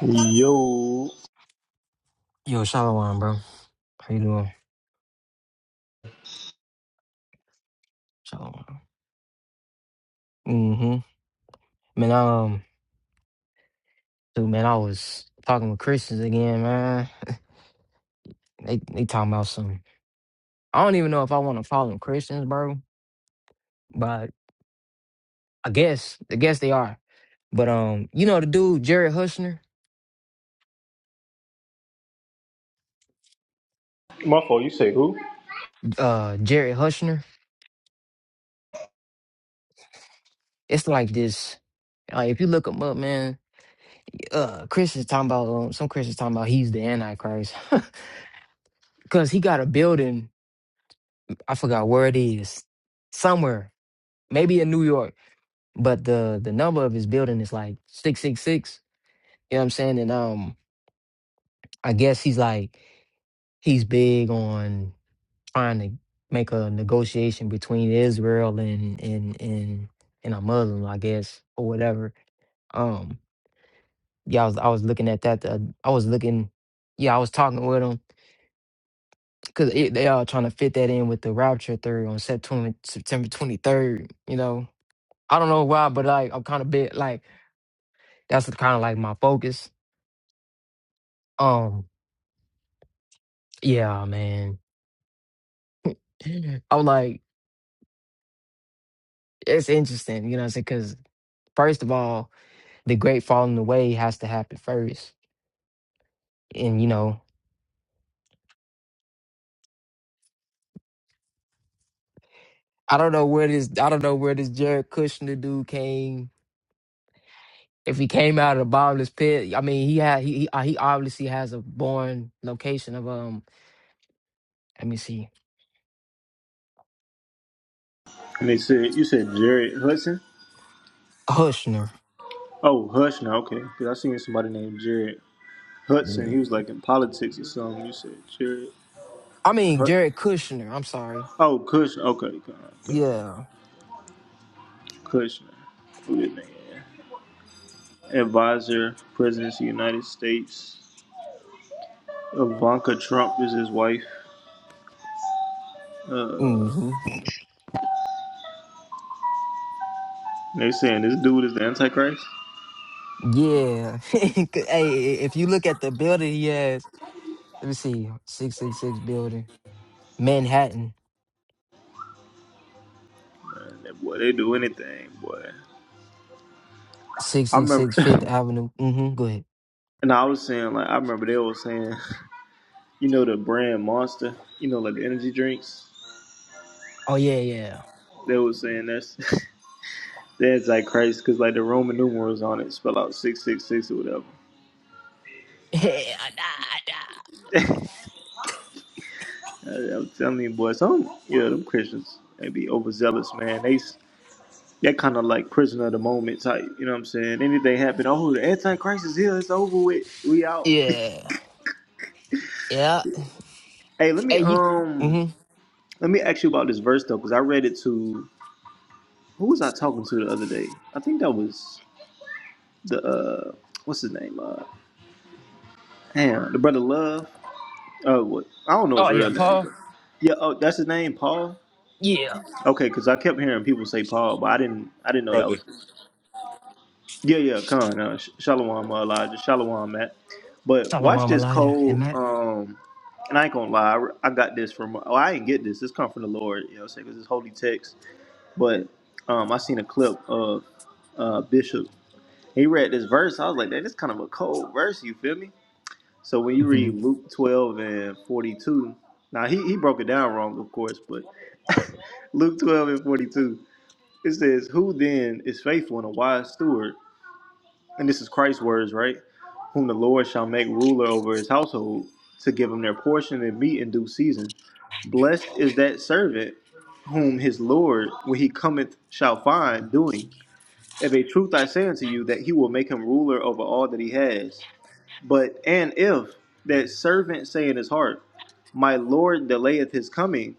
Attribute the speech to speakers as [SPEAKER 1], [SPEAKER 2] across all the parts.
[SPEAKER 1] Yo,
[SPEAKER 2] Yo, Shalom, bro. How you doing? Shalom. Mm-hmm. Man, um, dude, man, I was talking with Christians again, man. They they talking about some. I don't even know if I want to call them Christians, bro. But I guess, I guess they are. But um, you know the dude Jared Hushner,
[SPEAKER 1] my fault. You say who?
[SPEAKER 2] uh, Jared Hushner. It's like this. Like if you look him up, man, uh, Christians talking about um, some Christians talking about he's the Antichrist because he got a building. I forgot where it is, somewhere, maybe in New York but the the number of his building is like 666 you know what i'm saying and um i guess he's like he's big on trying to make a negotiation between israel and and and and a muslim i guess or whatever um yeah i was i was looking at that the, i was looking yeah i was talking with him because they are trying to fit that in with the rapture theory on september september 23rd you know i don't know why but like i'm kind of bit like that's kind of like my focus um Yeah, man. I'm like, it's interesting, you know what I'm saying? Because, first of all, the great falling away has to happen first. And, you know, I don't know where this, I don't know where this Jared Kushner dude came. If he came out of the bottomless pit, I mean, he had, he, he uh, he obviously has a born location of, um, let me see,
[SPEAKER 1] And they said you said Jared Hudson.
[SPEAKER 2] Kushner.
[SPEAKER 1] Oh, Hush now. Okay, because I seen somebody named Jared Hudson.
[SPEAKER 2] Yeah.
[SPEAKER 1] He was like in politics or something. You said Jared.
[SPEAKER 2] I mean,
[SPEAKER 1] Hud-
[SPEAKER 2] Jared Kushner, I'm sorry.
[SPEAKER 1] oh, Kushner. Okay, God, God.
[SPEAKER 2] Yeah.
[SPEAKER 1] Kushner. Who this nigga? is. Advisor, President of the United States. Ivanka Trump is his wife. Uh,
[SPEAKER 2] hmm
[SPEAKER 1] they saying this dude is the Antichrist.
[SPEAKER 2] Yeah. hey, if you look at the building he has, Let me see. 666 building. Manhattan.
[SPEAKER 1] And that boy, they do anything, boy.
[SPEAKER 2] six
[SPEAKER 1] I
[SPEAKER 2] six
[SPEAKER 1] remember,
[SPEAKER 2] six Fifth Avenue. Mm-hmm. Go ahead.
[SPEAKER 1] and I was saying like I remember they were saying. you know the brand Monster, you know like the energy drinks.
[SPEAKER 2] Oh, yeah, yeah.
[SPEAKER 1] They was saying that's the Antichrist because like the Roman numerals on it spell out six six six or whatever.
[SPEAKER 2] Yeah. Nah, nah.
[SPEAKER 1] I, I'm telling you, boy, some you know them Christians they be overzealous, man. They that kind of like prisoner of the moment type. You know what I'm saying? Anything happen? Oh, the Antichrist is here. It's over with. We out.
[SPEAKER 2] Yeah. Yeah.
[SPEAKER 1] Hey, let me
[SPEAKER 2] Hey, you.
[SPEAKER 1] um
[SPEAKER 2] Mm-hmm.
[SPEAKER 1] let me ask you about this verse though, because I read it to who was I talking to the other day? I think that was the uh what's his name? Uh, Damn, the brother Love. Oh, what? I don't know
[SPEAKER 2] Oh,
[SPEAKER 1] his
[SPEAKER 2] yeah,
[SPEAKER 1] real name.
[SPEAKER 2] Paul.
[SPEAKER 1] But yeah, oh, that's his name, Paul.
[SPEAKER 2] Yeah.
[SPEAKER 1] Okay, because I kept hearing people say Paul, but I didn't, I didn't know that
[SPEAKER 3] brother.
[SPEAKER 1] was. Yeah, yeah, Khan, uh, Sh- Shalom, uh, Elijah, Shalom, Matt. But watch
[SPEAKER 2] Solomon
[SPEAKER 1] this,
[SPEAKER 2] Elijah. And
[SPEAKER 1] Cole.
[SPEAKER 2] Matt.
[SPEAKER 1] Um, and I ain't gonna lie, I, re- I got this from. Oh, I didn't get this. This come from the Lord. You know, what I'm saying because it's holy text. But um, I seen a clip of uh Bishop. He read this verse. I was like, man, this kind of a cold verse. You feel me? So when you
[SPEAKER 2] Mm-hmm.
[SPEAKER 1] read Luke 12 and 42, now he, he broke it down wrong, of course, but Luke 12 and 42, it says, Who then is faithful and a wise steward? And this is Christ's words, right? Whom the Lord shall make ruler over his household to give him their portion and meat in due season. Blessed is that servant whom his Lord, when he cometh, shall find doing. Of a truth I say unto you, that he will make him ruler over all that he has. But and if that servant say in his heart, My Lord delayeth his coming,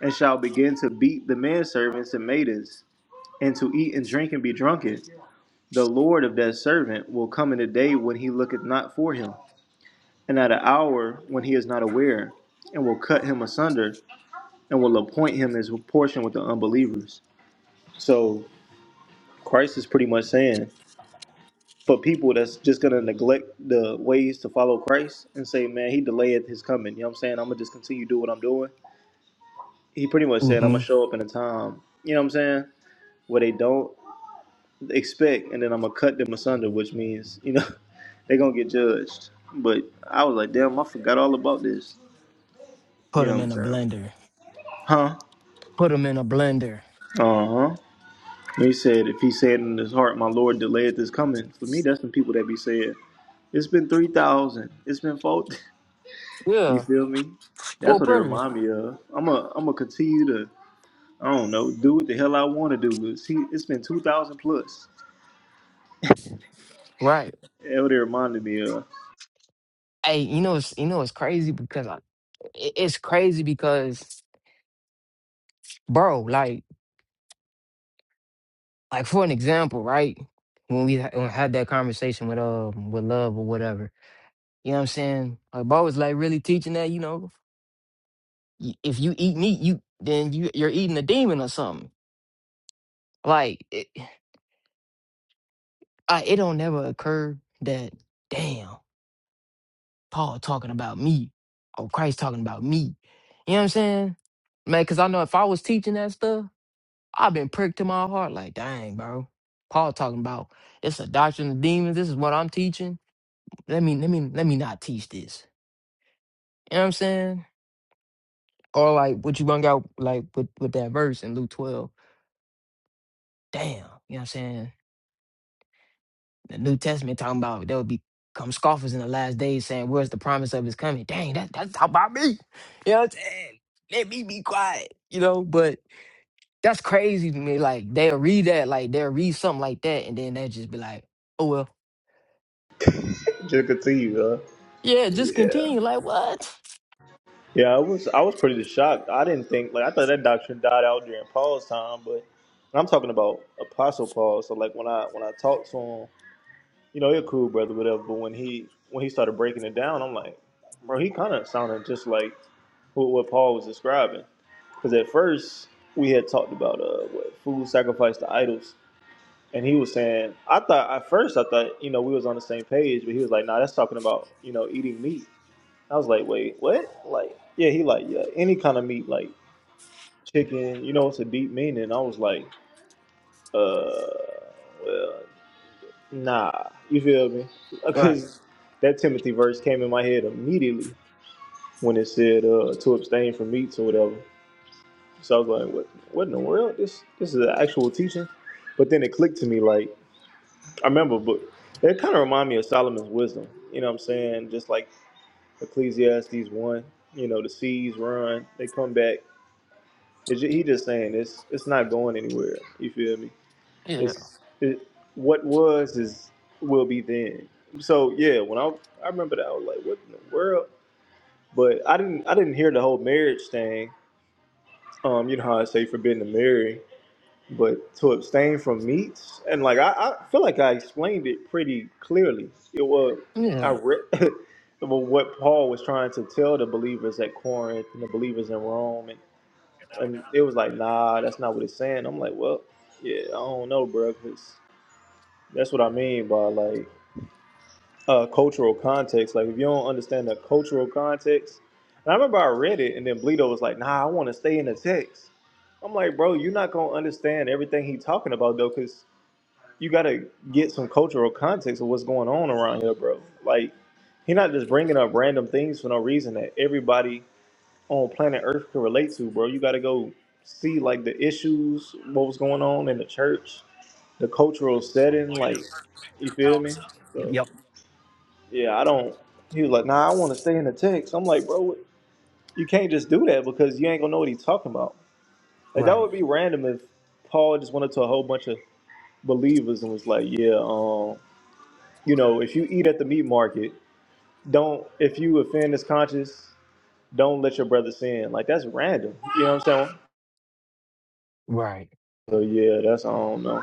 [SPEAKER 1] and shall begin to beat the manservants and maidens, and to eat and drink and be drunken, the Lord of that servant will come in a day when he looketh not for him, and at an hour when he is not aware, and will cut him asunder, and will appoint him his portion with the unbelievers. So Christ is pretty much saying for people that's just gonna neglect the ways to follow Christ and say, man, he delayed his coming. You know what I'm saying? I'm gonna just continue to do what I'm doing. He pretty much said, I'm
[SPEAKER 2] Mm-hmm.
[SPEAKER 1] gonna show up in a time, you know what I'm saying, where they don't expect, and then I'm gonna cut them asunder, which means, you know, they're gonna get judged. But I was like, damn, I forgot all about this.
[SPEAKER 2] Put
[SPEAKER 1] You know
[SPEAKER 2] them
[SPEAKER 1] what I'm
[SPEAKER 2] in a
[SPEAKER 1] saying?
[SPEAKER 2] blender.
[SPEAKER 1] Huh?
[SPEAKER 2] Put them in a blender.
[SPEAKER 1] Uh huh. He said, if he said in his heart, my Lord delayed this coming. For me, that's the people that be saying, it's been 3,000, it's been 4,000. You
[SPEAKER 2] Yeah.
[SPEAKER 1] feel me?
[SPEAKER 2] Four
[SPEAKER 1] That's what it
[SPEAKER 2] predators.
[SPEAKER 1] remind me of. I'm a I'm gonna continue to I don't know do what the hell I want to do. But see, it's been two thousand plus.
[SPEAKER 2] Right.
[SPEAKER 1] That's what it reminded me of.
[SPEAKER 2] Hey, you know, it's, you know, it's crazy because I, it- it's crazy because, bro, like, like for an example, right? When we ha- when I had that conversation with um with love or whatever, you know what I'm saying? Like Bo was like really teaching that, you know, y- if you eat meat, you then you you're eating a demon or something. Like it, I, it don't never occur that damn Paul talking about me or Christ talking about me. You know what I'm saying, man? Because I know if I was teaching that stuff, I've been pricked to my heart. Like dang, bro, Paul talking about it's a doctrine of demons. This is what I'm teaching let me let me let me not teach this. You know what I'm saying? Or like what you bring out like with with that verse in Luke 12. Damn, you know what I'm saying? The New Testament talking about there will be come scoffers in the last days saying, Where's the promise of his coming? Dang, that that's talking about me. You know what I'm saying? Let me be quiet, you know, but that's crazy to me. Like they'll read that, like they'll read something like that, and then they'll just be like, Oh well,
[SPEAKER 1] Just continue, huh?
[SPEAKER 2] yeah, just
[SPEAKER 1] Yeah,
[SPEAKER 2] continue. Like what?
[SPEAKER 1] yeah. I was I was pretty shocked. I didn't think like I thought that doctrine died out during Paul's time, but I'm talking about Apostle Paul. So like when I when I talked to him. you know, you're cool, brother, whatever. But when he when he started breaking it down, I'm like, bro, he kind of sounded just like what, what Paul was describing. Because at first we had talked about uh, what food sacrificed to idols, and he was saying, I thought at first I thought you know we was on the same page, but he was like, nah, that's talking about you know eating meat. I was like, wait, what? Like, yeah, he like yeah, any kind of meat, like chicken. You know, it's a deep meaning. I was like, uh, well, Nah, you feel me?
[SPEAKER 2] Right.
[SPEAKER 1] Because that Timothy verse came in my head immediately when it said uh, to abstain from meats or whatever. So I was like, what? What in the world? This this is an actual teaching. But then it clicked to me like I remember, but it kind of reminded me of Solomon's wisdom. You know what I'm saying? Just like Ecclesiastes one. You know, the seas run, they come back. It's ju- he just saying it's it's not going anywhere. You feel me?
[SPEAKER 2] Yeah.
[SPEAKER 1] It's it, what was is will be then. So yeah, when I I remember that, I was like, what in the world? But I didn't I didn't hear the whole marriage thing. Um, you know how I say forbidden to marry, but to abstain from meats and like I, I feel like I explained it pretty clearly. It was I
[SPEAKER 2] Yeah.
[SPEAKER 1] read well, what Paul was trying to tell the believers at Corinth and the believers in Rome, and and it was like, nah, that's not what it's saying. I'm like, well, yeah, I don't know, bro, 'cause that's what I mean by like uh, cultural context. Like if you don't understand the cultural context, and I remember I read it, and then Bleedo was like, "Nah, I want to stay in the text." I'm like, bro, you're not gonna understand everything he's talking about though, because you gotta get some cultural context of what's going on around here, bro. Like he not just bringing up random things for no reason that everybody on planet Earth can relate to, bro. You gotta go see like the issues, what was going on in the church, the cultural setting, like you feel me? So yeah, I don't. He was like, "Nah, I want to stay in the text." I'm like, "Bro, you can't just do that because you ain't gonna know what he's talking about." Like that
[SPEAKER 2] Right.
[SPEAKER 1] would be random if Paul just went up to a whole bunch of believers and was like, "Yeah, um, you know, if you eat at the meat market, don't if you offend this conscience, don't let your brother sin." Like that's random. You know what I'm saying?
[SPEAKER 2] Right.
[SPEAKER 1] So yeah, that's I don't know.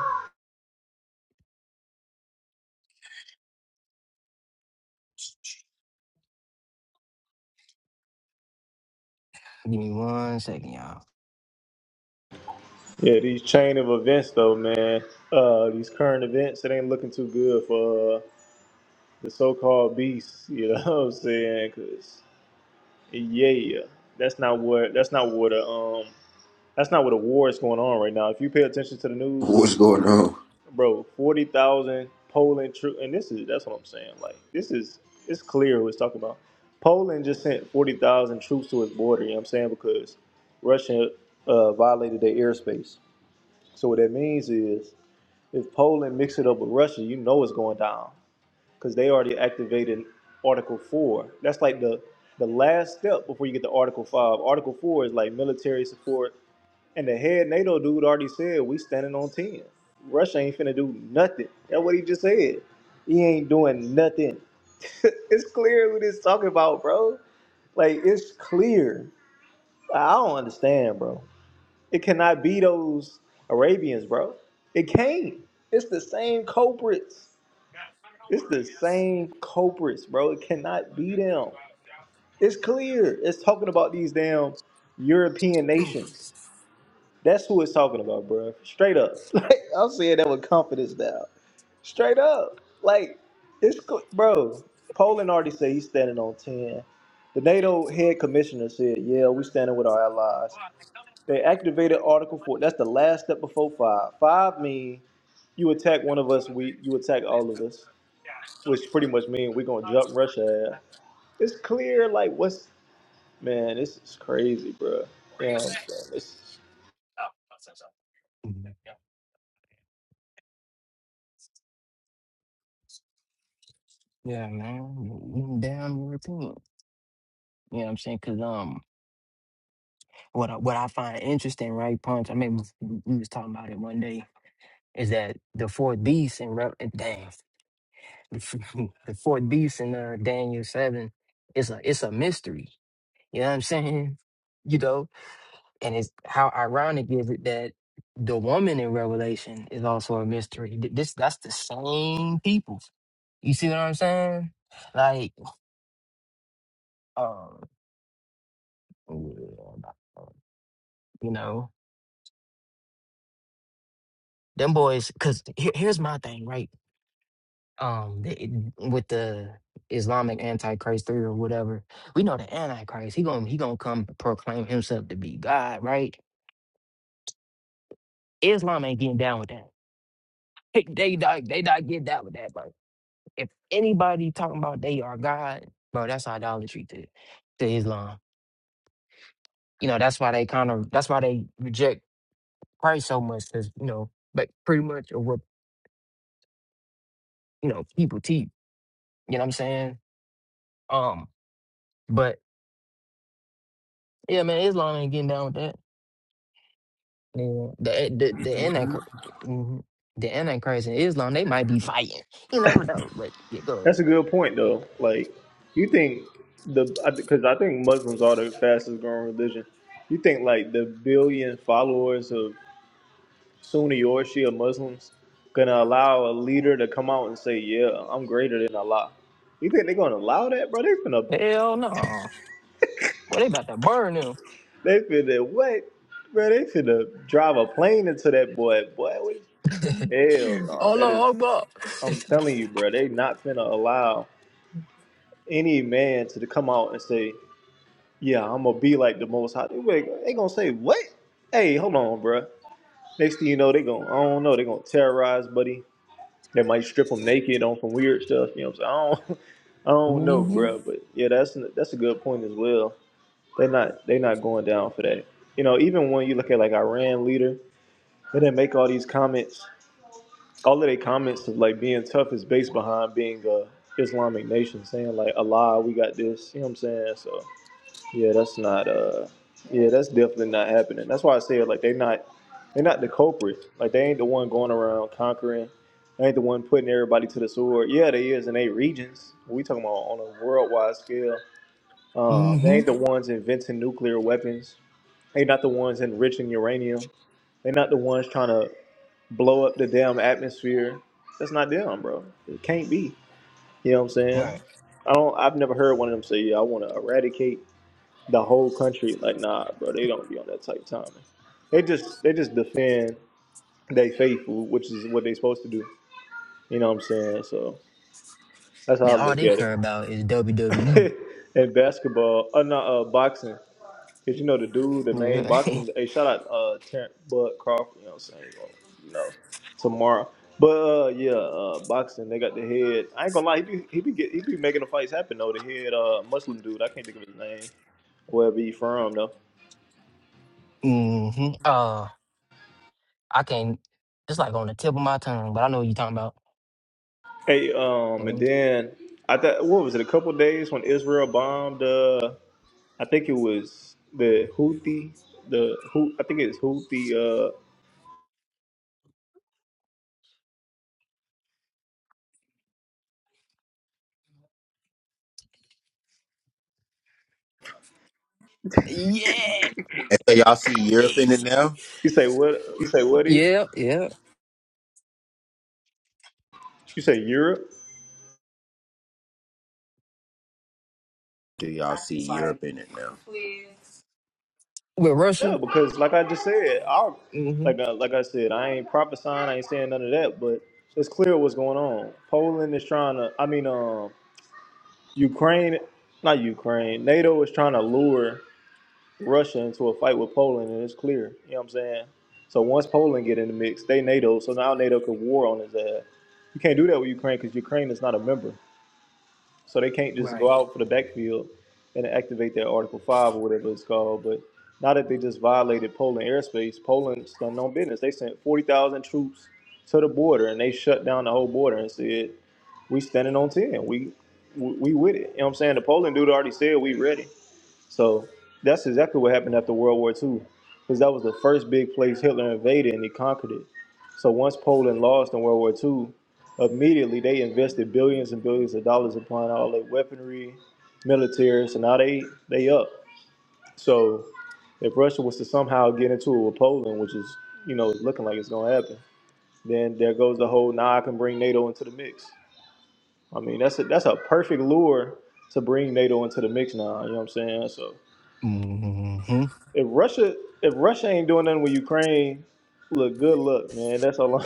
[SPEAKER 2] Give me one second, y'all.
[SPEAKER 1] Yeah, these chain of events though, man. Uh, these current events, it ain't looking too good for. uh, the so-called beasts. You know what I'm saying? Because yeah, that's not what that's not what a um that's not what a war is going on right now. If you pay attention to the news,
[SPEAKER 3] What's going on?
[SPEAKER 1] bro, forty thousand Poland troops, and this is that's what I'm saying. Like this is it's clear who it's talking about. Poland just sent forty thousand troops to its border. You know what I'm saying? Because Russia uh, violated their airspace. So what that means is, if Poland mix it up with Russia, you know it's going down because they already activated Article Four. That's like the the last step before you get to Article Five. Article Four is like military support, and the head NATO dude already said we standing on ten. Russia ain't finna do nothing. That's what he just said. He ain't doing nothing. it's clear what it's talking about, bro. Like it's clear. I don't understand, bro. It cannot be those Arabians, bro. It can't. It's the same culprits. It's the same culprits, bro. It cannot be them. It's clear. It's talking about these damn European nations. That's who it's talking about, bro. Straight up. Like, I'm saying that with confidence now. Straight up. Like, it's, cl- bro, Poland already said he's standing on 10. The NATO head commissioner said, yeah, we standing with our allies. They activated Article 4. That's the last step before 5. 5 means you attack one of us, we you attack all of us which pretty much means we're gonna jump rush her ass. It's clear, like what's man, this is crazy, bro. You know what I'm saying? It's,
[SPEAKER 2] Yeah, man. Even Damn European. You know what I'm saying? Cause um what I, what I find interesting, right, Punch, I mean we we was talking about it one day, is that the four beasts in Re- in- dang the four beasts in uh, Daniel seven, it's a it's a mystery. You know what I'm saying? You know? And it's how ironic is it that the woman in Revelation is also a mystery. Th- This that's the same people. You see what I'm saying? Like, um, You know, them boys. Cause here, here's my thing, right? Um, they, with the Islamic Antichrist theory or whatever, we know the Antichrist. He gonna he gonna come proclaim himself to be God, right? Islam ain't getting down with that. They not they not getting down with that, bro. If anybody talking about they are God, bro, that's idolatry to to Islam. You know, that's why they kind of that's why they reject Christ so much, cause you know, but pretty much of what you know people teach. You know what I'm saying? Um, but Yeah, man, Islam ain't getting down with that. Yeah. The eh, the the antichrist, the antichrist and Islam, they might be fighting. You never know. But you
[SPEAKER 1] that's
[SPEAKER 2] go,
[SPEAKER 1] a good point though. Like, you think the because I, think Muslims are the fastest growing religion. You think like the billion followers of Sunni or Shia Muslims gonna allow a leader to come out and say, "Yeah, I'm greater than Allah"? You think they're gonna allow that, bro? They finna,
[SPEAKER 2] hell no. Well, they about to burn them.
[SPEAKER 1] they finna what, bro? They finna drive a plane into that boy, boy. Hell no, that is.
[SPEAKER 2] Allah Akbar.
[SPEAKER 1] I'm telling you, bro, they not finna allow any man to come out and say, "Yeah, I'm gonna be like the Most High." They, wait, they gonna say what? Hey, hold on, bro. Next thing you know, they gonna I don't know. They gonna terrorize, buddy. They might strip him naked on some weird stuff. You know what I'm saying? I don't, I don't know,
[SPEAKER 2] mm-hmm.
[SPEAKER 1] bro. But yeah, that's that's a good point as well. They not they not going down for that. You know, even when you look at like Iran leader, they didn't make all these comments all of their comments of like being tough is based behind being a Islamic nation, saying like Allah, we got this. You know what I'm saying? So yeah, that's not uh yeah, that's definitely not happening. That's why I say like they're not they're not the culprit. Like they ain't the one going around conquering. They ain't the one putting everybody to the sword. Yeah, they is in eight regions. We talking about on a worldwide scale. Um, they
[SPEAKER 2] Mm-hmm.
[SPEAKER 1] ain't the ones inventing nuclear weapons. They not the ones enriching uranium. They're not the ones trying to blow up the damn atmosphere. That's not them, bro. It can't be. You know what I'm saying?
[SPEAKER 2] Right.
[SPEAKER 1] I don't. I've never heard one of them say, "Yeah, I want to eradicate the whole country." Like, nah, bro. They don't be on that type of timing. They just they just defend they faithful, which is what they supposed to do. You know what I'm saying? So that's how I
[SPEAKER 2] Now all
[SPEAKER 1] look
[SPEAKER 2] they
[SPEAKER 1] at
[SPEAKER 2] care about is WWE.
[SPEAKER 1] it. and basketball, uh, not uh, boxing. Cause you know the dude, the main
[SPEAKER 2] Yeah.
[SPEAKER 1] boxing. Hey, shout out uh Terrence Bud Crawford. You know what I'm saying? Well, You know, tomorrow. But uh, yeah, uh, boxing. They got the head. I ain't gonna lie. He be he be get, he be making the fights happen though. The head uh Muslim dude. I can't think of his name. Wherever he from though.
[SPEAKER 2] mm-hmm. Uh, I can. It's like on the tip of my tongue, but I know what you're talking about.
[SPEAKER 1] Hey, um, and
[SPEAKER 2] Mhm.
[SPEAKER 1] then I thought what was it? A couple days when Israel bombed. Uh, I think it was the Houthi. The who I think it's Houthi. Uh,
[SPEAKER 2] Yeah. boy,
[SPEAKER 3] And so
[SPEAKER 2] That
[SPEAKER 3] y'all
[SPEAKER 2] nigga
[SPEAKER 3] see Europe in it
[SPEAKER 2] crazy.
[SPEAKER 3] now?
[SPEAKER 1] you say what? You say what? He?
[SPEAKER 2] Yeah. Yeah.
[SPEAKER 1] You say Europe?
[SPEAKER 3] Do y'all see Europe in it now?
[SPEAKER 2] With Russia.
[SPEAKER 1] Yeah, because like I just said, I
[SPEAKER 2] hmm
[SPEAKER 1] like I, like I said, I ain't prophesying, I ain't saying none of that, but it's clear what's going on. Poland is trying to, I mean, um, Ukraine, not Ukraine, NATO is trying to lure Russia into a fight with Poland, and it's clear. You know what I'm saying? So once Poland get in the mix, they NATO, so now NATO could war on his ass. You can't do that with Ukraine because Ukraine is not a member. So they can't just go
[SPEAKER 2] Right.
[SPEAKER 1] out for the backfield and activate their Article 5 or whatever it's called. But now that they just violated Poland airspace, Poland's done no business. They sent 40,000 troops to the border and they shut down the whole border and said, we standing on 10. We, we we with it. You know what I'm saying? The Poland dude already said we ready. So that's exactly what happened after World War II, because that was the first big place Hitler invaded and he conquered it. So once Poland lost in World War II, immediately they invested billions and billions of dollars upon all their weaponry, military. So now they they up. So if Russia was to somehow get into it with Poland, which is you know is looking like it's gonna happen, then there goes the whole now I can bring NATO into the mix. I mean that's a, that's a perfect lure to bring NATO into the mix now. You know what I'm saying? So
[SPEAKER 2] hmm
[SPEAKER 1] If Russia, if Russia ain't doing nothing with Ukraine, look, good luck, man. That's all. i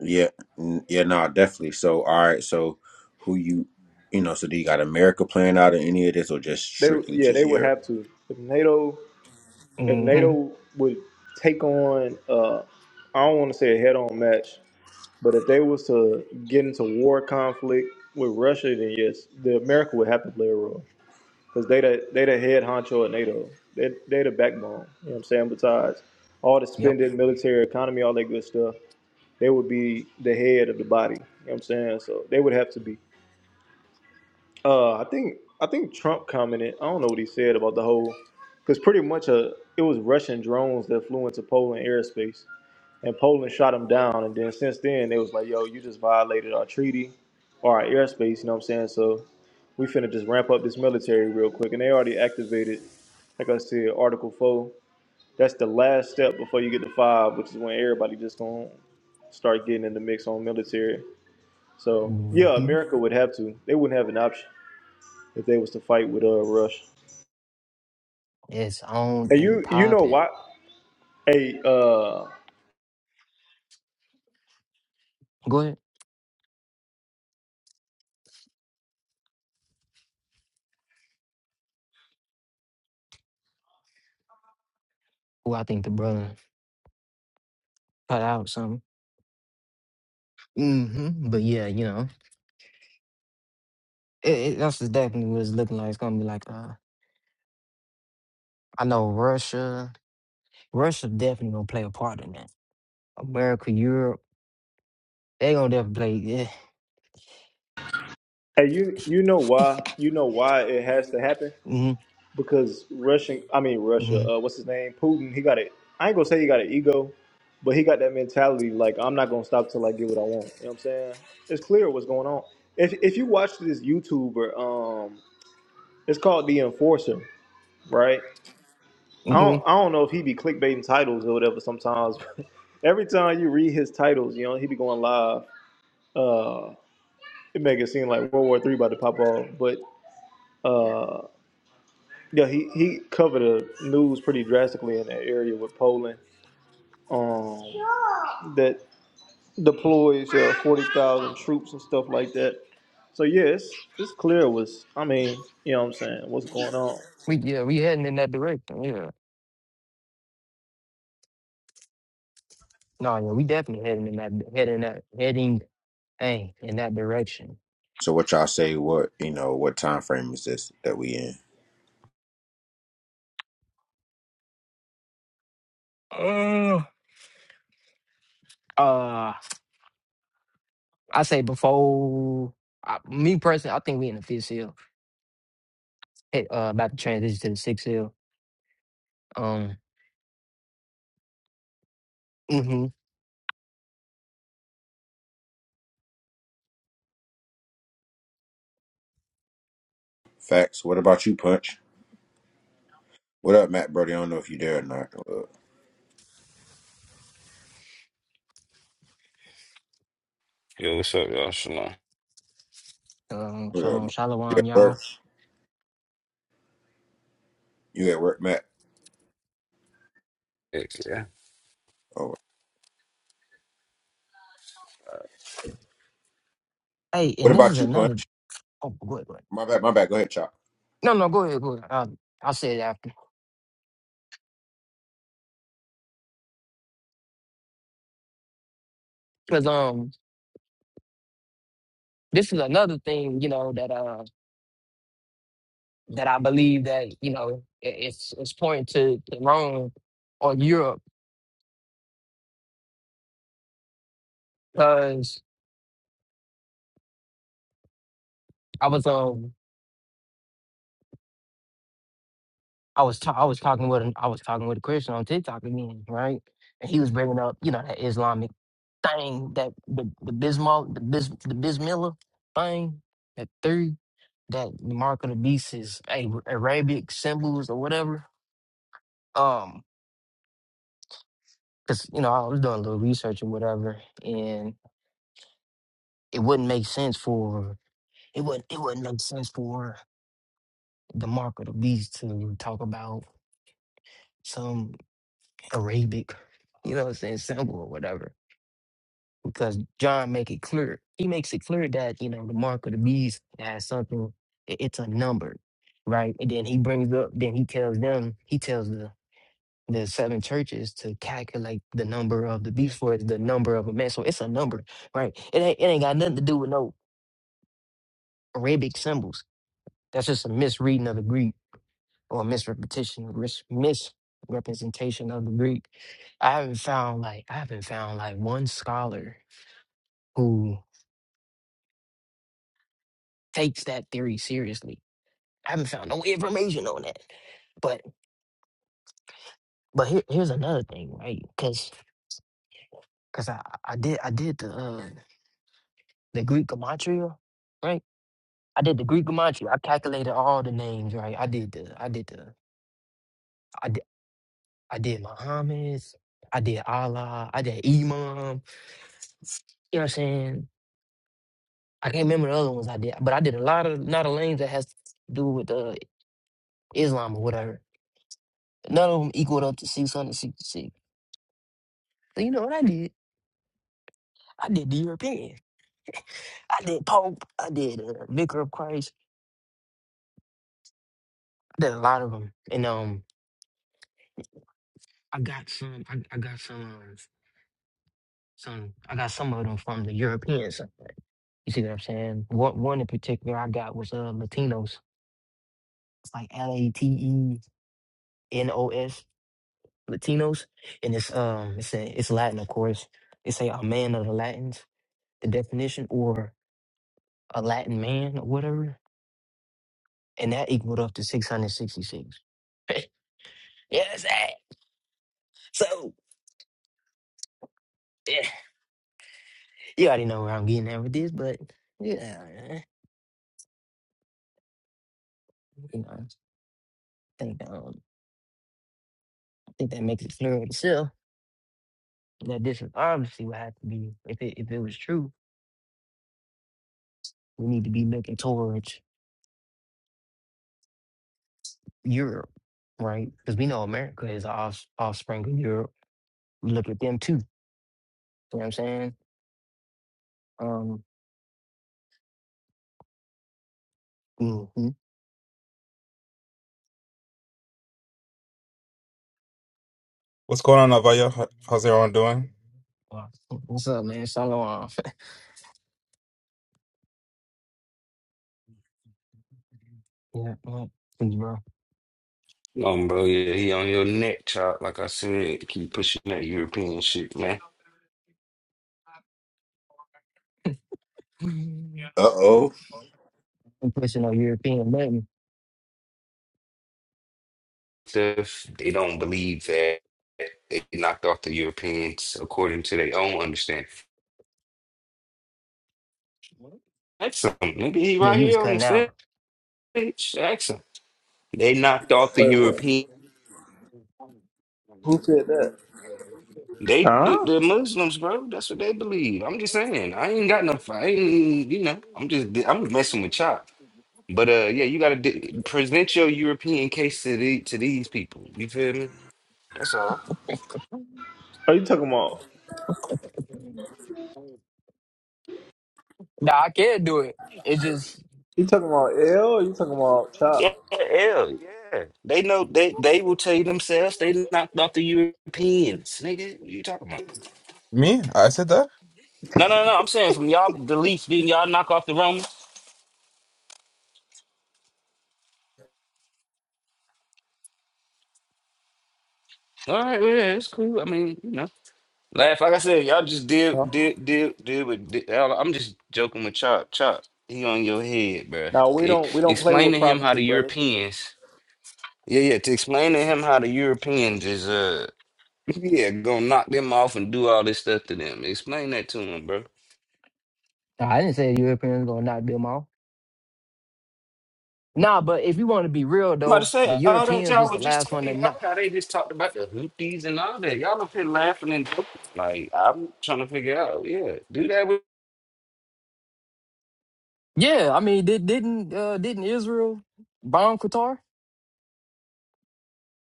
[SPEAKER 3] Yeah, n- yeah, no, definitely. So, all right, so who you, you know, so do you got America playing out in any of this, or just
[SPEAKER 1] they,
[SPEAKER 3] strictly
[SPEAKER 1] yeah,
[SPEAKER 3] just
[SPEAKER 1] they would
[SPEAKER 3] Europe?
[SPEAKER 1] have to. If NATO, if
[SPEAKER 2] hmm
[SPEAKER 1] NATO would take on, uh, I don't want to say a head-on match, but if they was to get into war conflict with Russia, then yes, the America would have to play a role because they the they the head honcho at NATO. They they the backbone. You know what I'm saying? Besides all the
[SPEAKER 2] Yep.
[SPEAKER 1] spending, military, economy, all that good stuff, they would be the head of the body. You know what I'm saying? So they would have to be. Uh, I think I think Trump commented. I don't know what he said about the whole, because pretty much uh it was Russian drones that flew into Poland airspace, and Poland shot them down. And then since then, they was like, "Yo, you just violated our treaty, or our airspace." You know what I'm saying? So we finna just ramp up this military real quick, and they already activated, like I said, Article Four. That's the last step before you get to five, which is when everybody just gonna start getting in the mix on military. So
[SPEAKER 2] hmm
[SPEAKER 1] yeah, America would have to. They wouldn't have an option if they was to fight with uh Rush.
[SPEAKER 2] It's on
[SPEAKER 1] And
[SPEAKER 2] and
[SPEAKER 1] you you know
[SPEAKER 2] popping.
[SPEAKER 1] why? Hey uh,
[SPEAKER 2] Go ahead. Well, I think the brother cut out something. hmm But yeah, you know, it, it, that's just definitely what it's looking like. It's gonna be like, uh, I know Russia. Russia definitely gonna play a part in that. America, Europe, they gonna definitely play. Yeah.
[SPEAKER 1] hey you you know why? You know why it has to happen?
[SPEAKER 2] hmm
[SPEAKER 1] Because Russian, I mean Russia.
[SPEAKER 2] hmm
[SPEAKER 1] Uh, what's his name? Putin. He got it. I ain't gonna say he got an ego, but he got that mentality. Like I'm not gonna stop till I get what I want. You know what I'm saying? It's clear what's going on. If if you watch this YouTuber, um, it's called The Enforcer, right? I
[SPEAKER 2] hmm
[SPEAKER 1] don't I don't know if he be clickbaiting titles or whatever sometimes. Every time you read his titles, you know, he be going live Uh, it make it seem like World War Three about to pop off, but uh, yeah, he he covered the news pretty drastically in that area with Poland. Um, that deploys uh, forty thousand troops and stuff like that. So yeah, it's, it's clear was, I mean, you know what I'm saying, what's going on.
[SPEAKER 2] We yeah, we heading in that direction. Yeah. No, yeah, we definitely heading in that heading that heading hey in that direction.
[SPEAKER 3] So, what y'all say? What you know? What time frame is this that we in?
[SPEAKER 2] Uh, I say before I, me personally, I think we in the fifth seal. Hey, uh, about to transition to the sixth seal. Um, hmm
[SPEAKER 3] Facts. What about you, Punch? What up, Matt Brody? I don't know if you there or not. Uh,
[SPEAKER 4] Yo, what's up, y'all? Shalom.
[SPEAKER 2] um,
[SPEAKER 3] What up?
[SPEAKER 2] so
[SPEAKER 3] Matt? You
[SPEAKER 2] shalom,
[SPEAKER 3] at
[SPEAKER 2] y'all.
[SPEAKER 3] work? You at work, Matt?
[SPEAKER 4] Heck yeah.
[SPEAKER 3] Oh, well.
[SPEAKER 2] Hey,
[SPEAKER 3] what
[SPEAKER 2] and this
[SPEAKER 3] about
[SPEAKER 2] is
[SPEAKER 3] you,
[SPEAKER 2] another.
[SPEAKER 3] Punch?
[SPEAKER 2] Oh, go ahead, go ahead.
[SPEAKER 3] My bad. My bad. Go ahead, Chop.
[SPEAKER 2] No, no, go ahead, go ahead. I'll, I'll say it after because um, this is another thing you know that uh that I believe that you know it, it's it's pointing to, to Rome or Europe because I was um. I was ta- I was talking with an- I was talking with a Christian on TikTok again, right? And he was bringing up, you know, that Islamic thing that the the Bismol the Bis the Bismillah thing that three that the mark of the beast is A Arabic symbols or whatever. Um, because you know I was doing a little research or whatever, and it wouldn't make sense for it would it wouldn't make sense for the mark of the beast to talk about some Arabic, you know, what I'm saying symbol or whatever. because John make it clear. He makes it clear that you know the mark of the beast has something. i- It's a number, right? And then he brings up. Then he tells them. He tells the the seven churches to calculate the number of the beast for it's the number of a man. So it's a number, right? It ain't it ain't got nothing to do with no Arabic symbols. That's just a misreading of the Greek or misrepetition, mis- misrepresentation of the Greek. I haven't found like I haven't found like one scholar who takes that theory seriously I haven't found no information on that. But but here, here's another thing, right? Because because I I did I did the uh, the Greek gematria, right? I did the Greek gematria. I calculated all the names, right? I did the I did the I did I did Muhammad. I did Allah. I did Imam. You know what I'm saying? I can't remember the other ones I did, but I did a lot of not a lanes that has to do with uh, Islam or whatever. None of them equaled up to six hundred sixty six. So you know what I did? I did the European. I did Pope. I did uh, Vicar of Christ. I did a lot of them, and um, I got some. I, I got some. Um, some. I got some of them from the European side. You see what I'm saying? One, one in particular I got was uh Latinos. It's like L A T E N O S Latinos, and it's um, it's a, it's Latin, of course. It's a, a man of the Latins, the definition, or a Latin man, or whatever, and that equaled up to 666. yes, eh, so. you already know where I'm getting at with this, but yeah, you know, I think um, I think that makes it clear itself that this is obviously what had to be. If it if it was true, we need to be looking towards Europe, right? Because we know America is the off offspring of Europe. We look at them too. You know what I'm saying? Um, mhm.
[SPEAKER 5] What's going on, Navaya? How's everyone doing?
[SPEAKER 2] Wow. What's up, man? Shalom. yeah, well, thanks, bro.
[SPEAKER 4] No, bro, yeah, he on your neck, chop. Like I said, keep pushing that European shit, man.
[SPEAKER 2] I'm
[SPEAKER 3] Uh oh.
[SPEAKER 2] pushing on European button.
[SPEAKER 4] Stuff they don't believe that they knocked off the Europeans according to their own understanding. Ask him. Maybe he
[SPEAKER 2] Yeah,
[SPEAKER 4] right
[SPEAKER 2] you was
[SPEAKER 4] here on the
[SPEAKER 2] cutting out.
[SPEAKER 4] stage. Ask him. They knocked off the
[SPEAKER 1] Wait, what?
[SPEAKER 4] European.
[SPEAKER 1] Who said that?
[SPEAKER 4] They the
[SPEAKER 1] Huh?
[SPEAKER 4] the Muslims, bro. That's what they believe. I'm just saying. I ain't got no fight. I ain't, You know. I'm just I'm just messing with y'all. But uh, yeah, you gotta d present your European case to the to these people. You feel me? That's all.
[SPEAKER 1] Are you talking about
[SPEAKER 2] Nah, I can't do it. It's just
[SPEAKER 1] you talking about L or you talking about
[SPEAKER 4] Yeah,
[SPEAKER 1] Chop?
[SPEAKER 4] hell yeah. They know they they will tell you themselves they knocked off the Europeans, nigga. What you talking about?
[SPEAKER 5] Me? I said that?
[SPEAKER 4] No, no, no. I'm saying from y'all belief, then y'all knock off the Romans. All right, well, yeah, it's cool. I mean, you know, laugh. Like I said, y'all just deal,
[SPEAKER 1] Huh?
[SPEAKER 4] deal, deal, deal with. Deal. I'm just joking with Chop. Chop, he on your head, bruh.
[SPEAKER 1] Now we
[SPEAKER 4] E-
[SPEAKER 1] don't we don't play
[SPEAKER 4] Explain
[SPEAKER 1] with
[SPEAKER 4] to him how
[SPEAKER 1] prophecy,
[SPEAKER 4] the
[SPEAKER 1] brother.
[SPEAKER 4] Europeans Yeah, yeah, to explain to him how the Europeans is uh yeah, gonna knock them off and do all this stuff to them. Explain that to him, bro.
[SPEAKER 2] Nah, I didn't say the Europeans gonna knock them off. Nah, but if you want to be real
[SPEAKER 4] I'm about to
[SPEAKER 2] though, the
[SPEAKER 4] say all that
[SPEAKER 2] Europeans
[SPEAKER 4] y'all
[SPEAKER 2] was the
[SPEAKER 4] was just
[SPEAKER 2] last one that
[SPEAKER 4] talking
[SPEAKER 2] knocked
[SPEAKER 4] about, how they just talked about the Houthis and all that. Y'all up here laughing and joking. Like I'm trying to figure out, yeah, do that with
[SPEAKER 2] Yeah, I mean, did, didn't uh, didn't Israel bomb Qatar?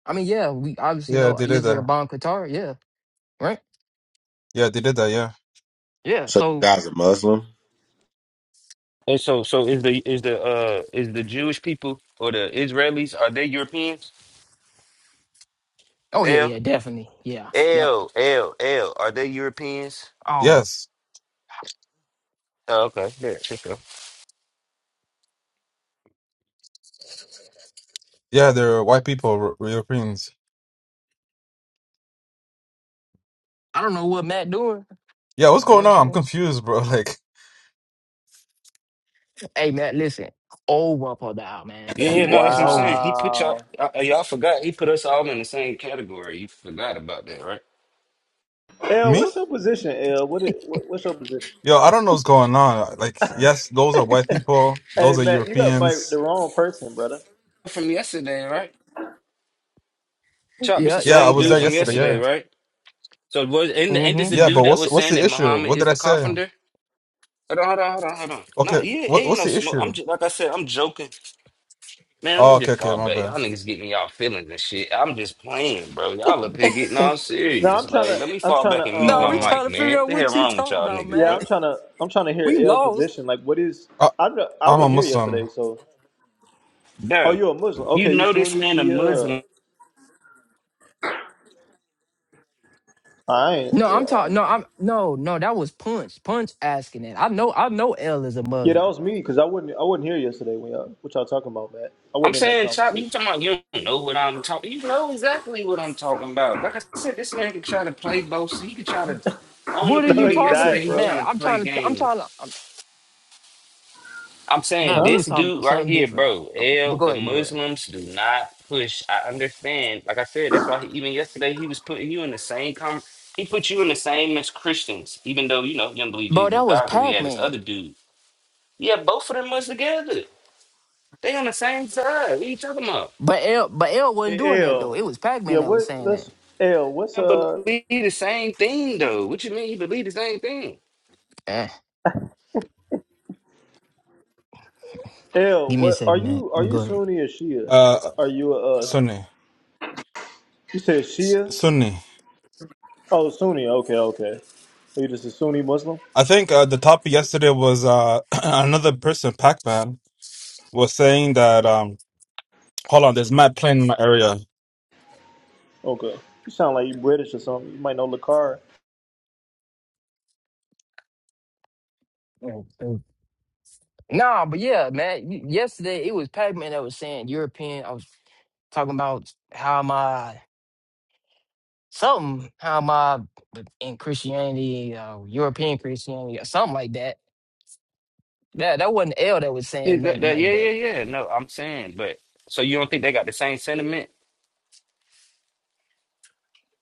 [SPEAKER 2] I mean, yeah, we obviously
[SPEAKER 5] Yeah,
[SPEAKER 2] know
[SPEAKER 5] they did
[SPEAKER 2] Israel
[SPEAKER 5] that.
[SPEAKER 2] bombed Qatar. Yeah, right.
[SPEAKER 5] Yeah, they did that. Yeah.
[SPEAKER 2] Yeah.
[SPEAKER 3] So you
[SPEAKER 2] So,
[SPEAKER 3] guys a Muslim?
[SPEAKER 4] And so so is the is the uh is the Jewish people or the Israelis, are they Europeans?
[SPEAKER 2] oh yeah,
[SPEAKER 4] L
[SPEAKER 2] yeah, definitely. Yeah. Yep.
[SPEAKER 4] L L L are they Europeans?
[SPEAKER 2] Oh,
[SPEAKER 5] Yes.
[SPEAKER 4] Oh, okay. Yeah, sure.
[SPEAKER 5] Yeah, they're white people, r- Europeans.
[SPEAKER 2] I don't know what Matt doing. You
[SPEAKER 5] Yeah, what's
[SPEAKER 2] know what
[SPEAKER 5] going
[SPEAKER 2] I'm
[SPEAKER 5] on? I'm
[SPEAKER 2] saying?
[SPEAKER 5] confused, bro. Like,
[SPEAKER 2] Hey, Matt, listen. Over for now, man.
[SPEAKER 4] Yeah, yeah, no, that's
[SPEAKER 2] It's
[SPEAKER 4] what I'm saying.
[SPEAKER 2] over.
[SPEAKER 4] He put y'all,
[SPEAKER 1] Wow.
[SPEAKER 4] uh, uh, y'all forgot. He put us all in the same category. You forgot about that, right?
[SPEAKER 1] L,
[SPEAKER 5] me?
[SPEAKER 1] what's your position, L? What, it, what what's your position?
[SPEAKER 5] Yo, I don't know what's going on. Like, yes, those are white people. Those
[SPEAKER 1] Hey,
[SPEAKER 5] are
[SPEAKER 1] Matt, you got like the
[SPEAKER 5] Europeans.
[SPEAKER 1] wrong person, brother.
[SPEAKER 4] From yesterday, right? Chop, this
[SPEAKER 2] Yeah,
[SPEAKER 4] the
[SPEAKER 5] Yeah, I
[SPEAKER 2] yeah,
[SPEAKER 4] same
[SPEAKER 5] was
[SPEAKER 2] yeah.
[SPEAKER 4] dude
[SPEAKER 5] there
[SPEAKER 4] from
[SPEAKER 2] That's
[SPEAKER 5] yesterday.
[SPEAKER 2] it.
[SPEAKER 4] yesterday,
[SPEAKER 5] Yeah.
[SPEAKER 2] Yeah.
[SPEAKER 4] right? So was and ain't this
[SPEAKER 2] Mm-hmm.
[SPEAKER 4] the
[SPEAKER 5] Yeah, but
[SPEAKER 4] dude that
[SPEAKER 5] what's
[SPEAKER 4] was
[SPEAKER 5] what's
[SPEAKER 4] saying
[SPEAKER 5] the
[SPEAKER 4] that
[SPEAKER 5] issue?
[SPEAKER 4] Muhammad
[SPEAKER 5] What
[SPEAKER 4] is
[SPEAKER 5] did I
[SPEAKER 4] the
[SPEAKER 5] say?
[SPEAKER 4] carpenter? Hold on, hold on, hold on, hold on. No,
[SPEAKER 5] Okay,
[SPEAKER 4] yeah,
[SPEAKER 5] what
[SPEAKER 4] ain't
[SPEAKER 5] what's
[SPEAKER 4] no
[SPEAKER 5] the
[SPEAKER 4] smoke. I'm
[SPEAKER 5] issue?
[SPEAKER 4] just like I said, I'm joking. Man,
[SPEAKER 5] Oh,
[SPEAKER 4] let me
[SPEAKER 5] okay,
[SPEAKER 4] just
[SPEAKER 5] okay,
[SPEAKER 4] call
[SPEAKER 5] my
[SPEAKER 4] back.
[SPEAKER 5] bad.
[SPEAKER 4] Y'all niggas getting in y'all feelings and shit. I'm just playing, bro. Y'all up here getting all
[SPEAKER 1] No,
[SPEAKER 4] serious.
[SPEAKER 1] I'm trying
[SPEAKER 4] Like,
[SPEAKER 1] to,
[SPEAKER 4] let me
[SPEAKER 1] I'm
[SPEAKER 4] fall
[SPEAKER 1] trying
[SPEAKER 4] back
[SPEAKER 1] to,
[SPEAKER 4] and mute
[SPEAKER 2] No,
[SPEAKER 4] my
[SPEAKER 2] we
[SPEAKER 1] um,
[SPEAKER 4] mic,
[SPEAKER 2] trying to figure
[SPEAKER 4] man. What
[SPEAKER 2] out
[SPEAKER 4] the hell
[SPEAKER 2] what you
[SPEAKER 4] wrong with
[SPEAKER 2] talking
[SPEAKER 4] y'all
[SPEAKER 2] about,
[SPEAKER 4] niggas,
[SPEAKER 1] yeah,
[SPEAKER 4] bro?
[SPEAKER 1] I'm
[SPEAKER 2] Matt.
[SPEAKER 1] trying to, I'm trying to hear
[SPEAKER 2] We
[SPEAKER 1] L
[SPEAKER 2] lost.
[SPEAKER 1] position. Like, what is?
[SPEAKER 5] I,
[SPEAKER 1] I don't- I
[SPEAKER 5] I'm a
[SPEAKER 1] wasn't here
[SPEAKER 5] Muslim.
[SPEAKER 1] yesterday, so. Oh,
[SPEAKER 4] Bro,
[SPEAKER 1] you a Muslim?
[SPEAKER 4] you
[SPEAKER 1] Okay, you
[SPEAKER 4] know this
[SPEAKER 1] Sunni,
[SPEAKER 4] man a
[SPEAKER 1] Shia?
[SPEAKER 4] Muslim.
[SPEAKER 1] I ain't.
[SPEAKER 2] No,
[SPEAKER 1] Yeah,
[SPEAKER 2] I'm
[SPEAKER 1] I
[SPEAKER 2] talking.
[SPEAKER 1] ain't.
[SPEAKER 2] No, I'm no, no. That was Punch. Punch asking that. I know. I know. L is a
[SPEAKER 1] yeah
[SPEAKER 2] Muslim.
[SPEAKER 1] that was me because I wasn't, I wasn't here yesterday when y'all, what y'all talking about, Matt. I
[SPEAKER 4] I'm
[SPEAKER 1] wasn't in that
[SPEAKER 4] saying, Chop, you
[SPEAKER 1] conversation.
[SPEAKER 4] talking about you don't know what I'm talking. You know exactly what I'm talking about. Like I said, this man can try to play both. He can try to. I don't know
[SPEAKER 2] What are
[SPEAKER 4] because
[SPEAKER 1] No,
[SPEAKER 2] you
[SPEAKER 4] even
[SPEAKER 1] he
[SPEAKER 2] talking
[SPEAKER 4] yesterday
[SPEAKER 1] died,
[SPEAKER 2] about,
[SPEAKER 4] he
[SPEAKER 1] bro.
[SPEAKER 4] trying
[SPEAKER 2] Matt?
[SPEAKER 4] to
[SPEAKER 2] I'm
[SPEAKER 4] play
[SPEAKER 2] trying to. I'm trying to.
[SPEAKER 4] games.
[SPEAKER 2] I'm,
[SPEAKER 4] I'm
[SPEAKER 2] Matt,
[SPEAKER 4] saying
[SPEAKER 1] Huh?
[SPEAKER 2] we was
[SPEAKER 4] this
[SPEAKER 2] talking
[SPEAKER 4] dude
[SPEAKER 2] about
[SPEAKER 4] right
[SPEAKER 2] something
[SPEAKER 4] here,
[SPEAKER 2] different.
[SPEAKER 4] bro.
[SPEAKER 2] Uh, But
[SPEAKER 4] L,
[SPEAKER 2] go
[SPEAKER 4] the
[SPEAKER 2] ahead, but go ahead.
[SPEAKER 4] Muslims do not push. I understand. Like I said, that's why he, even yesterday he was putting you in the same com. He put you in the same as Christians, even though you know you don't believe
[SPEAKER 2] Bro,
[SPEAKER 4] Jesus is
[SPEAKER 2] that was
[SPEAKER 4] God because he
[SPEAKER 2] Pac
[SPEAKER 4] had this other
[SPEAKER 2] Man.
[SPEAKER 4] dude. Yeah, both of them was together. They on the same side. What are you talking about?
[SPEAKER 2] But L, but L wasn't doing
[SPEAKER 1] Hey,
[SPEAKER 2] that
[SPEAKER 1] L.
[SPEAKER 2] though. It was Pac
[SPEAKER 1] Yeah,
[SPEAKER 2] Man that was
[SPEAKER 1] what?
[SPEAKER 2] saying that.
[SPEAKER 1] Let's L. What's
[SPEAKER 4] I
[SPEAKER 1] uh?
[SPEAKER 4] believe the same thing though. What you mean he believe the same thing?
[SPEAKER 2] Eh,
[SPEAKER 1] L,
[SPEAKER 2] give me a
[SPEAKER 1] what are
[SPEAKER 2] second, Matt.
[SPEAKER 1] you? Are
[SPEAKER 2] But
[SPEAKER 1] you
[SPEAKER 2] go ahead.
[SPEAKER 1] Sunni or Shia?
[SPEAKER 5] Uh,
[SPEAKER 1] Are you a? Uh,
[SPEAKER 5] Sunni.
[SPEAKER 1] you said
[SPEAKER 5] S-
[SPEAKER 1] Shia?
[SPEAKER 5] Sunni.
[SPEAKER 1] Oh, Sunni. Okay, okay. Are you just a Sunni Muslim?
[SPEAKER 5] I think uh, the topic yesterday was uh, another person, Pac-Man, was saying that. Um, hold on, there's mad plane in my area.
[SPEAKER 1] Okay. You sound like you British or something. You might know Lakar.
[SPEAKER 2] Mm, mm. Nah, but yeah, Matt. y- Yesterday it was Pac Man that was saying European. I was talking about how am I something? How am I in Christianity? Uh, European Christianity or something like that. Yeah, that wasn't L that was
[SPEAKER 4] Is
[SPEAKER 2] saying
[SPEAKER 4] that-
[SPEAKER 2] nothing
[SPEAKER 4] that-
[SPEAKER 2] like
[SPEAKER 4] yeah,
[SPEAKER 2] that.
[SPEAKER 4] yeah, yeah. No, I'm saying, but so you don't think they got the same sentiment?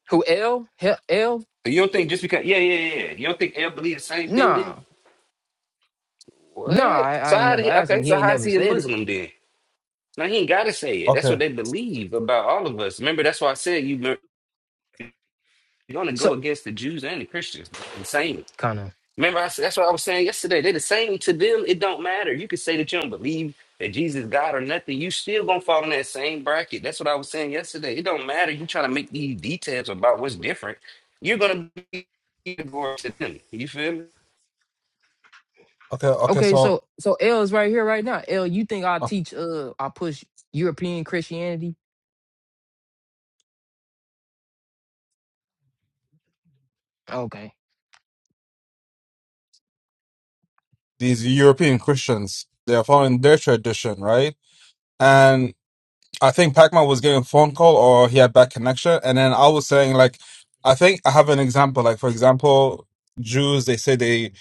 [SPEAKER 2] Who L? Hell, L?
[SPEAKER 4] So you don't think just because yeah, yeah, yeah. You don't think they believe the same thing then?
[SPEAKER 2] Nah, nah,
[SPEAKER 4] What?
[SPEAKER 2] I, I
[SPEAKER 4] So
[SPEAKER 2] ain't
[SPEAKER 4] how did
[SPEAKER 2] never
[SPEAKER 4] he,
[SPEAKER 2] asked
[SPEAKER 4] okay,
[SPEAKER 2] him. He
[SPEAKER 4] so
[SPEAKER 2] ain't
[SPEAKER 4] how is
[SPEAKER 2] never
[SPEAKER 4] he a
[SPEAKER 2] said it.
[SPEAKER 4] Muslim then? Now he ain't gotta say it. That's
[SPEAKER 5] Okay,
[SPEAKER 4] what they believe about all of us. Remember, that's why I said you you're gonna
[SPEAKER 2] So
[SPEAKER 4] go against the Jews and the Christians. Insane.
[SPEAKER 2] kind of
[SPEAKER 4] Remember, I, s- that's what I was saying yesterday. They're the same to them. It don't matter. You can say that you don't believe that Jesus is God or nothing. You still gonna fall in that same bracket. That's what I was saying yesterday. It don't matter. You trying to make these details about what's different. You're gonna be divorced to them. You feel me?
[SPEAKER 5] okay, okay.
[SPEAKER 2] okay.
[SPEAKER 5] So
[SPEAKER 2] So so L is right here right now. L, you think I
[SPEAKER 5] uh,
[SPEAKER 2] teach? Uh, I push European Christianity? Okay.
[SPEAKER 5] these European Christians, they are following their tradition, right? I think Pacman was getting a phone call or he had bad connection. And then I was saying, like, I think I have an example. Like, for example, Jews, they say they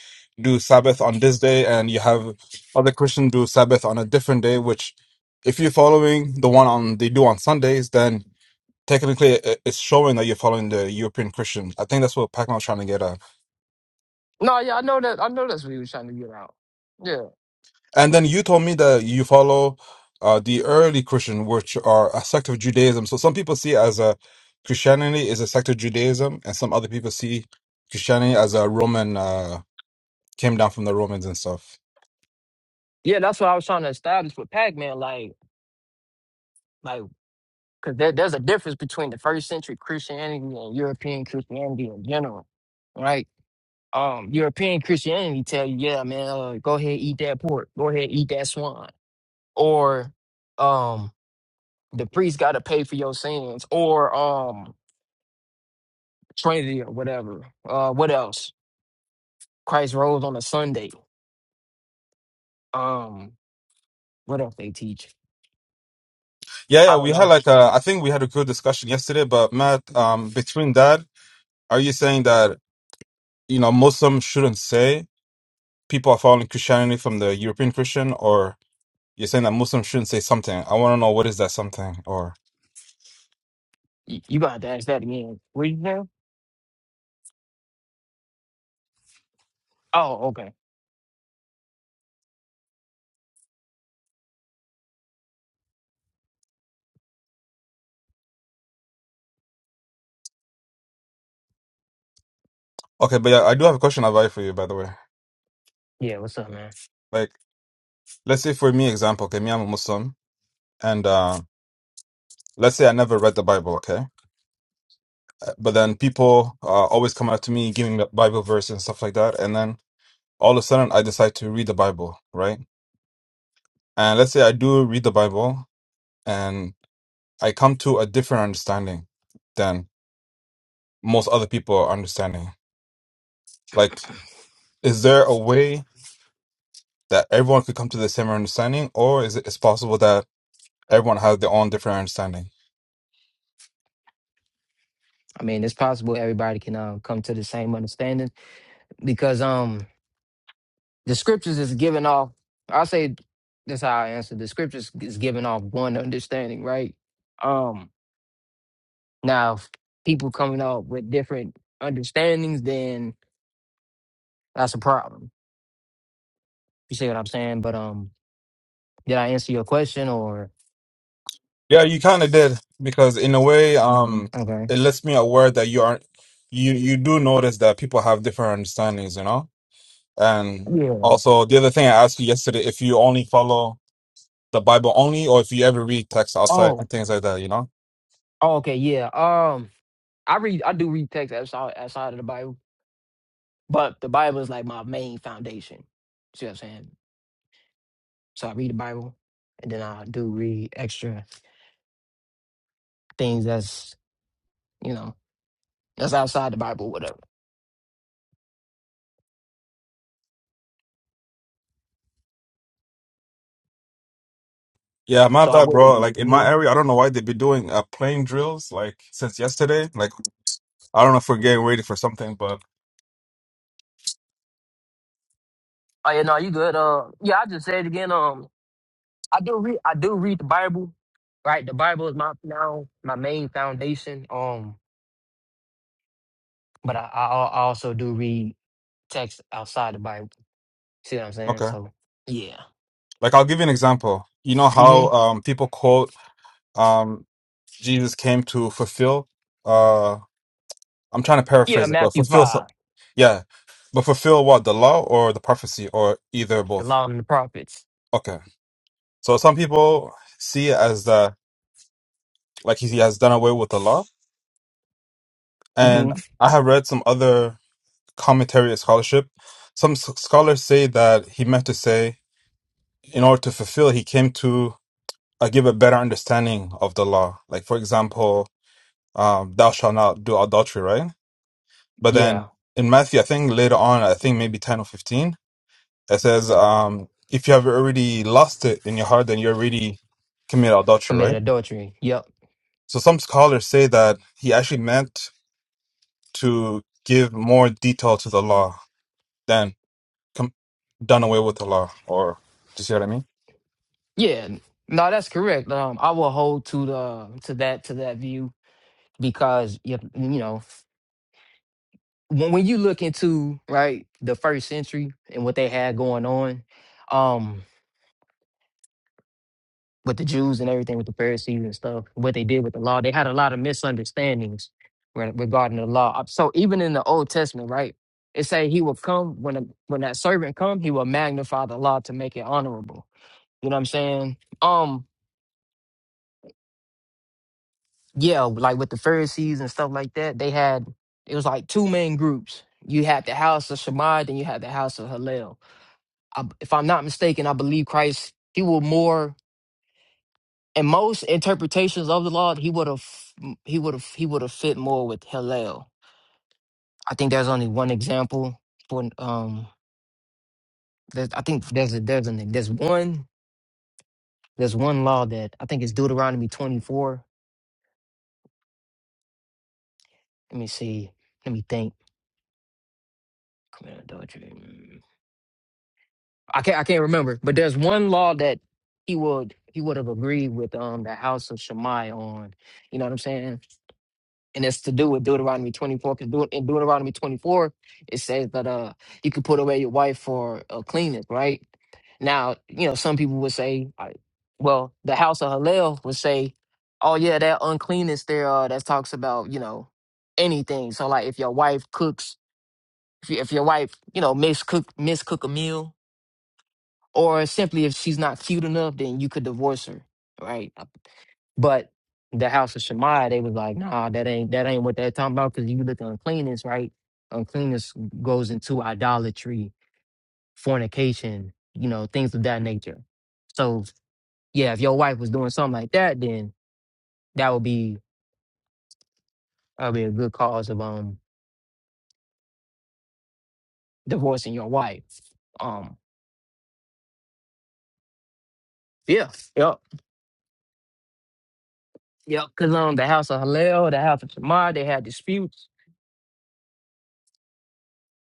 [SPEAKER 5] do Sabbath on this day, and you have other Christians do Sabbath on a different day, which if you're following the one on they do on Sundays, then technically it- it's showing that you're following the European Christian. I think that's what Pacman was trying to get at.
[SPEAKER 2] No, yeah, I know that. I know that's what he was trying to get out. Yeah,
[SPEAKER 5] And then you told me that you follow uh, the early Christian, which are a sect of Judaism. So some people see as a Christianity is a sect of Judaism, and some other people see Christianity as a Roman uh, came down from the Romans and stuff.
[SPEAKER 2] yeah, that's what I was trying to establish with Pac Man. Like, like, cause there, there's a difference between the first century Christianity and European Christianity in general, right? Um, European Christianity tell you, yeah, man, uh, go ahead eat that pork, go ahead eat that swan, or um The priest got to pay for your sins, or um, Trinity or whatever. Uh, what else? Christ rose on a Sunday. Um, what else they teach?
[SPEAKER 5] Yeah, yeah.
[SPEAKER 2] I don't
[SPEAKER 5] We had
[SPEAKER 2] know.
[SPEAKER 5] like a, I think we had a good discussion yesterday. But Matt, um, between that, are you saying
[SPEAKER 2] Yeah,
[SPEAKER 5] that you know Muslims shouldn't say people are following Christianity from the European Christian, or you're saying that Muslims shouldn't say something? I want to know what is that something, or
[SPEAKER 2] you, you got to ask that again. What you say? Oh, okay.
[SPEAKER 5] okay. But yeah, I do have a question, I'll buy for you, by the way.
[SPEAKER 2] Yeah, what's up, man?
[SPEAKER 5] Like, let's say for me, example, okay, me, I'm a Muslim, and uh, let's say I never read the Bible, okay? Uh, But then people uh, always come up to me, giving the Bible verse and stuff like that, and then all of a sudden I decide to read the Bible, right? And let's say I do read the Bible, and I come to a different understanding than most other people are understanding. Like, is there a way that everyone could come to the same understanding, or is it is possible that Everyone has their own different understanding.
[SPEAKER 2] I mean, it's possible everybody can uh, come to the same understanding because um, the scriptures is giving off. I say that's how I answer. The scriptures is giving off one understanding, right? Um, Now, if people coming up with different understandings, then that's a problem. You see what I'm saying? But um, did I answer your question or
[SPEAKER 5] Yeah, you kind of did because in a way, um,
[SPEAKER 2] okay?
[SPEAKER 5] it lets me aware that you aren't you you do notice that people have different understandings, you know. And
[SPEAKER 2] Yeah.
[SPEAKER 5] also, the other thing I asked you yesterday, if you only follow the Bible only, or if you ever read texts outside
[SPEAKER 2] Oh.
[SPEAKER 5] and things like that, you know.
[SPEAKER 2] Oh. Okay. Yeah. Um, I read. I do read text outside outside of the Bible, but the Bible is like my main foundation. See what I'm saying? So I read the Bible, and then I do read extra things that's you know that's outside the Bible, whatever.
[SPEAKER 5] Yeah, my
[SPEAKER 2] So I
[SPEAKER 5] bad,
[SPEAKER 2] wouldn't
[SPEAKER 5] bro.
[SPEAKER 2] be.
[SPEAKER 5] Like in
[SPEAKER 2] hmm
[SPEAKER 5] my area, I don't know why they've been doing uh, plane drills like since yesterday. Like I don't know if we're getting ready for something, but
[SPEAKER 2] Oh yeah, no, you good. Uh, yeah, I just said it again. Um, I do read I do read the Bible, right? The Bible is my now my main foundation. Um, but I, I al- I also do read text outside the Bible. See what I'm saying?
[SPEAKER 5] okay.
[SPEAKER 2] So yeah.
[SPEAKER 5] Like I'll give you an example. You know
[SPEAKER 2] hmm
[SPEAKER 5] how um people quote um Jesus came to fulfill uh I'm trying to
[SPEAKER 2] Yeah,
[SPEAKER 5] paraphrase it, but
[SPEAKER 2] Matthew
[SPEAKER 5] fulfill some
[SPEAKER 2] five,
[SPEAKER 5] yeah. But fulfill what, the law or the prophecy or either or
[SPEAKER 2] the
[SPEAKER 5] both.
[SPEAKER 2] law and the prophets.
[SPEAKER 5] Okay. So some people see it as the like he has done away with the law. And
[SPEAKER 2] hmm
[SPEAKER 5] I have read some other commentary and scholarship. Some s- scholars say that he meant to say, in order to fulfill, he came to uh, give a better understanding of the law. Like, for example, um, thou shalt not do adultery, right? But then
[SPEAKER 2] Yeah.
[SPEAKER 5] in Matthew, I think later on, I think maybe 10 or 15, it says, um, if you have already lost it in your heart, then you already committed adultery,
[SPEAKER 2] Committed
[SPEAKER 5] right?
[SPEAKER 2] adultery. Yep.
[SPEAKER 5] So some scholars say that he actually meant to give more detail to the law then com- done away with Allah, or do you see what I mean?
[SPEAKER 2] Yeah. No, that's correct. Um, I will hold to the to that to that view because you you know when when you look into right the first century and what they had going on, um with the Jews and everything, with the Pharisees and stuff, what they did with the law. They had a lot of misunderstandings re- regarding the law. Uh, So even in the Old Testament, right, it say he will come when a, when that servant come, he will magnify the law to make it honorable. You know what I'm saying? Um, yeah, like with the Pharisees and stuff like that, they had it was like two main groups. You had the house of Shammai, then you had the house of Hillel. I, if I'm not mistaken, I believe Christ he will more in most interpretations of the law, he would have he would have he would have fit more with Hillel. I think there's only one example for um. There's, I think there's a, there's an there's one there's one law that I think it's Deuteronomy 24. Let me see. Let me think. Commit adultery. mm. I can't I can't remember, but there's one law that he would he would have agreed with um the house of Shammai on. You know what I'm saying? and it's to do with Deuteronomy 24. Because in Deuteronomy 24, it says that uh, you could put away your wife for uh, cleaning, right? Now, you know, some people would say, I- well, the house of Hillel would say, oh, yeah, that uncleanness there uh, that talks about, you know, anything. So, like, if your wife cooks, if, you, if your wife, you know, miscook, miscook a meal, or simply if she's not cute enough, then you could divorce her, right? But the house of Shemaiah, they was like, nah, that ain't that ain't what they're talking about. Cause you look at uncleanness, right? Uncleanness goes into idolatry, fornication, you know, things of that nature. So yeah, if your wife was doing something like that, then that would be that'd be a good cause of um divorcing your wife. Um yeah, yep, yep. Cause um the house of Hillel, the house of Shemaiah, they had disputes.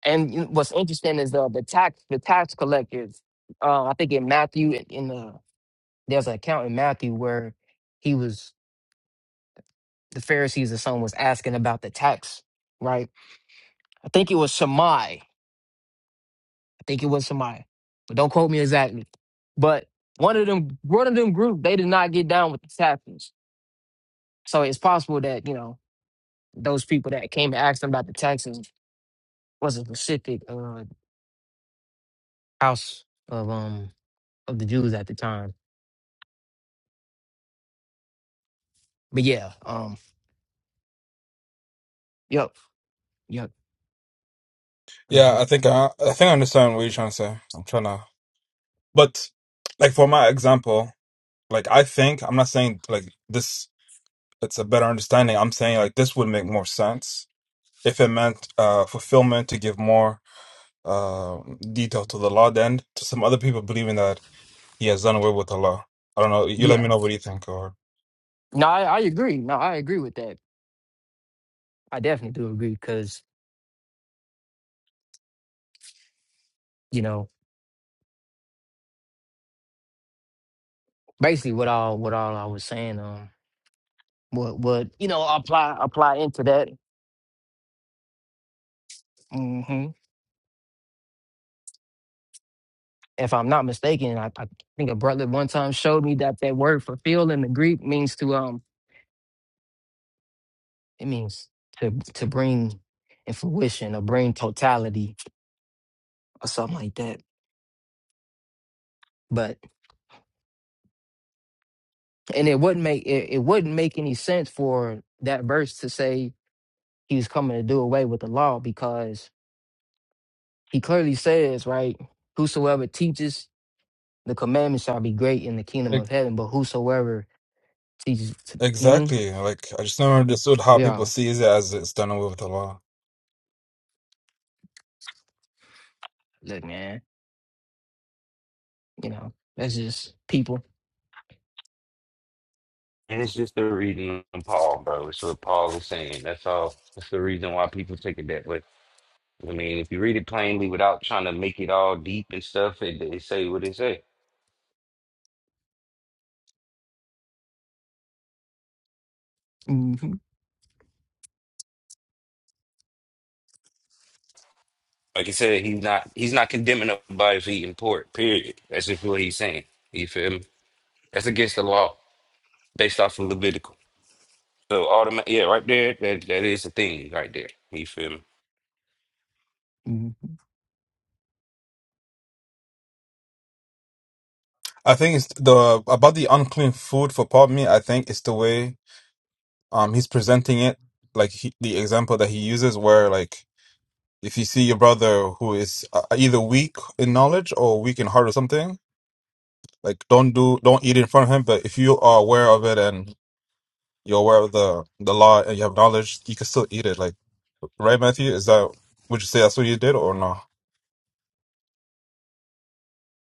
[SPEAKER 2] And you know, what's interesting is uh, the tax the tax collectors. Uh, I think in Matthew in in the there's an account in Matthew where he was the Pharisees or someone was asking about the tax, right? I think it was Shammai. I think it was Shammai, but don't quote me exactly. But one of them, one of them group, they did not get down with the taxes. So it's possible that you know those people that came and asked them about the taxes was a specific uh, house of um of the Jews at the time. But yeah, um, yep, yep,
[SPEAKER 5] Yeah,
[SPEAKER 2] mhm,
[SPEAKER 5] I think I, I think I understand what you're trying to say. I'm trying to, but like for my example, like I think I'm not saying like this. It's a better understanding. I'm saying like this would make more sense if it meant uh fulfillment to give more uh detail to the law. than to some other people believing that he has done away with Allah. I don't know. You let me
[SPEAKER 2] yeah.
[SPEAKER 5] know what you think, or
[SPEAKER 2] No, I, I agree. No, I agree with that. I definitely do agree because you know, basically what all what all I was saying, um, what what you know apply apply into that. hmm If I'm not mistaken, I, I think a brother one time showed me that that word fulfill in the Greek means to um it means to to bring in fruition or bring totality or something like that. But and it wouldn't make it, it wouldn't make any sense for that verse to say he was coming to do away with the law because he clearly says right whosoever teaches The commandments shall be great in the kingdom
[SPEAKER 5] like
[SPEAKER 2] of heaven, but whosoever teaches, to, hmm
[SPEAKER 5] exactly. Like I just never understood how people
[SPEAKER 2] yeah,
[SPEAKER 5] see it as it's done away with Allah.
[SPEAKER 2] look, man, you know, that's just people.
[SPEAKER 4] And it's just the reading of Paul, bro. It's what Paul is saying. That's all. That's the reason why people take it that way. I mean, if you read it plainly without trying to make it all deep and stuff, it, it say what it say.
[SPEAKER 2] hmm
[SPEAKER 4] Like I said, he's not he's not condemning nobody for eating pork, period. That's just what he's saying. You feel me? That's against the law based off of Levitical. So automatic yeah, right there, that that is a thing right there. You feel me?
[SPEAKER 2] hmm
[SPEAKER 5] I think it's the about the unclean food for Pop Me. I think it's the way um he's presenting it, like he, the example that he uses, where like if you see your brother who is uh, either weak in knowledge or weak in heart or something, like don't do don't eat in front of him. But if you are aware of it and you're aware of the the law and you have knowledge, you can still eat it. Like right, Matthew, is that would you say that's what you did or no?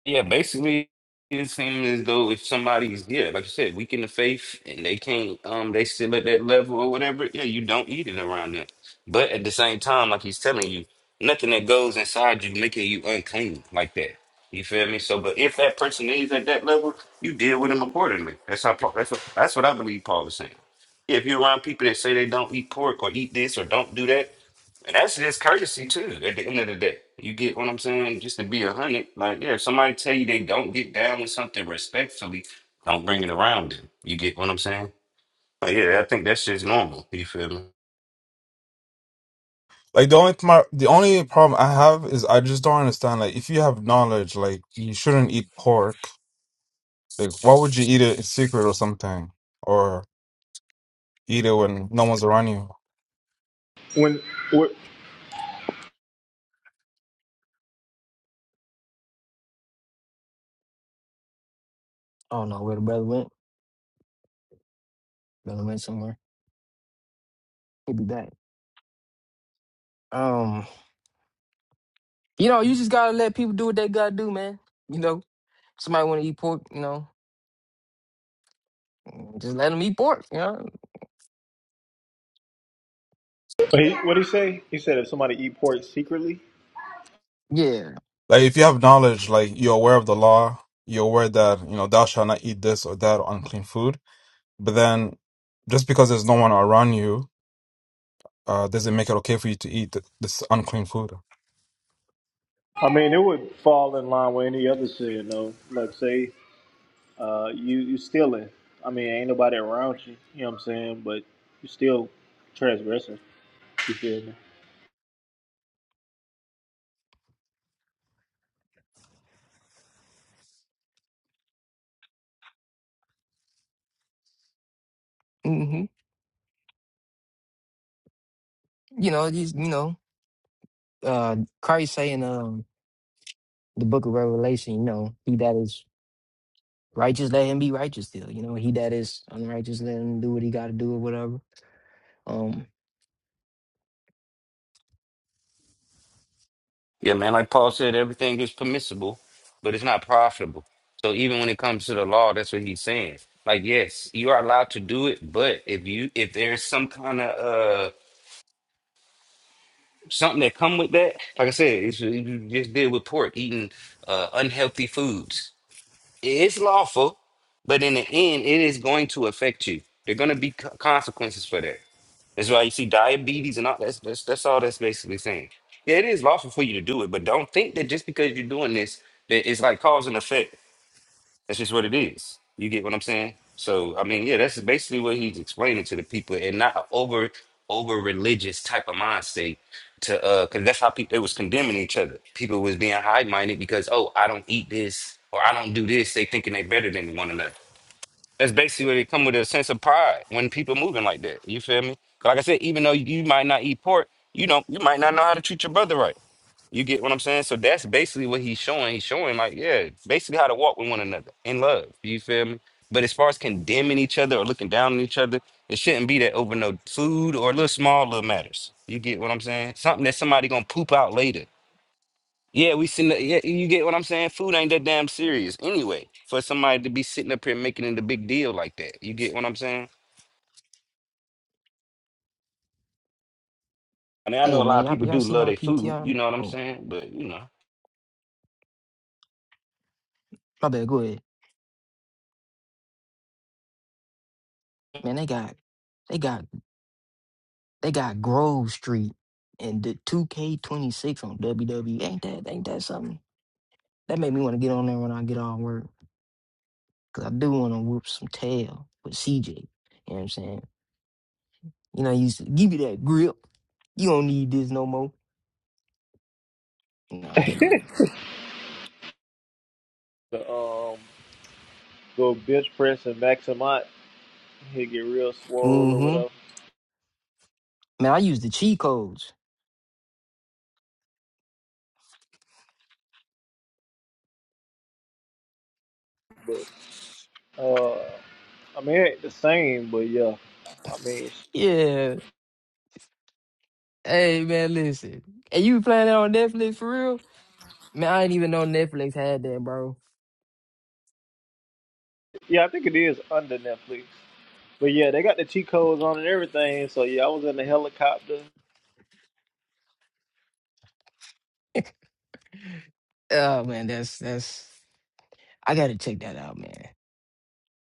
[SPEAKER 4] Yeah, basically it seems as though if somebody's yeah, like you said, weak in the faith and they can't um they still at that level or whatever, yeah, you don't eat it around them. But at the same time, like he's telling you, nothing that goes inside you making you unclean like that. You feel me? So but if that person is at that level, you deal with them accordingly. That's how Paul, that's what that's what I believe Paul is saying. If you're around people that say they don't eat pork or eat this or don't do that, and that's just courtesy too. At the end of the day, you get what I'm saying. Just to be a hundred, like yeah, if somebody tell you they don't get down with something respectfully, don't bring it around them. You get what I'm saying? Like, yeah, I think that's just normal. You feel me?
[SPEAKER 5] Like the only my, the only problem I have is I just don't understand. Like if you have knowledge, like you shouldn't eat pork Like, why would you eat it in secret or something, or eat it when no one's around you?
[SPEAKER 1] When what?
[SPEAKER 2] I don't know where the brother went. Brother went somewhere. He'll be back. Um, you know, you just gotta let people do what they gotta do, man. You know, somebody want to eat pork, you know, just let them eat pork. You know,
[SPEAKER 1] He, what he say? He said if somebody eat pork secretly.
[SPEAKER 2] yeah.
[SPEAKER 5] Like, if you have knowledge, like you're aware of the law, you're aware that you know thou shalt not eat this or that unclean food. But then, just because there's no one around you, uh, doesn't make it okay for you to eat th- this unclean food.
[SPEAKER 1] I mean, it would fall in line with any other sin, though. Like say, uh, you you stealing. I mean, ain't nobody around you. You know what I'm saying? But you still transgressing. You feel me?
[SPEAKER 2] hmm You know, just you know, uh, Christ saying, um, the Book of Revelation, you know, he that is righteous let him be righteous still you know he that is unrighteous let him do what he got to do or whatever um
[SPEAKER 4] Yeah, man. Like Paul said, everything is permissible, but it's not profitable. So even when it comes to the law, that's what he's saying. Like, yes, you are allowed to do it, but if you if there's some kind of uh something that come with that, like I said, it's, you just did with pork eating uh, unhealthy foods It's lawful, but in the end, it is going to affect you. There are going to be co- consequences for that. That's why you see diabetes and all that's, that's that's all that's basically saying. Yeah, it is lawful for you to do it, but don't think that just because you're doing this, that it's like cause and effect. That's just what it is. You get what I'm saying? So I mean, yeah, that's basically what he's explaining to the people, and not a over over religious type of mind state to uh, because that's how people they was condemning each other. People was being high minded because oh, I don't eat this or I don't do this. They thinking they better than one another. That's basically where they come with a sense of pride when people moving like that. You feel me? Like I said, even though you might not eat pork, you don't you might not know how to treat your brother right. You get what I'm saying? So that's basically what he's showing. He's showing like, yeah, basically how to walk with one another in love. You feel me? But as far as condemning each other or looking down on each other, it shouldn't be that over no food or little small little matters. You get what I'm saying? Something that somebody gonna poop out later. Yeah, we sitting. up- Yeah, you get what I'm saying? Food ain't that damn serious anyway. For somebody to be sitting up here making it a big deal like that, you get what I'm saying? I mean, I know
[SPEAKER 2] hey
[SPEAKER 4] a
[SPEAKER 2] man
[SPEAKER 4] lot of
[SPEAKER 2] y'all,
[SPEAKER 4] people
[SPEAKER 2] y'all
[SPEAKER 4] do
[SPEAKER 2] see
[SPEAKER 4] love
[SPEAKER 2] my
[SPEAKER 4] their food.
[SPEAKER 2] ptr
[SPEAKER 4] You know what I'm
[SPEAKER 2] oh
[SPEAKER 4] saying? But you know.
[SPEAKER 2] my bad go ahead man they got they got they got grove street and the 2k26 on wwe ain't that ain't that something that made me want to get on there when i get off work because i do want to whoop some tail with cj you know what i'm saying you know you used to give you that grip you don't need this no more no i'm just playing
[SPEAKER 1] The um, go bench press and maximize. He'll get real swole or
[SPEAKER 2] mm-hmm
[SPEAKER 1] whatever.
[SPEAKER 2] man i use the cheat codes
[SPEAKER 1] But uh, I mean, it ain't the same. But yeah, I mean,
[SPEAKER 2] yeah Hey man, listen. And you playing that on Netflix for real? Man, I didn't even know Netflix had that, bro.
[SPEAKER 1] yeah, I think it is under Netflix. But yeah, they got the cheat codes on and everything. So yeah, I was in the helicopter.
[SPEAKER 2] oh man, that's that's I gotta check that out, man.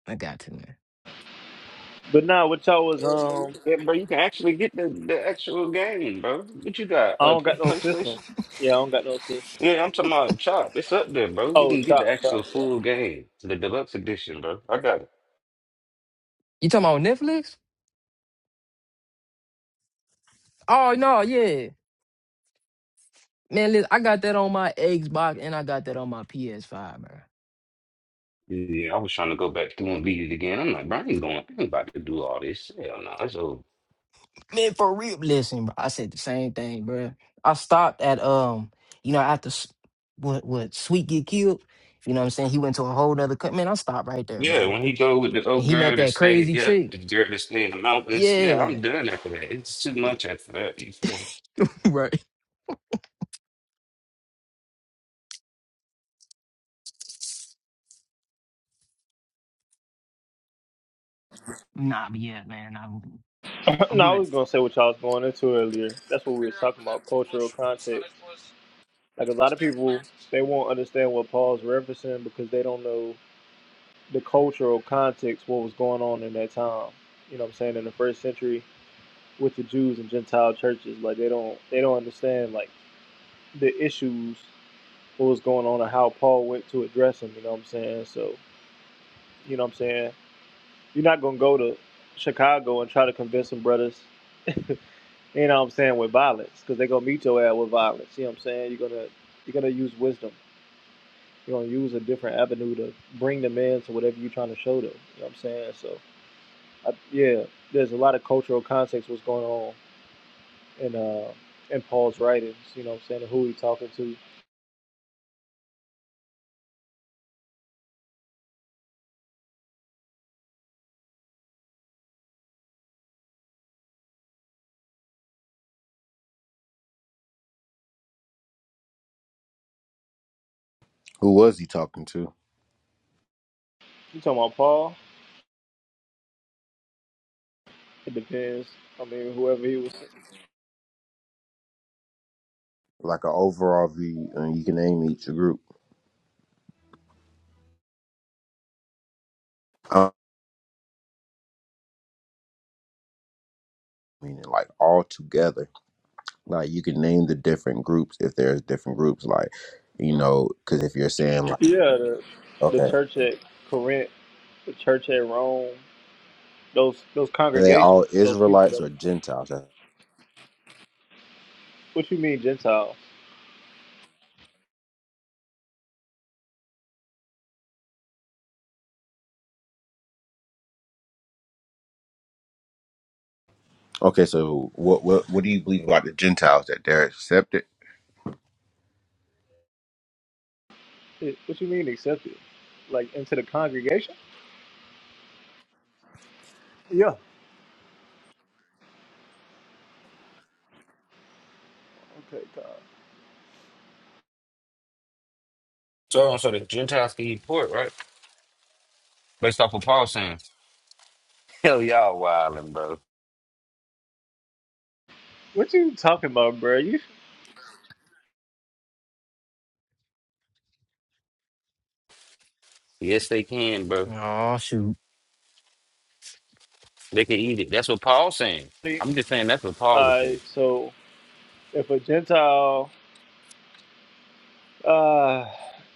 [SPEAKER 2] I got to, man.
[SPEAKER 1] But nah, what y'all was um,
[SPEAKER 4] Yeah, bro, you can actually get the, the actual game, bro. What you got?
[SPEAKER 1] I
[SPEAKER 4] Uh,
[SPEAKER 1] don't
[SPEAKER 4] P-
[SPEAKER 1] got no system.
[SPEAKER 4] PlayStation?
[SPEAKER 1] Yeah, I don't got no system.
[SPEAKER 4] Yeah, I'm talking about Chop. It's up there, bro. You
[SPEAKER 1] Oh,
[SPEAKER 4] can get the
[SPEAKER 1] top, top,
[SPEAKER 4] actual full
[SPEAKER 1] yeah.
[SPEAKER 4] game, the deluxe edition, bro. I got it.
[SPEAKER 2] You talking about Netflix? Oh no, yeah. Man, listen, I got that on my Xbox and I got that on my PS5, man.
[SPEAKER 4] Yeah, I was trying to go back through and beat it again. I'm like, bro, I ain't going. I ain't about to do all this. Hell no, that's old.
[SPEAKER 2] Man, for real. Listen, bro. I said the same thing, bro. I stopped at um, you know, after S- what what Sweet get killed, you know what I'm saying? He went to a whole nother cut. Man, I stopped right there,
[SPEAKER 4] Yeah,
[SPEAKER 2] bro.
[SPEAKER 4] when he go with the
[SPEAKER 2] And
[SPEAKER 4] old
[SPEAKER 2] he met
[SPEAKER 4] girl that
[SPEAKER 2] that
[SPEAKER 4] stayed,
[SPEAKER 2] crazy
[SPEAKER 4] yep,
[SPEAKER 2] chick.
[SPEAKER 4] the girl that stayed in the mountains. Yeah,
[SPEAKER 2] Yeah.
[SPEAKER 4] I'm done after that. It's too much after that. You feel me?
[SPEAKER 2] right. Nah, but yeah, man, I'm I'm
[SPEAKER 1] no, I
[SPEAKER 2] good.
[SPEAKER 1] was gonna say what y'all was going into earlier. That's what we was talking about, cultural context. Like a lot of people, they won't understand what Paul's referencing because they don't know the cultural context, what was going on in that time. You know what I'm saying? In the first century with the Jews and Gentile churches, like they don't they don't understand like the issues, what was going on and how Paul went to address them, you know what I'm saying? So, you know what I'm saying? You're not gonna go to Chicago and try to convince some brothers, you know what I'm saying, with violence, because they're gonna meet your ass with violence. You know what I'm saying? You're gonna you're gonna use wisdom. You're gonna use a different avenue to bring them in to whatever you're trying to show them. You know what I'm saying? So I, yeah, there's a lot of cultural context what's going on in uh in Paul's writings. You know, what I'm saying who he talking to. You
[SPEAKER 3] Who was he talking to?
[SPEAKER 1] talking about Paul? It depends. I mean, whoever he was.
[SPEAKER 3] like an overall view, and you can name each group. Um, meaning like all together. Like you can name the different groups if there's different groups. Like you know, because if you're saying like,
[SPEAKER 1] Yeah, the,
[SPEAKER 3] okay,
[SPEAKER 1] the church at Corinth, the church at Rome, those those
[SPEAKER 3] are they
[SPEAKER 1] congregations,
[SPEAKER 3] all
[SPEAKER 1] those people.
[SPEAKER 3] Israelites
[SPEAKER 1] That,
[SPEAKER 3] or Gentiles?
[SPEAKER 1] what you mean Gentiles?
[SPEAKER 3] Okay, so what what what do you believe about the Gentiles that they're accepted?
[SPEAKER 1] Eh, What you mean accepted? Like into the congregation? Yeah. Okay, God.
[SPEAKER 4] So, so the Gentiles can eat pork, right? Based off of Paul saying, "Hell, y'all wildin', bro."
[SPEAKER 1] What you talking about, bro? You.
[SPEAKER 4] Yes, they can, bro.
[SPEAKER 2] Oh shoot.
[SPEAKER 4] They could eat it. That's what Paul's saying.
[SPEAKER 1] All
[SPEAKER 4] I'm just saying that's what Paul is
[SPEAKER 1] right.
[SPEAKER 4] saying.
[SPEAKER 1] So if a Gentile uh,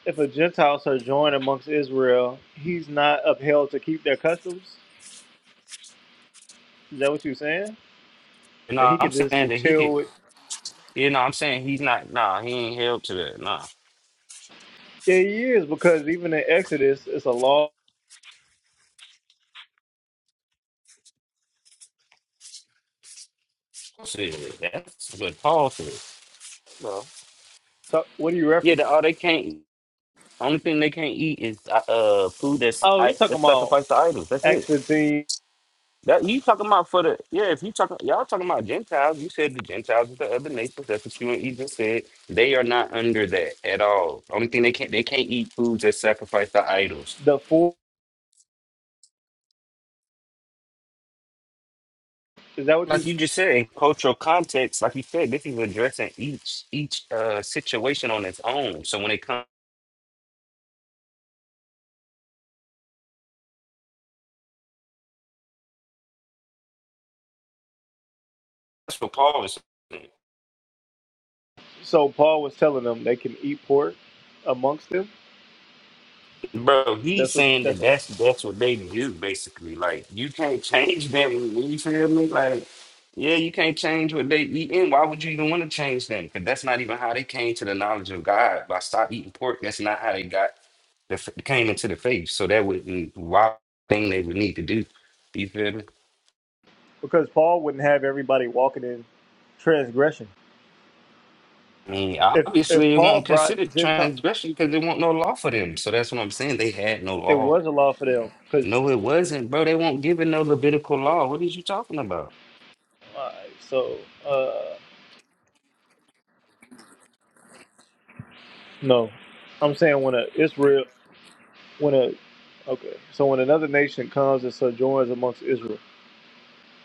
[SPEAKER 1] if a Gentile shall join amongst Israel, he's not upheld to keep their customs. Is that what you're saying?
[SPEAKER 4] You
[SPEAKER 1] And
[SPEAKER 4] know,
[SPEAKER 1] he
[SPEAKER 4] I'm
[SPEAKER 1] could just
[SPEAKER 4] saying that he could.
[SPEAKER 1] chill with.
[SPEAKER 4] You know, I'm saying he's not. Nah, he ain't held to that. Nah,
[SPEAKER 1] Yeah, he is because even in Exodus, it's a law.
[SPEAKER 4] Shit, that's what Paul said. Well,
[SPEAKER 1] So- What are you
[SPEAKER 4] yeah, the,
[SPEAKER 1] referencing?
[SPEAKER 4] all they can't. eat- Only thing they can't eat is uh uh, food that's
[SPEAKER 1] Oh,
[SPEAKER 4] I,
[SPEAKER 1] you're talking
[SPEAKER 4] that's
[SPEAKER 1] about
[SPEAKER 4] sacrificed to idols. That's it.
[SPEAKER 1] Acts 15,
[SPEAKER 4] That you talking about for the yeah? If you talking y'all talking about Gentiles, you said the Gentiles is the other nations. That's what you and Egypt said. They are not under that at all. Only thing they can't they can't eat foods that sacrifice to idols.
[SPEAKER 1] the four. Is that what you?
[SPEAKER 4] like you just said, in cultural context, like you said, this is addressing each each uh situation on its own. So when it comes to Paul, it's-
[SPEAKER 1] So Paul was telling them they can eat pork amongst them.
[SPEAKER 4] bro, he's
[SPEAKER 1] That's what.
[SPEAKER 4] saying that
[SPEAKER 1] That's
[SPEAKER 4] that's that's what they do basically. Like you can't change them. You feel me? Like yeah, you can't change what they eat. And why would you even want to change them? Because that's not even how they came to the knowledge of God by stop eating pork. That's not how they got the f- came into the faith. So that would why thing they would need to do. You feel me?
[SPEAKER 1] because Paul wouldn't have everybody walking in transgression.
[SPEAKER 4] I mean,
[SPEAKER 1] If if
[SPEAKER 4] obviously, it
[SPEAKER 1] Paul
[SPEAKER 4] won't
[SPEAKER 1] brought
[SPEAKER 4] consider
[SPEAKER 1] Gentile,
[SPEAKER 4] transgression because there won't no law for them. So that's what I'm saying. They had no
[SPEAKER 1] it
[SPEAKER 4] law.
[SPEAKER 1] was a law for them because.
[SPEAKER 4] No, it wasn't, bro. They won't give it no Levitical law. What is you talking about?
[SPEAKER 1] Alright, so uh, no, I'm saying when a Israel, when a okay, so when another nation comes and sojourns amongst Israel,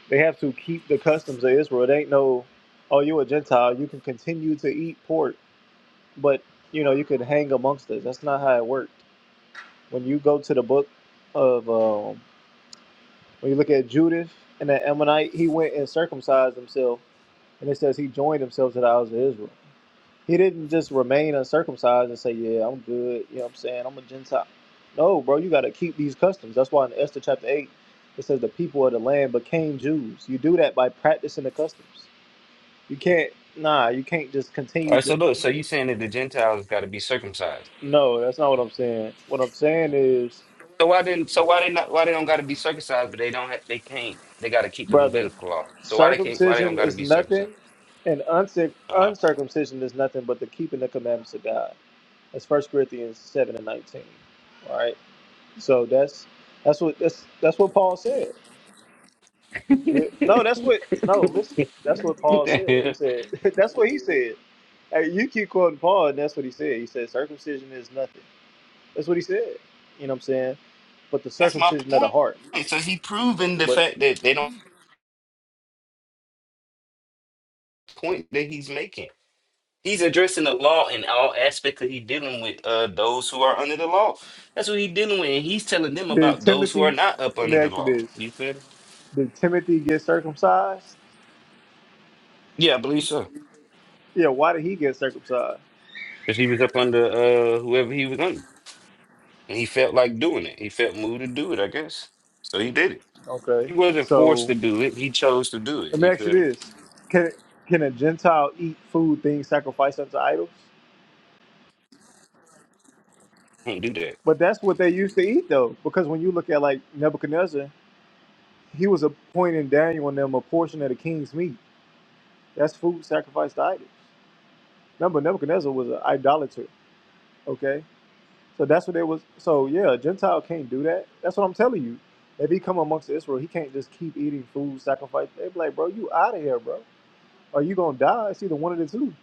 [SPEAKER 1] they have to keep the customs of Israel. It ain't no, oh, you a Gentile, you can continue to eat pork, but you know you could hang amongst us. That's not how it worked. When you go to the book of um, when you look at Judith and that Ammonite, he went and circumcised himself, and it says he joined himself to the house of Israel. He didn't just remain uncircumcised and say, Yeah, I'm good. You know what I'm saying? I'm a Gentile. No, bro, you got to keep these customs. That's why in Esther chapter 8, it says the people of the land became Jews. You do that by practicing the customs. You can't, nah, you can't just
[SPEAKER 4] All
[SPEAKER 1] continue.
[SPEAKER 4] right. So
[SPEAKER 1] To,
[SPEAKER 4] look. So you saying that the Gentiles got to be circumcised?
[SPEAKER 1] no, that's not what I'm saying. What I'm saying is,
[SPEAKER 4] So why didn't? So why they not? Why they don't got to be circumcised? But they don't. Have, they can't. They got to keep the
[SPEAKER 1] brother,
[SPEAKER 4] Levitical law. So why they can't? Why they don't
[SPEAKER 1] circumcision
[SPEAKER 4] got to
[SPEAKER 1] is
[SPEAKER 4] be
[SPEAKER 1] nothing,
[SPEAKER 4] circumcised?
[SPEAKER 1] and uncir-
[SPEAKER 4] Uh-huh.
[SPEAKER 1] uncircumcision is nothing but the keeping the commandments of God. That's First Corinthians 7 and 19. All right? So that's that's what that's that's what Paul said. Yeah. No, that's what no, listen. That's what
[SPEAKER 4] What
[SPEAKER 1] Paul
[SPEAKER 4] the
[SPEAKER 1] said. He
[SPEAKER 4] hell?
[SPEAKER 1] said that's what he said. Hey, you keep quoting Paul and that's what he said. He said circumcision is nothing. That's what he said. You know what I'm saying? But the
[SPEAKER 4] that's my
[SPEAKER 1] circumcision of the
[SPEAKER 4] point.
[SPEAKER 1] heart.
[SPEAKER 4] So he proving the
[SPEAKER 1] But
[SPEAKER 4] fact that they don't point that he's making. He's addressing the law in all aspects he's dealing with uh, those who are under the law. That's what he's dealing with. And he's telling them
[SPEAKER 1] did
[SPEAKER 4] about those who are
[SPEAKER 1] Timothy
[SPEAKER 4] not up
[SPEAKER 1] let
[SPEAKER 4] under
[SPEAKER 1] me
[SPEAKER 4] the
[SPEAKER 1] ask you
[SPEAKER 4] law.
[SPEAKER 1] this.
[SPEAKER 4] You feel me?
[SPEAKER 1] Did Timothy get circumcised?
[SPEAKER 4] Yeah, I believe so.
[SPEAKER 1] Yeah, why did he get circumcised?
[SPEAKER 4] Because he was up under uh, whoever he was under. And he felt like doing it. He felt moved to do it, I guess. So he did it.
[SPEAKER 1] Okay.
[SPEAKER 4] He wasn't forced
[SPEAKER 1] So
[SPEAKER 4] to do it. He chose to do it.
[SPEAKER 1] let me
[SPEAKER 4] You
[SPEAKER 1] ask you
[SPEAKER 4] feel me?
[SPEAKER 1] this. Can can a Gentile eat food things sacrificed unto idols?
[SPEAKER 4] Don't do that.
[SPEAKER 1] But that's what they used to eat, though, because when you look at like Nebuchadnezzar, he was appointing Daniel and them a portion of the king's meat. That's food sacrificed to idols. Remember, Nebuchadnezzar was an idolater. Okay, so that's what it was. So yeah, a Gentile can't do that. That's what I'm telling you. If he come amongst Israel, he can't just keep eating food sacrificed. They be like, bro, you out of here, bro. Or you gonna die? It's either one of the two.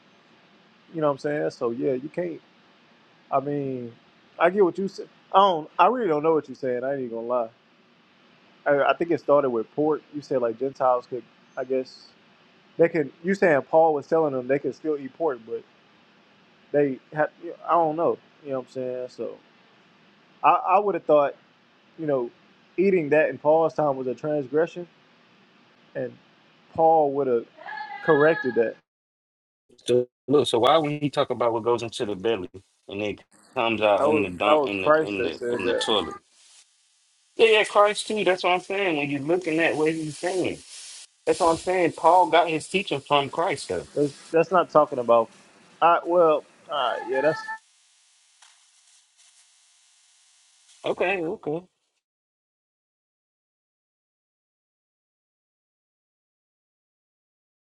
[SPEAKER 1] You know what I'm saying? So yeah, you can't. I mean, I get what you said. I don't. I really don't know what you're saying. I ain't even gonna lie. I, I think it started with pork. You said like Gentiles could, I guess they can. You saying Paul was telling them they could still eat pork, but they had. I don't know. You know what I'm saying? So I, I would have thought, you know, eating that in Paul's time was a transgression, and Paul would have corrected that.
[SPEAKER 4] So look, so why when he talk about what goes into the belly and it comes out
[SPEAKER 1] That
[SPEAKER 4] in
[SPEAKER 1] was,
[SPEAKER 4] the
[SPEAKER 1] that
[SPEAKER 4] dump
[SPEAKER 1] was
[SPEAKER 4] in the
[SPEAKER 1] Christ
[SPEAKER 4] in
[SPEAKER 1] that
[SPEAKER 4] the
[SPEAKER 1] said
[SPEAKER 4] in the
[SPEAKER 1] that.
[SPEAKER 4] toilet? Yeah, yeah, Christ too. That's what I'm saying. When you're looking at what he's saying, that's what I'm saying. Paul got his teaching from Christ, though.
[SPEAKER 1] That's, that's not talking about. I well, all right, yeah, that's
[SPEAKER 4] Okay, okay.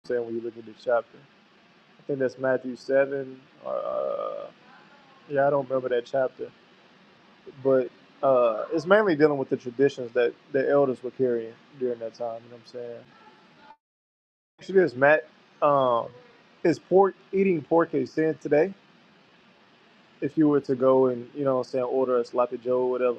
[SPEAKER 1] saying when you look at the chapter. I think that's Matthew seven. Or, uh, yeah, I don't remember that chapter. but uh, it's mainly dealing with the traditions that the elders were carrying during that time. You know what I'm saying? Actually, this Matt um, is pork eating pork a sin today? If you were to go and you know what I'm saying order a sloppy joe or whatever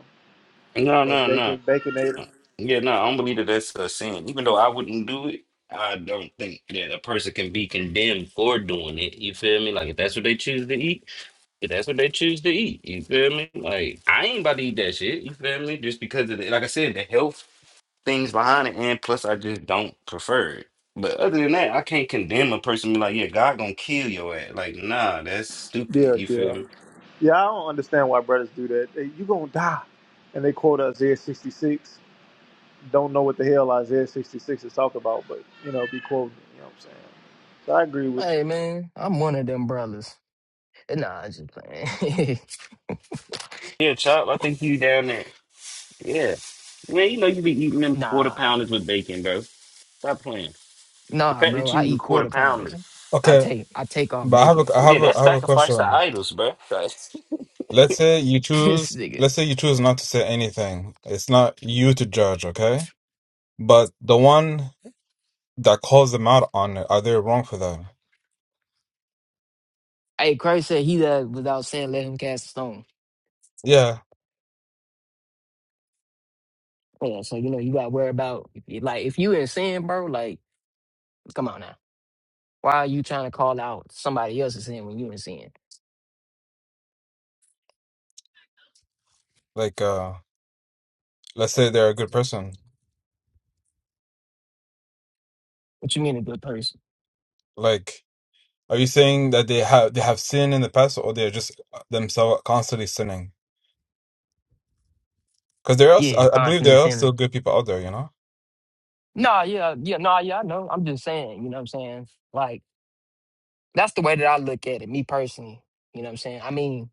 [SPEAKER 4] No,
[SPEAKER 1] or
[SPEAKER 4] no, no.
[SPEAKER 1] bacon baconator.
[SPEAKER 4] Yeah, no, I don't believe that that's a sin. Even though I wouldn't do it, I don't think that a person can be condemned for doing it. You feel me? Like, if that's what they choose to eat, if that's what they choose to eat, you feel me? Like, I ain't about to eat that shit. You feel me? Just because of the, like I said, the health things behind it, and plus I just don't prefer it. But other than that, I can't condemn a person and be like, yeah, God gonna kill your ass. Like, nah, that's stupid.
[SPEAKER 1] Yeah,
[SPEAKER 4] You feel
[SPEAKER 1] yeah,
[SPEAKER 4] me?
[SPEAKER 1] yeah. I don't understand why brothers do that. They, you gonna die, and they quote Isaiah 66. Don't know what the hell Isaiah 66 is talking about, but you know, be quoting. it, You know what I'm saying? So I agree with
[SPEAKER 2] Hey man, I'm one of them brothers. Nah, I'm just playing.
[SPEAKER 4] Yeah, Chop, I think you down there. Yeah. Man, you know you be eating them quarter
[SPEAKER 2] nah,
[SPEAKER 4] pounders with bacon, bro. Stop playing. The
[SPEAKER 2] nah,
[SPEAKER 4] fact
[SPEAKER 2] bro.
[SPEAKER 4] that you
[SPEAKER 2] I
[SPEAKER 4] eat a
[SPEAKER 2] eat
[SPEAKER 4] quarter
[SPEAKER 2] quarter
[SPEAKER 4] pounder.
[SPEAKER 2] pounders. I
[SPEAKER 5] Okay,
[SPEAKER 2] take I take off
[SPEAKER 5] but I have a,
[SPEAKER 2] bacon.
[SPEAKER 5] I have
[SPEAKER 4] Yeah,
[SPEAKER 5] a,
[SPEAKER 4] that's
[SPEAKER 5] I have a
[SPEAKER 4] sacrifice to
[SPEAKER 5] question.
[SPEAKER 4] idols, bro.
[SPEAKER 5] Let's say you
[SPEAKER 2] this
[SPEAKER 5] choose,
[SPEAKER 2] nigga.
[SPEAKER 5] let's say you choose not to say anything. It's not you to judge, okay? But the one that calls them out on it, are they wrong for that?
[SPEAKER 2] Hey, Christ said he that without sin let him cast a stone.
[SPEAKER 5] Yeah.
[SPEAKER 2] Yeah, so you know you gotta worry about like if you in sin, bro. Like, come on now. Why are you trying to call out somebody else's sin when you in sin?
[SPEAKER 5] Like, uh, let's say they're a good person.
[SPEAKER 2] What you mean a good person?
[SPEAKER 5] Like, are you saying that they have they have sinned in the past, or they're just uh, themselves constantly sinning? Because there are, s-
[SPEAKER 2] Yeah,
[SPEAKER 5] I I believe
[SPEAKER 2] constantly
[SPEAKER 5] there are still
[SPEAKER 2] sinning.
[SPEAKER 5] good people out there, you know.
[SPEAKER 2] No, yeah, yeah, no, yeah, I know. I'm just saying, you know what I'm saying? Like, that's the way that I look at it, me personally. You know what I'm saying? I mean,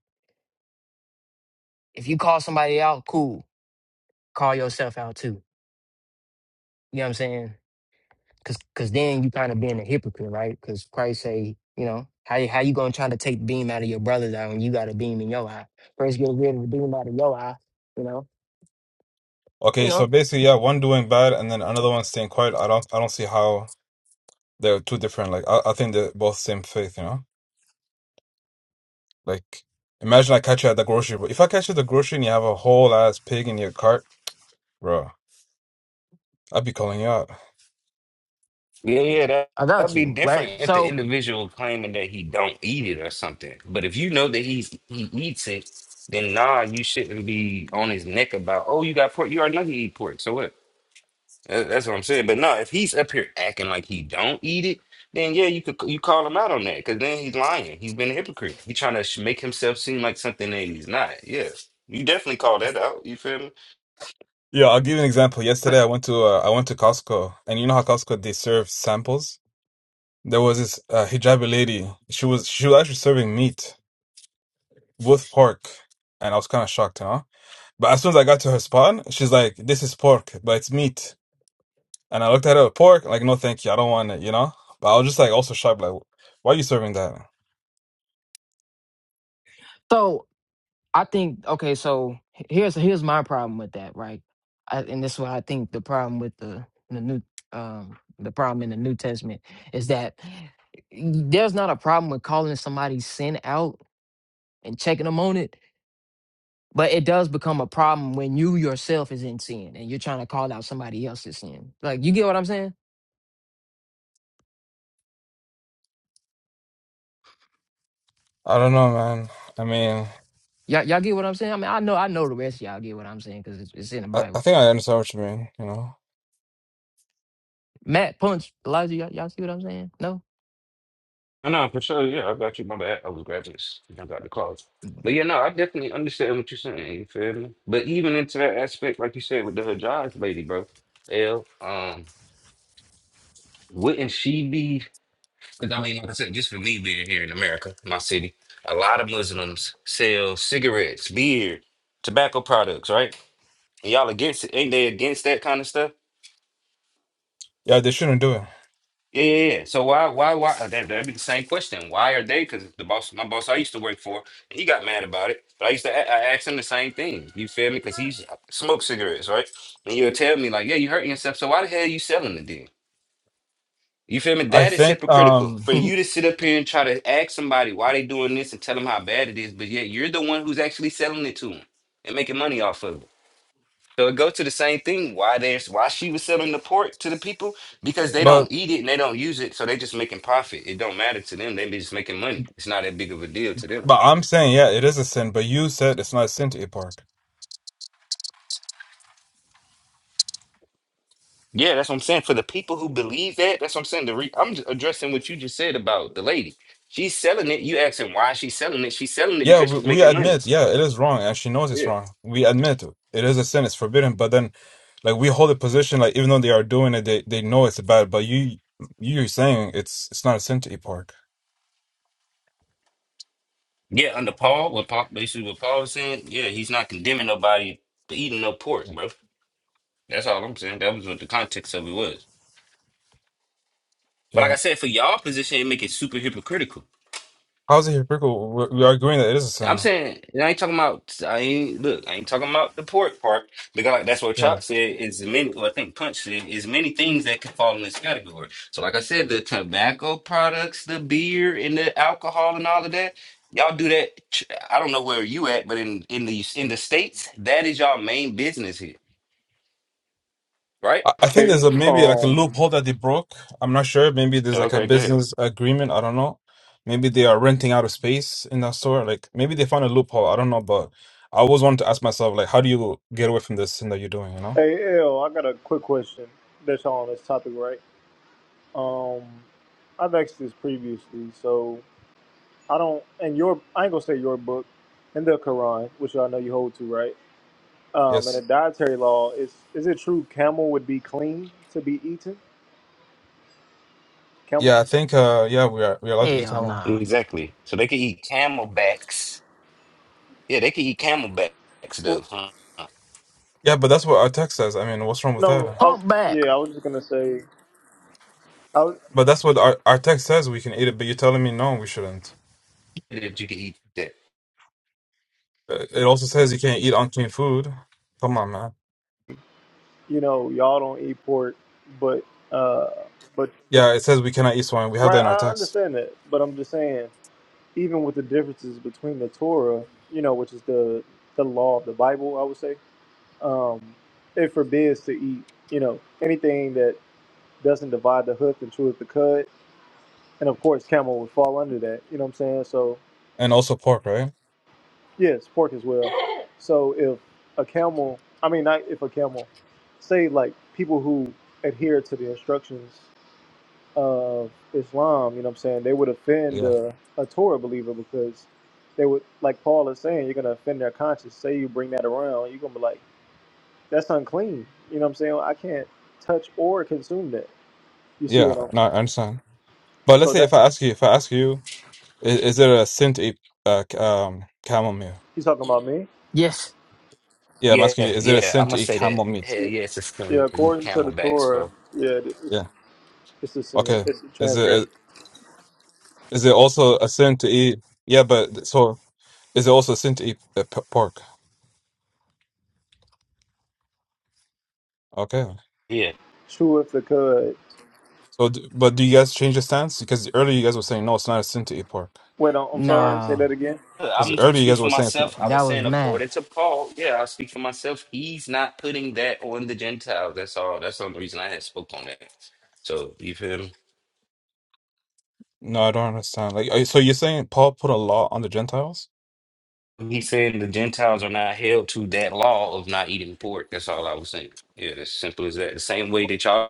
[SPEAKER 2] if you call somebody out, cool. Call yourself out too. You know what I'm saying? Cause, cause then you kind of being a hypocrite, right? Cause Christ say, you know, how you- how you gonna try to take the beam out of your brother's eye when you got a beam in your eye? First, get rid of the beam out of your eye. You know,
[SPEAKER 5] Okay,
[SPEAKER 2] you
[SPEAKER 5] so
[SPEAKER 2] know,
[SPEAKER 5] basically, yeah, one doing bad and then another one staying quiet. I don't, I don't see how they're two different. Like, I, I think they're both same faith, you know. Like, imagine I catch you at the grocery, but if I catch you at the grocery and you have a whole ass pig in your cart, bro, I'd be calling you out.
[SPEAKER 4] Yeah, yeah, that
[SPEAKER 2] I got
[SPEAKER 4] that'd be
[SPEAKER 2] you, right?
[SPEAKER 4] different if the
[SPEAKER 2] So,
[SPEAKER 4] individual claiming that he don't eat it or something. But if you know that he's he eats it, then nah, you shouldn't be on his neck about, oh, you got pork. You already know he eat pork, so what? That- That's what I'm saying. But no, if he's up here acting like he don't eat it, then yeah, you could you call him out on that because then he's lying. He's been a hypocrite. He's trying to make himself seem like something that he's not. Yeah, you definitely call that out. You feel me?
[SPEAKER 5] Yeah, I'll give you an example. Yesterday, I went to uh, I went to Costco, and you know how Costco they serve samples. There was this uh, hijabi lady. She was she was actually serving meat with pork, and I was kind of shocked, huh? But as soon as I got to her spot, she's like, "This is pork, but it's meat." And I looked at her pork, like, "No, thank you, I don't want it," you know. But I was just like, also shocked, like, "Why are you serving that?"
[SPEAKER 2] so I think okay, so h- here's here's my problem with that, right? I, and this is why I think the problem with the the new um the problem in the New Testament is that there's not a problem with calling somebody's sin out and checking them on it, but it does become a problem when you yourself is in sin and you're trying to call out somebody else's sin. Like you get what I'm saying?
[SPEAKER 5] I don't know, man. I mean,
[SPEAKER 2] Y'all, y'all get what I'm saying? I mean, I know I know the rest of y'all get what I'm saying because it's, it's in the
[SPEAKER 5] I, I
[SPEAKER 2] Bible.
[SPEAKER 5] think I understand what you mean, you know.
[SPEAKER 2] Matt, punch, Elijah, y'all, y'all see what I'm saying? No.
[SPEAKER 4] I know for sure. Yeah, I got you. My bad. I was grabbing this. I got the calls. But yeah, no, I definitely understand what you're saying. You feel me? But even into that aspect, like you said with the Hajj lady, bro, L, um, wouldn't she be? Because I mean, like I said, just for me being here in America, my city, a lot of Muslims sell cigarettes, beer, tobacco products, right? And y'all against it? Ain't they against that kind of stuff?
[SPEAKER 5] Yeah, they shouldn't do it.
[SPEAKER 4] Yeah, yeah, yeah. So why, why, why? uh, That, that'd be the same question. Why are they? Because the boss, my boss, I used to work for, he got mad about it. But I used to, a- I asked him the same thing. You feel me? Because he smoked cigarettes, right? And you'll tell me like, yeah, you hurting yourself. So why the hell are you selling it then? You feel me?
[SPEAKER 5] I
[SPEAKER 4] That is
[SPEAKER 5] think,
[SPEAKER 4] hypocritical
[SPEAKER 5] um,
[SPEAKER 4] for you to sit up here and try to ask somebody why they doing this and tell them how bad it is, but yet you're the one who's actually selling it to them and making money off of it. So it goes to the same thing. Why there's why she was selling the pork to the people because they
[SPEAKER 5] but
[SPEAKER 4] don't eat it and they don't use it, so they just making profit. It don't matter to them. They be just making money. It's not that big of a deal to them.
[SPEAKER 5] but I'm saying, yeah, it is a sin. But you said it's not a sin to eat pork.
[SPEAKER 4] Yeah, that's what I'm saying. For the people who believe that, that's what I'm saying. The re- I'm just addressing what you just said about the lady. She's selling it. You asking why she's selling it? She's selling it
[SPEAKER 5] Yeah,
[SPEAKER 4] because
[SPEAKER 5] we,
[SPEAKER 4] she's
[SPEAKER 5] we
[SPEAKER 4] making money.
[SPEAKER 5] admit, yeah, it is wrong, and she knows it's
[SPEAKER 4] Yeah.
[SPEAKER 5] wrong. We admit it. It is a sin, it's forbidden, but then like we hold a position like even though they are doing it, they they know it's bad, but you you're saying it's it's not a sin to eat pork.
[SPEAKER 4] Yeah, under Paul, what Paul basically what Paul was saying. Yeah, he's not condemning nobody for eating no pork, bro. That's all I'm saying. That was what the context of it was. But like
[SPEAKER 5] Yeah.
[SPEAKER 4] I said, for y'all position, it make it super hypocritical.
[SPEAKER 5] How's it hypocritical? We're, we are agreeing that it is a
[SPEAKER 4] I'm
[SPEAKER 5] sin.
[SPEAKER 4] saying, and I ain't talking about, I ain't, look, I ain't talking about the pork part, because like, that's what
[SPEAKER 5] Yeah.
[SPEAKER 4] Chop said, is many, well, I think Punch said, is many things that could fall in this category. So like I said, the tobacco products, the beer and the alcohol and all of that, y'all do that, ch- I don't know where you at, but in, in the, in the States, that is y'all main business here, right?
[SPEAKER 5] I, I
[SPEAKER 1] you.
[SPEAKER 5] think
[SPEAKER 1] Hey,
[SPEAKER 5] there's a maybe like a
[SPEAKER 1] um,
[SPEAKER 5] loophole that they broke. I'm not sure. Maybe there's like a
[SPEAKER 4] Okay, good.
[SPEAKER 5] business agreement, I don't know. Maybe they are renting out a space in that store. Like maybe they found a loophole, I don't know, but I always wanted to ask myself like how do you get away from this sin that you're doing, you know?
[SPEAKER 1] Hey, L, I got a quick question that's on this topic, right? Um, I've asked this previously, so I don't. And your, I ain't gonna say your book, in the Quran, which I know you hold to, right? Um, and
[SPEAKER 5] Yes.
[SPEAKER 1] the dietary law is is it true camel would be clean to be eaten? Camel?
[SPEAKER 5] Yeah, I think uh yeah, we are we are allowed to eat
[SPEAKER 2] Hell
[SPEAKER 5] camel.
[SPEAKER 2] nah.
[SPEAKER 4] Exactly. So they can eat camelbacks. Yeah, they can eat camelbacks though,
[SPEAKER 1] Well,
[SPEAKER 4] huh?
[SPEAKER 5] Yeah, but that's what our text says. I mean, what's wrong with that?
[SPEAKER 1] no. I,
[SPEAKER 2] Humpback.
[SPEAKER 1] yeah, I was just gonna say, I, was-
[SPEAKER 5] But that's what our, our text says we can eat it, but you're telling me no, we shouldn't.
[SPEAKER 4] that you can eat that.
[SPEAKER 5] Uh, It also says you can't eat unclean food. Come on, man.
[SPEAKER 1] you know, y'all don't eat pork, but uh, but but
[SPEAKER 5] Yeah, it says we cannot eat swine. We have that
[SPEAKER 1] right,
[SPEAKER 5] in our
[SPEAKER 1] I
[SPEAKER 5] text.
[SPEAKER 1] understand that, but I'm just saying. even with the differences between the Torah, you know, which is the the law of the Bible, I would say, um, it forbids to eat, you know, anything that doesn't divide the hoof and cheweth the cud, and of course, camel would fall under that. You know what I'm saying? So,
[SPEAKER 5] And also pork, right?
[SPEAKER 1] yes, pork as well. So, if a camel, I mean, not if a camel, say like people who adhere to the instructions of Islam, you know what I'm saying, they would offend
[SPEAKER 5] Yeah.
[SPEAKER 1] uh, a Torah believer because they would, like Paul is saying, you're going to offend their conscience. Say you bring that around, you're going to be like, that's unclean. You know what I'm saying? I can't touch or consume that. You see
[SPEAKER 5] Yeah,
[SPEAKER 1] what I'm
[SPEAKER 5] no,
[SPEAKER 1] saying?
[SPEAKER 5] I understand. But let's
[SPEAKER 1] So
[SPEAKER 5] say if
[SPEAKER 1] that,
[SPEAKER 5] I ask you, if I ask you Is, is it a sin to eat uh, c- um, camel meat?
[SPEAKER 1] he's talking about me?
[SPEAKER 2] Yes.
[SPEAKER 5] Yeah, I'm
[SPEAKER 4] Yeah,
[SPEAKER 5] asking you, is it a
[SPEAKER 4] yeah, I'm
[SPEAKER 5] sin to
[SPEAKER 4] gonna
[SPEAKER 5] eat
[SPEAKER 4] say that.
[SPEAKER 5] camel meat?
[SPEAKER 4] Hell
[SPEAKER 1] Yeah,
[SPEAKER 4] yeah, it's just
[SPEAKER 1] yeah,
[SPEAKER 4] gonna be
[SPEAKER 1] according to the
[SPEAKER 4] camelbacks,
[SPEAKER 1] Torah,
[SPEAKER 4] bro.
[SPEAKER 1] yeah, it-
[SPEAKER 5] Yeah.
[SPEAKER 1] it's a sin.
[SPEAKER 5] Okay.
[SPEAKER 1] It's a
[SPEAKER 5] Is
[SPEAKER 1] transgression.
[SPEAKER 5] it is it also a sin to eat? Yeah, but so is it also a sin to eat uh, p- pork? Okay.
[SPEAKER 4] Yeah,
[SPEAKER 1] Cheweth the cud.
[SPEAKER 5] So, d- but do you guys change your stance? Because earlier you guys were saying no, it's not a sin to eat pork.
[SPEAKER 1] Wait, I'm I'm sorry, say
[SPEAKER 2] Nah,
[SPEAKER 1] that again.
[SPEAKER 4] I'm
[SPEAKER 5] Because
[SPEAKER 4] gonna
[SPEAKER 5] earlier you
[SPEAKER 4] speak
[SPEAKER 5] guys
[SPEAKER 4] for
[SPEAKER 5] were saying it's not.
[SPEAKER 4] myself. I
[SPEAKER 2] that
[SPEAKER 4] was
[SPEAKER 2] was
[SPEAKER 4] saying
[SPEAKER 2] Matt.
[SPEAKER 4] according to Paul. Yeah, I'll speak for myself. He's not putting that on the Gentiles. That's all. That's the only reason I had spoke on that. So you feel me?
[SPEAKER 5] No, I don't understand. Like, are you- so you're saying Paul put a law on the Gentiles,
[SPEAKER 4] He's saying the Gentiles are not held to that law of not eating pork. That's all I was saying. Yeah, as simple as that. The same way that y'all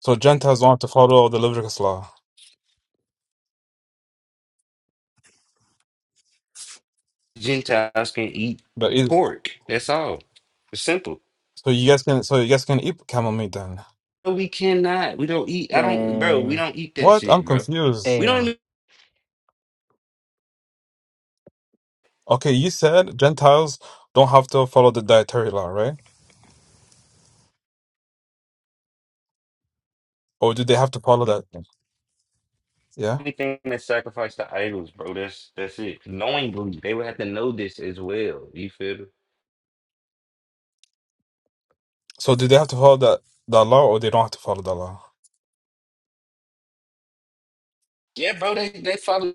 [SPEAKER 5] so Gentiles don't have to follow the Leviticus law,
[SPEAKER 4] Gentiles can eat
[SPEAKER 5] but it,
[SPEAKER 4] pork. That's all. It's simple.
[SPEAKER 5] so you guys can, so you guys can eat camel meat then.
[SPEAKER 4] No, we cannot. We don't eat. I don't, bro. We
[SPEAKER 2] Man,
[SPEAKER 4] don't eat that
[SPEAKER 5] What? I'm
[SPEAKER 4] shit, bro.
[SPEAKER 5] confused.
[SPEAKER 4] We don't
[SPEAKER 2] hell.
[SPEAKER 4] eat
[SPEAKER 5] Okay, you said Gentiles don't have to follow the dietary law, right? Or do they have to follow that? Yeah.
[SPEAKER 4] anything that's sacrificed to idols, bro. That's that's it. Knowingly, they would have to know this as well. You feel me?
[SPEAKER 5] So do they have to follow that that law, or they don't have to follow the law?
[SPEAKER 4] Yeah, bro. They they follow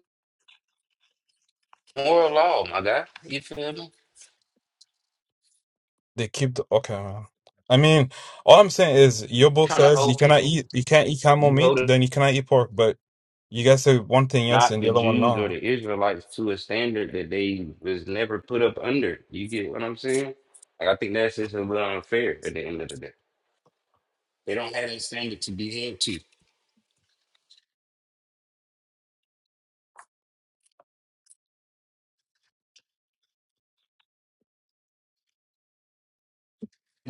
[SPEAKER 4] moral law, my guy. You feel me?
[SPEAKER 5] They keep the okay. Man. I mean, all I'm saying is your book
[SPEAKER 4] Trying to
[SPEAKER 5] says you
[SPEAKER 4] hold
[SPEAKER 5] cannot
[SPEAKER 4] people,
[SPEAKER 5] eat you can't eat camel
[SPEAKER 4] you hold
[SPEAKER 5] meat,
[SPEAKER 4] it,
[SPEAKER 5] then you cannot eat pork. But you guys say one thing yes
[SPEAKER 4] not
[SPEAKER 5] and the
[SPEAKER 4] the
[SPEAKER 5] other one
[SPEAKER 4] Jews or
[SPEAKER 5] no.
[SPEAKER 4] the Israelites to a standard that they was never put up under. You get what I'm saying? Like I think that's just a little unfair at the end of the day. They don't have a standard to be held to.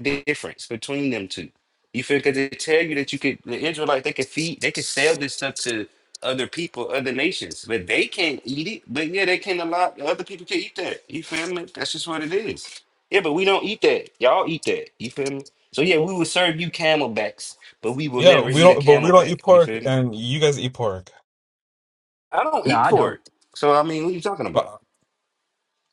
[SPEAKER 4] difference between them two. You feel because they tell you that you could the Israelites they could feed they could sell this stuff to other people, other nations, but they can't eat it. But yeah, they can not allow other people can eat that. You feel me? That's just what it is. Yeah, but we don't eat that. Y'all eat that. You feel me? So yeah, we will serve you camelbacks, but we will
[SPEAKER 5] Yeah,
[SPEAKER 4] never
[SPEAKER 5] we
[SPEAKER 4] eat a
[SPEAKER 5] don't, but we don't eat
[SPEAKER 4] camelback. You
[SPEAKER 5] pork,
[SPEAKER 4] feel me?
[SPEAKER 5] and you guys eat pork.
[SPEAKER 4] I don't
[SPEAKER 2] No,
[SPEAKER 4] eat
[SPEAKER 2] I don't.
[SPEAKER 4] pork. So I mean, what are you talking
[SPEAKER 5] But
[SPEAKER 4] about?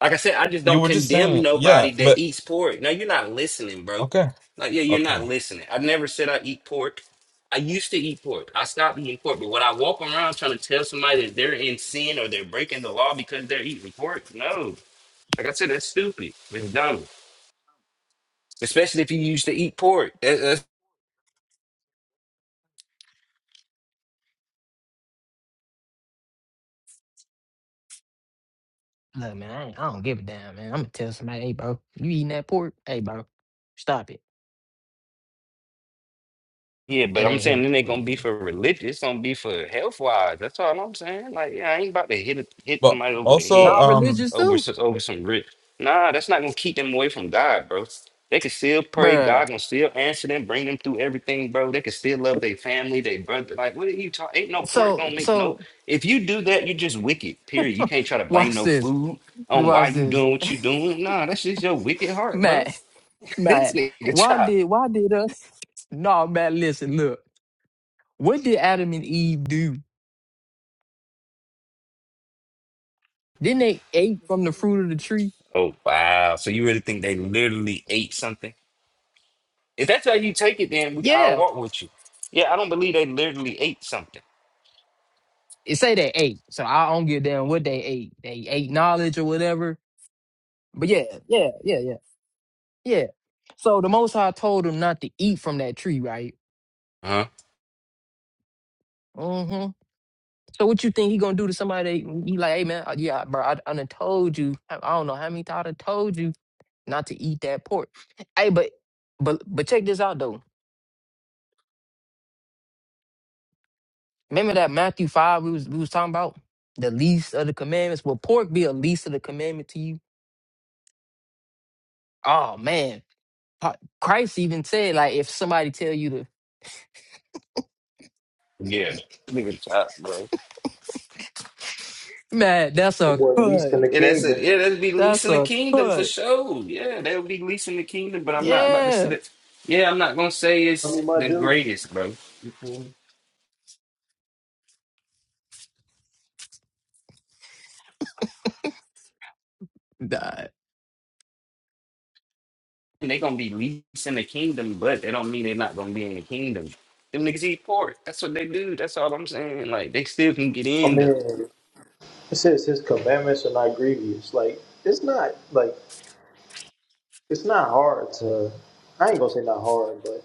[SPEAKER 4] Like I said, I just
[SPEAKER 5] you
[SPEAKER 4] don't
[SPEAKER 5] were just
[SPEAKER 4] condemn
[SPEAKER 5] saying, yeah.
[SPEAKER 4] nobody that
[SPEAKER 5] But
[SPEAKER 4] eats pork. No, you're not listening, bro.
[SPEAKER 5] okay,
[SPEAKER 4] Like, yeah, you're not
[SPEAKER 5] okay.
[SPEAKER 4] listening. I never said I eat pork. I used to eat pork. I stopped eating pork. But when I walk around trying to tell somebody that they're in sin or they're breaking the law because they're eating pork, no. Like I said, that's stupid. It's dumb. Especially if you used to eat pork.
[SPEAKER 2] Look, man, I, ain't, I don't give a damn, man. I'm gonna tell somebody, hey, bro, you eating that pork? Hey, bro, stop it.
[SPEAKER 4] Yeah, but
[SPEAKER 2] It
[SPEAKER 4] I'm
[SPEAKER 2] ain't
[SPEAKER 4] saying then
[SPEAKER 2] healthy
[SPEAKER 4] they
[SPEAKER 2] for
[SPEAKER 4] gonna
[SPEAKER 2] you,
[SPEAKER 4] be
[SPEAKER 2] nigga.
[SPEAKER 4] for religious, it's gonna be for health wise. That's all I'm saying. Like, yeah, I ain't about to hit a- hit
[SPEAKER 5] But
[SPEAKER 4] somebody over the
[SPEAKER 5] also,
[SPEAKER 2] Nah,
[SPEAKER 4] head
[SPEAKER 5] um,
[SPEAKER 2] religious
[SPEAKER 4] over
[SPEAKER 2] too,
[SPEAKER 4] s- over some rich. Nah, that's not gonna keep them away from God, bro. They can still pray.
[SPEAKER 2] bruh.
[SPEAKER 4] God gonna still answer them, bring them through everything, bro. They can still love their family, their brother. Like, what are you talking? Ain't no pork
[SPEAKER 2] So,
[SPEAKER 4] gonna make no.
[SPEAKER 2] so
[SPEAKER 4] If you do that, you're just wicked. Period. You can't try to blame
[SPEAKER 2] watch
[SPEAKER 4] no
[SPEAKER 2] this.
[SPEAKER 4] food on why
[SPEAKER 2] Watch
[SPEAKER 4] you
[SPEAKER 2] this,
[SPEAKER 4] doing what you doing. Nah, that's just your wicked heart, bro.
[SPEAKER 2] Matt.
[SPEAKER 4] This
[SPEAKER 2] Matt, why
[SPEAKER 4] nigga
[SPEAKER 2] did why did us? No, Matt, listen, look. What did Adam and Eve do? Didn't they ate from the fruit of the tree?
[SPEAKER 4] Oh wow! So you really think they literally ate something? If that's how you take it, then we
[SPEAKER 2] Yeah.
[SPEAKER 4] I'll walk with you. Yeah, I don't believe they literally ate something.
[SPEAKER 2] it say they ate. So I don't give a damn what they ate. They ate knowledge or whatever. But yeah, yeah, yeah, yeah, yeah. So the Most High told him not to eat from that tree, right?
[SPEAKER 4] Huh?
[SPEAKER 2] hmm So what you think he gonna do to somebody? that- He like, hey man, uh, yeah, bro, I, I done told you. I I don't know how many times I done told you not to eat that pork. Hey, but but but check this out though. Remember that Matthew five we was we was talking about the least of the commandments. Will pork be a least of the commandment to you? Oh man, Pa- Christ even said, like, if somebody tell you to,
[SPEAKER 4] Yeah. Nigga, chop, bro.
[SPEAKER 2] man, that's a
[SPEAKER 1] Well, at least
[SPEAKER 2] cut.
[SPEAKER 1] in the
[SPEAKER 4] Yeah, that's it.
[SPEAKER 1] kingdom.
[SPEAKER 4] Yeah, that'd be
[SPEAKER 2] That's
[SPEAKER 4] leasing the
[SPEAKER 2] a
[SPEAKER 4] kingdom for
[SPEAKER 2] cut.
[SPEAKER 4] sure. Yeah, that would be leasing the kingdom. But I'm not about to
[SPEAKER 2] Yeah.
[SPEAKER 4] sit it. Yeah, I'm not gonna say
[SPEAKER 1] I
[SPEAKER 4] it's
[SPEAKER 1] mean, my
[SPEAKER 4] the
[SPEAKER 1] Jews.
[SPEAKER 4] greatest, bro. You feel me?
[SPEAKER 2] Nah,
[SPEAKER 4] they gonna be leasing the kingdom, but that don't mean they're not gonna be in the kingdom. Them niggas eat pork. That's what they do. That's all I'm saying. Like they still can get
[SPEAKER 1] I
[SPEAKER 4] in though.
[SPEAKER 1] mean, It says his commandments are not grievous. Like it's not like it's not hard to. I ain't gonna say not hard, but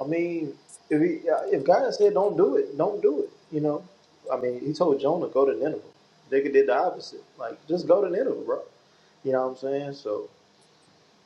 [SPEAKER 1] I mean, if he, if God said don't do it, don't do it. You know, I mean, he told Jonah go to Nineveh. They could did the opposite. Like just go to Nineveh, bro. You know what I'm saying? So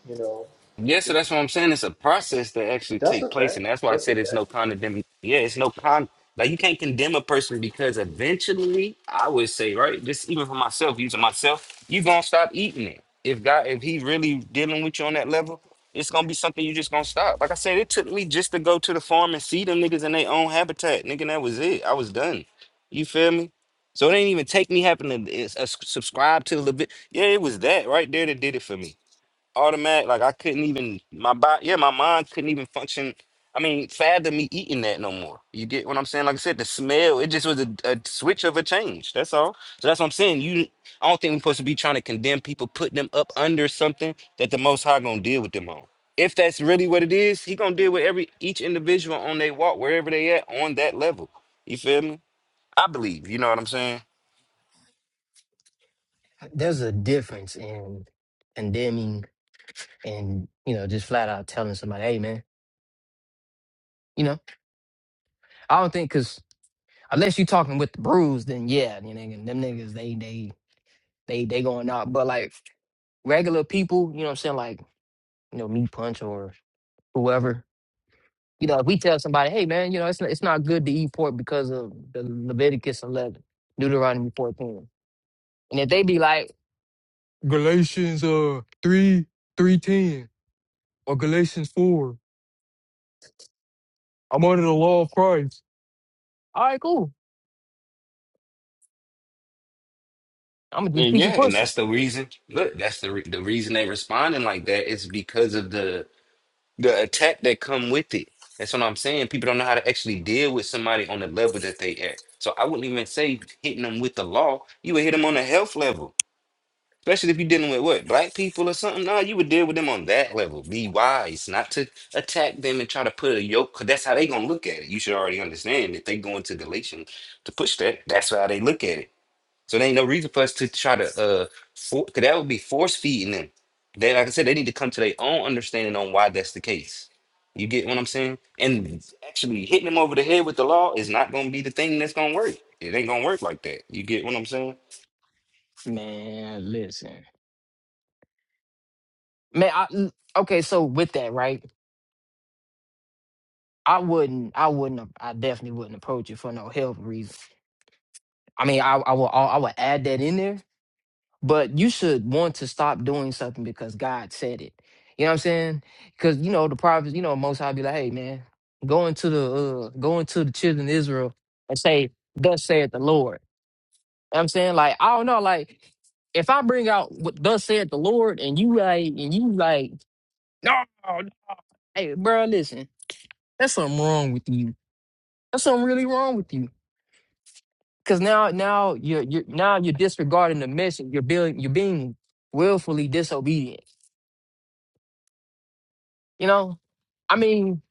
[SPEAKER 1] you know,
[SPEAKER 4] Yeah, so that's what I'm saying. It's a process that actually
[SPEAKER 1] that's a
[SPEAKER 4] take place,
[SPEAKER 1] fact.
[SPEAKER 4] and that's why I
[SPEAKER 1] That's a
[SPEAKER 4] said it's no
[SPEAKER 1] fact.
[SPEAKER 4] condemn. Yeah, it's no con. Like you can't condemn a person because eventually, I would say, right, just even for myself, using myself, you gonna stop eating it. If God, if He really dealing with you on that level, it's gonna be something you just gonna stop. Like I said, it took me just to go to the farm and see them niggas in their own habitat, nigga. and That was it. I was done. You feel me? So it ain't even take me having to uh, subscribe to the bit. Yeah, it was that right there that did it for me automatic. Like I couldn't even my body, yeah, my mind couldn't even function. I mean, fathom me eating that no more. You get what I'm saying? Like I said, the smell, it just was a, a switch of a change. That's all. So that's what I'm saying. You, I don't think we're supposed to be trying to condemn people, Put them up under something that the Most High gonna deal with them on. If that's really what it is, he gonna deal with every each individual on their walk, wherever they at, on that level. You feel me? I believe. You know what I'm saying?
[SPEAKER 2] There's a difference in condemning and, you know, just flat out telling somebody, hey, man, you know, I don't think, because unless you're talking with the bruise, then yeah, you nigga, them niggas, they, they, they, they going out. But like regular people, you know what I'm saying? Like, you know, me, Punch, or whoever, You know, if we tell somebody, hey man, you know, it's it's not good to eat pork because of the Leviticus 11, Deuteronomy 14, and if they be like, Galatians three three ten or Galatians. all right, cool, I'm gonna just
[SPEAKER 4] And
[SPEAKER 2] keep it
[SPEAKER 4] yeah, and
[SPEAKER 2] pushing.
[SPEAKER 4] that's the reason. Look, that's the re- the reason they responding like that is because of the the attack that come with it. That's what I'm saying. People don't know how to actually deal with somebody on the level that they at. So I wouldn't even say hitting them with the law. You would hit them on the health level, especially if you're dealing with what black people or something. No, you would deal with them on that level. Be wise, not to attack them and try to put a yoke, because that's how they gonna look at it. You should already understand if they go into Galatians to push that. That's how they look at it. So there ain't no reason for us to try to uh for cause that would be force feeding them. They like I said, they need to come to their own understanding on why that's the case. You get what I'm saying? And actually hitting them over the head with the law is not gonna be the thing that's gonna work. It ain't gonna work like that. You get what I'm saying?
[SPEAKER 2] Man, listen, man, I, l- okay, so with that, right? I wouldn't, I wouldn't, I definitely wouldn't approach it for no health reason. I mean, I, I will, I would add that in there, but you should want to stop doing something because God said it. You know what I'm saying? Because you know the prophets, you know Most High be like, "Hey man, go into the uh, go into the children of Israel and say, thus saith the Lord." You know what I'm saying like I don't know, like if I bring out what thus said the Lord and you like and you like, no, hey bro, listen, that's something wrong with you. That's something really wrong with you. Cause now now you're you're now you're disregarding the message. You're being you're being willfully disobedient. You know, I mean,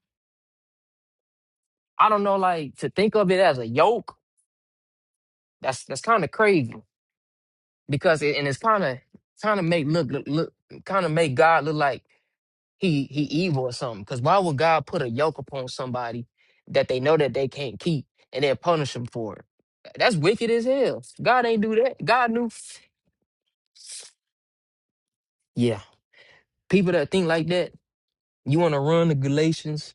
[SPEAKER 2] I don't know, like to think of it as a yoke. That's that's kind of crazy because it, and it's kind of kind of make look look, look kind of make God look like he he evil or something. Because why would God put a yoke upon somebody that they know that they can't keep and then punish them for it? That's wicked as hell. God ain't do that. God knew. Yeah, people that think like that, you want to run the Galatians.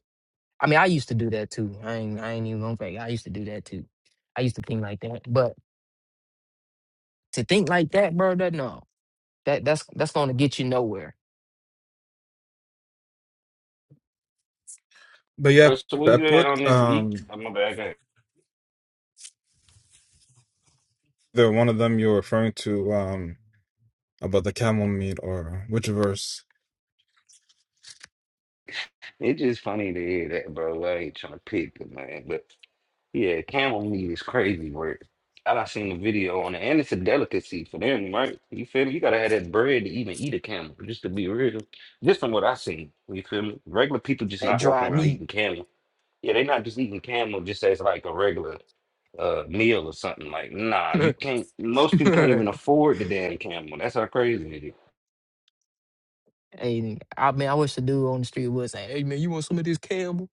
[SPEAKER 2] I mean, I used to do that too. I ain't I ain't even gonna fake. I used to do that too. I used to think like that, but To think like that, bro, that no. That that's that's gonna get you nowhere.
[SPEAKER 5] but yeah,
[SPEAKER 4] Uh, so what
[SPEAKER 5] I
[SPEAKER 4] you had
[SPEAKER 5] put
[SPEAKER 4] on this eat?
[SPEAKER 5] um.
[SPEAKER 4] I'm back.
[SPEAKER 5] Either one of them you're referring to um about the camel meat or which verse?
[SPEAKER 4] It's just funny to hear that, bro. I ain't trying to pick it, man. but. Yeah, camel meat is crazy work. I done seen the video on it, and it's a delicacy for them, right? You feel me? You gotta have that bread to even eat a camel, just to be real. Just from what I seen, you feel me? Regular people just
[SPEAKER 2] That
[SPEAKER 4] not walking
[SPEAKER 2] dry
[SPEAKER 4] around
[SPEAKER 2] meat.
[SPEAKER 4] eating camel. Yeah, they not just eating camel just as like a regular uh meal or something. Like, nah, you can't. Most people can't
[SPEAKER 2] and
[SPEAKER 4] even afford the damn camel. That's how crazy it is.
[SPEAKER 2] I mean I wish the dude on the street would say, Hey man, you want some of this Campbell?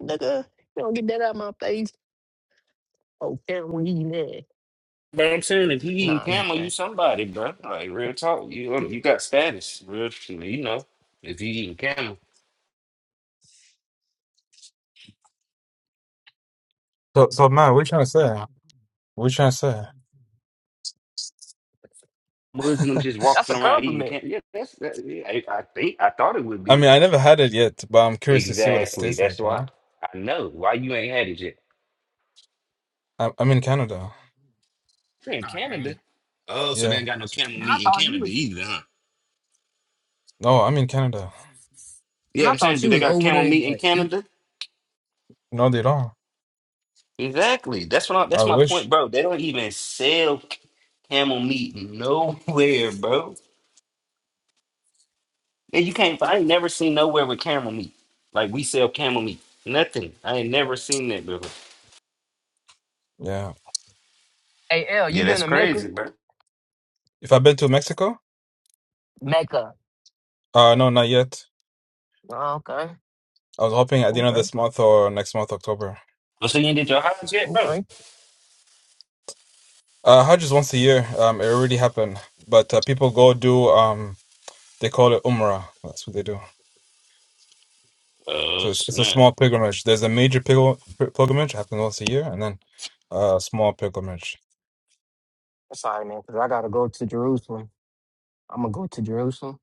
[SPEAKER 2] Nigga, you don't get that out of my face. Oh, Campbell eating that.
[SPEAKER 4] But I'm saying, if you eating
[SPEAKER 2] Nah, it's-
[SPEAKER 4] camel,
[SPEAKER 2] eh,
[SPEAKER 4] you somebody, bro. Like real talk, you you got status, real. You know, if you eating camel.
[SPEAKER 5] So so man, what you trying to say? What you trying to say?
[SPEAKER 4] Muslims just
[SPEAKER 2] that's
[SPEAKER 4] walking
[SPEAKER 2] a
[SPEAKER 4] around eating
[SPEAKER 2] compliment.
[SPEAKER 4] candy. Yeah, that's. That, yeah, I, I think I thought it would
[SPEAKER 5] I
[SPEAKER 4] be
[SPEAKER 5] mean, I never had it yet, but I'm curious to see what it
[SPEAKER 4] exactly.
[SPEAKER 5] tastes
[SPEAKER 4] That's
[SPEAKER 5] like, man.
[SPEAKER 4] why I know why you ain't had it yet.
[SPEAKER 5] I'm I'm in Canada.
[SPEAKER 4] You're in
[SPEAKER 2] Oh dang.
[SPEAKER 4] Canada. Oh, so they
[SPEAKER 5] Yeah.
[SPEAKER 4] ain't got no camel
[SPEAKER 2] Man, I
[SPEAKER 4] meat in
[SPEAKER 2] thought you
[SPEAKER 4] Canada
[SPEAKER 2] was
[SPEAKER 4] either, huh?
[SPEAKER 5] No, I'm in Canada.
[SPEAKER 2] and
[SPEAKER 4] Yeah,
[SPEAKER 2] I
[SPEAKER 4] I'm saying,
[SPEAKER 2] thought
[SPEAKER 4] do
[SPEAKER 2] you
[SPEAKER 4] they
[SPEAKER 2] was
[SPEAKER 4] got
[SPEAKER 2] over there
[SPEAKER 4] camel
[SPEAKER 2] in
[SPEAKER 4] meat in
[SPEAKER 2] the E-
[SPEAKER 4] Canada?
[SPEAKER 5] No, they don't.
[SPEAKER 4] Exactly. That's what. I,
[SPEAKER 5] I
[SPEAKER 4] that's my
[SPEAKER 5] wish.
[SPEAKER 4] point, bro. They don't even sell c- camel meat nowhere, bro. And you can't. I ain't never seen nowhere with camel meat. Like we sell camel meat. Nothing. I ain't never seen that before.
[SPEAKER 5] Yeah.
[SPEAKER 2] Hey L, you
[SPEAKER 4] Yeah,
[SPEAKER 2] been
[SPEAKER 4] that's
[SPEAKER 2] to Mecca?
[SPEAKER 4] crazy, bro.
[SPEAKER 5] If I've been to Mexico?
[SPEAKER 2] Mecca.
[SPEAKER 5] Uh no, not yet.
[SPEAKER 2] Oh, okay.
[SPEAKER 5] I was hoping at the end of
[SPEAKER 2] Okay.
[SPEAKER 5] this month or next month, October.
[SPEAKER 4] Oh, so you ain't did your hives yet, bro?
[SPEAKER 2] Okay.
[SPEAKER 5] Uh Hajj is once a year. Um it already happened. But uh, people go do um they call it Umrah. That's what they do.
[SPEAKER 4] Oh
[SPEAKER 5] So it's, it's a
[SPEAKER 4] snap!
[SPEAKER 5] small pilgrimage. There's a major pil- pil- pilgrimage happening once a year, and then a small pilgrimage.
[SPEAKER 2] Sorry, man, because I gotta go to Jerusalem. I'm gonna go to Jerusalem.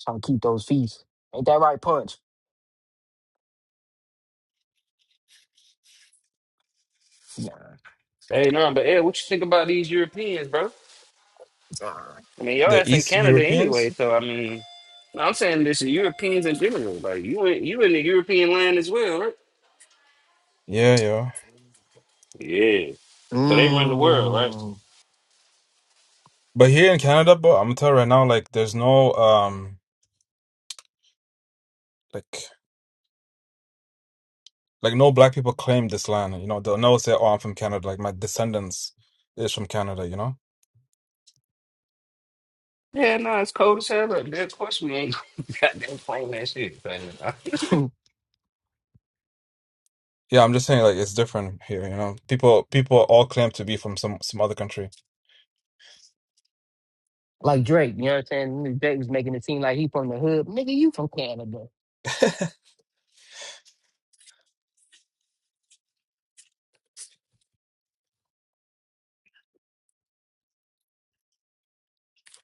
[SPEAKER 2] Try to keep those feasts. Ain't that right, Punch?
[SPEAKER 4] Hey, no, but Ed, what you think about these Europeans, bro? I mean, y'all
[SPEAKER 5] The
[SPEAKER 4] ass in
[SPEAKER 5] East
[SPEAKER 4] Canada
[SPEAKER 5] Europeans,
[SPEAKER 4] anyway, so I mean, no, I'm saying this is Europeans in general. Like you, in, you in the European land as well, right?
[SPEAKER 5] yeah, yeah.
[SPEAKER 4] Yeah, so they run the world, right?
[SPEAKER 2] Mm.
[SPEAKER 5] But here in Canada, bro, I'm gonna tell you right now, like, there's no um, like, like no black people claim this land. You know, they'll never say, "Oh, I'm from Canada." Like my descendants is from Canada. You know.
[SPEAKER 4] Yeah, no, it's cold as hell. Look, of course we ain't goddamn playing that shit. man.
[SPEAKER 5] Yeah, I'm just saying, like, it's different here. You know, people people all claim to be from some some other country.
[SPEAKER 2] like Drake, you know what I'm saying? Drake was making it seem like he from the hood. Nigga, you from Canada.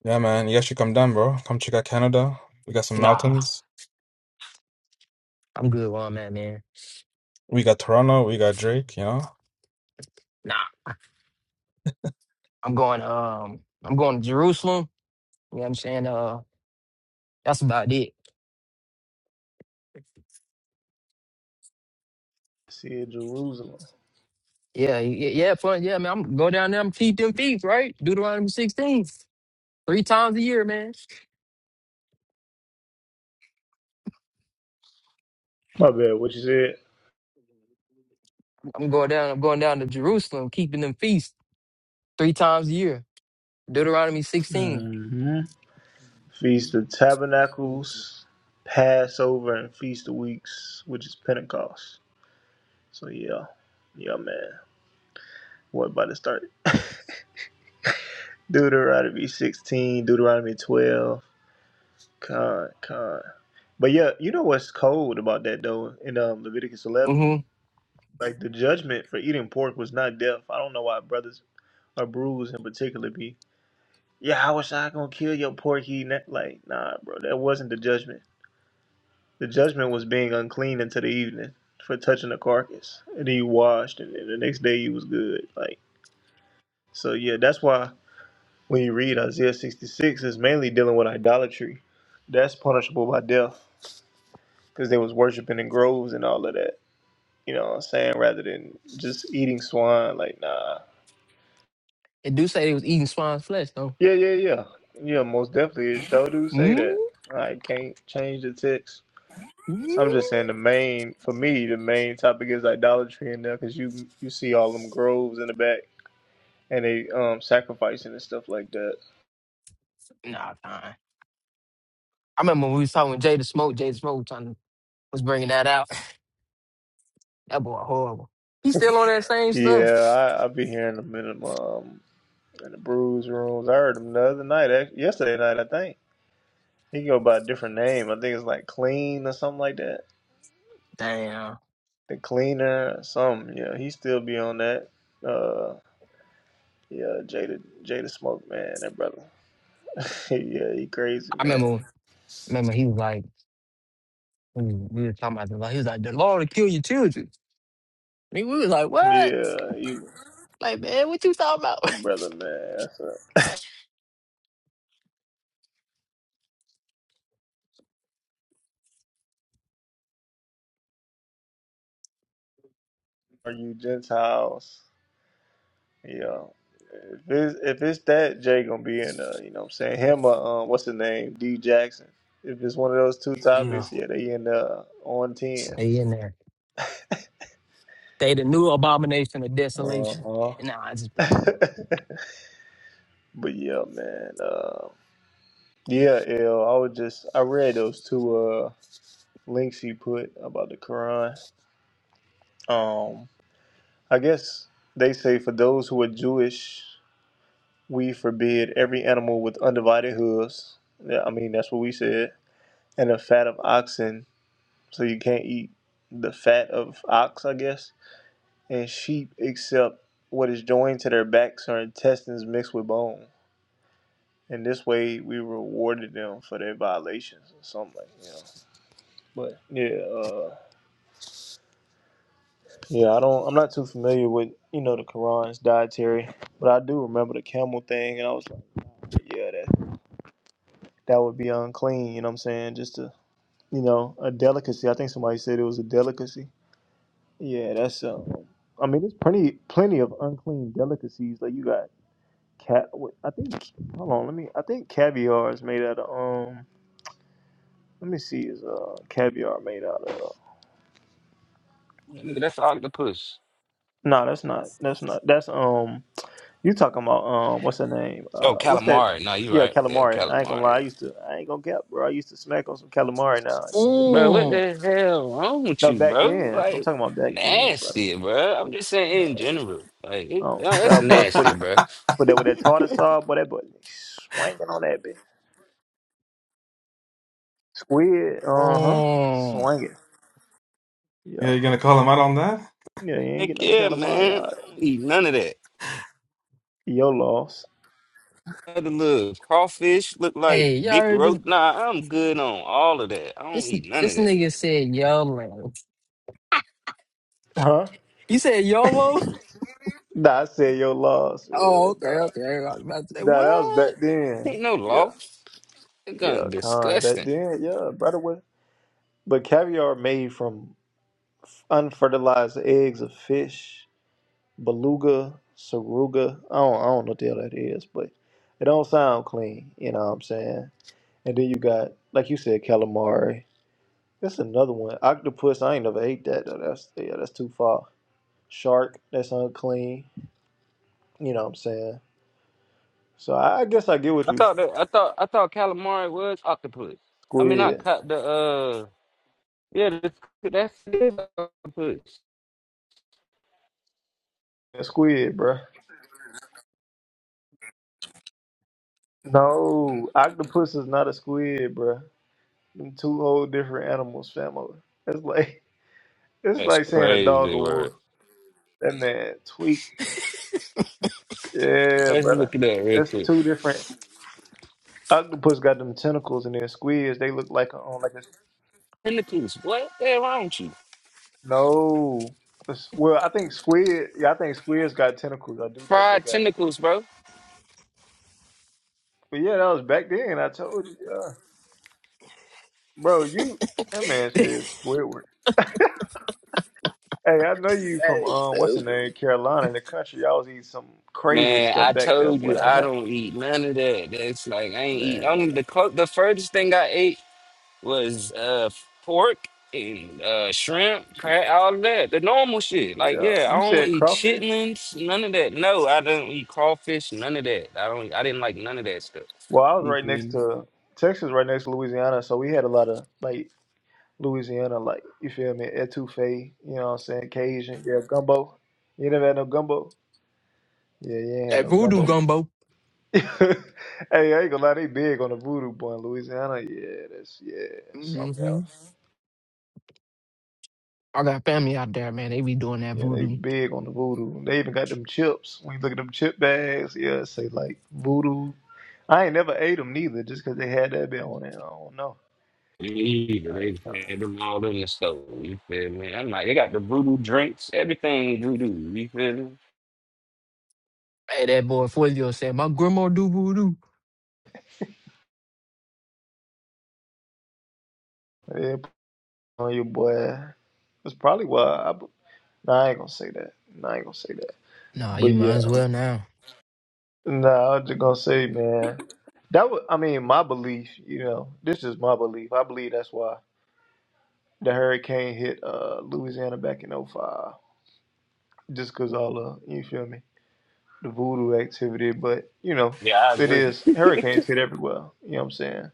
[SPEAKER 5] Yeah, man, you guys should come down, bro. Come check out Canada. We got some
[SPEAKER 2] Nah,
[SPEAKER 5] mountains.
[SPEAKER 2] I'm good where I'm at, man.
[SPEAKER 5] We got Toronto. We got Drake. You know.
[SPEAKER 2] Nah, I'm going um I'm going to Jerusalem. You know what I'm saying? Uh that's about it.
[SPEAKER 1] See Jerusalem.
[SPEAKER 2] Yeah, yeah, yeah, fun. Yeah, man. I'm go down there, I'm feed them feet, right? Deuteronomy 16. Three times a year, man.
[SPEAKER 1] My bad. What you
[SPEAKER 2] I'm going down, I'm going down to Jerusalem, keeping them feasts three times a year. Deuteronomy 16.
[SPEAKER 1] said? Feast of Tabernacles, Passover, and Feast of Weeks, which is Pentecost. So yeah, yeah, man. What about to start? Deuteronomy 16, Deuteronomy 12. Con, con. But yeah, you know what's cold about that though in um, Leviticus 11?
[SPEAKER 2] Mm-hmm.
[SPEAKER 1] Like the judgment for eating pork was not death. I don't know why brothers or brews in particular be. Yeah, how was I gonna kill your pork eating that? Like, nah, bro, that wasn't the judgment. The judgment was being unclean until the evening for touching the carcass. And then you washed, and, the next day you was good. Like so, yeah. That's why when you read Isaiah sixty six, it's mainly dealing with idolatry. That's punishable by death because they was worshiping in groves and all of that. You know what I'm saying? Rather than just eating swine. Like nah.
[SPEAKER 2] It do say they was eating swine's flesh, though.
[SPEAKER 1] Yeah, yeah, yeah, yeah. Most definitely, it sure do say
[SPEAKER 2] Mm,
[SPEAKER 1] that. I can't change the text.
[SPEAKER 2] mm,
[SPEAKER 1] I'm just saying the main for me the main topic is idolatry in there because you you see all them groves in the back and they um sacrificing and stuff like that.
[SPEAKER 2] nah, fine. I remember when we was talking with Jada Smoke. Jada Smoke was trying to, was bringing that out. That boy horrible. He's still on that same stuff.
[SPEAKER 1] Yeah, I I be hearing them in the um in the bruise rooms. I heard them the other night, act- yesterday night I think. He go by a different name. I think it's like clean or something like that.
[SPEAKER 2] Damn.
[SPEAKER 1] The cleaner, some yeah. He still be on that. Uh, yeah, Jada Jada Smoke man, that brother. yeah, he crazy
[SPEAKER 2] I
[SPEAKER 1] man.
[SPEAKER 2] remember. Remember he was like, we was we was talking about this. Like he was like, the law to kill your children. I mean, we was like, what?
[SPEAKER 1] Yeah, he,
[SPEAKER 2] Like man, what you talking about?
[SPEAKER 1] that brother man. Are you Gentiles? Yeah. If it's if it's that, Jay gonna be in uh, you know what I'm saying? Him uh, um, what's his name? D Jackson. If it's one of those two
[SPEAKER 2] Yeah.
[SPEAKER 1] topics, yeah, they in uh on ten.
[SPEAKER 2] Stay in there. They the new abomination of desolation.
[SPEAKER 1] Uh-huh.
[SPEAKER 2] And now I just playing.
[SPEAKER 1] but yeah, man, uh yeah, L, I was just I read those two uh links he put about the Quran. Um I guess they say for those who are Jewish, we forbid every animal with undivided hooves. Yeah, I mean that's what we said and the fat of oxen, so you can't eat the fat of ox, I guess, and sheep except what is joined to their backs or intestines mixed with bone. And this way, we rewarded them for their violations or something like that. you know. But yeah, uh, yeah, I don't. I'm not too familiar with you know the Quran's dietary, but I do remember the camel thing, and I was like, yeah, that that would be unclean. You know what I'm saying? Just a you know a delicacy. I think somebody said it was a delicacy Yeah, that's um. I mean, there's plenty plenty of unclean delicacies. Like you got cat. Wait, I think. Hold on. Let me. I think caviar is made out of um. Let me see. Is uh caviar made out of?
[SPEAKER 4] Nigga, that's an octopus.
[SPEAKER 1] No, that's not. That's not. That's um. You talking about um? What's her name?
[SPEAKER 4] Oh,
[SPEAKER 1] Uh, what's that?
[SPEAKER 4] calamari. No, you
[SPEAKER 1] Yeah,
[SPEAKER 4] right. Yeah,
[SPEAKER 1] calamari. I ain't gonna
[SPEAKER 4] calamari.
[SPEAKER 1] lie. I used to. I ain't gonna cap, bro. I used to smack on some calamari. Now you feel
[SPEAKER 4] Bro,
[SPEAKER 1] me?
[SPEAKER 4] what
[SPEAKER 1] Yeah.
[SPEAKER 2] Mm,
[SPEAKER 4] the hell wrong with
[SPEAKER 1] No,
[SPEAKER 4] you,
[SPEAKER 1] back
[SPEAKER 4] bro?
[SPEAKER 1] then. I'm
[SPEAKER 4] Like
[SPEAKER 1] talking about back then, brother.
[SPEAKER 4] nasty, bro. I'm just
[SPEAKER 1] No,
[SPEAKER 4] saying in general. Like
[SPEAKER 1] I
[SPEAKER 4] it,
[SPEAKER 1] don't
[SPEAKER 4] no, that's
[SPEAKER 1] care, boy. Put
[SPEAKER 4] nasty,
[SPEAKER 1] it.
[SPEAKER 4] bro.
[SPEAKER 1] Put that with that tartar sauce, boy. That boy swinging on that bitch. Squid, uh huh.
[SPEAKER 2] mm.
[SPEAKER 1] Swing it.
[SPEAKER 5] Yeah,
[SPEAKER 1] Yeah.
[SPEAKER 5] you gonna call him out on that?
[SPEAKER 1] Yeah, you ain't get
[SPEAKER 4] Heck
[SPEAKER 1] no
[SPEAKER 4] yeah,
[SPEAKER 1] calamari.
[SPEAKER 4] man. I
[SPEAKER 1] Y'all.
[SPEAKER 4] don't eat none of that.
[SPEAKER 1] Your loss.
[SPEAKER 4] Other little crawfish look like
[SPEAKER 2] Hey, y'all
[SPEAKER 4] big
[SPEAKER 2] heard this?
[SPEAKER 4] roach. Nah, I'm good on all of that. I don't
[SPEAKER 2] This
[SPEAKER 4] eat none of
[SPEAKER 2] this
[SPEAKER 4] that.
[SPEAKER 2] nigga said yelling.
[SPEAKER 1] Huh?
[SPEAKER 2] You said YOLO?
[SPEAKER 1] Nah, I said your loss.
[SPEAKER 2] Oh,
[SPEAKER 1] Yeah, nah.
[SPEAKER 2] okay, okay. I was about to say,
[SPEAKER 1] nah, that was back
[SPEAKER 2] what?
[SPEAKER 1] then.
[SPEAKER 4] Ain't no
[SPEAKER 1] Yeah.
[SPEAKER 4] loss. It's gonna
[SPEAKER 1] Yeah, con. Back
[SPEAKER 4] disgusting.
[SPEAKER 1] then, yeah, by the way. But caviar made from unfertilized eggs of fish, beluga, saruga. I don't, I don't know what the hell that is, but it don't sound clean. You know what I'm saying? And then you got, like you said, calamari. That's another one. Octopus, I ain't never ate that though. That's yeah, that's too far. Shark, that's unclean. You know what I'm saying? So I, I guess I get what
[SPEAKER 4] I
[SPEAKER 1] you
[SPEAKER 4] thought that I thought I thought calamari was octopus. I mean, I
[SPEAKER 1] squid.
[SPEAKER 4] caught the uh yeah, that's that's it is octopus.
[SPEAKER 1] A squid, bruh. No, octopus is not a squid, bruh. Them two whole different animals, family. It's like it's
[SPEAKER 4] That's
[SPEAKER 1] like saying a dog
[SPEAKER 4] crazy,
[SPEAKER 1] or
[SPEAKER 4] word.
[SPEAKER 1] wolf. That man tweak. Yeah,
[SPEAKER 4] Let's look
[SPEAKER 1] brother.
[SPEAKER 4] it up real
[SPEAKER 1] That's
[SPEAKER 4] quick.
[SPEAKER 1] two different. Octopus got them tentacles, and then squids they look like a, um, like a
[SPEAKER 4] tentacles. What the hell wrong with you?
[SPEAKER 1] No. It's- Well, I think squid. Yeah, I think squids got tentacles. I do think they
[SPEAKER 4] Fried
[SPEAKER 1] got.
[SPEAKER 4] tentacles, bro.
[SPEAKER 1] But yeah, that was back then. I told you, yeah. bro. You that man said Squidward. Hey, I know you
[SPEAKER 2] That
[SPEAKER 1] from
[SPEAKER 2] is
[SPEAKER 1] um, what's the
[SPEAKER 2] stupid.
[SPEAKER 1] name, Carolina, in the country. Y'all was eating some crazy
[SPEAKER 4] Man,
[SPEAKER 1] stuff
[SPEAKER 4] I
[SPEAKER 1] back there,
[SPEAKER 4] told
[SPEAKER 1] boy.
[SPEAKER 4] you
[SPEAKER 1] On
[SPEAKER 4] I
[SPEAKER 1] that
[SPEAKER 4] don't eat none of that. That's like I ain't eat.
[SPEAKER 1] man,
[SPEAKER 4] Only the clo- the furthest thing I ate was uh pork and uh shrimp, crab, all of that. The normal shit. Like
[SPEAKER 1] yeah.
[SPEAKER 4] yeah, I
[SPEAKER 1] You
[SPEAKER 4] don't
[SPEAKER 1] said
[SPEAKER 4] eat
[SPEAKER 1] crawfish.
[SPEAKER 4] chitlins, none of that. No, I don't eat crawfish, none of that. I don't. I didn't like none of that stuff.
[SPEAKER 1] Well, I was
[SPEAKER 4] You
[SPEAKER 1] right
[SPEAKER 4] feel
[SPEAKER 1] next
[SPEAKER 4] me?
[SPEAKER 1] to Texas, right next to Louisiana, so we had a lot of like Louisiana, like you feel me, etouffee. You know what I'm saying? Cajun, yeah, gumbo. You never had no gumbo. Yeah, you ain't had
[SPEAKER 2] That
[SPEAKER 1] no
[SPEAKER 2] voodoo
[SPEAKER 1] gumbo.
[SPEAKER 2] gumbo.
[SPEAKER 1] hey, I ain't gonna lie, they big on the voodoo boy in Louisiana. Yeah, that's yeah, that's something
[SPEAKER 2] hmm
[SPEAKER 1] else.
[SPEAKER 2] I got family out there, man. They be doing that
[SPEAKER 1] Yeah, they
[SPEAKER 2] voodoo.
[SPEAKER 1] big on the voodoo. They even got them chips. When you look at them chip bags, yeah, it say like voodoo. I ain't never ate them neither, just 'cause they had that bit on it. I don't know.
[SPEAKER 4] Me either.
[SPEAKER 1] I
[SPEAKER 4] They
[SPEAKER 1] ain't trying
[SPEAKER 4] had
[SPEAKER 1] to.
[SPEAKER 4] them all in the store. You feel me? I'm like, they got the voodoo drinks, everything voodoo. You feel me?
[SPEAKER 2] Hey, that boy Fulvio said, my grandma do voodoo.
[SPEAKER 1] Yeah, put on your boy. That's probably why. I, b- nah, I ain't gonna say that. Nah, I ain't gonna say that.
[SPEAKER 2] Nah, you
[SPEAKER 1] But
[SPEAKER 2] might
[SPEAKER 1] yeah.
[SPEAKER 2] as well now.
[SPEAKER 1] No, I was just gonna say, man, that was, I mean, my belief, you know, this is my belief. I believe that's why the hurricane hit uh, Louisiana back in '05, just cause all the, you feel me, the voodoo activity. But, you know,
[SPEAKER 4] Yeah, I
[SPEAKER 1] it
[SPEAKER 4] agree.
[SPEAKER 1] is, hurricanes hit everywhere. You know what I'm saying?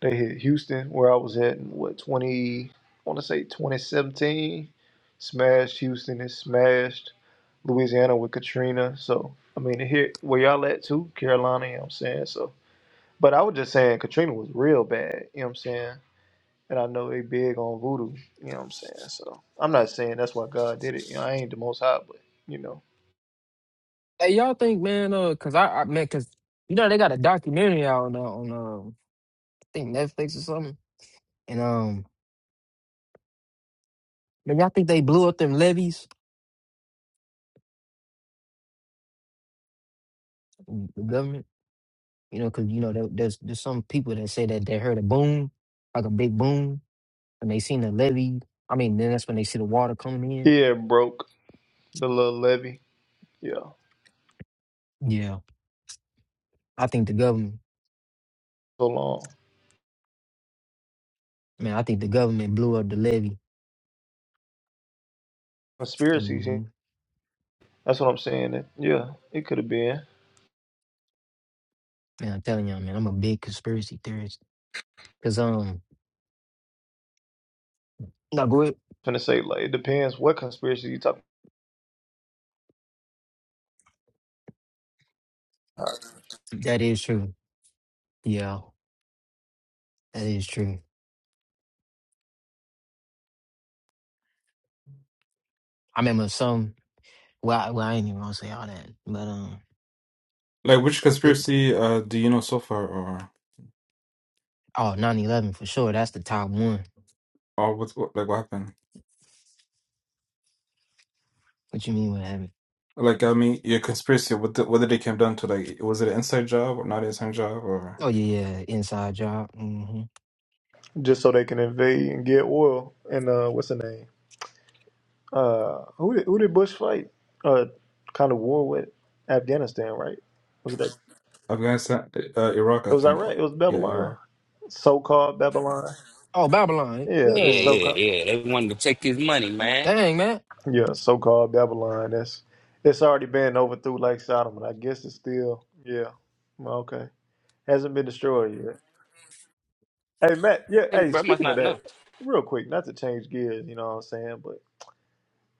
[SPEAKER 1] They hit Houston, where I was at in what, 20, I wanna say 2017, smashed Houston, it smashed Louisiana with Katrina. So, I mean, it hit where y'all at too, Carolina, you know what I'm saying? So, But I was just saying Katrina was real bad, you know what I'm saying? And I know they big on voodoo, you know what I'm saying? So I'm not saying that's why God did it. You know, I ain't the most high, but you know.
[SPEAKER 2] Hey, y'all think, man, uh, cause I, I man, cause, you know, they got a documentary out on, uh, on, uh, I think Netflix or something. And, um, man, y'all think they blew up them levees, the government? You know, cause, you know, there, there's, there's some people that say that they heard a boom, like a big boom. and they seen the levy. I mean, then that's when they see the water coming in.
[SPEAKER 1] Yeah, broke the little levy. Yeah.
[SPEAKER 2] Yeah, I think the government,
[SPEAKER 1] So long.
[SPEAKER 2] man, I think the government blew up the levy.
[SPEAKER 1] Conspiracies, yeah,
[SPEAKER 2] hmm
[SPEAKER 1] that's what I'm saying. That, yeah, it could have been.
[SPEAKER 2] Man, I'm telling y'all, man, I'm a big conspiracy theorist. Cause um, no, go ahead.
[SPEAKER 1] I'm finna say like it depends what conspiracy you talking about.
[SPEAKER 2] That is true. Yeah, that is true. I remember some. Well, I, well, I ain't even gonna say all that, but um,
[SPEAKER 5] Like, which
[SPEAKER 2] it,
[SPEAKER 5] conspiracy uh do you know so far, or
[SPEAKER 2] oh, nine eleven for sure. That's the top one.
[SPEAKER 5] or what, what like what happened?
[SPEAKER 2] What you mean what happened?
[SPEAKER 5] Like, I mean, your conspiracy. What the, what did it come down to? Like, was it an inside job or not an inside job, or
[SPEAKER 2] Oh yeah, yeah, inside job. hmm
[SPEAKER 1] Just so they can invade and get oil and uh what's the name? Uh who did who did Bush fight? Uh kind of war with Afghanistan, right? Was it that
[SPEAKER 5] Afghanistan, uh, Iraq, I
[SPEAKER 1] It was
[SPEAKER 5] think.
[SPEAKER 1] Iraq.
[SPEAKER 5] Oh,
[SPEAKER 1] It was
[SPEAKER 5] Yeah,
[SPEAKER 1] Babylon,
[SPEAKER 5] Iraq.
[SPEAKER 1] so-called Babylon.
[SPEAKER 2] Oh, Babylon.
[SPEAKER 1] Yeah,
[SPEAKER 4] Yeah,
[SPEAKER 1] this
[SPEAKER 2] Yeah.
[SPEAKER 4] yeah,
[SPEAKER 1] so-called
[SPEAKER 4] yeah. They wanted to take his money, man.
[SPEAKER 2] Dang, man.
[SPEAKER 1] yeah, so-called Babylon. That's it's already been overthrew like Sodom, and I guess it's still yeah. Well, Okay, hasn't been destroyed yet. Hey Matt, yeah.
[SPEAKER 4] Damn,
[SPEAKER 1] Hey,
[SPEAKER 4] Bro, must
[SPEAKER 1] speaking of
[SPEAKER 4] not
[SPEAKER 1] that,
[SPEAKER 4] know.
[SPEAKER 1] real quick, not to change gears, you know what I'm saying, but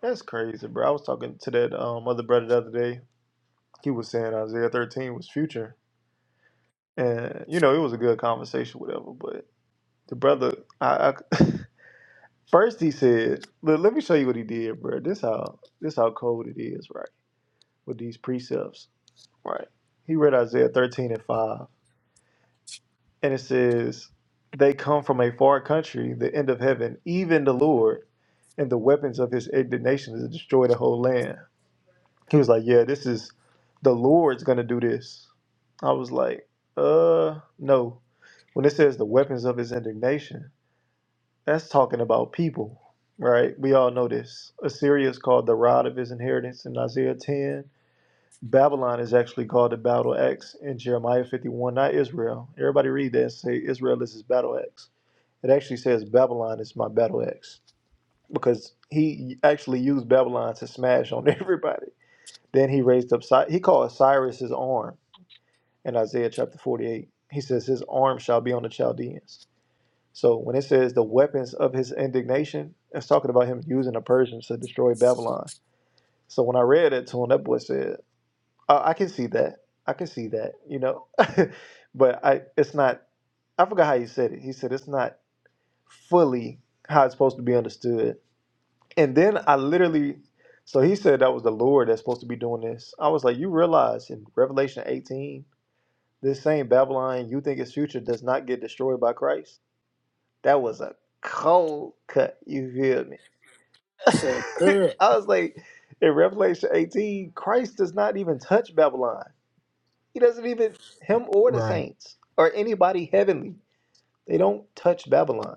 [SPEAKER 1] that's crazy, bro. I was talking to that um other brother the other day. He was saying Isaiah 13 was future, and you know it was a good conversation, whatever. But the brother, I, I First he said, look, let me show you what he did, bro. This how this how cold it is, right? With these precepts. Right. He read Isaiah 13 and 5. And it says, They come from a far country, the end of heaven, even the Lord, and the weapons of his indignation is to destroy the whole land. He was like, Yeah, this is the Lord's gonna do this. I was like, uh no. When it says the weapons of his indignation, That's talking about people, right? We all know this. Assyria is called the rod of his inheritance in Isaiah 10. Babylon is actually called the battle axe in Jeremiah 51, not Israel. Everybody read that and say Israel is his battle axe. It actually says Babylon is my battle axe because he actually used Babylon to smash on everybody. Then he raised up, Cy- he called Cyrus his arm in Isaiah chapter 48. He says his arm shall be on the Chaldeans. So when it says the weapons of his indignation, it's talking about him using the Persians to destroy Babylon. So when I read it to him, that boy said, I, I can see that. I can see that, you know. but I it's not I forgot how he said it. He said it's not fully how it's supposed to be understood. And then I literally so he said that was the Lord that's supposed to be doing this. I was like, you realize in Revelation 18, this same Babylon you think is future does not get destroyed by Christ? That was a cold cut. You feel me?
[SPEAKER 2] That's a good.
[SPEAKER 1] I was like, in Revelation 18, Christ does not even touch Babylon. He doesn't even, him or the
[SPEAKER 2] Right.
[SPEAKER 1] saints or anybody heavenly, they don't touch Babylon.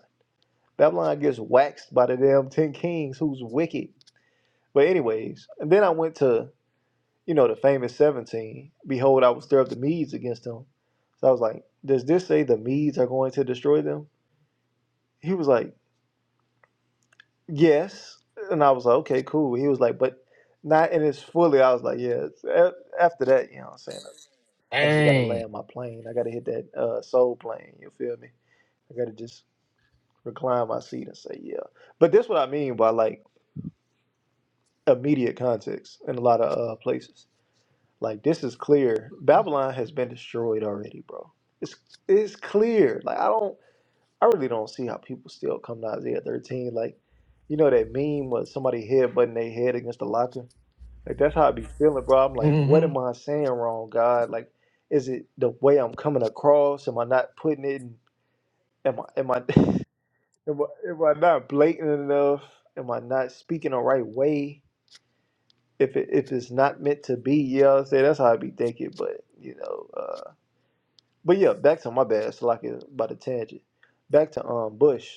[SPEAKER 1] Babylon gets waxed by the damn 10 kings who's wicked. But, anyways, and then I went to, you know, the famous 17. Behold, I will stir up the Medes against them. So I was like, does this say the Medes are going to destroy them? He was like, Yes. And I was like, okay, cool. He was like, but not in its fully. I was like, yeah. it's- a- After that, you know what I'm saying? I just got to
[SPEAKER 2] Dang.
[SPEAKER 1] land my plane. I got to hit that uh, soul plane. You feel me? I got to just recline my seat and say, yeah. But that's what I mean by like immediate context in a lot of uh, places. Like, this is clear. Babylon has been destroyed already, bro. It's, it's clear. Like, I don't, I really don't see how people still come to Isaiah 13. Like, you know that meme where somebody headbutting their head against the locker? Like that's how I be feeling, bro. I'm like, what
[SPEAKER 2] hmm
[SPEAKER 1] am I saying wrong, God? Like, is it the way I'm coming across? Am I not putting it? in- Am I am I am I, am I not blatant enough? Am I not speaking the right way? If it if it's not meant to be, yeah, you know what I'm saying? that's how I be thinking. But you know, uh, but yeah, back to my bad. It's like it's about a tangent. Back to um Bush.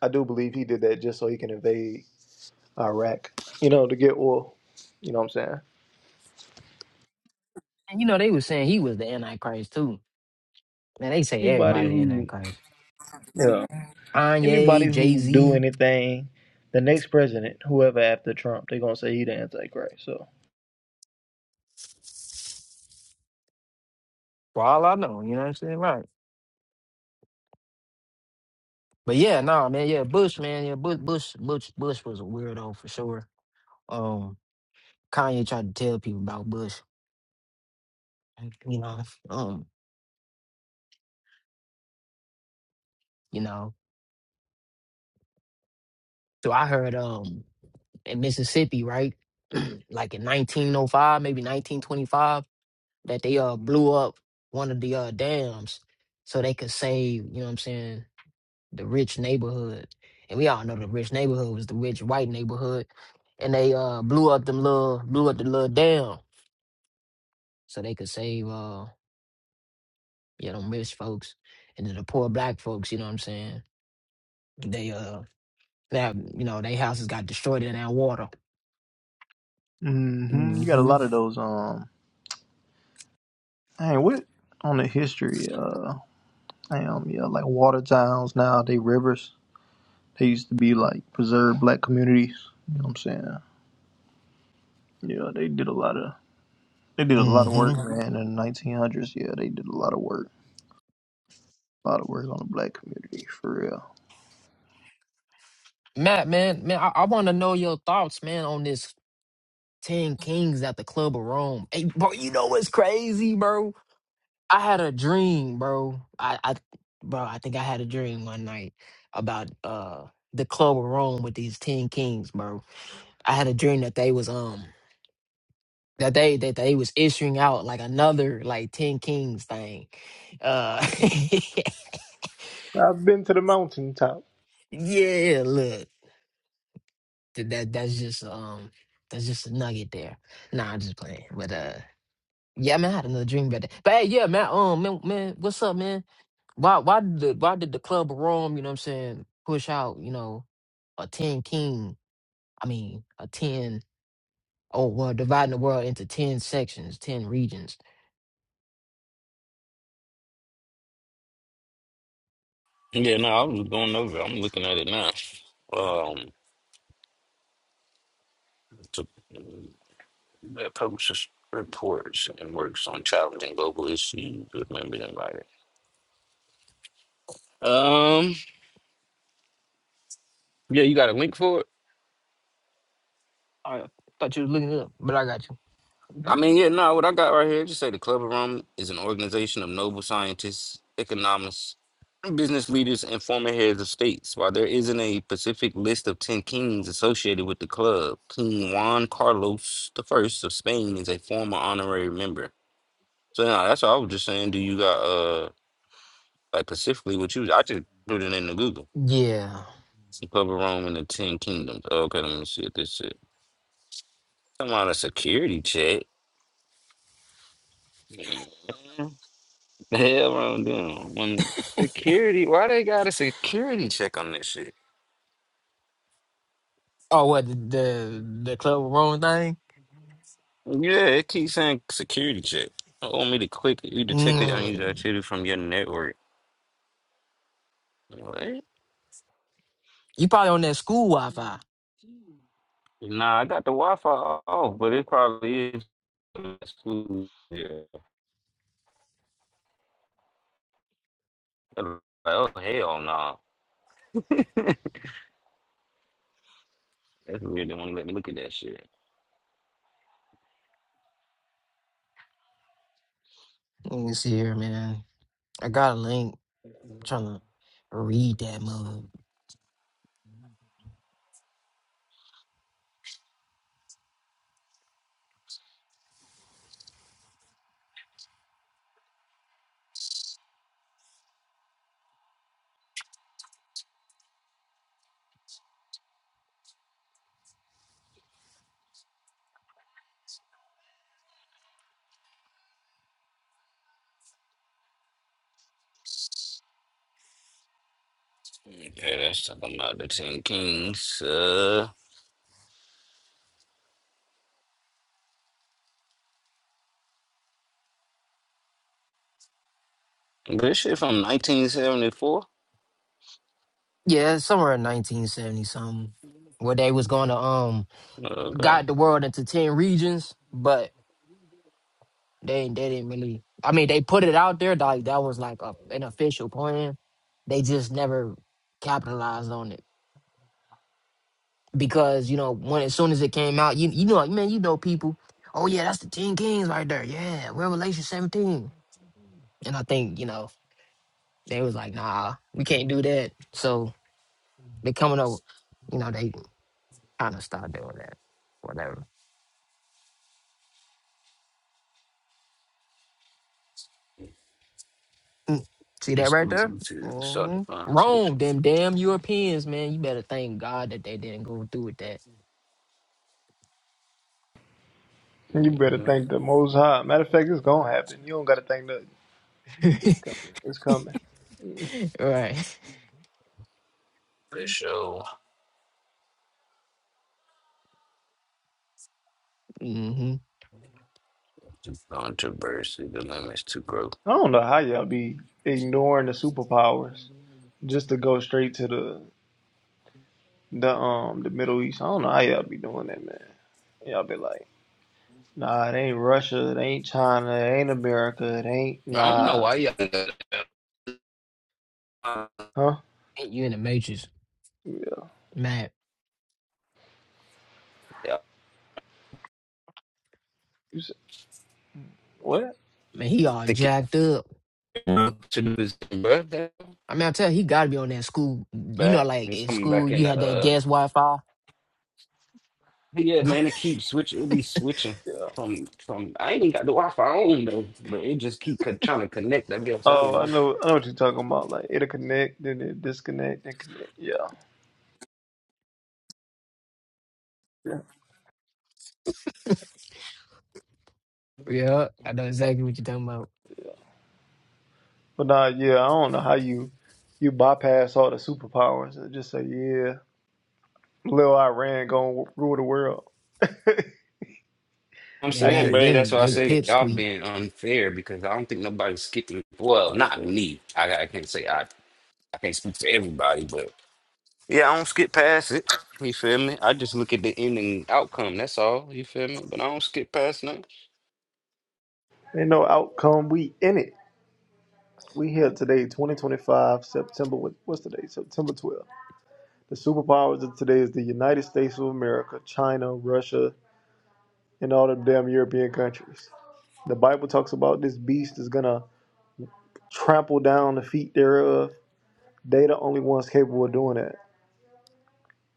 [SPEAKER 1] I do believe he did that just so he can invade Iraq. You know, to get oil. You know what I'm saying?
[SPEAKER 2] And you know, they was saying he was the Antichrist too. Man, they say
[SPEAKER 1] Anybody
[SPEAKER 2] everybody the
[SPEAKER 1] who
[SPEAKER 2] Antichrist.
[SPEAKER 1] yeah Anybody
[SPEAKER 2] Kanye, Jay
[SPEAKER 1] who do
[SPEAKER 2] Z,
[SPEAKER 1] anything, the next president, whoever after Trump, they're gonna say he the Antichrist. So
[SPEAKER 2] for all I know, you know what I'm saying? Right. But yeah, nah, man, yeah, Bush, man, yeah, Bush, Bush, Bush, Bush was a weirdo for sure. Um, Kanye tried to tell people about Bush, you know, um, you know. So I heard um in Mississippi, right, like in 1905, maybe 1925, that they uh blew up one of the uh dams so they could save, you know what I'm saying, the rich neighborhood. And we all know the rich neighborhood was the rich white neighborhood. And they uh blew up them little blew up the little dam so they could save uh yeah, them rich folks and then the poor black folks, you know what I'm saying? They uh they have you know, their houses got destroyed in that water.
[SPEAKER 1] hmm you got a
[SPEAKER 2] hmm
[SPEAKER 1] lot of those. Um, dang, what on the history? Uh, damn, yeah, like water towns now they rivers. They used to be like preserved black communities. You know what I'm saying? Yeah, they did a lot of they did a lot of
[SPEAKER 2] hmm
[SPEAKER 1] work, man. In the 1900s, yeah, they did a lot of work, a lot of work on the black community for real.
[SPEAKER 2] Matt, man, man, I, I wanna know your thoughts, man, on this Ten Kings at the Club of Rome. Hey, bro, you know what's crazy, bro? I had a dream, bro. I, I bro, I think I had a dream one night about uh the club of Rome with these ten kings, bro. I had a dream that they was um that they that they was issuing out like another like ten kings thing. Uh
[SPEAKER 1] I've been to the mountaintop.
[SPEAKER 2] yeah, look. th- That that's just um that's just a nugget there. Nah, I'm just playing. But uh yeah, man, I had another dream about that. But hey, yeah, man, um man, man what's up, man? Why why did the, why did the Club of Rome, you know what I'm saying, push out, you know, a 10 king, I mean, a 10 oh well, dividing the world into 10 sections, 10 regions.
[SPEAKER 4] Yeah, no, I was going over. it. I'm looking at it now. Um, to, that publishes reports and works on challenging global issues with members invited. Um, yeah, you got a link for it.
[SPEAKER 2] I thought you was looking it up, but I got you.
[SPEAKER 4] I mean, yeah, no, what I got right here, just say the Club of Rome is an organization of noble scientists, economists, business leaders, and former heads of states. While there isn't a specific list of 10 kings associated with the club, King Juan Carlos the First of Spain is a former honorary member. So, no, that's what I was just saying. Do you got, uh, like, specifically what you, I just put it into Google.
[SPEAKER 2] Yeah.
[SPEAKER 4] The Club of Rome and the 10 kingdoms. Okay, let me see if this is. Come on, a security check. Man. The hell wrong with them? When security, why they got a security check on this shit?
[SPEAKER 2] Oh, what the the, the Club of Rome thing?
[SPEAKER 4] Yeah, it keeps saying security check. I want me to click it. you detected unusual
[SPEAKER 2] Mm.
[SPEAKER 4] activity from your network. What?
[SPEAKER 2] You probably on that school Wi-Fi.
[SPEAKER 4] Nah, I got the Wi-Fi off, but it probably is. Yeah. Like, Oh hell no! That's weird. They won't let me look at that shit.
[SPEAKER 2] Let me see here, man. I got a link. I'm trying to read that mother.
[SPEAKER 4] Yeah, that's talking about the Ten Kings. Uh, this shit from 1974.
[SPEAKER 2] Yeah, it's somewhere in 1970 something, where they was going to um
[SPEAKER 4] Okay.
[SPEAKER 2] got the world into 10 regions, but they they didn't really I mean they put it out there like that was like a, an official plan. They just never capitalized on it because you know when as soon as it came out, you you know like, man, you know people, oh yeah, that's the 10 kings right there. Yeah, Revelation 17. And I think, you know, they was like, "Nah, we can't do that." So they coming up, you know, they kind of stopped doing that. Whatever. Mm. See that
[SPEAKER 4] He's
[SPEAKER 2] right
[SPEAKER 4] going
[SPEAKER 2] there?
[SPEAKER 4] to start to
[SPEAKER 2] hmm
[SPEAKER 4] find
[SPEAKER 2] Rome,
[SPEAKER 4] solutions.
[SPEAKER 2] them damn Europeans, man. You better thank God that they didn't go through with that.
[SPEAKER 1] You better
[SPEAKER 4] Mm-hmm.
[SPEAKER 1] thank the Most High. Matter of fact, it's gonna happen. You don't gotta thank the It's coming. It's coming.
[SPEAKER 2] right.
[SPEAKER 4] For sure.
[SPEAKER 2] hmm
[SPEAKER 4] Controversy, the limits to growth.
[SPEAKER 1] I don't know how y'all be ignoring the superpowers just to go straight to the the um the Middle East. I don't know how y'all be doing that, man. Y'all be like, nah, it ain't Russia, it ain't China, it ain't America, it ain't
[SPEAKER 4] I don't know
[SPEAKER 1] nah,
[SPEAKER 4] why y'all. do that. Uh,
[SPEAKER 1] huh?
[SPEAKER 2] You in the matrix,
[SPEAKER 1] Yeah.
[SPEAKER 2] man.
[SPEAKER 4] yeah,
[SPEAKER 1] You said, what?
[SPEAKER 2] Man, he all
[SPEAKER 4] think it-
[SPEAKER 2] jacked up.
[SPEAKER 4] to do his birthday.
[SPEAKER 2] I mean, I tell you, he got to be on that school. You know,
[SPEAKER 4] Back,
[SPEAKER 2] like
[SPEAKER 4] it's
[SPEAKER 2] in
[SPEAKER 4] coming
[SPEAKER 2] school,
[SPEAKER 4] back in
[SPEAKER 2] you
[SPEAKER 4] the.
[SPEAKER 2] had that
[SPEAKER 4] Uh,
[SPEAKER 2] gas Wi-Fi.
[SPEAKER 4] yeah, man, it keeps switching. It be switching
[SPEAKER 1] Yeah.
[SPEAKER 4] from from. I ain't even got the Wi-Fi on though, but it just keep co- trying to connect. I guess I don't
[SPEAKER 1] Oh, I
[SPEAKER 4] know.
[SPEAKER 1] know, I know what you're talking about. Like it'll connect, then it disconnect, then connect. Yeah. Yeah.
[SPEAKER 2] Yeah, I know exactly what you're talking about.
[SPEAKER 1] But nah, yeah, I don't know how you you bypass all the superpowers and just say, yeah. Little Iran gonna rule the world.
[SPEAKER 4] I'm
[SPEAKER 2] Man,
[SPEAKER 1] I
[SPEAKER 4] saying,
[SPEAKER 2] that
[SPEAKER 1] can't.
[SPEAKER 4] bro, that's
[SPEAKER 2] them
[SPEAKER 4] why I
[SPEAKER 2] they
[SPEAKER 4] say
[SPEAKER 2] pip
[SPEAKER 4] y'all
[SPEAKER 2] squeak.
[SPEAKER 4] being unfair because I don't think nobody's skipping. Well, not
[SPEAKER 1] Honestly.
[SPEAKER 4] me. I, I can't say I, I can't speak for everybody, but yeah, I don't skip past it. You feel me? I just look at the ending outcome. That's all. You feel me? But I don't skip past nothing.
[SPEAKER 1] Ain't no outcome. We in it. We here today, 2025, September. what- What's today? September 12th. The superpowers of today is the United States of America, China, Russia, and all the damn European countries. The Bible talks about this beast is gonna trample down the feet thereof. They the only ones capable of doing that.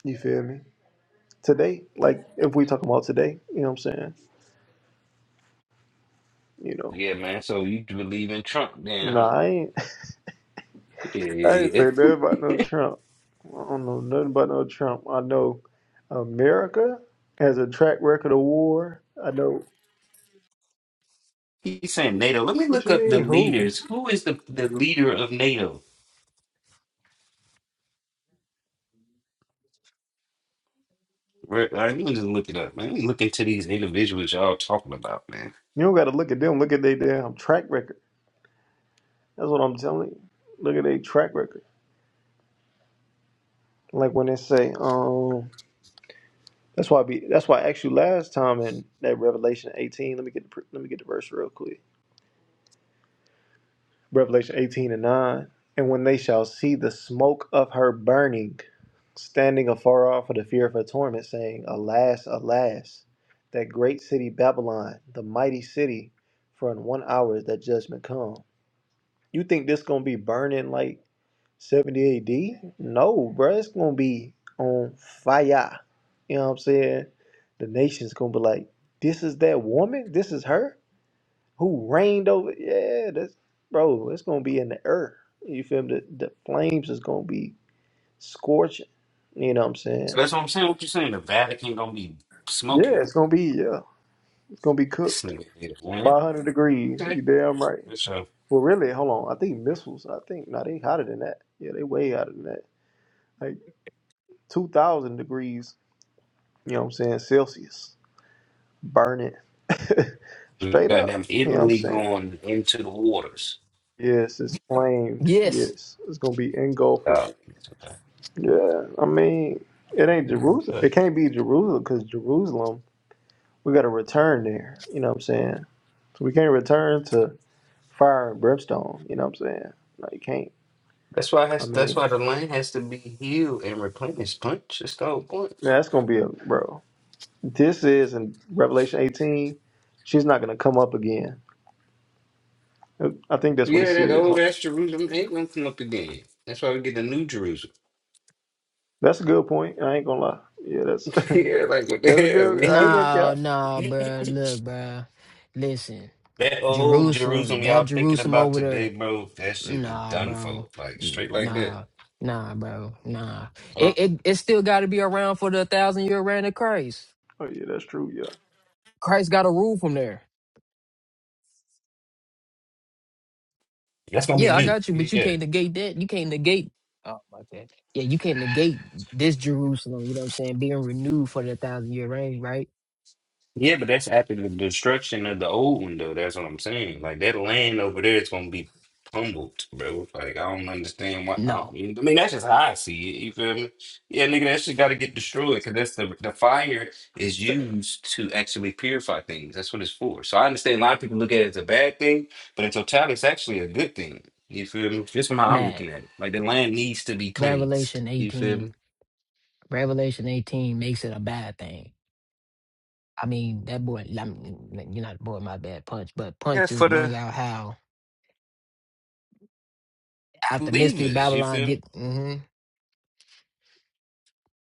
[SPEAKER 1] You feel me? Today, like if we talking about today, you know what I'm saying? You know,
[SPEAKER 4] Yeah, man. So you believe in Trump then,
[SPEAKER 1] nah,
[SPEAKER 4] huh?
[SPEAKER 1] I ain't,
[SPEAKER 4] Yeah,
[SPEAKER 1] I ain't
[SPEAKER 4] yeah,
[SPEAKER 1] say nothing about no
[SPEAKER 4] yeah.
[SPEAKER 1] Trump. I don't know nothing about no Trump. I know America has a track record of war. I know
[SPEAKER 4] He's saying NATO. Let me
[SPEAKER 1] what
[SPEAKER 4] look
[SPEAKER 1] you
[SPEAKER 4] up the
[SPEAKER 1] mean, who?
[SPEAKER 4] leaders. Who is the, the leader of NATO? Right, All right, let me just look it up, man. Let me look into these individuals y'all talking about, man.
[SPEAKER 1] You don't gotta look at them, look at their damn track record. That's what I'm telling you. Look at their track record. Like when they say, um that's why I be that's why I asked you last time in that Revelation eighteen. Let me get the pr- let me get the verse real quick. Revelation 18 and 9. And when they shall see the smoke of her burning, standing afar off for the fear of her torment, saying, Alas, alas, that great city Babylon, the mighty city, for in one hour is that judgment come. You think this gonna be burning like 70 AD? No, bruh, it's gonna be on fire. You know what I'm saying? The nation's gonna be like, This is that woman? This is her? who reigned over yeah that's bro it's gonna be in the earth you feel me the, the flames is gonna be scorching you know what i'm
[SPEAKER 4] So
[SPEAKER 1] saying
[SPEAKER 4] that's what I'm saying. What you saying? The Vatican gonna be smoking
[SPEAKER 1] yeah it's gonna be yeah it's gonna be
[SPEAKER 4] this
[SPEAKER 1] cooked
[SPEAKER 4] nigga here, man.
[SPEAKER 1] 500 degrees
[SPEAKER 4] Okay.
[SPEAKER 1] you damn right
[SPEAKER 4] So
[SPEAKER 1] well really hold on i think missiles i think no they hotter than that yeah they way hotter than that like 2000 degrees you know what i'm saying celsius burning straight up
[SPEAKER 4] goddamn
[SPEAKER 1] you know what i'm
[SPEAKER 4] Italy
[SPEAKER 1] saying
[SPEAKER 4] going into the waters.
[SPEAKER 1] yes it's flamed
[SPEAKER 2] Yes.
[SPEAKER 1] yes it's gonna be engulfed
[SPEAKER 4] Yeah. Okay.
[SPEAKER 1] Yeah, I mean, it ain't Jerusalem. It
[SPEAKER 4] Okay.
[SPEAKER 1] can't be Jerusalem because Jerusalem, we got to return there. You know what I'm saying? So we can't return to fire and brimstone. You know what I'm saying? No, you can't.
[SPEAKER 4] That's why it
[SPEAKER 1] I
[SPEAKER 4] has
[SPEAKER 1] mean,
[SPEAKER 4] that's why the land has to be healed and replenished. Punch. That's the whole point.
[SPEAKER 1] yeah, that's gonna be a bro. This is in Revelation 18. She's not gonna come up again. I think that's what it
[SPEAKER 4] Yeah, that
[SPEAKER 1] says. Hold
[SPEAKER 4] old
[SPEAKER 1] on.
[SPEAKER 4] ass Jerusalem ain't gonna come up again. That's why we get the new Jerusalem.
[SPEAKER 1] That's a good point. I ain't gonna lie. Yeah, that's
[SPEAKER 4] yeah, like what the
[SPEAKER 1] that's a
[SPEAKER 4] hell?
[SPEAKER 1] good. I ain't
[SPEAKER 4] man?
[SPEAKER 1] gonna
[SPEAKER 2] Nah,
[SPEAKER 1] count.
[SPEAKER 2] nah, bruh. Look, bruh. Listen,
[SPEAKER 4] that old
[SPEAKER 2] Jerusalem,
[SPEAKER 4] Jerusalem
[SPEAKER 2] that
[SPEAKER 4] y'all thinking
[SPEAKER 2] Jerusalem
[SPEAKER 4] about
[SPEAKER 2] over there.
[SPEAKER 4] today, bro, that shit is
[SPEAKER 2] Nah,
[SPEAKER 4] done
[SPEAKER 2] bro.
[SPEAKER 4] for. Like
[SPEAKER 2] N-
[SPEAKER 4] straight like
[SPEAKER 2] Nah,
[SPEAKER 4] that.
[SPEAKER 2] nah, bro. Nah. It it, it still got to be around for the thousand year reign of Christ.
[SPEAKER 1] Oh yeah, that's true. Yeah.
[SPEAKER 2] Christ got a rule from there.
[SPEAKER 4] That's gonna be
[SPEAKER 2] Yeah, I
[SPEAKER 4] new.
[SPEAKER 2] got you, but you
[SPEAKER 4] Yeah.
[SPEAKER 2] can't negate that. You can't negate. Oh my God. Yeah, you can't negate this Jerusalem. You know what I'm saying? Being renewed for the thousand year reign, right?
[SPEAKER 4] Yeah, but that's after the destruction of the old one, though. That's what I'm saying. Like that land over there is gonna be pummeled, bro. Like I don't understand why. I,
[SPEAKER 2] No,
[SPEAKER 4] don't, I mean, that's just how I see it. You feel me? Yeah, nigga, that shit got to get destroyed because that's the the fire is used to actually purify things. That's what it's for. So I understand a lot of people look at it as a bad thing, but in totality, it's actually a good thing. You feel me? Just from how I'm
[SPEAKER 2] Matt.
[SPEAKER 4] looking at it, like the land needs to be cleansed.
[SPEAKER 2] Revelation
[SPEAKER 4] You feel
[SPEAKER 2] 18.
[SPEAKER 4] me?
[SPEAKER 2] Revelation 18 makes it a bad thing. I mean, that boy. I mean, you're not the boy. My bad. Punch, but
[SPEAKER 4] Yeah,
[SPEAKER 2] punch
[SPEAKER 4] for
[SPEAKER 2] just
[SPEAKER 4] the
[SPEAKER 2] bring out how After Mystery
[SPEAKER 4] believers. You
[SPEAKER 2] Babylon
[SPEAKER 4] feel me?
[SPEAKER 2] get hmm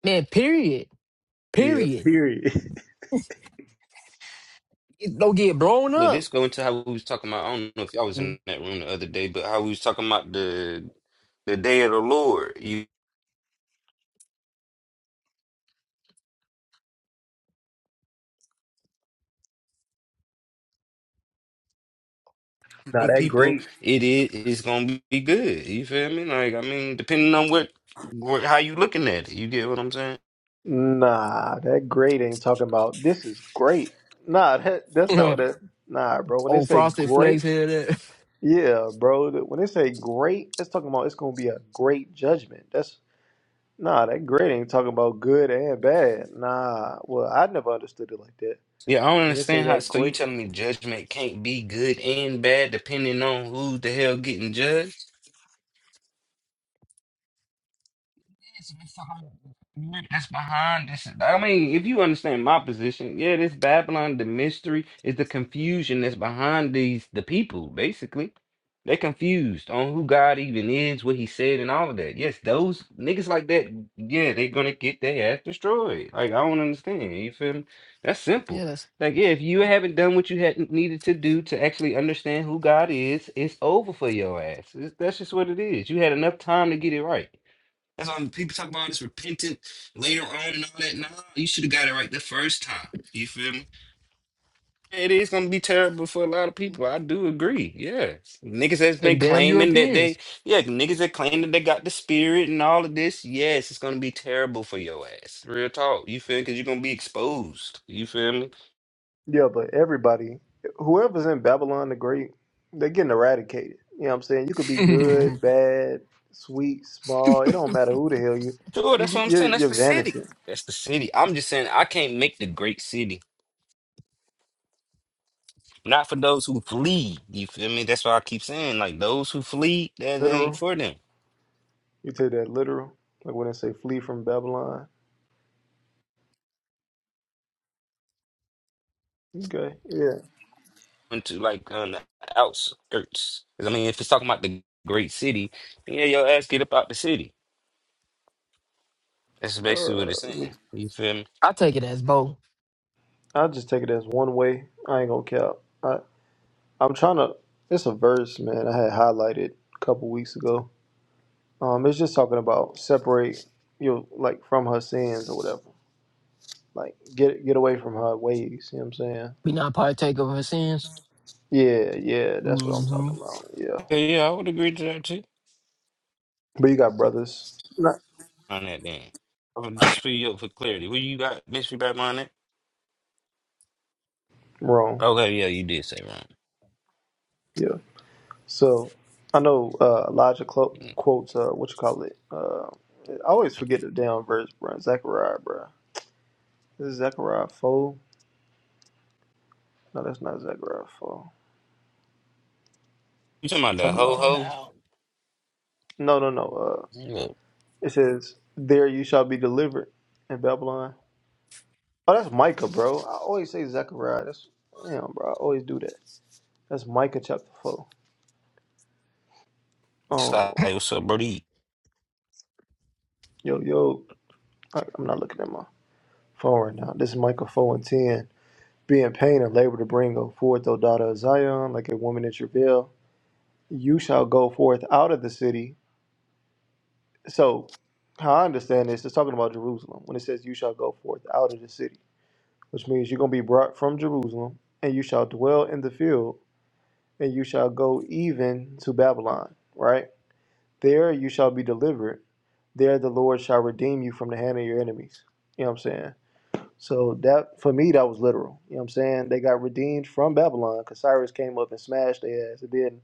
[SPEAKER 2] man, period.
[SPEAKER 1] Yeah.
[SPEAKER 2] Period.
[SPEAKER 1] Period.
[SPEAKER 2] It don't get blown
[SPEAKER 4] Look,
[SPEAKER 2] up.
[SPEAKER 4] this go into how we was talking about. I don't know if y'all was in that room the other day, but how we was talking about the the day of the Lord. You
[SPEAKER 1] not
[SPEAKER 4] some
[SPEAKER 1] that
[SPEAKER 4] people,
[SPEAKER 1] great.
[SPEAKER 4] it is it's gonna be good. You feel me? Like I mean, depending on what, what how you looking at it. You get what I'm saying?
[SPEAKER 1] Nah, that great ain't talking about this is great. Nah, that that's not what that. Nah, bro. When they
[SPEAKER 2] Old
[SPEAKER 1] say
[SPEAKER 2] frosted flakes
[SPEAKER 1] great,
[SPEAKER 2] here that
[SPEAKER 1] yeah, bro. th- When they say great, it's talking about it's gonna be a great judgment. That's nah, that great ain't talking about good and bad. Nah, well, I never understood it like that.
[SPEAKER 4] Yeah, I don't
[SPEAKER 1] When they say
[SPEAKER 4] understand how.
[SPEAKER 1] that
[SPEAKER 4] So you
[SPEAKER 1] great,
[SPEAKER 4] telling me judgment can't be good and bad depending on who the hell getting judged? It's behind- That's behind this. I mean, if you understand my position, yeah, this Babylon, the mystery is the confusion that's behind these the people. Basically, they're confused on who God even is, what He said, and all of that. Yes, those niggas like that, yeah, they're gonna get their ass destroyed. Like I don't understand. You feel me? That's simple.
[SPEAKER 2] yeah, that's
[SPEAKER 4] Like yeah, if you haven't done what you had needed to do to actually understand who God is, it's over for your ass. It's, that's just what it is. You had enough time to get it right. That's why people talk about this repentant later on and all that. Nah, you should have got it right the first time. You feel me? It is gonna be terrible for a lot of people. I do agree. Yeah, niggas that's
[SPEAKER 2] them
[SPEAKER 4] been
[SPEAKER 2] damn
[SPEAKER 4] claiming that they,
[SPEAKER 2] Europeans.
[SPEAKER 4] yeah, niggas that claim that they got the spirit and all of this. Yes, it's gonna be terrible for your ass. Real talk. You feel? Because you're gonna be exposed. You feel me?
[SPEAKER 1] yeah, but everybody, whoever's in Babylon the Great, they're getting eradicated. You know what I'm saying? You could be
[SPEAKER 2] I
[SPEAKER 1] good, bad, sweet, small. It don't matter who the hell you.
[SPEAKER 4] Sure.
[SPEAKER 1] You
[SPEAKER 4] That's what
[SPEAKER 1] get
[SPEAKER 4] I'm saying.
[SPEAKER 1] you're,
[SPEAKER 4] That's
[SPEAKER 1] you're
[SPEAKER 4] the city.
[SPEAKER 1] vanishing.
[SPEAKER 4] That's the city. I'm just saying I can't make the great city. Not for those who flee. You feel me? That's why I keep saying like those who flee. That, that ain't
[SPEAKER 1] Literal.
[SPEAKER 4] for them.
[SPEAKER 1] You take that literal. Like when they say flee from Babylon. Okay. Yeah.
[SPEAKER 4] into like on the outskirts. 'Cause, I mean, if it's talking about the great city, then yeah, your ass get up out the city. That's basically
[SPEAKER 1] Uh,
[SPEAKER 4] what it's
[SPEAKER 1] let me.
[SPEAKER 4] saying. You feel me?
[SPEAKER 2] take it as both.
[SPEAKER 1] I just take it as one way. I ain't gonna cap. I I'm trying to. It's a verse, man. I had highlighted a couple weeks ago. Um, it's just talking about separate you know, like from her sins or whatever. Like get get away from her ways. You know what I'm saying?
[SPEAKER 2] We not partake of her sins.
[SPEAKER 1] Yeah, yeah. That's what I'm
[SPEAKER 2] Mm-hmm.
[SPEAKER 1] talking about. Yeah.
[SPEAKER 4] Yeah, yeah, I would agree to that too.
[SPEAKER 1] But you got brothers. Not
[SPEAKER 4] On that then, Oh, just for you for clarity, what you got mystery back on it?
[SPEAKER 1] wrong.
[SPEAKER 4] Okay, yeah, you did say wrong.
[SPEAKER 1] Yeah. So I know uh, Elijah Clo-
[SPEAKER 4] Mm.
[SPEAKER 1] quotes uh, what you call it. Uh, I always forget the damn verse, bro. Zechariah, bro. This is Zechariah four. No, that's not Zechariah four.
[SPEAKER 4] You talking about the
[SPEAKER 1] Talking
[SPEAKER 4] ho
[SPEAKER 1] about
[SPEAKER 2] Waffle
[SPEAKER 4] ho?
[SPEAKER 2] down.
[SPEAKER 1] no, no, no. Uh,
[SPEAKER 4] Look,
[SPEAKER 1] it says, "There you shall be delivered in Babylon." Oh, that's Micah, bro. I always say Zechariah. That's damn, bro. I always do that. That's Micah chapter four.
[SPEAKER 4] it's like,
[SPEAKER 1] Oh,
[SPEAKER 4] what's up, Brody?
[SPEAKER 1] yo, yo. I, I'm not looking at my phone right now. This is Micah four and ten. Be in pain and labor to bring forth, O daughter of Zion, like a woman in travail. You shall go forth out of the city. So, how I understand this, it's talking about Jerusalem when it says, You shall go forth out of the city, which means you're going to be brought from Jerusalem, and you shall dwell in the field, and you shall go even to Babylon, right? There you shall be delivered. There the Lord shall redeem you from the hand of your enemies. You know what I'm saying? So that for me that was literal. You know what I'm saying? They got redeemed from Babylon because Cyrus came up and smashed their ass and then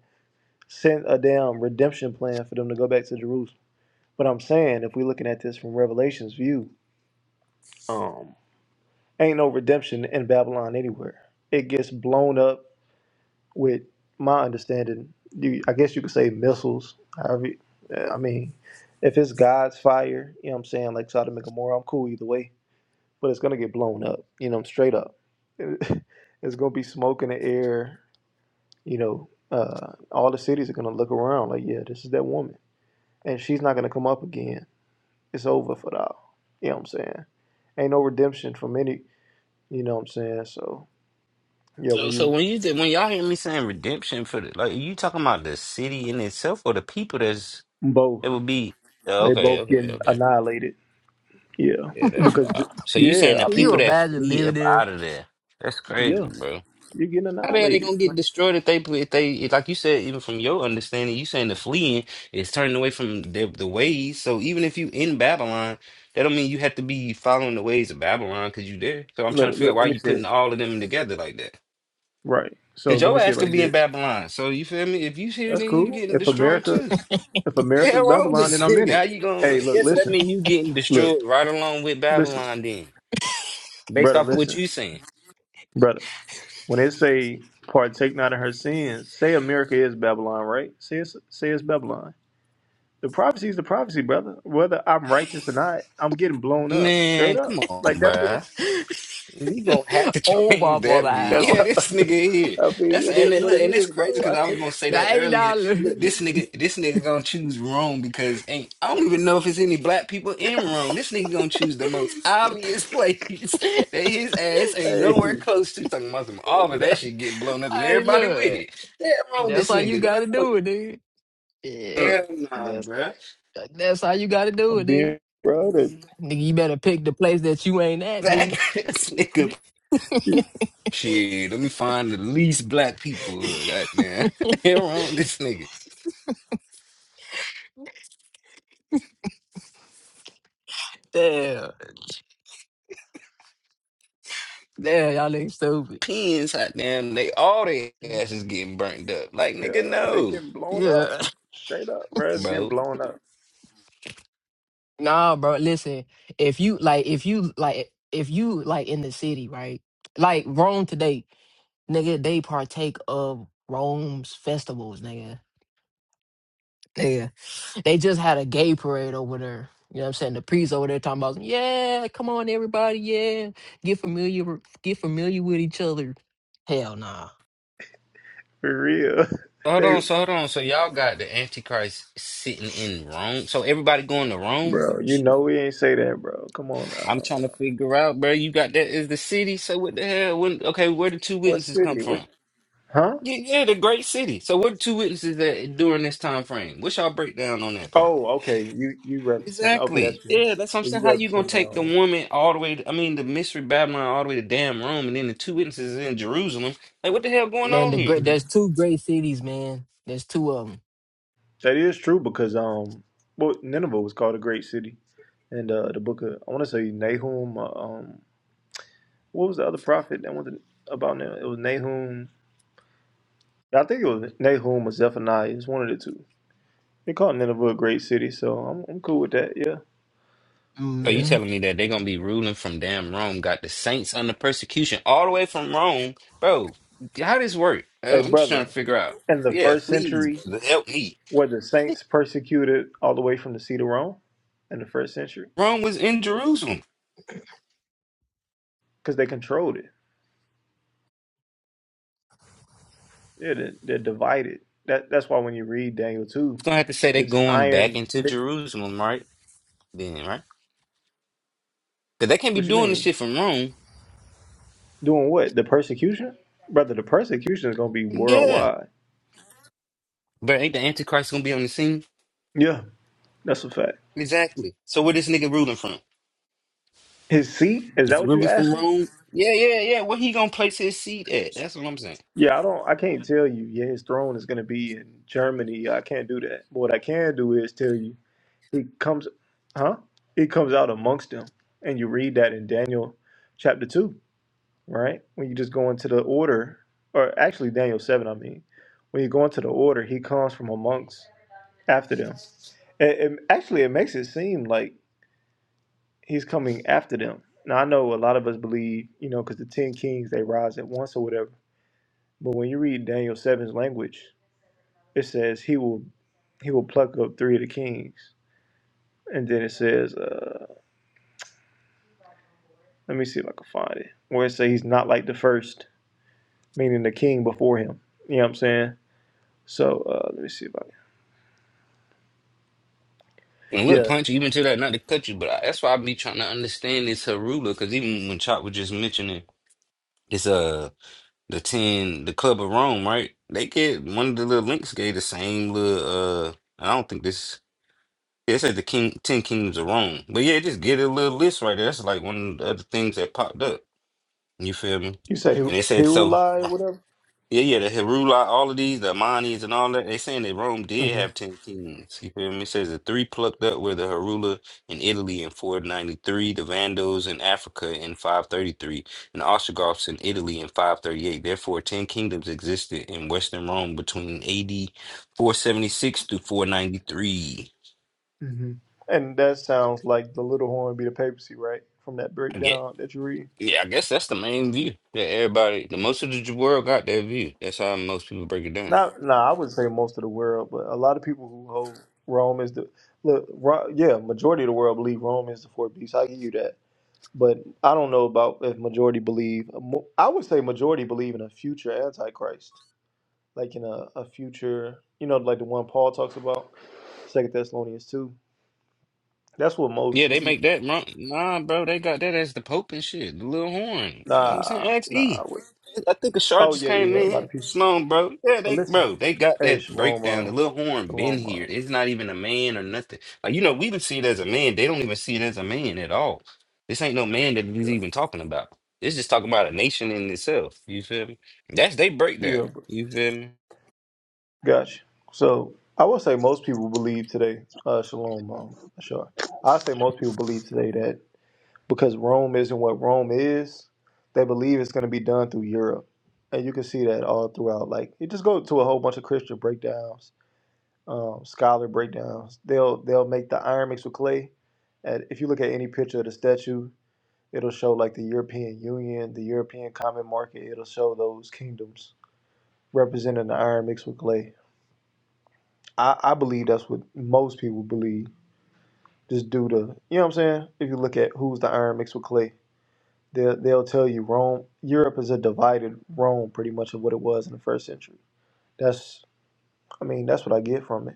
[SPEAKER 1] sent a damn redemption plan for them to go back to Jerusalem. But I'm saying if we're looking at this from Revelation's view, um, ain't no redemption in Babylon anywhere. It gets blown up with my understanding. You, I guess you could say missiles. However, you- I mean, if it's God's fire, you know what I'm saying, like Sodom and Gomorrah, I'm cool either way. but it's gonna get blown up. You know, straight up, it's gonna be smoke in the air. You know, uh, all the cities are gonna look around like, yeah, this is that woman, and she's not gonna come up again. It's over for thou. You know what I'm saying? Ain't no redemption for any. You know what I'm saying? So yeah,
[SPEAKER 4] So,
[SPEAKER 1] when
[SPEAKER 4] so
[SPEAKER 1] you
[SPEAKER 4] when you did, when y'all hear me saying redemption for the like, you talking about the city in itself or the people that's
[SPEAKER 1] both
[SPEAKER 4] it would be? Yeah,
[SPEAKER 1] they
[SPEAKER 4] Okay,
[SPEAKER 1] both
[SPEAKER 4] okay,
[SPEAKER 1] getting
[SPEAKER 4] okay.
[SPEAKER 1] annihilated. Yeah,
[SPEAKER 4] Yeah, that's
[SPEAKER 1] because th-
[SPEAKER 4] wild. So you saying
[SPEAKER 1] yeah,
[SPEAKER 4] the
[SPEAKER 1] I
[SPEAKER 2] Can you
[SPEAKER 4] people
[SPEAKER 1] mean,
[SPEAKER 4] that
[SPEAKER 2] imagine
[SPEAKER 4] flee
[SPEAKER 2] living
[SPEAKER 4] up
[SPEAKER 2] there?
[SPEAKER 4] out of there? That's crazy,
[SPEAKER 1] yeah,
[SPEAKER 4] bro.
[SPEAKER 1] you're getting
[SPEAKER 4] How the hell they
[SPEAKER 1] annihilated.
[SPEAKER 4] gonna get
[SPEAKER 1] Look,
[SPEAKER 4] destroyed if they if they if, like you said? Even from your understanding, you saying the fleeing is turning away from the, the ways. So even if you in Babylon, that don't mean you have to be following the ways of Babylon because you there. So I'm trying to
[SPEAKER 1] look,
[SPEAKER 4] figure out
[SPEAKER 1] let
[SPEAKER 4] why
[SPEAKER 1] me
[SPEAKER 4] you
[SPEAKER 1] see it.
[SPEAKER 4] putting all of them together like that.
[SPEAKER 1] Right. So
[SPEAKER 4] Cause
[SPEAKER 1] let me
[SPEAKER 4] your
[SPEAKER 1] see
[SPEAKER 4] ass
[SPEAKER 1] it
[SPEAKER 4] could
[SPEAKER 1] like
[SPEAKER 4] be in
[SPEAKER 1] this.
[SPEAKER 4] Babylon. So you feel me? If you here,
[SPEAKER 1] That's
[SPEAKER 4] then you
[SPEAKER 1] cool.
[SPEAKER 4] getting
[SPEAKER 1] If
[SPEAKER 4] destroyed
[SPEAKER 1] America
[SPEAKER 4] too.
[SPEAKER 1] If
[SPEAKER 4] What the Hell
[SPEAKER 1] America's
[SPEAKER 4] wrong with
[SPEAKER 1] Babylon,
[SPEAKER 4] this
[SPEAKER 1] then I'm
[SPEAKER 4] thing.
[SPEAKER 1] in
[SPEAKER 4] How
[SPEAKER 1] it.
[SPEAKER 4] you
[SPEAKER 1] Hey,
[SPEAKER 4] going?
[SPEAKER 1] look,
[SPEAKER 4] Yeah, so that
[SPEAKER 1] listen,
[SPEAKER 4] mean you getting
[SPEAKER 1] look,
[SPEAKER 4] destroyed right along with
[SPEAKER 1] listen,
[SPEAKER 4] Babylon then. based
[SPEAKER 1] brother,
[SPEAKER 4] off of what
[SPEAKER 1] listen,
[SPEAKER 4] you saying.
[SPEAKER 1] brother. When they say partake not in her sins, say America is Babylon, right? Say it's, say it's Babylon. The prophecy is the prophecy, brother. Whether I'm righteous or not, I'm getting blown up, straight
[SPEAKER 4] Man,
[SPEAKER 1] up.
[SPEAKER 4] come on,
[SPEAKER 1] Like that's what it's.
[SPEAKER 4] bruh. You gonna have to
[SPEAKER 2] Oh,
[SPEAKER 4] change
[SPEAKER 2] Waffle
[SPEAKER 4] that view.
[SPEAKER 1] That's.
[SPEAKER 2] down.
[SPEAKER 4] Yeah, this nigga here.
[SPEAKER 1] I mean,
[SPEAKER 4] That's
[SPEAKER 1] it
[SPEAKER 4] and
[SPEAKER 1] is
[SPEAKER 4] then,
[SPEAKER 1] what
[SPEAKER 4] look,
[SPEAKER 1] it
[SPEAKER 4] and it's
[SPEAKER 1] is, bro.
[SPEAKER 4] crazy because
[SPEAKER 1] I
[SPEAKER 4] I was
[SPEAKER 1] can't.
[SPEAKER 4] gonna say that
[SPEAKER 2] I ain't
[SPEAKER 4] earlier.
[SPEAKER 2] not.
[SPEAKER 4] Look, this nigga, this nigga gonna choose Rome because ain't I don't even know if it's any black people in Rome. This nigga gonna choose the most obvious place that his ass ain't nowhere
[SPEAKER 1] Hey,
[SPEAKER 4] close to. Talking about some all of that shit get blown up and
[SPEAKER 2] Hey,
[SPEAKER 4] everybody with
[SPEAKER 2] look.
[SPEAKER 4] it. Yeah, wrong with
[SPEAKER 2] That's
[SPEAKER 4] this
[SPEAKER 2] how you
[SPEAKER 4] nigga.
[SPEAKER 2] got to
[SPEAKER 4] No,
[SPEAKER 2] do it, dude. Yeah.
[SPEAKER 4] hell nah,
[SPEAKER 2] That's,
[SPEAKER 4] bruh.
[SPEAKER 2] that's how you got to do
[SPEAKER 1] I'm
[SPEAKER 2] it, nigga.
[SPEAKER 1] being, bro. They,
[SPEAKER 2] Nigga, you better pick the place that you ain't at,
[SPEAKER 4] That
[SPEAKER 2] nigga.
[SPEAKER 4] this nigga Shit, let me find the least black people. Goddamn, here on this nigga.
[SPEAKER 2] Damn. Damn, y'all ain't stupid.
[SPEAKER 4] Pins, goddamn, they all their asses getting burnt up. Like nigga,
[SPEAKER 1] yeah, they
[SPEAKER 4] no,
[SPEAKER 1] getting blown up,
[SPEAKER 2] Yeah.
[SPEAKER 1] straight up, bro. It's getting
[SPEAKER 4] bro.
[SPEAKER 1] blown up
[SPEAKER 2] Nah, bro. Listen, if you like if you like if you like in the city, right? Like Rome today, nigga, they partake of Rome's festivals, nigga. Nigga. They just had a gay parade over there. You know what I'm saying? The priests over there talking about, yeah, come on everybody, yeah. Get familiar get familiar with each other. Hell nah.
[SPEAKER 1] for real.
[SPEAKER 4] Hold
[SPEAKER 1] They.
[SPEAKER 4] on, so hold on, so y'all got the Antichrist sitting in Rome. So everybody going to Rome.
[SPEAKER 1] Bro, you
[SPEAKER 2] Shoot.
[SPEAKER 1] know we ain't say that, bro. Come on
[SPEAKER 4] I'm
[SPEAKER 1] now.
[SPEAKER 4] trying to figure out, bro. You got that is the city. So what the hell? When okay, where the two
[SPEAKER 1] What
[SPEAKER 4] witnesses come
[SPEAKER 1] city? Which?
[SPEAKER 4] from?
[SPEAKER 1] Huh?
[SPEAKER 4] Yeah, yeah, the great city. So what two witnesses at during this time frame? What's y'all breakdown on that part?
[SPEAKER 1] Oh, okay. You you represent? Okay, that's
[SPEAKER 4] Exactly.
[SPEAKER 1] true.
[SPEAKER 4] Yeah, that's what I'm
[SPEAKER 1] Yeah,
[SPEAKER 4] saying.
[SPEAKER 1] you
[SPEAKER 4] How you gonna
[SPEAKER 1] represent.
[SPEAKER 4] take the
[SPEAKER 1] Um,
[SPEAKER 4] woman all the way? To, I mean, the mystery Babylon all the way to damn Rome, and then the two witnesses in Jerusalem. Like, what the hell going
[SPEAKER 2] Man,
[SPEAKER 4] on
[SPEAKER 2] the
[SPEAKER 4] here?
[SPEAKER 2] great there's
[SPEAKER 1] mhm.
[SPEAKER 2] two great cities, man. There's two of them.
[SPEAKER 1] That is true because um, well, Nineveh was called a great city, and uh, the book of I want to say Nahum. uh, Um, what was the other prophet that was about Nineveh? It was Nahum. I think it was Nahum or Zephaniah. It's one of the two. They called Nineveh a great city, so I'm I'm cool with that. Yeah.
[SPEAKER 4] Are
[SPEAKER 1] Yeah.
[SPEAKER 4] you
[SPEAKER 2] Mm-hmm.
[SPEAKER 4] telling me that they're gonna be ruling from damn Rome? Got the saints under persecution all the way from Rome, bro? How this work? Uh,
[SPEAKER 1] Hey,
[SPEAKER 4] I'm just trying
[SPEAKER 1] brother.
[SPEAKER 4] to figure out.
[SPEAKER 1] In the
[SPEAKER 4] Yeah,
[SPEAKER 1] first
[SPEAKER 4] please,
[SPEAKER 1] century,
[SPEAKER 4] brother, help me.
[SPEAKER 1] Were the saints persecuted all the way from the seat of Rome in the first century?
[SPEAKER 4] Rome was in Jerusalem.
[SPEAKER 1] Because they controlled it. Yeah, they're, they're divided. That that's why when you read Daniel two,
[SPEAKER 4] It's gonna have to say they're
[SPEAKER 1] it's
[SPEAKER 4] going back
[SPEAKER 1] iron.
[SPEAKER 4] into
[SPEAKER 1] What
[SPEAKER 4] Jerusalem, right? Then, right? Because they can't be
[SPEAKER 1] you
[SPEAKER 4] doing this
[SPEAKER 1] mean?
[SPEAKER 4] shit from Rome.
[SPEAKER 1] Doing what? The persecution, brother. The persecution is gonna be
[SPEAKER 4] Yeah,
[SPEAKER 1] worldwide.
[SPEAKER 4] but ain't the Antichrist gonna be on the scene?
[SPEAKER 1] Yeah, that's a fact.
[SPEAKER 4] Exactly. So where this nigga ruling from?
[SPEAKER 1] His seat is
[SPEAKER 4] Is
[SPEAKER 1] that
[SPEAKER 4] he
[SPEAKER 1] what you're
[SPEAKER 4] ruling from
[SPEAKER 1] asking?
[SPEAKER 4] Rome? Yeah, yeah, yeah. Where he gonna place his seat at? That's what I'm saying.
[SPEAKER 1] Yeah, I don't. I can't tell you. Yeah, his throne is gonna be in Germany. I can't do that. But what I can do is tell you. It comes, huh? It comes out amongst them. And you read that in Daniel chapter 2, right? When you just go into the order, or actually Daniel 7, I mean. When you go into the order, he comes from amongst after them. And, and actually, it makes it seem like he's coming after them. Now, I know a lot of us believe, you know, because the 10 kings, they rise at once or whatever. But when you read Daniel seven's language, it says he will he will pluck up three of the kings. And then it says, uh, Let me see if I can find it. Where it say he's not like the first, meaning the king before him. You know what I'm saying? So uh, let me see if I can.
[SPEAKER 4] And look,
[SPEAKER 1] Yeah.
[SPEAKER 4] punch even to that not to cut you, but I, that's why I be trying to understand this Harula, because even when Chop was just mentioning this, uh, the ten, the Club of Rome, right? They get one of the little links gave the same little, uh, I don't think this. It says the king, ten kingdoms of Rome, but yeah, just get a little list right there. That's like one of the other things that popped up. You feel me?
[SPEAKER 1] You say he
[SPEAKER 4] And it said
[SPEAKER 1] he will
[SPEAKER 4] so.
[SPEAKER 1] lie or whatever.
[SPEAKER 4] Yeah, yeah, the Herula, all of these, the Amanis and all that, they saying that Rome did
[SPEAKER 1] hmm
[SPEAKER 4] have 10 kings. You feel me? It says the three plucked up were the Herula in Italy in 493, the Vandals in Africa in 533, and the Ostrogoths in Italy in 538. Therefore, 10 kingdoms existed in Western Rome between AD 476 to 493.
[SPEAKER 1] hmm And that sounds like the little horn be the papacy, right? From that
[SPEAKER 4] I get,
[SPEAKER 1] breakdown that you read.
[SPEAKER 4] yeah, I guess that's the main view that everybody, the most of the world got that view. That's how most people break it down.
[SPEAKER 1] Not, nah, I wouldn't say most of the world, but a lot of people who hold Rome is the look. Ro, yeah, majority of the world believe Rome is the fourth beast. I give you that, but I don't know about if majority believe. mo- I would say majority believe in a future antichrist. like in a, a future, you know, like the one Paul talks about, Second Thessalonians two. That's what
[SPEAKER 4] Yeah,
[SPEAKER 1] most.
[SPEAKER 4] they
[SPEAKER 1] If you
[SPEAKER 4] make that. mo- Nah, bro, they got that as the Pope and shit. The little horn. I'm saying,
[SPEAKER 1] nah
[SPEAKER 4] ask
[SPEAKER 1] nah. I
[SPEAKER 4] E. I think a shark
[SPEAKER 1] Oh
[SPEAKER 4] just
[SPEAKER 1] yeah yeah
[SPEAKER 4] came
[SPEAKER 1] yeah. A lot
[SPEAKER 4] in.
[SPEAKER 1] of people.
[SPEAKER 4] Sloan, bro. Yeah,
[SPEAKER 1] But
[SPEAKER 4] they,
[SPEAKER 1] listen,
[SPEAKER 4] bro, they got
[SPEAKER 1] hey
[SPEAKER 4] that
[SPEAKER 1] shalom
[SPEAKER 4] breakdown. The
[SPEAKER 1] um,
[SPEAKER 4] little horn been
[SPEAKER 1] shalom um,
[SPEAKER 4] here. It's not even a man or nothing. Like, you know, we even see it as a man. They don't even see it as a man at all. This ain't no man that he's even talking about. It's just talking about a nation in itself. You feel me? That's they breakdown.
[SPEAKER 1] yeah. But
[SPEAKER 4] You feel me?
[SPEAKER 1] gotcha. So I would say most people believe today. Uh, shalom um, sure. I say most people believe today that because Rome isn't what Rome is, they believe it's going to be done through Europe, and you can see that all throughout. Like you just go to a whole bunch of Christian breakdowns um, scholar breakdowns. They'll they'll make the iron mixed with clay. And if you look at any picture of the statue, it'll show like the European Union, the European Common Market. It'll show those kingdoms representing the iron mixed with clay. I, I believe that's what most people believe. Just due to you know what I'm saying. If you look at who's the iron mixed with clay, they'll they'll tell you Rome, Europe is a divided Rome, pretty much of what it was in the first century. That's I mean that's what I get from it.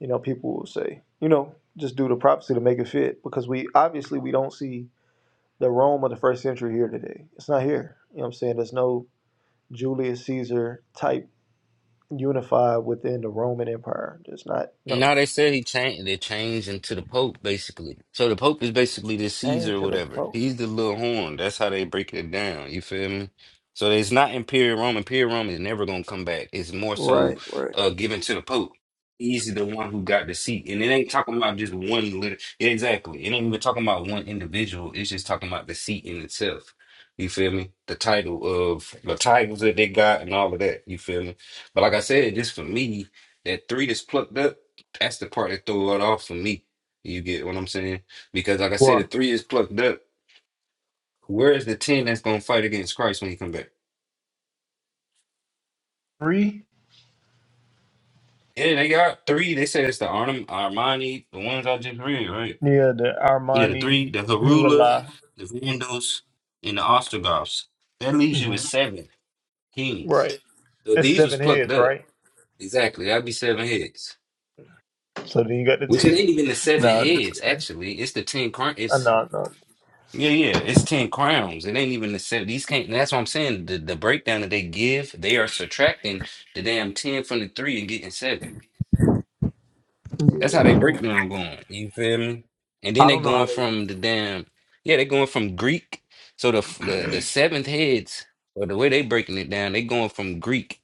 [SPEAKER 1] you know people will say you know just do the prophecy to make it fit because we obviously we don't see the rome of the first century here today it's not here you know what i'm saying there's no julius caesar type unified within the roman empire there's not no
[SPEAKER 4] No, they said he changed. They changed into the Pope basically. So the Pope is basically the Caesar,
[SPEAKER 1] change
[SPEAKER 4] or
[SPEAKER 1] to the
[SPEAKER 4] whatever.
[SPEAKER 1] pope
[SPEAKER 4] He's the little horn. That's how they break it down. You feel me? So it's not Imperial Rome. Imperial Rome is never gonna come back. It's more so
[SPEAKER 1] right right
[SPEAKER 4] uh, given to the Pope. He's the one who got the seat, and it ain't talking about just one little. yeah, Exactly. It ain't even talking about one individual. It's just talking about the seat in itself. You feel me? The title of the titles that they got and all of that. You feel me? But like I said, just for me that three that's plucked up. That's the part that throw it off for me. You get what I'm saying? Because like I said, the
[SPEAKER 1] well
[SPEAKER 4] three is plucked up. Where is the ten that's gonna fight against Christ when he come back?
[SPEAKER 1] three
[SPEAKER 4] Yeah, they got three. They said it's the Arnim, Armani, the ones I just read, right?
[SPEAKER 1] yeah the
[SPEAKER 4] Yeah, the
[SPEAKER 1] armani
[SPEAKER 4] three, the
[SPEAKER 1] he
[SPEAKER 4] Harula,
[SPEAKER 1] rely
[SPEAKER 4] the Vandals, and the Ostrogoths. That leaves you with
[SPEAKER 1] Mhm.
[SPEAKER 4] seven kings.
[SPEAKER 1] right
[SPEAKER 4] So
[SPEAKER 1] that's
[SPEAKER 4] these was
[SPEAKER 1] seven
[SPEAKER 4] plucked
[SPEAKER 1] heads
[SPEAKER 4] up.
[SPEAKER 1] right
[SPEAKER 4] Exactly, that'd be seven heads.
[SPEAKER 1] so then you got the
[SPEAKER 4] Which it
[SPEAKER 1] T-
[SPEAKER 4] ain't even the seven
[SPEAKER 1] no
[SPEAKER 4] heads.
[SPEAKER 1] this-
[SPEAKER 4] Actually, it's the ten. Cr-
[SPEAKER 1] uh,
[SPEAKER 4] it's
[SPEAKER 1] no no
[SPEAKER 4] Yeah, yeah, it's 10 crowns. It ain't even the seven. These can't, that's what I'm saying. The, the breakdown that they give, they are subtracting the damn 10 from the three and getting seven.
[SPEAKER 1] yeah,
[SPEAKER 4] That's how
[SPEAKER 1] I
[SPEAKER 4] they
[SPEAKER 1] don't
[SPEAKER 4] breakdown going. You feel me? And then
[SPEAKER 1] I
[SPEAKER 4] they
[SPEAKER 1] don't know how
[SPEAKER 4] going
[SPEAKER 1] they
[SPEAKER 4] from the damn, yeah, they going from Greek. So the f- the, the seventh heads, or the way they breaking it down, they going from Greek.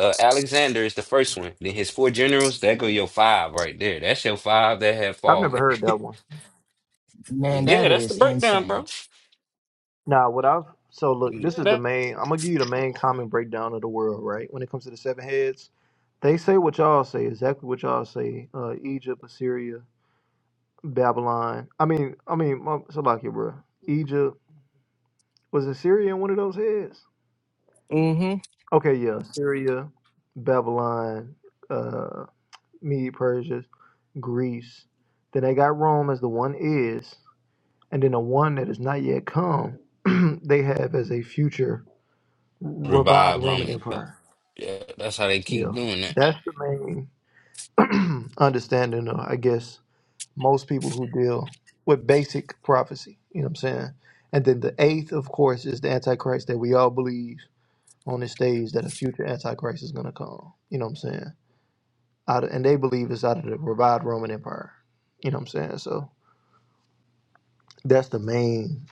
[SPEAKER 4] Uh, Alexander is the first one. Then his four generals, that go your five right there. That's your five that have
[SPEAKER 1] I've never
[SPEAKER 4] fallen.
[SPEAKER 1] heard that one.
[SPEAKER 2] Man, that
[SPEAKER 4] Yeah, that's the
[SPEAKER 2] is
[SPEAKER 4] breakdown, bro.
[SPEAKER 2] insane.
[SPEAKER 1] Now, what I've so look, this
[SPEAKER 4] Yeah,
[SPEAKER 1] is the
[SPEAKER 4] that
[SPEAKER 1] main. I'm gonna give you the main common breakdown of the world, right? When it comes to the seven heads, they say what y'all say, exactly what y'all say. Uh, Egypt, Assyria, Babylon. I mean, I mean, my- Salakia, bro. Egypt was Assyria in one of those heads?
[SPEAKER 2] Mm,
[SPEAKER 1] Okay, yeah, Assyria, Babylon, uh, Mede, Persia, Greece. Then they got Rome as the one is, and then the one that is not yet come, they have as a future revived
[SPEAKER 4] revive
[SPEAKER 1] Roman
[SPEAKER 4] Roman.
[SPEAKER 1] Empire.
[SPEAKER 4] Yeah, that's how they keep
[SPEAKER 1] Yeah,
[SPEAKER 4] doing that.
[SPEAKER 1] that's the main understanding of, I guess, most people who deal with basic prophecy. You know what I'm saying? And then the eighth, of course, is the Antichrist that we all believe on this stage that a future Antichrist is going to come. You know what I'm saying? Out of, and they believe it's out of the revived Roman Empire. You know what I'm saying? So that's the main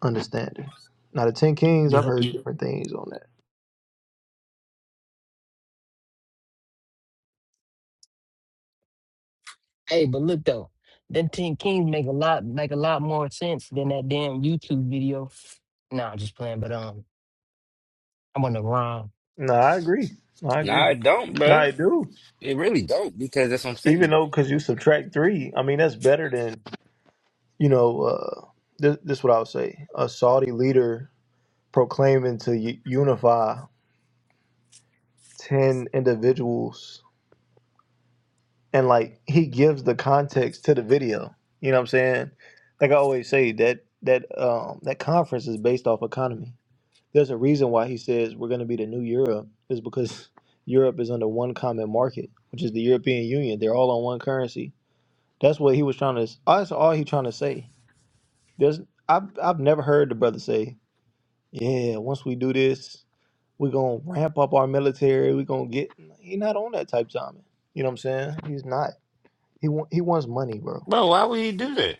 [SPEAKER 1] understanding. Now, the Ten Kings, I've
[SPEAKER 2] Yep.
[SPEAKER 1] heard different things on that.
[SPEAKER 2] Hey, but look though, them Ten Kings make a lot make a lot more sense than that damn YouTube video. Nah, I'm just playing. But um, I'm on the wrong.
[SPEAKER 1] No, I agree. I agree.
[SPEAKER 4] Nah, it don't,
[SPEAKER 1] No,
[SPEAKER 4] bro.
[SPEAKER 1] I do.
[SPEAKER 4] It really don't because that's what I'm saying.
[SPEAKER 1] Even
[SPEAKER 4] Though.
[SPEAKER 1] though, because you subtract three, I mean, that's better than you know, uh, this, this is what I would say. A Saudi leader proclaiming to u- unify 10 individuals, and like he gives the context to the video. You know what I'm saying? Like I always say, that that um, that conference is based off economy. There's a reason why he says we're going to be the new Europe is because Europe is under one common market, which is the European Union. They're all on one currency. That's what he was trying to. That's all he trying to say. There's I've I've never heard the brother say yeah, once we do this, we're gonna ramp up our military. We're gonna get. he not on that type timing. You know what I'm saying? He's not. He want, he wants money, bro.
[SPEAKER 4] Bro, why would he do that?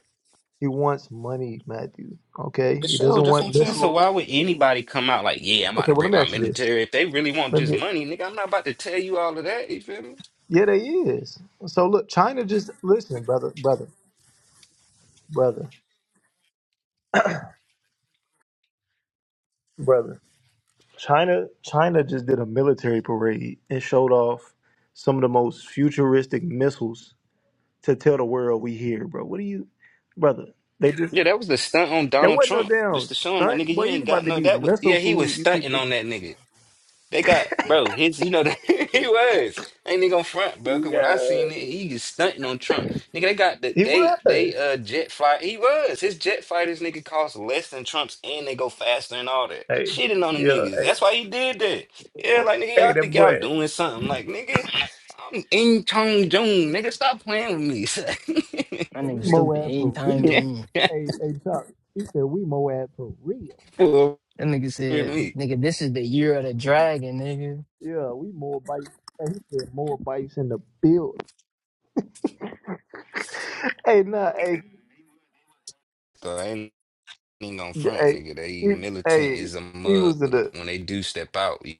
[SPEAKER 1] He wants money, Matthew. Okay,
[SPEAKER 4] It
[SPEAKER 1] he
[SPEAKER 4] shows.
[SPEAKER 1] doesn't
[SPEAKER 4] That's
[SPEAKER 1] want
[SPEAKER 4] what I'm saying. So
[SPEAKER 1] missiles.
[SPEAKER 4] why would anybody come out like, yeah, I'm about
[SPEAKER 1] Okay,
[SPEAKER 4] to
[SPEAKER 1] well let
[SPEAKER 4] break
[SPEAKER 1] me
[SPEAKER 4] my
[SPEAKER 1] ask you this.
[SPEAKER 4] military if they really want
[SPEAKER 1] Let
[SPEAKER 4] just
[SPEAKER 1] me.
[SPEAKER 4] money, nigga? I'm not about to tell you all of that. You feel me?
[SPEAKER 1] Yeah, they is. So look, China just listen, brother, brother, brother, brother. China, China just did a military parade and showed off some of the most futuristic missiles to tell the world we here, bro. What do you, brother? They just
[SPEAKER 4] Yeah, that was the stunt on
[SPEAKER 1] There
[SPEAKER 4] Donald
[SPEAKER 1] wasn't no
[SPEAKER 4] Trump, just
[SPEAKER 1] damn
[SPEAKER 4] to show him like,
[SPEAKER 1] stunt.
[SPEAKER 4] nigga, you
[SPEAKER 1] Boy, you
[SPEAKER 4] ain't got
[SPEAKER 1] about to
[SPEAKER 4] no
[SPEAKER 1] be
[SPEAKER 4] that. Was, yeah,
[SPEAKER 1] missile
[SPEAKER 4] he was
[SPEAKER 1] food. You keep
[SPEAKER 4] stunting on
[SPEAKER 1] thinking,
[SPEAKER 4] that nigga. They got bro, his you know he was. Ain't nigga on front, bro. Cause when I seen
[SPEAKER 1] yeah,
[SPEAKER 4] it, he was stunting on Trump. Nigga, they got the
[SPEAKER 1] he
[SPEAKER 4] they they
[SPEAKER 1] was.
[SPEAKER 4] uh jet fight. He was. His jet fighters nigga cost less than Trump's and they go faster and all that.
[SPEAKER 1] Hey,
[SPEAKER 4] Shitting on the
[SPEAKER 1] yeah,
[SPEAKER 4] niggas.
[SPEAKER 1] hey,
[SPEAKER 4] That's why he did that. Yeah, like nigga,
[SPEAKER 1] hey,
[SPEAKER 4] y'all
[SPEAKER 1] that
[SPEAKER 4] think y'all
[SPEAKER 1] boy.
[SPEAKER 4] doing something. Like, nigga, I'm in Chong Jung. Nigga, stop playing with me.
[SPEAKER 2] That
[SPEAKER 1] We
[SPEAKER 2] nigga stupid.
[SPEAKER 1] Moab for
[SPEAKER 2] Anytime
[SPEAKER 1] real.
[SPEAKER 2] doom.
[SPEAKER 4] Yeah,
[SPEAKER 1] Hey, hey, Chuck. He said we Moab for real.
[SPEAKER 4] fool
[SPEAKER 2] That nigga
[SPEAKER 4] with
[SPEAKER 2] said,
[SPEAKER 4] me.
[SPEAKER 2] nigga, this is the year of the dragon, nigga.
[SPEAKER 1] Yeah, we more bites. And he said more bites in the build. Hey, nah, hey,
[SPEAKER 4] So, ain't ain't gonna
[SPEAKER 1] d-
[SPEAKER 4] front,
[SPEAKER 1] hey,
[SPEAKER 4] nigga. They
[SPEAKER 1] he,
[SPEAKER 4] militant
[SPEAKER 1] hey,
[SPEAKER 4] is a
[SPEAKER 1] he
[SPEAKER 4] mug.
[SPEAKER 1] was in the.
[SPEAKER 4] When they do step out, you-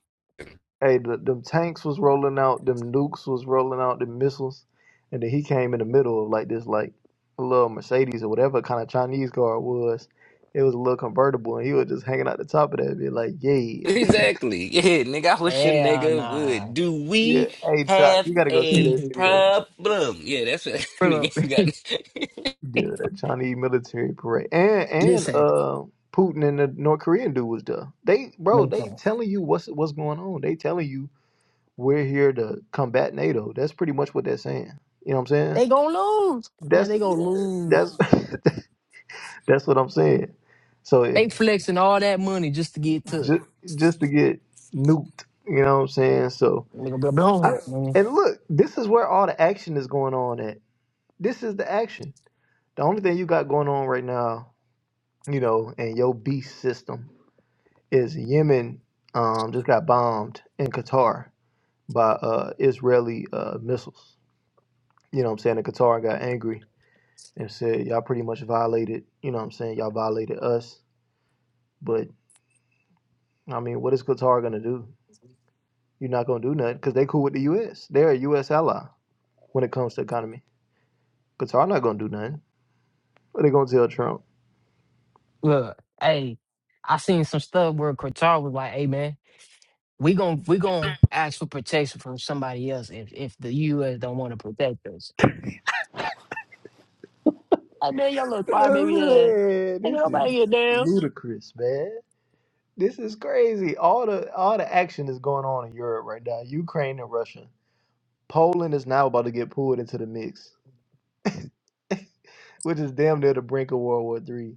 [SPEAKER 1] Hey, the, them tanks was rolling out, them nukes was rolling out, them missiles, and then he came in the middle of like this, like a little Mercedes or whatever kind of Chinese car it was. It was a little convertible, and he was just hanging out the top of that bit, like, yeah,
[SPEAKER 4] exactly. Yeah, nigga. I wish a
[SPEAKER 2] Hell
[SPEAKER 4] nigga
[SPEAKER 2] nah.
[SPEAKER 4] would. Do
[SPEAKER 1] yeah.
[SPEAKER 4] we
[SPEAKER 1] Hey, Chuck,
[SPEAKER 4] have
[SPEAKER 1] you got to go see
[SPEAKER 4] a
[SPEAKER 1] that video.
[SPEAKER 4] problem? Yeah, that's what
[SPEAKER 2] Bro,
[SPEAKER 4] nigga got.
[SPEAKER 1] Yeah, that Chinese military parade, and and
[SPEAKER 2] listen,
[SPEAKER 1] uh, Putin and the North Korean dude was there. They, bro, they
[SPEAKER 2] listen.
[SPEAKER 1] telling you what's what's going on. They telling you we're here to combat NATO. That's pretty much what they're saying. You know what I'm saying?
[SPEAKER 2] They gonna lose, man.
[SPEAKER 1] That's
[SPEAKER 2] They gonna lose.
[SPEAKER 1] that's that's what I'm saying. So if
[SPEAKER 2] They flexing all that money just to get took.
[SPEAKER 1] just just to get nuked, you know what I'm saying? So
[SPEAKER 2] Look, blah, blah, blah,
[SPEAKER 1] I
[SPEAKER 2] man.
[SPEAKER 1] and look, this is where all the action is going on at. This is the action. The only thing you got going on right now, you know, in your beast system is Yemen um just got bombed in Qatar by uh Israeli uh missiles. You know what I'm saying? And Qatar got angry and said, Y'all pretty much violated, you know what I'm saying, y'all violated us. but. I mean, what is Qatar gonna do? You're not gonna do nothing because they cool with the U.S. They're a U.S. ally when it comes to economy. Qatar not gonna do nothing. What they gonna tell Trump?
[SPEAKER 2] Look, hey, I seen some stuff where Qatar was like, "Hey, man, we gon' we gon' ask for protection from somebody else if if the U.S. don't want to protect us." Hey, man, y'all little fly baby ass.
[SPEAKER 1] Man,
[SPEAKER 2] Ain't
[SPEAKER 1] this
[SPEAKER 2] nobody
[SPEAKER 1] is
[SPEAKER 2] get down.
[SPEAKER 1] ludicrous, man. This is crazy. All the all the action is going on in Europe right now. Ukraine and Russia. Poland is now about to get pulled into the mix, which is damn near the brink of World War Three.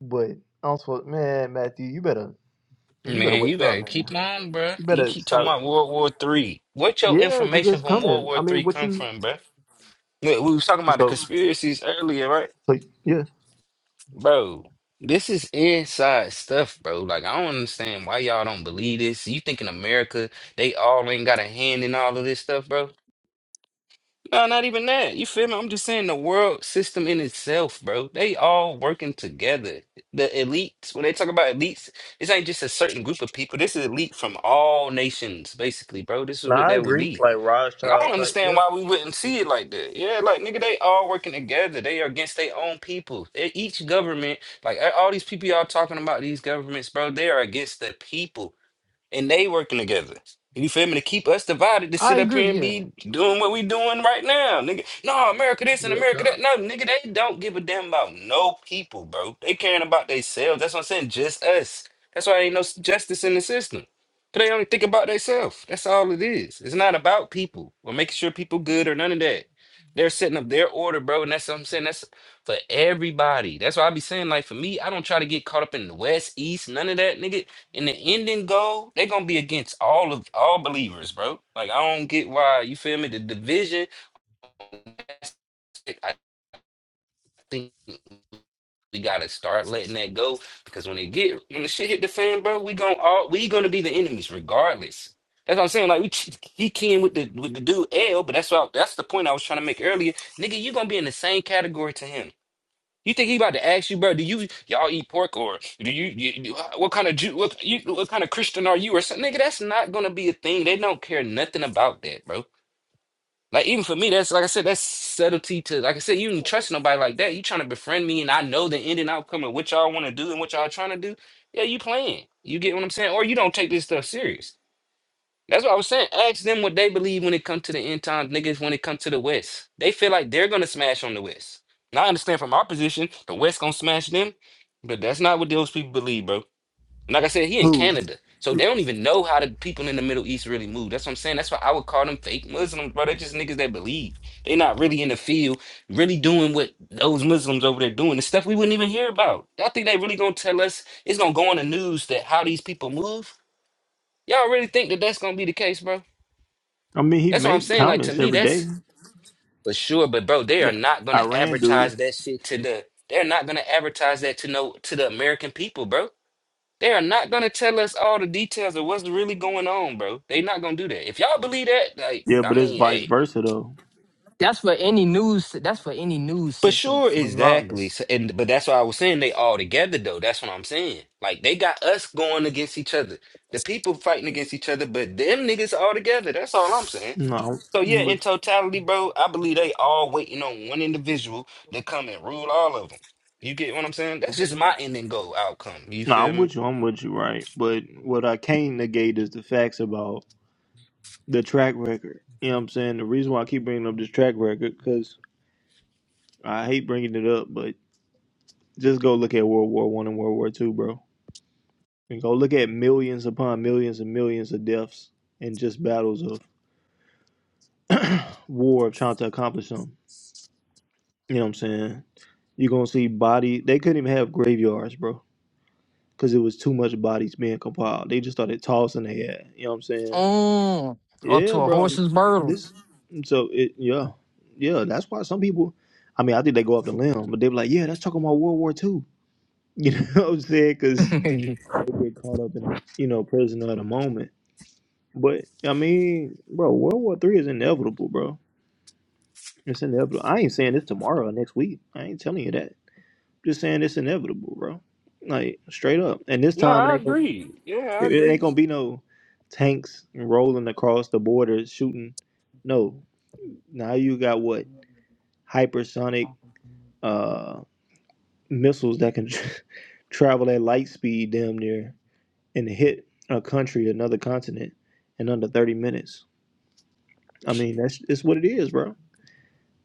[SPEAKER 1] But I'm supposed, man, Matthew, you better you better
[SPEAKER 4] Man, you
[SPEAKER 1] wake up,
[SPEAKER 4] better
[SPEAKER 1] man.
[SPEAKER 4] keep on, bruh.
[SPEAKER 1] You
[SPEAKER 4] You
[SPEAKER 1] better
[SPEAKER 4] keep talking
[SPEAKER 1] stop.
[SPEAKER 4] about World War Three. What your
[SPEAKER 1] Yeah, because
[SPEAKER 4] information
[SPEAKER 1] it's
[SPEAKER 4] from World
[SPEAKER 1] coming.
[SPEAKER 4] War
[SPEAKER 1] I mean,
[SPEAKER 4] Three
[SPEAKER 1] what
[SPEAKER 4] come
[SPEAKER 1] you?
[SPEAKER 4] from, bruh? Look, we was talking about the
[SPEAKER 1] so?
[SPEAKER 4] conspiracies earlier, right?
[SPEAKER 1] Like, yeah.
[SPEAKER 4] Bro, this is inside stuff, bro. Like, I don't understand why y'all don't believe this. You think in America they all ain't got a hand in all of this stuff, bro? No, not even that. You feel me? I'm just saying the world system in itself, bro. They all working together. The elites, when they talk about elites, this ain't just a certain group of people. This is elite from all nations, basically, bro. This is
[SPEAKER 1] No,
[SPEAKER 4] what
[SPEAKER 1] I
[SPEAKER 4] that would
[SPEAKER 1] agree.
[SPEAKER 4] be.
[SPEAKER 1] Like
[SPEAKER 4] Like, I
[SPEAKER 1] Rothschild
[SPEAKER 4] don't
[SPEAKER 1] type.
[SPEAKER 4] understand
[SPEAKER 1] Yeah.
[SPEAKER 4] why we wouldn't see it like that. Yeah, like nigga, they all working together. They are against their own people. They- each government, like a- all these people y'all talking about, these governments, bro, they are against the people and they working together. You feel me? To keep us divided, to
[SPEAKER 2] I
[SPEAKER 4] sit up
[SPEAKER 2] agree.
[SPEAKER 4] here and
[SPEAKER 2] Yeah,
[SPEAKER 4] be doing what we doing right now, nigga. No, America this and
[SPEAKER 1] Yeah.
[SPEAKER 4] America
[SPEAKER 1] kind of.
[SPEAKER 4] that. No, nigga, they don't give a damn about no people, bro. They caring about themselves. That's what I'm saying. Just us. That's why ain't no s- justice in the system. 'Cause They only think about themselves. That's all it is. It's not about people or making sure people good or none of that. They're setting up their order, bro, and that's what I'm saying. That's for everybody. That's why I be saying, like, for me, I don't try to get caught up in the West, East, none of that, nigga in the ending goal, they're gonna be against all of all believers, bro. Like I don't get why you feel me. The division, that's it. I think we gotta start letting that go because when it get when the shit hit the fan, bro, we gonna all we gonna be the enemies regardless. That's what I'm saying. Like we ch- he came with the with the dude L, but that's what I- that's the point I was trying to make earlier. Nigga, you gonna be in the same category to him. You think he about to ask you, bro? Do you y'all eat pork or do you, you you- what kind of Jew what you what kind of Christian are you or something? Nigga, that's not gonna be a thing. They don't care nothing about that, bro. Like even for me, that's like I said, that's subtlety to like I said, you do not trust nobody like that. You trying to befriend me and I know the end and outcome of what y'all want to do and what y'all trying to do. Yeah, you playing. You get what I'm saying? Or you don't take this stuff serious. That's what I was saying. Ask them what they believe when it comes to the end times, niggas, when it comes to the West. They feel like they're gonna smash on the West. Now I understand from our position, the West gonna smash them, but that's not what those people believe, bro. And like I said, he in
[SPEAKER 1] Who?
[SPEAKER 4] Canada. So they don't even know how the people in the Middle East really move. That's what I'm saying. That's why I would call them fake Muslims, bro. They're just niggas that believe. They're not really in the field, really doing what those Muslims over there doing. The stuff we wouldn't even hear about. Y'all think they really gonna tell us it's gonna go on the news that how these people move? Y'all really think that that's gonna be the case, bro?
[SPEAKER 1] I mean, he
[SPEAKER 4] That's what I'm
[SPEAKER 1] made
[SPEAKER 4] saying. Like to
[SPEAKER 1] comments
[SPEAKER 4] me,
[SPEAKER 1] every day.
[SPEAKER 4] that's for sure. But bro, they are
[SPEAKER 1] The
[SPEAKER 4] not gonna
[SPEAKER 1] Iran do.
[SPEAKER 4] advertise that shit to the. They're not gonna advertise that to no to the American people, bro. They are not gonna tell us all the details of what's really going on, bro. They not gonna do that. If y'all believe that, like,
[SPEAKER 1] Yeah,
[SPEAKER 4] I
[SPEAKER 1] but it's
[SPEAKER 4] mean,
[SPEAKER 1] vice
[SPEAKER 4] hey,
[SPEAKER 1] versa though.
[SPEAKER 2] that's for any news. That's for any news
[SPEAKER 4] for
[SPEAKER 2] system,
[SPEAKER 4] sure, exactly.
[SPEAKER 2] regardless.
[SPEAKER 4] So, and but that's why I was saying they all together though. That's what I'm saying. Like they got us going against each other. The people fighting against each other, but them niggas all together. That's all I'm saying.
[SPEAKER 1] No,
[SPEAKER 4] So yeah,
[SPEAKER 1] I'm
[SPEAKER 4] in
[SPEAKER 1] with,
[SPEAKER 4] totality, bro, I believe they all waiting on one individual to come and rule all of them. You get what I'm saying? That's just my ending goal outcome. You
[SPEAKER 1] no,
[SPEAKER 4] feel
[SPEAKER 1] I'm
[SPEAKER 4] me?
[SPEAKER 1] with you. I'm with you, right? But what I can't negate is the facts about the track record. You know what I'm saying? The reason why I keep bringing up this track record because I hate bringing it up, but just go look at World War One and World War Two, bro, and go look at millions upon millions and millions of deaths and just battles of. war of trying to accomplish something. You know what I'm saying? You're gonna see body. They couldn't even have graveyards, bro, because it was too much bodies being compiled. They just started tossing their head. You know what I'm saying?
[SPEAKER 2] Mm, up
[SPEAKER 1] Yeah,
[SPEAKER 2] to a
[SPEAKER 1] bro. I'm-
[SPEAKER 2] horse's bridle.
[SPEAKER 1] This. So it. Yeah. Yeah. That's why some people. I mean, I think they go up the limb, but they be like, "Yeah, that's talking about World War II. You know what I'm saying? Because
[SPEAKER 2] mm-hmm.
[SPEAKER 1] they get caught up in, you know, prisoner of the moment. But I mean, bro, World War Three is inevitable, bro. It's inevitable. I ain't saying this tomorrow or next week. I ain't telling you that. Just saying it's inevitable, bro. Like straight up. And this
[SPEAKER 4] No,
[SPEAKER 1] time it
[SPEAKER 4] I
[SPEAKER 1] ain't gonna,
[SPEAKER 4] agree. Yeah, I
[SPEAKER 1] it it ain't
[SPEAKER 4] agree.
[SPEAKER 1] gonna be no tanks rolling across the border shooting. No. Now you got what hypersonic uh missiles that can travel at light speed damn near and hit a country, another continent in under 30 minutes. I mean, that's it's what it is, bro.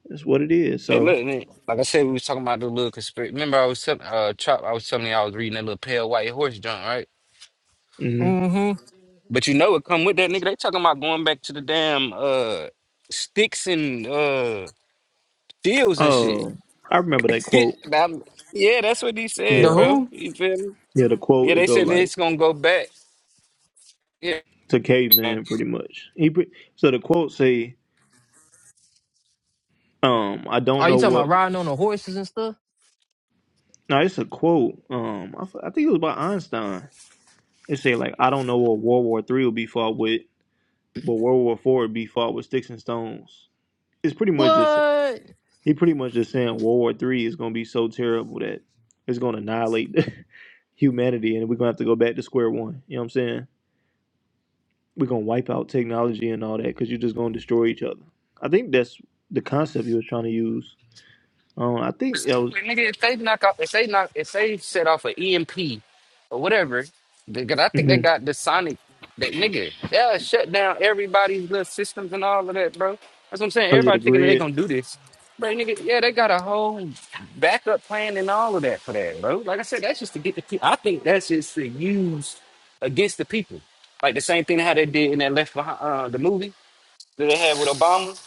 [SPEAKER 1] It's what it is.
[SPEAKER 4] Hey,
[SPEAKER 1] So,
[SPEAKER 4] look, man, like I said, we was talking about the little conspiracy. Remember, I was telling uh, Chop, I was telling you I was reading that little pale white horse joint, right?
[SPEAKER 1] mhm.
[SPEAKER 4] But you know, it come with that nigga. They talking about going back to the damn uh sticks and uh deals and shit.
[SPEAKER 1] oh, I remember that quote.
[SPEAKER 4] Now, yeah, that's what he
[SPEAKER 2] The
[SPEAKER 4] said,
[SPEAKER 1] Yeah.
[SPEAKER 4] bro.
[SPEAKER 2] who?
[SPEAKER 4] You feel me?
[SPEAKER 1] Yeah, the
[SPEAKER 4] Yeah,
[SPEAKER 1] quote
[SPEAKER 4] they
[SPEAKER 1] it go
[SPEAKER 4] said
[SPEAKER 1] like
[SPEAKER 4] it's gonna go back. Yeah.
[SPEAKER 1] to caveman pretty much. He pre- so the quote say, um, I don't
[SPEAKER 2] Are you
[SPEAKER 1] know
[SPEAKER 2] talking about
[SPEAKER 1] what.
[SPEAKER 2] riding on the horses and stuff?
[SPEAKER 1] No, it's a quote. Um, I, f- I think it was by Einstein. It say like, I don't know what World War Three will be fought with, but World War Four would be fought with sticks and stones. It's pretty much just
[SPEAKER 2] What?
[SPEAKER 1] he pretty much just saying World War Three is gonna be so terrible that it's gonna annihilate humanity, and we're gonna have to go back to square one. You know what I'm saying? We're gonna wipe out technology and all that because you're just gonna destroy each other. I think that's the concept he was trying to use Um, I think that was.
[SPEAKER 4] Exactly, nigga. If they knock off, if they knock, if they set off an EMP or whatever, because I think they
[SPEAKER 1] hmm
[SPEAKER 4] got the sonic, that nigga, they'll shut down everybody's little systems and all of that, bro. That's what I'm saying.
[SPEAKER 1] Oh yeah, the
[SPEAKER 4] Everybody thinking that they
[SPEAKER 1] grid.
[SPEAKER 4] gonna do this, bro. Nigga, yeah, they got a whole backup plan and all of that for that, bro. Like I said, that's just to get the. Pe- I think that's just to use against the people, like the same thing how they did in that Left Behind uh, the movie. that they had with Obama.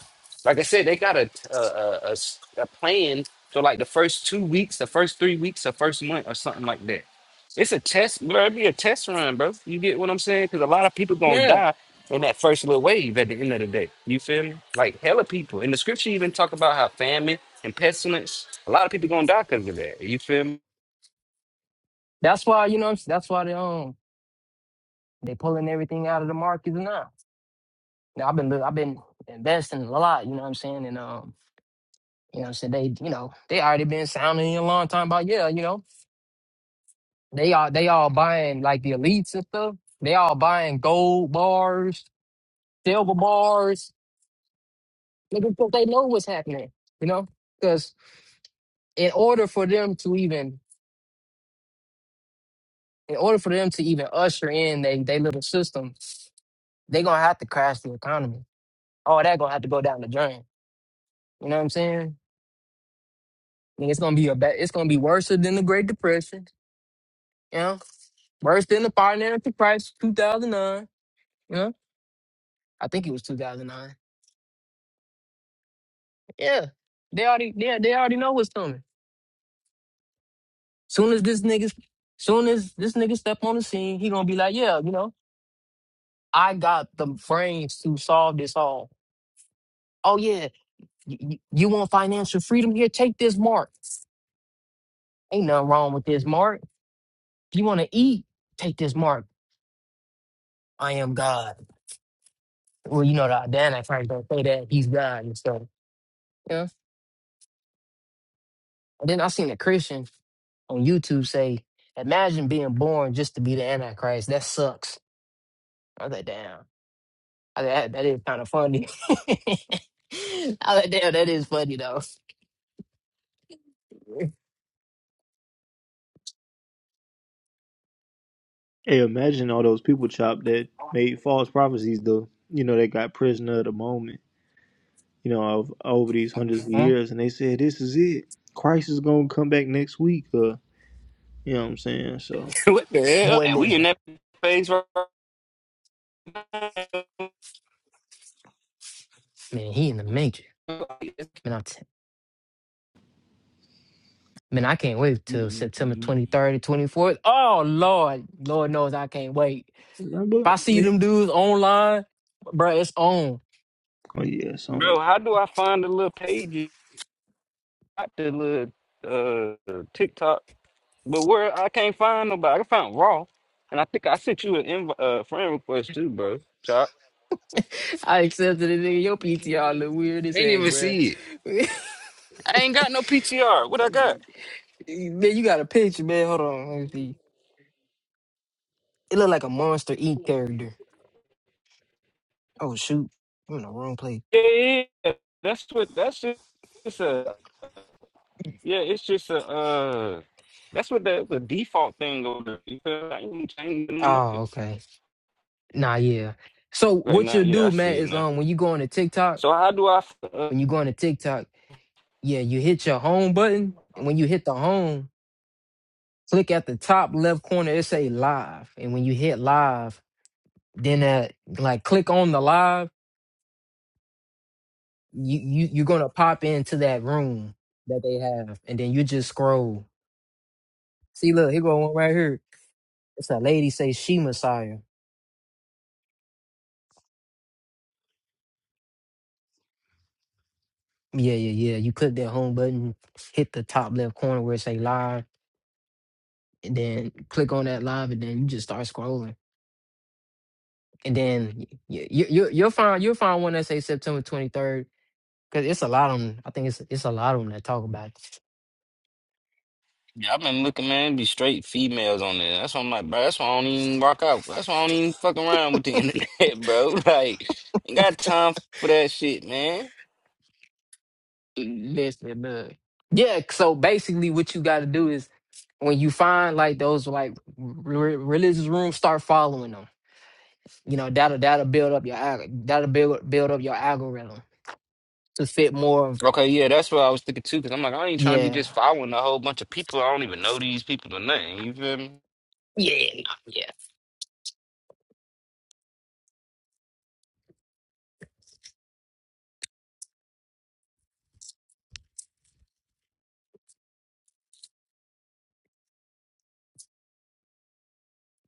[SPEAKER 4] Like I said, they got a a, a, a s- a plan for like the first two weeks, the first three weeks, the first month, or something like that. It's a test, bro. It'd be a test run, bro. You get what I'm saying? Because a lot of people gonna
[SPEAKER 2] Yeah.
[SPEAKER 4] die in that first little wave at the end of the day. You feel me? Like hella people. And the scripture even talk about how famine and pestilence. A lot of people gonna die because of that. You feel me?
[SPEAKER 2] That's why you know. what I'm s- That's why they um they pulling everything out of the markets now. Now I've been li- I've been investing a lot. You know what I'm saying? And um you know what I'm saying they you know they already been sounding a long time about yeah you know they are they all buying like the elites and stuff. They all buying gold bars, silver bars. Nigga, 'cause they know what's happening. You know because in order for them to even in order for them to even usher in they they little system, they gonna have to crash the economy. All that gonna have to go down the drain. You know what I'm saying? And it's gonna be a bad, it's gonna be worse than the Great Depression. You know, worse than the financial crisis 2009. You know, I think it was 2009. Yeah, they already yeah they already know what's coming. Soon as this niggas, soon as this nigga step on the scene, he gonna be like, yeah, you know, I got the brains to solve this all. Oh yeah, you, you want financial freedom here? Take this mark. Ain't nothing wrong with this mark. If you want to eat, take this mark. I am God. Well, you know the Dan at Christ don't say that. He's God and stuff. Yeah. And then I seen a Christian on YouTube say, "Imagine being born just to be the Antichrist. That sucks." I was like, "Damn, I, that that is kind of funny." I was like, "Damn, that is funny though."
[SPEAKER 1] Hey, imagine all those people chopped that made false prophecies. Though you know they got prisoner of the moment. You know, of, over these hundreds of
[SPEAKER 2] Mhm.
[SPEAKER 1] years, and they said this is it. Christ is gonna come back next week. Uh, you know what I'm saying? So,
[SPEAKER 4] what the hell?
[SPEAKER 2] Boy,
[SPEAKER 4] And we in
[SPEAKER 2] listen,
[SPEAKER 4] that phase, right?
[SPEAKER 2] man, he in the major. Man, I'm t- man, I can't wait till September 23rd, 24th. Oh Lord, Lord knows I can't wait. If
[SPEAKER 1] remember?
[SPEAKER 2] I see
[SPEAKER 1] they-
[SPEAKER 2] them dudes online, bro, it's on.
[SPEAKER 1] Oh yeah, it's on it.
[SPEAKER 4] Bro, how do I find the little pages? got the little uh TikTok, but where I can't find nobody. I found Raw, and I think I sent you an inv- uh, friend request too, bro. Chop.
[SPEAKER 2] I accepted it, nigga. Your PTR look weird as
[SPEAKER 4] I ain't
[SPEAKER 2] heck,
[SPEAKER 4] even
[SPEAKER 2] bruh.
[SPEAKER 4] see it. I ain't got no PTR. What I got?
[SPEAKER 2] man, you got a picture, man. Hold on, let me see. It look like a Monster Inc. character. Oh shoot, I'm in the wrong place.
[SPEAKER 4] Yeah, yeah. yeah. That's what. That's just it's a. Yeah, it's just a. uh That's what the, the default thing over there. Because I ain't changing it up.
[SPEAKER 2] Oh, okay. Nah, yeah. So
[SPEAKER 4] Right
[SPEAKER 2] what
[SPEAKER 4] now,
[SPEAKER 2] you'll
[SPEAKER 4] yeah, I
[SPEAKER 2] do, man,
[SPEAKER 4] see it
[SPEAKER 2] is
[SPEAKER 4] now.
[SPEAKER 2] um when you go on to TikTok,
[SPEAKER 4] So how do I? uh,
[SPEAKER 2] when you go on to TikTok, yeah, you hit your home button, and when you hit the home, click at the top left corner. It say live, and when you hit live then that like click on the live you, you you're gonna pop into that room that they have and then you just scroll see look here go one right here it's a lady say she messiah yeah yeah yeah you click that home button hit the top left corner where it say live and then click on that live and then you just start scrolling and then you, you, you you'll find you'll find one that say september 23rd because it's a lot of them i think it's it's a lot of them that talk about it
[SPEAKER 4] Yeah, I've been looking, man. it Be straight females on there. That's why I'm like, bro. That's why I don't even rock out. That's why I don't even fuck around with the internet, bro. Like, ain't got time for that shit, man.
[SPEAKER 2] Listen, man. Yeah, so basically what you got to do is when you find like those like re- religious rooms, start following them. You know, that'll that'll build up your alg- that'll build build up your algorithm to fit more of
[SPEAKER 4] Okay, yeah, that's what I was thinking too. Cause I'm like, I ain't trying to be
[SPEAKER 2] yeah.
[SPEAKER 4] just following a whole bunch of people. I don't even know these people or nothing. You feel me?
[SPEAKER 2] Yeah. Yeah.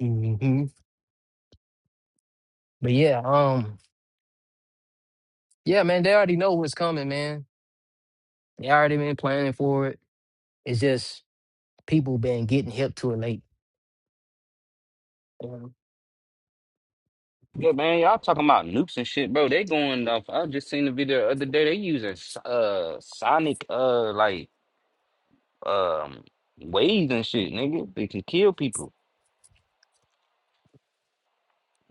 [SPEAKER 2] hmm But yeah, um yeah, man, they already know what's coming, man. They already been planning for it. It's just people been getting hip to it late. You know?
[SPEAKER 4] Yeah, man. Y'all talking about nukes and shit, bro. They going off. I just seen the video the other day. They using uh sonic uh like um waves and shit, nigga. They can kill people.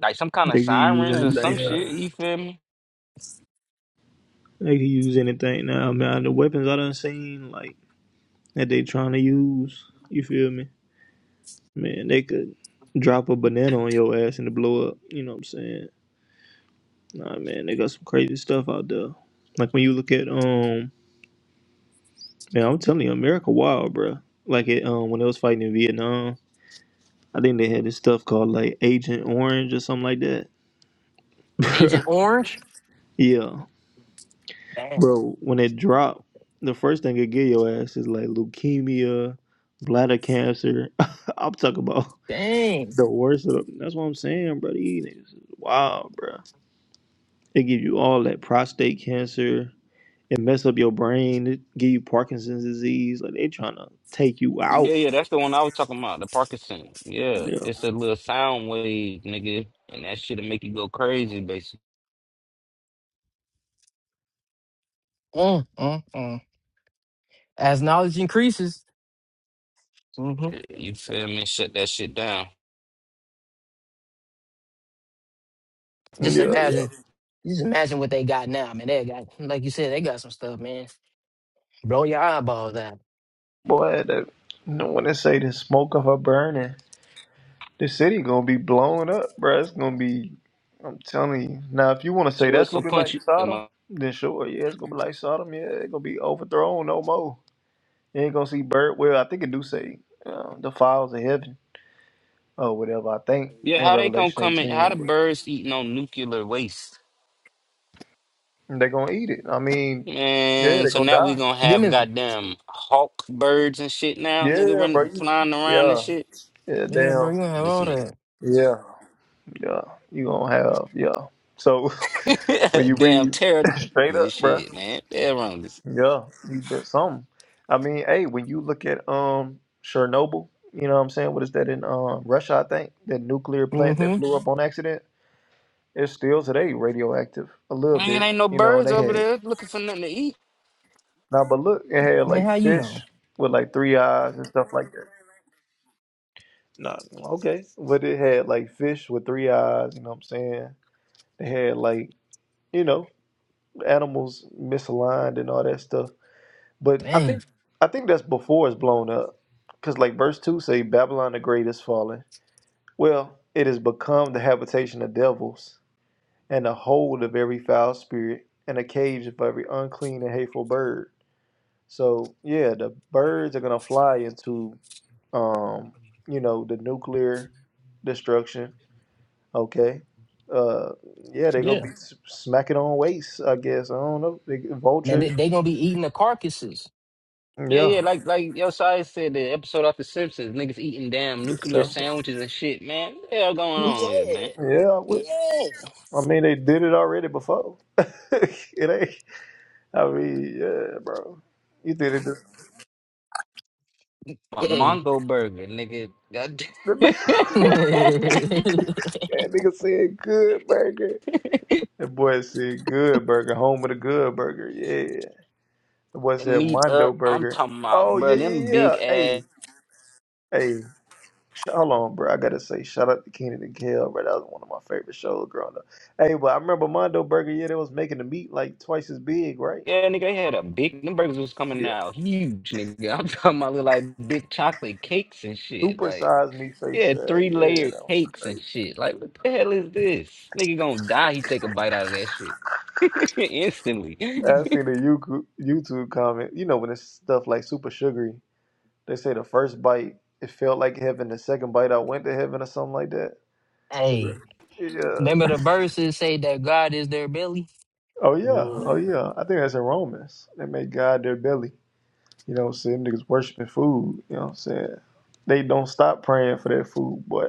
[SPEAKER 4] Like some kind of
[SPEAKER 1] They could use
[SPEAKER 4] sirens or some
[SPEAKER 1] anything
[SPEAKER 2] Yeah.
[SPEAKER 4] shit.
[SPEAKER 1] now.
[SPEAKER 4] You feel me?
[SPEAKER 1] They could use anything now. Man, the weapons I done seen like that they trying to use. You feel me? Man, they could drop a banana on your ass and it blow up. You know what I'm saying? Nah, man, they got some crazy stuff out there. Like when you look at um, man, I'm telling you, America wild, bruh. Like it um, when they was fighting in Vietnam, I think they had this stuff called like Agent Orange or something like that, Bruh. Yeah,
[SPEAKER 2] Dang.
[SPEAKER 1] bro. When it dropped, the first thing it give your ass is like leukemia, bladder cancer. I'm talking about
[SPEAKER 2] Dang.
[SPEAKER 1] the worst of them. That's what I'm saying, bro. These niggas is wild, bruh. It give you all that prostate cancer. It mess up your brain. It give you Parkinson's disease. Like they trying to take you out.
[SPEAKER 4] Yeah, yeah, that's the one I was talking about, the Parkinson. Yeah,
[SPEAKER 1] Yeah,
[SPEAKER 4] it's a little sound wave, nigga, and that shit'll make you go crazy, basically.
[SPEAKER 2] Mm, mm, mm. As knowledge increases, hmm
[SPEAKER 4] You feel me? Shut that shit down.
[SPEAKER 2] just
[SPEAKER 1] yeah, yeah.
[SPEAKER 2] imagine, just imagine what they got now. Man, they got, like you said, they got some stuff, man. Blow your eyeballs out.
[SPEAKER 1] Boy, that, no one to say the smoke of her burning. The city gonna be blown up, bro. It's gonna be. I'm telling you. Now, if you want to say
[SPEAKER 4] So
[SPEAKER 1] that's
[SPEAKER 4] it's so
[SPEAKER 1] gonna be like
[SPEAKER 4] punchy? um,
[SPEAKER 1] Sodom,
[SPEAKER 4] uh,
[SPEAKER 1] then sure, yeah, it's gonna be like Sodom. Yeah, it's gonna be overthrown no more. You ain't gonna see bird. Well, I think it do say uh, the files of heaven or whatever. I think
[SPEAKER 4] Yeah,
[SPEAKER 1] in
[SPEAKER 4] how they gonna
[SPEAKER 1] Revelation
[SPEAKER 4] come in? How the
[SPEAKER 1] 18, but
[SPEAKER 4] birds eating on nuclear waste?
[SPEAKER 1] they gonna eat it. I mean, yeah,
[SPEAKER 4] Man,
[SPEAKER 1] they
[SPEAKER 4] so
[SPEAKER 1] gonna
[SPEAKER 4] now we
[SPEAKER 1] die.
[SPEAKER 4] gonna
[SPEAKER 2] Them
[SPEAKER 4] have
[SPEAKER 2] is,
[SPEAKER 4] goddamn hawk birds and shit now, nigga,
[SPEAKER 1] Yeah, bro.
[SPEAKER 4] run
[SPEAKER 1] You,
[SPEAKER 4] flying around and
[SPEAKER 1] yeah.
[SPEAKER 4] shit.
[SPEAKER 1] Yeah,
[SPEAKER 2] yeah, bro.
[SPEAKER 1] damn.
[SPEAKER 2] You gonna have
[SPEAKER 4] This
[SPEAKER 2] all that.
[SPEAKER 1] Yeah. Yeah. You gonna have yeah. So when you
[SPEAKER 4] nigga, damn
[SPEAKER 1] read
[SPEAKER 4] terror
[SPEAKER 1] straight
[SPEAKER 4] and
[SPEAKER 1] up, bro.
[SPEAKER 4] shit, man. They're wrong. This.
[SPEAKER 1] Yeah, you been something. I mean, hey, when you look at um Chernobyl, you know what I'm saying? What is that in um Russia, I think? That nuclear plant that
[SPEAKER 2] Mm-hmm.
[SPEAKER 1] blew up on accident. It's still today radioactive a little
[SPEAKER 4] I ain't
[SPEAKER 1] bit,
[SPEAKER 4] ain't no
[SPEAKER 1] you know, and
[SPEAKER 4] birds
[SPEAKER 1] they
[SPEAKER 4] over
[SPEAKER 1] had
[SPEAKER 4] there looking for nothing to eat.
[SPEAKER 1] now but look, it had
[SPEAKER 2] Man,
[SPEAKER 1] like
[SPEAKER 2] how you
[SPEAKER 1] fish
[SPEAKER 2] know?
[SPEAKER 1] with like three eyes and stuff like that. No, okay. But it had like fish with three eyes, you know what I'm saying? They had like you know animals misaligned and all that stuff. But I
[SPEAKER 2] Dang.
[SPEAKER 1] think I think that's before it's blown up, because like verse two say Babylon the Great is fallen. Well, it has become the habitation of devils and the hold of every foul spirit and a cage of every unclean and hateful bird. So yeah, the birds are gonna fly into um you know the nuclear destruction Okay. Uh, yeah, they gonna
[SPEAKER 2] Yeah.
[SPEAKER 1] be s- smacking on waste, I guess. I don't know. They
[SPEAKER 2] Man, they,
[SPEAKER 1] vultures.
[SPEAKER 2] they gonna be eating the carcasses.
[SPEAKER 4] Yeah,
[SPEAKER 1] Yeah.
[SPEAKER 4] yeah, like like yo Sai said the episode off the Simpsons, niggas eating damn
[SPEAKER 1] The
[SPEAKER 4] nuclear
[SPEAKER 1] Simpson.
[SPEAKER 4] sandwiches and shit, man. What the hell going on here,
[SPEAKER 2] Yeah.
[SPEAKER 4] man?
[SPEAKER 1] Yeah, I would.
[SPEAKER 2] Yeah.
[SPEAKER 1] I mean, they did it already before. it ain't. I mean, yeah, bro. You did it. Just,
[SPEAKER 4] My
[SPEAKER 2] Hey.
[SPEAKER 4] Mongo burger, nigga. God
[SPEAKER 1] that
[SPEAKER 4] damn.
[SPEAKER 1] nigga said good burger. That boy said good burger. Home with a good burger. Yeah. That boy said
[SPEAKER 4] Meat
[SPEAKER 1] Mondo
[SPEAKER 4] up. I'm
[SPEAKER 1] burger.
[SPEAKER 4] talking about,
[SPEAKER 1] Oh
[SPEAKER 4] bro,
[SPEAKER 1] yeah,
[SPEAKER 4] them
[SPEAKER 1] yeah, yeah.
[SPEAKER 4] big ass
[SPEAKER 1] Hey, hey. Hold on, bro. I gotta say, shout out to Keenan and Kel, bro. That was one of my favorite shows growing up. Hey, but I remember Mondo Burger, yeah, they was making the meat like twice as big, right?
[SPEAKER 4] yeah, nigga, they had a big them burgers was coming
[SPEAKER 1] Yeah.
[SPEAKER 4] out huge, nigga. I'm talking about little, like big chocolate cakes and shit.
[SPEAKER 1] Super
[SPEAKER 4] Like,
[SPEAKER 1] size meat face.
[SPEAKER 4] yeah,
[SPEAKER 1] Uh,
[SPEAKER 4] three
[SPEAKER 1] yeah,
[SPEAKER 4] layered
[SPEAKER 1] that was
[SPEAKER 4] cakes and
[SPEAKER 1] crazy.
[SPEAKER 4] shit. Like, what the hell is this? Nigga gonna die, he take a bite out of that shit. Instantly.
[SPEAKER 1] Hey, I seen a YouTube YouTube comment. You know, when it's stuff like super sugary, they say the first bite, it felt like heaven. The second bite, I went to heaven or something like that.
[SPEAKER 2] hey.
[SPEAKER 1] Yeah.
[SPEAKER 2] Remember the verses say that God is their belly?
[SPEAKER 1] Oh,
[SPEAKER 2] Yeah.
[SPEAKER 1] yeah. Oh, yeah. I think that's in Romans. They made God their belly. You know what I'm saying? Niggas worshiping food. You know what I'm saying? They don't stop praying for that food, boy.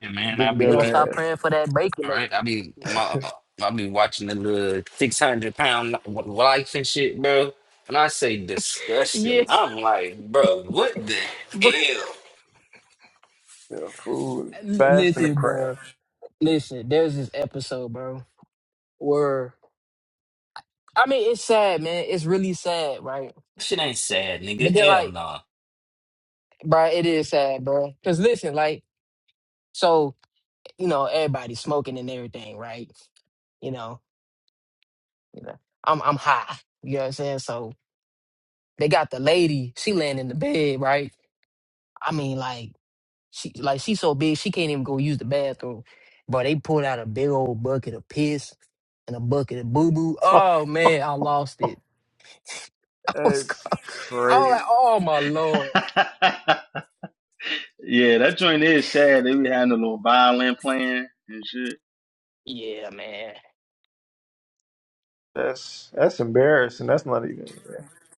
[SPEAKER 4] Yeah, man, I'll
[SPEAKER 1] Big
[SPEAKER 2] And
[SPEAKER 4] be
[SPEAKER 2] they
[SPEAKER 1] bell
[SPEAKER 2] don't
[SPEAKER 4] looking.
[SPEAKER 2] stop
[SPEAKER 1] ass.
[SPEAKER 2] praying for that bacon
[SPEAKER 4] All right, I'll
[SPEAKER 2] later.
[SPEAKER 4] be my I'll be watching the little six hundred pound life and shit, bro. When I say disgusting, I'm like, bro, what the
[SPEAKER 2] yeah.
[SPEAKER 4] hell?
[SPEAKER 1] You food.
[SPEAKER 2] L-
[SPEAKER 1] Fasting and
[SPEAKER 2] Listen,
[SPEAKER 1] praying.
[SPEAKER 2] bro. Listen, there's this episode, bro, where I mean, it's sad, man. It's really sad, right?
[SPEAKER 4] Shit ain't sad, nigga.
[SPEAKER 2] But then,
[SPEAKER 4] Hell
[SPEAKER 2] like,
[SPEAKER 4] no.
[SPEAKER 2] bro, it is sad, bro. Cause listen, like, so you know, everybody's smoking and everything, right? You know, you know, I'm I'm high. You know what I'm saying? So they got the lady. She laying in the bed, right? I mean, like, she like she's so big she can't even go use the bathroom. But they pulled out a big old bucket of piss and a bucket of boo boo. Oh man, I lost it. What's go-
[SPEAKER 1] That's
[SPEAKER 2] I was like,
[SPEAKER 1] crazy.
[SPEAKER 2] oh my lord.
[SPEAKER 6] yeah, that joint is sad. They be having a little violin playing and shit.
[SPEAKER 2] Yeah, man.
[SPEAKER 1] That's that's embarrassing. That's not even.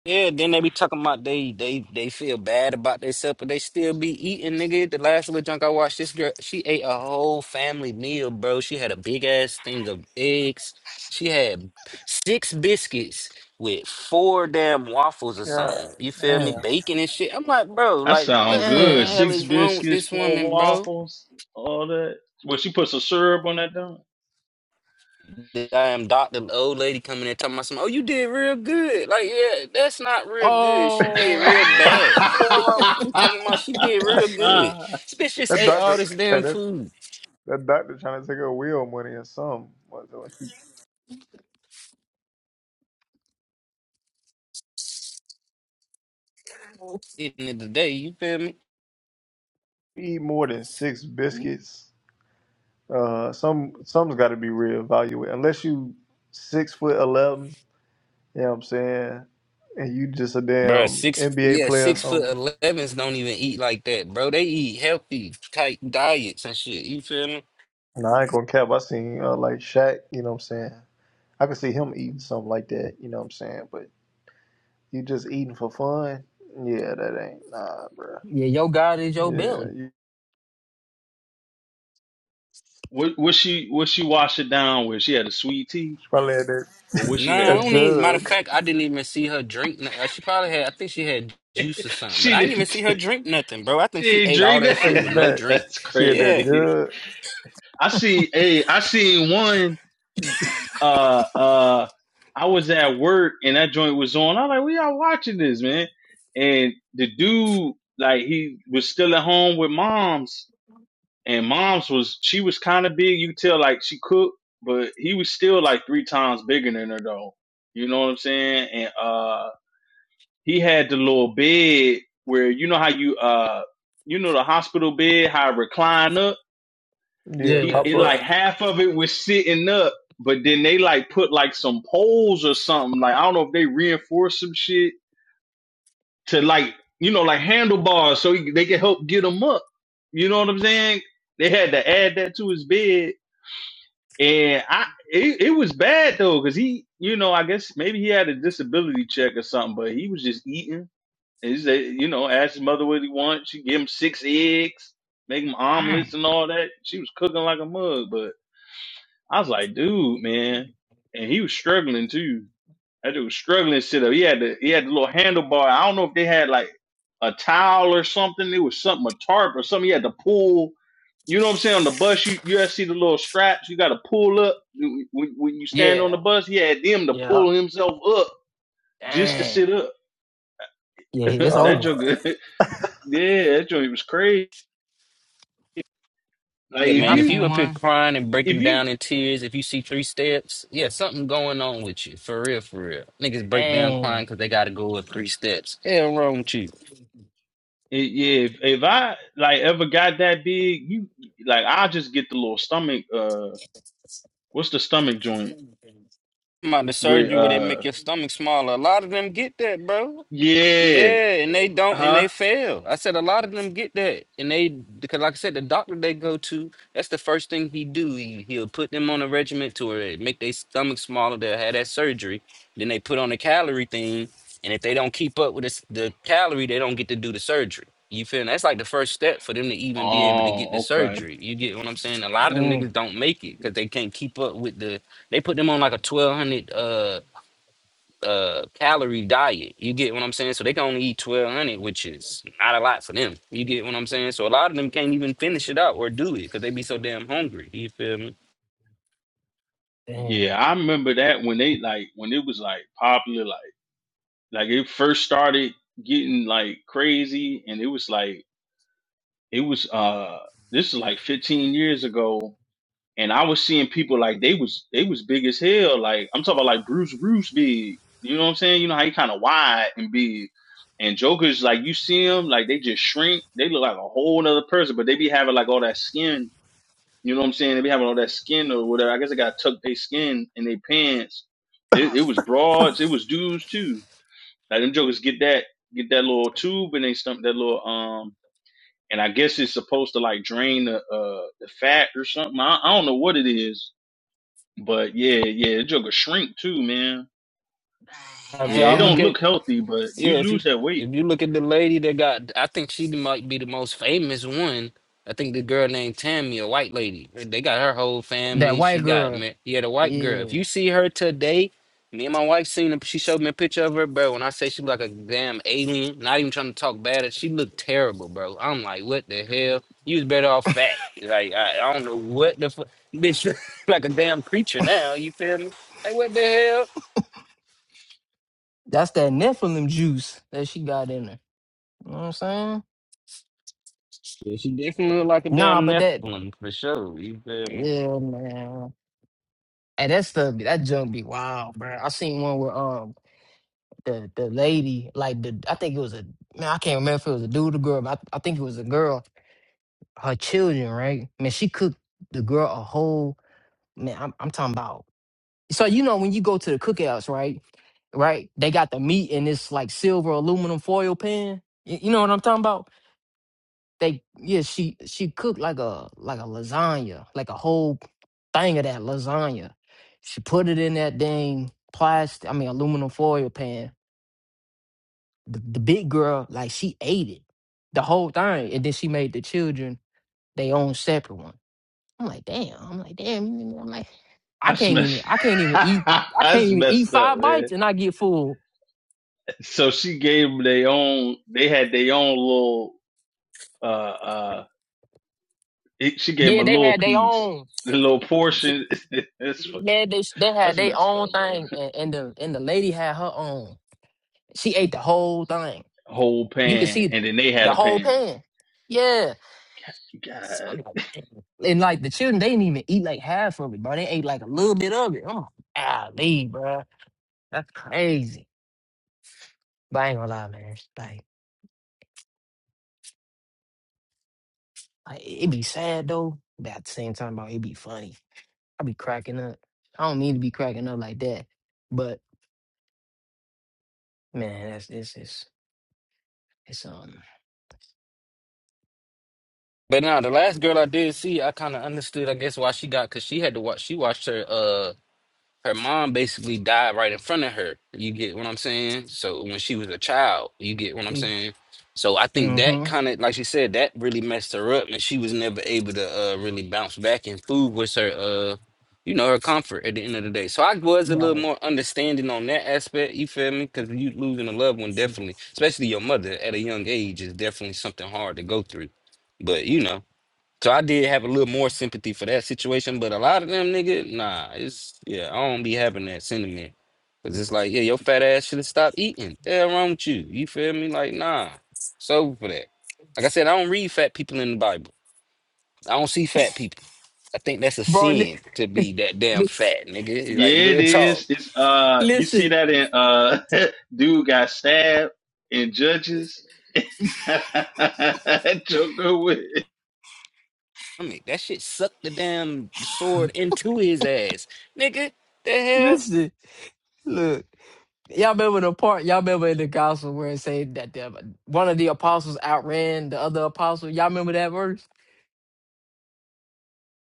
[SPEAKER 4] Yeah, then they be talking about they they they feel bad about themselves, but they still be eating, nigga. The last little junk I watched, this girl, she ate a whole family meal, bro. She had a big ass thing of eggs. She had six biscuits with four damn waffles or
[SPEAKER 1] God
[SPEAKER 4] something. You feel me?
[SPEAKER 1] damn.
[SPEAKER 4] Bacon and shit. I'm like, bro,
[SPEAKER 6] That
[SPEAKER 4] like
[SPEAKER 6] sound
[SPEAKER 4] what the
[SPEAKER 6] good.
[SPEAKER 2] Damn.
[SPEAKER 4] hell
[SPEAKER 6] Six
[SPEAKER 4] is wrong with
[SPEAKER 6] biscuits,
[SPEAKER 4] this
[SPEAKER 6] four
[SPEAKER 4] woman, bro?
[SPEAKER 6] waffles, all that. Well, she put some syrup on that dog.
[SPEAKER 4] the damn doctor, the old lady coming there talking about some, oh, you did real good. Like, yeah, that's not real good. She did real
[SPEAKER 2] Oh
[SPEAKER 4] bad. Yeah, wrong what you talking about? She did real good. This bitch just
[SPEAKER 1] That
[SPEAKER 4] ate all
[SPEAKER 1] doctor.
[SPEAKER 4] this
[SPEAKER 1] Hey,
[SPEAKER 4] damn
[SPEAKER 1] that
[SPEAKER 4] food
[SPEAKER 1] that doctor trying to take her wheel money or something. What the- what she
[SPEAKER 4] in the end of the day. You feel me?
[SPEAKER 1] Eat more than six biscuits. Uh, some some's got to be reevaluated. Unless you six foot eleven. You know what I'm saying? and you just a
[SPEAKER 4] Bro,
[SPEAKER 1] damn
[SPEAKER 4] six
[SPEAKER 1] NBA
[SPEAKER 4] yeah,
[SPEAKER 1] player or
[SPEAKER 4] six foot
[SPEAKER 1] something.
[SPEAKER 4] elevens don't even eat like that, bro. They eat healthy type diets and shit. You feel me?
[SPEAKER 1] And I ain't gonna cap. I seen uh, like Shaq. You know what I'm saying? I could see him eating something like that. You know what I'm saying? But you just eating for fun? Yeah, that ain't nah, bro.
[SPEAKER 2] yeah, your God is your
[SPEAKER 1] Yeah,
[SPEAKER 2] belly.
[SPEAKER 1] you
[SPEAKER 6] what what she what she washed it down with? She had a sweet tea
[SPEAKER 1] she probably had that
[SPEAKER 6] or what she
[SPEAKER 4] Nah, I
[SPEAKER 6] had?
[SPEAKER 1] that
[SPEAKER 4] don't even. Matter of
[SPEAKER 1] jug.
[SPEAKER 4] fact, I didn't even see her drink. no- uh, She probably had. I think she had juice or something, but
[SPEAKER 6] She
[SPEAKER 4] I didn't even
[SPEAKER 6] didn't
[SPEAKER 4] see her drink nothing, bro. I
[SPEAKER 6] she
[SPEAKER 4] think she
[SPEAKER 6] didn't
[SPEAKER 4] ate all
[SPEAKER 6] drink
[SPEAKER 4] that shit
[SPEAKER 1] Hey
[SPEAKER 4] with no
[SPEAKER 6] that.
[SPEAKER 1] Matt,
[SPEAKER 4] drink.
[SPEAKER 6] That's
[SPEAKER 1] she had that
[SPEAKER 4] Yeah.
[SPEAKER 6] crazy.
[SPEAKER 1] jug.
[SPEAKER 6] I see hey, I seen one uh uh I was at work and that joint was on. I'm like, we are watching this, man. And the dude, like, he was still at home with moms, and moms was she was kind of big. You could tell like she cooked, but he was still like three times bigger than her though. You know what I'm saying? And uh, he had the little bed where you know how you uh, you know the hospital bed how it recline up
[SPEAKER 1] Yeah,
[SPEAKER 6] he
[SPEAKER 1] pop
[SPEAKER 6] it
[SPEAKER 1] up.
[SPEAKER 6] like half of it was sitting up, but then they like put like some poles or something. Like I don't know if they reinforced some shit to like you know like handlebars so he, they can help get him up. You know what I'm saying? They had to add that to his bed, and I it, it was bad though because he you know I guess maybe he had a disability check or something, but he was just eating. And He said, you know, asked his mother what he wants. She gave him six eggs, make him omelets
[SPEAKER 2] Dang.
[SPEAKER 6] and all that. She was cooking like a mug, but. I was like, dude, man. And he was struggling too. That dude was struggling to sit up. He had the he had the little handlebar. I don't know if they had like a towel or something. It was something, a tarp or something. He had to pull. You know what I'm saying? On the bus, you you see the little straps. You gotta pull up when, when you stand on
[SPEAKER 2] Yeah,
[SPEAKER 6] the bus. He had them to
[SPEAKER 2] yeah.
[SPEAKER 6] pull himself up just to
[SPEAKER 2] Dang.
[SPEAKER 6] sit up.
[SPEAKER 2] Yeah, it's
[SPEAKER 6] that
[SPEAKER 1] Uh,
[SPEAKER 2] over.
[SPEAKER 6] joke, yeah, that joke was crazy. Like
[SPEAKER 4] Yeah,
[SPEAKER 2] Man,
[SPEAKER 6] if
[SPEAKER 2] I
[SPEAKER 4] man. If
[SPEAKER 6] you
[SPEAKER 4] you
[SPEAKER 2] seen
[SPEAKER 4] up here
[SPEAKER 2] one.
[SPEAKER 4] crying and
[SPEAKER 6] if
[SPEAKER 4] breaking
[SPEAKER 6] you
[SPEAKER 4] down in tears, if you see three steps, yeah, something going on with you. For real, for real. Niggas break down
[SPEAKER 2] Dang.
[SPEAKER 4] crying because they got to go with three steps. Hell wrong with you.
[SPEAKER 6] It, yeah, if, if I like ever got that big, you like I just get the little stomach. Uh, what's the stomach joint?
[SPEAKER 4] I'm out the
[SPEAKER 6] With
[SPEAKER 4] surgery where they
[SPEAKER 6] uh,
[SPEAKER 4] make your stomach smaller. A lot of them get that, bro.
[SPEAKER 6] yeah,
[SPEAKER 4] Yeah, and they don't, and
[SPEAKER 6] huh?
[SPEAKER 4] they fail. I said a lot of them get that, and they because, like I said, the doctor they go to, that's the first thing he do. He he'll put them on a regiment to where it make their stomach smaller. They'll have that surgery. Then they put on the calorie thing, and if they don't keep up with this, the calorie, they don't get to do the surgery. You feel? me? That's like the first step for them to even be able to get the
[SPEAKER 6] Oh, okay.
[SPEAKER 4] surgery. You get what I'm saying? A lot of them
[SPEAKER 2] Mm.
[SPEAKER 4] niggas don't make it because they can't keep up with the. They put them on like a 1200. uh uh calorie diet. You get what I'm saying? So they can only eat 1200, which is not a lot for them. You get what I'm saying? So a lot of them can't even finish it out or do it because they be so damn hungry. You feel me?
[SPEAKER 2] Damn.
[SPEAKER 6] Yeah,
[SPEAKER 2] Dang,
[SPEAKER 6] I remember that when they like when it was like popular, like like it first started getting like crazy, and it was like it was uh, this is like 15 years ago and I was seeing people like they was they was big as hell. Like I'm talking about like Bruce Bruce big. You know what I'm saying? You know how he kind of wide and big. And Joker's like you see him like they just shrink. They look like a whole nother person, but they be having like all that skin. You know what I'm saying? They be having all that skin or whatever. I guess they got tucked their skin in their pants. It, it was broads. It was dudes too. Like them jokers get that get that little tube and they stump that little um. And I guess it's supposed to like drain the uh the fat or something. I, I don't know what it is but yeah, yeah, the Joker shrink too, man.
[SPEAKER 4] If
[SPEAKER 6] Yeah, it
[SPEAKER 4] y'all look
[SPEAKER 2] man.
[SPEAKER 6] don't
[SPEAKER 4] at
[SPEAKER 6] look healthy, but
[SPEAKER 4] Yeah,
[SPEAKER 6] you
[SPEAKER 4] if you
[SPEAKER 6] lose that
[SPEAKER 4] if
[SPEAKER 6] weight.
[SPEAKER 4] you look at the lady that got, I think she might be the most famous one. I think the girl named Tammy, a white lady. They got her whole
[SPEAKER 2] That
[SPEAKER 4] family. She
[SPEAKER 2] white
[SPEAKER 4] got
[SPEAKER 2] girl.
[SPEAKER 4] married. Yeah, the white girl. If
[SPEAKER 2] Yeah.
[SPEAKER 4] you see her today, me and my wife seen her. She showed me a picture of her, bro. When I say she look like a damn alien, not even trying to talk bad, she looked terrible, bro. I'm like, what the hell? You was better off fat. Like I, I don't know what the fuck, bitch. like a damn creature now. You feel me? Like what the hell?
[SPEAKER 2] That's that Nephilim juice that she got in her. You know what I'm saying?
[SPEAKER 4] Yeah, she definitely looked like a
[SPEAKER 2] Nah,
[SPEAKER 4] damn
[SPEAKER 2] but that
[SPEAKER 4] Nephilim for sure. You feel me?
[SPEAKER 2] Yeah, man. And that stuff, that junk be wild, bro. I seen one where um the the lady, like the I think it was a man, I can't remember if it was a dude or girl, but I, I think it was a girl. Her children, right? Man, she cooked the girl a whole man. I'm I'm talking about. So you know when you go to the cookouts, right? Right? They got the meat in this like silver aluminum foil pan. You, you know what I'm talking about? They yeah, she she cooked like a like a lasagna, like a whole thing of that lasagna. She put it in that dang plastic, I mean aluminum foil pan. The, the big girl, like she ate it, the whole thing, and then she made the children they own separate one. I'm like, damn. I'm like, damn. you know, I'm like, I
[SPEAKER 6] That's
[SPEAKER 2] can't even.
[SPEAKER 6] messed.
[SPEAKER 2] I can't even eat. I can't
[SPEAKER 6] That's
[SPEAKER 2] even eat
[SPEAKER 6] messed up,
[SPEAKER 2] five
[SPEAKER 6] man.
[SPEAKER 2] bites and I get full.
[SPEAKER 6] So she gave them their own. They had their own little. Uh, uh, it, she gave him
[SPEAKER 2] Yeah,
[SPEAKER 6] a
[SPEAKER 2] they
[SPEAKER 6] little
[SPEAKER 2] had their
[SPEAKER 6] piece,
[SPEAKER 2] own.
[SPEAKER 6] a little
[SPEAKER 2] Yeah,
[SPEAKER 6] portion. That's fu-
[SPEAKER 2] they they had
[SPEAKER 6] that's
[SPEAKER 2] their
[SPEAKER 6] messed up,
[SPEAKER 2] own
[SPEAKER 6] bro.
[SPEAKER 2] thing, and, and the and the lady had her own. She ate the whole thing.
[SPEAKER 6] Whole
[SPEAKER 2] You could
[SPEAKER 6] pan,
[SPEAKER 2] see
[SPEAKER 6] and then they
[SPEAKER 2] the
[SPEAKER 6] had a
[SPEAKER 2] whole
[SPEAKER 6] pan.
[SPEAKER 2] pan. Yeah. So I'm
[SPEAKER 6] God,
[SPEAKER 2] like, "Dang." and like the children, they didn't even eat like half of it, bro. They ate like a little bit of it. I'm like, golly, bro. That's crazy. But I ain't gonna lie, man. Like, like it be sad though. But at the same time, bro, it be funny. I be cracking up. I don't mean to be cracking up like that. But man, that's this is it's um
[SPEAKER 4] But now the last girl I did see, I kind of understood, I guess, why she got because she had to watch. She watched her. uh, her mom basically died right in front of her. You get what I'm saying? So when she was a child, you get what I'm saying? So I think that
[SPEAKER 2] mm-hmm.
[SPEAKER 4] kind of, like she said, that really messed her up, and she was never able to uh, really bounce back. And food was her, uh, you know, her comfort at the end of the day. So I was a
[SPEAKER 2] Yeah,
[SPEAKER 4] little more understanding on that aspect. You feel me? Because you losing a loved one,
[SPEAKER 2] that's true.
[SPEAKER 4] definitely, especially your mother at a young age, is definitely something hard to go through. But you know. So I did have a little more sympathy for that situation, but a lot of them nigga, nah, it's yeah, I don't be having that sentiment. Cause it's like, yeah, your fat ass should have stopped eating. The hell wrong with you? You feel me? Like, nah. It's over for that. Like I said, I don't read fat people in the Bible. I don't see fat people. I think that's a
[SPEAKER 2] Bro, li-
[SPEAKER 4] sin to be that damn
[SPEAKER 2] listen,
[SPEAKER 4] fat, nigga.
[SPEAKER 6] yeah,
[SPEAKER 4] Like
[SPEAKER 6] it
[SPEAKER 4] real talk.
[SPEAKER 6] is. It's uh, you see
[SPEAKER 2] listen,
[SPEAKER 6] that in uh, dude got stabbed in Judges Joker with. it.
[SPEAKER 4] I mean, that shit sucked the damn sword into his ass. Nigga, the hell?
[SPEAKER 2] listen. Look. Y'all remember the part? Y'all remember in the gospel where it said that the, one of the apostles outran the other apostle? Y'all remember that verse?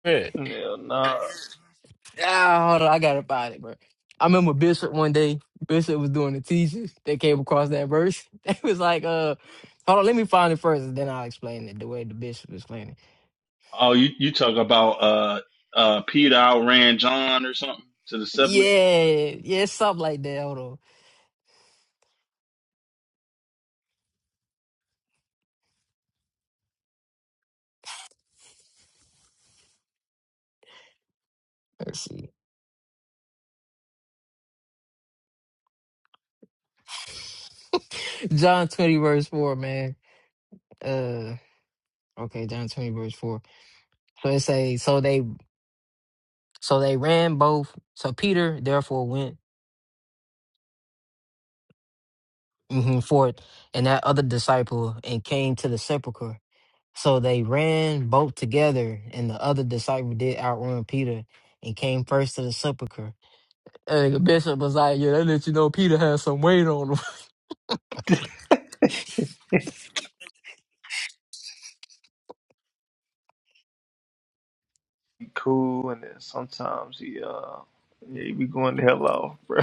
[SPEAKER 4] Yeah.
[SPEAKER 1] yeah, nah,
[SPEAKER 2] Ah, hold on, I gotta find it, bro. I remember Bishop one day. Bishop was doing the teaching. They came across that verse. They was like, "Uh, hold on, let me find it first, and then I'll explain it the way the bishop explained it."
[SPEAKER 6] Oh, you you talk about uh uh Peter outran John or something to the sepulchre?
[SPEAKER 2] Yeah, yeah, it's something like that. Hold on, let's see. John twenty verse four, man. Uh, okay, John twenty verse four. So it say, so they So they ran both. So Peter therefore went mhm, forth, and that other disciple, and came to the sepulchre. So they ran both together, and the other disciple did outrun Peter, and came first to the sepulchre. And the bishop was like, "Yeah, that let you know Peter had some weight on him."
[SPEAKER 1] he cool. And then sometimes he uh, yeah, he be going the hell off, bro.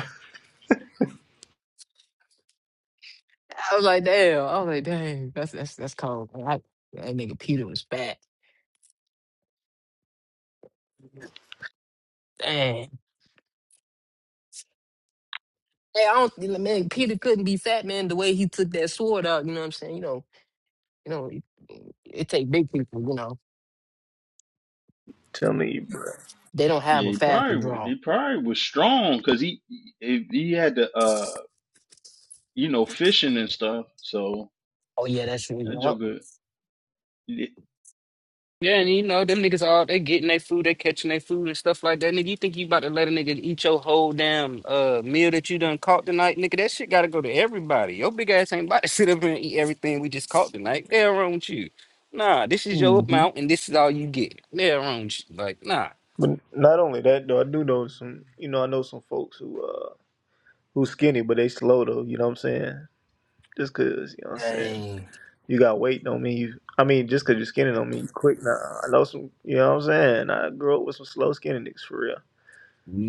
[SPEAKER 2] I was like, "Damn!" I was like, "Dang, that's that's that's cold." man. I, that nigga Peter was fat. Dang. Hey, I don't man. Peter couldn't be fat, man. The way he took that sword out, you know what I'm saying? You know, you know, it, it take big people, you know.
[SPEAKER 1] Tell me, bro.
[SPEAKER 2] They don't have
[SPEAKER 6] Yeah,
[SPEAKER 2] a
[SPEAKER 6] he
[SPEAKER 2] fast
[SPEAKER 6] probably was, he
[SPEAKER 2] withdrawal.
[SPEAKER 6] probably was strong because he he he had to uh you know fishing and stuff. So
[SPEAKER 2] Oh yeah, that's true.
[SPEAKER 6] that
[SPEAKER 2] Yup.
[SPEAKER 6] Joker he
[SPEAKER 4] Yeah, and you know, them niggas all they getting their food, they catching their food and stuff like that. Nigga, you think you about to let a nigga eat your whole damn uh meal that you done caught tonight? Nigga, that shit gotta go to everybody. Your big ass ain't about to sit up here and eat everything we just caught tonight. They wrong with you. Nah, this is your
[SPEAKER 2] Mm-hmm.
[SPEAKER 4] amount and this is all you get. They wrong with you. Like, nah.
[SPEAKER 1] But not only that though, I do know some. You know, I know some folks who uh who skinny, but they slow though. You know what I'm saying? Just 'cause you know what I'm saying.
[SPEAKER 2] Dang.
[SPEAKER 1] You got weight don't mean you. I mean, just 'cause you're skinny don't mean you quick. Nah, I know some. You know what I'm saying? I grew up with some slow skinny niggas for real.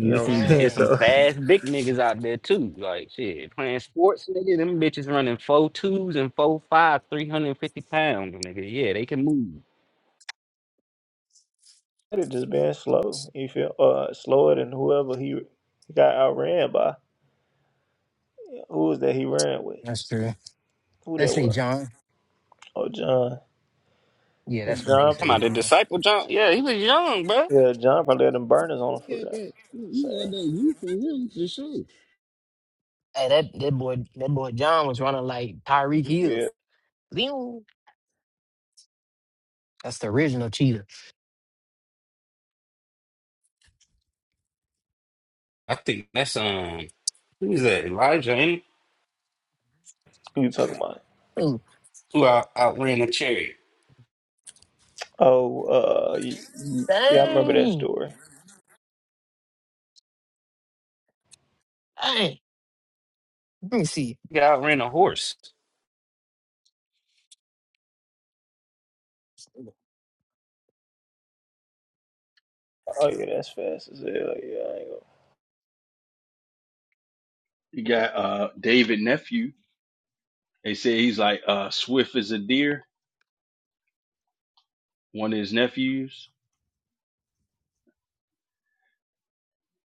[SPEAKER 1] You know what I'm
[SPEAKER 4] is
[SPEAKER 1] saying?
[SPEAKER 4] it's some
[SPEAKER 1] So
[SPEAKER 2] Dang.
[SPEAKER 4] fast big niggas out there too. Like shit, playing sports, nigga. Them bitches running four twos and four five, three hundred fifty pounds, nigga. Yeah, they can move.
[SPEAKER 1] it just being slow. You feel uh slower than whoever he got outran by. Who was that he ran with?
[SPEAKER 2] That's true.
[SPEAKER 1] Who that
[SPEAKER 2] Let's say
[SPEAKER 1] was?
[SPEAKER 2] John.
[SPEAKER 1] Oh, John.
[SPEAKER 2] Yeah,
[SPEAKER 1] And
[SPEAKER 2] that's what they
[SPEAKER 1] John.
[SPEAKER 2] say,
[SPEAKER 4] Come out the
[SPEAKER 2] John.
[SPEAKER 4] disciple John. Yeah, he was young, bro.
[SPEAKER 1] Yeah, John probably had them burners on him for
[SPEAKER 4] He had
[SPEAKER 1] real.
[SPEAKER 4] that. He had
[SPEAKER 1] Sad.
[SPEAKER 4] that youth in him for sure.
[SPEAKER 2] Hey, that, that boy that boy John was running like Tyreek
[SPEAKER 1] You
[SPEAKER 2] Hill.
[SPEAKER 1] feel?
[SPEAKER 2] Lew. That's the original cheetah.
[SPEAKER 4] I think that's um. Who is that? Elijah ain't it?
[SPEAKER 1] Who you talking about?
[SPEAKER 2] Ooh,
[SPEAKER 4] who out, outran a chariot.
[SPEAKER 1] Oh, uh, y- yeah, I remember that
[SPEAKER 2] dang.
[SPEAKER 1] story.
[SPEAKER 2] Hey. Let me see.
[SPEAKER 4] Yeah, outran a horse.
[SPEAKER 1] Oh yeah, that's fast as hell. Yeah, I ain't gonna.
[SPEAKER 6] he got uh David nephew. They say he's like uh swift as a deer. One of his nephews.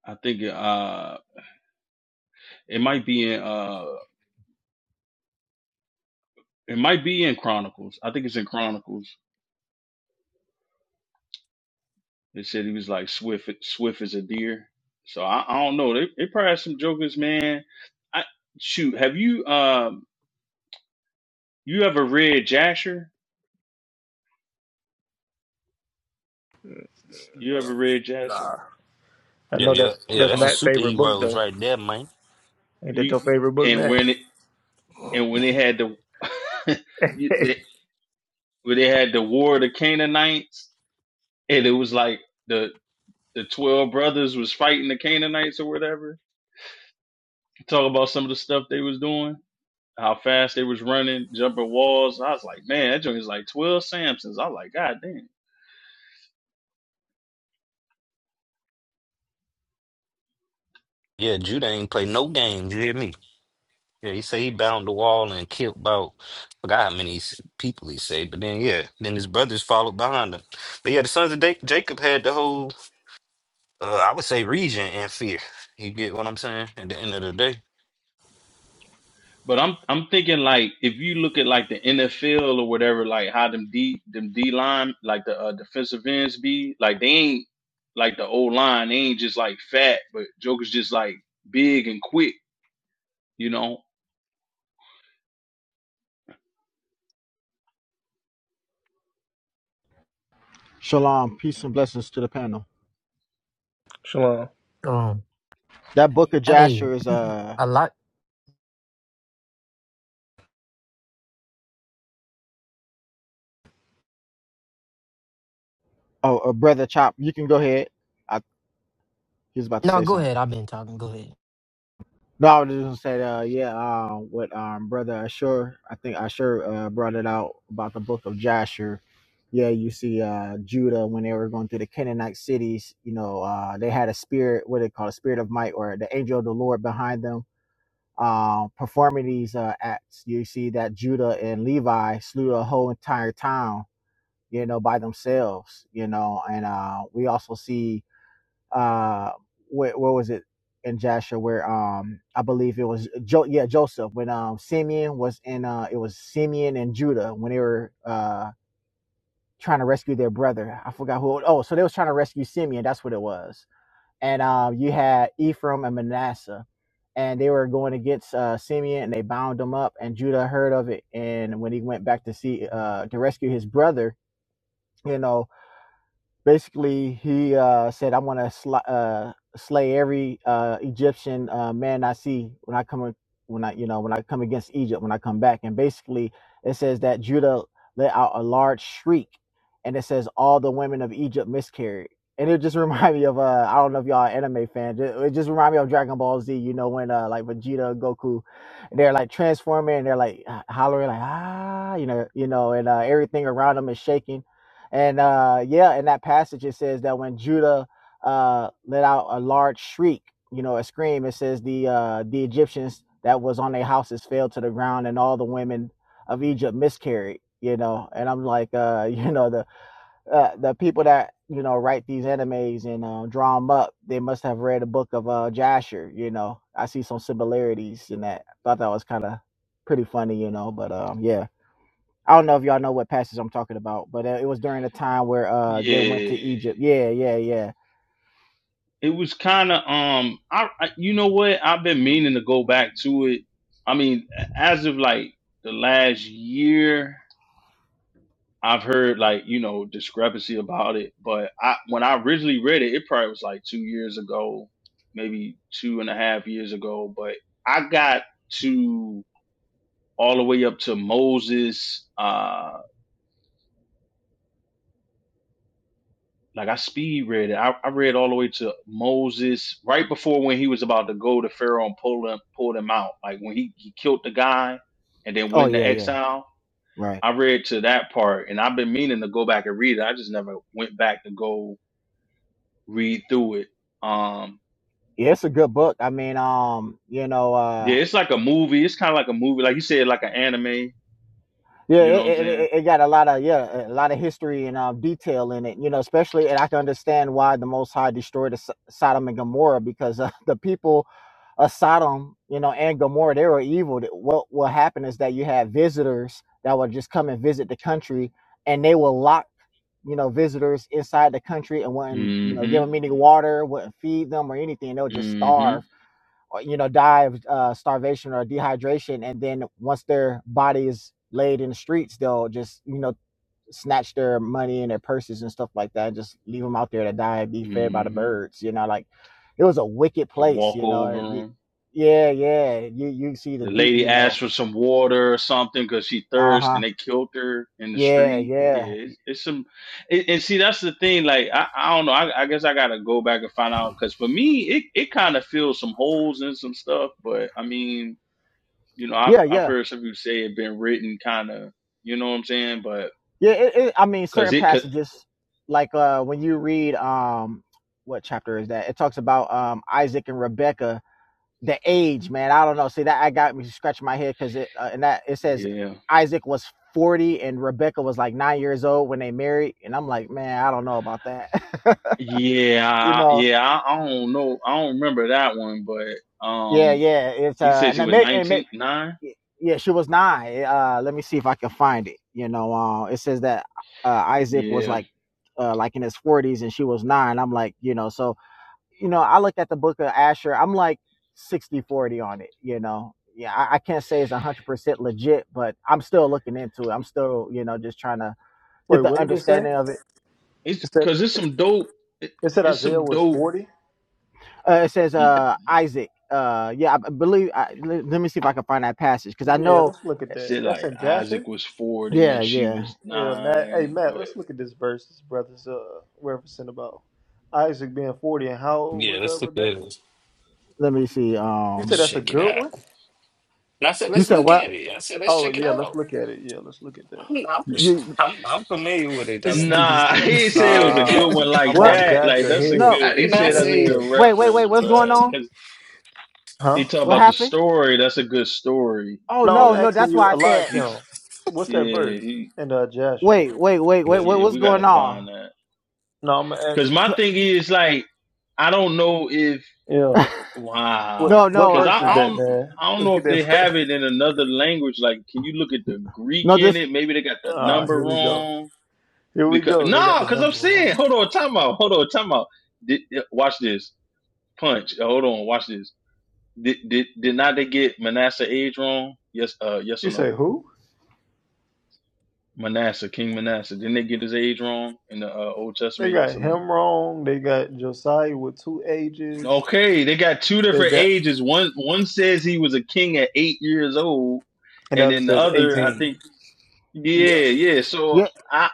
[SPEAKER 6] I think uh it might be in uh it might be in Chronicles. I think it's in Chronicles They said he was like swift, swift as a deer. So I, I don't know. They they probably have some jokers, man. I shoot. Have you um you ever read Jasher? You ever read Jasher?
[SPEAKER 1] I
[SPEAKER 4] Yeah,
[SPEAKER 1] know
[SPEAKER 4] yeah,
[SPEAKER 1] that's
[SPEAKER 4] yeah.
[SPEAKER 1] that's
[SPEAKER 4] That's a
[SPEAKER 6] Oh,
[SPEAKER 1] Matt's favorite book
[SPEAKER 4] superheroes
[SPEAKER 1] though.
[SPEAKER 4] right there, man.
[SPEAKER 1] Ain't that your
[SPEAKER 6] you
[SPEAKER 1] favorite book,
[SPEAKER 6] and
[SPEAKER 1] Matt?
[SPEAKER 6] when it and when they had the you- they, when they had the war of the Canaanites and it was like the the twelve brothers was fighting the Canaanites or whatever. Talk about some of the stuff they was doing. how fast they was running, jumping walls. I was like, man, that joint is like twelve Samsons. I was like, god damn.
[SPEAKER 4] Yeah, Judah ain't play no games. You hear me? Yeah, he say he bound the wall and killed about forgot how many s- people he say, but then yeah, then his brothers followed behind him. But yeah, the sons of Da- Jacob had the whole Uh, I would say region and fear. You get what I'm saying? At the end of the day,
[SPEAKER 6] But I'm I'm thinking like if you look at like the NFL or whatever, like how them D them D line like the uh, defensive ends be like they ain't like the old line. They ain't just like fat, but Joker's just like big and quick. You know?
[SPEAKER 7] Shalom, peace and blessings to the panel.
[SPEAKER 1] Shalom.
[SPEAKER 2] Um
[SPEAKER 7] That book of
[SPEAKER 2] hey,
[SPEAKER 7] Jasher is a uh,
[SPEAKER 2] a lot
[SPEAKER 7] oh, uh, brother Chop. You can go ahead. I he was about to
[SPEAKER 2] no,
[SPEAKER 7] say
[SPEAKER 2] go
[SPEAKER 7] something.
[SPEAKER 2] ahead. I've been talking. Go ahead.
[SPEAKER 7] No, I was just gonna say uh, yeah, uh, what um brother Ashur, I think Ashur uh brought it out about the book of Jasher. Yeah, you see uh Judah when they were going through the Canaanite cities, you know, uh they had a spirit, what they call a spirit of might or the angel of the Lord behind them. Uh, performing these uh, acts, you see that Judah and Levi slew a whole entire town you know, by themselves, you know. And uh, we also see uh, where, where was it in Jasher where um I believe it was jo- yeah Joseph when um Simeon was in uh it was Simeon and Judah when they were uh trying to rescue their brother. I forgot who. Oh, so they was trying to rescue Simeon. That's what it was. And um you had Ephraim and Manasseh. And they were going against uh, Simeon, and they bound him up. And Judah heard of it, and when he went back to see uh, to rescue his brother, you know, basically he uh, said, "I want to sl- uh, slay every uh, Egyptian uh, man I see when I come when I you know when I come against Egypt when I come back." And basically, it says that Judah let out a large shriek, and it says all the women of Egypt miscarried. And it just reminded me of uh, I don't know if y'all are anime fans. It, it just reminded me of Dragon Ball Z. You know when uh, like Vegeta, Goku, they're like transforming and they're like h- hollering like ah, you know, you know, and uh, everything around them is shaking and uh, yeah, in that passage it says that when Judah uh, let out a large shriek, you know, a scream, it says the uh, the Egyptians that was on their houses fell to the ground, and all the women of Egypt miscarried. You know, and I'm like, uh, you know, the uh, the people that you know write these animes and uh, draw them up, they must have read a book of uh, Jasher. You know, I see some similarities in that. I Thought that was kind of pretty funny, you know, but um, yeah. I don't know if y'all know what passage I'm talking about, but uh, it was during a time where uh they went to
[SPEAKER 6] Yeah.
[SPEAKER 7] Egypt. Yeah, yeah, yeah.
[SPEAKER 6] It was kind of um. I, I you know what? I've been meaning to go back to it. I mean, as of like the last year, I've heard like you know discrepancy about it, but I when I originally read it, it probably was like two years ago, maybe two and a half years ago. But I got to all the way up to Moses. Uh, like I speed read it. I, I read all the way to Moses right before when he was about to go to Pharaoh and pull him pull him out. Like when he he killed the guy and then
[SPEAKER 7] Oh
[SPEAKER 6] went
[SPEAKER 7] yeah,
[SPEAKER 6] into
[SPEAKER 7] yeah.
[SPEAKER 6] exile.
[SPEAKER 7] Right.
[SPEAKER 6] I read to that part, and I've been meaning to go back and read it. I just never went back to go read through it. Um,
[SPEAKER 7] Yeah, it's a good book. I mean, um, you know, uh,
[SPEAKER 6] yeah, it's like a movie. It's kind of like a movie, like you said, like an anime.
[SPEAKER 7] yeah,
[SPEAKER 6] You know
[SPEAKER 7] it,
[SPEAKER 6] what I'm
[SPEAKER 7] it, it
[SPEAKER 6] saying?
[SPEAKER 7] it got a lot of yeah, a lot of history and um, detail in it. You know, especially and I can understand why the Most High destroyed the Sod- Sodom and Gomorrah because uh, the people of Sodom, you know, and Gomorrah, they were evil. That- What will happen is that you have visitors that will just come and visit the country, and they will lock you know, visitors inside the country and wouldn't, you know, give them
[SPEAKER 6] Mm-hmm.
[SPEAKER 7] any water, wouldn't feed them or anything. They'll just starve
[SPEAKER 6] Mm-hmm.
[SPEAKER 7] or, you know, die of uh, starvation or dehydration. And then once their body is laid in the streets, they'll just, you know, snatch their money and their purses and stuff like that and just leave them out there to die and be fed by the
[SPEAKER 6] Mm-hmm.
[SPEAKER 7] birds. You know, like it was a wicked
[SPEAKER 6] You
[SPEAKER 7] place,
[SPEAKER 6] walk
[SPEAKER 7] you know.
[SPEAKER 6] over
[SPEAKER 7] you-
[SPEAKER 6] 'em.
[SPEAKER 7] Yeah, yeah. You you see the
[SPEAKER 6] The
[SPEAKER 7] deep,
[SPEAKER 6] lady
[SPEAKER 7] you know.
[SPEAKER 6] asked for some water or something because she
[SPEAKER 7] Uh
[SPEAKER 6] thirsty,
[SPEAKER 7] huh.
[SPEAKER 6] and they killed her in the
[SPEAKER 7] Yeah,
[SPEAKER 6] street. Yeah,
[SPEAKER 7] yeah.
[SPEAKER 6] it's, it's some, it, and see that's the thing. Like I, I don't know. I, I guess I gotta go back and find out because for me, it, it kind of fills some holes and some stuff. But I mean, you know, I've
[SPEAKER 7] Yeah, yeah.
[SPEAKER 6] I've heard some people say it been written kind of you know what I'm saying? But
[SPEAKER 7] Yeah, it, it, I mean,
[SPEAKER 6] Cause
[SPEAKER 7] certain
[SPEAKER 6] it could,
[SPEAKER 7] passages, like uh, when you read, um, what chapter is that? It talks about um, Isaac and Rebecca, the age, man. I don't know. See, that I got me scratching my head because it, uh, and that it says
[SPEAKER 6] yeah,
[SPEAKER 7] Isaac was 40 and Rebecca was like nine years old when they married. And I'm like, man, I don't know about that. you
[SPEAKER 6] yeah,
[SPEAKER 7] know?
[SPEAKER 6] yeah. I, I don't know. I don't remember that one, but
[SPEAKER 7] Yeah,
[SPEAKER 6] um,
[SPEAKER 7] yeah. It's,
[SPEAKER 6] he
[SPEAKER 7] uh,
[SPEAKER 6] said
[SPEAKER 7] and,
[SPEAKER 6] she
[SPEAKER 7] it
[SPEAKER 6] was
[SPEAKER 7] may, and
[SPEAKER 6] nineteen nine.
[SPEAKER 7] yeah, she was nine. Uh, let me see if I can find it. You know, uh, it says that uh, Isaac was
[SPEAKER 6] Yeah,
[SPEAKER 7] like, uh, like in his forties, and she was nine. I'm like, you know, so you know, I look at the book of Asher. I'm like 60 40 on it. You know, yeah, I, I can't say it's one hundred percent legit, but I'm still looking into it. I'm still, you know, just trying to get
[SPEAKER 1] Wait,
[SPEAKER 7] the
[SPEAKER 1] what did it say?
[SPEAKER 7] understanding of it.
[SPEAKER 6] it's
[SPEAKER 1] It said
[SPEAKER 6] cause it's some dope. It,
[SPEAKER 1] it said
[SPEAKER 6] it's
[SPEAKER 1] Isaiah
[SPEAKER 6] some
[SPEAKER 1] was
[SPEAKER 6] dope.
[SPEAKER 1] forty.
[SPEAKER 7] Uh, it says
[SPEAKER 6] mm,
[SPEAKER 7] uh, Isaac. Uh, yeah, I believe. I, let, let me see if I can find that passage because I
[SPEAKER 1] Yeah,
[SPEAKER 7] know.
[SPEAKER 1] let's look at that.
[SPEAKER 6] Said
[SPEAKER 1] That's
[SPEAKER 6] like
[SPEAKER 1] in
[SPEAKER 6] Isaac
[SPEAKER 1] Jasher.
[SPEAKER 6] was forty
[SPEAKER 7] Yeah,
[SPEAKER 6] and she
[SPEAKER 7] yeah.
[SPEAKER 6] was
[SPEAKER 1] Yeah, Matt. Hey,
[SPEAKER 6] nine,
[SPEAKER 1] Matt,
[SPEAKER 6] but
[SPEAKER 1] let's look at this verse. This brother's uh referencing about Isaac being forty and how old
[SPEAKER 4] Yeah,
[SPEAKER 1] was uh,
[SPEAKER 4] let's look at
[SPEAKER 1] Rebecca?
[SPEAKER 4] it.
[SPEAKER 7] Let me see.
[SPEAKER 1] You said
[SPEAKER 4] Let's
[SPEAKER 7] Um,
[SPEAKER 1] that's a
[SPEAKER 4] check it
[SPEAKER 1] good
[SPEAKER 4] out.
[SPEAKER 1] one.
[SPEAKER 4] And I said,
[SPEAKER 7] you
[SPEAKER 4] let's
[SPEAKER 7] said
[SPEAKER 4] look
[SPEAKER 7] what?
[SPEAKER 4] at it. I said, let's
[SPEAKER 1] Oh
[SPEAKER 4] check it
[SPEAKER 1] yeah, let's
[SPEAKER 4] out.
[SPEAKER 1] look at it. Yeah, let's look at that.
[SPEAKER 4] I'm, I'm,
[SPEAKER 7] you.
[SPEAKER 4] I'm, I'm familiar with what they
[SPEAKER 2] This
[SPEAKER 4] talking about.
[SPEAKER 2] nigga
[SPEAKER 6] nah,
[SPEAKER 2] stupid.
[SPEAKER 6] he said it was a good
[SPEAKER 1] Nah,
[SPEAKER 6] one
[SPEAKER 1] I'm
[SPEAKER 6] like
[SPEAKER 7] What?
[SPEAKER 1] on
[SPEAKER 6] that.
[SPEAKER 1] Dash
[SPEAKER 6] Like
[SPEAKER 1] Your
[SPEAKER 6] that's a
[SPEAKER 7] No.
[SPEAKER 1] Head.
[SPEAKER 6] good.
[SPEAKER 4] I
[SPEAKER 6] He
[SPEAKER 4] did not
[SPEAKER 6] said that's a
[SPEAKER 4] say.
[SPEAKER 1] Yeah.
[SPEAKER 6] good
[SPEAKER 7] Wait, wait, wait.
[SPEAKER 6] reference,
[SPEAKER 7] What's going
[SPEAKER 6] bro.
[SPEAKER 7] on?
[SPEAKER 6] Cause
[SPEAKER 1] Huh?
[SPEAKER 6] he talked
[SPEAKER 7] What
[SPEAKER 6] about the
[SPEAKER 7] happened?
[SPEAKER 6] story. That's a good story,
[SPEAKER 7] Oh
[SPEAKER 1] No, I'm
[SPEAKER 7] no,
[SPEAKER 6] but
[SPEAKER 7] no.
[SPEAKER 1] asking
[SPEAKER 7] That's
[SPEAKER 1] you,
[SPEAKER 7] why I said.
[SPEAKER 6] he's
[SPEAKER 1] Eliakim, what's
[SPEAKER 6] yeah,
[SPEAKER 1] that verse
[SPEAKER 6] he
[SPEAKER 1] in uh, Jasher?
[SPEAKER 7] Wait, wait, wait,
[SPEAKER 4] I
[SPEAKER 7] wait, wait.
[SPEAKER 6] yeah.
[SPEAKER 7] What's
[SPEAKER 6] We gotta
[SPEAKER 7] going on?
[SPEAKER 6] find that.
[SPEAKER 1] No, I'm gonna
[SPEAKER 6] Because
[SPEAKER 1] ask.
[SPEAKER 6] my thing is like I don't know if
[SPEAKER 1] Yeah. What
[SPEAKER 6] wow.
[SPEAKER 7] No,
[SPEAKER 1] what
[SPEAKER 7] no,
[SPEAKER 6] Because
[SPEAKER 1] verse
[SPEAKER 6] I,
[SPEAKER 1] is
[SPEAKER 7] uh,
[SPEAKER 6] I
[SPEAKER 1] that,
[SPEAKER 6] don't
[SPEAKER 1] man?
[SPEAKER 6] I don't
[SPEAKER 1] Let's
[SPEAKER 6] know
[SPEAKER 1] get
[SPEAKER 6] if
[SPEAKER 1] that
[SPEAKER 6] they
[SPEAKER 1] verse.
[SPEAKER 6] have it in another language. Like, can you look at the Greek
[SPEAKER 7] no.
[SPEAKER 6] in
[SPEAKER 7] This.
[SPEAKER 6] it? Maybe they got the
[SPEAKER 1] Ah,
[SPEAKER 6] number
[SPEAKER 1] here we go.
[SPEAKER 6] wrong.
[SPEAKER 1] Here we
[SPEAKER 6] Because
[SPEAKER 1] go. They got
[SPEAKER 6] no,
[SPEAKER 1] the
[SPEAKER 6] because I'm
[SPEAKER 1] number wrong.
[SPEAKER 6] saying, hold on, time out, hold on, time out. Did, yeah, watch this punch. Uh, Hold on, watch this. Did did did not they get Manasseh age wrong? Yes, uh, yes or
[SPEAKER 1] You say
[SPEAKER 6] no?
[SPEAKER 1] who?
[SPEAKER 6] Manasseh, King Manasseh. Didn't they get his age wrong in the uh, Old
[SPEAKER 1] They
[SPEAKER 6] Testament? Yes
[SPEAKER 1] got
[SPEAKER 6] or no?
[SPEAKER 1] him wrong. They got Josiah with two H's.
[SPEAKER 6] Okay, they got two
[SPEAKER 1] They
[SPEAKER 6] different
[SPEAKER 1] got
[SPEAKER 6] ages. One one says he was a king at eight years old,
[SPEAKER 1] and the
[SPEAKER 6] and
[SPEAKER 1] other
[SPEAKER 6] then the
[SPEAKER 1] says
[SPEAKER 6] other, I
[SPEAKER 1] eighteen.
[SPEAKER 6] think, yeah,
[SPEAKER 1] Yeah.
[SPEAKER 6] yeah. So
[SPEAKER 7] Yeah.
[SPEAKER 6] I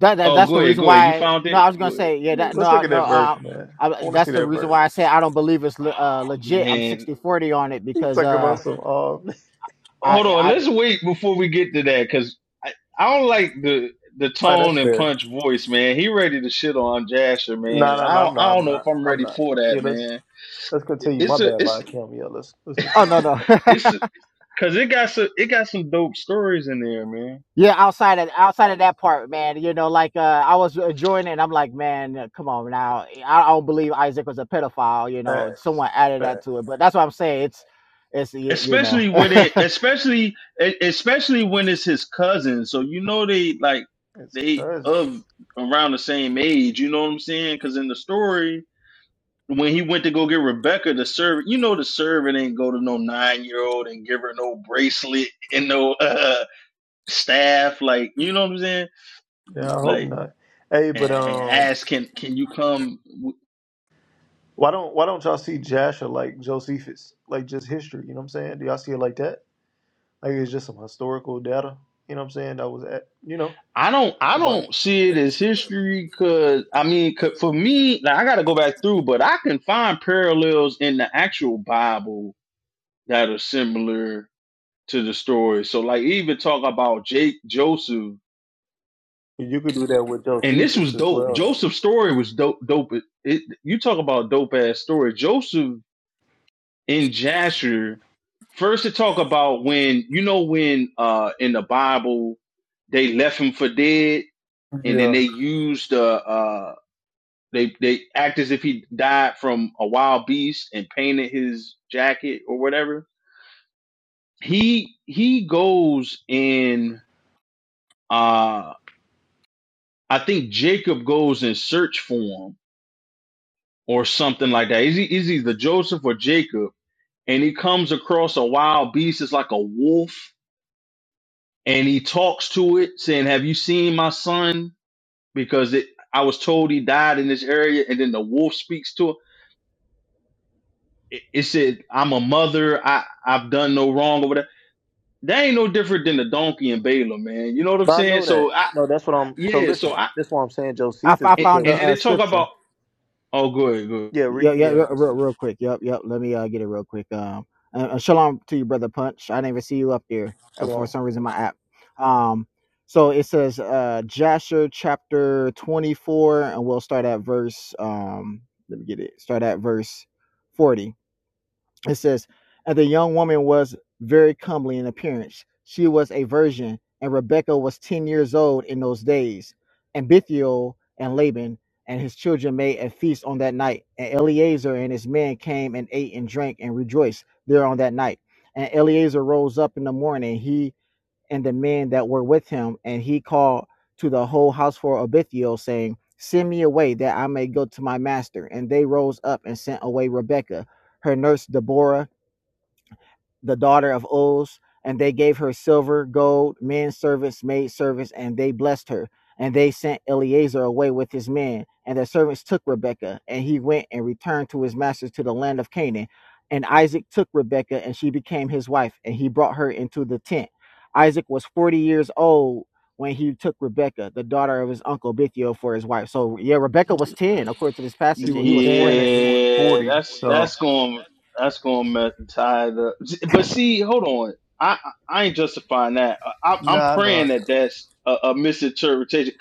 [SPEAKER 7] That, that
[SPEAKER 6] oh,
[SPEAKER 7] that's
[SPEAKER 6] go
[SPEAKER 7] the
[SPEAKER 6] ahead,
[SPEAKER 7] reason
[SPEAKER 6] go ahead. You
[SPEAKER 7] why.
[SPEAKER 6] found
[SPEAKER 7] No, I
[SPEAKER 6] it.
[SPEAKER 7] was
[SPEAKER 6] Go
[SPEAKER 7] gonna
[SPEAKER 6] ahead,
[SPEAKER 7] say. Yeah.
[SPEAKER 6] go ahead.
[SPEAKER 7] That. No.
[SPEAKER 1] Let's
[SPEAKER 7] I-
[SPEAKER 1] look at
[SPEAKER 7] No.
[SPEAKER 1] that verse,
[SPEAKER 7] Um.
[SPEAKER 1] man.
[SPEAKER 7] I,
[SPEAKER 1] I want to see
[SPEAKER 7] that's the
[SPEAKER 1] that
[SPEAKER 7] reason
[SPEAKER 1] verse.
[SPEAKER 7] why I say I don't believe it's le- uh,
[SPEAKER 6] Oh
[SPEAKER 7] legit. I'm
[SPEAKER 6] man,
[SPEAKER 7] sixty forty on it
[SPEAKER 1] He's
[SPEAKER 7] because
[SPEAKER 1] talking
[SPEAKER 7] uh
[SPEAKER 1] about some. Oh, man.
[SPEAKER 7] I
[SPEAKER 6] hold on.
[SPEAKER 7] I.
[SPEAKER 6] Let's wait before we get to that because I, I don't like the the
[SPEAKER 1] All right,
[SPEAKER 6] tone
[SPEAKER 1] that's
[SPEAKER 6] and
[SPEAKER 1] fair.
[SPEAKER 6] punch voice, man. He ready to shit on Jasher, man.
[SPEAKER 1] No,
[SPEAKER 6] And
[SPEAKER 1] no, no,
[SPEAKER 6] I don't
[SPEAKER 1] I'm not.
[SPEAKER 6] I
[SPEAKER 1] I'm
[SPEAKER 6] don't know if
[SPEAKER 1] not.
[SPEAKER 6] I'm
[SPEAKER 1] I'm
[SPEAKER 6] ready
[SPEAKER 1] not.
[SPEAKER 6] for that,
[SPEAKER 1] Yeah, let's
[SPEAKER 6] man.
[SPEAKER 1] let's continue. My
[SPEAKER 6] It's a
[SPEAKER 1] bad, lie,
[SPEAKER 6] it's
[SPEAKER 1] Kim. Yeah, let's let's
[SPEAKER 7] Oh
[SPEAKER 1] continue.
[SPEAKER 7] no no
[SPEAKER 6] it's because it got some it got some dope stories in there, man.
[SPEAKER 7] Yeah, outside of outside of that part, man, you know, like uh, I was enjoying it. And I'm like, man, uh, come on now. I I don't believe Isaac was a pedophile. You know,
[SPEAKER 1] Facts,
[SPEAKER 7] someone added that
[SPEAKER 1] facts.
[SPEAKER 7] to it, but that's what I'm saying. It's, it's y- you know,
[SPEAKER 6] especially when it
[SPEAKER 7] I,
[SPEAKER 6] especially e- especially when it's his cousin so you know they like
[SPEAKER 1] It's
[SPEAKER 6] they
[SPEAKER 1] crazy.
[SPEAKER 6] of around the same age you know what i'm saying because in the story when he went to go get rebecca the servant you know the servant ain't go to no nine year old and give her no bracelet and no uh staff like you know what i'm saying
[SPEAKER 1] Yeah, I hope
[SPEAKER 6] like
[SPEAKER 1] not. Hey, but
[SPEAKER 6] and
[SPEAKER 1] um,
[SPEAKER 6] ask can can you come
[SPEAKER 1] why don't why don't y'all see Jasher like Josephus, like just history? You know what I'm saying? Do y'all see it like that? Like it's just some historical data. You know what I'm saying? That was at you know
[SPEAKER 6] I don't I
[SPEAKER 1] about.
[SPEAKER 6] don't see it as history because I mean 'cause for me now I got to go back through, but I can find parallels in the actual Bible that are similar to the story. So like even talk about Jake Joseph
[SPEAKER 1] You could do that with
[SPEAKER 6] and this
[SPEAKER 1] Josephus
[SPEAKER 6] was
[SPEAKER 1] as
[SPEAKER 6] dope.
[SPEAKER 1] well, though.
[SPEAKER 6] Joseph's story was dope. Dope. It, it- you talk about dope ass story. Joseph in Jasher. First to talk about when you know when uh in the Bible they left him for dead and then they
[SPEAKER 1] Yeah,
[SPEAKER 6] used uh, They they act as if he died from a wild beast and painted his jacket or whatever. He he goes and uh I think Jacob goes in search for him or something like that. Is he is either Joseph or Jacob? And he comes across a wild beast. It's like a wolf, and he talks to it, saying, "Have you seen my son? Because it, I was told he died in this area." And then the wolf speaks to him. It, it said, "I'm a mother. I I've done no wrong or whatever." that ain't no different than the donkey and Balaam, man. You know what I'm
[SPEAKER 1] but I
[SPEAKER 6] saying?
[SPEAKER 1] know that.
[SPEAKER 6] So I,
[SPEAKER 1] No, that's what
[SPEAKER 6] I
[SPEAKER 1] I'm. So
[SPEAKER 6] yeah. So
[SPEAKER 1] listen,
[SPEAKER 6] I
[SPEAKER 1] that's why I'm saying
[SPEAKER 7] f-
[SPEAKER 1] Josephus
[SPEAKER 7] I
[SPEAKER 6] and,
[SPEAKER 7] found a,
[SPEAKER 6] and then
[SPEAKER 1] because
[SPEAKER 7] uh
[SPEAKER 6] they talk
[SPEAKER 7] scripture.
[SPEAKER 6] about oh, good, good.
[SPEAKER 1] yeah, re,
[SPEAKER 7] Yeah, yeah,
[SPEAKER 1] yeah.
[SPEAKER 7] real,
[SPEAKER 1] That's
[SPEAKER 7] real,
[SPEAKER 1] what,
[SPEAKER 7] real quick. Yep, yep. Let me uh, get it real quick. Um, and, and shalom to you, brother Punch. I didn't even see you up there uh, for
[SPEAKER 1] hold
[SPEAKER 7] some reason. My app. Um, so it says uh, Jasher chapter twenty four, and we'll start at verse. Um, let me get it. Start at verse forty. It says, And the young woman was very comely in appearance. She was a virgin, and Rebekah was 10 years old in those days. And Bethuel and Laban and his children made a feast on that night. And Eleazar and his men came and ate and drank and rejoiced there on that night. And Eleazar rose up in the morning, he and the men that were with him, and he called to the whole household of Bethuel, saying, Send me away that I may go to my master. And they rose up and sent away Rebekah, her nurse Deborah the daughter of Uz, and they gave her silver, gold, men servants, maid servants, and they blessed her. And they sent Eleazar away with his men, and their servants took Rebekah, and he went and returned to his masters to the land of Canaan. And Isaac took Rebekah, and she became his wife, and he brought her into the tent. Isaac was forty years old when he took Rebekah, the daughter of his uncle Bethuel, for his wife. So yeah, Rebekah was
[SPEAKER 1] on.
[SPEAKER 7] ten according to this
[SPEAKER 1] She
[SPEAKER 7] passage, and he
[SPEAKER 1] was
[SPEAKER 7] was
[SPEAKER 1] 10
[SPEAKER 7] forty.
[SPEAKER 1] and he was
[SPEAKER 6] Yeah,
[SPEAKER 1] 40.
[SPEAKER 6] that's
[SPEAKER 1] So,
[SPEAKER 6] that's going that's going to mess the tide up. But see, hold on. I I I ain't justifying that. I, I'm
[SPEAKER 1] nah, no,
[SPEAKER 6] praying that that's a, a misinterpretation.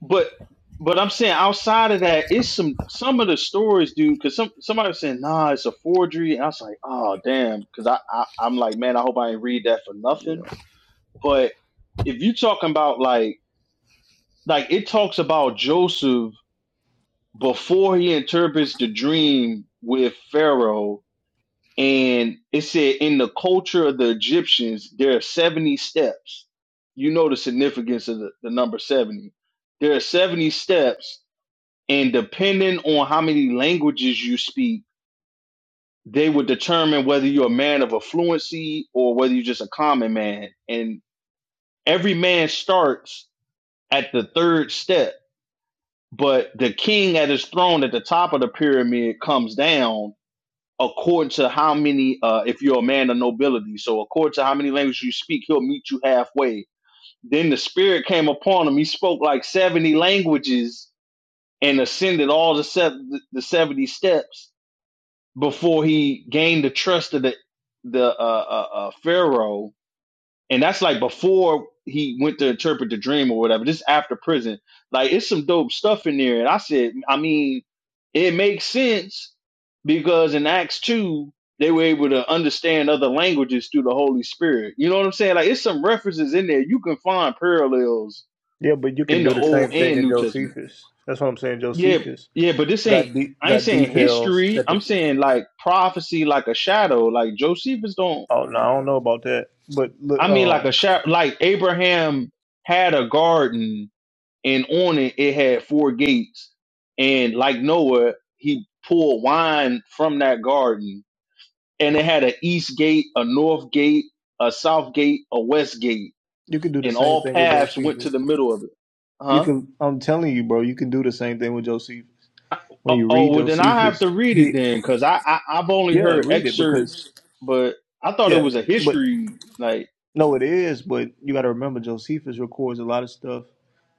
[SPEAKER 6] But but I'm saying outside of that, it's some some of the stories, dude. Because some somebody was saying, nah, it's a forgery, and I was like, oh damn. Because I, I I'm like, man, I hope I ain't read that for nothing
[SPEAKER 1] Yeah.
[SPEAKER 6] But if you talking about like like it talks about Joseph before he interprets the dream with Pharaoh, and it said in the culture of the Egyptians there are seventy steps. You know the significance of the, the number seventy. There are seventy steps, and depending on how many languages you speak, they would determine whether you're a man of affluency or whether you're just a common man. And every man starts at the third step but the king at his throne at the top of the pyramid comes down according to how many uh if you're a man of nobility so according to how many languages you speak he'll meet you halfway then the spirit came upon him he spoke like 70 languages and ascended all the seven the 70 steps before he gained the trust of the the uh, uh, uh pharaoh and that's like before he went to interpret the dream or whatever. This is after prison. Like it's some dope stuff in there. And I said, I mean, it makes sense because in Acts two they were able to understand other languages through the Holy Spirit. You know what I'm saying? Like it's some references in there. You can find parallels
[SPEAKER 1] Yeah, but you can
[SPEAKER 6] in
[SPEAKER 1] do
[SPEAKER 6] the
[SPEAKER 1] the
[SPEAKER 6] Old
[SPEAKER 1] same thing
[SPEAKER 6] and
[SPEAKER 1] in
[SPEAKER 6] New Testament.
[SPEAKER 1] Josephus. That's what I'm saying.
[SPEAKER 6] Yeah,
[SPEAKER 1] Josephus
[SPEAKER 6] yeah, but this ain't.
[SPEAKER 1] got de-
[SPEAKER 6] I ain't
[SPEAKER 1] got
[SPEAKER 6] saying
[SPEAKER 1] details
[SPEAKER 6] history.
[SPEAKER 1] that the.
[SPEAKER 6] I'm saying like prophecy, like a shadow. Like Josephus don't
[SPEAKER 1] Oh, no, I don't know about that. But, look,
[SPEAKER 6] I mean, like
[SPEAKER 1] um,
[SPEAKER 6] a shop, like Abraham had a garden, and on it it had four gates, and like Noah, he pulled wine from that garden, and it had an east gate, a north gate, a south gate, a west gate,
[SPEAKER 1] you can do the
[SPEAKER 6] and
[SPEAKER 1] same
[SPEAKER 6] all
[SPEAKER 1] thing with
[SPEAKER 6] paths went to
[SPEAKER 1] Josephus.
[SPEAKER 6] the middle of it.
[SPEAKER 1] You
[SPEAKER 6] Huh?
[SPEAKER 1] can, I'm telling you, bro, you can do the same thing with Josephus.
[SPEAKER 6] Oh,
[SPEAKER 1] When you
[SPEAKER 6] oh
[SPEAKER 1] read
[SPEAKER 6] well, then I have
[SPEAKER 1] Josephus,
[SPEAKER 6] to read it
[SPEAKER 1] he,
[SPEAKER 6] then, because I, I I've only
[SPEAKER 1] yeah,
[SPEAKER 6] heard
[SPEAKER 1] read it
[SPEAKER 6] excerpts,
[SPEAKER 1] because,
[SPEAKER 6] but I thought it
[SPEAKER 1] yeah,
[SPEAKER 6] was a
[SPEAKER 1] but
[SPEAKER 6] history like.
[SPEAKER 1] no, it is, but you got to remember Josephus records a lot of stuff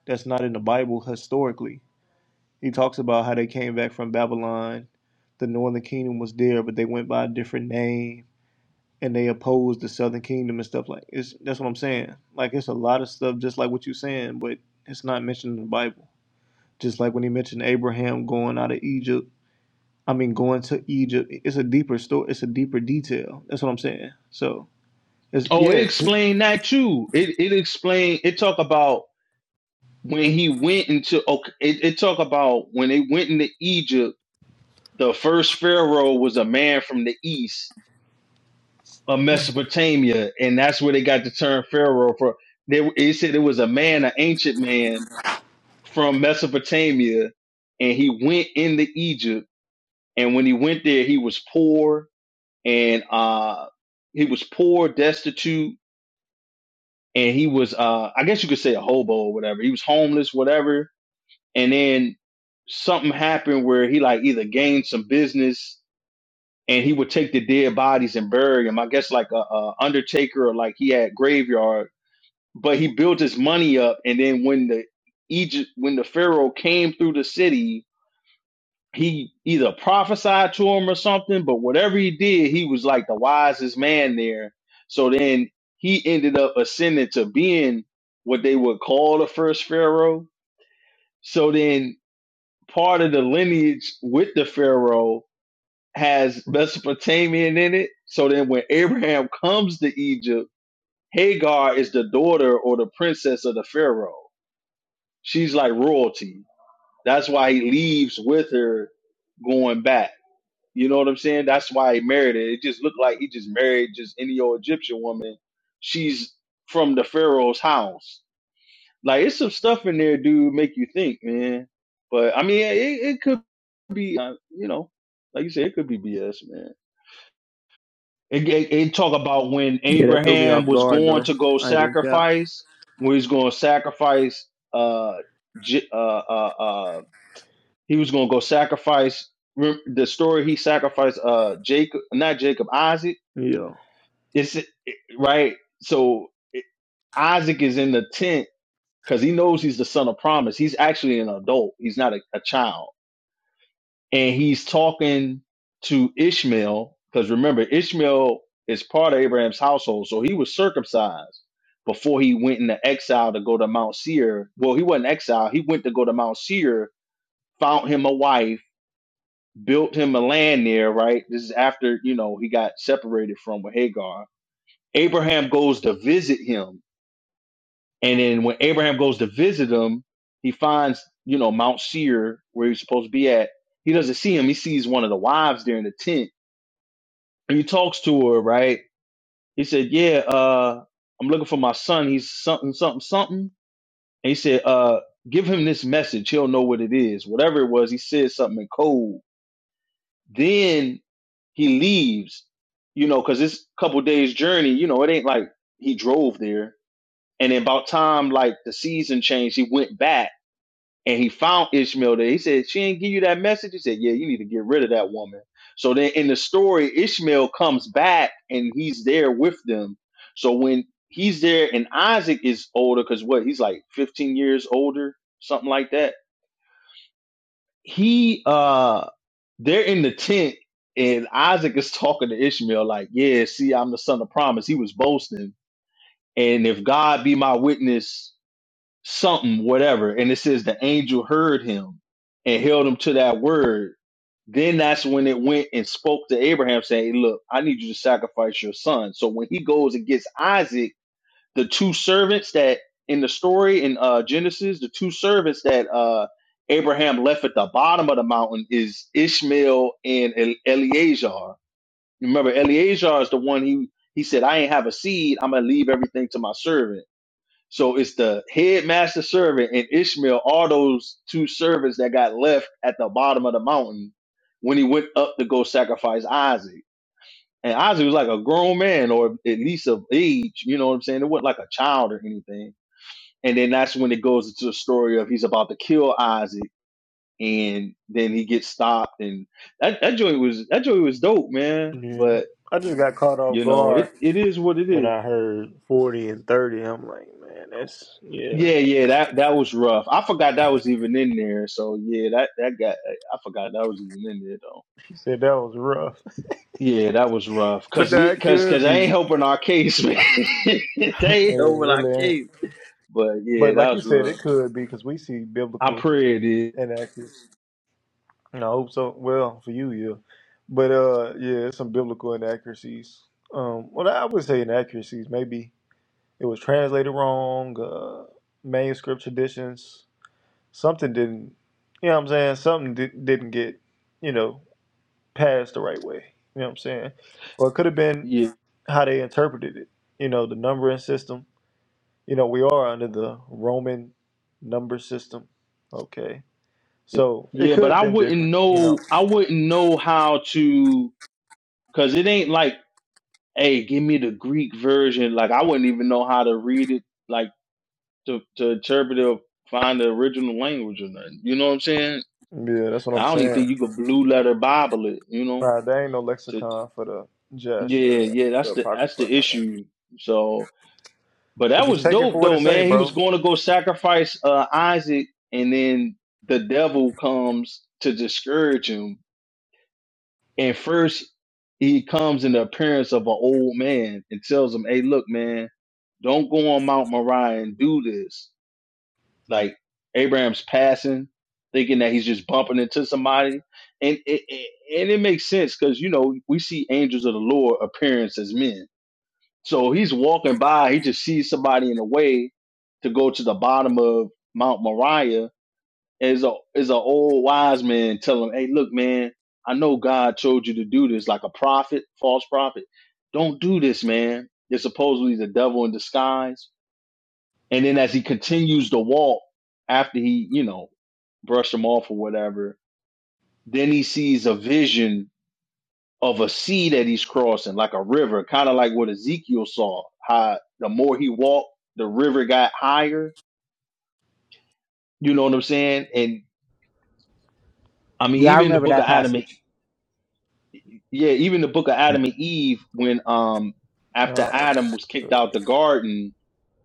[SPEAKER 1] that's not in the Bible historically. He talks about how they came back from Babylon. The northern kingdom was there, but they went by a different name and they opposed the southern kingdom and stuff like it's that's what I'm saying. Like it's a lot of stuff just like what you're saying, but it's not mentioned in the Bible. Just like when he mentioned Abraham going out of Egypt. I mean going to Egypt. It's a deeper story it's a deeper detail. That's what I'm saying. So it's
[SPEAKER 6] Oh, it
[SPEAKER 1] yes.
[SPEAKER 6] explained that too. It it explained. It talk about when he went into okay, it, it talk about when they went into Egypt, the first pharaoh was a man from the east of Mesopotamia, and that's where they got the term pharaoh for. They it said it was a man, an ancient man from Mesopotamia, and he went into Egypt, and when he went there, he was poor and uh he was poor, destitute, and he was uh I guess you could say a hobo or whatever. He was homeless, whatever and then something happened where he like either gained some business and he would take the dead bodies and bury them. I guess like a, a undertaker or like he had graveyard, but he built his money up and then when the Egypt when the pharaoh came through the city, he either prophesied to him or something, but whatever he did, he was like the wisest man there. So then he ended up ascending to being what they would call the first pharaoh. So then part of the lineage with the Pharaoh has Mesopotamian in it. So then when Abraham comes to Egypt, Hagar is the daughter or the princess of the Pharaoh. She's like royalty. That's why he leaves with her going back. You know what I'm saying? That's why he married her. It just looked like he just married just any old Egyptian woman. She's from the Pharaoh's house. Like it's some stuff in there, dude, make you think, man. But I mean, it, it could be, uh, you know, like you said, it could be BS, man. It, it, it talk about when
[SPEAKER 1] Yeah, that threw me off
[SPEAKER 6] Abraham was
[SPEAKER 1] guard
[SPEAKER 6] going
[SPEAKER 1] though.
[SPEAKER 6] to go
[SPEAKER 1] I ain't gonna cap.
[SPEAKER 6] sacrifice, when he's going to sacrifice, uh, J- uh, uh, uh, he was going to go sacrifice. rem- The story he sacrificed, uh, Jacob, not Jacob, Isaac.
[SPEAKER 1] Yeah.
[SPEAKER 6] It's it- right. So it, Isaac is in the tent because he knows he's the son of promise. He's actually an adult. He's not a, a child. And he's talking to Ishmael because remember, Ishmael is part of Abraham's household. So he was circumcised before he went into exile to go to Mount Seir. Well, he wasn't exiled. He went to go to Mount Seir, found him a wife, built him a land there, right? This is after, you know, he got separated from with Hagar. Abraham goes to visit him And then when Abraham goes to visit him, he finds, you know, Mount Seir, where he's supposed to be at. He doesn't see him. He sees one of the wives there in the tent. And he talks to her, right? He said, Yeah, uh, I'm looking for my son. He's something, something, something. And he said, uh, give him this message. He'll know what it is. Whatever it was, he said something in code. Then he leaves, you know, because it's a couple days journey, you know, it ain't like he drove there. And then about time like the season changed, he went back and he found Ishmael there. He said, She didn't give you that message. He said, Yeah, you need to get rid of that woman. So then in the story, Ishmael comes back and he's there with them. So when he's there and Isaac is older, because what he's like 15 years older, something like that. He uh they're in the tent and Isaac is talking to Ishmael, like, Yeah, see, I'm the son of promise. He was boasting. And if God be my witness, something, whatever. And it says the angel heard him and held him to that word. Then that's when it went and spoke to Abraham, saying, "Hey, Look, I need you to sacrifice your son. So when he goes and gets Isaac, the two servants that in the story in uh, Genesis, the two servants that uh, Abraham left at the bottom of the mountain is Ishmael and El- Eleazar. Remember, Eleazar is the one he he said, "I ain't have a seed. I'm gonna leave everything to my servant." So it's the headmaster servant and Ishmael are those two servants that got left at the bottom of the mountain when he went up to go sacrifice Isaac. And Isaac was like a grown man or at least of age, you know what I'm saying? It wasn't like a child or anything. And then that's when it goes into the story of he's about to kill Isaac and then he gets stopped and that, that joint was that joint was dope, man.
[SPEAKER 1] Yeah.
[SPEAKER 6] But
[SPEAKER 1] I just got caught off
[SPEAKER 6] you know,
[SPEAKER 1] guard
[SPEAKER 6] it, it is what it
[SPEAKER 1] When
[SPEAKER 6] is.
[SPEAKER 1] I heard 40 and 30, I'm like, man, that's, yeah.
[SPEAKER 6] Yeah, yeah, that that was rough. I forgot that was even in there. So yeah, that that got I forgot that was even in there though.
[SPEAKER 1] You said that was rough.
[SPEAKER 6] Yeah, that was rough.
[SPEAKER 1] But
[SPEAKER 6] Cause he-
[SPEAKER 1] that
[SPEAKER 6] cause cause
[SPEAKER 1] could be.
[SPEAKER 6] they ain't helping our case, man. they ain't
[SPEAKER 1] Yeah, it
[SPEAKER 6] helping our
[SPEAKER 1] really ain't.
[SPEAKER 6] case. But yeah,
[SPEAKER 1] But
[SPEAKER 6] that
[SPEAKER 1] like you
[SPEAKER 6] was
[SPEAKER 1] said, it
[SPEAKER 6] rough.
[SPEAKER 1] could be because we see
[SPEAKER 6] I
[SPEAKER 1] biblical
[SPEAKER 6] pray it is.
[SPEAKER 1] inaccuracies. And I hope so. Well, for you, yeah. But uh, yeah, there's some biblical inaccuracies. Um, well, I would say inaccuracies. Maybe it was translated wrong. Uh, manuscript traditions. Something didn't. You know what I'm saying? Something di- didn't get. You know. passed the right way. You know what I'm saying? Or it could have been
[SPEAKER 6] Yeah,
[SPEAKER 1] how they interpreted it. You know, the numbering system. You know, we are under the Roman number system. Okay. So it
[SPEAKER 6] yeah,
[SPEAKER 1] could
[SPEAKER 6] but
[SPEAKER 1] have
[SPEAKER 6] I
[SPEAKER 1] been
[SPEAKER 6] wouldn't
[SPEAKER 1] different, you know.
[SPEAKER 6] know. I wouldn't know how to, cause it ain't like, hey, give me the Greek version. Like I wouldn't even know how to read it, like to to interpret it or find the original language or nothing. You know what I'm saying?
[SPEAKER 1] Yeah, that's what
[SPEAKER 6] I
[SPEAKER 1] I'm
[SPEAKER 6] don't even
[SPEAKER 1] saying.
[SPEAKER 6] think you could blue letter Bible it, you know.
[SPEAKER 1] Nah, there ain't no
[SPEAKER 6] To
[SPEAKER 1] lexicon for the Jesh or
[SPEAKER 6] yeah, yeah,
[SPEAKER 1] the
[SPEAKER 6] that's the that's
[SPEAKER 1] Apocrypha
[SPEAKER 6] the
[SPEAKER 1] or nothing.
[SPEAKER 6] issue. So, but
[SPEAKER 1] But
[SPEAKER 6] that
[SPEAKER 1] just
[SPEAKER 6] was
[SPEAKER 1] take it
[SPEAKER 6] dope
[SPEAKER 1] for what it
[SPEAKER 6] though,
[SPEAKER 1] say,
[SPEAKER 6] man. He was
[SPEAKER 1] bro.
[SPEAKER 6] going to go sacrifice uh, Isaac, and then the devil comes to discourage him. And first, he comes in the appearance of an old man and tells him, "Hey, look, man, don't go on Mount Moriah and do this." Like Abraham's passing, thinking that he's just bumping into somebody, and it, it and it makes sense because you know we see angels of the Lord appearance as men. So he's walking by, he just sees somebody in the way to go to the bottom of Mount Moriah. Is a is an old wise man telling him, "Hey, look, man, I know God told you to do this, like a prophet, false prophet. Don't do this, man. You're supposedly the devil in disguise and then as he continues to walk after he, you know, brushed him off or whatever, then he sees a vision of a sea that he's crossing, like a river, kind of like what Ezekiel saw. How the more he walked, the river got higher. You know what I'm saying? And I mean,
[SPEAKER 7] Yeah, I
[SPEAKER 6] even the
[SPEAKER 7] remember
[SPEAKER 6] book
[SPEAKER 7] that
[SPEAKER 6] of Adam and E,
[SPEAKER 7] passage.
[SPEAKER 6] yeah, even the book of
[SPEAKER 7] Yeah,
[SPEAKER 6] Adam and Eve, when um after
[SPEAKER 1] Uh,
[SPEAKER 6] Adam was kicked
[SPEAKER 1] good.
[SPEAKER 6] out the garden,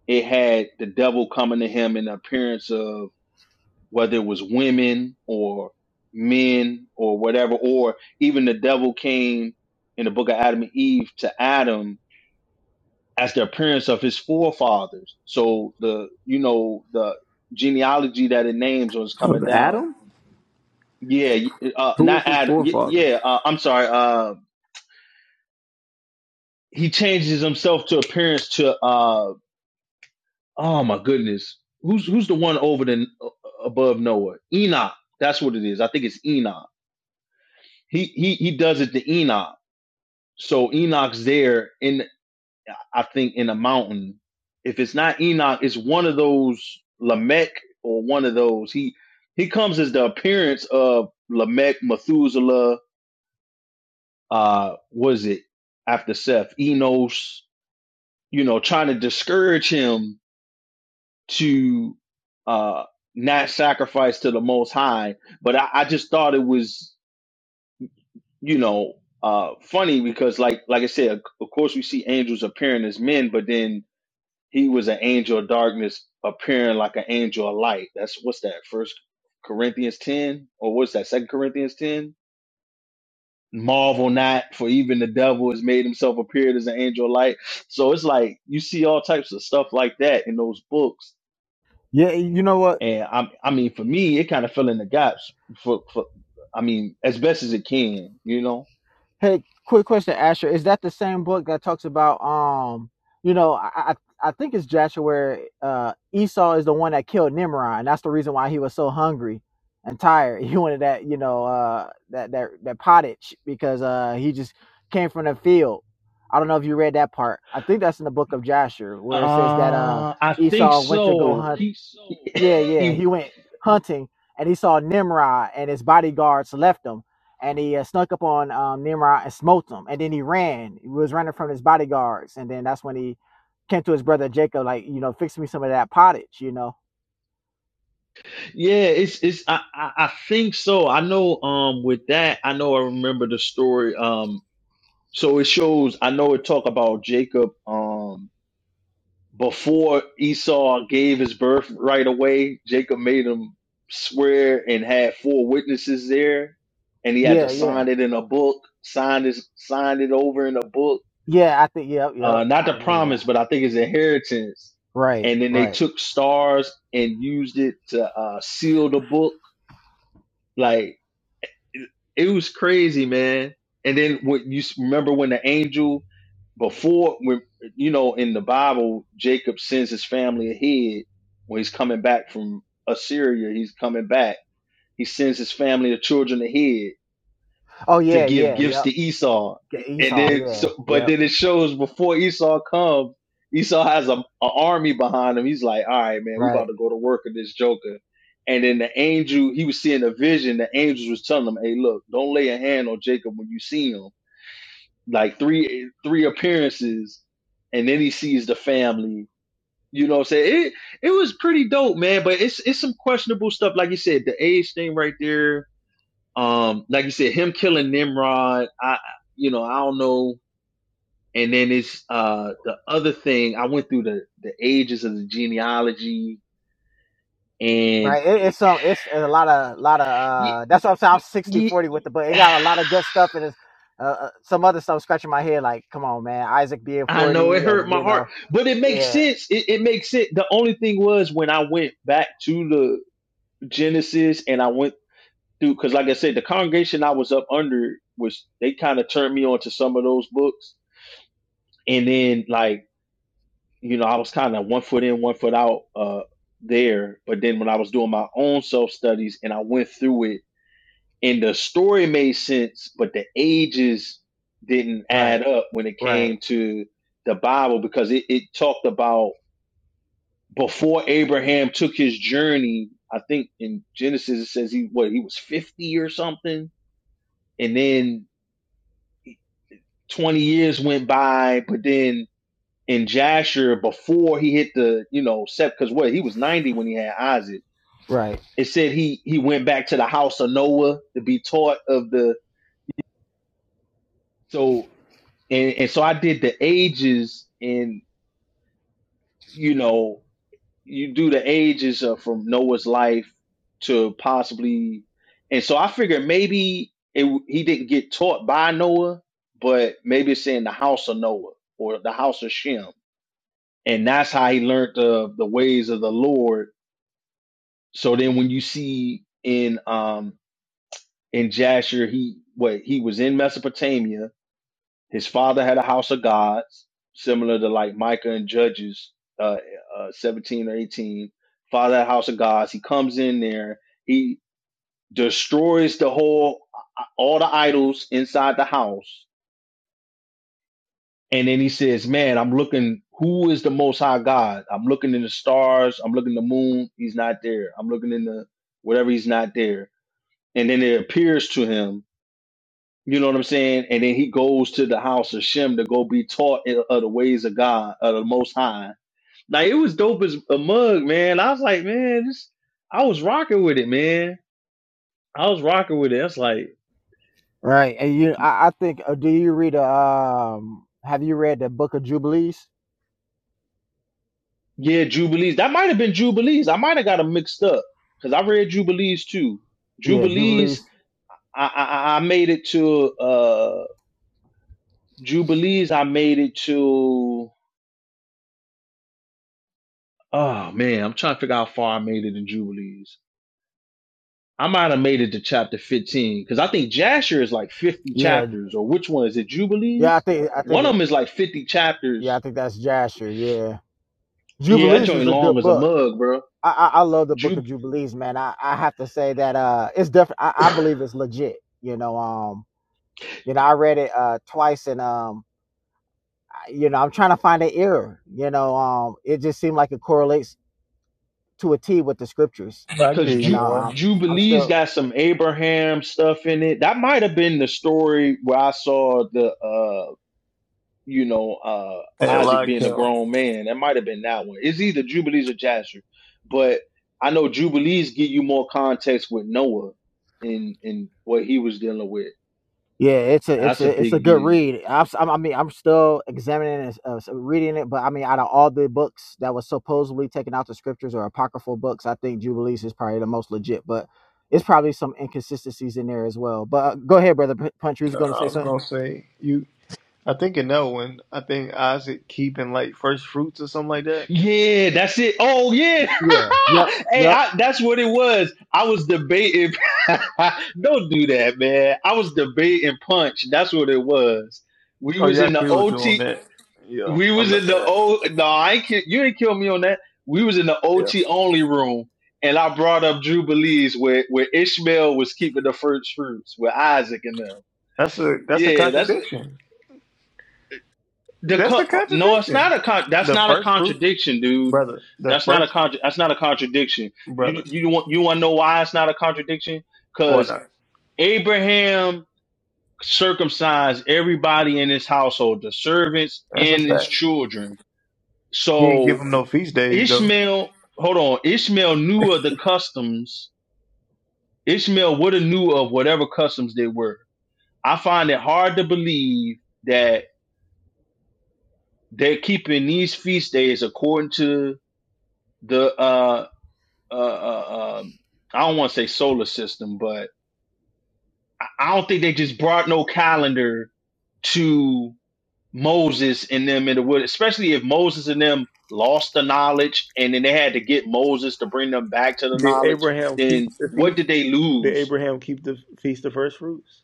[SPEAKER 6] it had the devil coming to him in the appearance of whether it was women or men or whatever, or even the devil came in the book of Adam and Eve to Adam as the appearance of his forefathers. So the you know the genealogy that it names was
[SPEAKER 1] Of
[SPEAKER 6] coming down.
[SPEAKER 1] Adam?
[SPEAKER 6] Yeah, uh,
[SPEAKER 1] Who
[SPEAKER 6] not
[SPEAKER 1] was his
[SPEAKER 6] Adam. Y-
[SPEAKER 1] forefather?
[SPEAKER 6] Yeah, uh, I'm sorry. Uh, he changes himself to appearance to. Uh, oh my goodness, who's who's the one over the uh, above Noah? Enoch. That's what it is. I think it's Enoch he he he does it to Enoch. So Enoch's there in I think in a mountain. If it's not Enoch, it's one of those Lamech or one of those. He he comes as the appearance of Lamech, Methuselah, uh, was it after Seth, Enos, you know, trying to discourage him to uh not sacrifice to the most high. But I, I just thought it was you know, uh, funny because like like I said, of course we see angels appearing as men, but then he was an angel of darkness appearing like an angel of light. That's what's that first Corinthians ten or what's that second Corinthians ten? Marvel not, for even the devil has made himself appear as an angel of light. So it's like you see all types of stuff like that in those books,
[SPEAKER 7] yeah, you know what?
[SPEAKER 6] and I, I mean, for me, it kind of fill in the gaps for, for, I mean, as best as it can, you know
[SPEAKER 7] Hey, quick question, Asher. Is that the same book that talks about um, you know, I I, I think it's Joshua where uh Esau is the one that killed Nimrod, and that's the reason why he was so hungry and tired. He wanted that, you know, uh that that that pottage because uh he just came from the field. I don't know if you read that part. I think that's in the book of Joshua where it says that uh
[SPEAKER 6] Uh, I think
[SPEAKER 7] Esau went to go
[SPEAKER 6] so.
[SPEAKER 7] hunt.
[SPEAKER 6] He,
[SPEAKER 7] Yeah, yeah,
[SPEAKER 6] he,
[SPEAKER 7] he went hunting and he saw Nimrod and his bodyguards left him and he uh, snuck up on um, Nimrod and smote him. And then he ran. He was running from his bodyguards, and then that's when he came to his brother Jacob, like you know, fix me some of that pottage, you know.
[SPEAKER 6] yeah. It's, it's. I, I, I think so. I know. Um, with that, I know. I remember the story. Um, so it shows. I know it talk about Jacob. Um, before Esau gave his birth right away, Jacob made him swear and had four witnesses there, and he had to
[SPEAKER 7] Yeah, yeah,
[SPEAKER 6] sign it in a book. Signed his, signed it over in a book
[SPEAKER 7] yeah. I think yep, yep.
[SPEAKER 6] uh, not
[SPEAKER 7] I
[SPEAKER 6] the
[SPEAKER 7] remember that.
[SPEAKER 6] promise, but I think it's inheritance.
[SPEAKER 7] Right,
[SPEAKER 6] And then they
[SPEAKER 7] right.
[SPEAKER 6] took stars and used it to uh, seal the book. Like it, it was crazy, man. And then what you s- remember when the angel before when you know in the Bible Jacob sends his family ahead when he's coming back from Assyria, he's coming back. He sends his family of children ahead
[SPEAKER 7] Oh
[SPEAKER 6] to
[SPEAKER 7] yeah,
[SPEAKER 6] give
[SPEAKER 7] yeah,
[SPEAKER 6] gifts
[SPEAKER 7] yep.
[SPEAKER 6] to Esau, and
[SPEAKER 7] Esau,
[SPEAKER 6] then so,
[SPEAKER 7] yeah,
[SPEAKER 6] but
[SPEAKER 7] yep.
[SPEAKER 6] then it shows before Esau comes, Esau has a, a army behind him. He's like, all right, man, we about
[SPEAKER 7] Right,
[SPEAKER 6] to go to work on this Joker. And then the angel, he was seeing a vision. The angels was telling him, hey, look, don't lay a hand on Jacob when you see him. Like three three appearances, and then he sees the family. You know what I'm saying? It it was pretty dope, man. But it's it's some questionable stuff, like you said, the age thing right there um, like you said, him killing Nimrod, I you know, I don't know. And then it's uh the other thing, I went through the the ages of the genealogy and
[SPEAKER 7] right. It, it's some. It's, a lot of, lot of.
[SPEAKER 6] y-
[SPEAKER 7] uh That's what I'm saying. I'm
[SPEAKER 6] y-
[SPEAKER 7] sixty
[SPEAKER 6] y-
[SPEAKER 7] forty with the book. It got a lot of good stuff and it's Uh, uh, some other stuff scratching my head, like, come on, man, Isaac being
[SPEAKER 6] I know it
[SPEAKER 7] forty,
[SPEAKER 6] hurt
[SPEAKER 7] and
[SPEAKER 6] my
[SPEAKER 7] you
[SPEAKER 6] heart,
[SPEAKER 7] know,
[SPEAKER 6] but it makes
[SPEAKER 7] yeah,
[SPEAKER 6] sense. It, it makes sense. The only thing was when I went back to the Genesis and I went through, because like I said, the congregation I was up under was they kind of turned me on to some of those books, and then like you know, I was kind of one foot in, one foot out uh, there. But then when I was doing my own self studies and I went through it, and the story made sense, but the ages didn't
[SPEAKER 7] right,
[SPEAKER 6] add up when it
[SPEAKER 7] right.
[SPEAKER 6] came to the Bible because it, it talked about before Abraham took his journey. I think in Genesis it says he what he was fifty or something, and then twenty years went by, but then In Jasher, before he hit the, you know, set, because what, he was 90 when he had Isaac.
[SPEAKER 7] Right,
[SPEAKER 6] It said he he went back to the house of Noah to be taught of the, so and and so I did the ages, and you know, you do the ages of from Noah's life to possibly, and so I figured maybe it, he didn't get taught by Noah, but maybe it's saying the house of Noah or the house of Shem, and that's how he learned the the ways of the Lord So then when you see in um in Jasher, he what he was in Mesopotamia. His father had a house of gods, similar to like Micah and Judges uh, uh seventeen or eighteen. Father had a house of gods. He comes in there, he destroys the whole all the idols inside the house. And then he says, Man, I'm looking who is the most high God? I'm looking in the stars, I'm looking in the moon, he's not there. I'm looking in the whatever he's not there and then it appears to him. You know what I'm saying? And then he goes to the house of Shem to go be taught in- of the ways of God, of the Most High. Like it was dope as a mug, man. I was like, man, this. I was rocking with it, man. I was rocking with it. That's like,
[SPEAKER 7] right, and you, I, I think. Uh, do you read? Uh, Um, have you read the Book of Jubilees?
[SPEAKER 6] yeah, Jubilees. That might have been Jubilees. I might have got them mixed up because I read Jubilees too.
[SPEAKER 7] Yeah, Jubilees.
[SPEAKER 6] Jubilees. I I, I I made it to uh Jubilees. I made it to. Oh man, I'm trying to figure out how far I made it in Jubilees. I might have made it to chapter 15 because I think Jasher is like 50
[SPEAKER 7] Yeah,
[SPEAKER 6] chapters, or which one is it?
[SPEAKER 7] yeah. I
[SPEAKER 6] Jubilees?
[SPEAKER 7] think. I think
[SPEAKER 6] One of
[SPEAKER 7] it.
[SPEAKER 6] them is like 50
[SPEAKER 7] Yeah, I
[SPEAKER 6] chapters.
[SPEAKER 7] think that's Jasher. Yeah,
[SPEAKER 6] Yeah, that
[SPEAKER 7] Jubilees
[SPEAKER 6] joint
[SPEAKER 7] is a
[SPEAKER 6] long
[SPEAKER 7] good
[SPEAKER 6] as a
[SPEAKER 7] book.
[SPEAKER 6] mug, bro.
[SPEAKER 7] I, I, I love the Book
[SPEAKER 6] Ju-
[SPEAKER 7] of Jubilees, man. I, I have to say that uh, it's definitely. I, I believe
[SPEAKER 6] Because
[SPEAKER 7] it's legit. You know, um, you know, I read it uh twice, and um, I- you know, I'm trying to find an error. You know, um, it just seemed like it correlates to a T with the scriptures.
[SPEAKER 1] I can give
[SPEAKER 7] You
[SPEAKER 1] you
[SPEAKER 7] know,
[SPEAKER 6] Ju-
[SPEAKER 1] one.
[SPEAKER 7] um, I'm still.
[SPEAKER 6] Jubilees got some Abraham stuff in it. That might have been the story where I saw the, uh, you know, uh,
[SPEAKER 1] Hey, a
[SPEAKER 6] Isaac
[SPEAKER 1] lot of
[SPEAKER 6] being a
[SPEAKER 1] Kim. Uh,
[SPEAKER 6] grown man. That might have been that one. It's either Jubilees or Jasher. But I know Jubilees give you more context with Noah and, and what he was dealing with.
[SPEAKER 7] Yeah, it's a it's
[SPEAKER 6] That's a
[SPEAKER 7] a it's a
[SPEAKER 6] big
[SPEAKER 7] good
[SPEAKER 6] deal.
[SPEAKER 7] read. I'm, s- I'm- I mean, I'm still examining it, uh, s- reading it, but I mean, out of all the books that was supposedly taken out the scriptures or apocryphal books, I think Jubilees is probably the most legit. But it's probably some inconsistencies in there as well. But uh, go ahead, brother P- Punch. You was gonna
[SPEAKER 1] I
[SPEAKER 7] say
[SPEAKER 1] was
[SPEAKER 7] something?
[SPEAKER 1] gonna say you. I think in that one, I think Isaac keeping like first fruits or something like that.
[SPEAKER 6] Yeah, that's it. Oh yeah.
[SPEAKER 7] Yeah. Yep.
[SPEAKER 6] hey,
[SPEAKER 7] Yep.
[SPEAKER 6] I, that's what it was. I was debating. Don't do that, man. I was debating punch. That's what it was. We
[SPEAKER 1] Oh
[SPEAKER 6] was
[SPEAKER 1] yeah,
[SPEAKER 6] in the
[SPEAKER 1] Q was doing
[SPEAKER 6] OT.
[SPEAKER 1] that. Yeah,
[SPEAKER 6] We
[SPEAKER 1] I
[SPEAKER 6] was in the
[SPEAKER 1] remember
[SPEAKER 6] O. No, I ain't, ki- you ain't kill me on that. We was in the
[SPEAKER 1] that. Yeah,
[SPEAKER 6] OT only room, and I brought up Jubilees where where Ishmael was keeping the first fruits with Isaac and them.
[SPEAKER 1] that's a that's a
[SPEAKER 6] Yeah, that's
[SPEAKER 1] contradiction.
[SPEAKER 6] The
[SPEAKER 1] That's a
[SPEAKER 6] co- no, it's
[SPEAKER 1] contradiction.
[SPEAKER 6] not a con- that's
[SPEAKER 1] The
[SPEAKER 6] not a
[SPEAKER 1] first fruit,
[SPEAKER 6] contradiction, dude.
[SPEAKER 1] brother. The
[SPEAKER 6] That's not a
[SPEAKER 1] first
[SPEAKER 6] con- that's not a contradiction.
[SPEAKER 1] brother.
[SPEAKER 6] You you want you want to know why it's not a contradiction?
[SPEAKER 1] Well,
[SPEAKER 6] Because
[SPEAKER 1] not.
[SPEAKER 6] Abraham circumcised everybody in his household, the servants
[SPEAKER 1] That's a
[SPEAKER 6] and his
[SPEAKER 1] fact.
[SPEAKER 6] children.
[SPEAKER 1] He didn't give
[SPEAKER 6] So
[SPEAKER 1] him no feast days though.
[SPEAKER 6] Ishmael, hold on, Ishmael knew of the customs. Ishmael would have knew of whatever customs they were. I find it hard to believe that they're keeping these feast days according to the uh, uh, uh um, I don't want to say solar system, but I I don't think they just brought no calendar to Moses and them in the wood, especially if Moses and them lost the knowledge and then they had to get Moses to bring them back to the
[SPEAKER 1] Did
[SPEAKER 6] knowledge,
[SPEAKER 1] Abraham keep
[SPEAKER 6] then
[SPEAKER 1] the
[SPEAKER 6] what
[SPEAKER 1] feast?
[SPEAKER 6] did they
[SPEAKER 1] Did
[SPEAKER 6] lose?
[SPEAKER 1] Abraham keep the feast of first fruits?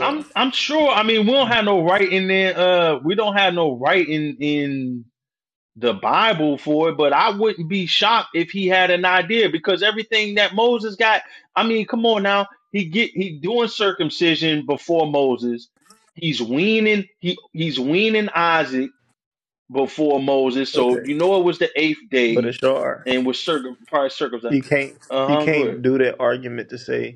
[SPEAKER 6] I'm I'm sure I mean we don't have no right in there uh we don't have no right in in the Bible for it, but I wouldn't be shocked if he had an idea because everything that Moses got, I mean, come on now. He get he doing circumcision before Moses. He's weaning he he's weaning Isaac before Moses. So
[SPEAKER 1] Okay,
[SPEAKER 6] you know it was the eighth
[SPEAKER 1] but
[SPEAKER 6] day
[SPEAKER 1] Ashar,
[SPEAKER 6] and was circum probably circumcised.
[SPEAKER 1] you can't you
[SPEAKER 6] Uh-huh, good.
[SPEAKER 1] can't do that argument to say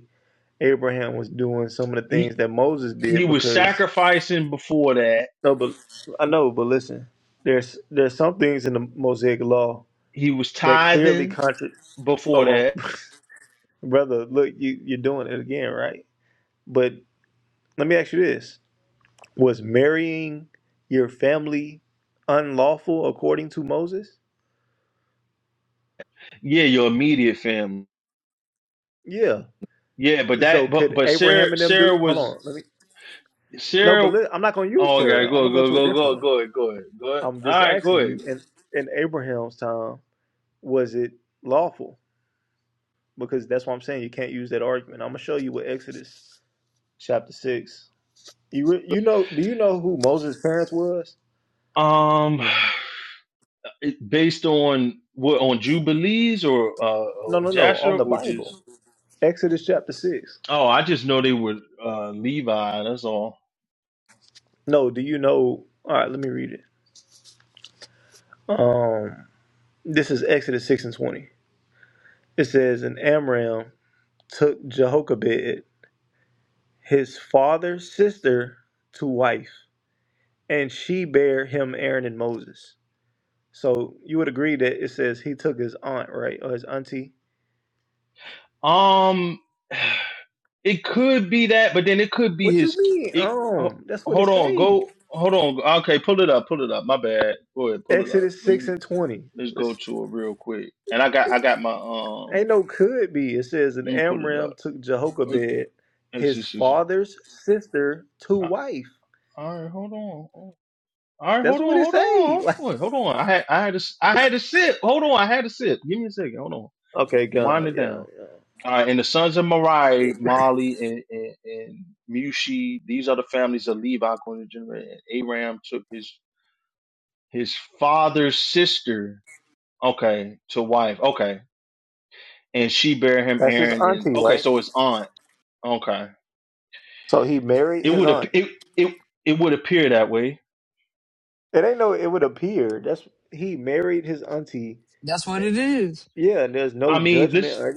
[SPEAKER 1] Abraham was doing some of the things
[SPEAKER 6] He
[SPEAKER 1] that Moses
[SPEAKER 6] he
[SPEAKER 1] did
[SPEAKER 6] was
[SPEAKER 1] because
[SPEAKER 6] sacrificing before that.
[SPEAKER 1] no, but I know, but listen, there's there's some things in the Mosaic law
[SPEAKER 6] He was
[SPEAKER 1] that clearly
[SPEAKER 6] tithing
[SPEAKER 1] contra.
[SPEAKER 6] before
[SPEAKER 1] Hold on,
[SPEAKER 6] that.
[SPEAKER 1] brother. Look, you you're doing it again, right? But let me ask you this: Was marrying your family unlawful according to Moses?
[SPEAKER 6] Yeah, your immediate family.
[SPEAKER 1] Yeah.
[SPEAKER 6] Yeah, but
[SPEAKER 1] So
[SPEAKER 6] that but
[SPEAKER 1] could
[SPEAKER 6] but Sarah
[SPEAKER 1] Abraham and them do?
[SPEAKER 6] Sarah
[SPEAKER 1] Hold
[SPEAKER 6] was
[SPEAKER 1] on, let me. No, but
[SPEAKER 6] Sarah.
[SPEAKER 1] li- I'm not gonna use
[SPEAKER 6] Oh,
[SPEAKER 1] Sarah.
[SPEAKER 6] okay.
[SPEAKER 1] I'm gonna
[SPEAKER 6] Go,
[SPEAKER 1] go
[SPEAKER 6] go,
[SPEAKER 1] to a
[SPEAKER 6] go,
[SPEAKER 1] different
[SPEAKER 6] go,
[SPEAKER 1] one.
[SPEAKER 6] go ahead, go ahead, go ahead.
[SPEAKER 1] I'm
[SPEAKER 6] All
[SPEAKER 1] just
[SPEAKER 6] right, go
[SPEAKER 1] asking you.
[SPEAKER 6] ahead.
[SPEAKER 1] In in Abraham's time. was it lawful? Because that's what I'm saying. You can't use that argument. I'm gonna show you what Exodus chapter six. You re- you know? Do you know who Moses' parents was?
[SPEAKER 6] Um, based on what on Jubilees or uh
[SPEAKER 1] No,
[SPEAKER 6] or
[SPEAKER 1] no, no.
[SPEAKER 6] Jasher
[SPEAKER 1] On the
[SPEAKER 6] or just
[SPEAKER 1] Bible, Exodus chapter six.
[SPEAKER 6] oh, I just know they were uh Levi. That's all.
[SPEAKER 1] No, do you know? All right, let me read it. Um, this is Exodus six and twenty. It says, "And Amram took Jehoshaphat, his father's sister, to wife, and she bare him Aaron and Moses." So you would agree that it says he took his aunt, right, or his auntie,
[SPEAKER 6] Um, it could be that, but then it could be
[SPEAKER 1] What you
[SPEAKER 6] his.
[SPEAKER 1] mean?
[SPEAKER 6] It ho-
[SPEAKER 1] Um, that's what it
[SPEAKER 6] hold on,
[SPEAKER 1] say.
[SPEAKER 6] go hold on. Okay, pull it up, pull it up. My bad. Go ahead, pull it up.
[SPEAKER 1] Exodus
[SPEAKER 6] Let
[SPEAKER 1] six
[SPEAKER 6] me
[SPEAKER 1] and twenty.
[SPEAKER 6] let's go
[SPEAKER 1] It's,
[SPEAKER 6] to it real quick. And I got I got my um.
[SPEAKER 1] ain't no could be. It says and
[SPEAKER 6] Let me pull it
[SPEAKER 1] Amram
[SPEAKER 6] up.
[SPEAKER 1] took
[SPEAKER 6] Uh,
[SPEAKER 1] Jehoshaphat,
[SPEAKER 6] It's,
[SPEAKER 1] his
[SPEAKER 6] it's, it's,
[SPEAKER 1] father's sister, to wife.
[SPEAKER 6] All right, hold on. All right,
[SPEAKER 1] That's
[SPEAKER 6] hold on,
[SPEAKER 1] what it
[SPEAKER 6] hold
[SPEAKER 1] say.
[SPEAKER 6] on,
[SPEAKER 1] Like,
[SPEAKER 6] hold on, hold on. I had, I had to, I had to sip. Hold on, I had to sip. Give me a second. Hold on.
[SPEAKER 1] okay,
[SPEAKER 6] Wind
[SPEAKER 1] God,
[SPEAKER 6] it
[SPEAKER 1] yeah,
[SPEAKER 6] down. All right, and the sons of Merari, Mali, and, and, and Mushi, these are the families of Levi going to generate. And Aram took his his father's sister, okay, to wife, okay, and she bare him
[SPEAKER 1] that's his
[SPEAKER 6] Aaron, and
[SPEAKER 1] auntie,
[SPEAKER 6] okay,
[SPEAKER 1] right?
[SPEAKER 6] so his aunt, okay.
[SPEAKER 1] So he married
[SPEAKER 6] It
[SPEAKER 1] his
[SPEAKER 6] would
[SPEAKER 1] aunt.
[SPEAKER 6] ap- it it it would appear that way.
[SPEAKER 1] It ain't no. It would appear that's he married his auntie.
[SPEAKER 2] That's what it is.
[SPEAKER 1] Yeah, and there's
[SPEAKER 6] I
[SPEAKER 1] no
[SPEAKER 6] mean,
[SPEAKER 1] judgment.
[SPEAKER 6] this.
[SPEAKER 1] Or,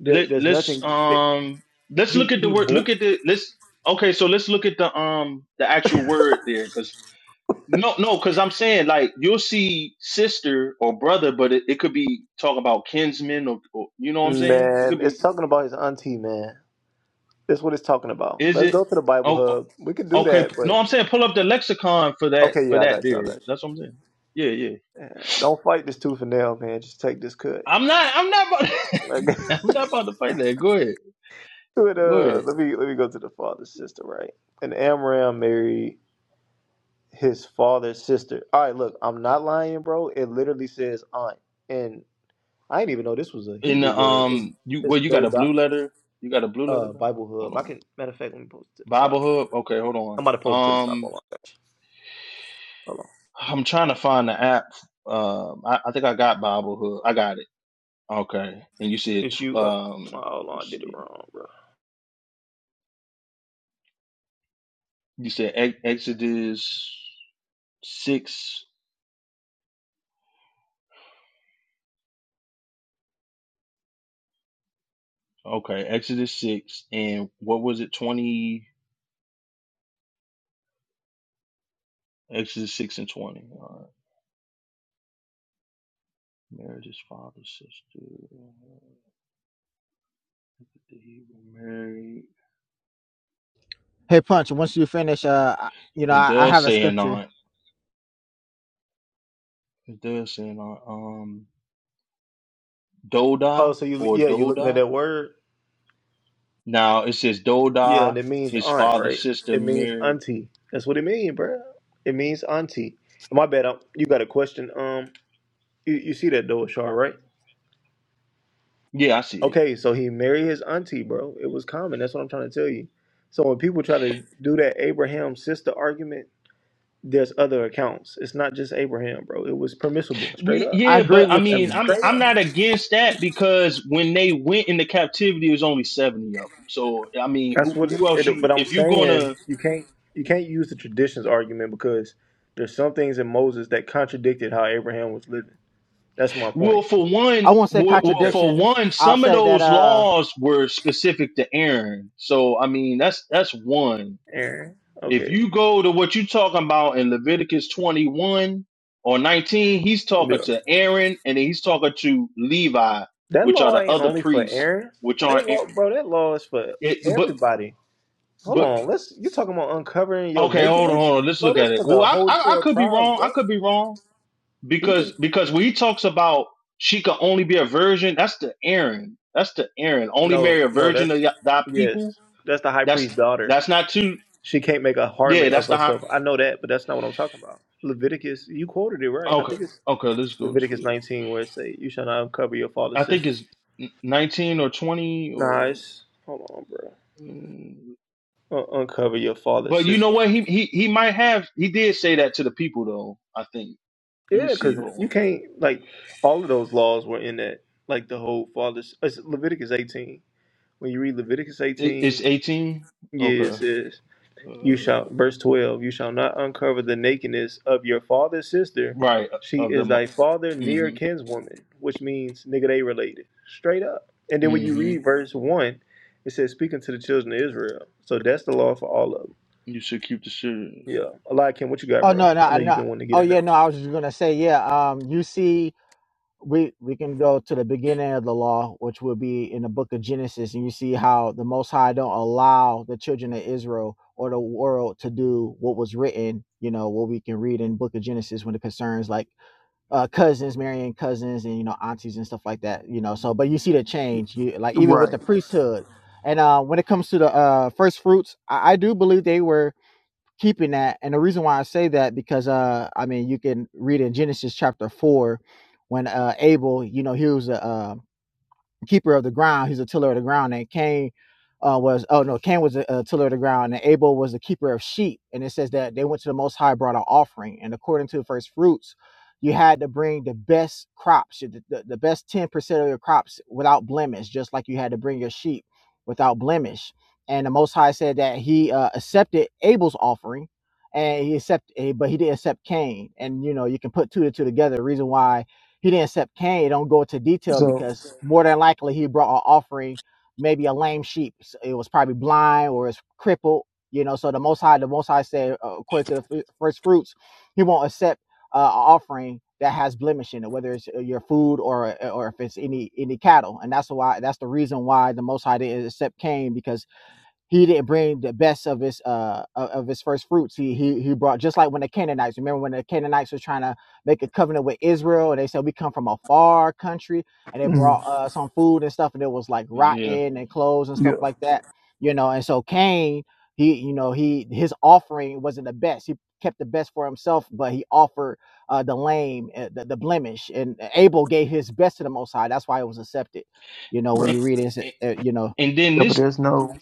[SPEAKER 1] there,
[SPEAKER 6] let
[SPEAKER 1] there's
[SPEAKER 6] let's
[SPEAKER 1] nothing. That,
[SPEAKER 6] um let's look
[SPEAKER 1] he
[SPEAKER 6] at the
[SPEAKER 1] he.
[SPEAKER 6] word
[SPEAKER 1] Bo-
[SPEAKER 6] look at the let's okay so let's look at the um the actual word there because no no because i'm saying like you'll see sister or brother but it, it could be talking about kinsmen or, or you know what i'm saying it could
[SPEAKER 1] man,
[SPEAKER 6] be
[SPEAKER 1] it's talking about his auntie, man. That's what it's talking about.
[SPEAKER 6] is
[SPEAKER 1] Let's
[SPEAKER 6] it
[SPEAKER 1] go to the Bible
[SPEAKER 6] oh
[SPEAKER 1] Hub.
[SPEAKER 6] oh,
[SPEAKER 1] We can do
[SPEAKER 6] okay
[SPEAKER 1] that,
[SPEAKER 6] no
[SPEAKER 1] but
[SPEAKER 6] i'm saying pull up the lexicon for that
[SPEAKER 1] okay,
[SPEAKER 6] for
[SPEAKER 1] yeah, I
[SPEAKER 6] that
[SPEAKER 1] got you. I
[SPEAKER 6] there
[SPEAKER 1] got
[SPEAKER 6] that's
[SPEAKER 1] you.
[SPEAKER 6] what i'm saying yeah yeah
[SPEAKER 1] Man, don't fight this tooth and nail, man. Just take this cut.
[SPEAKER 6] i'm not i'm not about
[SPEAKER 1] Like,
[SPEAKER 6] i'm not about to fight that go ahead
[SPEAKER 1] but,
[SPEAKER 6] go
[SPEAKER 1] uh,
[SPEAKER 6] ahead
[SPEAKER 1] let me let me go to the father's sister, right? And Amram married his father's sister. All right, look, I'm not lying, bro. It literally says aunt, and I didn't even know this was a
[SPEAKER 6] in
[SPEAKER 1] Hebrew
[SPEAKER 6] the
[SPEAKER 1] word. It's
[SPEAKER 6] um you
[SPEAKER 1] it's
[SPEAKER 6] well you got a
[SPEAKER 1] doda
[SPEAKER 6] blue letter you got a blue letter
[SPEAKER 1] uh
[SPEAKER 6] bro?
[SPEAKER 1] Bible
[SPEAKER 6] hold
[SPEAKER 1] Hub. I
[SPEAKER 6] on
[SPEAKER 1] can matter of fact, let me post it to the
[SPEAKER 6] Bible
[SPEAKER 1] top.
[SPEAKER 6] Hub. Okay, hold
[SPEAKER 1] I'm
[SPEAKER 6] on.
[SPEAKER 1] about to post it to the top.
[SPEAKER 6] Um,
[SPEAKER 1] Hold on, got you. hold on.
[SPEAKER 6] I'm trying to find the app. Um, I, I think I got Bible Hub. I got it. Okay, and you said
[SPEAKER 1] If
[SPEAKER 6] tw-
[SPEAKER 1] you uh, oh,
[SPEAKER 6] um,
[SPEAKER 1] hold
[SPEAKER 6] let's
[SPEAKER 1] on, I did it
[SPEAKER 6] see.
[SPEAKER 1] wrong, bro.
[SPEAKER 6] you said Ex- Exodus six. Okay, Exodus six, and what was it? Twenty. Exodus six and twenty. All right. Marriage is father sister. Did he get married.
[SPEAKER 7] Hey, Punch. Once you finish, uh, I- you know,
[SPEAKER 6] It
[SPEAKER 7] I, I
[SPEAKER 6] does
[SPEAKER 7] have a
[SPEAKER 6] say
[SPEAKER 7] scripture.
[SPEAKER 6] anon. It does say anon. Um,
[SPEAKER 1] Oh,
[SPEAKER 6] Doda
[SPEAKER 1] so you
[SPEAKER 6] or
[SPEAKER 1] yeah, you looking at
[SPEAKER 6] Doda.
[SPEAKER 1] that word?
[SPEAKER 6] Now it says
[SPEAKER 1] Yeah,
[SPEAKER 6] Doda,
[SPEAKER 1] and it means
[SPEAKER 6] his
[SPEAKER 1] aunt,
[SPEAKER 6] father's
[SPEAKER 1] right?
[SPEAKER 6] sister
[SPEAKER 1] It means
[SPEAKER 6] Mary.
[SPEAKER 1] auntie. That's what it means, bruh. It means auntie. My bad. i you got a question? Um, you, you see that though, Char, right?
[SPEAKER 6] Yeah, I see it.
[SPEAKER 1] Okay, so he married his auntie, bro. It was common. That's what I'm trying to tell you. So when people try to do that Abraham sister argument, there's other accounts. It's not just Abraham, bro. It was permissible, straight
[SPEAKER 6] We,
[SPEAKER 1] up,
[SPEAKER 7] I
[SPEAKER 6] yeah,
[SPEAKER 7] agree
[SPEAKER 6] but I
[SPEAKER 7] with
[SPEAKER 6] mean,
[SPEAKER 7] you.
[SPEAKER 6] I'm
[SPEAKER 1] straight
[SPEAKER 6] I'm
[SPEAKER 1] up.
[SPEAKER 6] not against that because when they went into captivity, it was only seventy of them. So I mean,
[SPEAKER 1] That's
[SPEAKER 6] who,
[SPEAKER 1] what.
[SPEAKER 6] who else
[SPEAKER 1] It,
[SPEAKER 6] you?
[SPEAKER 1] but I'm
[SPEAKER 6] If you're
[SPEAKER 1] saying
[SPEAKER 6] gonna,
[SPEAKER 1] you can't you can't use the traditions argument because there's some things in Moses that contradicted how Abraham was living. That's my
[SPEAKER 6] well,
[SPEAKER 1] point.
[SPEAKER 6] for one,
[SPEAKER 7] I won't say
[SPEAKER 6] well, well,
[SPEAKER 1] That
[SPEAKER 6] for
[SPEAKER 7] contradiction.
[SPEAKER 6] one,
[SPEAKER 7] I'll
[SPEAKER 6] some of
[SPEAKER 7] say that.
[SPEAKER 6] those
[SPEAKER 7] Uh.
[SPEAKER 6] laws were specific to Aaron. So I mean, that's that's one.
[SPEAKER 1] Aaron.
[SPEAKER 6] If
[SPEAKER 1] Okay.
[SPEAKER 6] you go to what you're talking about in Leviticus 21 or 19, he's
[SPEAKER 1] Yeah.
[SPEAKER 6] talking to Aaron and he's talking to Levi,
[SPEAKER 1] That
[SPEAKER 6] which are
[SPEAKER 1] law
[SPEAKER 6] the
[SPEAKER 1] ain't
[SPEAKER 6] other
[SPEAKER 1] only for
[SPEAKER 6] priests,
[SPEAKER 1] Aaron.
[SPEAKER 6] which aren't.
[SPEAKER 1] That law, bro. That law is for
[SPEAKER 6] It, but
[SPEAKER 1] everybody. Hold
[SPEAKER 6] but
[SPEAKER 1] on. Let's. You talking about uncovering your
[SPEAKER 6] okay, hold on,
[SPEAKER 1] nakedness,
[SPEAKER 6] hold on. Let's
[SPEAKER 1] bro?
[SPEAKER 6] look at
[SPEAKER 1] That's
[SPEAKER 6] it.
[SPEAKER 1] for
[SPEAKER 6] Well,
[SPEAKER 1] the
[SPEAKER 6] I,
[SPEAKER 1] whole
[SPEAKER 6] I I
[SPEAKER 1] twelve
[SPEAKER 6] could be
[SPEAKER 1] tribes,
[SPEAKER 6] wrong.
[SPEAKER 1] bro.
[SPEAKER 6] I could be wrong because
[SPEAKER 1] Even
[SPEAKER 6] because when he talks about she could only be a virgin, that's the Aaron. That's the Aaron. Only
[SPEAKER 1] no,
[SPEAKER 6] marry a
[SPEAKER 1] no.
[SPEAKER 6] virgin of
[SPEAKER 1] That's
[SPEAKER 6] y- thy
[SPEAKER 1] yes.
[SPEAKER 6] people.
[SPEAKER 1] That's the high
[SPEAKER 6] That's
[SPEAKER 1] priest's daughter.
[SPEAKER 6] that's not too.
[SPEAKER 1] She can't make a
[SPEAKER 6] Yeah,
[SPEAKER 1] harlot of
[SPEAKER 6] that's the high.
[SPEAKER 1] herself. I know that, but that's not what I'm talking about. Leviticus, you quoted it right. I
[SPEAKER 6] Okay,
[SPEAKER 1] think it's
[SPEAKER 6] okay. Let's go
[SPEAKER 1] Leviticus
[SPEAKER 6] to.
[SPEAKER 1] 19 where it say, "You shall not uncover your father's
[SPEAKER 6] I think
[SPEAKER 1] sister."
[SPEAKER 6] it's 19 or 20 or
[SPEAKER 1] Nice. Hold on, bro.
[SPEAKER 6] mm,
[SPEAKER 1] Un- uncover your father's
[SPEAKER 6] but you know
[SPEAKER 1] sister.
[SPEAKER 6] what he he he might have he did say that to the people though I think let me
[SPEAKER 1] Yeah,
[SPEAKER 6] see
[SPEAKER 1] because
[SPEAKER 6] hold
[SPEAKER 1] you
[SPEAKER 6] on
[SPEAKER 1] can't like all of those laws were in that. Like the whole father's. It's Leviticus 18. When you read Leviticus
[SPEAKER 6] it, it's
[SPEAKER 1] 18,
[SPEAKER 6] 18
[SPEAKER 1] yeah, it
[SPEAKER 6] okay
[SPEAKER 1] says. You
[SPEAKER 6] uh,
[SPEAKER 1] shall, verse 12, you shall not uncover the nakedness of your father's sister.
[SPEAKER 6] right
[SPEAKER 1] She
[SPEAKER 6] uh, of the
[SPEAKER 1] is
[SPEAKER 6] mm
[SPEAKER 1] thy father near
[SPEAKER 6] mhm
[SPEAKER 1] kinswoman, which means nigga, they related. Straight up. And then when
[SPEAKER 6] mm
[SPEAKER 1] you
[SPEAKER 6] mhm
[SPEAKER 1] read verse 1, it says, speaking to the children of Israel. So that's the law for all of them.
[SPEAKER 6] you should keep the shit
[SPEAKER 1] Yeah. Eliakim, what you got,
[SPEAKER 7] Oh
[SPEAKER 1] bro?
[SPEAKER 7] no,
[SPEAKER 1] I
[SPEAKER 7] no,
[SPEAKER 1] know you've
[SPEAKER 7] no.
[SPEAKER 1] been wanting to
[SPEAKER 7] Oh
[SPEAKER 1] get in
[SPEAKER 7] yeah,
[SPEAKER 1] there.
[SPEAKER 7] no. I was just gonna say yeah. Um. You see. we we can go to the beginning of the law, which will be in the book of Genesis, and you see how the Most High don't allow the children of Israel or the world to do what was written. You know what we can read in book of Genesis when it concerns like uh, cousins marrying cousins and you know aunties and stuff like that. You know, so but you see the change, you like even with the
[SPEAKER 1] Right.
[SPEAKER 7] priesthood, and uh, when it comes to the uh, first fruits, I, I do believe they were keeping that. And the reason why I say that because uh I mean you can read in Genesis chapter four when uh Abel, you know, he was a, a keeper of the ground. He's a tiller of the ground. And Cain uh, was, oh no, Cain was a, a tiller of the ground, and Abel was the keeper of sheep. And it says that they went to the Most High, brought an offering, and according to the first fruits, you had to bring the best crops, the, the the best ten percent of your crops without blemish, just like you had to bring your sheep without blemish. And the Most High said that He uh, accepted Abel's offering, and He accepted, but He didn't accept Cain. And you know, you can put two to two together. The reason why he didn't accept Cain. It don't go into detail because more than likely he brought an offering, maybe a lame sheep. So it was probably blind or it's crippled, you know. So the Most High, the Most High said, uh, according to the f- first fruits, he won't accept uh, an offering that has blemish in it, whether it's uh, your food or uh, or if it's any any cattle. And that's why that's the reason why the Most High didn't accept Cain because he didn't bring the best of his uh of his first fruits. He he he brought just like when the Canaanites. Remember when the Canaanites were trying to make a covenant with Israel, and they said we come from a far country, and they
[SPEAKER 1] Mm,
[SPEAKER 7] brought uh, some food and stuff, and it was like
[SPEAKER 6] yeah
[SPEAKER 7] rotten and clothes and
[SPEAKER 1] yeah.
[SPEAKER 7] stuff like that, you know. And so Cain, he you know he his offering wasn't the best. He kept the best for himself, but he offered uh, the lame, uh, the, the blemish, and Abel gave his best to the Most High. That's why it was accepted. You know when
[SPEAKER 1] Right.
[SPEAKER 6] and,
[SPEAKER 7] you read it, it's,
[SPEAKER 6] and
[SPEAKER 7] uh, you know.
[SPEAKER 6] and then
[SPEAKER 1] Yeah, but
[SPEAKER 6] this
[SPEAKER 1] there's no.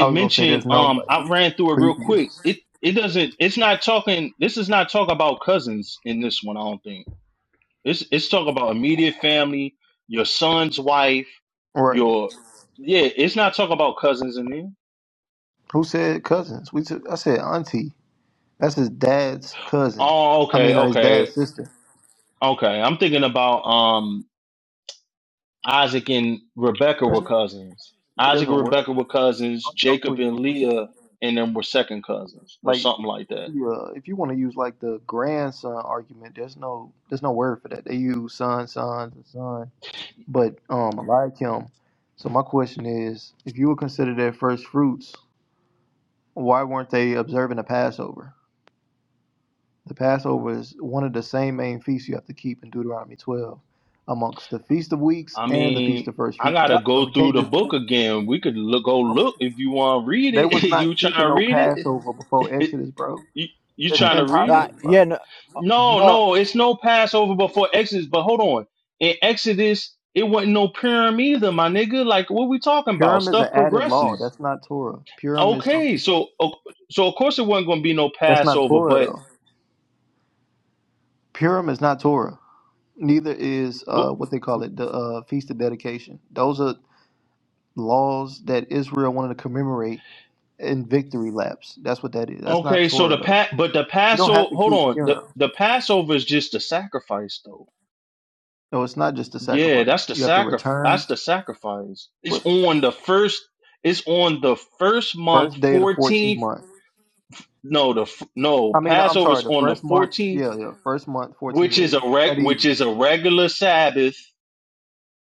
[SPEAKER 1] I was gonna say
[SPEAKER 6] mention
[SPEAKER 1] there's no
[SPEAKER 6] um I
[SPEAKER 1] like
[SPEAKER 6] ran through it real quick
[SPEAKER 1] previous.
[SPEAKER 6] it it doesn't it's not talking this is not talking about cousins in this one I don't think It's it's talking about immediate family, your son's wife,
[SPEAKER 1] Right.
[SPEAKER 6] your yeah. It's not talking about cousins in there.
[SPEAKER 1] Who said cousins? We took. I said auntie. That's his dad's cousin.
[SPEAKER 6] Oh,
[SPEAKER 1] I
[SPEAKER 6] okay,
[SPEAKER 1] mean, or his
[SPEAKER 6] okay,
[SPEAKER 1] dad's sister.
[SPEAKER 6] okay. I'm thinking about um Isaac and Rebecca
[SPEAKER 1] There's
[SPEAKER 6] were
[SPEAKER 1] no
[SPEAKER 6] cousins.
[SPEAKER 1] such thing as
[SPEAKER 6] Isaac
[SPEAKER 1] a
[SPEAKER 6] and
[SPEAKER 1] word.
[SPEAKER 6] Rebecca were cousins.
[SPEAKER 1] Oh, yeah, I'm
[SPEAKER 6] Jacob
[SPEAKER 1] tweaking, I'm
[SPEAKER 6] and
[SPEAKER 1] tweaking.
[SPEAKER 6] Leah and them were second cousins or
[SPEAKER 1] Like,
[SPEAKER 6] something like that.
[SPEAKER 1] if you, uh, if you want to use like the grandson argument, there's no there's no word for that. They use son, sons, and son. But um, I like him. So my question is, if you would consider their first fruits, why weren't they observing the Passover? The Passover is one of the same main feasts you have to keep in Deuteronomy 12, amongst the Feast of Weeks
[SPEAKER 6] I
[SPEAKER 1] and the Feast
[SPEAKER 6] mean,
[SPEAKER 1] of First
[SPEAKER 6] I
[SPEAKER 1] Fruits.
[SPEAKER 7] Uh,
[SPEAKER 6] gotta
[SPEAKER 1] So
[SPEAKER 6] go
[SPEAKER 1] we
[SPEAKER 6] through
[SPEAKER 1] can't
[SPEAKER 6] the book
[SPEAKER 1] just
[SPEAKER 6] again. We could look, go look if you want to read
[SPEAKER 1] They
[SPEAKER 6] it.
[SPEAKER 1] was not
[SPEAKER 6] you trying
[SPEAKER 1] keeping
[SPEAKER 6] to
[SPEAKER 1] no
[SPEAKER 6] read it?
[SPEAKER 1] Passover before Exodus, bro.
[SPEAKER 6] you you
[SPEAKER 1] It's
[SPEAKER 6] trying to read it?
[SPEAKER 7] uh,
[SPEAKER 1] impossible,
[SPEAKER 7] yeah,
[SPEAKER 1] bro.
[SPEAKER 7] no,
[SPEAKER 6] No,
[SPEAKER 7] No,
[SPEAKER 6] no, it's no Passover before Exodus. But hold on, in Exodus, it wasn't no Purim either, my nigga. Like, what we talking about?
[SPEAKER 1] Purim is
[SPEAKER 6] Stuff
[SPEAKER 1] an added law.
[SPEAKER 6] progresses.
[SPEAKER 1] That's not Torah. Purim is
[SPEAKER 6] Okay,
[SPEAKER 1] something
[SPEAKER 6] so o- so of course it wasn't going to be no
[SPEAKER 1] that's not
[SPEAKER 6] Passover,
[SPEAKER 1] Torah
[SPEAKER 6] but
[SPEAKER 1] though. Purim is not Torah. Neither is uh,
[SPEAKER 6] w-
[SPEAKER 1] what they call it, the uh, Feast of Dedication. Those are laws that Israel wanted to commemorate in victory laps. That's what that is. That's not
[SPEAKER 6] okay, so the
[SPEAKER 1] Torah though.
[SPEAKER 6] pat, but the
[SPEAKER 1] You don't
[SPEAKER 6] Passover.
[SPEAKER 1] have to
[SPEAKER 6] Hold
[SPEAKER 1] keep
[SPEAKER 6] on, the
[SPEAKER 1] Purim.
[SPEAKER 6] the Passover is just the sacrifice, though.
[SPEAKER 1] No, it's not just a
[SPEAKER 6] Yeah, that's
[SPEAKER 1] sacrifice.
[SPEAKER 6] the
[SPEAKER 1] You have to
[SPEAKER 6] sacri- That's
[SPEAKER 1] return
[SPEAKER 6] the sacrifice. It's
[SPEAKER 1] with
[SPEAKER 6] on the first. It's on the first month,
[SPEAKER 1] first day of the 14th
[SPEAKER 6] fourteenth.
[SPEAKER 1] month.
[SPEAKER 6] No, the f- no
[SPEAKER 1] I mean, I'm sorry.
[SPEAKER 6] Passover's
[SPEAKER 1] The
[SPEAKER 6] on the
[SPEAKER 1] first month,
[SPEAKER 6] fourteenth
[SPEAKER 1] yeah, yeah. First month, 14
[SPEAKER 6] which is
[SPEAKER 1] day
[SPEAKER 6] a reg,
[SPEAKER 1] at
[SPEAKER 6] which
[SPEAKER 1] evening
[SPEAKER 6] is a regular Sabbath.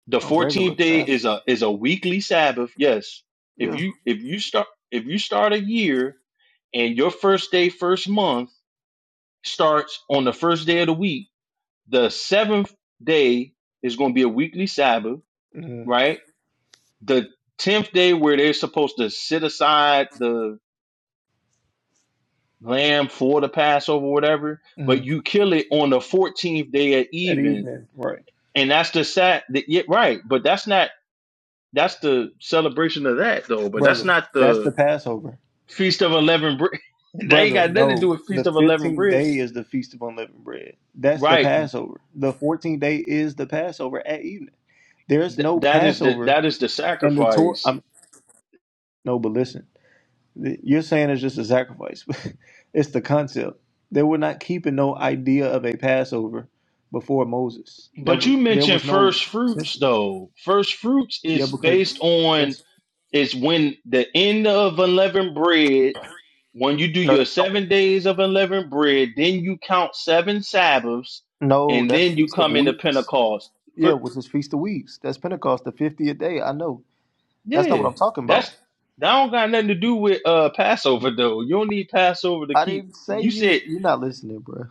[SPEAKER 6] The
[SPEAKER 1] on regular
[SPEAKER 6] fourteenth day
[SPEAKER 1] Sabbath.
[SPEAKER 6] is a is a weekly Sabbath. Yes, if
[SPEAKER 1] Yeah.
[SPEAKER 6] you if you start if you start a year and your first day first month starts on the first day of the week, the seventh day is going to be a weekly Sabbath,
[SPEAKER 1] mm
[SPEAKER 6] right? The tenth day where they're supposed to sit aside the lamb for the Passover, whatever, but
[SPEAKER 1] mm
[SPEAKER 6] you kill it on the fourteenth day at
[SPEAKER 1] At
[SPEAKER 6] even,
[SPEAKER 1] evening, right,
[SPEAKER 6] and that's the sat. The, yeah, right, but that's not That's the celebration of that though, but that's
[SPEAKER 1] brother?
[SPEAKER 6] not
[SPEAKER 1] That's
[SPEAKER 6] the
[SPEAKER 1] the Passover,
[SPEAKER 6] feast of unleavened bread. that ain't
[SPEAKER 1] brother.
[SPEAKER 6] got nothing to do
[SPEAKER 1] No,
[SPEAKER 6] with
[SPEAKER 1] the
[SPEAKER 6] feast of unleavened
[SPEAKER 1] 15th
[SPEAKER 6] bread,
[SPEAKER 1] day is the Feast of Unleavened Bread. That's the
[SPEAKER 6] right?
[SPEAKER 1] Passover. The 14th day is the Passover at evening. There's
[SPEAKER 6] Th-
[SPEAKER 1] no
[SPEAKER 6] that is the
[SPEAKER 1] Passover
[SPEAKER 6] that is the
[SPEAKER 1] in the Torah.
[SPEAKER 6] sacrifice.
[SPEAKER 1] I'm no, but listen. You're saying it's just a sacrifice. it's the concept. They were not keeping no idea of a Passover before Moses. That
[SPEAKER 6] But
[SPEAKER 1] was
[SPEAKER 6] you
[SPEAKER 1] there
[SPEAKER 6] mentioned
[SPEAKER 1] was no
[SPEAKER 6] first fruits though. First fruits
[SPEAKER 1] yeah
[SPEAKER 6] is
[SPEAKER 1] because
[SPEAKER 6] based on
[SPEAKER 1] that's
[SPEAKER 6] is when the end of unleavened bread. When you do
[SPEAKER 1] no
[SPEAKER 6] your
[SPEAKER 1] that's not what,
[SPEAKER 6] seven days of unleavened bread, then you count seven Sabbaths,
[SPEAKER 1] no
[SPEAKER 6] and
[SPEAKER 1] that's
[SPEAKER 6] then you
[SPEAKER 1] Feast of
[SPEAKER 6] come into
[SPEAKER 1] Weeks.
[SPEAKER 6] Pentecost.
[SPEAKER 1] Yeah, which is Feast of Weeks. That's Pentecost, the fiftieth day. I know. That's not
[SPEAKER 6] Yeah,
[SPEAKER 1] what I'm talking
[SPEAKER 6] that's
[SPEAKER 1] about.
[SPEAKER 6] that don't got nothing to do with uh Passover though. You don't need Passover to
[SPEAKER 1] I
[SPEAKER 6] keep.
[SPEAKER 1] didn't say
[SPEAKER 6] You
[SPEAKER 1] you.
[SPEAKER 6] said,
[SPEAKER 1] You're not listening, bro.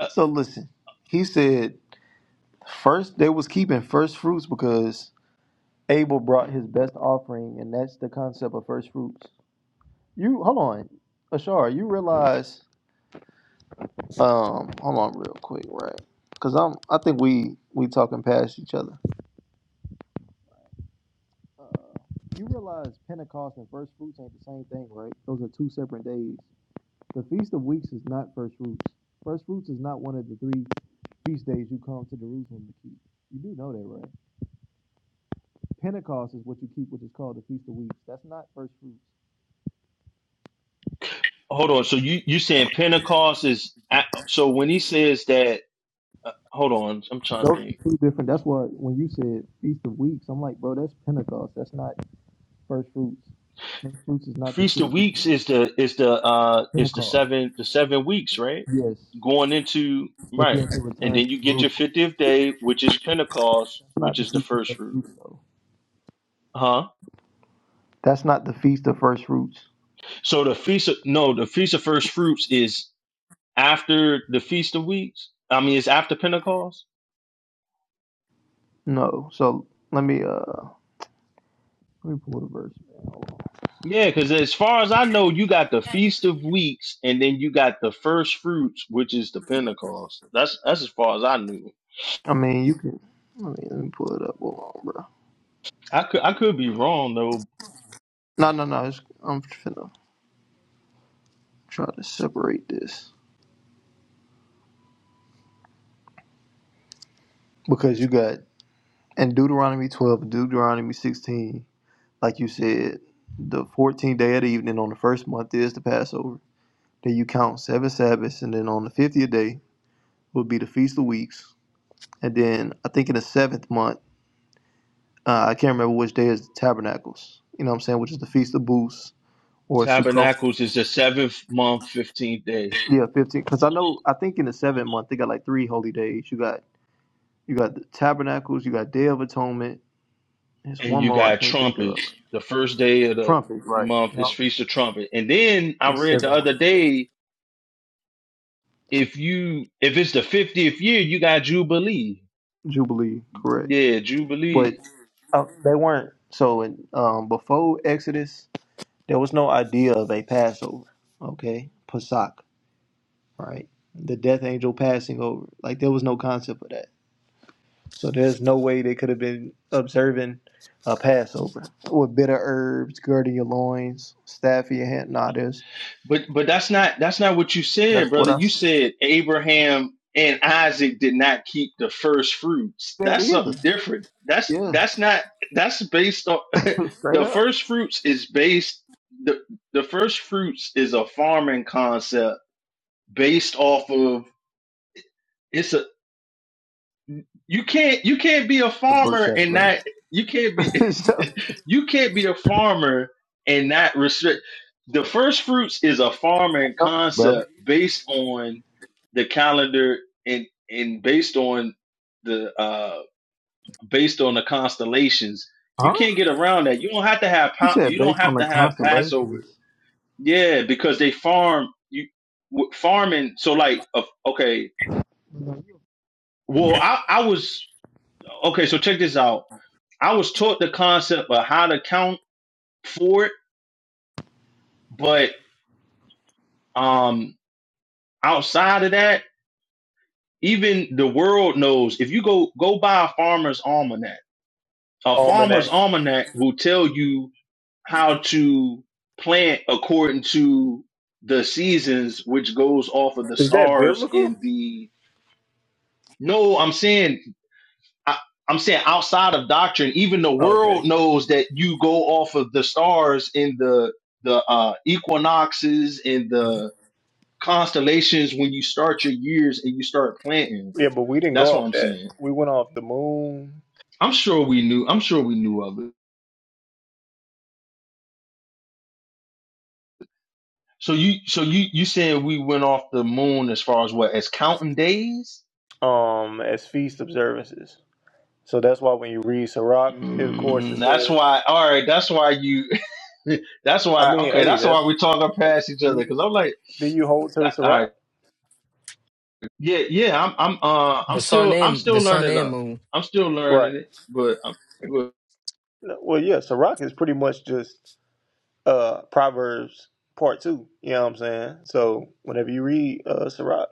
[SPEAKER 6] uh,
[SPEAKER 1] So listen. He said first they was keeping first fruits because Abel brought his best offering, and that's the concept of first fruits. You hold on, Ashar. You realize? Um, hold on, real quick, right? Because I'm. I think we we talking past each other. Uh, you realize Pentecost and first fruits ain't the same thing, right? Those are two separate days. The Feast of Weeks is not first fruits. First fruits is not one of the three feast days you come to Jerusalem to keep. You do know that, right? Pentecost is what you keep, which is called the Feast of Weeks. That's not first fruits.
[SPEAKER 6] hold on. So you you saying Pentecost is a- so when he says that? Uh, hold on, I'm trying to
[SPEAKER 1] Those
[SPEAKER 6] think.
[SPEAKER 1] are two different. That's why when you said Feast of Weeks, I'm like, bro, that's Pentecost. That's not. first fruits. First fruits is not the
[SPEAKER 6] Feast of
[SPEAKER 1] feast of
[SPEAKER 6] Weeks is the is the uh is the
[SPEAKER 1] Pentecost.
[SPEAKER 6] seven the seven weeks right
[SPEAKER 1] Yes,
[SPEAKER 6] going into
[SPEAKER 1] that you
[SPEAKER 6] right,
[SPEAKER 1] have to
[SPEAKER 6] and
[SPEAKER 1] return
[SPEAKER 6] then you
[SPEAKER 1] to
[SPEAKER 6] get your
[SPEAKER 1] Jerusalem.
[SPEAKER 6] fiftieth day, which is Pentecost,
[SPEAKER 1] That's
[SPEAKER 6] which
[SPEAKER 1] not the
[SPEAKER 6] is the
[SPEAKER 1] feast of
[SPEAKER 6] first
[SPEAKER 1] first
[SPEAKER 6] fruit.
[SPEAKER 1] fruits, though.
[SPEAKER 6] Huh?
[SPEAKER 1] That's not the feast of first fruits.
[SPEAKER 6] So the feast of no, the feast of first fruits is. after the Feast of Weeks? I mean, it's after Pentecost.
[SPEAKER 1] No. So let me uh let me pull the verse. Man. Hold on.
[SPEAKER 6] Yeah, because as far as I know, you got the Feast of Weeks, and then you got the first fruits, which is the Pentecost. That's that's as far as I knew.
[SPEAKER 1] I mean, you can. Let me let me pull it up. Hold on, bro.
[SPEAKER 6] I could I could be wrong though.
[SPEAKER 1] No, no, no. It's, I'm finna try to separate this because you got in Deuteronomy 12, Deuteronomy 16. Like you said, the 14th day of the evening on the first month is the Passover. Then you count seven Sabbaths, and then on the fiftieth day will be the Feast of Weeks. And then I think in the seventh month, uh, I can't remember which day is the Tabernacles. You know what I'm saying? Which is the Feast of Booths or Sukkot.
[SPEAKER 6] Tabernacles is the seventh month, fifteenth day,
[SPEAKER 1] Yeah, fifteen. Because I know I think in the seventh month they got like three holy days. You got you got the Tabernacles, you got Day of Atonement. There's
[SPEAKER 6] and
[SPEAKER 1] one
[SPEAKER 6] you
[SPEAKER 1] more I
[SPEAKER 6] got
[SPEAKER 1] can't think of.
[SPEAKER 6] trumpets. The first day of the
[SPEAKER 1] Trumpet, right?
[SPEAKER 6] month is
[SPEAKER 1] No,
[SPEAKER 6] Feast of Trumpet, and then I
[SPEAKER 1] that's
[SPEAKER 6] read the
[SPEAKER 1] seven
[SPEAKER 6] other
[SPEAKER 1] months ago.
[SPEAKER 6] day if you if it's the fiftieth year, you got Jubilee.
[SPEAKER 1] Jubilee, correct?
[SPEAKER 6] Yeah, Jubilee
[SPEAKER 1] But uh, they weren't. So in, um, before Exodus. There was no idea of a Passover, okay? Pesach, right? The death angel passing over. Like, there was no concept of that. So, there's no way they could have been observing a Passover with bitter herbs, girding your loins, staff in your hand. Nah, there's,
[SPEAKER 6] But but that's not that's not what you said,
[SPEAKER 1] that's what
[SPEAKER 6] brother.
[SPEAKER 1] I
[SPEAKER 6] You
[SPEAKER 1] said
[SPEAKER 6] said Abraham and Isaac did not keep the first fruits. That's
[SPEAKER 1] either.
[SPEAKER 6] something different. That's
[SPEAKER 1] Yeah,
[SPEAKER 6] that's not that's based on
[SPEAKER 1] straight
[SPEAKER 6] the
[SPEAKER 1] up.
[SPEAKER 6] first fruits is based the the first fruits is a farming concept based off of it's a you can't you can't be a
[SPEAKER 1] The book
[SPEAKER 6] farmer
[SPEAKER 1] chapter
[SPEAKER 6] and not
[SPEAKER 1] verse.
[SPEAKER 6] you can't be
[SPEAKER 1] so,
[SPEAKER 6] you can't be a farmer and not restrict the first fruits is a farming
[SPEAKER 1] know that,
[SPEAKER 6] concept
[SPEAKER 1] brother.
[SPEAKER 6] based on the calendar and and based on the uh based on the constellations you
[SPEAKER 1] Huh?
[SPEAKER 6] can't get around that you don't have to have
[SPEAKER 1] You
[SPEAKER 6] Pa-
[SPEAKER 1] said
[SPEAKER 6] you don't
[SPEAKER 1] based
[SPEAKER 6] have
[SPEAKER 1] on the
[SPEAKER 6] to have passover
[SPEAKER 1] constellations.
[SPEAKER 6] yeah because they farm you w- farming so like of- okay well i i was okay so check this out I was taught the concept of how to count for it, but um, outside of that, even the world knows if you go go buy a farmer's almanac, a farmer's
[SPEAKER 1] Almanac.
[SPEAKER 6] almanac will tell you how to plant according to the seasons, which goes off of the
[SPEAKER 1] Is that
[SPEAKER 6] stars
[SPEAKER 1] biblical?
[SPEAKER 6] and the. No, I'm saying I, I'm saying outside of doctrine, even the world knows that you go off of the stars in the the uh, equinoxes and the constellations when you start your years and you start planting.
[SPEAKER 1] Yeah, but we didn't
[SPEAKER 6] That's
[SPEAKER 1] go
[SPEAKER 6] what
[SPEAKER 1] off
[SPEAKER 6] I'm
[SPEAKER 1] that.
[SPEAKER 6] saying.
[SPEAKER 1] We went off the moon
[SPEAKER 6] I'm sure we knew. I'm sure we knew of it. So you, so you, you saying we went off the moon as far as what as counting days?
[SPEAKER 1] um as feast observances. So that's why when you read Sirach, of course it
[SPEAKER 6] Mm, that's
[SPEAKER 1] said
[SPEAKER 6] why. All right. That's why you. that's
[SPEAKER 1] I
[SPEAKER 6] why.
[SPEAKER 1] mean,
[SPEAKER 6] Okay.
[SPEAKER 1] hey,
[SPEAKER 6] That's why
[SPEAKER 1] that's
[SPEAKER 6] we talking past each
[SPEAKER 1] do
[SPEAKER 6] other
[SPEAKER 1] you
[SPEAKER 6] because I'm like,
[SPEAKER 1] do you hold to
[SPEAKER 6] all right.
[SPEAKER 1] Sirach?
[SPEAKER 6] Yeah, yeah, I'm I'm uh I'm
[SPEAKER 2] The sun
[SPEAKER 6] still I'm
[SPEAKER 2] and
[SPEAKER 6] still
[SPEAKER 2] the sun
[SPEAKER 6] learning
[SPEAKER 2] and
[SPEAKER 6] up.
[SPEAKER 2] moon.
[SPEAKER 6] I'm still learning
[SPEAKER 1] Right.
[SPEAKER 6] it, but, I'm, but
[SPEAKER 1] No, Well yeah, Sirach is pretty much just uh Proverbs part two. You know what I'm saying? So whenever you read uh Sirach,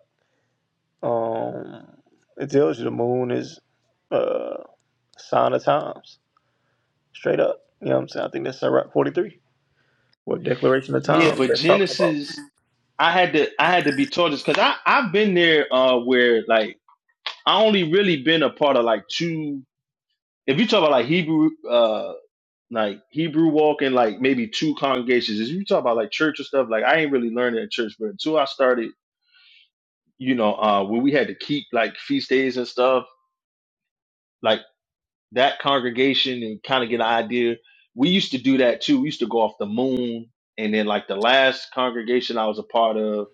[SPEAKER 1] um it tells you the moon is uh sign of times. Straight up. You know what I'm saying? I think that's Sirach forty three. What declaration of
[SPEAKER 6] yeah,
[SPEAKER 1] times
[SPEAKER 6] but
[SPEAKER 1] that's talking about.
[SPEAKER 6] Genesis I had to I had to be taught this cuz I I've been there uh where like I only really been a part of like two if you talk about like Hebrew uh like Hebrew walk and like maybe two congregations. If you talk about like church or stuff, like I ain't really learning at church, but until I started, you know, uh when we had to keep like feast days and stuff, like. that congregation and kind of get an idea. We used to do that too. We used to go off the moon. And then, like the last congregation I was a part of,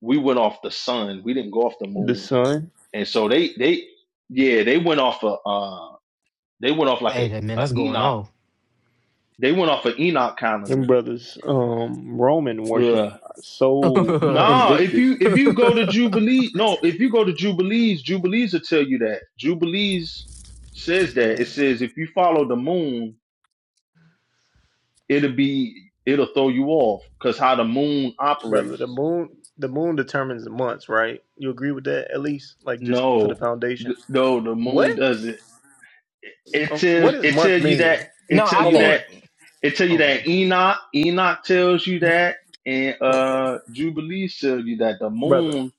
[SPEAKER 6] we went off the sun. We didn't go off the
[SPEAKER 1] the
[SPEAKER 6] moon.
[SPEAKER 1] son
[SPEAKER 6] And so they, they, yeah, they went off a, uh, they went off like a,
[SPEAKER 2] Hey that man,
[SPEAKER 6] a
[SPEAKER 2] that's going
[SPEAKER 6] Enoch.
[SPEAKER 2] off.
[SPEAKER 6] They went off an Enoch
[SPEAKER 1] and
[SPEAKER 6] calendar.
[SPEAKER 1] brothers um roman worship
[SPEAKER 6] Ugh.
[SPEAKER 1] so
[SPEAKER 6] Nah, if
[SPEAKER 1] invictus
[SPEAKER 6] you if you go to Jubilee, no, if you go to Jubilees, Jubilees will tell you that. Jubilees says
[SPEAKER 1] Man.
[SPEAKER 6] that. It says if you follow the moon, it'll be it'll throw you off because how the moon
[SPEAKER 1] brother the
[SPEAKER 6] operates.
[SPEAKER 1] moon the moon determines the months right you agree with that at least like just for the
[SPEAKER 6] No,
[SPEAKER 1] foundation
[SPEAKER 6] th- no, the
[SPEAKER 1] what
[SPEAKER 6] moon doesn't. It,
[SPEAKER 1] Oh, what
[SPEAKER 6] tells
[SPEAKER 1] does
[SPEAKER 6] it
[SPEAKER 1] month
[SPEAKER 6] tells you
[SPEAKER 1] mean
[SPEAKER 6] that
[SPEAKER 2] no,
[SPEAKER 6] it tells
[SPEAKER 2] I
[SPEAKER 1] hold
[SPEAKER 6] you
[SPEAKER 1] on
[SPEAKER 2] think.
[SPEAKER 6] that it tells you
[SPEAKER 2] Oh,
[SPEAKER 6] that
[SPEAKER 2] okay.
[SPEAKER 6] Enoch Enoch tells you that, and
[SPEAKER 1] okay
[SPEAKER 6] uh Jubilee tells you that the
[SPEAKER 1] brother
[SPEAKER 6] moon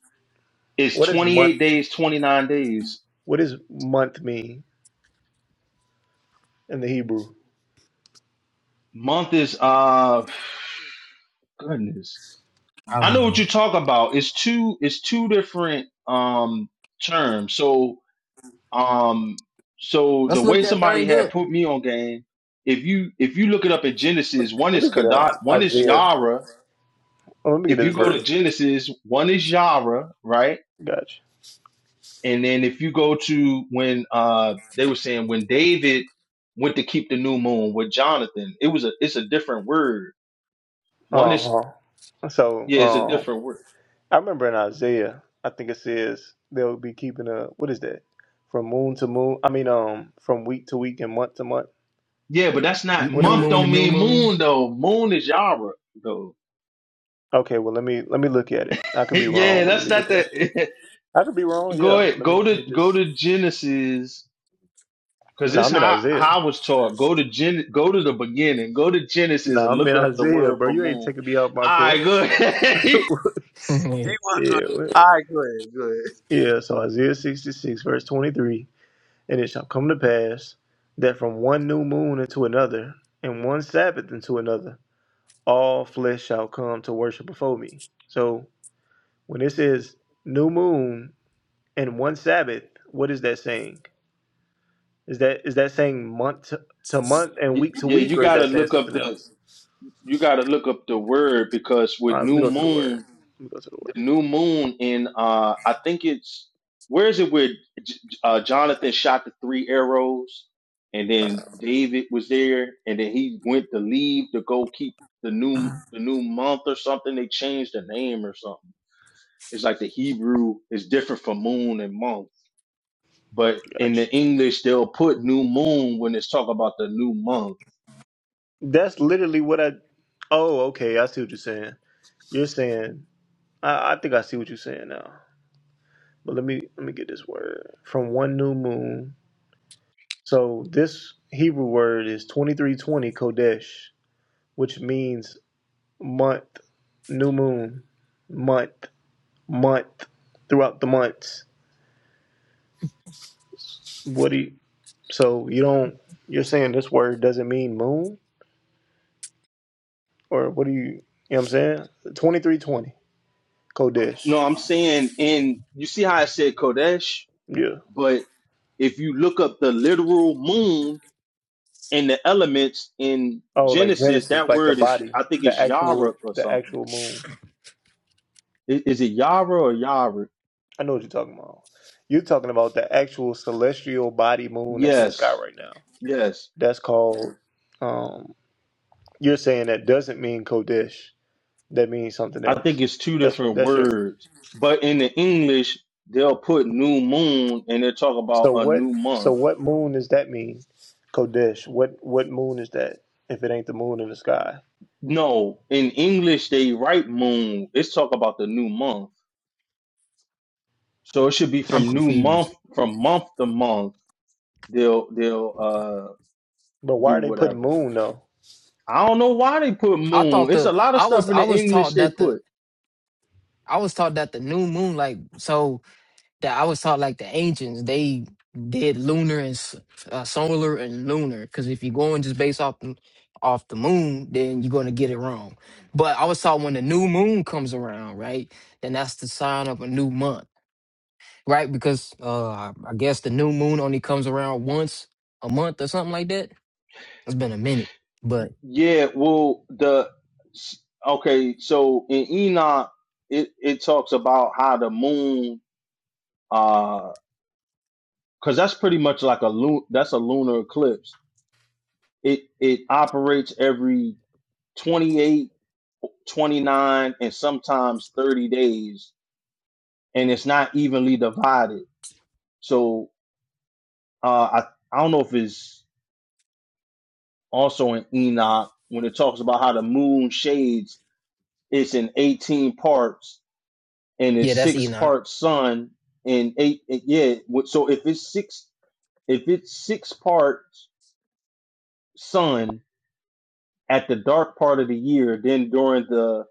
[SPEAKER 6] is
[SPEAKER 1] what is
[SPEAKER 6] twenty
[SPEAKER 1] month
[SPEAKER 6] eight days, twenty nine days.
[SPEAKER 1] what does month mean in the hebrew
[SPEAKER 6] Month is uh goodness.
[SPEAKER 2] I
[SPEAKER 6] I
[SPEAKER 2] don't
[SPEAKER 6] know what
[SPEAKER 2] know.
[SPEAKER 6] you talk about. It's two. It's two different um terms. So Um, so the
[SPEAKER 2] Let's look
[SPEAKER 6] way
[SPEAKER 2] that
[SPEAKER 6] somebody
[SPEAKER 2] thing
[SPEAKER 6] had
[SPEAKER 2] up.
[SPEAKER 6] put me on game, if you if you look it up in Genesis, one
[SPEAKER 1] let
[SPEAKER 6] is
[SPEAKER 1] me get
[SPEAKER 6] Kadat,
[SPEAKER 1] out
[SPEAKER 6] one is
[SPEAKER 1] isaiah
[SPEAKER 6] Yara.
[SPEAKER 1] oh, let me get
[SPEAKER 6] If you
[SPEAKER 1] this
[SPEAKER 6] go to
[SPEAKER 1] verse
[SPEAKER 6] Genesis, one is Yara, right?
[SPEAKER 1] gotcha
[SPEAKER 6] And then if you go to when uh they were saying when David went to keep the new moon with Jonathan, it was a it's a different word. One is
[SPEAKER 1] uh-huh so
[SPEAKER 6] yeah, it's a
[SPEAKER 1] um,
[SPEAKER 6] different word.
[SPEAKER 1] I remember in Isaiah, I think it says they'll be keeping a what is that? From moon to moon. I mean, um, from week to week and month to month.
[SPEAKER 6] Yeah, but that's not
[SPEAKER 2] N-
[SPEAKER 1] What
[SPEAKER 2] New
[SPEAKER 1] is
[SPEAKER 6] month
[SPEAKER 1] it?
[SPEAKER 2] moon to
[SPEAKER 6] don't
[SPEAKER 2] new
[SPEAKER 6] mean
[SPEAKER 2] moon.
[SPEAKER 6] moon though. Moon is Yara though.
[SPEAKER 1] Okay, well let me let me look at it. I could be
[SPEAKER 6] yeah,
[SPEAKER 1] wrong, but let
[SPEAKER 6] that's
[SPEAKER 1] me
[SPEAKER 6] not
[SPEAKER 1] look at it.
[SPEAKER 6] that.
[SPEAKER 1] I could be wrong,
[SPEAKER 6] Go
[SPEAKER 1] yeah, but
[SPEAKER 6] ahead.
[SPEAKER 1] let me
[SPEAKER 6] Go
[SPEAKER 1] let
[SPEAKER 6] to
[SPEAKER 1] me
[SPEAKER 6] go
[SPEAKER 1] just.
[SPEAKER 6] to Genesis because
[SPEAKER 1] No,
[SPEAKER 6] this
[SPEAKER 1] I'm in
[SPEAKER 6] how,
[SPEAKER 1] Isaiah.
[SPEAKER 6] how I was taught. Go to Gen. Go to the beginning. Go to Genesis
[SPEAKER 1] No,
[SPEAKER 6] and
[SPEAKER 1] I'm
[SPEAKER 6] look
[SPEAKER 1] in
[SPEAKER 6] up the
[SPEAKER 1] Isaiah,
[SPEAKER 6] word
[SPEAKER 1] bro.
[SPEAKER 6] for
[SPEAKER 1] You ain't
[SPEAKER 6] moon. All
[SPEAKER 1] taking me out my court.
[SPEAKER 6] right, go ahead. You want to
[SPEAKER 1] yeah,
[SPEAKER 6] go to- All
[SPEAKER 1] wait.
[SPEAKER 6] right, go ahead, go ahead.
[SPEAKER 1] yeah. So Isaiah 66 verse 23, and it shall come to pass that from one new moon into another, and one Sabbath into another. all flesh shall come to worship before me. So when it says new moon and one Sabbath, what is that saying? Is that is that saying month to, to month and
[SPEAKER 6] Y-
[SPEAKER 1] week to
[SPEAKER 6] yeah,
[SPEAKER 1] week,
[SPEAKER 6] you
[SPEAKER 1] or is
[SPEAKER 6] gotta
[SPEAKER 1] that saying
[SPEAKER 6] look up
[SPEAKER 1] something
[SPEAKER 6] the
[SPEAKER 1] else?
[SPEAKER 6] you gotta look up the word because
[SPEAKER 1] All
[SPEAKER 6] with
[SPEAKER 1] right, let me
[SPEAKER 6] new
[SPEAKER 1] go to the word.
[SPEAKER 6] moon
[SPEAKER 1] Let me go to the word.
[SPEAKER 6] the new moon in uh I think it's where is it where J- uh, Jonathan shot the three arrows and then David was there and then he went to leave to go keep the new the new month or something they changed the name or something it's like the Hebrew is different from moon and month but in the
[SPEAKER 1] Gotcha.
[SPEAKER 6] English they'll put new moon when it's talk about the new month
[SPEAKER 1] That's literally what I. Oh, okay. I see what you're saying. You're saying. I, I think I see what you're saying now. But let me let me get this word from one new moon. So this Hebrew word is 2320 kodesh, which means month, new moon, month, month, throughout the months. What do you, so you don't, you're saying this word doesn't mean moon? Or what do you, you know what I'm saying? 2320, Kodesh.
[SPEAKER 6] no I'm saying in you see how I said Kodesh
[SPEAKER 1] Yeah.
[SPEAKER 6] but if you look up the literal moon and the elements in
[SPEAKER 1] Oh, like
[SPEAKER 6] Genesis,
[SPEAKER 1] Genesis,
[SPEAKER 6] that
[SPEAKER 1] like the
[SPEAKER 6] word is,
[SPEAKER 1] body,
[SPEAKER 6] I think
[SPEAKER 1] the
[SPEAKER 6] it's Yaruk
[SPEAKER 1] actual,
[SPEAKER 6] or
[SPEAKER 1] the
[SPEAKER 6] something.
[SPEAKER 1] actual moon.
[SPEAKER 6] Is, is it Yara or Yaruk?
[SPEAKER 1] I know what you're talking about. You're talking about the actual celestial body moon that's in the sky
[SPEAKER 6] Yes,
[SPEAKER 1] right now.
[SPEAKER 6] yes.
[SPEAKER 1] That's called, um, you're saying that doesn't mean Kodesh. That means something
[SPEAKER 6] I think
[SPEAKER 1] else.
[SPEAKER 6] it's two
[SPEAKER 1] That's
[SPEAKER 6] different
[SPEAKER 1] that's your.
[SPEAKER 6] words. But in the English, they'll put new moon and they'll talk about
[SPEAKER 1] So
[SPEAKER 6] a
[SPEAKER 1] what?
[SPEAKER 6] new
[SPEAKER 1] So
[SPEAKER 6] month.
[SPEAKER 1] what moon does that mean, Kodesh? What what moon is that? If it ain't the moon in the sky,
[SPEAKER 6] No, in English, they write moon. It's talk about the new month. So it should be
[SPEAKER 2] I'm
[SPEAKER 6] from new month,
[SPEAKER 2] confused.
[SPEAKER 6] from month to month. They'll, they'll, uh,
[SPEAKER 1] but why
[SPEAKER 6] do
[SPEAKER 1] are they putting
[SPEAKER 6] whatever.
[SPEAKER 1] moon though?
[SPEAKER 6] I don't know why they put
[SPEAKER 2] I
[SPEAKER 6] moon.
[SPEAKER 2] thought
[SPEAKER 6] It's
[SPEAKER 2] the
[SPEAKER 6] a lot of
[SPEAKER 2] I was
[SPEAKER 6] stuff in
[SPEAKER 2] I
[SPEAKER 6] the
[SPEAKER 2] was
[SPEAKER 6] English
[SPEAKER 2] taught
[SPEAKER 6] they
[SPEAKER 2] that
[SPEAKER 6] put.
[SPEAKER 2] the I was taught that the new moon like so that I was taught like the ancients they did lunar and s- uh, solar and lunar because if you're going just based off the, off the moon then you're gonna get it wrong. But I was taught when the new moon comes around, right? Then that's the sign of a new month right? Because uh, I I guess the new moon only comes around once a month or something like that. It's been a minute, but
[SPEAKER 6] Yeah, well, the okay, so in Enoch, it it talks about how the moon, uh, because that's pretty much like a lun, that's a lunar eclipse. It it operates every 28, 29, and sometimes 30 days, and it's not evenly divided. So, uh, I I don't know if it's also in Enoch when it talks about how the moon shades it's in 18 parts and it's
[SPEAKER 2] yeah, that's
[SPEAKER 6] six
[SPEAKER 2] Enoch.
[SPEAKER 6] parts sun and eight yeah so if it's six if it's six parts sun at the dark part of the year then during the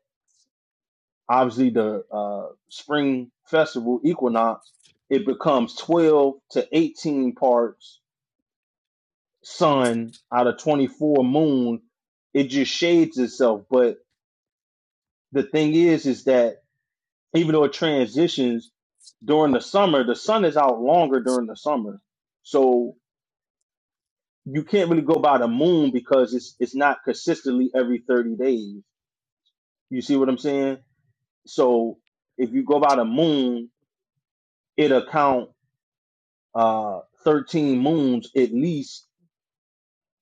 [SPEAKER 6] obviously the uh spring festival equinox it becomes 12 to 18 parts sun out of 24 moon it just shades itself but the thing is is that even though it transitions during the summer the sun is out longer during the summer so you can't really go by the moon because it's it's not consistently every 30 days. You see what I'm saying? So if you go by the moon, it'll count uh 13 moons at least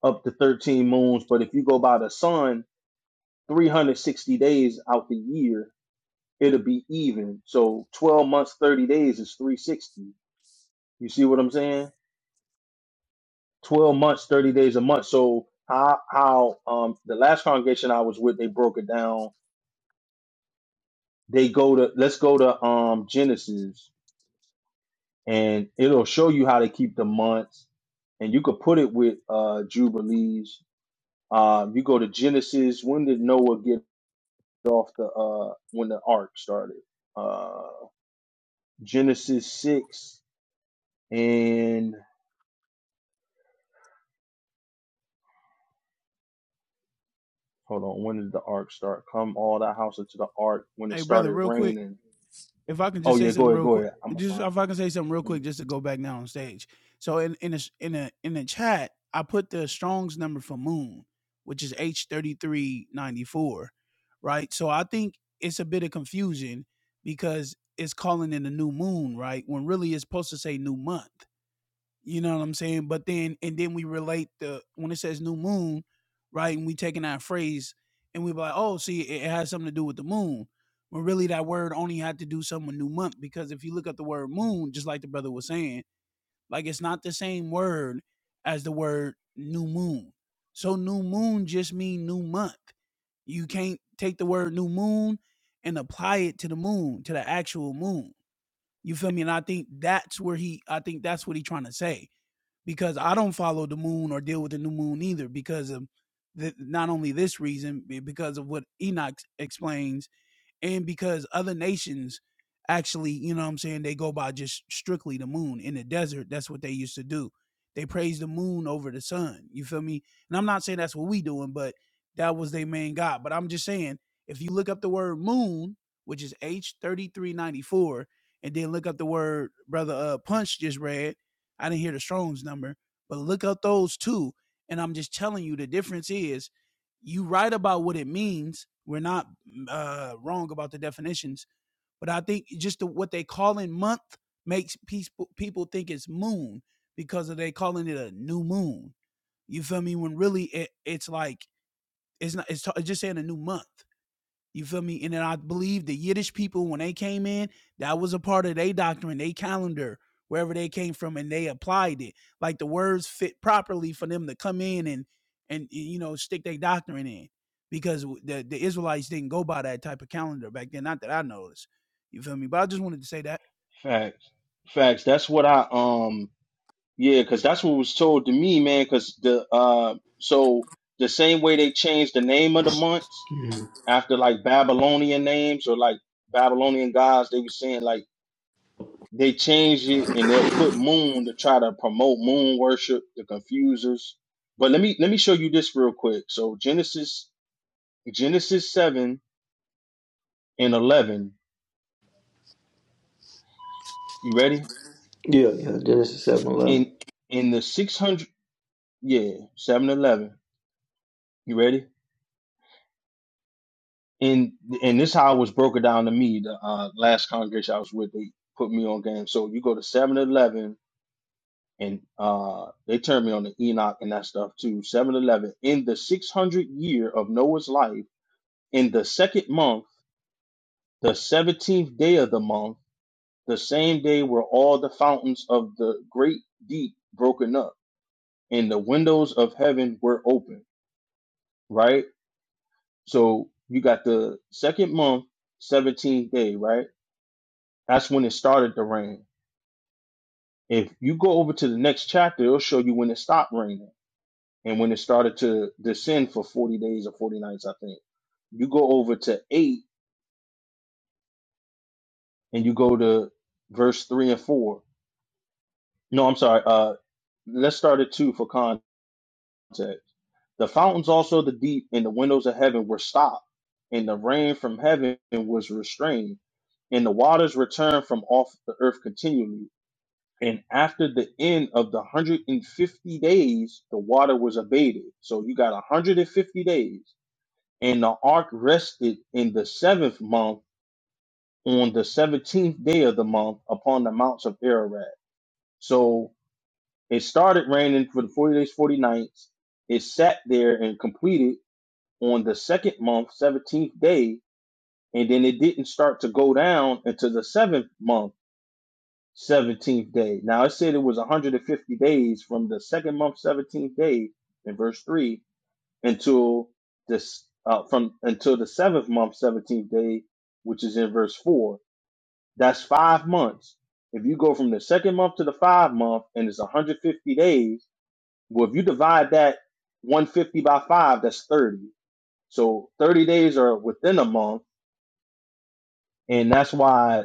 [SPEAKER 6] up to 13 moons. But if you go by the sun, 360 days out the year, it'll be even. So 12 months, 30 days is 360. You see what I'm saying? 12 months, 30 days a month. So how how um the last congregation I was with, they broke it down they go to let's go to um Genesis and it'll show you how to keep the months and you could put it with uh Jubilees. Um you go to Genesis, when did Noah get off the uh when the ark started? Uh Genesis six and hold on, when did the ark start? Come all that house into the ark when it
[SPEAKER 8] Hey, brother,
[SPEAKER 6] started
[SPEAKER 8] real quick,
[SPEAKER 6] raining.
[SPEAKER 8] if I can
[SPEAKER 6] Oh
[SPEAKER 8] just say
[SPEAKER 6] yeah, go
[SPEAKER 8] something
[SPEAKER 6] ahead,
[SPEAKER 8] real
[SPEAKER 6] go
[SPEAKER 8] quick,
[SPEAKER 6] ahead. I'm gonna
[SPEAKER 8] just
[SPEAKER 6] find
[SPEAKER 8] if I
[SPEAKER 6] it.
[SPEAKER 8] can say something real
[SPEAKER 6] Mm.
[SPEAKER 8] quick, just to go back now on stage. So in in a, in a in the chat, I put the Strong's number for Moon, which is H thirty three ninety four, right? So I think it's a bit of confusion because it's calling in a new moon, right? When really it's supposed to say new month. You know what I'm saying? But then and then we relate the when it says new moon, right? And we taking that phrase and we be like, oh, see, it it has something to do with the moon. But really that word only had to do something with new month because if you look at the word moon, just like the brother was saying, like it's not the same word as the word new moon. So new moon just mean new month. You can't take the word new moon and apply it to the moon, to the actual moon. You feel me? And I think that's where he I think that's what he trying to say because I don't follow the moon or deal with the new moon either because of the, not only this reason because of what Enoch explains and because other nations actually you know what i'm saying they go by just strictly the moon in the desert that's what they used to do they praise the moon over the sun you feel me and i'm not saying that's what we doing but that was their main god but i'm just saying if you look up the word moon which is h3394 and then look up the word brother uh punch just read i didn't hear the strong's number but look up those two and i'm just telling you the difference is you write about what it means we're not uh, wrong about the definitions, but I think just the, what they call in month makes people people think it's moon because of they calling it a new moon. You feel me? When really it, it's like it's not. It's, it's just saying a new month. You feel me? And then I believe the Yiddish people, when they came in, that was a part of their doctrine, their calendar, wherever they came from, and they applied it. Like the words fit properly for them to come in and and you know stick their doctrine in, because the the Israelites didn't go by that type of calendar back then. Not that I noticed. You feel me? But I just wanted to say that.
[SPEAKER 6] Facts. Facts. That's what I um Yeah, because that's what was told to me, man. Because the uh, so the same way they changed the name of the months
[SPEAKER 1] Mhm.
[SPEAKER 6] after like Babylonian names or like Babylonian gods, they were saying like they changed it and they'll put moon to try to promote moon worship The confusers, But let me let me show you this real quick. So Genesis Genesis seven and eleven. You ready?
[SPEAKER 1] Yeah, yeah, Genesis seven eleven.
[SPEAKER 6] In in the six hundred yeah seven eleven. You ready? and and this how it was broken down to me. The uh, last congregation I was with, they put me on game. So you go to Seven Eleven, and uh, they turned me on to Enoch and that stuff too. Seven Eleven. in the six hundred year of Noah's life, in the second month, the seventeenth day of the month, the same day were all the fountains of the great deep broken up, and the windows of heaven were open. Right. So you got the second month, seventeenth day. Right That's when it started to rain. If you go over to the next chapter, it'll show you when it stopped raining and when it started to descend for 40 days or 40 nights, I think. You go over to 8 and you go to verse 3 and 4. No, I'm sorry. Uh, let's start at 2 for context. The fountains also of the deep and the windows of heaven were stopped, and the rain from heaven was restrained, and the waters returned from off the earth continually And after the end of the 150 days, the water was abated. So you got 150 days. And the ark rested in the seventh month on the 17th day of the month upon the mounts of Ararat. So it started raining for the 40 days, 40 nights. It sat there and completed on the second month, 17th day. And then it didn't start to go down until the seventh month seventeenth day. Now it said it was 150 days from the second month, seventeenth day, in verse three, until this uh, from until the seventh month, seventeenth day, which is in verse four. That's five months. If you go from the second month to the five month, and it's 150 days. Well, if you divide that 150 by five, that's 30. So 30 days are within a month, and that's why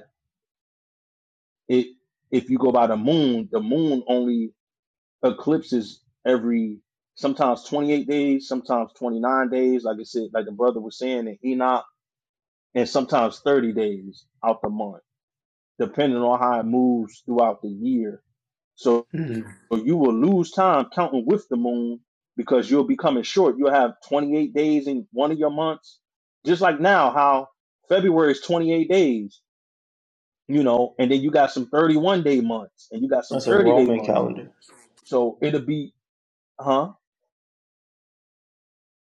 [SPEAKER 6] it. If you go by the moon, the moon only eclipses every sometimes 28 days, sometimes 29 days, like I said, like the brother was saying in Enoch, and sometimes 30 days out the month, depending on how it moves throughout the year. So
[SPEAKER 1] Mm-hmm.
[SPEAKER 6] you will lose time counting with the moon because you'll be coming short. You'll have 28 days in one of your months, just like now, how February is 28 days, you know, and then you got some 31 day months and you got some
[SPEAKER 1] That's a
[SPEAKER 6] 30 day
[SPEAKER 1] Roman
[SPEAKER 6] months.
[SPEAKER 1] calendar,
[SPEAKER 6] So it'll be, huh?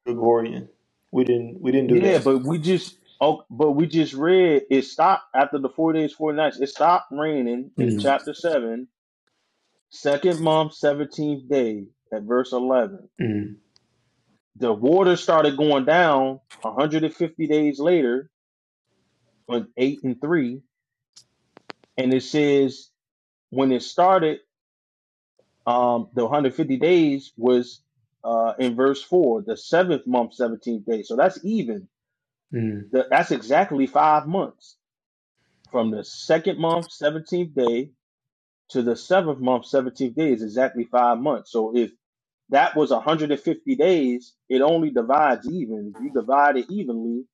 [SPEAKER 1] Gregorian. We didn't we didn't do
[SPEAKER 6] Yeah,
[SPEAKER 1] that.
[SPEAKER 6] but we just oh, but we just read it stopped after the four days, four nights. It stopped raining in
[SPEAKER 1] Mm-hmm.
[SPEAKER 6] chapter seven, second month, seventeenth day, at verse eleven. The water started going down 150 days later on eight and three, and it says when it started, um, the 150 days was uh in verse four, the seventh month, seventeenth day. So that's even. The, that's exactly five months from the second month, seventeenth day to the seventh month, 17th day is exactly five months. So if that was 150 days, it only divides even. If you divide it evenly,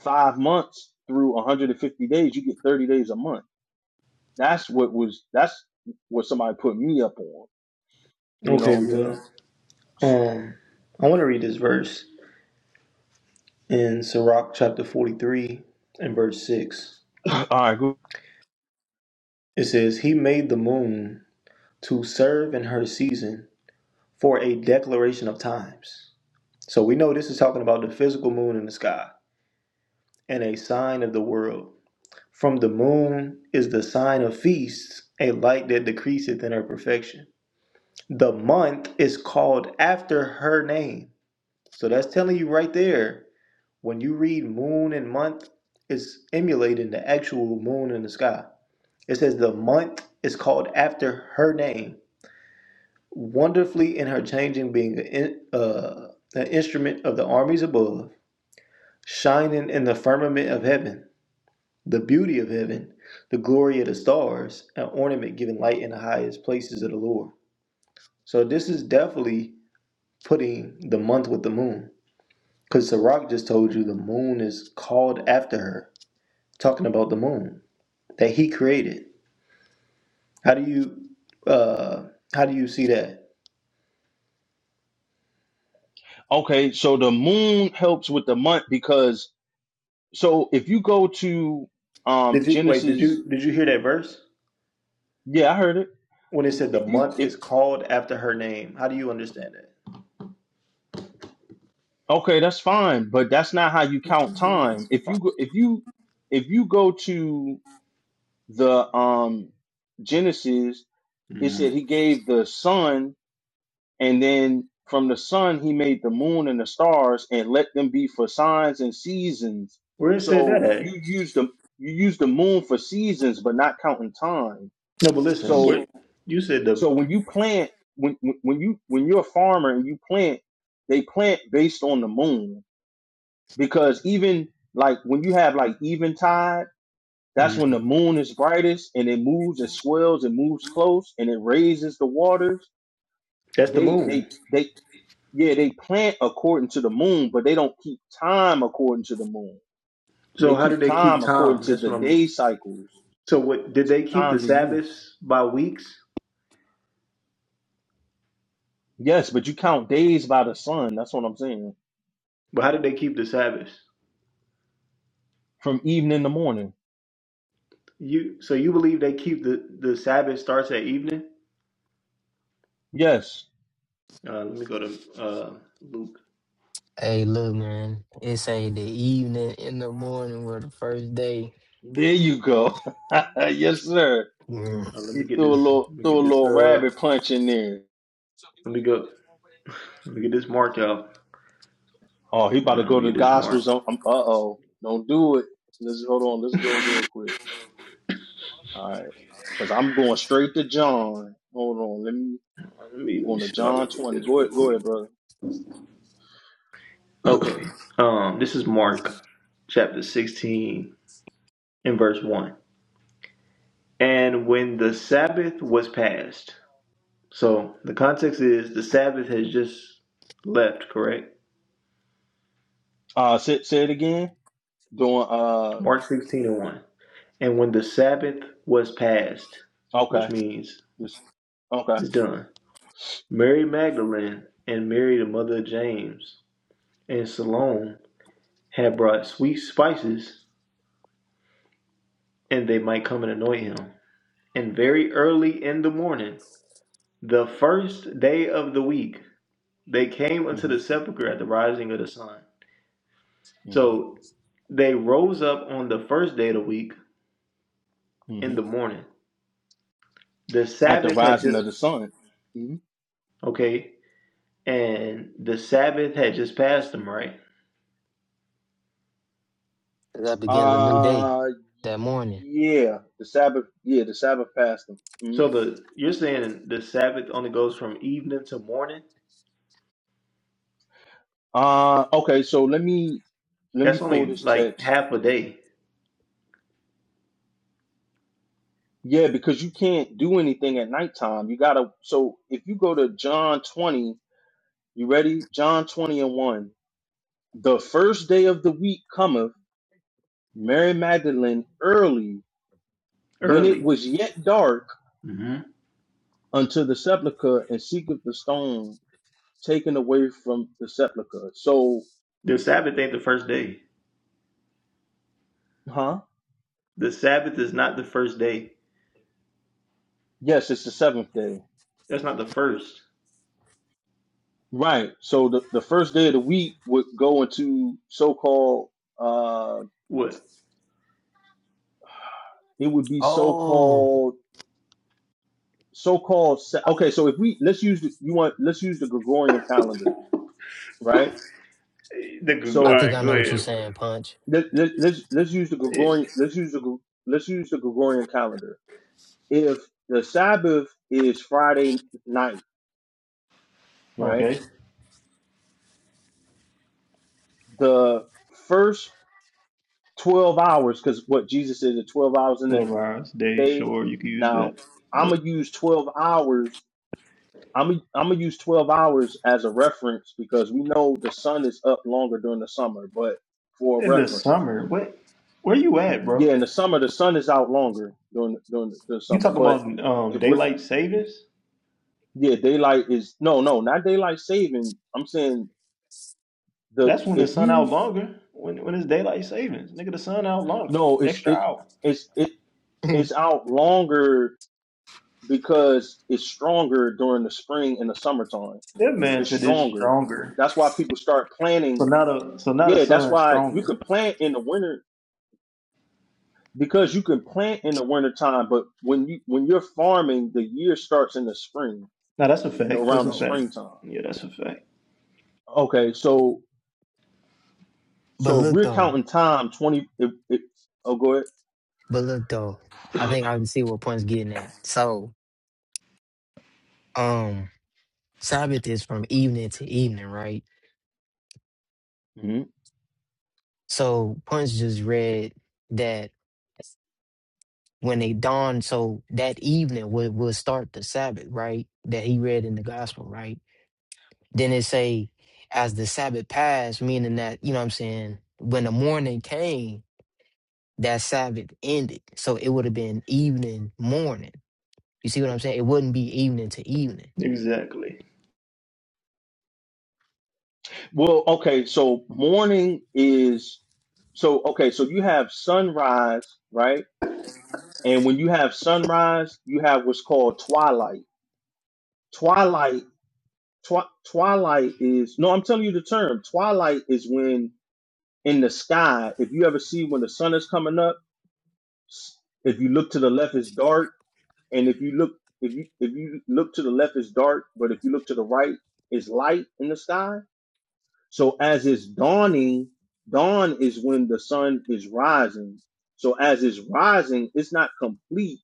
[SPEAKER 6] five months through 150 days, you get 30 days a month. That's what was, that's what somebody put me up on. You know
[SPEAKER 1] Okay,
[SPEAKER 6] what I'm saying?
[SPEAKER 1] well, um, I want to read this verse in Sirach chapter forty three and verse six.
[SPEAKER 6] All right. Good.
[SPEAKER 1] It says, "He made the moon to serve in her season." for a declaration of times. So we know this is talking about the physical moon in the sky and a sign of the world. From the moon is the sign of feasts, a light that decreaseth in her perfection. The month is called after her name. So that's telling you right there, when you read moon and month, it's emulating the actual moon in the sky. It says the month is called after her name wonderfully in her changing, being an, uh, an instrument of the armies above, shining in the firmament of heaven, the beauty of heaven, the glory of the stars, an ornament giving light in the highest places of the Lord. So this is definitely putting the month with the moon, because Sirach just told you the moon is called after her, talking about the moon that he created. How do you, uh, how do you see that?
[SPEAKER 6] Okay. So the moon helps with the month because, so if you go to um
[SPEAKER 1] Did you wait? Did
[SPEAKER 6] Genesis,
[SPEAKER 1] you did you hear that verse?
[SPEAKER 6] yeah, I heard it.
[SPEAKER 1] when it said the
[SPEAKER 6] If you,
[SPEAKER 1] month
[SPEAKER 6] if
[SPEAKER 1] is called after her name. How do you understand that?
[SPEAKER 6] Okay, that's fine, but that's not how you count time.
[SPEAKER 1] Venus.
[SPEAKER 6] If you go, if you if you go to the um Genesis, it
[SPEAKER 1] Mm.
[SPEAKER 6] said he gave the sun, and then from the sun he made the moon and the stars, and let them be for signs and seasons.
[SPEAKER 1] Where it said that
[SPEAKER 6] So
[SPEAKER 1] at?
[SPEAKER 6] you use the you use the moon for seasons, but not counting time.
[SPEAKER 1] No, but listen,
[SPEAKER 6] So
[SPEAKER 1] what you said the
[SPEAKER 6] so when you plant when when when you when you're a farmer and you plant, they plant based on the moon because even like when you have like eventide, that's when the
[SPEAKER 1] mm,
[SPEAKER 6] moon is brightest and it moves it swells it moves close and it raises the waters.
[SPEAKER 1] that's the
[SPEAKER 6] They they
[SPEAKER 1] moon.
[SPEAKER 6] they yeah they plant according to the moon, but they don't keep time according to the moon. They
[SPEAKER 1] So how do
[SPEAKER 6] keep
[SPEAKER 1] they
[SPEAKER 6] time
[SPEAKER 1] keep
[SPEAKER 6] according
[SPEAKER 1] time?
[SPEAKER 6] to
[SPEAKER 1] That's
[SPEAKER 6] the
[SPEAKER 1] what I'm.
[SPEAKER 6] day cycles,
[SPEAKER 1] So what did they keep the
[SPEAKER 6] times of years.
[SPEAKER 1] Sabbaths by weeks?
[SPEAKER 6] Yes, but you count days by the sun. That's what I'm saying.
[SPEAKER 1] But how did they keep the Sabbaths?
[SPEAKER 6] From evening to morning.
[SPEAKER 1] You so you believe they keep the the Sabbath starts at evening?
[SPEAKER 6] Yes.
[SPEAKER 1] Uh, let me go to uh, Luke.
[SPEAKER 2] Hey, look, man, it's a the evening in the morning where the first day
[SPEAKER 6] There you go. yes, sir.
[SPEAKER 2] mm,
[SPEAKER 1] Uh, let
[SPEAKER 6] He
[SPEAKER 1] me get
[SPEAKER 6] threw a
[SPEAKER 1] this.
[SPEAKER 6] little
[SPEAKER 1] Let me
[SPEAKER 6] threw a
[SPEAKER 1] get this.
[SPEAKER 6] little
[SPEAKER 1] Uh,
[SPEAKER 6] rabbit punch in there.
[SPEAKER 1] let me go. Let me get this marked out.
[SPEAKER 6] Oh, he about
[SPEAKER 1] Uh,
[SPEAKER 6] to
[SPEAKER 1] let
[SPEAKER 6] go
[SPEAKER 1] me
[SPEAKER 6] to the
[SPEAKER 1] get this marked.
[SPEAKER 6] Gospels. I'm, I'm, uh-oh. Don't do it. Let's hold on. Let's go real quick. All right. Because I'm going straight to John. Hold on. Let me.
[SPEAKER 1] Let me
[SPEAKER 6] I'm
[SPEAKER 1] let me
[SPEAKER 6] going to
[SPEAKER 1] see if I can
[SPEAKER 6] John
[SPEAKER 1] get
[SPEAKER 6] 20.
[SPEAKER 1] this
[SPEAKER 6] Go ahead,
[SPEAKER 1] real
[SPEAKER 6] go
[SPEAKER 1] quick.
[SPEAKER 6] ahead, brother.
[SPEAKER 1] Okay. Um, this is Mark chapter sixteen and verse one. And when the Sabbath was passed, so the context is the Sabbath has just left, correct?
[SPEAKER 6] uh, say, say it again. Doing. Uh.
[SPEAKER 1] Mark sixteen and one. And when the Sabbath was passed, which
[SPEAKER 6] Okay.
[SPEAKER 1] means
[SPEAKER 6] Just. Okay.
[SPEAKER 1] it's done, Mary Magdalene and Mary the mother of James and Salome had brought sweet spices, and they might come and anoint him. And very early in the morning, the first day of the week, they came unto
[SPEAKER 6] hmm
[SPEAKER 1] the sepulchre at the rising of the sun.
[SPEAKER 6] hmm
[SPEAKER 1] So they rose up on the first day of the week in
[SPEAKER 6] hmm
[SPEAKER 1] the morning. The
[SPEAKER 6] At the
[SPEAKER 1] Sabbath had
[SPEAKER 6] rising of
[SPEAKER 1] just
[SPEAKER 6] the sun. hmm
[SPEAKER 1] okay, and the Sabbath had just passed them, right?
[SPEAKER 2] that begins a new day.
[SPEAKER 6] Uh.
[SPEAKER 2] That morning.
[SPEAKER 6] Yeah. The Sabbath. Yeah. The Sabbath fasting. hmm
[SPEAKER 1] So the you're saying the Sabbath only goes from evening to morning?
[SPEAKER 6] Uh. Okay. So let me let me
[SPEAKER 1] That's
[SPEAKER 6] pull
[SPEAKER 1] only
[SPEAKER 6] this
[SPEAKER 1] like
[SPEAKER 6] text
[SPEAKER 1] half a day
[SPEAKER 6] Yeah, because you can't do anything at nighttime. You gotta. So if you go to John 20, you ready? John 20 and 1. The first day of the week cometh Mary Magdalene early, when it
[SPEAKER 1] early.
[SPEAKER 6] was yet dark,
[SPEAKER 1] hmm
[SPEAKER 6] unto the sepulchre and seeketh the stone taken away from the sepulchre. So,
[SPEAKER 1] The Sabbath ain't the first day.
[SPEAKER 6] huh?
[SPEAKER 1] The Sabbath is not the first day.
[SPEAKER 6] Yes, it's the seventh day.
[SPEAKER 1] That's not the first.
[SPEAKER 6] Right. So the, the first day of the week would go into so called, uh,
[SPEAKER 1] What?
[SPEAKER 6] it would be so
[SPEAKER 2] Oh,
[SPEAKER 6] called so-called sa- okay so if we let's use the, you want let's use the gregorian calendar right
[SPEAKER 1] The Google.
[SPEAKER 2] I
[SPEAKER 1] All
[SPEAKER 6] so
[SPEAKER 2] think
[SPEAKER 1] right,
[SPEAKER 2] I
[SPEAKER 1] go
[SPEAKER 2] know what you're
[SPEAKER 1] ahead.
[SPEAKER 2] saying, Punch.
[SPEAKER 6] let, let, let's let's use the gregorian
[SPEAKER 1] bro.
[SPEAKER 6] let's use the Gre- let's use the gregorian calendar if the sabbath is friday night right
[SPEAKER 1] Okay,
[SPEAKER 6] the first 12 hours because what jesus said is 12 hours in the
[SPEAKER 1] twelve hours, day,
[SPEAKER 6] day
[SPEAKER 1] sure, you can use
[SPEAKER 6] now
[SPEAKER 1] that. Yeah.
[SPEAKER 6] i'm gonna use 12 hours I'm gonna- I'm gonna use 12 hours as a reference because we know the sun is up longer during the summer, but for a
[SPEAKER 1] In the
[SPEAKER 6] reference.
[SPEAKER 1] summer, what? Where you at,
[SPEAKER 6] Yeah,
[SPEAKER 1] bro?
[SPEAKER 6] in the summer the sun is out longer during during the
[SPEAKER 1] You
[SPEAKER 6] summer.
[SPEAKER 1] talking
[SPEAKER 6] But
[SPEAKER 1] about um
[SPEAKER 6] if we're
[SPEAKER 1] daylight savings?
[SPEAKER 6] yeah, daylight is no, no, not daylight saving. I'm saying the
[SPEAKER 1] That's when the
[SPEAKER 6] if
[SPEAKER 1] sun out
[SPEAKER 6] you
[SPEAKER 1] longer. When when it's daylight savings, nigga, the sun out longer,
[SPEAKER 6] no, it's
[SPEAKER 1] extra
[SPEAKER 6] it
[SPEAKER 1] hour.
[SPEAKER 6] it's it it's out longer because it's stronger during the spring and the summertime.
[SPEAKER 1] That man
[SPEAKER 6] It's
[SPEAKER 1] said it's
[SPEAKER 6] stronger.
[SPEAKER 1] stronger.
[SPEAKER 6] That's why people start
[SPEAKER 1] So
[SPEAKER 6] planting.
[SPEAKER 1] now the so now the
[SPEAKER 6] Yeah, that's
[SPEAKER 1] sun is
[SPEAKER 6] why you
[SPEAKER 1] stronger.
[SPEAKER 6] can plant in the winter because you can plant in the winter time. but when you when you're farming, the year starts in the spring,
[SPEAKER 1] Now that's a fact.
[SPEAKER 6] around
[SPEAKER 1] That's a
[SPEAKER 6] the
[SPEAKER 2] oh,
[SPEAKER 1] fact.
[SPEAKER 6] springtime.
[SPEAKER 1] Yeah, that's a fact.
[SPEAKER 6] Okay, so
[SPEAKER 2] but
[SPEAKER 6] so if
[SPEAKER 2] look
[SPEAKER 6] we're
[SPEAKER 2] though,
[SPEAKER 6] counting time, twenty. If, if, oh, go ahead.
[SPEAKER 2] but look though, I think I can see what Punch's getting at. So, um, Sabbath is from evening to evening, right?
[SPEAKER 6] hmm
[SPEAKER 2] So Punch just read that when they dawned, so that evening would will start the Sabbath, right? That he read in the gospel, right? Then it say, as the Sabbath passed, meaning that, you know what I'm saying, when the morning came, that Sabbath ended. So it would have been evening, morning. You see what I'm saying? It wouldn't be evening to evening.
[SPEAKER 1] Exactly.
[SPEAKER 6] Well, okay, so morning is so okay. So you have sunrise, right? And when you have sunrise, you have what's called twilight. Twilight, twi- twilight is no. I'm telling you the term. Twilight is when in the sky. If you ever see when the sun is coming up, s- if you look to the left, it's dark And if you look, if you if you look to the left, it's dark, but if you look to the right, it's light in the sky. So as it's dawning, dawn is when the sun is rising. So as it's rising, it's not complete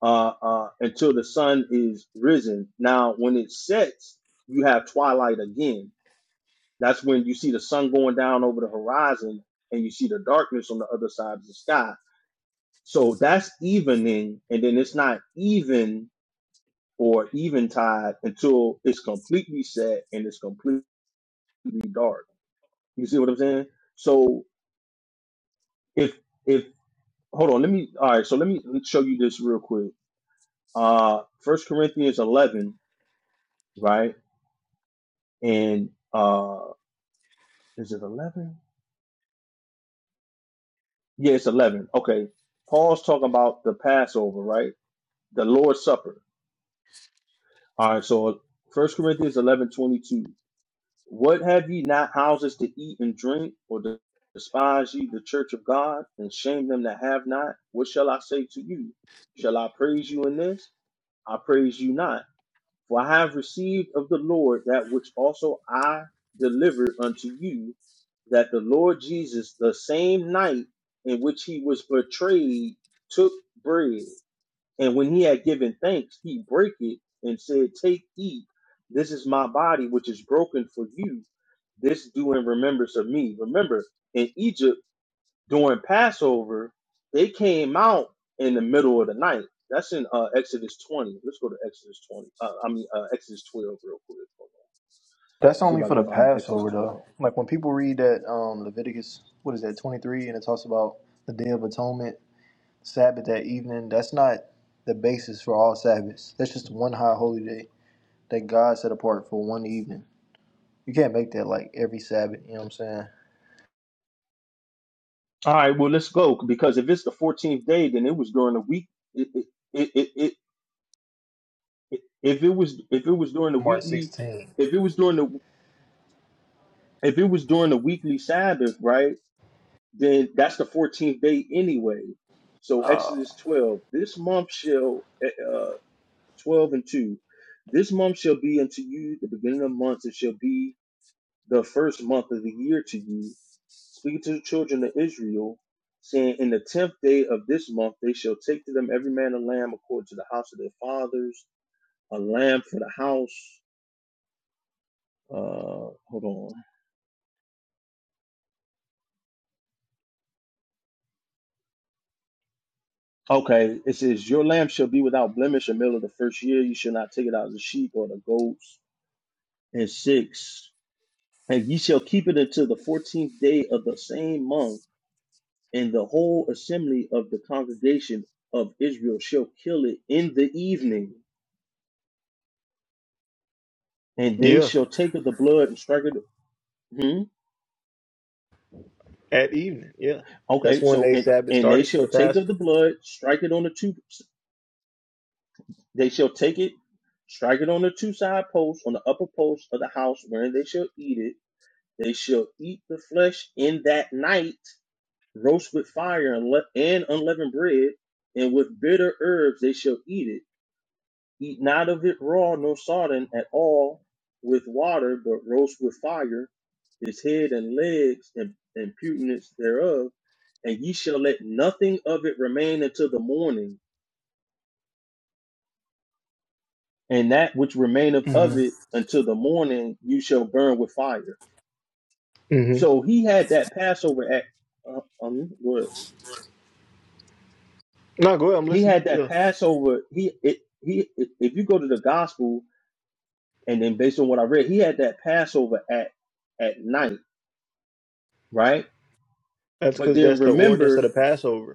[SPEAKER 6] uh, uh, until the sun is risen. Now, when it sets, you have twilight again. That's when you see the sun going down over the horizon, and you see the darkness on the other side of the sky. So that's evening, and then it's not even or eventide until it's completely set and it's completely dark. You see what I'm saying? So if if hold on, let me all right. So let me show you this real quick. Uh, First Corinthians 11, right? And uh, is it 11? Yeah, it's 11. Okay, Paul's talking about the Passover, right? The Lord's Supper. All right, so First Corinthians 11:22. What have ye not houses to eat and drink, or despise ye the church of God, and shame them that have not? What shall I say to you? Shall I praise you in this? I praise you not. For I have received of the Lord that which also I delivered unto you, that the Lord Jesus, the same night in which he was betrayed, took bread. And when he had given thanks, he brake it and said, Take, eat, this is my body, which is broken for you. This do in remembrance of me. Remember, in Egypt during Passover, they came out in the middle of the night. That's in uh, Exodus 20. Let's go to Exodus 20. Uh, I mean, uh, Exodus 12 real quick. Hold on.
[SPEAKER 1] That's
[SPEAKER 6] See if
[SPEAKER 1] only
[SPEAKER 6] I
[SPEAKER 1] for
[SPEAKER 6] can
[SPEAKER 1] the
[SPEAKER 6] find the Exodus
[SPEAKER 1] Passover
[SPEAKER 6] 12.
[SPEAKER 1] though. Like when people read that um Leviticus, what is that, twenty three, and it talks about the Day of Atonement, Sabbath that evening, that's not the basis for all Sabbaths. That's just one high holy day that God set apart for one evening. You can't make that like every Sabbath, you know what I'm saying?
[SPEAKER 6] All right, well, let's go. Because if it's the 14th day, then it was during the week. It, it, it, it, it, if it was if it was during the
[SPEAKER 1] March
[SPEAKER 6] weekly
[SPEAKER 1] sixteen.
[SPEAKER 6] if it was during the if it was during the weekly Sabbath, right, then that's the 14th day anyway. So
[SPEAKER 1] Uh
[SPEAKER 6] Exodus 12, this month shall, uh, uh, 12 and 2, this month shall be unto you the beginning of months, it shall be the first month of the year to you. Speaking to the children of Israel, saying, In the tenth day of this month they shall take to them every man a lamb according to the house of their fathers, a lamb for the house. Uh, hold on. Okay, it says, Your lamb shall be without blemish in the middle of the first year. You shall not take it out of the sheep or the goats. And six, and ye shall keep it until the fourteenth day of the same month, and the whole assembly of the congregation of Israel shall kill it in the evening, and they
[SPEAKER 1] Yeah.
[SPEAKER 6] shall take of the blood and strike it. Hmm?
[SPEAKER 1] At evening, yeah. That's
[SPEAKER 6] Okay,
[SPEAKER 1] when
[SPEAKER 6] so
[SPEAKER 1] they
[SPEAKER 6] and,
[SPEAKER 1] Sabbath
[SPEAKER 6] and they
[SPEAKER 1] started for
[SPEAKER 6] shall
[SPEAKER 1] the
[SPEAKER 6] take of
[SPEAKER 1] Passover.
[SPEAKER 6] the blood, strike it on the two. They shall take it, strike it on the two side posts on the upper post of the house wherein they shall eat it They shall eat the flesh in that night, roast with fire and, le- and unleavened bread, and with bitter herbs they shall eat it. Eat not of it raw, nor sodden at all with water, but roast with fire his head and legs and, and putenance thereof. And ye shall let nothing of it remain until the morning, and that which remaineth
[SPEAKER 1] hmm
[SPEAKER 6] of it until the morning you shall burn with fire.
[SPEAKER 1] hmm
[SPEAKER 6] So he had that Passover at. Uh, um, go ahead.
[SPEAKER 1] No, go ahead, I'm
[SPEAKER 6] he
[SPEAKER 1] listening.
[SPEAKER 6] had that
[SPEAKER 1] Yeah.
[SPEAKER 6] Passover. He it, he if if you go to the gospel and then based on what I read, he had that Passover at at night, right?
[SPEAKER 1] That's
[SPEAKER 6] But
[SPEAKER 1] because
[SPEAKER 6] then
[SPEAKER 1] that's the ordinance of the
[SPEAKER 6] remember,
[SPEAKER 1] Passover.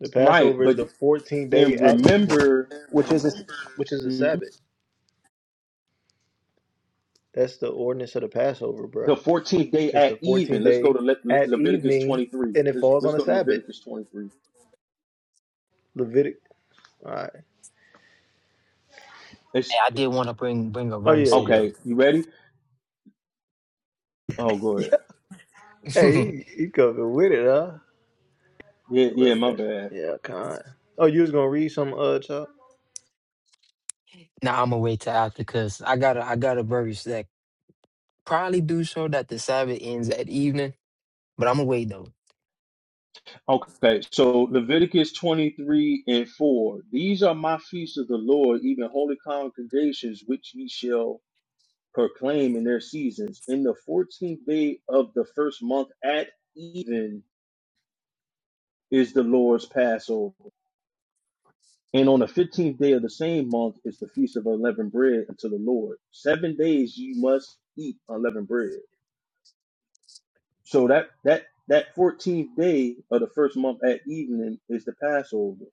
[SPEAKER 1] The
[SPEAKER 6] right?
[SPEAKER 1] Passover is
[SPEAKER 6] But
[SPEAKER 1] the 14th day
[SPEAKER 6] then
[SPEAKER 1] at even,
[SPEAKER 6] remember
[SPEAKER 1] which is a, which is a
[SPEAKER 6] mhm,
[SPEAKER 1] Sabbath. That's the ordinance of the Passover, bro.
[SPEAKER 6] the 14th day
[SPEAKER 1] It's the
[SPEAKER 6] at
[SPEAKER 1] 14th
[SPEAKER 6] even. Let's go
[SPEAKER 1] day
[SPEAKER 6] to Le- Le-
[SPEAKER 1] at
[SPEAKER 6] Leviticus
[SPEAKER 1] evening,
[SPEAKER 6] 23.
[SPEAKER 1] and it
[SPEAKER 6] Let's
[SPEAKER 1] falls
[SPEAKER 6] let's
[SPEAKER 1] on a
[SPEAKER 6] go to
[SPEAKER 1] Sabbath.
[SPEAKER 6] Leviticus 23.
[SPEAKER 1] Levitic. All right.
[SPEAKER 2] Hey,
[SPEAKER 6] It's
[SPEAKER 2] I did want to bring bring a
[SPEAKER 1] Oh yeah,
[SPEAKER 2] verse
[SPEAKER 1] yeah,
[SPEAKER 2] in.
[SPEAKER 6] okay. You ready? Oh, go ahead.
[SPEAKER 1] yeah. Hey, you, you coming with it, huh?
[SPEAKER 6] Yeah, yeah. My
[SPEAKER 1] Irrelevant.
[SPEAKER 6] bad.
[SPEAKER 1] Yeah, kind. Oh, you was gonna read some uh, chop?
[SPEAKER 2] now I'm gonna wait till after because I got to I got a verse that probably do show that the Sabbath ends at evening But I'm gonna wait though.
[SPEAKER 6] Okay, so Leviticus 23 and 4. These are my feasts of the Lord, even holy congregations, which ye shall proclaim in their seasons. In the 14th day of the first month at even is the Lord's Passover. And on the 15th day of the same month is the feast of unleavened bread unto the Lord. Seven days you must eat unleavened bread. So that, that, that 14th day of the first month at evening is the Passover.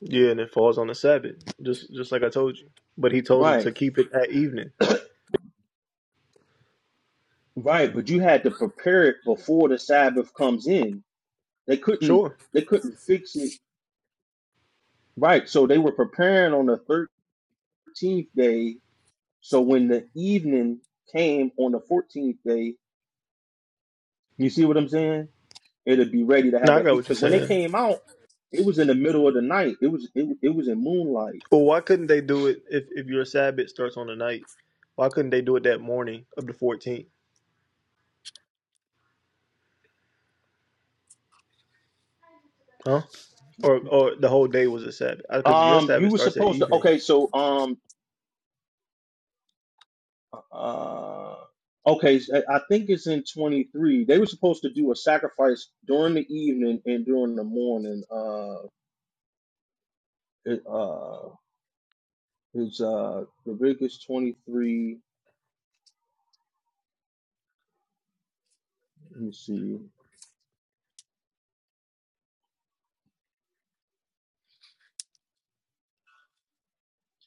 [SPEAKER 1] Yeah, and it falls on the Sabbath, just just like I told you. But he told him
[SPEAKER 6] Right.
[SPEAKER 1] to keep it at evening.
[SPEAKER 6] Right, but you had to prepare it before the Sabbath comes in. They couldn't
[SPEAKER 1] Sure.
[SPEAKER 6] they couldn't fix it. Right, so they were preparing on the 13th day. So when the evening came on the 14th day, you see what I'm saying? It'd be ready to have
[SPEAKER 1] Now I
[SPEAKER 6] it
[SPEAKER 1] got what you're
[SPEAKER 6] because when they
[SPEAKER 1] saying.
[SPEAKER 6] came out, it was in the middle of the night. It was it, it was in moonlight.
[SPEAKER 1] Well, why couldn't they do it if, if your Sabbath starts on the night? Why couldn't they do it that morning of the 14th? Huh? Or or the whole day was a Sabbath? Because your
[SPEAKER 6] Um, you
[SPEAKER 1] Sabbath
[SPEAKER 6] were
[SPEAKER 1] starts at
[SPEAKER 6] supposed to.
[SPEAKER 1] evening, right?
[SPEAKER 6] Okay, so um, Uh, okay, so I I think it's in 23. They were supposed to do a sacrifice during the evening and during the morning. Uh, it, uh, it's uh, Leviticus 23. Let me see.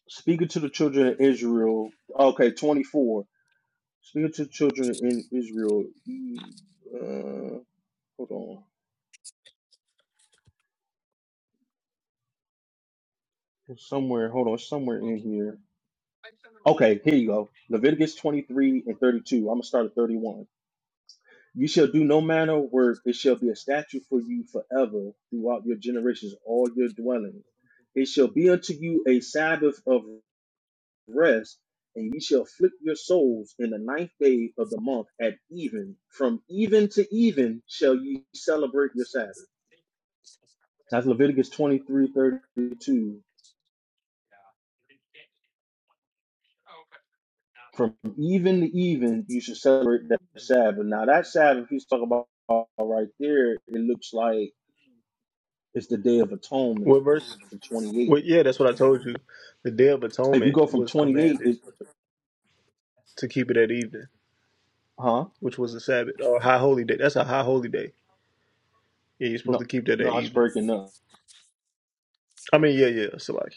[SPEAKER 6] Speaking to the children of Israel. Okay, 24. Speaking to the children in Israel. Uh, hold on. It's somewhere. Hold on. It's somewhere in here. Okay, here you go. Leviticus 23 and 32. I'm going to start at 31. You shall do no manner of work. It shall be a statute for you forever throughout your generations, all your dwellings. It shall be unto you a Sabbath of rest, and ye shall afflict your souls in the ninth day of the month at even. From even to even shall ye celebrate your Sabbath. That's Leviticus twenty-three thirty-two. From even to even, you should celebrate that Sabbath. Now, that Sabbath he's talking about right there, it looks like it's the Day of Atonement,
[SPEAKER 1] What verse?
[SPEAKER 6] the 28th.
[SPEAKER 1] Well, yeah, that's what I told you. The Day of
[SPEAKER 6] If you
[SPEAKER 1] Atonement
[SPEAKER 6] go from
[SPEAKER 1] was
[SPEAKER 6] 28,
[SPEAKER 1] commanded
[SPEAKER 6] it's,
[SPEAKER 1] to keep it at evening,
[SPEAKER 6] huh?
[SPEAKER 1] which was a Sabbath or high holy day. That's a high holy day. Yeah, you're supposed
[SPEAKER 6] No,
[SPEAKER 1] to keep that at
[SPEAKER 6] no, it's
[SPEAKER 1] evening.
[SPEAKER 6] breaking up.
[SPEAKER 1] I mean, yeah, yeah. So like,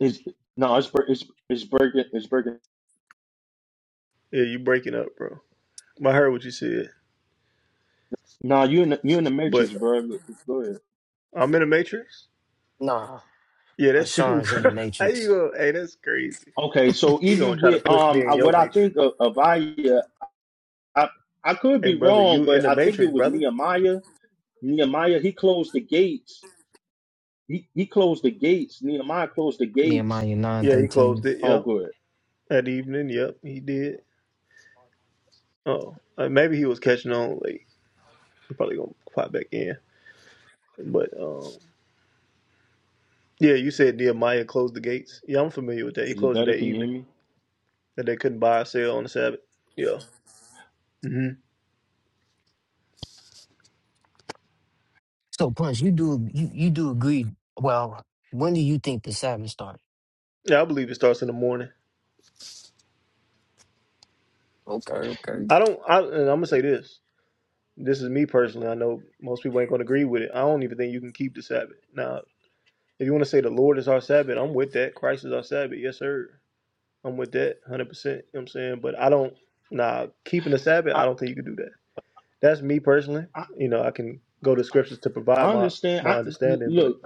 [SPEAKER 6] It's no, it's break- it's it's breaking it's breaking.
[SPEAKER 1] yeah, you breaking up, bro. I heard what you said,
[SPEAKER 6] No, you in the, you in the matrix,
[SPEAKER 1] but
[SPEAKER 6] bro. Go ahead.
[SPEAKER 1] I'm in a matrix.
[SPEAKER 2] Nah,
[SPEAKER 1] Yeah, that's you,
[SPEAKER 2] Asharon's in the
[SPEAKER 1] bro. How you
[SPEAKER 2] Matrix.
[SPEAKER 1] go? Hey, that's crazy.
[SPEAKER 6] Okay, so
[SPEAKER 1] He gonna
[SPEAKER 6] even
[SPEAKER 1] try to
[SPEAKER 6] with
[SPEAKER 1] push me
[SPEAKER 6] um, I,
[SPEAKER 1] in your
[SPEAKER 6] what I think
[SPEAKER 1] matrix.
[SPEAKER 6] of Avaya, I I could
[SPEAKER 1] Hey
[SPEAKER 6] be
[SPEAKER 1] brother,
[SPEAKER 6] wrong,
[SPEAKER 1] you in
[SPEAKER 6] but
[SPEAKER 1] the
[SPEAKER 6] I think it
[SPEAKER 1] matrix,
[SPEAKER 6] was
[SPEAKER 1] brother.
[SPEAKER 6] Nehemiah. Nehemiah, he closed the gates. He he closed the gates. Nehemiah closed the gates.
[SPEAKER 2] Nehemiah nine
[SPEAKER 1] Yeah, he closed
[SPEAKER 2] thirteen.
[SPEAKER 1] it,
[SPEAKER 6] Oh,
[SPEAKER 1] yep.
[SPEAKER 6] good.
[SPEAKER 1] That evening, yep, he did. Oh. uh, maybe he was catching on late. He probably gonna pop back in. But um yeah, you said Nehemiah closed the gates. Yeah, I'm familiar with that. He
[SPEAKER 6] Is it
[SPEAKER 1] closed it
[SPEAKER 6] better?
[SPEAKER 1] that
[SPEAKER 6] Can you hear
[SPEAKER 1] evening.
[SPEAKER 6] me?
[SPEAKER 1] That they couldn't buy or sell on the Sabbath. Yeah. hmm
[SPEAKER 2] So punch, you do you you do agree? Well, when do you think the Sabbath started?
[SPEAKER 1] Yeah, I believe it starts in the morning.
[SPEAKER 2] Okay, okay.
[SPEAKER 1] I don't I and I'm gonna say this. This is me personally. I know most people ain't gonna agree with it. I don't even think you can keep the Sabbath. Now If you want to say the Lord is our Sabbath, I'm with that. Christ is our Sabbath. Yes, sir. I'm with that 100%. You know what I'm saying? But I don't, nah, keeping the Sabbath, I
[SPEAKER 6] I
[SPEAKER 1] don't think you can do that. That's me personally.
[SPEAKER 6] I,
[SPEAKER 1] You know, I can go to scriptures to provide
[SPEAKER 6] I
[SPEAKER 1] my,
[SPEAKER 6] understand.
[SPEAKER 1] my
[SPEAKER 6] I
[SPEAKER 1] understanding, but
[SPEAKER 6] look.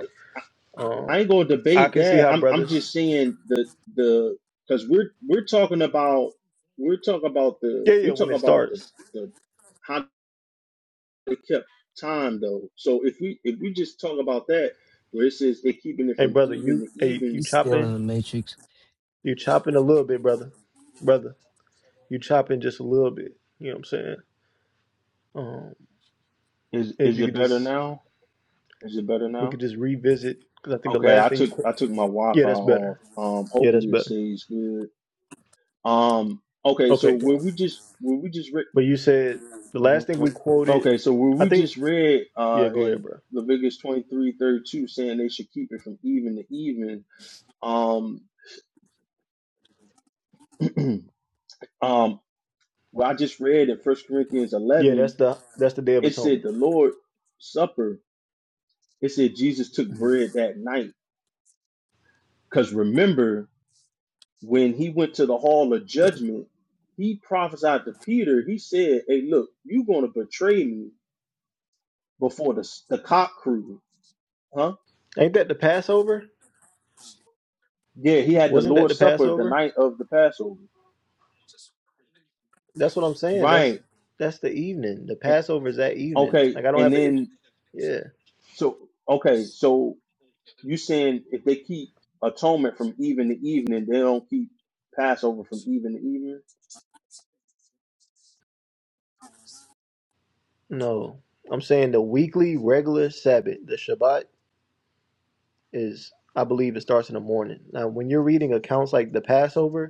[SPEAKER 6] I
[SPEAKER 1] um,
[SPEAKER 6] ain't gonna
[SPEAKER 1] I
[SPEAKER 6] debate
[SPEAKER 1] can see
[SPEAKER 6] that.
[SPEAKER 1] how
[SPEAKER 6] I'm I'm
[SPEAKER 1] brothers,
[SPEAKER 6] just saying the the because we're we're talking about we're talking about the
[SPEAKER 1] yeah, yeah,
[SPEAKER 6] we're
[SPEAKER 1] when
[SPEAKER 6] talking
[SPEAKER 1] it
[SPEAKER 6] about the
[SPEAKER 1] starts.
[SPEAKER 6] the how they kept time though. So if we if we just talk about that where it says they're keeping it
[SPEAKER 1] Hey,
[SPEAKER 6] from
[SPEAKER 1] brother,
[SPEAKER 6] even
[SPEAKER 1] you,
[SPEAKER 6] to
[SPEAKER 1] hey, you
[SPEAKER 6] even,
[SPEAKER 2] He's still in
[SPEAKER 1] chopping,
[SPEAKER 2] the Matrix.
[SPEAKER 1] you chopping a little bit, brother. Brother, you chopping just a little bit. You know what I'm saying? Um,
[SPEAKER 6] is
[SPEAKER 1] if
[SPEAKER 6] is
[SPEAKER 1] you
[SPEAKER 6] it
[SPEAKER 1] could
[SPEAKER 6] better
[SPEAKER 1] just,
[SPEAKER 6] now? Is it better
[SPEAKER 1] we
[SPEAKER 6] now?
[SPEAKER 1] could just revisit, because I think the
[SPEAKER 6] Okay,
[SPEAKER 1] last
[SPEAKER 6] I
[SPEAKER 1] thing you,
[SPEAKER 6] took I took my
[SPEAKER 1] yeah,
[SPEAKER 6] Wi-Fi
[SPEAKER 1] that's
[SPEAKER 6] off.
[SPEAKER 1] better.
[SPEAKER 6] Um,
[SPEAKER 1] Yeah, that's
[SPEAKER 6] hopefully it
[SPEAKER 1] better.
[SPEAKER 6] stays good. Um, okay, so
[SPEAKER 1] Okay, go
[SPEAKER 6] where
[SPEAKER 1] on.
[SPEAKER 6] we just where we just
[SPEAKER 1] But you said the
[SPEAKER 6] hmm
[SPEAKER 1] last thing we quoted.
[SPEAKER 6] Okay, so where
[SPEAKER 1] I
[SPEAKER 6] we
[SPEAKER 1] think.
[SPEAKER 6] just read
[SPEAKER 1] Yeah,
[SPEAKER 6] uh,
[SPEAKER 1] go ahead,
[SPEAKER 6] in
[SPEAKER 1] bro.
[SPEAKER 6] Leviticus twenty three thirty two saying they should keep it from even to even, um, um, well, I just read in First Corinthians
[SPEAKER 1] Yeah,
[SPEAKER 6] 11,
[SPEAKER 1] that's the that's the Day of
[SPEAKER 6] it said
[SPEAKER 1] Atonement.
[SPEAKER 6] the Lord Supper, it said Jesus took
[SPEAKER 1] Mhm.
[SPEAKER 6] bread that night. Because remember, when he went to the Hall of Judgment, he prophesied to Peter, he said, Hey, look, you're going to betray me before the, the cock crew. Huh?
[SPEAKER 1] Ain't that the Passover?
[SPEAKER 6] Yeah, he had the
[SPEAKER 1] Wasn't that the
[SPEAKER 6] Lord's Supper the
[SPEAKER 1] Passover?
[SPEAKER 6] night of the Passover.
[SPEAKER 1] That's what I'm saying. That's
[SPEAKER 6] Right.
[SPEAKER 1] that's the evening. The
[SPEAKER 6] And-
[SPEAKER 1] Passover is that evening.
[SPEAKER 6] Okay.
[SPEAKER 1] Like I don't
[SPEAKER 6] And
[SPEAKER 1] have an issue.
[SPEAKER 6] then
[SPEAKER 1] Yeah.
[SPEAKER 6] so okay, so you saying if they keep atonement from even to evening, they don't keep Passover from even to evening?
[SPEAKER 1] No, I'm saying the weekly regular Sabbath, the Shabbat, is I believe it starts in the morning. Now, when you're reading accounts like the Passover,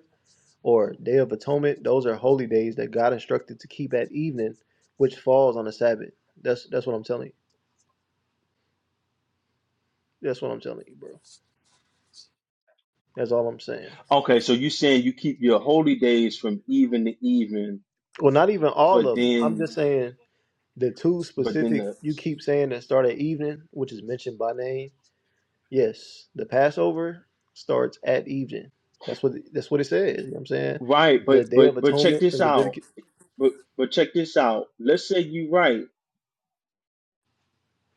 [SPEAKER 1] or Day of Atonement. Those are holy days that God instructed to keep at evening, which falls on the Sabbath. That's that's what I'm telling you. That's what I'm telling you, bro. That's all I'm saying.
[SPEAKER 6] Okay, so you saying you keep your holy days from even to even,
[SPEAKER 1] Well, not even all
[SPEAKER 6] but
[SPEAKER 1] of them. I'm
[SPEAKER 6] then
[SPEAKER 1] just saying the two
[SPEAKER 6] but then
[SPEAKER 1] specific
[SPEAKER 6] the
[SPEAKER 1] you keep saying that start at evening, which is mentioned by name. Yes, the Passover starts at evening. That's what that's what it says. You know what I'm saying
[SPEAKER 6] right,
[SPEAKER 1] the
[SPEAKER 6] but
[SPEAKER 1] Day
[SPEAKER 6] but
[SPEAKER 1] of
[SPEAKER 6] but check
[SPEAKER 1] Atonement
[SPEAKER 6] this
[SPEAKER 1] in
[SPEAKER 6] out.
[SPEAKER 1] Leviticus.
[SPEAKER 6] But but check this out. Let's say you right.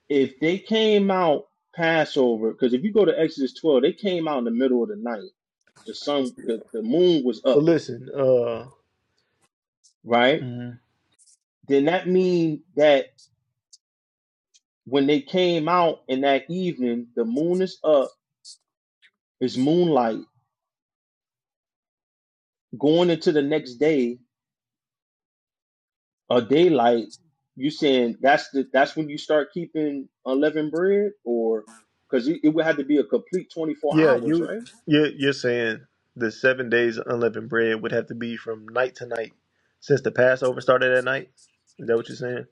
[SPEAKER 6] If they came out Passover, because if you go to Exodus twelve, they came out in the middle of the night. The sun the, the moon was
[SPEAKER 1] But
[SPEAKER 6] up,
[SPEAKER 1] listen, uh,
[SPEAKER 6] right?
[SPEAKER 1] mhm.
[SPEAKER 6] then that mean that when they came out in that evening, the moon is up, it's moonlight. Going into the next day or daylight, you saying that's the that's when you start keeping unleavened bread, or because it, it would have to be a complete twenty four
[SPEAKER 1] Yeah,
[SPEAKER 6] hours,
[SPEAKER 1] you
[SPEAKER 6] right?
[SPEAKER 1] you're, you're saying the seven days unleavened bread would have to be from night to night, since the Passover started at night. Is that what you're saying?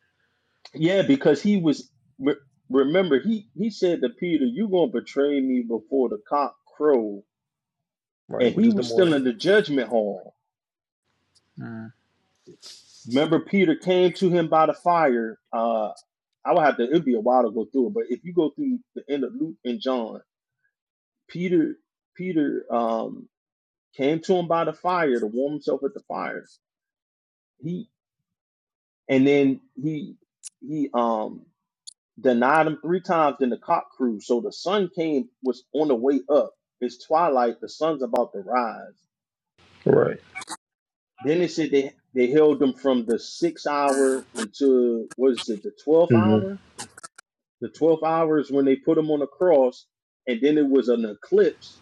[SPEAKER 6] Yeah, because he was re- remember he he said to Peter, "You gonna betray me before the cock crow,"
[SPEAKER 1] Right,
[SPEAKER 6] and
[SPEAKER 1] which
[SPEAKER 6] he
[SPEAKER 1] is the
[SPEAKER 6] was still
[SPEAKER 1] morning.
[SPEAKER 6] in the judgment hall. Remember, Peter came to him by the fire. Uh, I would have to. It'd be a while to go through it, but if you go through the end of Luke and John, Peter, Peter um, came to him by the fire to warm himself at the fire. He and then he he um denied him three times. Then the cock crew. So the sun came was on the way up. It's twilight. The sun's about to rise.
[SPEAKER 1] Right.
[SPEAKER 6] Then they said they they held them from the sixth hour until what is it? The twelfth
[SPEAKER 1] hmm
[SPEAKER 6] hour. The twelfth hour is when they put him on the cross, and then it was an eclipse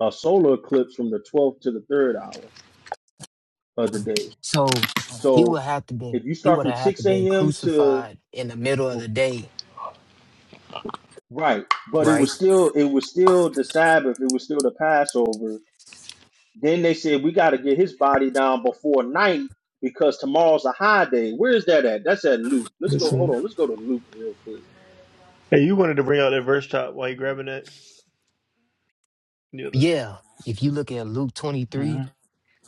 [SPEAKER 6] a solar eclipse from the 12th to the 3rd hour of the day.
[SPEAKER 2] So he would
[SPEAKER 6] So
[SPEAKER 2] have to be
[SPEAKER 6] if you
[SPEAKER 2] he
[SPEAKER 6] start
[SPEAKER 2] would
[SPEAKER 6] from
[SPEAKER 2] have had to
[SPEAKER 6] 6
[SPEAKER 2] been
[SPEAKER 6] a.m. to
[SPEAKER 2] crucified in the middle of the day,
[SPEAKER 6] right, but it
[SPEAKER 2] right?
[SPEAKER 6] was still it was still the Sabbath, it was still the Passover. Then they said we got to get his body down before night because tomorrow's a high day. Where is that at? That's at Luke. Let's go. Hold
[SPEAKER 1] Listen.
[SPEAKER 6] on. Let's go to Luke real quick.
[SPEAKER 1] Hey, you wanted to bring out that verse chop while you grabbing that. Yeah.
[SPEAKER 2] Yeah. If you look at Luke twenty three,
[SPEAKER 1] Mm-hmm.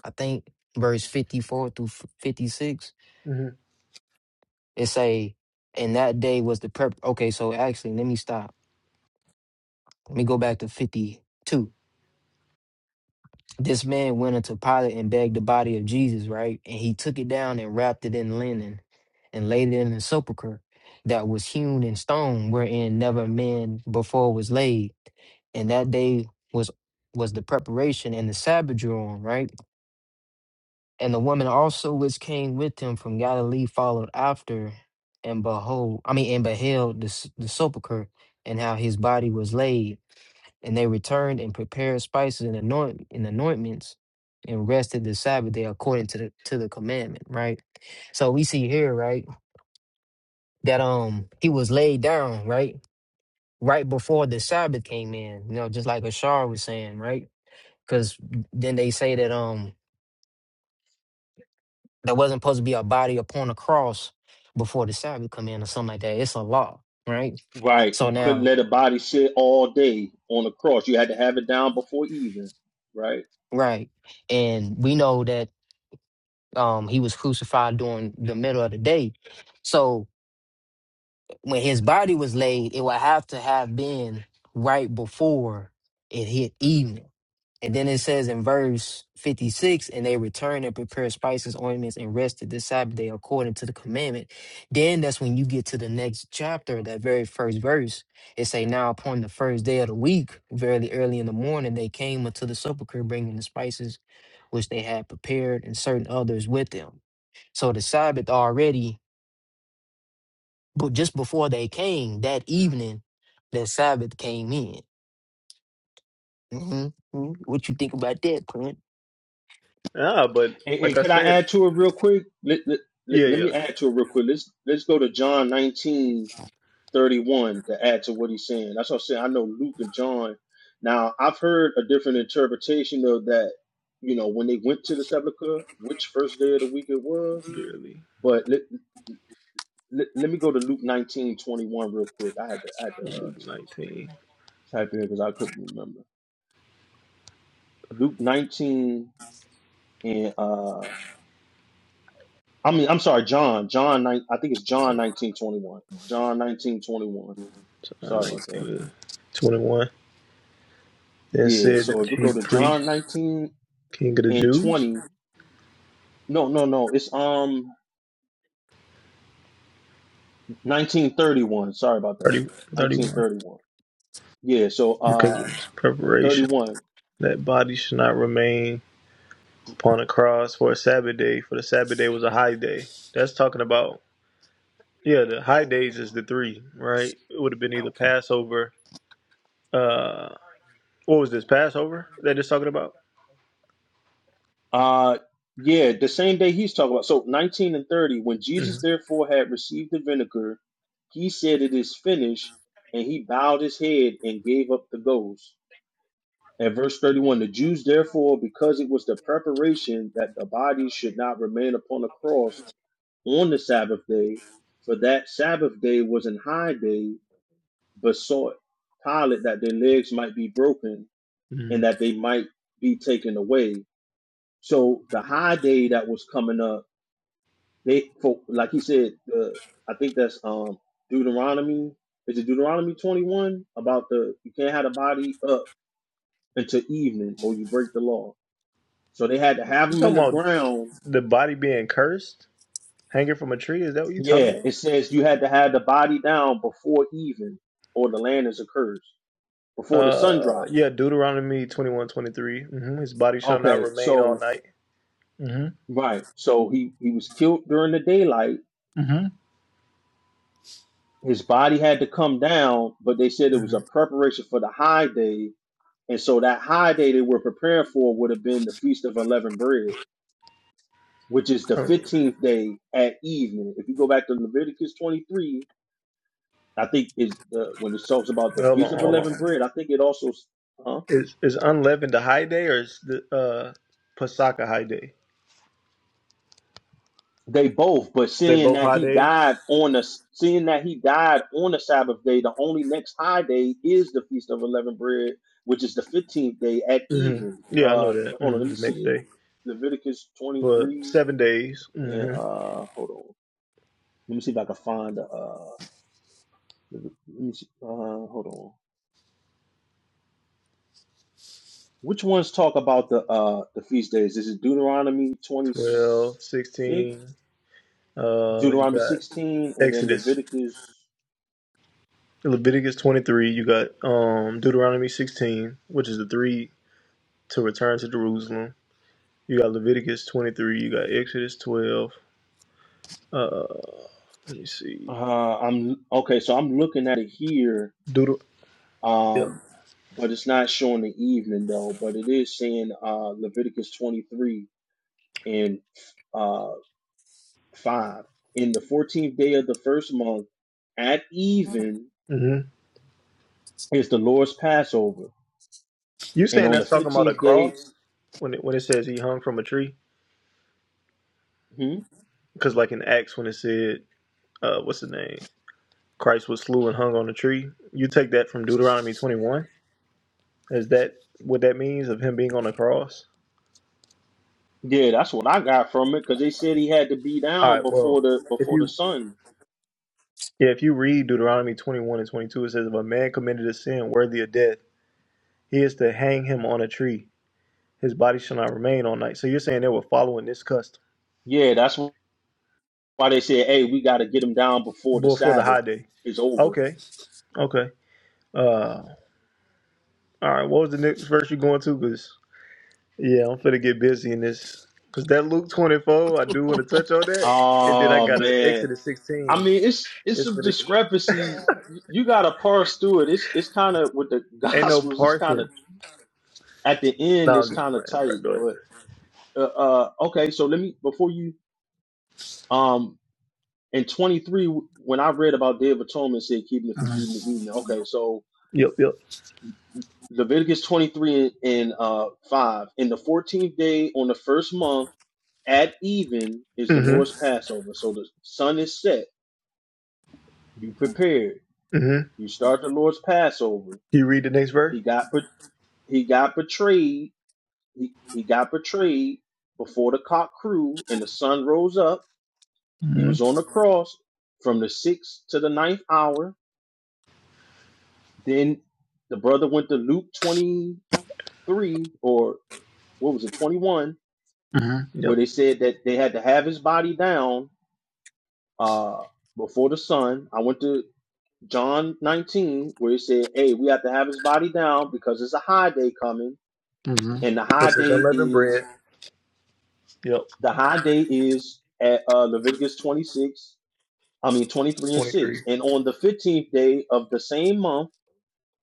[SPEAKER 2] I think verse fifty four through fifty six,
[SPEAKER 1] hmm
[SPEAKER 2] it say, and that day was the prep. Okay, so actually, let me stop. Let me go back to 52. This man went unto Pilate and begged the body of Jesus, right? And he took it down and wrapped it in linen and laid it in a sepulchre that was hewn in stone, wherein never man before was laid. And that day was was the preparation and the Sabbath drew on, right? And the woman also which came with him from Galilee followed after, and behold, I mean, and beheld the, s- the sepulchre and how his body was laid And they returned and prepared spices and anoint and anointments and rested the Sabbath day according to the to the commandment, right? So we see here, right, that um he was laid down, right? Right before the Sabbath came in, you know, just like Ashar was saying, right? Because then they say that um there wasn't supposed to be a body upon a cross before the Sabbath come in or something like that. It's a law, right?
[SPEAKER 6] Right,
[SPEAKER 2] So
[SPEAKER 6] you couldn't
[SPEAKER 2] now,
[SPEAKER 6] let a body sit all day on the cross. You had to have it down before even. Right.
[SPEAKER 2] right, and we know that um he was crucified during the middle of the day. So when his body was laid, it would have to have been right before it hit evening. And then it says in verse 56, and they returned and prepared spices, ointments, and rested this Sabbath day according to the commandment. Then that's when you get to the next chapter, that very first verse. It say, now upon the first day of the week, very early in the morning, they came unto the sepulchre bringing the spices which they had prepared and certain others with them. So the Sabbath already but just before they came that evening, that Sabbath came in. hmm What you think about that, Clint?
[SPEAKER 1] Ah, but
[SPEAKER 6] And, and
[SPEAKER 1] like I
[SPEAKER 6] can I
[SPEAKER 1] said,
[SPEAKER 6] add to it real quick? Let, let, let,
[SPEAKER 1] yeah,
[SPEAKER 6] let
[SPEAKER 1] yeah,
[SPEAKER 6] me add to it real quick. Let's let's go to John nineteen thirty one to add to what he's saying. That's what I'm saying. I know Luke and John. Now I've heard a different interpretation of that. You know, when they went to the sepulchre, which first day of the week it was.
[SPEAKER 1] barely.
[SPEAKER 6] But let let, let me go to Luke nineteen twenty one real quick. I had to I had to uh,
[SPEAKER 1] Luke 19,
[SPEAKER 6] type in because I couldn't remember. Luke nineteen and uh I mean, I'm sorry, John. John, nine- I think it's John
[SPEAKER 1] like,
[SPEAKER 6] 1921. John 1921.
[SPEAKER 1] John
[SPEAKER 6] Sorry
[SPEAKER 1] 19,
[SPEAKER 6] about that.
[SPEAKER 1] twenty-one. Then
[SPEAKER 6] Yeah.
[SPEAKER 1] said
[SPEAKER 6] So
[SPEAKER 1] the
[SPEAKER 6] if we go
[SPEAKER 1] chief
[SPEAKER 6] to
[SPEAKER 1] priest,
[SPEAKER 6] John 19
[SPEAKER 1] king of the
[SPEAKER 6] and
[SPEAKER 1] Jews,
[SPEAKER 6] 20, no, no, no. It's um 1931. Sorry about that.
[SPEAKER 1] 30, 31,
[SPEAKER 6] 1931. Yeah. So
[SPEAKER 1] because of
[SPEAKER 6] uh
[SPEAKER 1] his preparation.
[SPEAKER 6] 31.
[SPEAKER 1] That body should not remain upon a cross for a Sabbath day, for the Sabbath day was a high day. That's talking about yeah, the high days is the three, right? It would have been either Passover, uh what was this, Passover that it's talking about?
[SPEAKER 6] Uh yeah, the same day he's talking about. So 19 and 30. When
[SPEAKER 1] hmm
[SPEAKER 6] Jesus therefore had received the vinegar, he said, "It is finished," and he bowed his head and gave up the ghost. At verse 31, the Jews, therefore, because it was the preparation that the body should not remain upon the cross on the Sabbath day, for that Sabbath day was an high day, besought Pilate that their legs might be broken
[SPEAKER 1] hmm
[SPEAKER 6] and that they might be taken away. So the high day that was coming up, they, for, like he said, uh, I think that's um, Deuteronomy. Is it Deuteronomy 21 about the you can't have the body up until evening or you break the law? So they had to have
[SPEAKER 1] You
[SPEAKER 6] him in
[SPEAKER 1] talking
[SPEAKER 6] the
[SPEAKER 1] about
[SPEAKER 6] ground.
[SPEAKER 1] the body being cursed, hanging from a tree? Is that what you talking
[SPEAKER 6] Yeah,
[SPEAKER 1] about?
[SPEAKER 6] it says you had to have the body down before even, or the land is accursed, before the sun
[SPEAKER 1] Uh
[SPEAKER 6] drops.
[SPEAKER 1] yeah, Deuteronomy twenty one, twenty three. Mm-hmm. His body shall not
[SPEAKER 6] Okay,
[SPEAKER 1] remain all
[SPEAKER 6] so
[SPEAKER 1] night. Mm-hmm.
[SPEAKER 6] right, so he he was killed during the daylight.
[SPEAKER 1] Mm-hmm.
[SPEAKER 6] His body had to come down, but they said it was
[SPEAKER 1] Mm-hmm.
[SPEAKER 6] a preparation for the high day, and so that high day they were preparing for would have been the feast of unleavened bread, which is the
[SPEAKER 1] Oh,
[SPEAKER 6] fifteenth day at evening. If you go back to Leviticus twenty three, I think is uh, when it talks about the
[SPEAKER 1] Hold
[SPEAKER 6] feast
[SPEAKER 1] on,
[SPEAKER 6] of
[SPEAKER 1] hold on.
[SPEAKER 6] unleavened bread. I think it also huh?
[SPEAKER 1] Is is unleavened a high day or is the uh Pasaka a high day?
[SPEAKER 6] they both, but
[SPEAKER 1] They
[SPEAKER 6] seeing
[SPEAKER 1] both
[SPEAKER 6] that
[SPEAKER 1] high
[SPEAKER 6] he
[SPEAKER 1] days.
[SPEAKER 6] died on the seeing that he died on the Sabbath day, the only next high day is the feast of unleavened bread, which is the fifteenth day at
[SPEAKER 1] hmm
[SPEAKER 6] even.
[SPEAKER 1] Yeah, I know
[SPEAKER 6] Uh,
[SPEAKER 1] that.
[SPEAKER 6] hold on,
[SPEAKER 1] hmm
[SPEAKER 6] let me
[SPEAKER 1] The
[SPEAKER 6] see
[SPEAKER 1] next
[SPEAKER 6] it.
[SPEAKER 1] day
[SPEAKER 6] Leviticus twenty
[SPEAKER 1] for
[SPEAKER 6] three
[SPEAKER 1] seven days.
[SPEAKER 6] and uh,
[SPEAKER 1] hmm
[SPEAKER 6] hold on, let me see if I can find the uh, let me see, uh, hold on. Which ones talk about the uh the feast days? Is it Deuteronomy twenty
[SPEAKER 1] 12,
[SPEAKER 6] six?
[SPEAKER 1] sixteen. Uh, you
[SPEAKER 6] Deuteronomy
[SPEAKER 1] got
[SPEAKER 6] 16 and then
[SPEAKER 1] Exodus,
[SPEAKER 6] Leviticus.
[SPEAKER 1] Leviticus twenty three. You got um Deuteronomy sixteen, which is the three to return to Jerusalem. You got Leviticus twenty three. You got Exodus twelve. Uh, let me see.
[SPEAKER 6] Uh, I'm okay, so I'm looking at it here,
[SPEAKER 1] Deuter- yeah.
[SPEAKER 6] um, but it's not showing the evening though, but it is saying uh, Leviticus 23 and uh, 5. In the 14th day of the first month, at even
[SPEAKER 1] hmm
[SPEAKER 6] is the Lord's Passover,
[SPEAKER 1] You
[SPEAKER 6] and
[SPEAKER 1] saying
[SPEAKER 6] on the
[SPEAKER 1] that's talking about a
[SPEAKER 6] 15th day,
[SPEAKER 1] cross when it, when it says he hung from a tree?
[SPEAKER 6] hmm?
[SPEAKER 1] Because like in Acts when it said, uh, what's the name? Christ was slew and hung on a tree. You take that from Deuteronomy 21. Is that what that means of him being on the cross?
[SPEAKER 6] yeah, that's what I got from it because they said he had to be
[SPEAKER 1] All
[SPEAKER 6] down
[SPEAKER 1] right.
[SPEAKER 6] before
[SPEAKER 1] Well,
[SPEAKER 6] the
[SPEAKER 1] if
[SPEAKER 6] before the
[SPEAKER 1] you
[SPEAKER 6] sun.
[SPEAKER 1] yeah, if you read Deuteronomy 21 and 22, it says, "If a man committed a sin worthy of death, he is to hang him on a tree. His body shall not remain all night." So you're saying they were following this custom
[SPEAKER 6] Yeah, that's what. Why they said, "Hey, we got to get them down before the
[SPEAKER 1] before the
[SPEAKER 6] Sabbath
[SPEAKER 1] high day?
[SPEAKER 6] is over."
[SPEAKER 1] Okay. Okay. Uh. All right. What was the next verse you going to? Because Yeah, I'm finna get busy in this. Cause that Luke 24, I do want to touch on that. And then I
[SPEAKER 6] Oh
[SPEAKER 1] got to
[SPEAKER 6] man,
[SPEAKER 1] Exodus 16.
[SPEAKER 6] I mean, it's it's
[SPEAKER 1] It's
[SPEAKER 6] some
[SPEAKER 1] for the
[SPEAKER 6] discrepancies. You got to parse through it. It's it's kind of with the
[SPEAKER 1] ain't no
[SPEAKER 6] Gospels. It's kind
[SPEAKER 1] parsing.
[SPEAKER 6] of at the
[SPEAKER 1] No,
[SPEAKER 6] end. It's
[SPEAKER 1] I'm just
[SPEAKER 6] kind
[SPEAKER 1] playing,
[SPEAKER 6] of tight,
[SPEAKER 1] bro. Go
[SPEAKER 6] but uh, uh, okay. So let me before you um in twenty three when I read about Day of Atonement, it said keeping it from
[SPEAKER 1] ahead.
[SPEAKER 6] evening to evening. Okay, so
[SPEAKER 1] Yep, yep.
[SPEAKER 6] Leviticus twenty three and, and uh five in the fourteenth day on the first month At even is the Lord's
[SPEAKER 1] Mm-hmm.
[SPEAKER 6] Passover. So the sun is set. You prepared.
[SPEAKER 1] Mm-hmm.
[SPEAKER 6] You start the Lord's Passover.
[SPEAKER 1] You read the next verse?
[SPEAKER 6] He got he got betrayed. He, he got betrayed before the cock crew and the sun rose up. He was
[SPEAKER 1] Mm-hmm.
[SPEAKER 6] on the cross from the sixth to the ninth hour. Then the brother went to Luke 23 or what was it, 21,
[SPEAKER 1] Mm-hmm.
[SPEAKER 6] where
[SPEAKER 1] Yep.
[SPEAKER 6] they said that they had to have his body down uh, before the sun. I went to John 19, where he said, Hey, we have to have his body down because it's a high day coming.
[SPEAKER 1] Mm-hmm.
[SPEAKER 6] And the
[SPEAKER 1] Which
[SPEAKER 6] high
[SPEAKER 1] is
[SPEAKER 6] day
[SPEAKER 1] unleavened bread.
[SPEAKER 6] is
[SPEAKER 1] Yep.
[SPEAKER 6] the high day is at uh, Leviticus 26, I mean 23 and
[SPEAKER 1] 23.
[SPEAKER 6] 6. And on the 15th day of the same month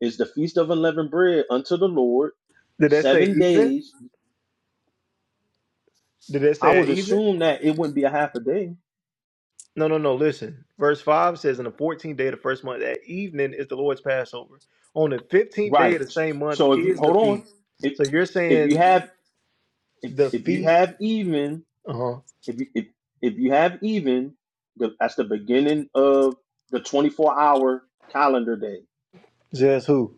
[SPEAKER 6] is the feast of unleavened bread unto the Lord.
[SPEAKER 1] Did that say
[SPEAKER 6] Seven
[SPEAKER 1] even?
[SPEAKER 6] days.
[SPEAKER 1] Did that
[SPEAKER 6] I
[SPEAKER 1] say at
[SPEAKER 6] would
[SPEAKER 1] even?
[SPEAKER 6] assume that it wouldn't be a half a day.
[SPEAKER 1] No, no, no. Listen. Verse 5 says, In the 14th day of the first month, at evening is the Lord's Passover. On the 15th day
[SPEAKER 6] Right.
[SPEAKER 1] of the same month
[SPEAKER 6] So if you
[SPEAKER 1] is the
[SPEAKER 6] hold on,
[SPEAKER 1] feast.
[SPEAKER 6] if
[SPEAKER 1] So you're
[SPEAKER 6] if
[SPEAKER 1] saying
[SPEAKER 6] you have if,
[SPEAKER 1] the
[SPEAKER 6] if you
[SPEAKER 1] feast.
[SPEAKER 6] have even
[SPEAKER 1] Uh huh.
[SPEAKER 6] If you if if you have even, the, that's the beginning of the 24 hour calendar day.
[SPEAKER 1] Says who?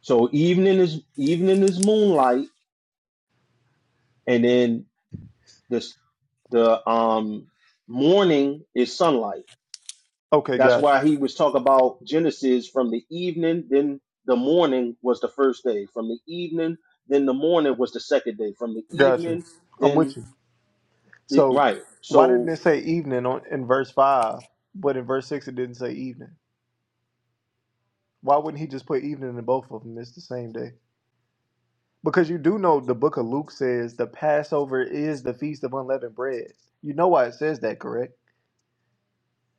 [SPEAKER 6] So evening is evening is moonlight, and then this the um morning is sunlight.
[SPEAKER 1] Okay,
[SPEAKER 6] That's
[SPEAKER 1] gotcha.
[SPEAKER 6] why he was talking about Genesis from the evening, then the morning was the first day. From the evening, then the morning was the second day. From the
[SPEAKER 1] Gotcha.
[SPEAKER 6] evening,
[SPEAKER 1] I'm
[SPEAKER 6] then
[SPEAKER 1] with you.
[SPEAKER 6] the,
[SPEAKER 1] So
[SPEAKER 6] right.
[SPEAKER 1] why didn't
[SPEAKER 6] So
[SPEAKER 1] it say evening on, in verse 5, but in verse 6 it didn't say evening? Why wouldn't he just put evening in both of them? It's the same day. Because you do know the book of Luke says the Passover is the feast of unleavened bread. You know why it says that, correct?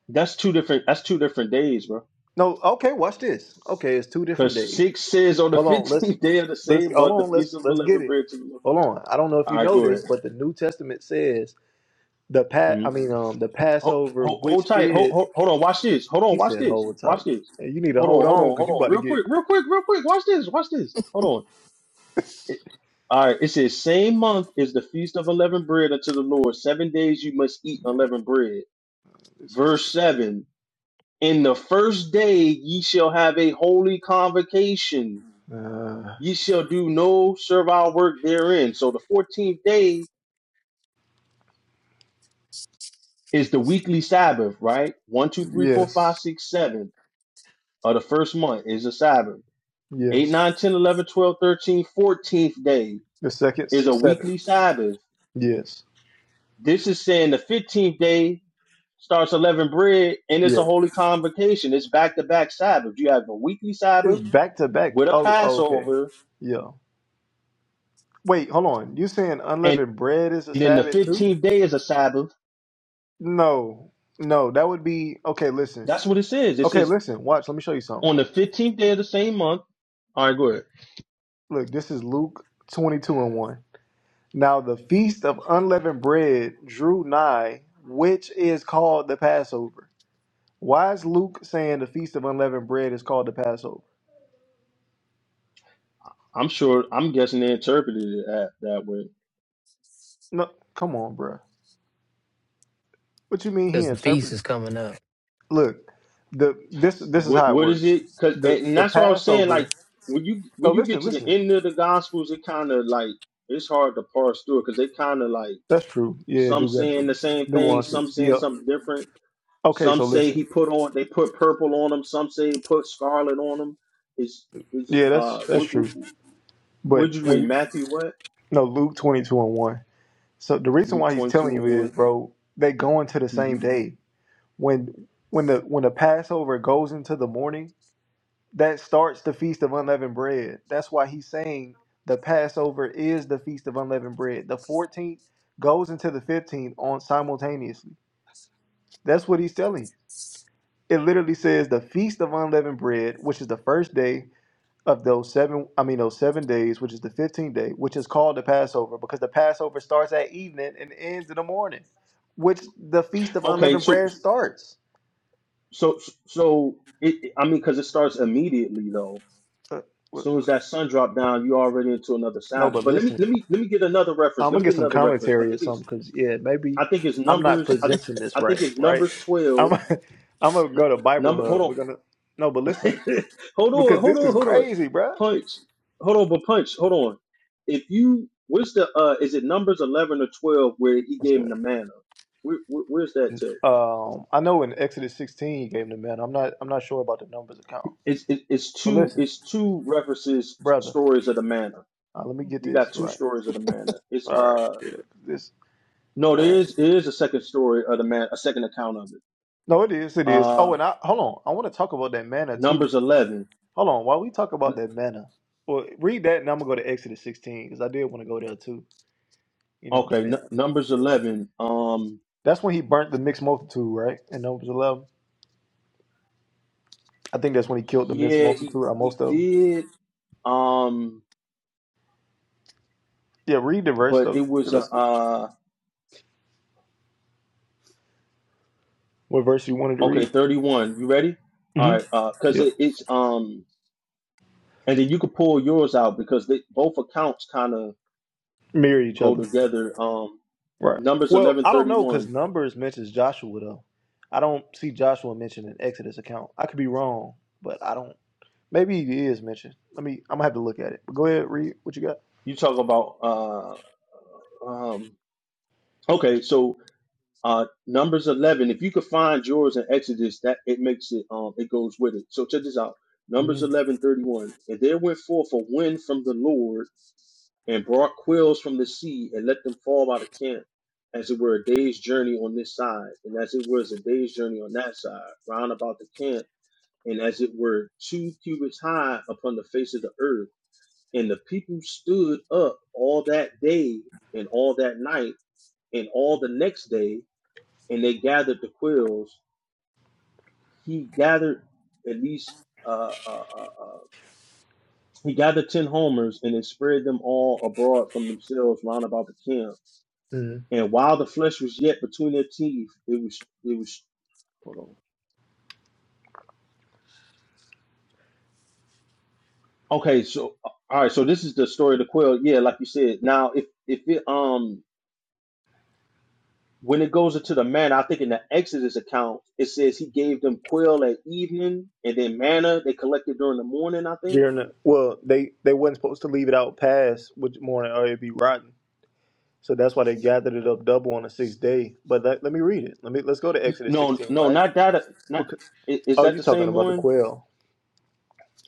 [SPEAKER 6] that's two different. That's two different days, bro.
[SPEAKER 1] No, okay, watch this. Okay, it's two different
[SPEAKER 6] Because
[SPEAKER 1] days.
[SPEAKER 6] 6 says, on the
[SPEAKER 1] Hold on, let's
[SPEAKER 6] 15th day of the
[SPEAKER 1] let's
[SPEAKER 6] same
[SPEAKER 1] hold
[SPEAKER 6] month, the
[SPEAKER 1] on,
[SPEAKER 6] feast
[SPEAKER 1] let's
[SPEAKER 6] of
[SPEAKER 1] let's get
[SPEAKER 6] unleavened
[SPEAKER 1] it.
[SPEAKER 6] bread to the Lord.
[SPEAKER 1] Hold on. I don't know if
[SPEAKER 6] All
[SPEAKER 1] you
[SPEAKER 6] right,
[SPEAKER 1] know
[SPEAKER 6] go ahead.
[SPEAKER 1] this, but the New Testament says the pat
[SPEAKER 6] hmm
[SPEAKER 1] I mean um the
[SPEAKER 6] Hold,
[SPEAKER 1] Passover
[SPEAKER 6] hold, hold
[SPEAKER 1] which
[SPEAKER 6] tight. Hold,
[SPEAKER 1] is
[SPEAKER 6] hold, hold on. Watch this. Hold on.
[SPEAKER 1] he
[SPEAKER 6] Watch
[SPEAKER 1] said
[SPEAKER 6] this.
[SPEAKER 1] hold
[SPEAKER 6] Watch
[SPEAKER 1] tight.
[SPEAKER 6] this.
[SPEAKER 1] Hey, you need to
[SPEAKER 6] Hold on.
[SPEAKER 1] hold
[SPEAKER 6] Hold
[SPEAKER 1] on
[SPEAKER 6] on.
[SPEAKER 1] because
[SPEAKER 6] Hold
[SPEAKER 1] you
[SPEAKER 6] on.
[SPEAKER 1] about to
[SPEAKER 6] Real
[SPEAKER 1] get
[SPEAKER 6] quick. Real quick. Real quick. Watch this. Watch this. Hold on. It, all right. It says, same month is the feast of unleavened bread unto the Lord. Seven days you must eat unleavened bread.
[SPEAKER 1] it's crazy.
[SPEAKER 6] Verse 7. In the first day ye shall have a holy convocation.
[SPEAKER 1] Uh
[SPEAKER 6] Ye shall do no servile work therein. So the 14th day is the weekly Sabbath, right? One, two, three, four,
[SPEAKER 1] yes.
[SPEAKER 6] five, six, seven of the first month is a Sabbath. Eight,
[SPEAKER 1] Yes.
[SPEAKER 6] nine, ten, eleven, twelve, thirteen, fourteenth
[SPEAKER 1] The second
[SPEAKER 6] day is
[SPEAKER 1] s-
[SPEAKER 6] a
[SPEAKER 1] seven.
[SPEAKER 6] weekly Sabbath.
[SPEAKER 1] Yes.
[SPEAKER 6] This is saying the 15th day starts 11 bread and it's a
[SPEAKER 1] Yeah.
[SPEAKER 6] holy convocation. It's back to back Sabbath. You have a weekly
[SPEAKER 1] It's
[SPEAKER 6] Sabbath
[SPEAKER 1] back to back.
[SPEAKER 6] with a
[SPEAKER 1] Oh, oh okay.
[SPEAKER 6] Passover,
[SPEAKER 1] Yeah. Wait, hold on. You saying
[SPEAKER 6] and
[SPEAKER 1] unleavened bread is a
[SPEAKER 6] then the
[SPEAKER 1] Sabbath too?
[SPEAKER 6] 15th day is a Sabbath.
[SPEAKER 1] No, no, that would be okay. Listen,
[SPEAKER 6] That's what it says. It
[SPEAKER 1] okay,
[SPEAKER 6] says
[SPEAKER 1] listen, watch. Let me show you something.
[SPEAKER 6] on the 15th day of the same month. All right, go ahead.
[SPEAKER 1] Look, this is Luke 22 and 1. Now, the feast of unleavened bread drew nigh, which is called the Passover. Why is Luke saying the feast of unleavened bread is called the Passover?
[SPEAKER 6] I'm sure, I'm guessing they interpreted it that, that way.
[SPEAKER 1] No, come on, bruh. What you mean he
[SPEAKER 2] Because the feast
[SPEAKER 1] interpreted?
[SPEAKER 2] is coming up.
[SPEAKER 1] Look, the this this is
[SPEAKER 6] What
[SPEAKER 1] how it
[SPEAKER 6] what is
[SPEAKER 1] works.
[SPEAKER 6] it? Cause
[SPEAKER 1] The
[SPEAKER 6] and and
[SPEAKER 1] the
[SPEAKER 6] that's what I was saying. Like
[SPEAKER 1] Passover.
[SPEAKER 6] when you
[SPEAKER 1] No,
[SPEAKER 6] when you get
[SPEAKER 1] listen,
[SPEAKER 6] to the
[SPEAKER 1] listen.
[SPEAKER 6] end of the Gospels, it kind of like it's hard to parse through it because they kind of like
[SPEAKER 1] That's true. Yeah, I
[SPEAKER 6] some
[SPEAKER 1] do got
[SPEAKER 6] saying the
[SPEAKER 1] some
[SPEAKER 6] same thing, some
[SPEAKER 1] nuances.
[SPEAKER 6] saying
[SPEAKER 1] Yeah.
[SPEAKER 6] something different.
[SPEAKER 1] Okay,
[SPEAKER 6] Some
[SPEAKER 1] so
[SPEAKER 6] say
[SPEAKER 1] listen.
[SPEAKER 6] he put on they put purple on him. Some say he put scarlet on him. It's it's
[SPEAKER 1] Yeah,
[SPEAKER 6] uh
[SPEAKER 1] that's that's
[SPEAKER 6] what what
[SPEAKER 1] true.
[SPEAKER 6] would
[SPEAKER 1] But
[SPEAKER 6] you read
[SPEAKER 1] when
[SPEAKER 6] Matthew what
[SPEAKER 1] no Luke twenty two and one. So the reason
[SPEAKER 6] Luke
[SPEAKER 1] why he's
[SPEAKER 6] twenty two
[SPEAKER 1] telling you
[SPEAKER 6] or
[SPEAKER 1] is,
[SPEAKER 6] one?
[SPEAKER 1] bro, they going to the same
[SPEAKER 6] Mm-hmm.
[SPEAKER 1] day. When when the when the Passover goes into the morning, that starts the feast of unleavened bread. That's why he's saying the Passover is the feast of unleavened bread. The fourteenth goes into the fifteenth on simultaneously. That's what he's telling you. It literally says the feast of unleavened bread, which is the first day of those seven i mean those seven days which is the 15th day which is called the passover because the passover starts at evening and ends in the morning which the feast of
[SPEAKER 6] Okay,
[SPEAKER 1] unleavened
[SPEAKER 6] so
[SPEAKER 1] bread starts
[SPEAKER 6] so so it, I mean because it starts immediately though
[SPEAKER 1] Uh, w-
[SPEAKER 6] soon as that sun dropped down, you already into another
[SPEAKER 1] no
[SPEAKER 6] Sabbath.
[SPEAKER 1] but
[SPEAKER 6] But let me let
[SPEAKER 1] listen
[SPEAKER 6] me let me get another reference.
[SPEAKER 1] i'm
[SPEAKER 6] Let
[SPEAKER 1] gonna
[SPEAKER 6] me
[SPEAKER 1] get
[SPEAKER 6] get
[SPEAKER 1] some
[SPEAKER 6] another reference. I
[SPEAKER 1] commentary or
[SPEAKER 6] think
[SPEAKER 1] something
[SPEAKER 6] it's
[SPEAKER 1] because yeah maybe
[SPEAKER 6] I think it's
[SPEAKER 1] i'm not
[SPEAKER 6] numbers. I
[SPEAKER 1] presenting this
[SPEAKER 6] I think
[SPEAKER 1] right
[SPEAKER 6] it's
[SPEAKER 1] right
[SPEAKER 6] numbers
[SPEAKER 1] i'm
[SPEAKER 6] twelve.
[SPEAKER 1] i'm gonna
[SPEAKER 6] N-
[SPEAKER 1] go to bible
[SPEAKER 6] number. Hold
[SPEAKER 1] hub we're
[SPEAKER 6] on.
[SPEAKER 1] gonna no but listen
[SPEAKER 6] hold on.
[SPEAKER 1] because
[SPEAKER 6] Hold
[SPEAKER 1] this
[SPEAKER 6] on.
[SPEAKER 1] is
[SPEAKER 6] Hold on.
[SPEAKER 1] crazy bruh.
[SPEAKER 6] Punch. Hold on. But punch. Hold on. If you where's the uh is it numbers eleven or twelve where he
[SPEAKER 1] what's
[SPEAKER 6] gave him
[SPEAKER 1] that
[SPEAKER 6] the manna? Where, where, where's that text?
[SPEAKER 1] um i know in exodus 16 he gave him the man i'm not i'm not sure about the numbers account
[SPEAKER 6] It's it, it's
[SPEAKER 1] but
[SPEAKER 6] two
[SPEAKER 1] listen
[SPEAKER 6] it's two references
[SPEAKER 1] brother
[SPEAKER 6] stories of the manna.
[SPEAKER 1] Uh, let me get
[SPEAKER 6] You
[SPEAKER 1] this
[SPEAKER 6] got two
[SPEAKER 1] right.
[SPEAKER 6] stories of the manna. It's
[SPEAKER 1] All right.
[SPEAKER 6] uh
[SPEAKER 1] Yeah, this
[SPEAKER 6] No, there
[SPEAKER 1] man.
[SPEAKER 6] is there is a second story of the man, a second account of it.
[SPEAKER 1] No, it is. It is. Oh,
[SPEAKER 6] Uh,
[SPEAKER 1] and I hold on. I want to talk about that manna too.
[SPEAKER 6] Numbers eleven.
[SPEAKER 1] Hold on. While we talk
[SPEAKER 6] N-
[SPEAKER 1] about that manna, well, read that, and I'm gonna go to Exodus 16 because I did want to go there too. You know what
[SPEAKER 6] Okay,
[SPEAKER 1] I'm
[SPEAKER 6] N-
[SPEAKER 1] saying?
[SPEAKER 6] Numbers
[SPEAKER 1] Yeah.
[SPEAKER 6] eleven. Um,
[SPEAKER 1] That's when he burnt the mixed multitude, right? In Numbers 11. I think that's when he killed the mixed
[SPEAKER 6] yeah, he
[SPEAKER 1] multitude, or
[SPEAKER 6] he
[SPEAKER 1] most of them.
[SPEAKER 6] did. Um,
[SPEAKER 1] Yeah, read the verse
[SPEAKER 6] but
[SPEAKER 1] though.
[SPEAKER 6] it was a
[SPEAKER 1] Let's,
[SPEAKER 6] uh,
[SPEAKER 1] what verse you wanted to
[SPEAKER 6] okay,
[SPEAKER 1] read?
[SPEAKER 6] thirty one. You ready? All right,
[SPEAKER 1] Mm-hmm.
[SPEAKER 6] uh, because
[SPEAKER 1] Yeah.
[SPEAKER 6] it, it's um, and then you could pull yours out because they both accounts kind of
[SPEAKER 1] Mirror each
[SPEAKER 6] go
[SPEAKER 1] other.
[SPEAKER 6] together. Um,
[SPEAKER 1] Right.
[SPEAKER 6] Numbers
[SPEAKER 1] Well,
[SPEAKER 6] eleven
[SPEAKER 1] I don't
[SPEAKER 6] thirty
[SPEAKER 1] know because
[SPEAKER 6] one.
[SPEAKER 1] Numbers mentions Joshua though. I don't see Joshua mentioned in Exodus account. I could be wrong, but I don't. Maybe he is mentioned. Let me. I'm gonna have to look at it. But go ahead, read what you got.
[SPEAKER 6] You talk about uh, um, okay, so Uh, Numbers eleven. If you could find yours in Exodus, that it makes it um it goes with it. So check this out. Numbers
[SPEAKER 1] Mm-hmm.
[SPEAKER 6] eleven thirty one. And there went forth a wind from the Lord and brought quails from the sea and let them fall by the camp, as it were a day's journey on this side, and as it was a day's journey on that side, round about the camp, and as it were two cubits high upon the face of the earth. And the people stood up all that day and all that night and all the next day and they gathered the quills. He gathered at least uh, uh, uh, uh, he gathered ten homers and then spread them all abroad from themselves round about the camp. And while the flesh was yet between their teeth, it was it was hold on. Okay, so uh, all right, so this is the story of the quill. Yeah, like you said. Now, if if it um when it goes into the manna, I think in the Exodus account it says he gave them quail at evening and then manna they collected during the morning. I think
[SPEAKER 1] well, they they wasn't supposed to leave it out past which morning or it'd be rotten. So that's why they gathered it up double on the sixth day. But let, let me read it. Let me let's go to Exodus
[SPEAKER 6] No,
[SPEAKER 1] 16,
[SPEAKER 6] no,
[SPEAKER 1] right?
[SPEAKER 6] not that. Not
[SPEAKER 1] Because,
[SPEAKER 6] i- is
[SPEAKER 1] oh,
[SPEAKER 6] that
[SPEAKER 1] you
[SPEAKER 6] the
[SPEAKER 1] talking
[SPEAKER 6] same
[SPEAKER 1] about the
[SPEAKER 6] one?
[SPEAKER 1] quail?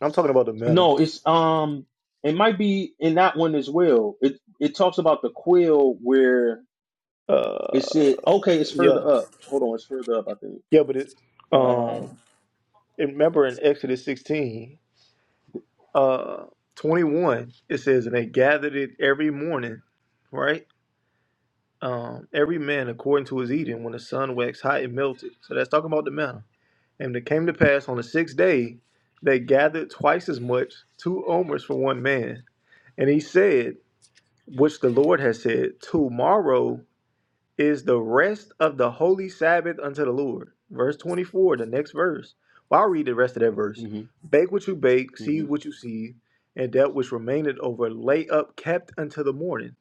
[SPEAKER 1] I'm talking about the manna.
[SPEAKER 6] No, it's um, it might be in that one as well. It it talks about the quill where it
[SPEAKER 1] Uh,
[SPEAKER 6] said, okay, it's
[SPEAKER 1] yeah,
[SPEAKER 6] further up. Hold on, it's further up. I think.
[SPEAKER 1] yeah, but it.
[SPEAKER 6] Uh,
[SPEAKER 1] um. And remember in Exodus 16, uh, 21, it says, And they gathered it every morning, right? Um, every man according to his eating, when the sun waxed hot, it melted. So that's talking about the manna. And it came to pass on the sixth day, they gathered twice as much, two omers for one man. And he said, Which the Lord has said, Tomorrow is the rest of the holy Sabbath unto the Lord. Verse 24, the next verse. Well, I'll read the rest of that verse.
[SPEAKER 6] hmm
[SPEAKER 1] Bake what you bake,
[SPEAKER 6] hmm
[SPEAKER 1] seethe what you seethe, and that which remaineth over lay up kept until the morning.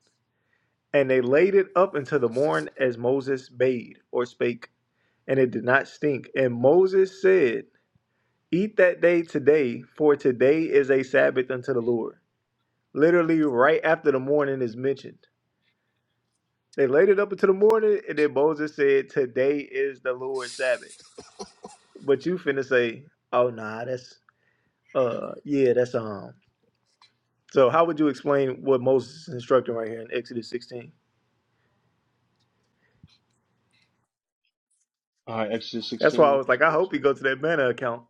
[SPEAKER 1] And they laid it up until the morn as Moses bade or spake, and it did not stink. And Moses said, Eat that day today, for today is a Sabbath unto the Lord. Literally, right after the morning is mentioned. They laid it up until the morning, and then Moses said, "Today is the Lord's Sabbath." But you finna say, "Oh nah, that's uh yeah, that's um." So how would you explain what Moses is instructing right here in Exodus 16?
[SPEAKER 6] All right, Exodus
[SPEAKER 1] That's why I
[SPEAKER 6] sixteen.
[SPEAKER 1] was like, I
[SPEAKER 6] So-
[SPEAKER 1] hope he go
[SPEAKER 6] so-
[SPEAKER 1] to that manna account,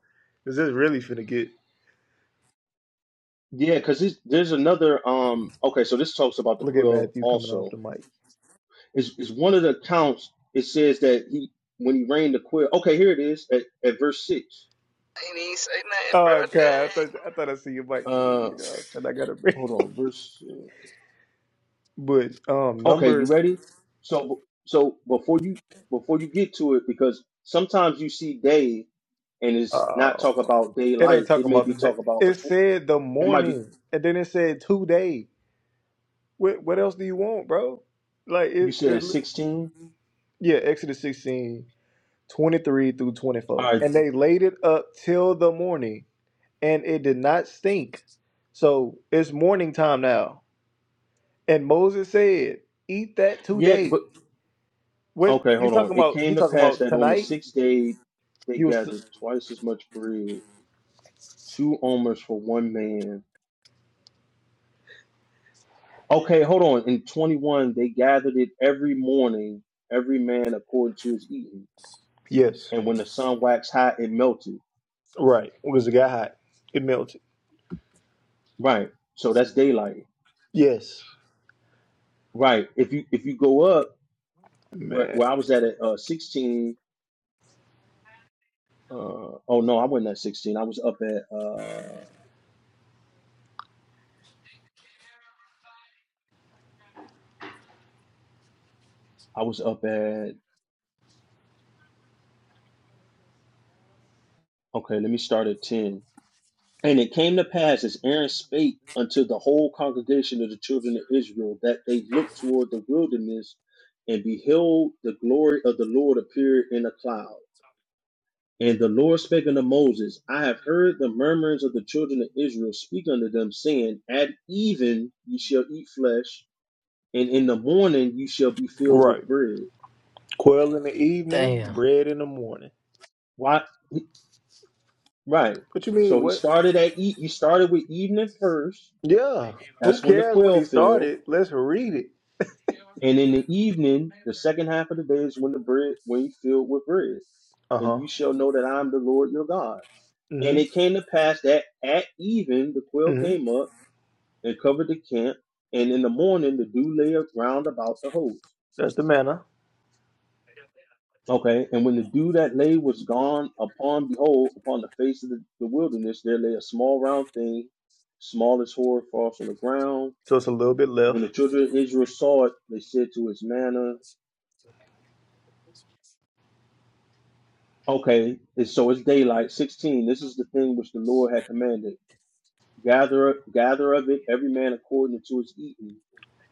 [SPEAKER 1] cause this really finna get.
[SPEAKER 6] Yeah, because there's another um. Okay, so this talks about the
[SPEAKER 1] Look at
[SPEAKER 6] quill
[SPEAKER 1] Matthew coming off
[SPEAKER 6] also.
[SPEAKER 1] the mic.
[SPEAKER 6] Is is one of the accounts? It says that he when he rained the quill. Okay, here it is at, at verse six.
[SPEAKER 4] Ain't even say nothing, bro.
[SPEAKER 1] Oh god, I thought
[SPEAKER 4] Dang.
[SPEAKER 1] I thought I see your mic,
[SPEAKER 6] Uh,
[SPEAKER 1] you know, and I gotta bring.
[SPEAKER 6] hold on, verse.
[SPEAKER 1] But um,
[SPEAKER 6] Okay, you
[SPEAKER 1] numbers.
[SPEAKER 6] ready? So so before you before you get to it, because sometimes you see day and it's not
[SPEAKER 1] Oh,
[SPEAKER 6] talk about
[SPEAKER 1] it
[SPEAKER 6] daylight.
[SPEAKER 1] ain't
[SPEAKER 6] It
[SPEAKER 1] talking
[SPEAKER 6] may
[SPEAKER 1] about the
[SPEAKER 6] be
[SPEAKER 1] day.
[SPEAKER 6] talk about a
[SPEAKER 1] It
[SPEAKER 6] tw-
[SPEAKER 1] said the
[SPEAKER 6] it might be
[SPEAKER 1] morning, and then it said two days. What what else do you want, bro? Like
[SPEAKER 6] you
[SPEAKER 1] it,
[SPEAKER 6] said at
[SPEAKER 1] it
[SPEAKER 6] sixteen.
[SPEAKER 1] yeah, Exodus 16 23 through
[SPEAKER 6] All
[SPEAKER 1] 24.
[SPEAKER 6] right,
[SPEAKER 1] And they laid it up till the morning, and it did not stink. So it's morning time now. And Moses said, Eat that
[SPEAKER 6] yeah,
[SPEAKER 1] today.
[SPEAKER 6] but
[SPEAKER 1] What
[SPEAKER 6] okay,
[SPEAKER 1] you
[SPEAKER 6] hold on.
[SPEAKER 1] talking
[SPEAKER 6] It
[SPEAKER 1] about?
[SPEAKER 6] came
[SPEAKER 1] You
[SPEAKER 6] to
[SPEAKER 1] talking
[SPEAKER 6] pass
[SPEAKER 1] about
[SPEAKER 6] that on the
[SPEAKER 1] tonight?
[SPEAKER 6] sixth day they
[SPEAKER 1] He
[SPEAKER 6] gathered
[SPEAKER 1] was
[SPEAKER 6] twice as much bread, two omers for one man. Okay, hold on. In twenty one they gathered it every morning, every man according to his eating.
[SPEAKER 1] Yes.
[SPEAKER 6] And when the sun waxed hot, it melted.
[SPEAKER 1] Right. Because it got hot. It melted.
[SPEAKER 6] Right. So that's daylight.
[SPEAKER 1] Yes.
[SPEAKER 6] Right. If you if you go up where
[SPEAKER 1] Man.
[SPEAKER 6] where I was at at uh, 16. Uh, oh no, I wasn't at 16. I was up at uh, I was up at okay. Let me start at 10. And it came to pass as Aaron spake unto the whole congregation of the children of Israel that they looked toward the wilderness and beheld the glory of the Lord appear in a cloud. And the Lord spake unto Moses, I have heard the murmurings of the children of Israel speak unto them, saying, At even ye shall eat flesh, and in the morning you shall be filled with
[SPEAKER 1] Right.
[SPEAKER 6] bread.
[SPEAKER 1] Quail in the evening,
[SPEAKER 2] Damn.
[SPEAKER 1] bread in the morning.
[SPEAKER 6] Why? Right.
[SPEAKER 1] What you mean?
[SPEAKER 6] So he
[SPEAKER 1] What
[SPEAKER 6] started at eat. he started with evening first.
[SPEAKER 1] Yeah. Who
[SPEAKER 6] That's when the
[SPEAKER 1] cares when
[SPEAKER 6] quail
[SPEAKER 1] he
[SPEAKER 6] fell,
[SPEAKER 1] started? Let's read it.
[SPEAKER 6] and in the evening, the second half of the day is when the bread when you filled with bread,
[SPEAKER 1] Uh
[SPEAKER 6] and
[SPEAKER 1] huh.
[SPEAKER 6] you shall know that I am the Lord your God. And
[SPEAKER 1] Mm
[SPEAKER 6] it came to pass that at even the
[SPEAKER 1] hmm.
[SPEAKER 6] quail
[SPEAKER 1] Mm hmm.
[SPEAKER 6] came up and covered the camp. And in the morning, the dew lay round about the host.
[SPEAKER 1] That's the manna.
[SPEAKER 6] Okay. And when the dew that lay was gone upon, behold, upon the face of the, the wilderness, there lay a small round thing, small as hoar frost on the ground.
[SPEAKER 1] So it's a little bit left.
[SPEAKER 6] When the children of Israel saw it, they said to its manna, Okay, and so it's daylight. 16. This is the thing which the Lord had commanded. Gather, gather of it every man according to his eating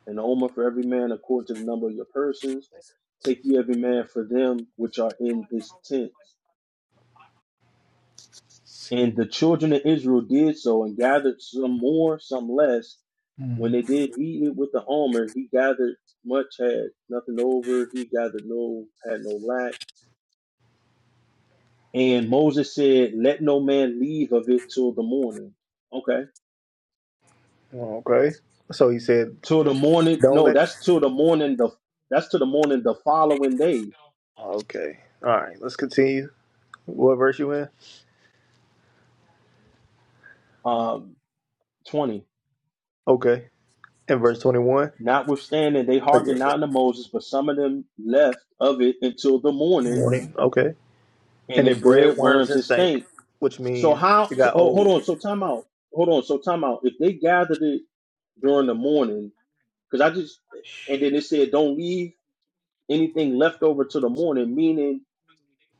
[SPEAKER 6] an omer for every man according to the number of your persons. Take ye every man for them which are in his tents. And the children of Israel did so and gathered some more, some less. When
[SPEAKER 1] Mm.
[SPEAKER 6] they did eat it with the omer, he gathered much, had nothing over. He gathered no, had no lack. And Moses said, Let no man leave of it till the morning. Okay.
[SPEAKER 1] Okay. So he said,
[SPEAKER 6] Till the morning.
[SPEAKER 1] don't
[SPEAKER 6] No,
[SPEAKER 1] let.
[SPEAKER 6] that's till the morning. The that's till the morning the following day.
[SPEAKER 1] Okay. All right. Let's continue. What verse you in?
[SPEAKER 6] Um, twenty.
[SPEAKER 1] Okay. In verse 21.
[SPEAKER 6] Notwithstanding, they
[SPEAKER 1] Okay.
[SPEAKER 6] hearkened
[SPEAKER 1] Mm.
[SPEAKER 6] not unto Moses, but some of them left of it until the morning,
[SPEAKER 1] Morning. Okay.
[SPEAKER 6] and
[SPEAKER 1] And
[SPEAKER 6] their
[SPEAKER 1] it bred
[SPEAKER 6] bread
[SPEAKER 1] worms
[SPEAKER 6] worms
[SPEAKER 1] and
[SPEAKER 6] and
[SPEAKER 1] stank,
[SPEAKER 6] stink.
[SPEAKER 1] which
[SPEAKER 6] So
[SPEAKER 1] means
[SPEAKER 6] how?
[SPEAKER 1] it
[SPEAKER 6] So,
[SPEAKER 1] got
[SPEAKER 6] oh, hold
[SPEAKER 1] old.
[SPEAKER 6] on. So time out. Hold on. So time out. If they gathered it during the morning, because I just and then it said don't leave anything left over to the morning. Meaning,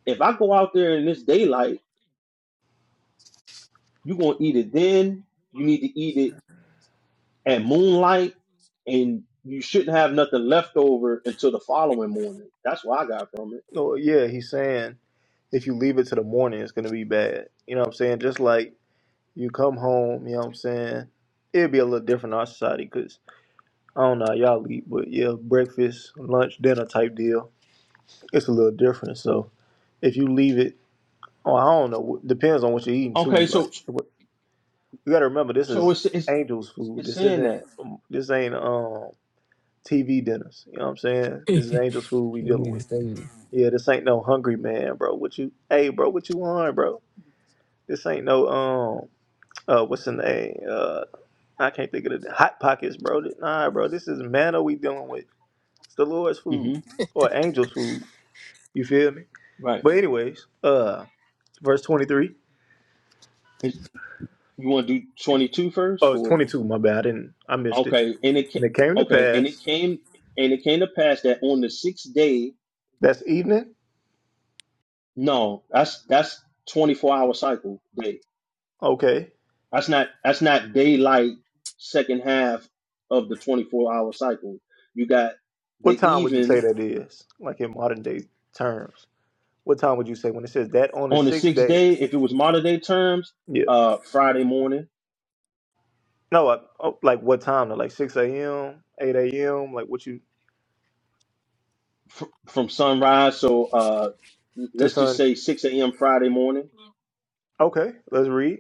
[SPEAKER 6] if I go out there in this daylight, you gonna eat it then. You need to eat it at moonlight, and you shouldn't have nothing left over until the following morning. That's what I got from it.
[SPEAKER 1] Oh, yeah. He's saying if you leave it to the morning, it's going to be bad. You know what I'm saying? Just like you come home, you know what I'm saying? It'd be a little different in our society because I don't know how y'all eat, but yeah, breakfast, lunch, dinner type deal. It's a little different. So if you leave it, oh, I don't know. Depends on what you're eating too.
[SPEAKER 6] Okay, so
[SPEAKER 1] Like you got to remember, this
[SPEAKER 6] So
[SPEAKER 1] is
[SPEAKER 6] it's it's
[SPEAKER 1] angels food.
[SPEAKER 6] it's
[SPEAKER 1] This
[SPEAKER 6] saying
[SPEAKER 1] isn't.
[SPEAKER 6] that
[SPEAKER 1] um, This ain't um TV dinners. You know what I'm saying?
[SPEAKER 2] we
[SPEAKER 1] This is angels food we dealing
[SPEAKER 2] need to
[SPEAKER 1] with.
[SPEAKER 2] study.
[SPEAKER 1] Yeah, this ain't no hungry man, bro. What you? Hey, bro, what you want, bro? This ain't no um. Uh, what's the name? uh. I can't think of the hot pockets, bro. Nah, bro, this is manna we dealing with. It's the Lord's food
[SPEAKER 6] hmm
[SPEAKER 1] or angel's food. You feel me?
[SPEAKER 6] right.
[SPEAKER 1] But anyways, uh, verse 23,
[SPEAKER 6] It's, you want to do 22 first
[SPEAKER 1] oh,
[SPEAKER 6] or
[SPEAKER 1] twenty-two, my bad. I didn't, I missed it.
[SPEAKER 6] okay, and it
[SPEAKER 1] And it came to
[SPEAKER 6] okay, and it
[SPEAKER 1] pass,
[SPEAKER 6] came and it came to pass that on the sixth day.
[SPEAKER 1] that's evening.
[SPEAKER 6] No, that's that's 24 hour cycle day.
[SPEAKER 1] Okay.
[SPEAKER 6] That's not that's not daylight second half of the 24 hour cycle. You got
[SPEAKER 1] What
[SPEAKER 6] the
[SPEAKER 1] time would you say
[SPEAKER 6] even
[SPEAKER 1] that is? Like in modern day terms. What time would you say when it says that on the
[SPEAKER 6] on the
[SPEAKER 1] sixth
[SPEAKER 6] sixth
[SPEAKER 1] day?
[SPEAKER 6] day. If it was modern day terms,
[SPEAKER 1] Yeah.
[SPEAKER 6] uh, Friday morning
[SPEAKER 1] No, I, oh, like what time? though? Like 6 a.m., 8 a.m., like what you,
[SPEAKER 6] fr- from sunrise. So uh,
[SPEAKER 1] to
[SPEAKER 6] let's just
[SPEAKER 1] sun?
[SPEAKER 6] say 6 a.m. Friday morning
[SPEAKER 1] Okay, let's read.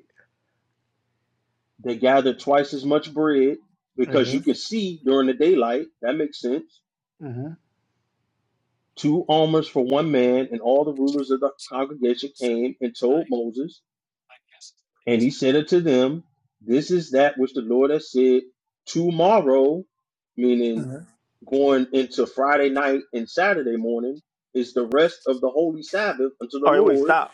[SPEAKER 6] They gathered twice as much bread because you
[SPEAKER 1] Mm-hmm.
[SPEAKER 6] could see during the daylight. That makes sense.
[SPEAKER 1] Mm-hmm.
[SPEAKER 6] Two almers for one man, and all the rulers of the congregation came and told Moses, and he said unto them, This is that which the Lord has said tomorrow, meaning
[SPEAKER 1] mm-hmm.
[SPEAKER 6] going into Friday night and Saturday morning, is the rest of the holy Sabbath unto the
[SPEAKER 1] All right, wait,
[SPEAKER 6] Lord.
[SPEAKER 1] stop,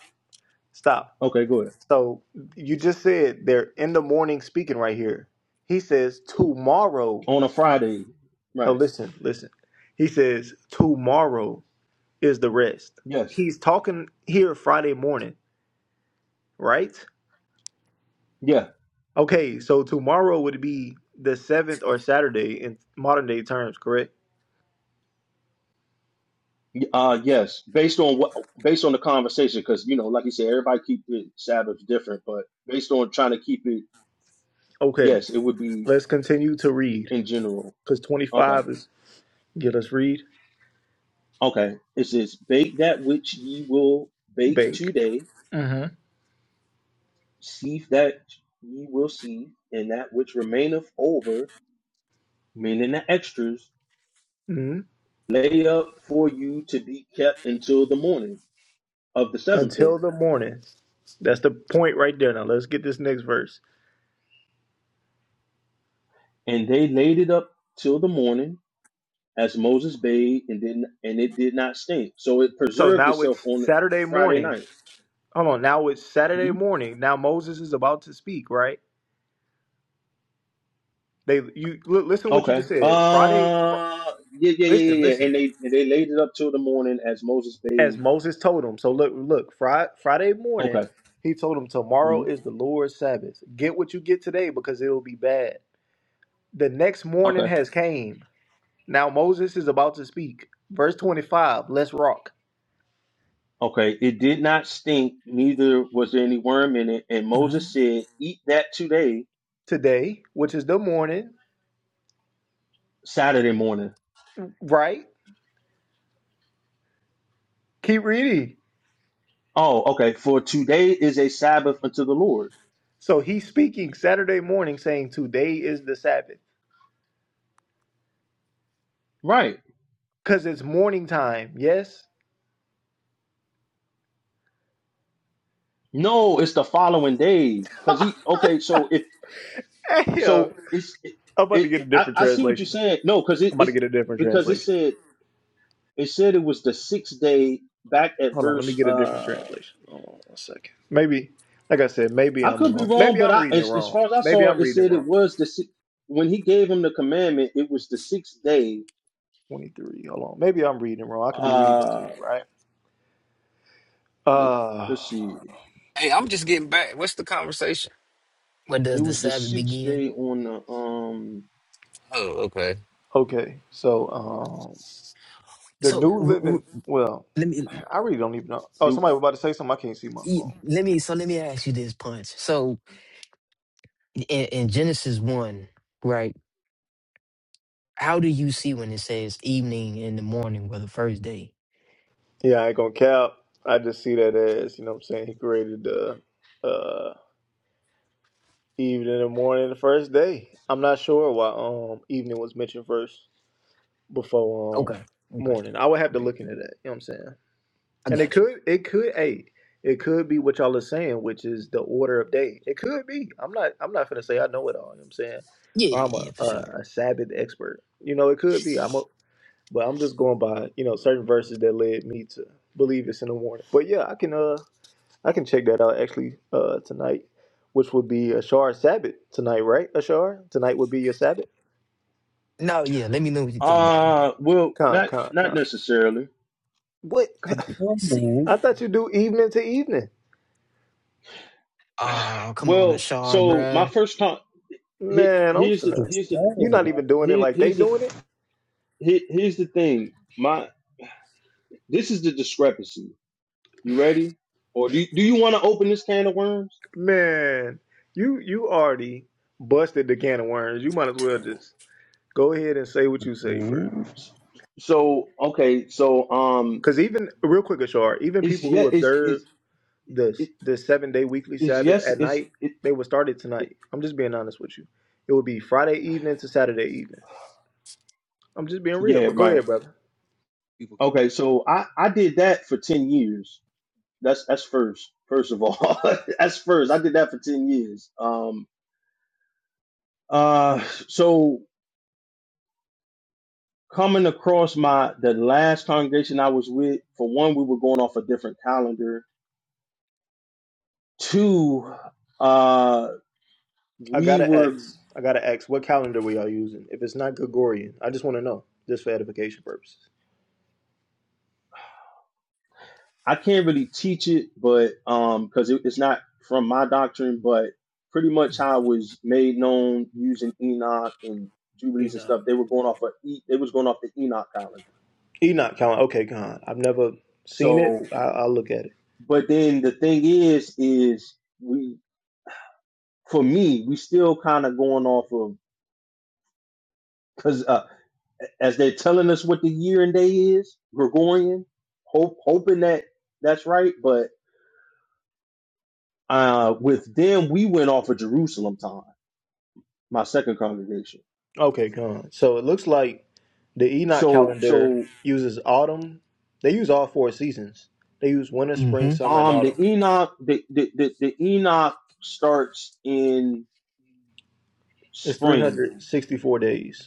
[SPEAKER 1] stop.
[SPEAKER 6] Okay, go ahead.
[SPEAKER 1] So you just said they're in the morning speaking right here. He says tomorrow.
[SPEAKER 6] On a Friday.
[SPEAKER 1] No,
[SPEAKER 6] Right.
[SPEAKER 1] listen, listen. He says tomorrow is the rest.
[SPEAKER 6] Yes.
[SPEAKER 1] He's talking here Friday morning, right?
[SPEAKER 6] Yeah.
[SPEAKER 1] Okay, so tomorrow would be the seventh or Saturday in modern day terms, correct?
[SPEAKER 6] Y- Uh, yes, based on what, based on the conversation, because you know, like you said, everybody keep it Sabbath different, but based on trying to keep it,
[SPEAKER 1] Okay,
[SPEAKER 6] yes, it would be
[SPEAKER 1] let's continue to read
[SPEAKER 6] in general.
[SPEAKER 1] because twenty
[SPEAKER 6] Okay,
[SPEAKER 1] five is. Yeah, let's read.
[SPEAKER 6] okay. It says, "Bake that which ye will bake
[SPEAKER 1] Bake.
[SPEAKER 6] today,
[SPEAKER 1] Mm-hmm.
[SPEAKER 6] sieve that ye will sieve, and that which remaineth over, meaning the extras, lay up for you to be kept until the morning of the seventh day."
[SPEAKER 1] until the morning. That's the point right there. Now let's get this next verse.
[SPEAKER 6] And they laid it up till the morning, as Moses bathed and didn't and it did not stink. So it
[SPEAKER 1] So
[SPEAKER 6] preserved
[SPEAKER 1] now
[SPEAKER 6] itself
[SPEAKER 1] it's
[SPEAKER 6] on
[SPEAKER 1] Saturday
[SPEAKER 6] Friday
[SPEAKER 1] morning.
[SPEAKER 6] night.
[SPEAKER 1] Hold on. Now it's Saturday
[SPEAKER 6] hmm
[SPEAKER 1] morning. Now Moses is about to speak, right? They you look, listen what you just
[SPEAKER 6] Okay.
[SPEAKER 1] said. Friday. Fr-
[SPEAKER 6] Uh yeah, yeah, yeah,
[SPEAKER 1] listen,
[SPEAKER 6] yeah, yeah.
[SPEAKER 1] listen.
[SPEAKER 6] And they and they laid it up till the morning as Moses
[SPEAKER 1] As
[SPEAKER 6] bathed.
[SPEAKER 1] Moses told him. So look, look. Fri- Friday morning,
[SPEAKER 6] Okay.
[SPEAKER 1] he told him
[SPEAKER 6] hmm
[SPEAKER 1] tomorrow is the Lord's Sabbath. Get what you get today because it'll be bad. The next morning
[SPEAKER 6] Okay.
[SPEAKER 1] has came. Now Moses is about to speak. Verse twenty-five. Let's rock.
[SPEAKER 6] Okay. It did not stink, neither was there any worm in it. And Moses said, Eat that today,
[SPEAKER 1] today, which is the morning,
[SPEAKER 6] Saturday morning.
[SPEAKER 1] right? Keep reading.
[SPEAKER 6] Oh, okay. For today is a Sabbath unto the Lord.
[SPEAKER 1] So he's speaking Saturday morning saying today is the Sabbath
[SPEAKER 6] Right.
[SPEAKER 1] because it's morning time. Yes.
[SPEAKER 6] No, it's the following day. Cause he okay, so if
[SPEAKER 1] Hey, yo.
[SPEAKER 6] so it's it,
[SPEAKER 1] I'm about to get
[SPEAKER 6] it
[SPEAKER 1] a
[SPEAKER 6] I,
[SPEAKER 1] different
[SPEAKER 6] I see what you're
[SPEAKER 1] translation.
[SPEAKER 6] saying no because it,
[SPEAKER 1] I'm about to
[SPEAKER 6] it's
[SPEAKER 1] get a different
[SPEAKER 6] because it
[SPEAKER 1] translation.
[SPEAKER 6] said it said it was the sixth day back at
[SPEAKER 1] Hold on, let me
[SPEAKER 6] verse
[SPEAKER 1] get a different
[SPEAKER 6] uh
[SPEAKER 1] translation. Hold on one second. Maybe, like I said, maybe
[SPEAKER 6] i
[SPEAKER 1] I'm
[SPEAKER 6] could be
[SPEAKER 1] wrong.
[SPEAKER 6] wrong
[SPEAKER 1] Maybe
[SPEAKER 6] but
[SPEAKER 1] I'm
[SPEAKER 6] i
[SPEAKER 1] reading it
[SPEAKER 6] as, as
[SPEAKER 1] wrong.
[SPEAKER 6] far as i
[SPEAKER 1] Maybe
[SPEAKER 6] saw
[SPEAKER 1] I'm
[SPEAKER 6] it
[SPEAKER 1] reading it
[SPEAKER 6] said it
[SPEAKER 1] wrong.
[SPEAKER 6] was the si- when he gave him the commandment it was the sixth day
[SPEAKER 1] 23. Hold on. Maybe I'm reading it wrong. I could be reading it too,
[SPEAKER 6] uh
[SPEAKER 1] right?
[SPEAKER 6] let,
[SPEAKER 1] Uh,
[SPEAKER 6] let's see
[SPEAKER 4] Hey, I'm just getting back. What's the conversation?
[SPEAKER 2] When does
[SPEAKER 6] it
[SPEAKER 2] the
[SPEAKER 6] was the
[SPEAKER 2] Sabbath
[SPEAKER 6] sixth
[SPEAKER 2] begin?
[SPEAKER 6] day on the um
[SPEAKER 4] Oh, okay.
[SPEAKER 1] okay. So, um, The
[SPEAKER 2] So
[SPEAKER 1] New
[SPEAKER 2] r- r-
[SPEAKER 1] Living. Well,
[SPEAKER 2] let me
[SPEAKER 1] I really don't even know. Oh,
[SPEAKER 6] it,
[SPEAKER 1] somebody was about to say something. I can't see my
[SPEAKER 2] e-
[SPEAKER 1] phone.
[SPEAKER 2] let me so let me ask you this punch. So in, in Genesis one, right? How do you see when it says evening and the morning were the first day?
[SPEAKER 1] Yeah, I ain't gonna cap. I just see that as you know. what I'm saying he created the uh, evening and morning the first day. I'm not sure why um evening was mentioned first before um
[SPEAKER 2] Okay. Okay.
[SPEAKER 1] morning. I would have to
[SPEAKER 2] Okay.
[SPEAKER 1] look into that. You know what I'm saying?
[SPEAKER 2] I
[SPEAKER 1] And it
[SPEAKER 2] got you.
[SPEAKER 1] could it could hey it could be what y'all are saying, which is the order of day. It could be. I'm not I'm not gonna say I know it all. You know what I'm saying?
[SPEAKER 2] Yeah,
[SPEAKER 1] Or
[SPEAKER 2] yeah,
[SPEAKER 1] I'm a,
[SPEAKER 2] yeah, for sure.
[SPEAKER 1] a, a Sabbath expert. You know, it could be. I'm a But I'm just going by, you know, certain verses that led me to believe it's in the warning. But yeah, I can uh I can check that out actually uh tonight, which would be Ashar Sabbath tonight, right? Ashar? Tonight would be your Sabbath?
[SPEAKER 2] No, yeah, let me know what you think about it, bruh.
[SPEAKER 6] uh well
[SPEAKER 1] Con,
[SPEAKER 6] not
[SPEAKER 1] con,
[SPEAKER 6] not
[SPEAKER 1] con.
[SPEAKER 6] necessarily
[SPEAKER 1] What?
[SPEAKER 9] Come on,
[SPEAKER 2] Let's see.
[SPEAKER 9] man.
[SPEAKER 1] I thought you do evening to evening.
[SPEAKER 2] Oh, come on,
[SPEAKER 6] well
[SPEAKER 2] Ashar,
[SPEAKER 6] so my
[SPEAKER 2] bruh.
[SPEAKER 6] first time
[SPEAKER 1] Man, I'm
[SPEAKER 6] here's the
[SPEAKER 1] finna.
[SPEAKER 9] Just
[SPEAKER 6] here's the
[SPEAKER 1] You're not even doing it
[SPEAKER 6] here-
[SPEAKER 1] like they
[SPEAKER 6] here's the
[SPEAKER 1] doing it.
[SPEAKER 6] Here, here's the thing. My this is the discrepancy. You ready? Or do you, do you want to open this can of worms?
[SPEAKER 1] Man, you you already busted the can of worms. You
[SPEAKER 2] For
[SPEAKER 1] might as well
[SPEAKER 2] two.
[SPEAKER 1] just go ahead and say what you say, bro.
[SPEAKER 6] So okay, so um,
[SPEAKER 1] Cause even real quick, Ashar, even
[SPEAKER 6] it's
[SPEAKER 1] people who
[SPEAKER 6] yet it's
[SPEAKER 1] observe
[SPEAKER 6] it's
[SPEAKER 1] the
[SPEAKER 6] it,
[SPEAKER 1] the seven day weekly
[SPEAKER 6] it's
[SPEAKER 1] Sabbath
[SPEAKER 6] yes
[SPEAKER 1] at
[SPEAKER 6] it's
[SPEAKER 1] night,
[SPEAKER 6] it,
[SPEAKER 1] they would start it
[SPEAKER 6] it
[SPEAKER 1] tonight. I'm just being honest with you. It would be Friday evening to Saturday evening. I'm just being real.
[SPEAKER 6] yeah
[SPEAKER 1] But go
[SPEAKER 6] right.
[SPEAKER 1] ahead, brother.
[SPEAKER 6] Okay, so I I did that for ten years. That's that's first first of all. that's first. I did that for ten years. Um uh so coming across my the last congregation I was with for one we were going off a different calendar Two, uh,
[SPEAKER 1] I
[SPEAKER 6] we
[SPEAKER 1] gotta
[SPEAKER 6] were
[SPEAKER 1] ask. I gotta ask. What calendar we are using? If it's not Gregorian, I just want to know, just for edification purposes.
[SPEAKER 6] I can't really teach it, but um, because it, it's not from my doctrine, but pretty much how it was made known using Enoch and Jubilees and
[SPEAKER 1] Enoch.
[SPEAKER 6] stuff. They were going off of e, they was going off the Enoch calendar.
[SPEAKER 1] Enoch calendar. Okay, con. I've never seen it.
[SPEAKER 6] So,
[SPEAKER 1] I, I'll look at it.
[SPEAKER 6] but then the thing is, is we for me we still kind of going off of because uh, as they're telling us what the year and day is Gregorian, hope hoping that that's right, but Uh, with them, we went off of Jerusalem time, my second congregation.
[SPEAKER 1] Okay, con. So it looks like the Enoch
[SPEAKER 6] So,
[SPEAKER 1] calendar
[SPEAKER 6] so
[SPEAKER 1] uses autumn. They use all four seasons. They use winter, spring,
[SPEAKER 2] Mm-hmm.
[SPEAKER 1] summer, and
[SPEAKER 6] um,
[SPEAKER 1] autumn.
[SPEAKER 6] the Enoch, the the, the, the Enoch starts in
[SPEAKER 1] It's
[SPEAKER 6] spring,
[SPEAKER 1] 364 days.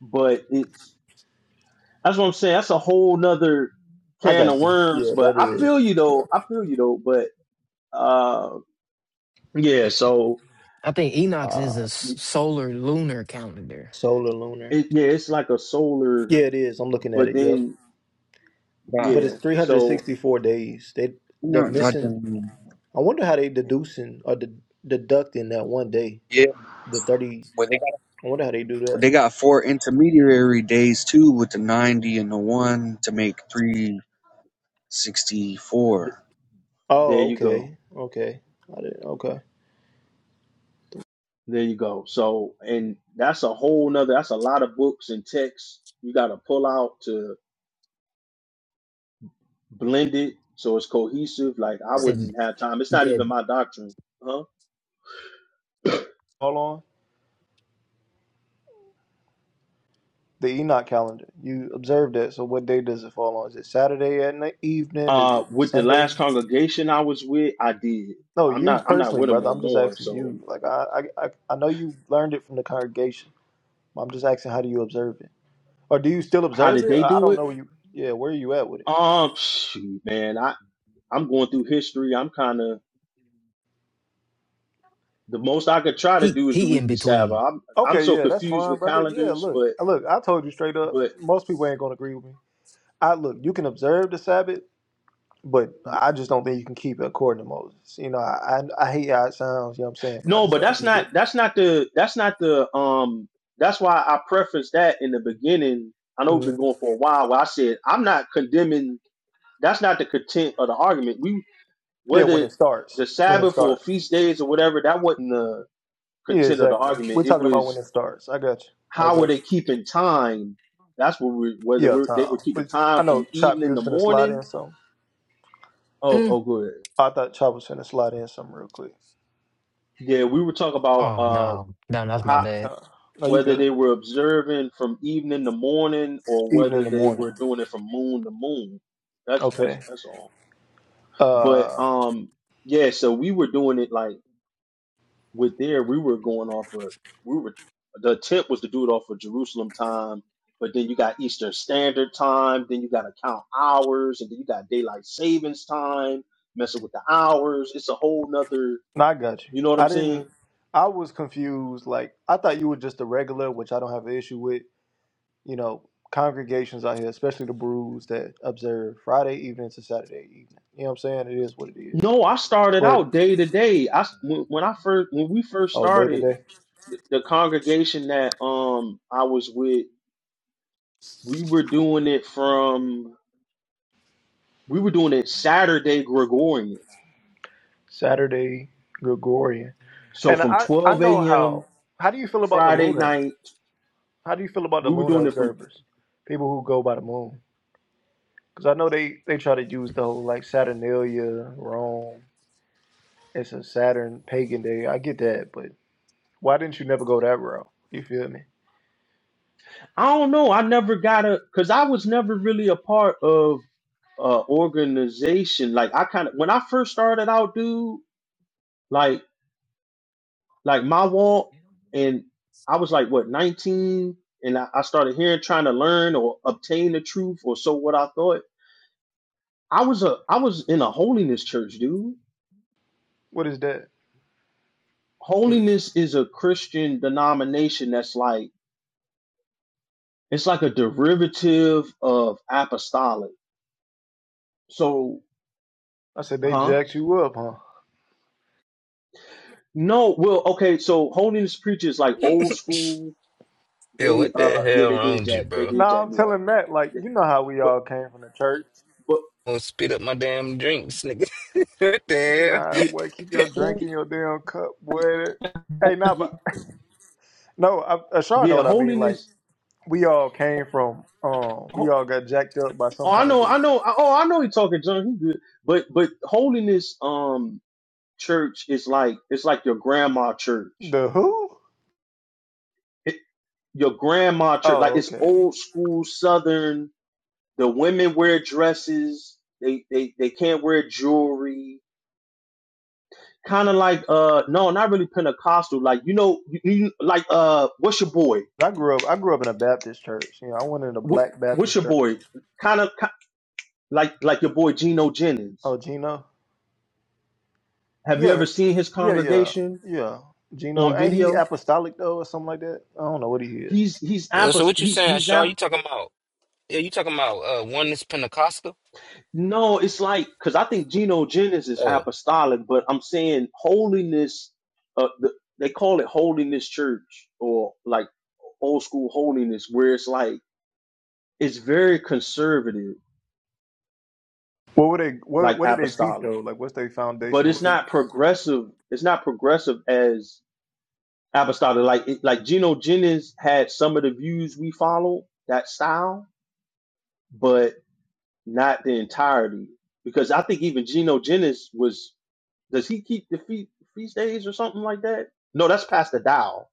[SPEAKER 6] but it's that's what I'm saying. That's a whole nother
[SPEAKER 1] I
[SPEAKER 6] can
[SPEAKER 1] got
[SPEAKER 6] of
[SPEAKER 1] you.
[SPEAKER 6] worms.
[SPEAKER 1] Yeah,
[SPEAKER 6] But
[SPEAKER 1] that
[SPEAKER 6] I feel
[SPEAKER 1] is
[SPEAKER 6] you
[SPEAKER 1] yeah.
[SPEAKER 6] though. I feel you though. But uh, yeah. So
[SPEAKER 2] I think Enox is a
[SPEAKER 6] uh,
[SPEAKER 2] s- solar lunar calendar.
[SPEAKER 1] solar lunar.
[SPEAKER 6] it, yeah, it's like a solar,
[SPEAKER 1] Yeah, it is. I'm looking at
[SPEAKER 6] but
[SPEAKER 1] it. Yep.
[SPEAKER 6] then
[SPEAKER 9] Got
[SPEAKER 1] But it's
[SPEAKER 6] yeah. So
[SPEAKER 1] 364 days. They
[SPEAKER 9] you
[SPEAKER 1] they're
[SPEAKER 9] know,
[SPEAKER 1] missing.
[SPEAKER 9] goddamn.
[SPEAKER 1] I wonder how they deducing or de- deducting that one day.
[SPEAKER 9] Yeah,
[SPEAKER 1] The 30.
[SPEAKER 9] well they got
[SPEAKER 1] I wonder how they do
[SPEAKER 9] well,
[SPEAKER 1] that.
[SPEAKER 9] they got four intermediary days too, with the ninety and the one to make three sixty four.
[SPEAKER 6] there
[SPEAKER 1] Oh,
[SPEAKER 6] you go.
[SPEAKER 1] okay, okay. I did, okay.
[SPEAKER 6] There you go. So, and that's a whole nother, that's a lot of books and texts you got to pull out to blend it so it's cohesive. Like, I
[SPEAKER 2] Said,
[SPEAKER 6] wouldn't
[SPEAKER 1] Fall
[SPEAKER 6] have time. It's not
[SPEAKER 2] yeah,
[SPEAKER 6] even my doctrine. Huh?
[SPEAKER 1] on the Enoch calendar. You observed that. So what day does it fall on? Is it Saturday at night, evening? Is
[SPEAKER 6] Uh,
[SPEAKER 1] it
[SPEAKER 6] with the
[SPEAKER 1] Sunday?
[SPEAKER 6] last congregation I was with, I did.
[SPEAKER 1] No,
[SPEAKER 6] I'm
[SPEAKER 1] you
[SPEAKER 6] not, I'm not
[SPEAKER 1] personally,
[SPEAKER 6] with them
[SPEAKER 1] brother.
[SPEAKER 6] no
[SPEAKER 1] I'm just
[SPEAKER 6] more.
[SPEAKER 1] asking
[SPEAKER 6] So,
[SPEAKER 1] you. Like I, I, I I know you learned it from the congregation. I'm just asking, how do you observe it, or do you still
[SPEAKER 6] how
[SPEAKER 1] observe
[SPEAKER 6] did
[SPEAKER 1] it?
[SPEAKER 6] they
[SPEAKER 1] I
[SPEAKER 6] do
[SPEAKER 1] don't
[SPEAKER 6] it?
[SPEAKER 1] know. you, yeah, where are you at with it?
[SPEAKER 6] Um, shoot, man, I, I'm going through history. I'm kind of, the most I could try to
[SPEAKER 2] he
[SPEAKER 6] do is the
[SPEAKER 2] he in
[SPEAKER 6] weekly Sabbath.
[SPEAKER 2] between.
[SPEAKER 6] I'm, I'm
[SPEAKER 1] Okay,
[SPEAKER 6] so
[SPEAKER 1] yeah, that's
[SPEAKER 6] confused
[SPEAKER 1] fine,
[SPEAKER 6] with
[SPEAKER 1] brother. Yeah,
[SPEAKER 6] calendars,
[SPEAKER 1] look,
[SPEAKER 6] but,
[SPEAKER 1] look, I told you straight up.
[SPEAKER 6] but
[SPEAKER 1] Most people ain't gonna agree with me. I look, you can observe the Sabbath, but I just don't think you can keep it according to Moses. You know, I I, I hate how it sounds. You know what I'm saying? But I
[SPEAKER 6] No,
[SPEAKER 1] just
[SPEAKER 6] but
[SPEAKER 1] gotta
[SPEAKER 6] that's
[SPEAKER 1] keep
[SPEAKER 6] not
[SPEAKER 1] it.
[SPEAKER 6] that's not the that's not the um that's why I prefaced that in the beginning. I know we've been
[SPEAKER 1] Mm.
[SPEAKER 6] going for a while where I said I'm not condemning that's not the content of the argument. We
[SPEAKER 1] Yeah, when
[SPEAKER 6] whether
[SPEAKER 1] it starts,
[SPEAKER 6] the
[SPEAKER 1] when it
[SPEAKER 6] Sabbath or
[SPEAKER 1] starts.
[SPEAKER 6] feast days or whatever, that wasn't the
[SPEAKER 1] Yeah,
[SPEAKER 6] content of the
[SPEAKER 1] exactly. We're
[SPEAKER 6] argument. It
[SPEAKER 1] talking about when
[SPEAKER 6] was
[SPEAKER 1] it starts. I got you. I
[SPEAKER 6] how were
[SPEAKER 1] got
[SPEAKER 6] they
[SPEAKER 1] you.
[SPEAKER 6] keeping time? That's what we whether
[SPEAKER 1] Yeah,
[SPEAKER 6] we're, they were
[SPEAKER 1] Tom.
[SPEAKER 6] keeping
[SPEAKER 1] But
[SPEAKER 6] time
[SPEAKER 1] I know
[SPEAKER 6] from
[SPEAKER 1] Chop, you
[SPEAKER 6] evening to
[SPEAKER 1] was finna slide
[SPEAKER 6] morning.
[SPEAKER 1] in some.
[SPEAKER 6] Oh,
[SPEAKER 2] Mm.
[SPEAKER 6] oh, good.
[SPEAKER 1] I thought Chop was finna slide in some real quick.
[SPEAKER 6] Yeah, we were talking about
[SPEAKER 2] Oh
[SPEAKER 6] uh
[SPEAKER 2] no, no, that's
[SPEAKER 6] how
[SPEAKER 2] my bad.
[SPEAKER 1] Uh, no, you
[SPEAKER 6] whether
[SPEAKER 1] good.
[SPEAKER 6] they were observing from evening to morning or
[SPEAKER 1] Evening
[SPEAKER 6] whether
[SPEAKER 1] and
[SPEAKER 6] they
[SPEAKER 1] morning.
[SPEAKER 6] were doing it from moon to moon. That's that's
[SPEAKER 1] Okay.
[SPEAKER 6] that's all. But
[SPEAKER 1] Uh,
[SPEAKER 6] um yeah, so we were doing it like with there we were going off of we were the attempt was to do it off of Jerusalem time, but then you got Eastern Standard Time, then you gotta count hours, and then you got daylight savings time, messing with the hours. It's a whole nother
[SPEAKER 1] no, I got you.
[SPEAKER 6] you know what I'm
[SPEAKER 1] I didn't.
[SPEAKER 6] saying?
[SPEAKER 1] I was confused. Like I thought you were just a regular, which I don't have an issue with. You know, congregations out here, especially the brews that observe Friday evening to Saturday evening. You know what I'm saying? It is what it is.
[SPEAKER 6] No, I started
[SPEAKER 1] But
[SPEAKER 6] out day to day. I when when I first when we first
[SPEAKER 1] oh, day to
[SPEAKER 6] started
[SPEAKER 1] day,
[SPEAKER 6] the the congregation that um I was with, we were doing it from we were doing it Saturday Gregorian.
[SPEAKER 1] Saturday Gregorian.
[SPEAKER 6] So
[SPEAKER 1] And
[SPEAKER 6] from
[SPEAKER 1] I I
[SPEAKER 6] 12
[SPEAKER 1] know how.
[SPEAKER 6] a.m.
[SPEAKER 1] How do you feel about the
[SPEAKER 6] Friday
[SPEAKER 1] lunar?
[SPEAKER 6] night,
[SPEAKER 1] How do you feel about the
[SPEAKER 6] we were
[SPEAKER 1] lunar
[SPEAKER 6] doing it from
[SPEAKER 1] observers? People who go by the moon. Because I know they, they try to use the whole like Saturnalia, Rome. It's a Saturn pagan day. I get that, but why didn't you never go that route? You feel me?
[SPEAKER 6] I don't know. I never got a because I was never really a part of uh organization. Like I kind of when I first started out, dude, like like my walk and I was like what 19 and I, I started hearing trying to learn or obtain the truth or so what I thought I was a I was in a holiness church, dude.
[SPEAKER 1] What is that? What,
[SPEAKER 6] Holiness is a Christian denomination that's like it's like a derivative of apostolic. So,
[SPEAKER 1] I said they
[SPEAKER 6] huh?
[SPEAKER 1] jacked you up, huh?
[SPEAKER 6] No, well, okay, so holiness preachers like old school,
[SPEAKER 4] Yeah,
[SPEAKER 6] they
[SPEAKER 4] what the
[SPEAKER 6] uh yeah,
[SPEAKER 4] hell
[SPEAKER 6] they
[SPEAKER 4] wrong
[SPEAKER 6] did
[SPEAKER 4] with you,
[SPEAKER 6] jack they
[SPEAKER 4] bro?
[SPEAKER 6] did
[SPEAKER 1] Nah,
[SPEAKER 6] jack
[SPEAKER 1] I'm
[SPEAKER 6] me up.
[SPEAKER 1] telling Matt, like,
[SPEAKER 6] They-
[SPEAKER 1] you know how we
[SPEAKER 6] But
[SPEAKER 1] all came from the church.
[SPEAKER 6] but
[SPEAKER 4] Gonna spit up my damn drinks, nigga. what the
[SPEAKER 1] Nah,
[SPEAKER 4] hell?
[SPEAKER 6] yeah,
[SPEAKER 1] boy, keep your drink
[SPEAKER 6] yeah,
[SPEAKER 1] in your damn cup,
[SPEAKER 6] yeah,
[SPEAKER 1] boy. Hey, nah,
[SPEAKER 6] yeah,
[SPEAKER 1] but no, I, Ashar know
[SPEAKER 6] yeah,
[SPEAKER 1] what I mean. Like,
[SPEAKER 6] holiness
[SPEAKER 1] we all came from, um, we
[SPEAKER 6] ho-
[SPEAKER 1] all got jacked up by
[SPEAKER 6] Oh,
[SPEAKER 1] some
[SPEAKER 6] I
[SPEAKER 1] kind of
[SPEAKER 6] know,
[SPEAKER 1] the,
[SPEAKER 6] I know. Oh, I know. He talking junk. He good, but but holiness, um, church is like it's like your grandma church
[SPEAKER 1] the who?
[SPEAKER 6] it, your grandma church, like
[SPEAKER 1] Oh,
[SPEAKER 6] it's
[SPEAKER 1] okay.
[SPEAKER 6] old school Southern. The women wear dresses. They they they can't wear jewelry. Kind of like uh no, not really Pentecostal. Like you know, you, you- like uh, what's your boy?
[SPEAKER 1] I grew up. I grew up in a Baptist church. You know, I went in a
[SPEAKER 6] Wh-
[SPEAKER 1] Black
[SPEAKER 6] What's
[SPEAKER 1] Baptist
[SPEAKER 6] your
[SPEAKER 1] church.
[SPEAKER 6] boy? Kind of like like your boy Geno Jennings.
[SPEAKER 1] Oh, Gino.
[SPEAKER 6] Have you ever
[SPEAKER 1] Yeah,
[SPEAKER 6] seen his
[SPEAKER 1] yeah, yeah,
[SPEAKER 6] congregation
[SPEAKER 1] yeah. Gino,
[SPEAKER 6] on
[SPEAKER 1] ain't he
[SPEAKER 6] video?
[SPEAKER 1] apostolic though, or something like that? I don't know what he is.
[SPEAKER 6] He's he's
[SPEAKER 4] Uh, So
[SPEAKER 6] apos-
[SPEAKER 4] what you
[SPEAKER 6] he's
[SPEAKER 4] saying,
[SPEAKER 6] he's
[SPEAKER 4] Shaw?
[SPEAKER 6] apostolic.
[SPEAKER 4] You talking about? Yeah, you talking about uh oneness Pentecostal?
[SPEAKER 6] No, it's like because I think genogenesis is
[SPEAKER 4] Uh,
[SPEAKER 6] apostolic, but I'm saying holiness. Uh, the, they call it holiness church or like old school holiness, where it's like it's very conservative,
[SPEAKER 1] What were they? What
[SPEAKER 6] like
[SPEAKER 1] What did they teach
[SPEAKER 6] apostolic,
[SPEAKER 1] though? Like, what's their
[SPEAKER 6] but
[SPEAKER 1] foundational
[SPEAKER 6] it's
[SPEAKER 1] teaching?
[SPEAKER 6] not progressive. It's not progressive as apostolic. Like it, like genogenesis had some of the views we follow that style, but not the entirety. Because I think even genogenesis was Does he keep the fe- feast days or something like that? No, that's Pastor Dow.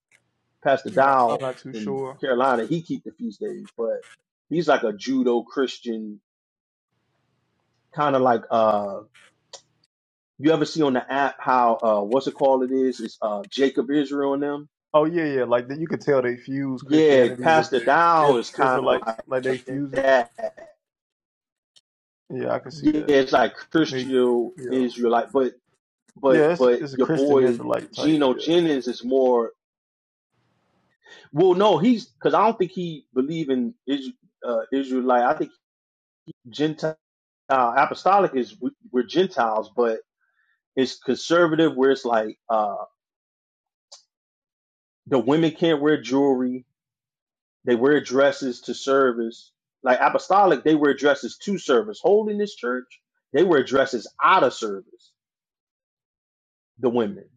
[SPEAKER 6] Pastor
[SPEAKER 1] No, I'm
[SPEAKER 6] Dow
[SPEAKER 1] not too
[SPEAKER 6] in
[SPEAKER 1] sure.
[SPEAKER 6] Carolina, he keep the feast days, but he's like a judo Christian, kind of like uh, you ever see on the app how uh, what's it called? It is it's uh Jacob Israel and them.
[SPEAKER 1] Oh yeah, yeah. Like that, you could tell they fuse
[SPEAKER 6] Yeah,
[SPEAKER 1] Christianity with
[SPEAKER 6] Pastor
[SPEAKER 1] the
[SPEAKER 6] Dow
[SPEAKER 1] Is-
[SPEAKER 6] is kind of
[SPEAKER 1] Israelites. Like they
[SPEAKER 6] like
[SPEAKER 1] fuse it.
[SPEAKER 6] that.
[SPEAKER 1] Yeah, I can see
[SPEAKER 6] Yeah,
[SPEAKER 1] that.
[SPEAKER 6] it's like
[SPEAKER 1] They,
[SPEAKER 6] Christian
[SPEAKER 1] yeah,
[SPEAKER 6] Israelite, but but
[SPEAKER 1] yeah. It's
[SPEAKER 6] but
[SPEAKER 1] it's a
[SPEAKER 6] your
[SPEAKER 1] Christian
[SPEAKER 6] boy
[SPEAKER 1] Israelite type.
[SPEAKER 6] Geno
[SPEAKER 1] Yeah.
[SPEAKER 6] Jennings is more. Well, no, he's because I don't think he believe in Is, uh, Israelite. I think Gentile apostolic is we- we're Gentiles, but it's conservative where it's like uh, the women can't wear jewelry. They wear dresses to service. Like apostolic, they wear dresses to service. Holiness church, they wear dresses out of service. The women,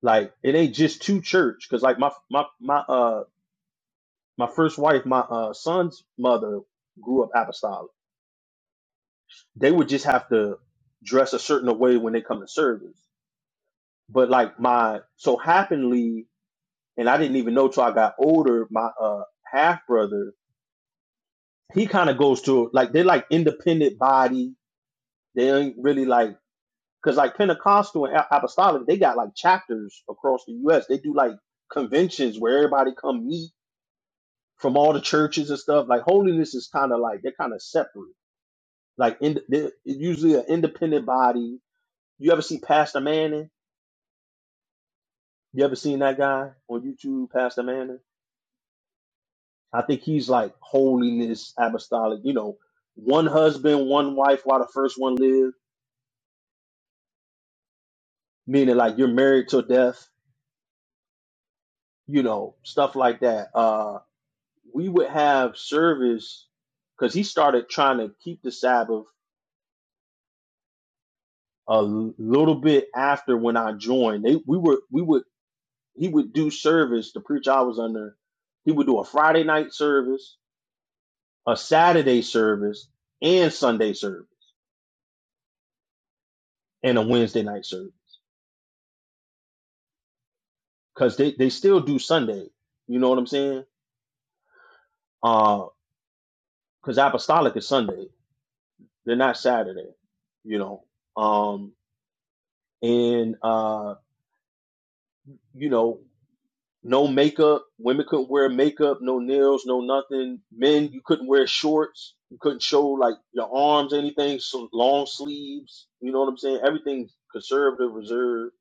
[SPEAKER 6] like it ain't just to church. Because like my my my uh my first wife, my uh son's mother grew up apostolic They would just have to dress a certain way when they come to service. But like my so happenly, and I didn't even know till I got older. My uh half brother, he kind of goes to like they're like independent body. They ain't really like because like Pentecostal and Apostolic, they got like chapters across the U.S. They do like conventions where everybody come meet from all the churches and stuff. Like holiness is kind of like they're kind of separate. Like in, they're usually an independent body. You ever see Pastor Manning? You ever seen that guy on YouTube, Pastor Manning? I think he's like holiness apostolic, you know, one husband, one wife while the first one lived, meaning like you're married till death, you know, stuff like that. Uh we would have service because he started trying to keep the Sabbath a l- little bit after when I joined. They we were we would he would do service, the preacher I was under, he would do a Friday night service, a Saturday service, and Sunday service and a Wednesday night service because they, they still do Sunday. You know what I'm saying? Uh, Because apostolic is Sunday. They're not Saturday. You know, um, and uh, you know, no makeup. Women couldn't wear makeup, no nails, no nothing. Men, you couldn't wear shorts. You couldn't show like your arms, anything. So long sleeves. You know what I'm saying? Everything conservative, reserved.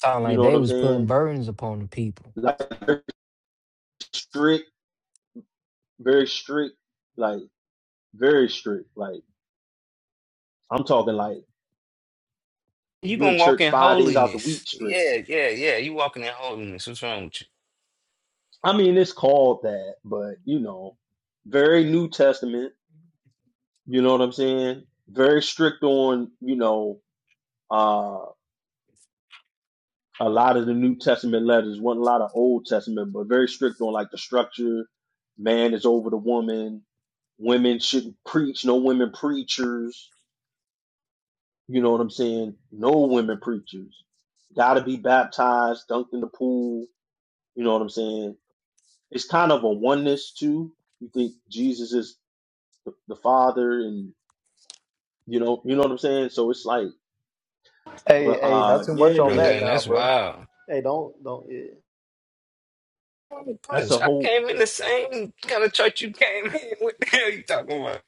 [SPEAKER 2] Sound
[SPEAKER 6] You
[SPEAKER 2] like
[SPEAKER 6] know what
[SPEAKER 2] they
[SPEAKER 6] I'm
[SPEAKER 2] was putting
[SPEAKER 6] saying?
[SPEAKER 2] burdens upon the people.
[SPEAKER 6] Like very strict, very strict, like very strict, like I'm talking like
[SPEAKER 4] you
[SPEAKER 6] you in
[SPEAKER 4] gonna walk
[SPEAKER 6] church
[SPEAKER 4] in
[SPEAKER 6] five days out the
[SPEAKER 4] holiness?
[SPEAKER 6] week straight.
[SPEAKER 4] Yeah, yeah, yeah. You walking in holiness? What's wrong with you,
[SPEAKER 6] I mean, it's called that, but you know, very New Testament. You know what I'm saying? Very strict on you know uh, a lot of the New Testament letters. wasn't a lot of Old Testament, but very strict on like the structure. Man is over the woman. Women shouldn't preach. No women preachers. You know what I'm saying? No women preachers. Got to be baptized, dunked in the pool. You know what I'm saying? it's kind of a oneness too. You think Jesus is the, the Father, and you know, you know what I'm saying. So it's like,
[SPEAKER 1] Hey,
[SPEAKER 6] but
[SPEAKER 1] hey,
[SPEAKER 6] uh,
[SPEAKER 1] not too much
[SPEAKER 6] yeah,
[SPEAKER 1] on
[SPEAKER 4] bro?
[SPEAKER 1] that
[SPEAKER 4] Dan,
[SPEAKER 6] man,
[SPEAKER 1] now,
[SPEAKER 4] that's
[SPEAKER 1] bro.
[SPEAKER 4] wild.
[SPEAKER 1] Hey, don't don't. yeah.
[SPEAKER 4] Holy
[SPEAKER 6] that's a
[SPEAKER 4] Punch! I
[SPEAKER 6] whole
[SPEAKER 4] came in the same kind of church you came in. What the hell you talking about?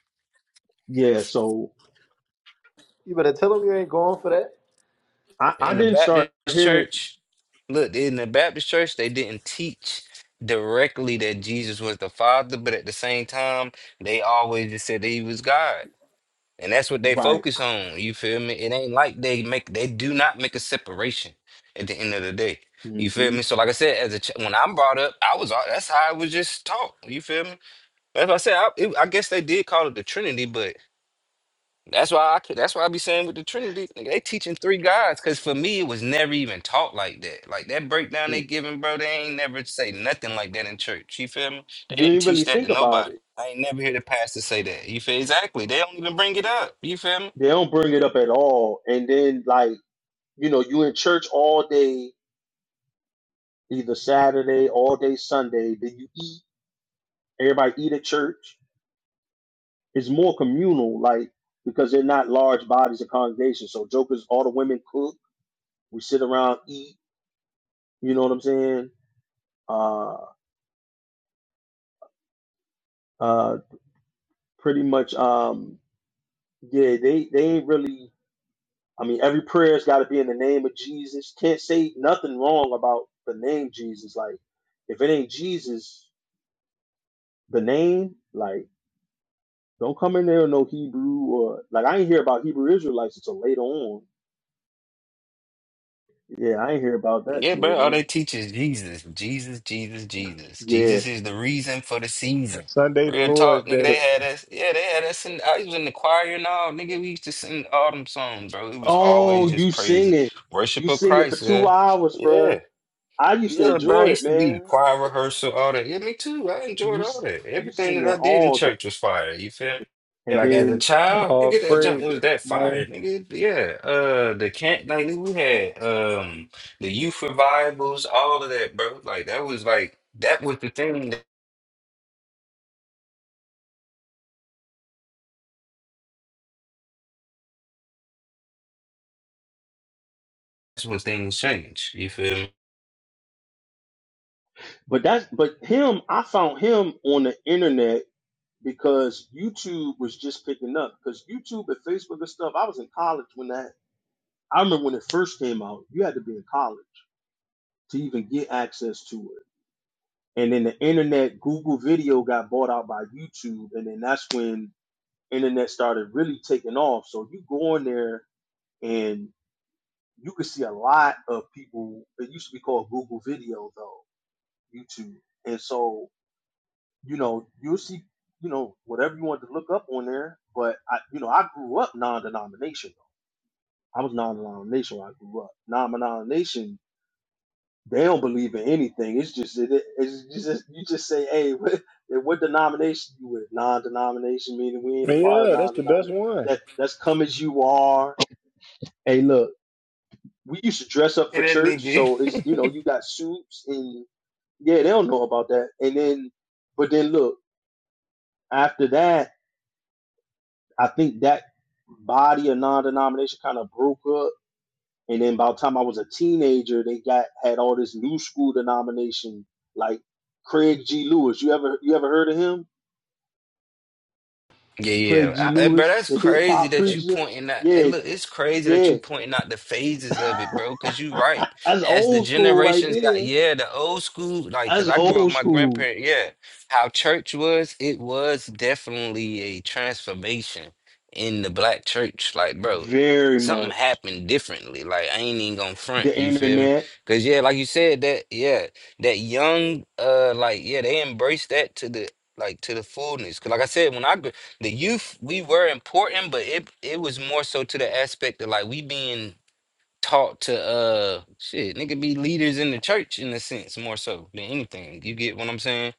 [SPEAKER 6] yeah. So
[SPEAKER 1] You better tell him you ain't going for that.
[SPEAKER 6] I I
[SPEAKER 4] In the
[SPEAKER 6] didn't
[SPEAKER 4] Baptist
[SPEAKER 6] start hearing
[SPEAKER 4] church, look in the Baptist church, they didn't teach directly that Jesus was the Father, but at the same time, they always just said that he was God. And that's what they
[SPEAKER 6] right.
[SPEAKER 4] focus on. You feel me? It ain't like they make they do not make a separation at the end of the day.
[SPEAKER 6] hmm
[SPEAKER 4] You feel me? So like I said, as a ch- when I'm brought up, I was all that's how I was just taught. You feel me? That's why I said I, it- I guess they did call it the Trinity, but that's why I could- that's why I be saying with the Trinity, nigga, they teaching three gods. Cause for me, it was never even taught like that. Like that breakdown they giving, bro, they ain't never say nothing like that in church. You feel me? They
[SPEAKER 6] You
[SPEAKER 4] didn't
[SPEAKER 6] ain't
[SPEAKER 4] teach
[SPEAKER 6] really
[SPEAKER 4] that to
[SPEAKER 6] think about
[SPEAKER 4] nobody.
[SPEAKER 6] it.
[SPEAKER 4] I ain't never hear the pastor say that. You feel exactly. They don't even bring it up. You feel me?
[SPEAKER 6] They don't bring it up at all, and then like you know, you in church all day, either Saturday all day Sunday. Then you eat. Everybody eat at church It's more communal, like because they're not large bodies of congregation. So jokers, all the women cook. We sit around, eat. You know what I'm saying? Uh, uh, pretty much. Um, yeah, they they ain't really. I mean, every prayer's got to be in the name of Jesus. Can't say nothing wrong about the name Jesus. Like, if it ain't Jesus, the name, like, don't come in there with no Hebrew or like. I ain't hear about Hebrew Israelites until later on. Yeah, I ain't hear about that
[SPEAKER 4] Yeah,
[SPEAKER 6] till
[SPEAKER 4] bro.
[SPEAKER 6] later
[SPEAKER 4] All
[SPEAKER 6] on.
[SPEAKER 4] they teach is Jesus, Jesus, Jesus, Jesus.
[SPEAKER 6] Yeah,
[SPEAKER 4] Jesus is the reason for the season.
[SPEAKER 1] Sunday, the
[SPEAKER 4] Real talk,
[SPEAKER 1] Lord's
[SPEAKER 4] nigga.
[SPEAKER 6] the
[SPEAKER 4] They
[SPEAKER 1] Day.
[SPEAKER 4] had us. Yeah, they had us. In, I was in the choir and all, nigga. We used to sing autumn songs, bro. It was
[SPEAKER 6] Oh,
[SPEAKER 4] always
[SPEAKER 6] you
[SPEAKER 4] just
[SPEAKER 6] sing
[SPEAKER 4] praise,
[SPEAKER 6] it.
[SPEAKER 4] worship
[SPEAKER 6] You
[SPEAKER 4] of
[SPEAKER 6] sing it for
[SPEAKER 4] Christ.
[SPEAKER 6] two
[SPEAKER 4] Yeah,
[SPEAKER 6] hours,
[SPEAKER 4] yeah.
[SPEAKER 6] bruh. I used to
[SPEAKER 4] Yeah, bro. I
[SPEAKER 6] enjoy it,
[SPEAKER 4] used to be in
[SPEAKER 6] man.
[SPEAKER 4] choir rehearsal, all that. Yeah, me too. I enjoyed
[SPEAKER 6] You
[SPEAKER 4] all
[SPEAKER 6] s-
[SPEAKER 4] that.
[SPEAKER 6] you
[SPEAKER 4] Everything
[SPEAKER 6] sing
[SPEAKER 4] that I
[SPEAKER 6] it
[SPEAKER 4] did in
[SPEAKER 6] all, day.
[SPEAKER 4] church was fire. You feel me? Yeah,
[SPEAKER 6] and
[SPEAKER 4] Like as a
[SPEAKER 6] then
[SPEAKER 4] child,
[SPEAKER 1] All
[SPEAKER 4] nigga, that
[SPEAKER 6] you,
[SPEAKER 4] jump
[SPEAKER 1] praise.
[SPEAKER 4] was that fire,
[SPEAKER 9] No,
[SPEAKER 4] nigga. Yeah. Uh the camp like nigga, we had um the youth revivals, all of that, bro. Like that was like that was the thing that's when things changed. You feel me?
[SPEAKER 6] but that's but him. I found him on the internet because YouTube was just picking up because YouTube and Facebook and stuff. I was in college when that. I remember when it first came out. You had to be in college to even get access to it. And then the internet, Google Video got bought out by YouTube, and then that's when internet started really taking off. So you go in there and you could see a lot of people. It used to be called Google Video though, YouTube. And so you know you'll see you know whatever you want to look up on there. But I you know I grew up non-denominational. I was non-denominational. when I grew up non-denomination. They don't believe in anything. It's just it, it's just you just say, hey, what, what denomination you with? Non-denomination meaning we ain't a part of
[SPEAKER 1] Yeah, that's the best
[SPEAKER 6] non-denomination
[SPEAKER 1] one.
[SPEAKER 6] that that's come as you are Hey, look, we used to dress up for
[SPEAKER 4] And that
[SPEAKER 6] church,
[SPEAKER 4] nigga.
[SPEAKER 6] so it's you know you got suits and yeah, they don't know about that. And then, but then look, after that, I think that body of non-denomination kind of broke up. And then by the time I was a teenager, they got had all this new school denomination like Craig G. Lewis. You ever you ever heard of him?
[SPEAKER 4] Yeah,
[SPEAKER 6] Craig G.
[SPEAKER 4] yeah. I, but
[SPEAKER 6] Lewis,
[SPEAKER 4] that's
[SPEAKER 6] the hip
[SPEAKER 4] crazy
[SPEAKER 6] hop
[SPEAKER 4] that you
[SPEAKER 6] preacher.
[SPEAKER 4] pointing out. Hey,
[SPEAKER 6] Yeah,
[SPEAKER 4] look, it's crazy that you
[SPEAKER 6] yeah.
[SPEAKER 4] pointing out the phases of it, bro. Cause you right.
[SPEAKER 6] That's
[SPEAKER 4] As the
[SPEAKER 6] old school right
[SPEAKER 4] generations got,
[SPEAKER 6] there.
[SPEAKER 4] yeah, the old school, like, cause
[SPEAKER 6] That's
[SPEAKER 4] I grew up
[SPEAKER 6] old
[SPEAKER 4] with my
[SPEAKER 6] school.
[SPEAKER 4] grandparent. Yeah, how church was, it was definitely a transformation in the black church. Like, bro,
[SPEAKER 6] Very
[SPEAKER 4] something
[SPEAKER 6] much.
[SPEAKER 4] happened differently. Like, I ain't even gonna front.
[SPEAKER 6] The
[SPEAKER 4] You feel me?
[SPEAKER 6] internet,
[SPEAKER 4] Cause yeah, like you said, that yeah, that young, uh, like yeah, they embraced that to the like to the fullness. Cause like I said, when I grew the youth we were important but it it was more so to the aspect of like we being taught to uh shit nigga be leaders in the church in a sense more so than anything you get what i'm saying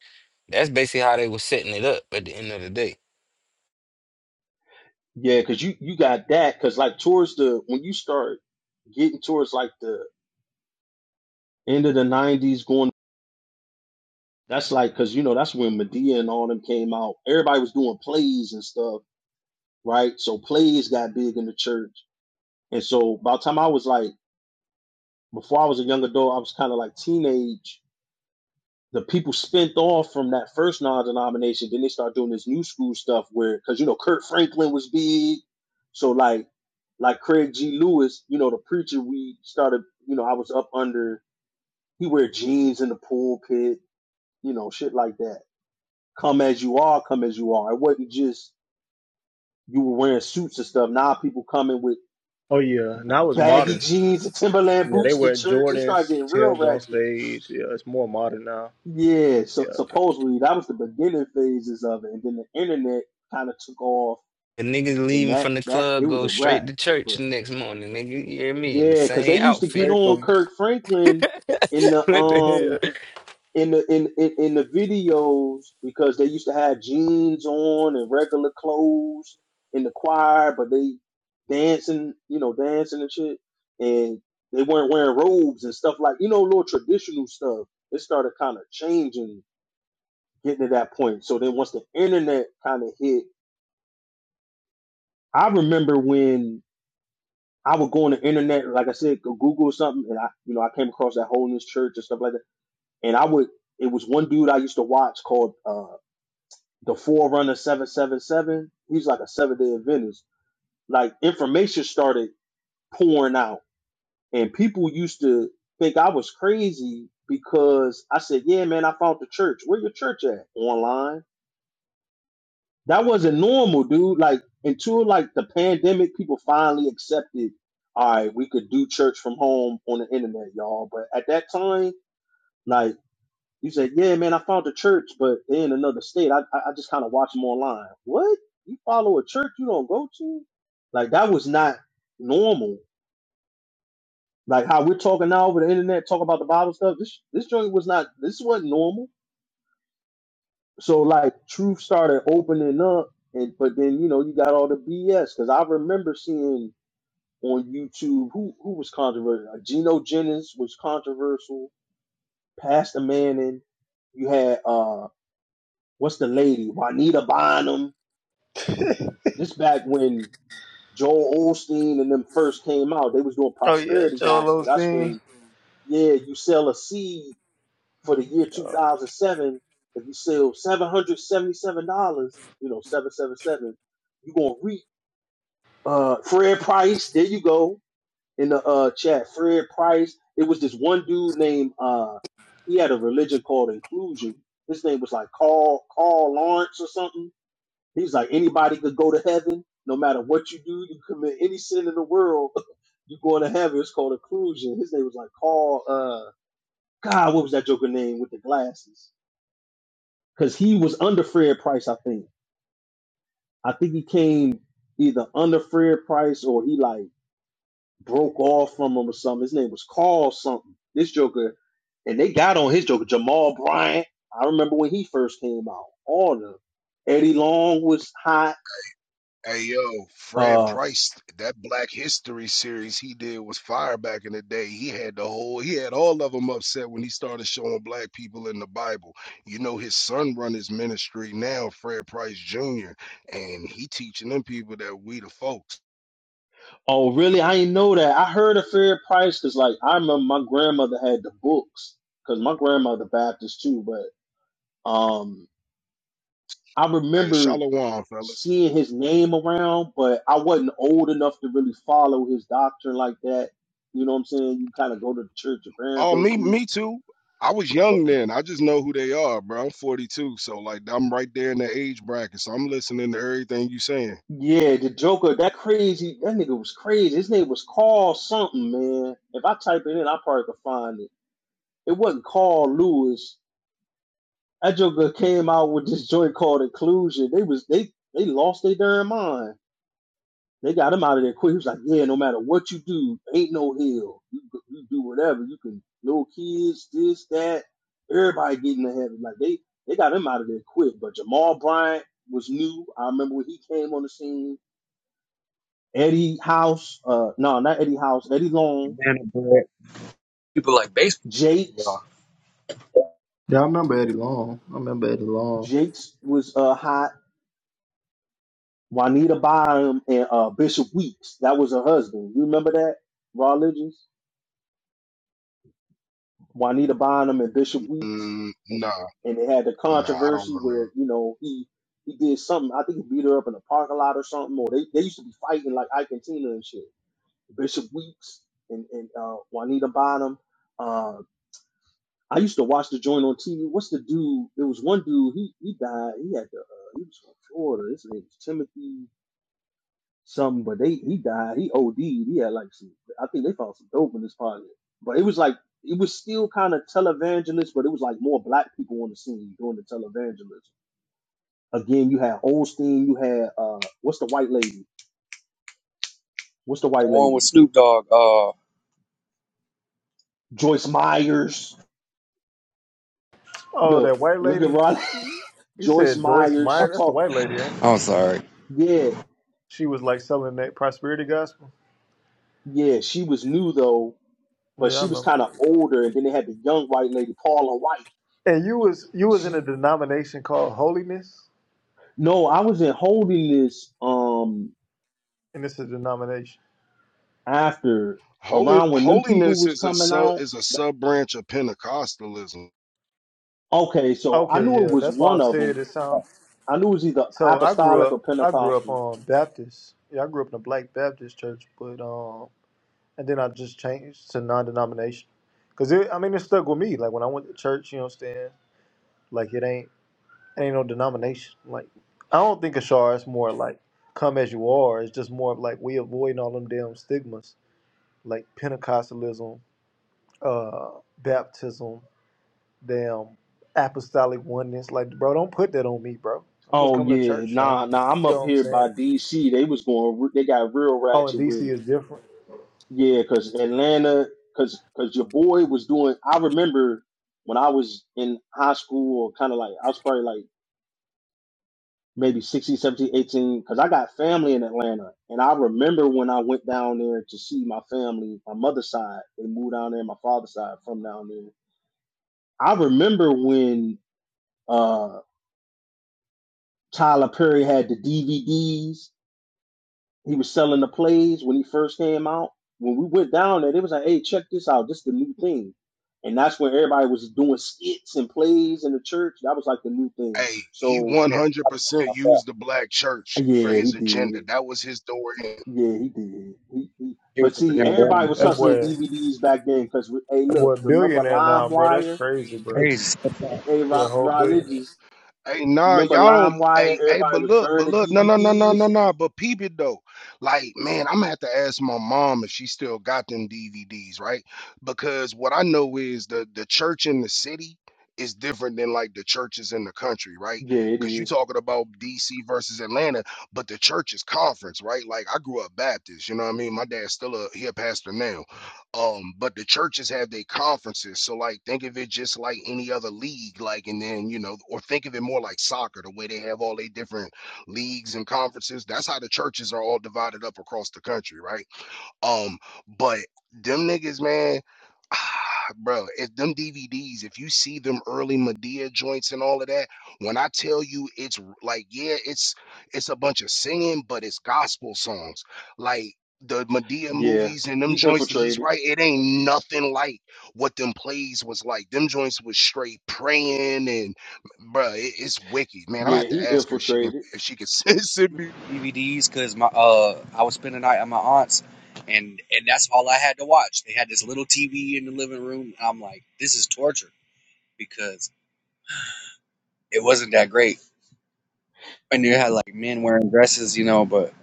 [SPEAKER 4] that's basically how they was setting it up at the end of the day
[SPEAKER 6] yeah, because you you got that. Because like towards the when you start getting towards like the end of the '90s, going that's like because you know that's when Medea and all them came out. Everybody was doing plays and stuff, right? So plays got big in the church, and so by the time I was like before I was a young adult, I was kind of like teenage. the people spent off from that first non-denomination. Then they start doing this new school stuff where, because you know, Kurt Franklin was big, so like, like Craig G. Lewis, you know, the preacher we started, you know, I was up under. He wear jeans in the pulpit, you know, shit like that. Come as you are, come as you are. It wasn't just you were wearing suits and stuff. Now people coming with
[SPEAKER 1] Oh yeah, and that was
[SPEAKER 6] baggy
[SPEAKER 1] modern.
[SPEAKER 6] jeans and Timberland
[SPEAKER 1] Yeah, they
[SPEAKER 6] boots to
[SPEAKER 1] wear
[SPEAKER 6] church. It started
[SPEAKER 1] Jordans,
[SPEAKER 6] getting real
[SPEAKER 1] Tim's on
[SPEAKER 6] ratchet.
[SPEAKER 1] stage. Yeah, it's more modern now.
[SPEAKER 6] Yeah, so
[SPEAKER 1] Yeah, God,
[SPEAKER 6] supposedly that was the beginning phases of it, and then the internet kind of took off,
[SPEAKER 4] the niggas
[SPEAKER 6] and
[SPEAKER 4] leaving
[SPEAKER 6] that
[SPEAKER 4] from the
[SPEAKER 6] that it
[SPEAKER 4] club
[SPEAKER 6] was
[SPEAKER 4] go
[SPEAKER 6] a
[SPEAKER 4] straight
[SPEAKER 6] wrap.
[SPEAKER 4] to church the
[SPEAKER 6] But
[SPEAKER 4] next morning nigga you hear me in the
[SPEAKER 6] yeah, because they
[SPEAKER 4] same
[SPEAKER 6] used to get
[SPEAKER 1] pray
[SPEAKER 4] outfit
[SPEAKER 1] for
[SPEAKER 6] on
[SPEAKER 1] me.
[SPEAKER 6] Kirk Franklin in the
[SPEAKER 4] what the
[SPEAKER 6] um
[SPEAKER 4] hell
[SPEAKER 6] in the in, in in the videos because they used to have jeans on and regular clothes in the choir, but they dancing, you know, dancing and shit, and they weren't wearing robes and stuff like you know, little traditional stuff. It started kind of changing getting to that point. So then once the internet kind of hit, I remember when I would go on the internet, like I said, go Google something, and I, you know, I came across that holiness church and stuff like that. And I would, it was one dude I used to watch called uh, the Forerunner Seven Seven Seven. He's like a Seven Day Adventist. Like information started pouring out, and people used to think I was crazy because I said, "Yeah, man, I found the church. Where your church at? Online." that wasn't normal, dude. Like until like the pandemic, people finally accepted, all right, we could do church from home on the internet, y'all. But at that time, like you said, yeah, man, I found a church, but they're in another state. I I I just kind of watch them online. What? You follow a church you don't go to? Like that was not normal. Like how we're talking now over the internet, talk about the Bible stuff. This this joint was not. This wasn't normal so like truth started opening up and but then you know you got all the bs because i remember seeing on youtube who who was controversial Uh, gino jennings was controversial pastor manning you had uh what's the lady juanita bynum this back when Joel Osteen and them first came out, they was doing
[SPEAKER 1] Oh yeah,
[SPEAKER 6] prosperity gospel.
[SPEAKER 1] Joel
[SPEAKER 6] That's
[SPEAKER 1] Osteen.
[SPEAKER 6] when, yeah, you sell a seed for the year
[SPEAKER 1] Oh,
[SPEAKER 6] 2007, if you sell $777, you know, 777, you're going to reap. Uh, Fred Price, there you go in the uh, chat. Fred Price, it was this one dude named, uh, he had a religion called inclusion. His name was like Carl, Carl Lawrence or something. He's like, anybody could go to heaven no matter what you do. You commit any sin in the world, you're going to heaven. It's called inclusion. His name was like Carl, uh, God, what was that joker name with the glasses? because he was under Fred Price. I think. I think he came either under Fred Price or he like broke off from him or something. His name was Carl something. This Joker, and they got on his Joker Jamal Bryant. I remember when he first came out. All of them. Eddie Long was hot.
[SPEAKER 10] Hey yo, Fred
[SPEAKER 6] Uh
[SPEAKER 10] Price, that Black History series he did was fire back in the day. He had the whole, he had all of them upset when he started showing black people in the Bible. You know, his son run his ministry now, Fred Price Jr., and he teaching them people that we the folks.
[SPEAKER 6] oh, really? I didn't know that. I heard of Fred Price because like I remember my grandmother had the books because my grandmother Baptist too, but um I
[SPEAKER 10] Hey,
[SPEAKER 6] remember
[SPEAKER 10] Shalom, fellas.
[SPEAKER 6] seeing his name around, but I wasn't old enough to really follow his doctrine like that. You know what I'm saying? You kind of go to the church your parents
[SPEAKER 10] Oh,
[SPEAKER 6] go
[SPEAKER 10] me,
[SPEAKER 6] to.
[SPEAKER 10] me too. I was
[SPEAKER 6] But
[SPEAKER 10] young then. I just know who they are, bro. I'm 42, so like I'm right there in the age bracket. So I'm listening to everything you saying.
[SPEAKER 6] yeah, the Joker, that crazy, that nigga was crazy. His name was Carl something, man. If I type it in, I probably could find it. It wasn't Carl Lewis. That Joker came out with this joint called Inclusion. They was they they lost their damn mind. They got him out of there quick. He was like, yeah, no matter what you do, ain't no hell. You, you do whatever. You can, no kids, this, that. Everybody getting to heaven. Like they, they got him out of there quick. But Jamal Bryant was new. I remember when he came on the scene. Eddie House, uh, no, not Eddie House, Eddie Long,
[SPEAKER 9] banana bread. People like baseball, y'all.
[SPEAKER 6] Jakes.
[SPEAKER 1] Yeah, I remember Eddie Long. I remember Eddie Long.
[SPEAKER 6] Jakes was uh hot. Juanita Bynum and uh Bishop Weeks. That was her husband. You remember that? Raw Legends? Juanita Bonham and Bishop Weeks,
[SPEAKER 10] Mm,
[SPEAKER 6] and
[SPEAKER 10] nah,
[SPEAKER 6] and they had the
[SPEAKER 10] nah, I don't
[SPEAKER 6] controversy
[SPEAKER 10] remember.
[SPEAKER 6] where you know he he did something. I think he beat her up in a parking lot or something. Or they, they used to be fighting like Ike and Tina and shit. Bishop Weeks and and uh, Juanita Bonham. Uh, I used to watch the joint on TV. What's the dude? There was one dude. He he died. He had the uh, he was from Florida. His name was Timothy something, but they he died. He OD'd. He had like some. I think they found some dope in his pocket, but it was like it was still kind of televangelist, but it was like more black people on the scene doing the televangelism. Again, you had Olstein. You had uh, what's the white lady? What's the
[SPEAKER 9] Like The
[SPEAKER 6] white
[SPEAKER 9] one
[SPEAKER 6] lady?
[SPEAKER 9] with Snoop Dogg. Uh,
[SPEAKER 6] Joyce Myers.
[SPEAKER 1] oh,
[SPEAKER 6] Look,
[SPEAKER 1] that white
[SPEAKER 6] look at
[SPEAKER 1] lady.
[SPEAKER 6] Ronnie.
[SPEAKER 1] You
[SPEAKER 6] Joyce
[SPEAKER 1] said Joyce
[SPEAKER 6] Myers.
[SPEAKER 1] Meyer.
[SPEAKER 6] She
[SPEAKER 1] That's the
[SPEAKER 6] talked.
[SPEAKER 1] white lady, ain't it?
[SPEAKER 9] I'm sorry.
[SPEAKER 6] Yeah,
[SPEAKER 1] She was like selling that prosperity gospel.
[SPEAKER 6] yeah. She was new though, but
[SPEAKER 1] Yeah, I
[SPEAKER 6] she was
[SPEAKER 1] remember.
[SPEAKER 6] kind of older. And then they had the young white lady, Paula White.
[SPEAKER 1] And you was you was in
[SPEAKER 6] She
[SPEAKER 1] a denomination called Holiness.
[SPEAKER 6] no, I was in holiness. Um,
[SPEAKER 1] and it's a denomination.
[SPEAKER 6] after
[SPEAKER 10] Holy
[SPEAKER 6] around when them people
[SPEAKER 10] holiness
[SPEAKER 6] was
[SPEAKER 10] is a
[SPEAKER 6] coming
[SPEAKER 10] sub
[SPEAKER 6] out.
[SPEAKER 10] is a sub branch of Pentecostalism.
[SPEAKER 6] Okay, so I
[SPEAKER 1] Okay,
[SPEAKER 6] knew it
[SPEAKER 1] yeah,
[SPEAKER 6] was
[SPEAKER 1] that's why I
[SPEAKER 6] one of
[SPEAKER 1] said
[SPEAKER 6] them.
[SPEAKER 1] it sound.
[SPEAKER 6] I knew it was either
[SPEAKER 1] So I grew
[SPEAKER 6] apostolic or
[SPEAKER 1] up, I grew up
[SPEAKER 6] Pentecostal.
[SPEAKER 1] on um, Baptist. Yeah, I grew up in a Black Baptist church, but um, and then I just changed to non-denomination, cause it, I mean, it stuck with me. Like when I went to church, you know what I'm saying? Like it ain't, it ain't no denomination. Like I don't think Ashar is more like come as you are. It's just more of like we avoiding all them damn stigmas, like Pentecostalism, uh, baptism, damn apostolic oneness. Like, bro, don't put that on me, bro. I'm just
[SPEAKER 6] Oh
[SPEAKER 1] coming to
[SPEAKER 6] yeah,
[SPEAKER 1] church, fam.
[SPEAKER 6] nah, nah. I'm
[SPEAKER 1] You
[SPEAKER 6] up
[SPEAKER 1] know what I'm
[SPEAKER 6] here by
[SPEAKER 1] saying?
[SPEAKER 6] D.C. They was going. re- They got real
[SPEAKER 1] Oh, and
[SPEAKER 6] ratchet
[SPEAKER 1] DC
[SPEAKER 6] with it.
[SPEAKER 1] is different.
[SPEAKER 6] Yeah, cause Atlanta, cause cause your boy was doing. I remember when I was in high school, kind of like I was probably like. maybe 16, seventeen, eighteen, because I got family in Atlanta. And I remember when I went down there to see my family, my mother's side, they moved down there, my father's side from down there. I remember when uh, Tyler Perry had the DVDs, he was selling the plays when he first came out. When we went down there, they was like, hey, check this out. This is the new thing. And that's when everybody was doing skits and plays in the church. That was like the new thing.
[SPEAKER 10] Hey, he
[SPEAKER 6] So,
[SPEAKER 10] one
[SPEAKER 9] Yeah,
[SPEAKER 10] hundred
[SPEAKER 9] I don't know
[SPEAKER 10] percent
[SPEAKER 9] about that.
[SPEAKER 10] used the black church for
[SPEAKER 6] yeah, he
[SPEAKER 10] his
[SPEAKER 6] did.
[SPEAKER 10] agenda. That was his door.
[SPEAKER 6] Yeah, he did. He, he,
[SPEAKER 9] He was
[SPEAKER 6] but
[SPEAKER 9] the
[SPEAKER 6] see,
[SPEAKER 9] banana
[SPEAKER 6] everybody was
[SPEAKER 1] That
[SPEAKER 9] bread.
[SPEAKER 6] hustling
[SPEAKER 1] boy, that
[SPEAKER 6] DVDs back then because, hey,
[SPEAKER 1] boy,
[SPEAKER 6] look,
[SPEAKER 1] a
[SPEAKER 6] remember
[SPEAKER 1] billionaire now, bro. That's
[SPEAKER 6] LimeWire?
[SPEAKER 1] crazy,
[SPEAKER 6] Hey,
[SPEAKER 1] bro.
[SPEAKER 9] Crazy.
[SPEAKER 6] hey, hey
[SPEAKER 1] He a
[SPEAKER 6] Ra-
[SPEAKER 1] whole billionaire.
[SPEAKER 6] religious,
[SPEAKER 10] Hey, nah,
[SPEAKER 6] remember
[SPEAKER 10] y'all don't.
[SPEAKER 6] LimeWire?
[SPEAKER 10] Hey, hey,
[SPEAKER 6] Everybody
[SPEAKER 10] but
[SPEAKER 6] was
[SPEAKER 10] look, but
[SPEAKER 6] burning
[SPEAKER 10] look, no, no, no, no,
[SPEAKER 6] DVDs.
[SPEAKER 10] no, no. But peep it though. Like, man, I'm gonna have to ask my mom if she still got them DVDs, right? Because what I know is the the church in the city is different than like the churches in the country, right?
[SPEAKER 6] Yeah, it
[SPEAKER 10] Because you
[SPEAKER 6] is.
[SPEAKER 10] talking about DC versus Atlanta, but the church is conference, right? Like, I grew up Baptist, you know what I mean? My dad's still a he a pastor now. Um, but the churches have their conferences. So like think of it just like any other league, like and then, you know, or think of it more like soccer, the way they have all their different leagues and conferences. That's how the churches are all divided up across the country, right? Um, but them niggas, man, ah, bro, if them DVDs, if you see them early Medea joints and all of that, when I tell you it's r- like, yeah, it's it's a bunch of singing, but it's gospel songs. Like the Medea
[SPEAKER 6] Yeah,
[SPEAKER 10] movies and
[SPEAKER 6] he
[SPEAKER 10] them joints that he's
[SPEAKER 6] infiltrated.
[SPEAKER 10] right, it ain't nothing like what them plays was like. Them joints was straight praying and bro, it, it's wicked, man. I'm gonna
[SPEAKER 6] Yeah,
[SPEAKER 10] have
[SPEAKER 6] he
[SPEAKER 10] to ask her if she can
[SPEAKER 6] infiltrated.
[SPEAKER 10] if she can send me.
[SPEAKER 9] DVDs because my uh I was spending the night at my aunt's, and and that's all I had to watch. They had this little TV in the living room. And I'm like, this is torture because it wasn't that great. And you had like men wearing dresses, you know, but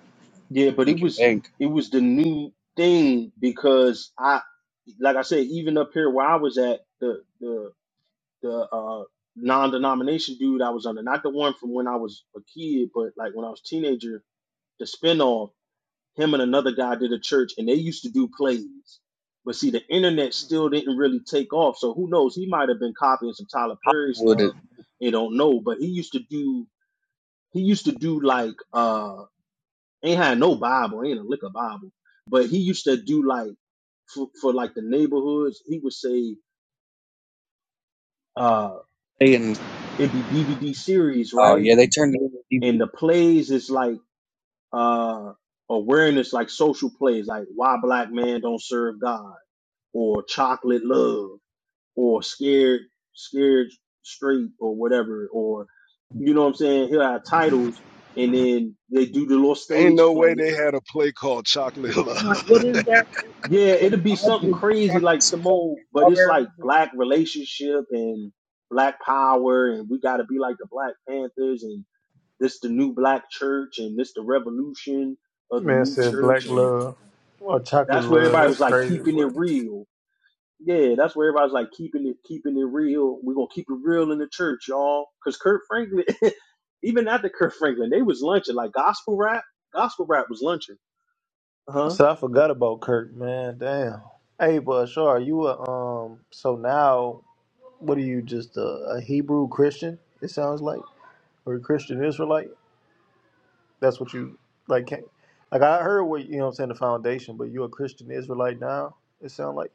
[SPEAKER 6] Yeah, but it
[SPEAKER 9] making
[SPEAKER 6] was
[SPEAKER 9] bank.
[SPEAKER 6] it was the new thing because I, like I said, even up here where I was at, the the the uh, non-denomination dude I was under, not the one from when I was a kid, but like when I was a teenager, the spinoff, him and another guy did a church, and they used to do plays. But see, the internet still didn't really take off, so who knows? He might have been copying some Tyler Perry
[SPEAKER 9] Hollywood, is-
[SPEAKER 6] stuff, You don't know. But he used to do, he used to do like, uh, ain't had no Bible, ain't a lick of Bible, but he used to do like, for, for like the neighborhoods, he would say, uh,
[SPEAKER 9] they and
[SPEAKER 6] it'd be DVD series,
[SPEAKER 9] oh
[SPEAKER 6] right?
[SPEAKER 9] yeah, they turned it into a
[SPEAKER 6] and
[SPEAKER 9] DVD.
[SPEAKER 6] the plays is like uh awareness like social plays like why black man don't serve god or chocolate love or scared scared straight or whatever or you know what i'm saying here are titles and then they do the little
[SPEAKER 10] Ain't
[SPEAKER 6] stage
[SPEAKER 10] no way
[SPEAKER 6] play
[SPEAKER 10] they had a play called Chocolate Love.
[SPEAKER 9] I'm like, what is that?
[SPEAKER 6] yeah it'll be
[SPEAKER 9] All
[SPEAKER 6] something
[SPEAKER 9] these
[SPEAKER 6] crazy like
[SPEAKER 9] chocolates
[SPEAKER 6] some
[SPEAKER 9] covered in
[SPEAKER 6] old but it's like
[SPEAKER 9] strawberries.
[SPEAKER 6] black relationship and black power and we got to be like the black panthers and This the new black church and this the revolution of the
[SPEAKER 1] Man
[SPEAKER 6] new
[SPEAKER 1] said
[SPEAKER 6] church
[SPEAKER 1] black
[SPEAKER 6] and
[SPEAKER 1] love or chocolate
[SPEAKER 6] that's where
[SPEAKER 1] love.
[SPEAKER 6] everybody
[SPEAKER 1] That's
[SPEAKER 6] was like
[SPEAKER 1] crazy,
[SPEAKER 6] keeping
[SPEAKER 1] bro.
[SPEAKER 6] it real. Yeah, that's where everybody's like keeping it keeping it real. We're gonna keep it real in the church, y'all. Cause Kurt Franklin even after Kurt Franklin, they was lunching like gospel rap. Gospel rap was lunching. Uh Huh?
[SPEAKER 1] So I forgot about Kirk, man. Damn. Hey, but sure, are you a um. So now, what are you? Just a, a Hebrew Christian? It sounds like, or a Christian Israelite? That's what you like. Can't, like I heard what you know. what I'm saying the foundation, but you a Christian Israelite now. It sound like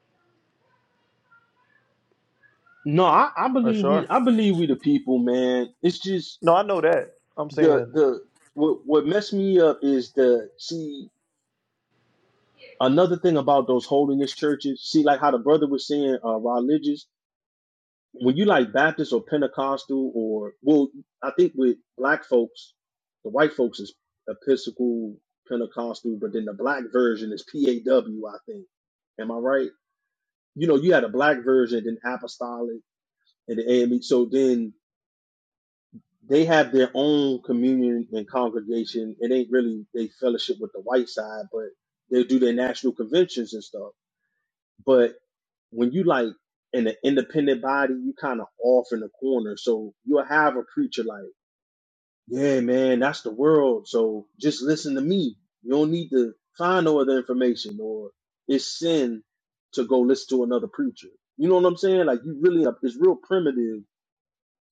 [SPEAKER 6] No, I, I
[SPEAKER 1] a
[SPEAKER 6] believe we.
[SPEAKER 1] sure.
[SPEAKER 6] I believe we the people, man. It's just
[SPEAKER 1] No, I know that. I'm
[SPEAKER 6] the
[SPEAKER 1] saying.
[SPEAKER 6] the what what messed me up is the see another thing about those holiness churches, see, like how the brother was saying, uh, religious. When you like Baptist or Pentecostal or well, I think with black folks, the white folks is Episcopal Pentecostal, but then the black version is PAW. I think. Am I right? You know, you had a black version, then Apostolic, and the AME. So then they have their own communion and congregation. It ain't really they fellowship with the white side, but they do their national conventions and stuff But when you like in an independent body, you kind of off in the corner. So you'll have a preacher like, yeah, man, that's the world. So just listen to me. You don't need to find no other information or it's sin to go listen to another preacher. You know what I'm saying? Like you really, it's real primitive.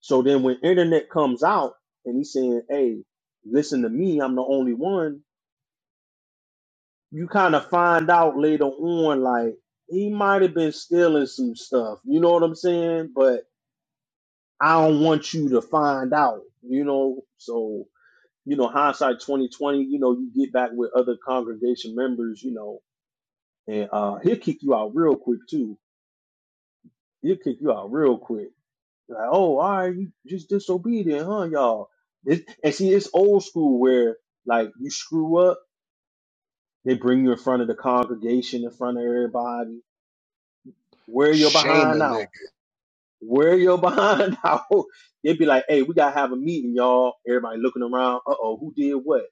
[SPEAKER 6] So then when internet comes out and he's saying, hey, listen to me, I'm the only one. You kind of find out later on, like he might have been stealing some stuff. You know what I'm saying? But I don't want you to find out, you know. So, you know, hindsight twenty twenty, you know, you get back with other congregation members, you know, and uh he'll kick you out real quick too. He'll kick you out real quick. Like, oh, all right, you just disobedient, huh, y'all? It, and see, it's old school where like you screw up, they bring you in front of the congregation, in front of everybody, wear your
[SPEAKER 10] Shame a
[SPEAKER 6] behind out.
[SPEAKER 10] nigga.
[SPEAKER 6] Wear your behind out. They'd be like, hey, we gotta have a meeting, y'all. Everybody looking around. Uh oh, who did what?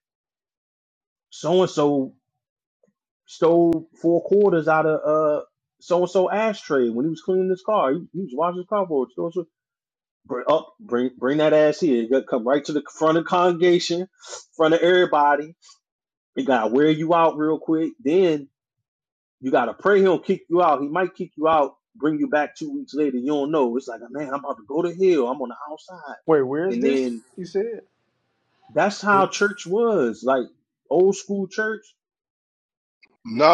[SPEAKER 6] so and so stole four quarters out of uh so and so ashtray when he was cleaning his car. He, he was washing his car for it. So-and-so- Bring up, bring bring that ass here. You gotta come right to the front of the congregation, front of everybody. He gotta wear you out real quick. Then you gotta pray he'll kick you out. He might kick you out, bring you back two weeks later. You don't know. It's like, man, I'm about to go to hell. I'm on the outside.
[SPEAKER 1] Wait, where is
[SPEAKER 6] And
[SPEAKER 1] this?
[SPEAKER 6] then
[SPEAKER 1] You said.
[SPEAKER 6] that's how
[SPEAKER 1] Where-
[SPEAKER 6] church was. Like old school church,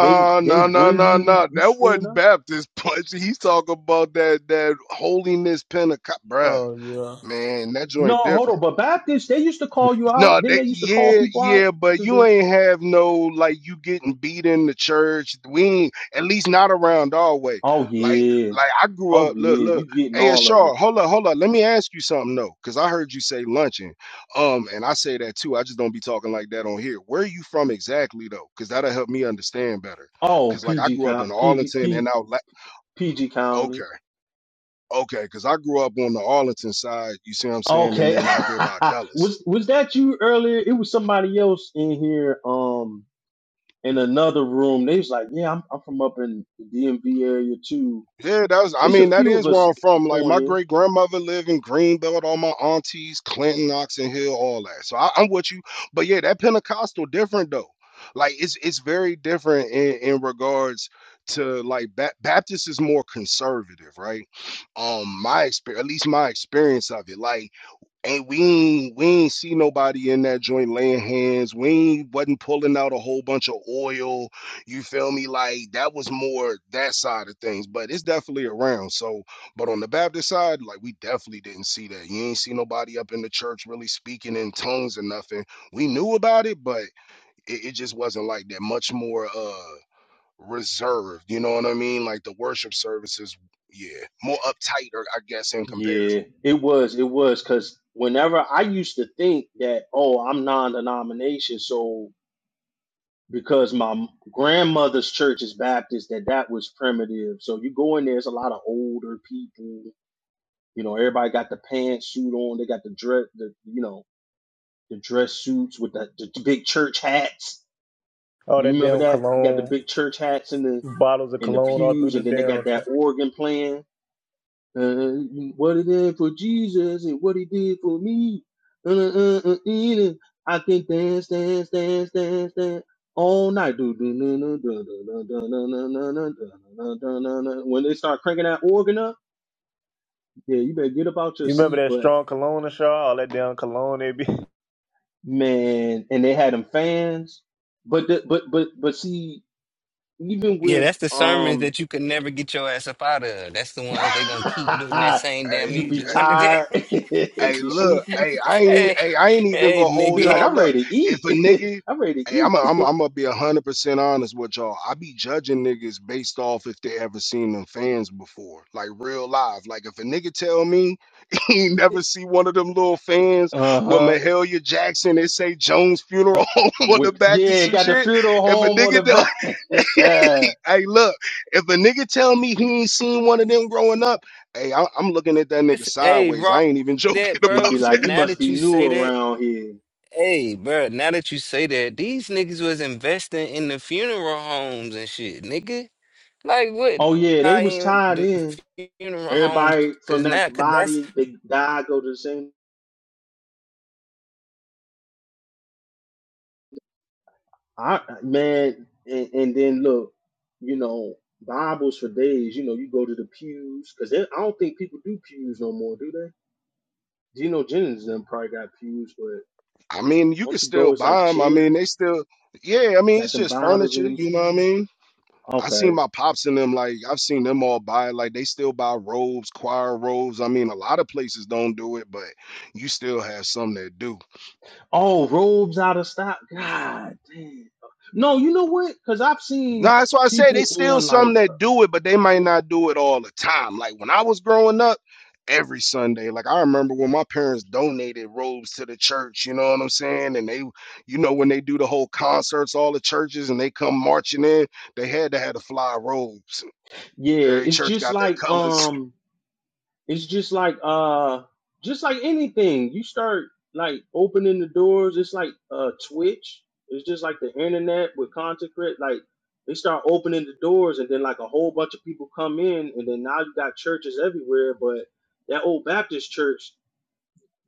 [SPEAKER 6] they they
[SPEAKER 10] nah, nah,
[SPEAKER 6] bring
[SPEAKER 10] nah,
[SPEAKER 6] you
[SPEAKER 10] nah.
[SPEAKER 6] you
[SPEAKER 10] That
[SPEAKER 6] screwing up
[SPEAKER 10] wasn't Baptist punch. He's talking about that that holiness Pentecost, bruh.
[SPEAKER 1] Oh yeah.
[SPEAKER 10] Man, that
[SPEAKER 6] No,
[SPEAKER 10] joint different.
[SPEAKER 6] hold on. But Baptists, they used to call you out.
[SPEAKER 10] No,
[SPEAKER 6] Then
[SPEAKER 10] that,
[SPEAKER 6] they used to call
[SPEAKER 10] yeah,
[SPEAKER 6] people out
[SPEAKER 10] yeah, but
[SPEAKER 6] to
[SPEAKER 10] you
[SPEAKER 6] the.
[SPEAKER 10] ain't have no like you getting beat in the church. We ain't, at least not around our way.
[SPEAKER 6] Oh
[SPEAKER 10] Like,
[SPEAKER 6] yeah,
[SPEAKER 10] like I grew
[SPEAKER 6] oh
[SPEAKER 10] up. Look,
[SPEAKER 6] yeah,
[SPEAKER 10] look.
[SPEAKER 6] you getting all of it.
[SPEAKER 10] ASR, hold up, hold up. Let me ask you something though, because I heard you say luncheon. Um, and I say that too. I just don't be talking like that on here. Where are you from exactly though? Because that'll help me understand better.
[SPEAKER 6] Oh
[SPEAKER 10] Because like I
[SPEAKER 6] PG
[SPEAKER 10] grew up in
[SPEAKER 6] count, PG
[SPEAKER 10] Arlington and
[SPEAKER 6] P,
[SPEAKER 10] out. La-
[SPEAKER 6] PG
[SPEAKER 10] okay,
[SPEAKER 6] County.
[SPEAKER 10] okay. Because I grew up on the Arlington side. You see what I'm saying? And
[SPEAKER 6] Okay,
[SPEAKER 10] then out there by Dulles.
[SPEAKER 6] was was that you earlier? It was somebody else in here, um, in another room. They was like, yeah, I'm I'm from up in the DMV area too.
[SPEAKER 10] Yeah, that was. I
[SPEAKER 6] It's a
[SPEAKER 10] mean, that
[SPEAKER 6] few of
[SPEAKER 10] is where
[SPEAKER 6] us
[SPEAKER 10] I'm from. Like
[SPEAKER 6] on
[SPEAKER 10] my
[SPEAKER 6] here.
[SPEAKER 10] great grandmother lived in Greenbelt. All my aunties, Clinton, Oxon Hill, all that. So I, I'm with you. But yeah, that Pentecostal different though. Like it's it's very different in, in regards to like ba- Baptist is more conservative, right? Um, my experience, at least my experience of it. Like and we ain't, we ain't see nobody in that joint laying hands. We ain't, wasn't pulling out a whole bunch of oil. You feel me? Like that was more that side of things, but it's definitely around. So, but on the Baptist side, like we definitely didn't see that. You ain't see nobody up in the church really speaking in tongues or nothing. We knew about it, but it, it just wasn't like that. Much more uh reserved. You know what I mean? Like the worship services, yeah, more uptight, or I guess in comparison.
[SPEAKER 6] Yeah, it was. It was because whenever I used to think that, oh, I'm non-denomination, so because my m- grandmother's church is Baptist, that that was primitive. So you go in there, it's a lot of older people. You know, everybody got the pantsuit on. They got the dress, the you know, the dress suits with the, the big church hats.
[SPEAKER 1] All
[SPEAKER 6] You
[SPEAKER 1] that
[SPEAKER 6] remember
[SPEAKER 1] damn
[SPEAKER 6] that? You got the
[SPEAKER 1] cologne
[SPEAKER 6] big church hats in the
[SPEAKER 1] bottles of
[SPEAKER 6] in the
[SPEAKER 1] cologne all through
[SPEAKER 6] pews,
[SPEAKER 1] the
[SPEAKER 6] and then they got
[SPEAKER 1] damn.
[SPEAKER 6] that
[SPEAKER 1] ch-
[SPEAKER 6] organ playing. Uh, what he did for Jesus and what he did for me. Uh, uh, uh, uh, uh, uh, I can dance, dance, dance, dance, dance all night. Do, do, do, do, do, do, do, do, do, do, do, do, do, do, do, When they start cranking that organ up, yeah, you better get up out your
[SPEAKER 1] You remember
[SPEAKER 6] seat.
[SPEAKER 1] that
[SPEAKER 6] But
[SPEAKER 1] strong cologne, Ashar? All that damn cologne they be.
[SPEAKER 6] man, and they had them fans. But the, but but but see, even
[SPEAKER 4] Yeah,
[SPEAKER 6] with
[SPEAKER 4] that's the sermons
[SPEAKER 6] um,
[SPEAKER 4] that you could never get your ass up out of. That's the ones they gonna keep doing that same damn
[SPEAKER 10] I,
[SPEAKER 6] you be
[SPEAKER 4] music. One of them.
[SPEAKER 6] tired, you
[SPEAKER 10] Hey,
[SPEAKER 6] be
[SPEAKER 10] look,
[SPEAKER 6] sleepy.
[SPEAKER 10] hey, I ain't, e-
[SPEAKER 4] hey,
[SPEAKER 10] hey, I ain't even
[SPEAKER 4] hey,
[SPEAKER 10] gonna
[SPEAKER 6] Be
[SPEAKER 10] hold
[SPEAKER 4] nigga.
[SPEAKER 6] like, I'm
[SPEAKER 10] y'all up.
[SPEAKER 6] ready to
[SPEAKER 10] If a
[SPEAKER 6] eat.
[SPEAKER 10] nigga,
[SPEAKER 6] I'm ready to
[SPEAKER 10] hey,
[SPEAKER 6] eat.
[SPEAKER 10] I'm, i I'm, i am i gonna be hundred percent honest with y'all. I be judging niggas based off if they ever seen them fans before, like real live. Like if a nigga tell me he ain't never see one of them little fans
[SPEAKER 6] Uh
[SPEAKER 10] with
[SPEAKER 6] huh.
[SPEAKER 10] Mahalia Jackson and say Jones funeral Home on the
[SPEAKER 6] With
[SPEAKER 10] back and
[SPEAKER 6] yeah,
[SPEAKER 10] some
[SPEAKER 6] got the
[SPEAKER 10] shit.
[SPEAKER 6] funeral
[SPEAKER 10] If a
[SPEAKER 6] home on the
[SPEAKER 10] nigga
[SPEAKER 6] back.
[SPEAKER 10] hey, look, if a nigga tell me he ain't seen one of them growing up, hey, I, I'm looking at that nigga
[SPEAKER 4] That's- Hey,
[SPEAKER 10] sideways.
[SPEAKER 4] raw
[SPEAKER 10] I ain't even joking
[SPEAKER 4] That,
[SPEAKER 10] about
[SPEAKER 6] It'd
[SPEAKER 4] bro.
[SPEAKER 6] be like,
[SPEAKER 10] that.
[SPEAKER 6] you
[SPEAKER 4] Now
[SPEAKER 6] must
[SPEAKER 4] that
[SPEAKER 6] be
[SPEAKER 4] you
[SPEAKER 6] new
[SPEAKER 4] say that,
[SPEAKER 6] around here.
[SPEAKER 4] hey, bro. Now that you say that, these niggas was investing in the funeral homes and shit, nigga. Like what?
[SPEAKER 6] Oh yeah, they
[SPEAKER 4] I
[SPEAKER 6] was
[SPEAKER 4] am
[SPEAKER 6] tied
[SPEAKER 4] the
[SPEAKER 6] in.
[SPEAKER 4] funeral homes,
[SPEAKER 6] Everybody
[SPEAKER 4] cause
[SPEAKER 6] from that
[SPEAKER 4] now, cause that's
[SPEAKER 6] body, they died, go to the same. I man, and, and then look, you know, Bibles for days. You know, you go to the pews because I don't think people do pews no more, do they? Geno Jennings and them probably got pews, but
[SPEAKER 10] I mean, you can
[SPEAKER 6] don't you
[SPEAKER 10] still
[SPEAKER 6] go? It's like
[SPEAKER 10] buy them. I mean,
[SPEAKER 6] chairs.
[SPEAKER 10] they still, yeah. I mean,
[SPEAKER 6] Got
[SPEAKER 10] it's
[SPEAKER 6] them
[SPEAKER 10] just
[SPEAKER 6] Bibles and
[SPEAKER 10] furniture.
[SPEAKER 6] them
[SPEAKER 10] You know what I
[SPEAKER 6] keys.
[SPEAKER 10] mean? I
[SPEAKER 6] Okay.
[SPEAKER 10] seen my pops in them. Like I've seen them all buy. Like they still buy robes, choir robes. I mean, a lot of places don't do it, but you still have some that do.
[SPEAKER 6] Oh, robes out of stock. God damn. No, you know what? Because I've
[SPEAKER 10] No,
[SPEAKER 6] seen
[SPEAKER 10] that's why I say they
[SPEAKER 6] people
[SPEAKER 10] still
[SPEAKER 6] on
[SPEAKER 10] some
[SPEAKER 6] like, uh,
[SPEAKER 10] that do it, but they might not do it all the time. Like when I was growing up, every Sunday, like I remember when my parents donated robes to the church, you know what I'm saying? And they, you know, when they do the whole concerts, all the churches, and they come marching in, they had to have the fly robes.
[SPEAKER 6] yeah,
[SPEAKER 10] Every
[SPEAKER 6] it's
[SPEAKER 10] church
[SPEAKER 6] just
[SPEAKER 10] got their
[SPEAKER 6] like
[SPEAKER 10] colors.
[SPEAKER 6] um, it's just like uh, just like anything. You start like opening the doors. It's like uh, Twitch. It's just like the internet with content creat- Like they start opening the doors, and then like a whole bunch of people come in, and then now you got churches everywhere. But that old Baptist church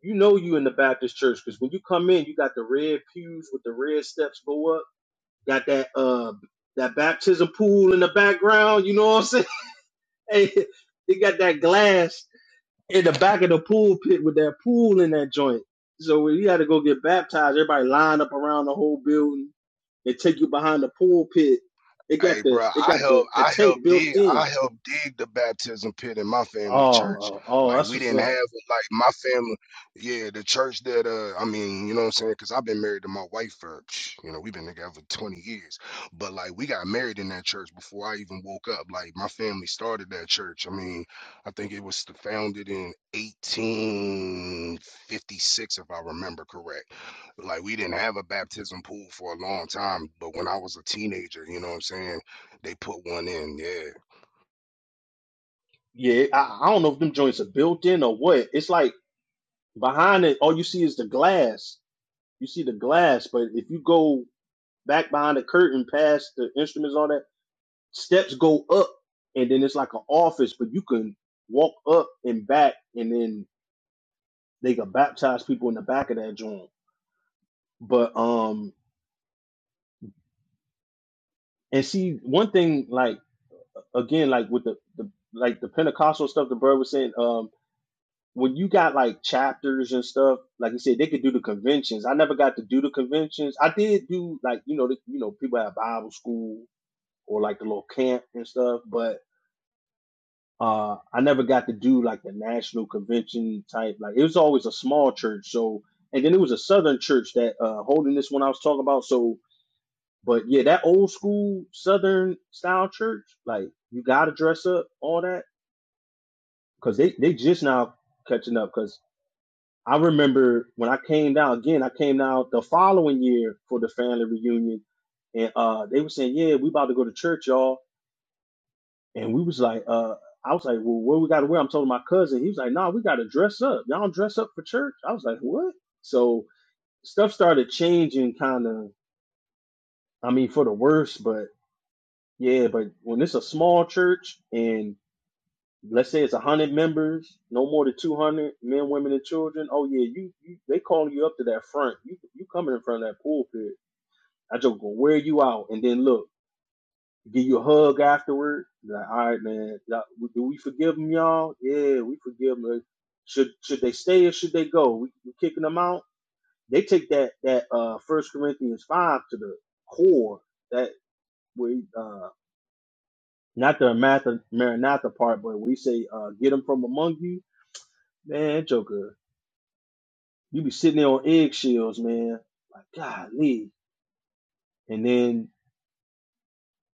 [SPEAKER 6] you know you in the Baptist church because when you come in, you got the red pews with the red steps go up. Got that uh that baptism pool in the background. You know what I'm saying? Hey, they got that glass in the back of the pool pit with that pool in that joint. So when you had to go get baptized, everybody lined up around the whole building. They take you behind the pool pit. It
[SPEAKER 10] Hey,
[SPEAKER 6] got the
[SPEAKER 10] bro,
[SPEAKER 6] it
[SPEAKER 10] I
[SPEAKER 6] got
[SPEAKER 10] help,
[SPEAKER 6] the the
[SPEAKER 10] I help
[SPEAKER 6] tank built
[SPEAKER 10] dig,
[SPEAKER 6] in.
[SPEAKER 10] I help dig the baptism pit in my family church.
[SPEAKER 6] Oh, oh,
[SPEAKER 10] Like
[SPEAKER 6] that's
[SPEAKER 10] we
[SPEAKER 6] what's
[SPEAKER 10] didn't
[SPEAKER 6] up.
[SPEAKER 10] have it. Like my family, yeah, the church that, uh, I mean, you know what I'm saying? Because I've been married to my wife for, psh, you know, we've been together 20 years. But like we got married in that church before I even woke up. Like my family started that church. I mean, I think it was founded in 1856, if I remember correct like we didn't have a baptism pool for a long time but when i was a teenager you know what i'm saying they put one in yeah
[SPEAKER 6] Yeah, I, I don't know if them joints are built in or what. It's like Behind it, all you see is the glass. You see the glass, but if you go back behind the curtain, past the instruments, all that steps go up, and then it's like an office, but you can walk up and back, and then they can baptize people in the back of that joint. But um, and see one thing, like again, like with the, the like the Pentecostal stuff, the bird was saying, um, when you got like chapters and stuff, like you said, they could do the conventions. I never got to do the conventions. I did do like you know, the, you know, people have Bible school or like the little camp and stuff, but uh, I never got to do like the national convention type. Like it was always a small church, so and then it was a southern church that uh, holding this one I was talking about. So, but yeah, that old school southern style church, like you got to dress up, all that, because they they just now catching up because. I remember when I came down again, I came down the following year for the family reunion and uh they were saying, Yeah, we about to go to church, y'all. And we was like, uh I was like, Well, what we gotta wear? I'm telling my cousin, he was like, Nah, we gotta dress up. Y'all don't dress up for church. I was like, What? So stuff started changing kinda I mean for the worse, but yeah, but when it's a small church and let's say it's a hundred members, no more than two hundred men, women, and children. Oh yeah, you, you they calling you up to that front. You you coming in front of that pulpit. I just gonna wear you out, and then look, give you a hug afterward. Like, all right, man, do we forgive them, y'all? Yeah, we forgive them. Should should they stay or should they go? We, we kicking them out. They take that that uh First Corinthians five to the core. That we uh not the Maratha- Maranatha part, but we say uh get them from among you, man, Joker. You be sitting there on eggshells, man. Like, golly. And then,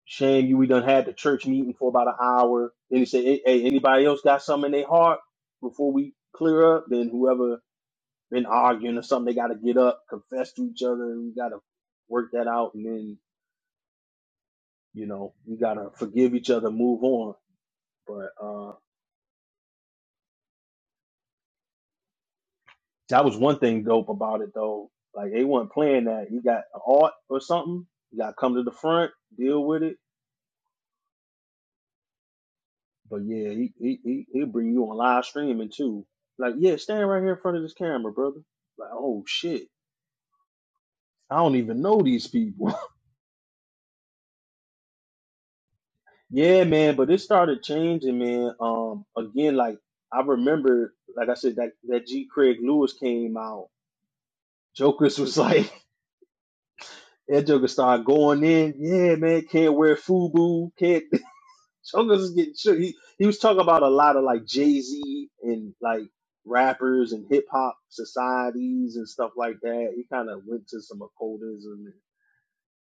[SPEAKER 6] shame you, we done had the church meeting for about an hour. Then he say, hey, hey, anybody else got something in their heart before we clear up? Then whoever been arguing or something, they got to get up, confess to each other, and we got to work that out. And then, you know, we got to forgive each other, move on. But uh, that was one thing dope about it, though. Like, they weren't playing that. You got an art or something, you got to come to the front, deal with it But yeah, he he he he'll bring you on live streaming too. Like, yeah, stand right here in front of this camera, brother. Like, oh shit. I don't even know these people. yeah, man, but it started changing, man. Um again, like I remember, like I said, that that G Craig Lewis came out. Jokers was like that Joker started going in. Yeah, man, can't wear FUBU, can't Chungus is getting shook. He he was talking about a lot of like Jay Z and like rappers and hip hop societies and stuff like that. He kind of went to some occultism and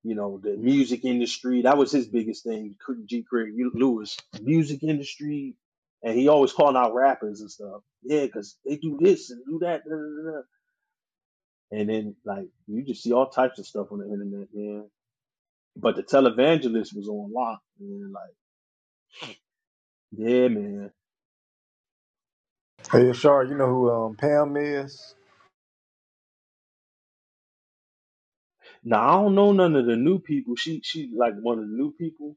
[SPEAKER 6] you know the music industry. That was his biggest thing. G. Craig Lewis, music industry, and he always calling out rappers and stuff. Yeah, because they do this and do that. Da, da, da. And then like you just see all types of stuff on the internet, man. But the televangelist was on lock, man. Like yeah, man
[SPEAKER 1] Hey, Ashar, you know who um, Pam is?
[SPEAKER 6] Nah, I don't know none of the new people. She she like one of the new people.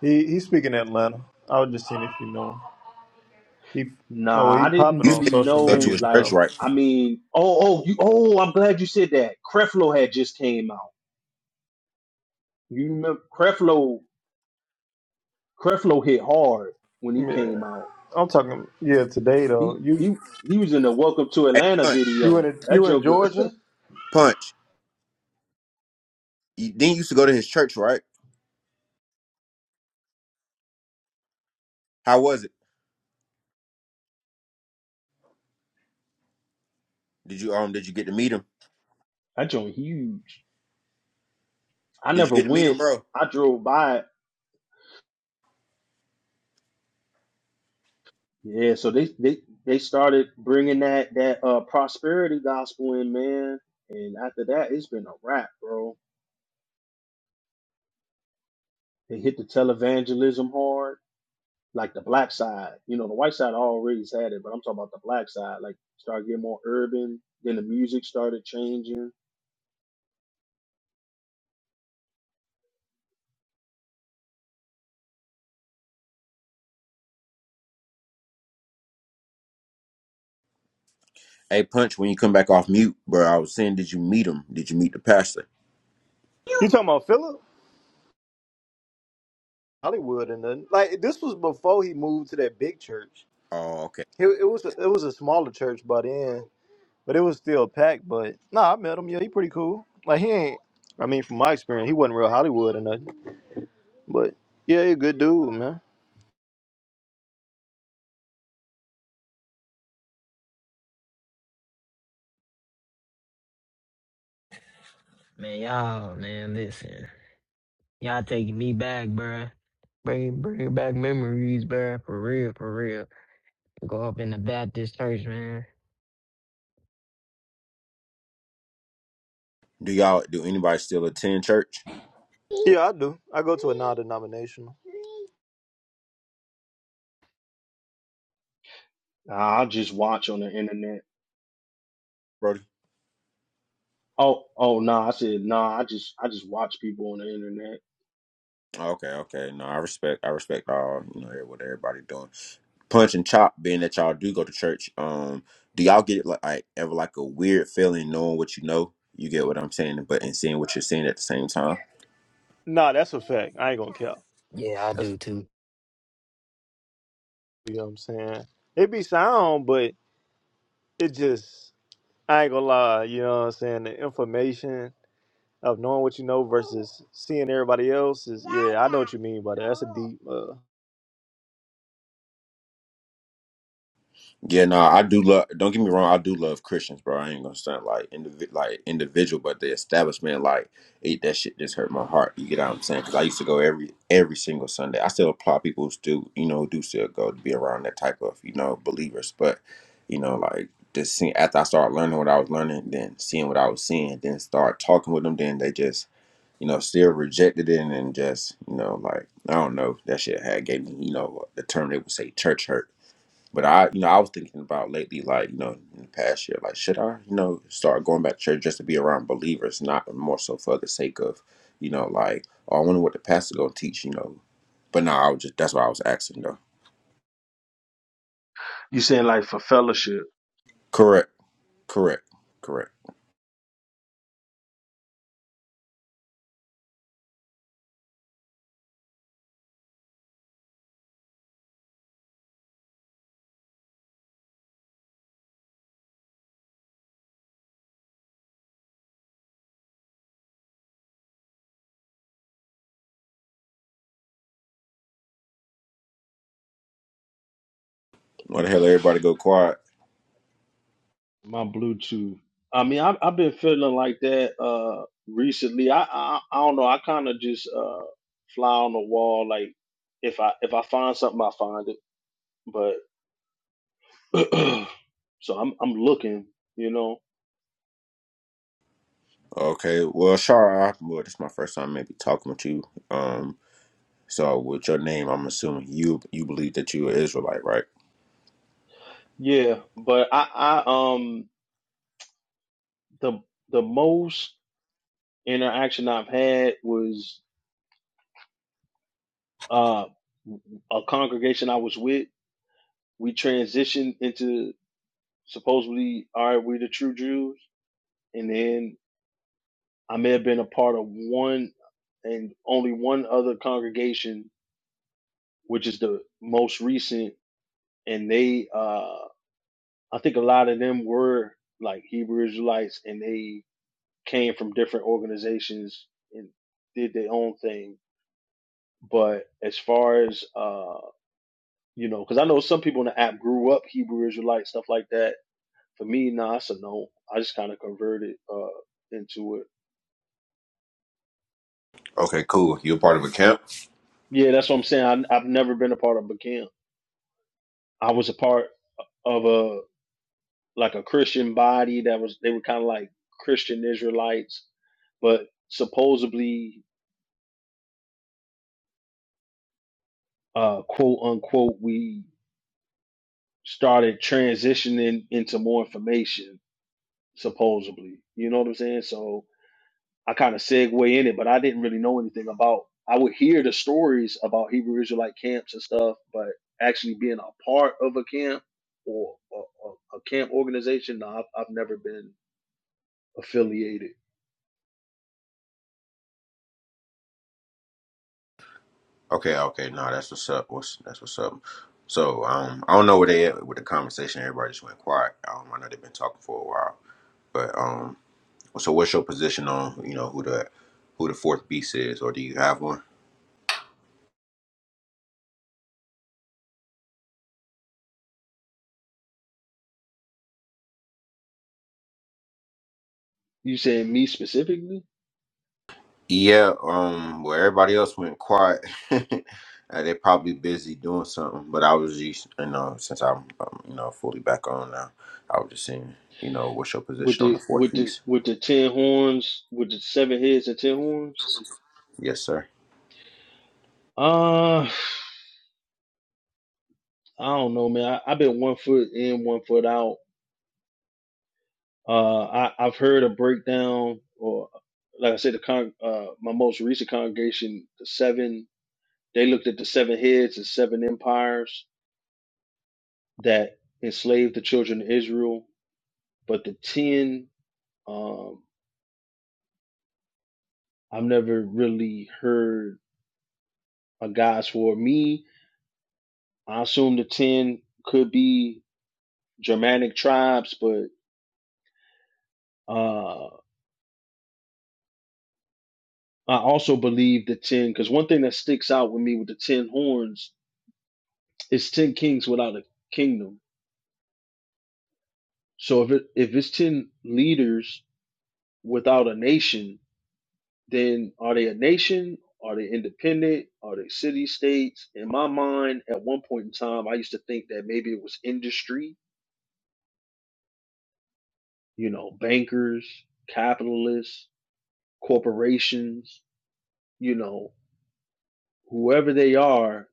[SPEAKER 1] He he's speaking Atlanta. I was just seeing if you know him. He oh
[SPEAKER 6] Nah,
[SPEAKER 1] he
[SPEAKER 6] I didn't
[SPEAKER 1] popping
[SPEAKER 3] You said
[SPEAKER 1] on
[SPEAKER 6] really
[SPEAKER 1] social
[SPEAKER 3] you go to
[SPEAKER 6] know.
[SPEAKER 1] media
[SPEAKER 3] his church,
[SPEAKER 6] Like,
[SPEAKER 1] now.
[SPEAKER 3] right?
[SPEAKER 6] I mean, oh oh you oh, I'm glad you said that. Creflo had just came out. You remember Creflo? Creflo hit hard when he
[SPEAKER 1] Yeah.
[SPEAKER 6] came out.
[SPEAKER 1] I'm talking, yeah, today though.
[SPEAKER 6] He
[SPEAKER 1] You
[SPEAKER 6] he he was in the Welcome to
[SPEAKER 3] Hey,
[SPEAKER 6] Atlanta
[SPEAKER 3] punch,
[SPEAKER 1] you
[SPEAKER 6] video.
[SPEAKER 1] in
[SPEAKER 6] That
[SPEAKER 1] you in
[SPEAKER 6] joker,
[SPEAKER 1] Georgia?
[SPEAKER 3] punch. You, then you used to go to his church, right? How was it? Did you um did you get to meet him?
[SPEAKER 6] that joke huge. I
[SPEAKER 3] Did you
[SPEAKER 6] never
[SPEAKER 3] get to meet him,
[SPEAKER 6] went.
[SPEAKER 3] bro?
[SPEAKER 6] I drove by it Yeah, so they they they started bringing that that uh prosperity gospel in, man, and after that, it's been a wrap, bro. They hit the televangelism hard, like the black side. You know, the white side already had it, but I'm talking about the black side. Like, start getting more urban. Then the music started changing.
[SPEAKER 3] Hey, Punch, when you come back off mute, bro, I was saying, did you meet him? Did you meet the pastor?
[SPEAKER 1] You talking about Philip Hollywood and then like this was before he moved to that big church.
[SPEAKER 3] Oh, okay.
[SPEAKER 1] It, it was a, it was a smaller church by then, but it was still packed. But no, nah, I met him. Yeah, he pretty cool. Like he ain't. I mean, from my experience, he wasn't real Hollywood or nothing. But yeah, he a good dude, man.
[SPEAKER 2] Man, y'all, man, listen. Y'all taking me back, bruh. Bring, bring back memories, bruh. For real, for real. Go up in the Baptist church, man.
[SPEAKER 3] Do y'all, do anybody still attend church,
[SPEAKER 1] Yeah, I do. I go to a non-denominational.
[SPEAKER 6] Nah, I just watch on the internet.
[SPEAKER 3] Brody?
[SPEAKER 6] Oh, oh, nah, I said nah. I just I just watch people on the internet.
[SPEAKER 3] Okay, okay. No, I respect, I respect all, you know, what everybody doing. Punch and Chop, being that y'all do go to church, um, do y'all get like, like ever like a weird feeling knowing what you know? You get what I'm saying, but and seeing what you're seeing at the same time.
[SPEAKER 1] Nah, that's a fact. I ain't gonna count.
[SPEAKER 2] Yeah, I
[SPEAKER 1] That's
[SPEAKER 2] do too.
[SPEAKER 1] you know what I'm saying. It be sound, but it just I ain't gonna lie, you know what I'm saying? The information of knowing what you know versus seeing everybody else is, yeah, I know what you mean by that. That's a deep, uh,
[SPEAKER 3] Yeah, no, I do love. Don't get me wrong, I do love Christians, bro. I ain't gonna sound like indivi- like individual, but the establishment, like, it, that shit just hurt my heart. You get what I'm saying? Because I used to go every every single Sunday. I still applaud people who still, you know, who do still go to be around that type of, you know, believers. But you know, like just seeing after I started learning what I was learning, then seeing what I was seeing, then start talking with them, then they just, you know, still rejected it and just, you know, like I don't know, that shit had gave me, you know, the term they would say church hurt but I, you know, I was thinking about lately, like, you know, in the past year, like, should I, you know, start going back to church just to be around believers, not more so for the sake of, you know, like, oh, I wonder what the pastor gonna teach, you know. But no, I was just that's why I was asking though.
[SPEAKER 6] You saying like for fellowship?
[SPEAKER 3] Correct, correct, correct. Why the hell everybody go quiet?
[SPEAKER 6] my Bluetooth. I mean, I've, I've been feeling like that uh recently. I I, I don't know. I kind of just uh fly on the wall. Like if I if I find something, I find it. But so I'm I'm looking, you know.
[SPEAKER 3] Okay, well, Shara, I- well, this is my first time maybe talking with you. Um, so with your name, I'm assuming you you believe that you're an Israelite, right?
[SPEAKER 6] Yeah, but I I um the the most interaction I've had was uh a congregation I was with. We transitioned into supposedly all right, we're the true Jews, and then I may have been a part of one and only one other congregation, which is the most recent, and they uh I think a lot of them were like Hebrew Israelites and they came from different organizations and did their own thing. But as far as uh you know, because I know some people in the app grew up Hebrew Israelite, stuff like that. For me, nah, it's a no. I just kind of converted uh into it.
[SPEAKER 3] Okay, cool. You're part of a camp.
[SPEAKER 6] Yeah, that's what I'm saying. I, I've never been a part of a camp. I was a part. of a like a Christian body that was they were kind of like Christian Israelites, but supposedly uh quote unquote we started transitioning into more information supposedly. You know what I'm saying? So I kind of segue in it, but I didn't really know anything about I would hear the stories about Hebrew Israelite camps and stuff, but actually being a part of a camp or a, a, a camp organization, no, I've, I've never been affiliated.
[SPEAKER 3] Okay, okay, no, that's what's up. What's that's what's up. So, um, I don't know where they at with the conversation. Everybody just went quiet. Um, I know they've been talking for a while, but um, so what's your position on you know who the who the fourth beast is, or do you have one?
[SPEAKER 6] You saying me specifically?
[SPEAKER 3] Yeah, um, well, everybody else went quiet. Uh, they probably busy doing something, but I was just you know since I'm, um you know fully back on now, I was just saying you know what's your
[SPEAKER 6] With
[SPEAKER 3] position on the
[SPEAKER 6] the
[SPEAKER 3] fourth
[SPEAKER 6] with the
[SPEAKER 3] beast?
[SPEAKER 6] with the ten horns, with the seven heads and ten horns?
[SPEAKER 3] Yes, sir.
[SPEAKER 6] Uh I don't know, man. I, I've been one foot in, one foot out. Uh I, I've heard a breakdown or like I said, the con uh my most recent congregation, the seven they looked at the seven heads and seven empires that enslaved the children of Israel. But the ten, um, I've never really heard a God's for me. I assume the ten could be Germanic tribes, but uh, I also believe the ten. Because one thing that sticks out with me with the ten horns is ten kings without a kingdom. So if it, if it's ten leaders without a nation, then are they a nation? Are they independent? Are they city states? In my mind, at one point in time, I used to think that maybe it was industry. You know, bankers, capitalists, corporations. You know, whoever they are,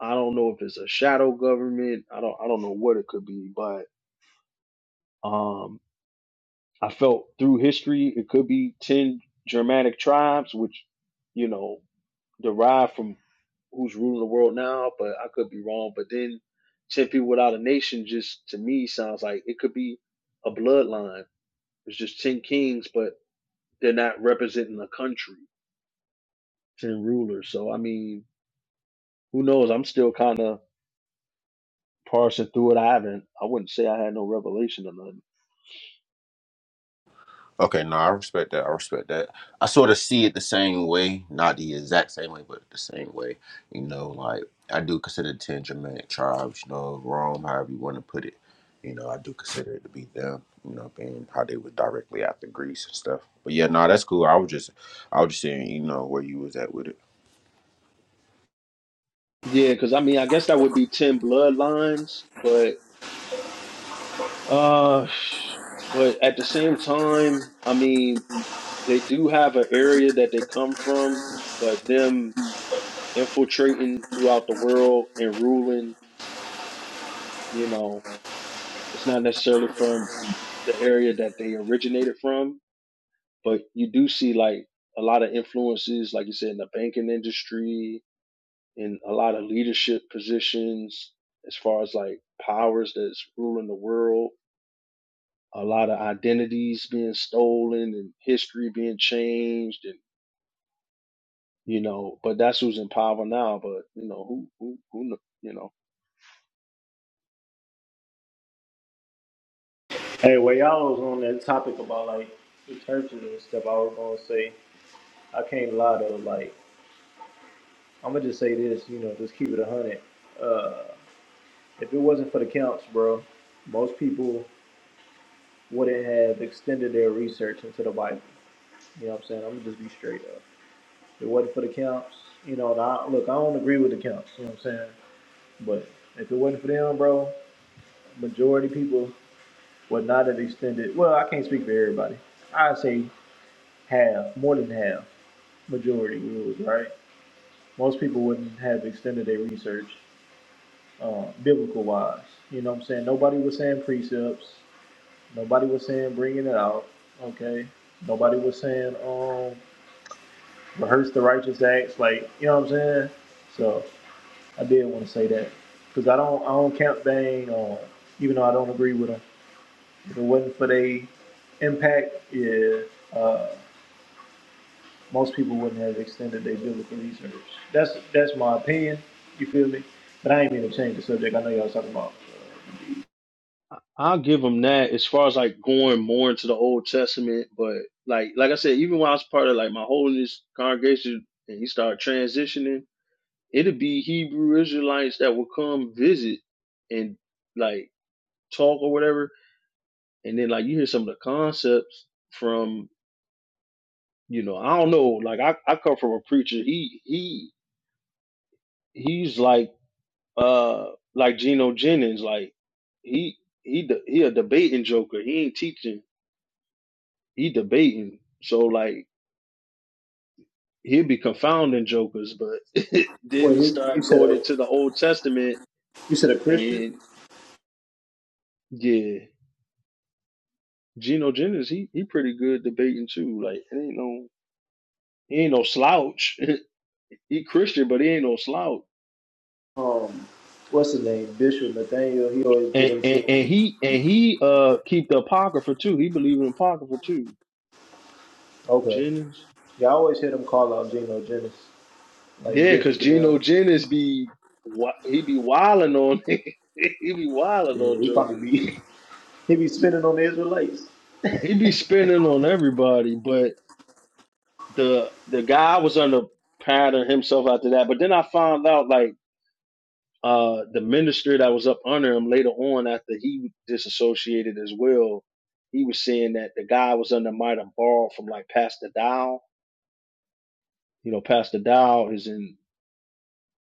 [SPEAKER 6] I don't know if it's a shadow government. I don't I don't know what it could be, but um I felt through history it could be ten Germanic tribes, which, you know, derived from who's ruling the world now, but I could be wrong. But then ten people without a nation just to me sounds like it could be a bloodline. It's just ten kings, but they're not representing a country, ten rulers. So I mean, who knows? I'm still kinda parsing through it. I haven't I wouldn't say I had no revelation or nothing.
[SPEAKER 3] Okay, no, I respect that. I respect that. I sort of see it the same way, not the exact same way, but the same way. You know, like I do consider the ten Germanic tribes, you know, Rome, however you want to put it. You know, I do consider it to be them. You know, being how they were directly after Greece and stuff. But yeah, no, that's cool. I was just, I was just saying, you know, where you was at with it.
[SPEAKER 6] Yeah, because I mean, I guess that would be ten bloodlines, but uh, but at the same time, I mean, they do have an area that they come from, but them infiltrating throughout the world and ruling, you know, it's not necessarily from the area that they originated from, but you do see like a lot of influences, like you said, in the banking industry and a lot of leadership positions as far as like powers that's ruling the world a lot of identities being stolen and history being changed and you know but that's who's in power now but you know who who who kn- you know
[SPEAKER 1] Hey, well, y'all was on that topic about like the churches and stuff. I was gonna say, I can't lie though. Like, I'm gonna just say this, you know, just keep it a hundred. Uh, if it wasn't for the counts, bro, most people wouldn't have extended their research into the Bible. You know what I'm saying? I'm gonna just be straight up. If it wasn't for the counts, you know, and I, look, I don't agree with the counts. You know what I'm saying? But if it wasn't for them, bro, majority people would not have extended. Well, I can't speak for everybody. I'd say half, more than half, majority rules, right? Most of them they research, uh, biblical wise. You know what I'm saying? Nobody was saying precepts. Nobody was saying bringing it out. Okay. Nobody was saying um the righteous acts, like you know what I'm saying. So I did want to say that because I don't count Bang on, even though I don't agree with them. If it wasn't for they impact, yeah. uh, most people wouldn't have extended their biblical research. That's that's my opinion. You feel me? But I ain't mean to change the subject. I know y'all talking about.
[SPEAKER 6] I- I'll give them that as far as like going more into the Old Testament but like like I said even when I was part of like my holiness congregation and you start transitioning it'd be Hebrew Israelites that would come visit and like talk or whatever and then like you hear some of the concepts from. You know, I don't know. Like I, I come from a preacher. He he he's like uh like Geno Jennings. Like he he de- he a debating joker. He ain't teaching. He debating. So like he'll be confounding jokers. But then
[SPEAKER 1] Well,
[SPEAKER 6] he
[SPEAKER 1] you you
[SPEAKER 6] start
[SPEAKER 1] said
[SPEAKER 6] going
[SPEAKER 1] a
[SPEAKER 6] into the Old Testament
[SPEAKER 1] you said a Christian.
[SPEAKER 6] and yeah, Geno Jennings. He he pretty good debating too. Like it ain't no he ain't no slouch. he Christian, but he ain't no slouch.
[SPEAKER 1] Um, what's his name? Bishop Nathaniel. He always get
[SPEAKER 6] And, and,
[SPEAKER 1] into.
[SPEAKER 6] and he and he uh keep the apocrypha too. He believe in apocrypha too.
[SPEAKER 1] Okay,
[SPEAKER 6] Jennings.
[SPEAKER 1] yeah, I always hear them call out Geno Jennings, like
[SPEAKER 6] Yeah, cause
[SPEAKER 1] Bishop and them.
[SPEAKER 6] Geno Jennings be wi- he be wilding on he be wilding
[SPEAKER 1] Yeah,
[SPEAKER 6] on
[SPEAKER 1] he
[SPEAKER 6] jokers.
[SPEAKER 1] probably be he be spinning on the Israelites.
[SPEAKER 6] He be spinning on everybody, but the the guy was under pattern himself after that. But then I found out like uh the minister that was up under him later on after he disassociated as well, he was saying that the guy was under might have borrowed from like Pastor Dow You know, Pastor Dow is in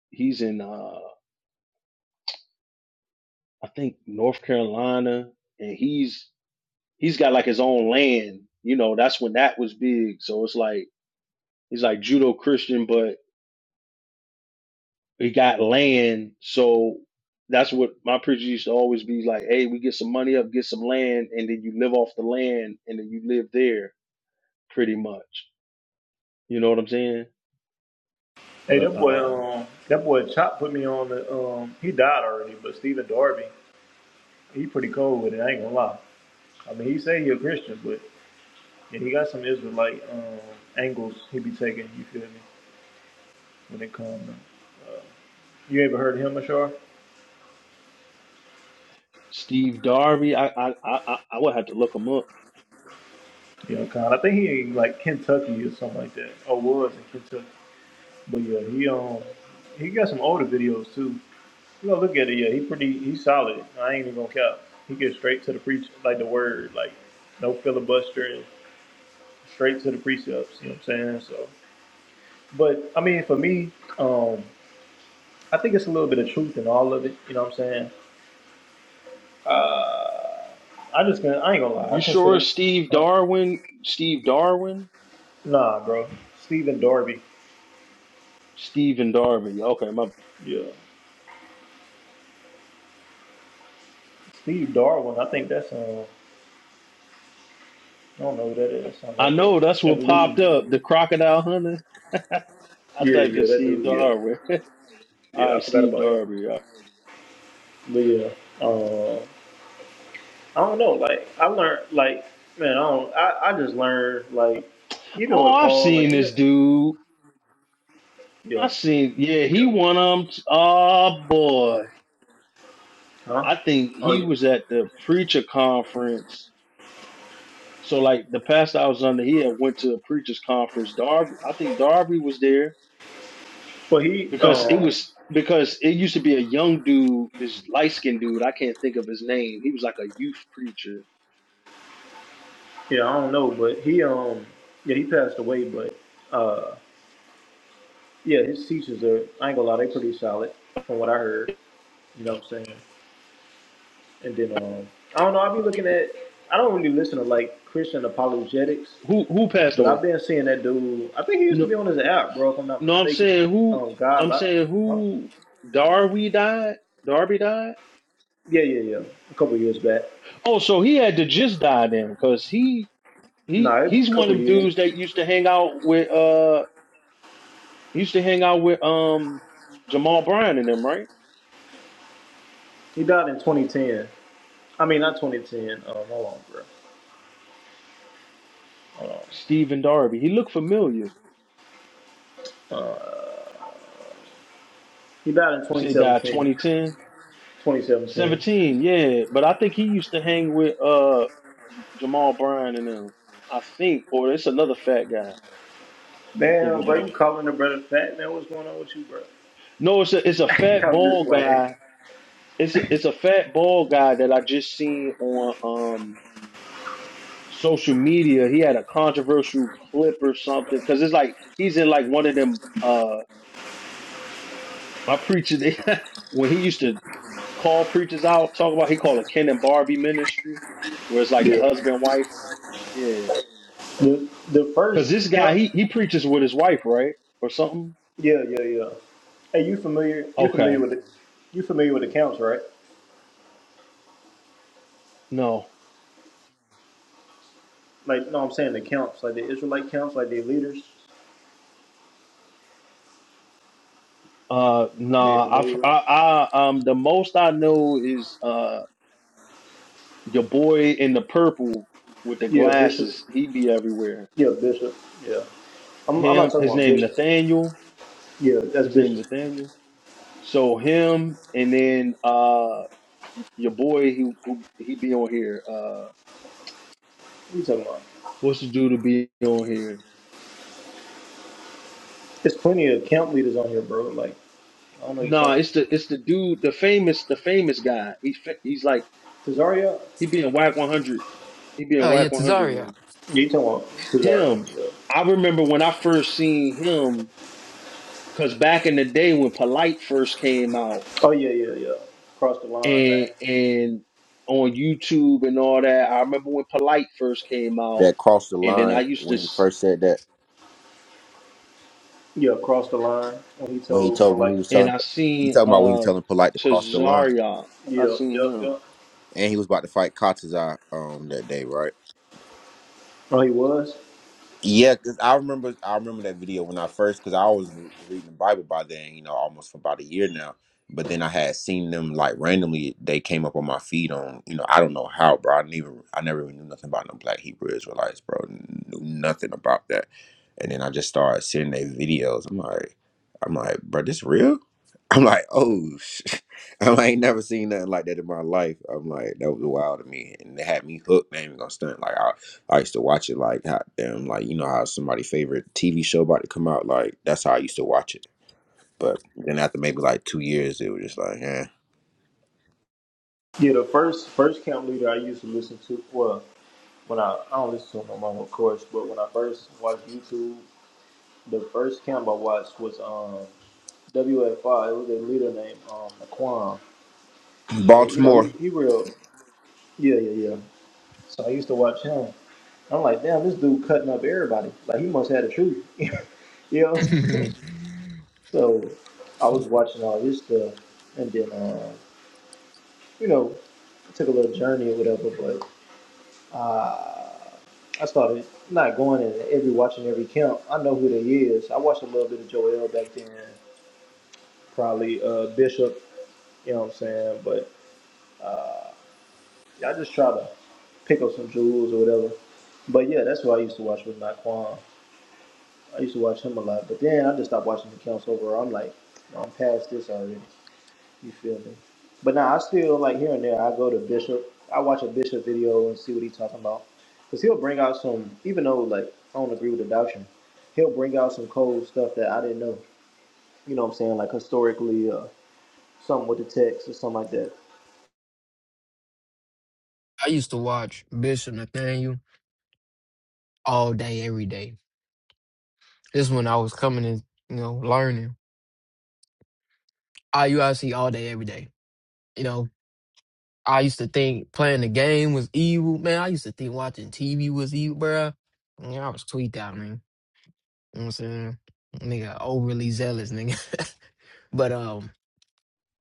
[SPEAKER 6] he's in uh I think North Carolina and he's he's got like his own land. You know, that's when that was big. So it's like he's like judo Christian, but he got land. So that's what my preacher used to always be like, hey, we get some money up, get some land, and then you live off the land and then you live there pretty much. You know what I'm saying?
[SPEAKER 1] Hey,
[SPEAKER 6] But
[SPEAKER 1] that boy,
[SPEAKER 6] um
[SPEAKER 1] um, that boy Chop put me on the. Um, he died already, but Stephen Darby, he pretty cold with it. I ain't gonna lie. I mean, he say he a Christian, but. And he got some Israelite um, angles he be taking, you feel me, when it comes. You ever heard of him, Ashar?
[SPEAKER 6] Steve Darby, I I I, I I would have to look him up
[SPEAKER 1] Yeah, Khan. I think he in like Kentucky or something like that. Or was in Kentucky. But yeah, he um he got some older videos too. You know, look at it, yeah, he pretty he's solid. I ain't even gonna cap. He gets straight to the preach like the word, like no filibustering, straight to the precepts, you know what I'm saying? So but I mean for me, um, I think it's a little bit of truth in all of it, you know what I'm saying? Uh I just gonna I ain't gonna lie.
[SPEAKER 6] You
[SPEAKER 1] I
[SPEAKER 6] sure
[SPEAKER 1] consider
[SPEAKER 6] Steve
[SPEAKER 1] huh?
[SPEAKER 6] Darwin? Steve Darwin?
[SPEAKER 1] nah, bro. Stephen Darby.
[SPEAKER 6] Stephen Darby? Okay, my.
[SPEAKER 1] Yeah, Steve Darwin. I think that's um. I don't know who that is. Sound
[SPEAKER 6] I
[SPEAKER 1] like the
[SPEAKER 6] know that's what
[SPEAKER 1] evolution.
[SPEAKER 6] popped up.
[SPEAKER 1] dude.
[SPEAKER 6] The crocodile hunter. I
[SPEAKER 1] Yeah,
[SPEAKER 6] typed in
[SPEAKER 1] yeah, that
[SPEAKER 6] Steve
[SPEAKER 1] dude. Yeah,
[SPEAKER 6] Darwin. All
[SPEAKER 1] yeah. I
[SPEAKER 6] right,
[SPEAKER 1] forgot
[SPEAKER 6] Steve
[SPEAKER 1] about him.
[SPEAKER 6] Darby. uh,
[SPEAKER 1] But yeah, uh, I don't know. Like I learned. Like man, I don't. I, I just learned. Like even
[SPEAKER 6] Oh,
[SPEAKER 1] with
[SPEAKER 6] I've
[SPEAKER 1] Paul.
[SPEAKER 6] seen
[SPEAKER 1] Like you
[SPEAKER 6] this
[SPEAKER 1] know.
[SPEAKER 6] dude.
[SPEAKER 1] Yeah.
[SPEAKER 6] I seen. Yeah, he
[SPEAKER 1] Yeah.
[SPEAKER 6] won um. Oh boy,
[SPEAKER 1] Huh.
[SPEAKER 6] I think
[SPEAKER 1] Oh
[SPEAKER 6] he
[SPEAKER 1] yeah.
[SPEAKER 6] was at the preacher conference. So like the pastor I was under, he had went to a preachers conference. Darby, I think Darby was there
[SPEAKER 1] But he
[SPEAKER 6] because it
[SPEAKER 1] um.
[SPEAKER 6] was because it used to be a young dude, this light skinned dude. I can't think of his name. He was like a youth preacher.
[SPEAKER 1] Yeah, I don't know. But he um. Yeah, he passed away. But. uh, Yeah, his teachers are, I ain't gonna lie, they pretty solid from what I heard. You know what I'm saying? And then, um, I don't know, i have been looking at, I don't really listen to like Christian apologetics,
[SPEAKER 6] Who who passed
[SPEAKER 1] but I've
[SPEAKER 6] away?
[SPEAKER 1] been seeing that dude. I think he used to
[SPEAKER 6] No,
[SPEAKER 1] be on his app, bro, if I'm not
[SPEAKER 6] no. I'm
[SPEAKER 1] mistaken.
[SPEAKER 6] saying who.
[SPEAKER 1] Um, God,
[SPEAKER 6] I'm
[SPEAKER 1] like,
[SPEAKER 6] saying
[SPEAKER 1] huh?
[SPEAKER 6] who. Darby died. Darby died.
[SPEAKER 1] yeah, yeah, yeah, a couple years back.
[SPEAKER 6] Oh, so he had to just die then, because he
[SPEAKER 1] No,
[SPEAKER 6] he
[SPEAKER 1] a
[SPEAKER 6] he's one
[SPEAKER 1] couple
[SPEAKER 6] of them
[SPEAKER 1] years.
[SPEAKER 6] dudes that used to hang out with uh used to hang out with um Jamal Bryant and them, right?
[SPEAKER 1] He died in 2010. I mean, not 2010. Um, hold on, bro.
[SPEAKER 6] Stephen Darby. He looked familiar.
[SPEAKER 1] He died in
[SPEAKER 6] You said he died
[SPEAKER 1] 2017.
[SPEAKER 6] 2010.
[SPEAKER 1] 2017.
[SPEAKER 6] Seventeen, yeah. But I think he used to hang with uh Jamal Bryan and them. I think, or it's another fat guy. I'm thinking
[SPEAKER 1] Damn, bro,
[SPEAKER 6] about.
[SPEAKER 1] you calling the brother fat, man. What's going on with you, bro?
[SPEAKER 6] No, it's a it's a fat
[SPEAKER 1] I'm just
[SPEAKER 6] bald
[SPEAKER 1] playing.
[SPEAKER 6] guy. It's a, it's a fat bald guy that I just seen on um social media. He had a controversial clip or something because it's like he's in like one of them. Uh, my preacher they, when he used to call preachers out, talk about he called it Ken and Barbie ministry, where it's like the
[SPEAKER 1] Yeah.
[SPEAKER 6] husband wife. Yeah
[SPEAKER 1] The the
[SPEAKER 6] Cause
[SPEAKER 1] first
[SPEAKER 6] this guy,
[SPEAKER 1] count.
[SPEAKER 6] he he preaches with his wife, right, or something.
[SPEAKER 1] Yeah, yeah, yeah. Hey, you familiar? You familiar
[SPEAKER 6] Okay,
[SPEAKER 1] with the you familiar with the counts, right?
[SPEAKER 6] no,
[SPEAKER 1] Like, no, I'm saying the counts, like the Israelite counts, like the leaders.
[SPEAKER 6] uh,
[SPEAKER 1] You ain't
[SPEAKER 6] nah.
[SPEAKER 1] familiar
[SPEAKER 6] i
[SPEAKER 1] with?
[SPEAKER 6] I, I, um, the most I know is uh, your boy in the purple with the
[SPEAKER 1] Yeah, bishop.
[SPEAKER 6] glasses. He be everywhere.
[SPEAKER 1] Yeah, bishop. Yeah. I'm, I'm not
[SPEAKER 6] Him,
[SPEAKER 1] talking
[SPEAKER 6] his
[SPEAKER 1] about
[SPEAKER 6] name
[SPEAKER 1] bishop.
[SPEAKER 6] Nathaniel.
[SPEAKER 1] Yeah, that's
[SPEAKER 6] His name
[SPEAKER 1] bishop.
[SPEAKER 6] Nathaniel. So him, and then uh, your boy, he who- he be on here. Uh,
[SPEAKER 1] What you talking about?
[SPEAKER 6] what's the dude to be on here?
[SPEAKER 1] There's plenty of camp leaders on here, bro. Like, I don't know you talking
[SPEAKER 6] Nah,
[SPEAKER 1] about.
[SPEAKER 6] it's the it's the dude, the famous, the famous guy. He's fa- he's like
[SPEAKER 1] Cesaria?
[SPEAKER 6] he be in WAC 100 He be in
[SPEAKER 2] Oh yeah,
[SPEAKER 6] Whack 100
[SPEAKER 2] Tazaria.
[SPEAKER 6] room.
[SPEAKER 1] Yeah, you talking about Cesaria.
[SPEAKER 6] Him,
[SPEAKER 1] Yeah.
[SPEAKER 6] I remember when I first seen him, because back in the day when Polite first came out
[SPEAKER 1] Oh, yeah, yeah, yeah. Cross the line,
[SPEAKER 6] and
[SPEAKER 1] thing.
[SPEAKER 6] and on YouTube and all that, I remember when Polite first came out,
[SPEAKER 3] That crossed the
[SPEAKER 6] and then
[SPEAKER 3] line
[SPEAKER 6] I used to,
[SPEAKER 3] when he
[SPEAKER 6] s-
[SPEAKER 3] first said that.
[SPEAKER 1] Yeah, cross the line. When he
[SPEAKER 3] When he
[SPEAKER 1] told, but
[SPEAKER 3] told when he
[SPEAKER 1] like,
[SPEAKER 3] was
[SPEAKER 6] and
[SPEAKER 3] telling
[SPEAKER 6] I
[SPEAKER 3] he
[SPEAKER 6] seen
[SPEAKER 3] talking about when he was
[SPEAKER 6] uh
[SPEAKER 3] telling polite to cross the line,
[SPEAKER 6] Tazarian. I
[SPEAKER 1] yeah, yeah,
[SPEAKER 6] seen
[SPEAKER 1] yeah.
[SPEAKER 3] and he was about to fight Katazai um that day, right?
[SPEAKER 1] Oh, he was.
[SPEAKER 3] Yeah, cause I remember I remember that video when I first because I was re- reading the Bible by then, you know, almost for about a year now. But then I had seen them like randomly. They came up on my feed on, you know, I don't know how, bro. I didn't even I never even knew nothing about no Black Hebrew Israelites, bro. Knew nothing about that. And then I just started seeing their videos. I'm like, I'm like, bro, this real? I'm like, oh, sh-. I'm like, I ain't never seen nothing like that in my life. I'm like, that was wild to me, and it had me hooked. I ain't even gonna stunt. Like, I used to watch it like how damn like you know how somebody favorite TV show about to come out like that's how I used to watch it. But then after maybe like two years, it was just like, eh.
[SPEAKER 1] Yeah, the first first camp leader I used to listen to. Well, when I I don't listen to him no more, of course. But when I first watched YouTube, the first camp I watched was um WFI. It was a leader named um Naquan, and you know
[SPEAKER 3] Baltimore.
[SPEAKER 1] he he real yeah yeah yeah. So I used to watch him. I'm like, damn, this dude cutting up everybody. Like he must have the truth, you know.
[SPEAKER 2] I
[SPEAKER 1] so I was watching all this stuff, and then um, you know took a little journey or whatever. Uh, I started not going in every watching every camp. I know who they is. I watched a little bit of Joel back then, probably uh, Bishop. You know what I'm saying? But uh, I just try to pick up some jewels or whatever. But yeah, that's what I used to watch with Naquan. I used to watch him a lot, but then I just stopped watching the camps overall. I'm like, I'm past this already. You feel me? But now I still like here and there. I go to Bishop. I watch a Bishop video and see what he's talking about, because he'll bring out some. Even though like I don't agree with the doctrine, he'll bring out some cold stuff that I didn't know. You know what I'm saying? Like historically, uh, something with the text or something like that.
[SPEAKER 2] used to watch Bishop Nathaniel all day, every day. This when I was coming and you know learning IUIC all day, every day. You know, I used to think playing the game was evil, man. I used to think watching TV was evil, bruh. Yeah, I was tweaked out, man. You know what I'm saying? Nigga, overly zealous, nigga. But um,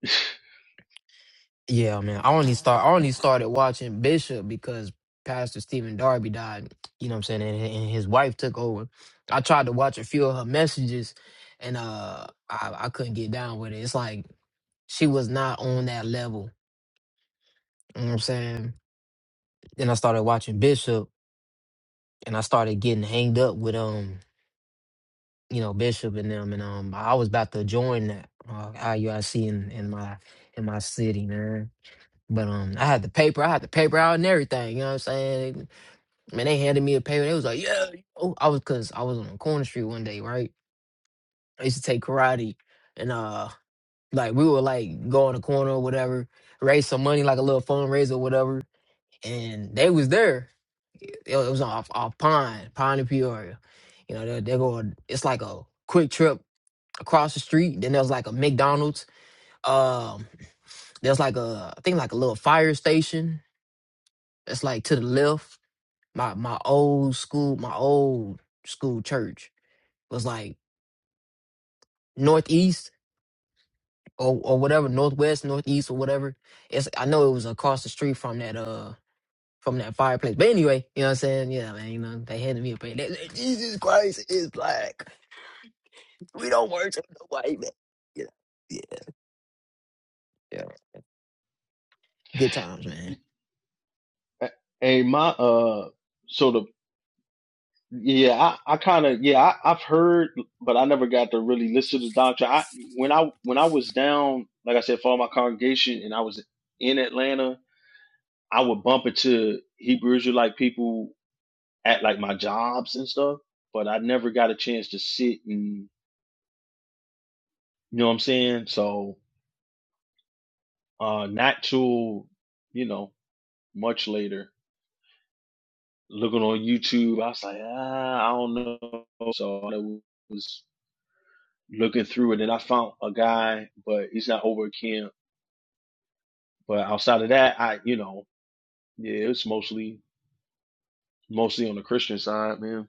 [SPEAKER 6] him.
[SPEAKER 2] yeah, man. I only start I only started watching Bishop because Pastor Stephen Darby died. You know what I'm saying? And, and his wife took over. I tried to watch a few of her messages, and uh, I, I couldn't get down with it. It's like she was not on that level. You know what I'm saying? Then I started watching Bishop, and I started getting hanged up with um you know, Bishop and them, and um, I was about to join that uh, IUIC in, in my in my city, man. But um, I had the paper, I had the paper out and everything. You know what I'm saying? Man, they handed me a paper. They was like, "Yeah." Oh, I was because I was on the corner street one day, right? I used to take karate, and uh, like we would like go on the corner or whatever, raise some money, like a little fundraiser or whatever. And they was there. It, it was off off Pine, Pine and Peoria. You know, they they go. It's like a quick trip across the street. Then there was like a McDonald's. Um, there's like a I think like a little fire station that's like to the left. My my old school, my old school church was like northeast or or whatever, northwest, northeast or whatever. It's I know it was across the street from that uh from that fireplace. But anyway, you know what I'm saying? Yeah, man, you know, they handed me a plate. They said, Jesus Christ is black. We don't worship the white man. You know, yeah, yeah. Good times, man.
[SPEAKER 6] hey, my uh, so the Yeah, I, I kind of yeah, I, I've heard, but I never got to really listen to the doctrine. I when I when I was down, like I said, for my congregation, and I was in Atlanta, I would bump into Hebrew Israelite people at like my jobs and stuff, but I never got a chance to sit and you know what I'm saying. So, uh, not till you know much later, looking on YouTube, I was like, ah, I don't know. So it was. looking through and then I found a guy, but he's not over at camp. But outside of that, I you know, yeah, it's mostly mostly on the Christian side, man.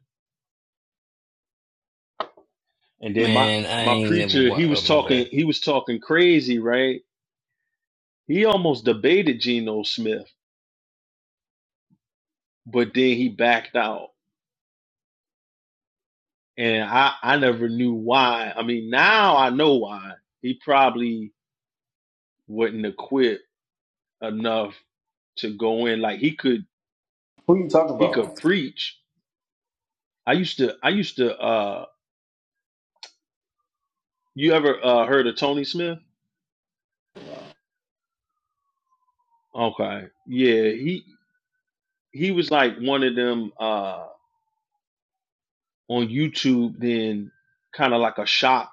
[SPEAKER 6] And then my
[SPEAKER 4] man. I
[SPEAKER 6] my
[SPEAKER 4] ain't never.
[SPEAKER 6] preacher,
[SPEAKER 4] wa-
[SPEAKER 6] he
[SPEAKER 4] Oh
[SPEAKER 6] was
[SPEAKER 4] my
[SPEAKER 6] talking
[SPEAKER 4] bad.
[SPEAKER 6] he was talking crazy, right? He almost debated Geno Smith, but then he backed out. And I I never knew why. I mean, now I know why. He probably wouldn't have quit enough to go in like he could he could preach. I used to I used to uh You ever uh, heard of Tony Smith? Okay. Yeah, he he was like one of them uh on YouTube then kind of like a shop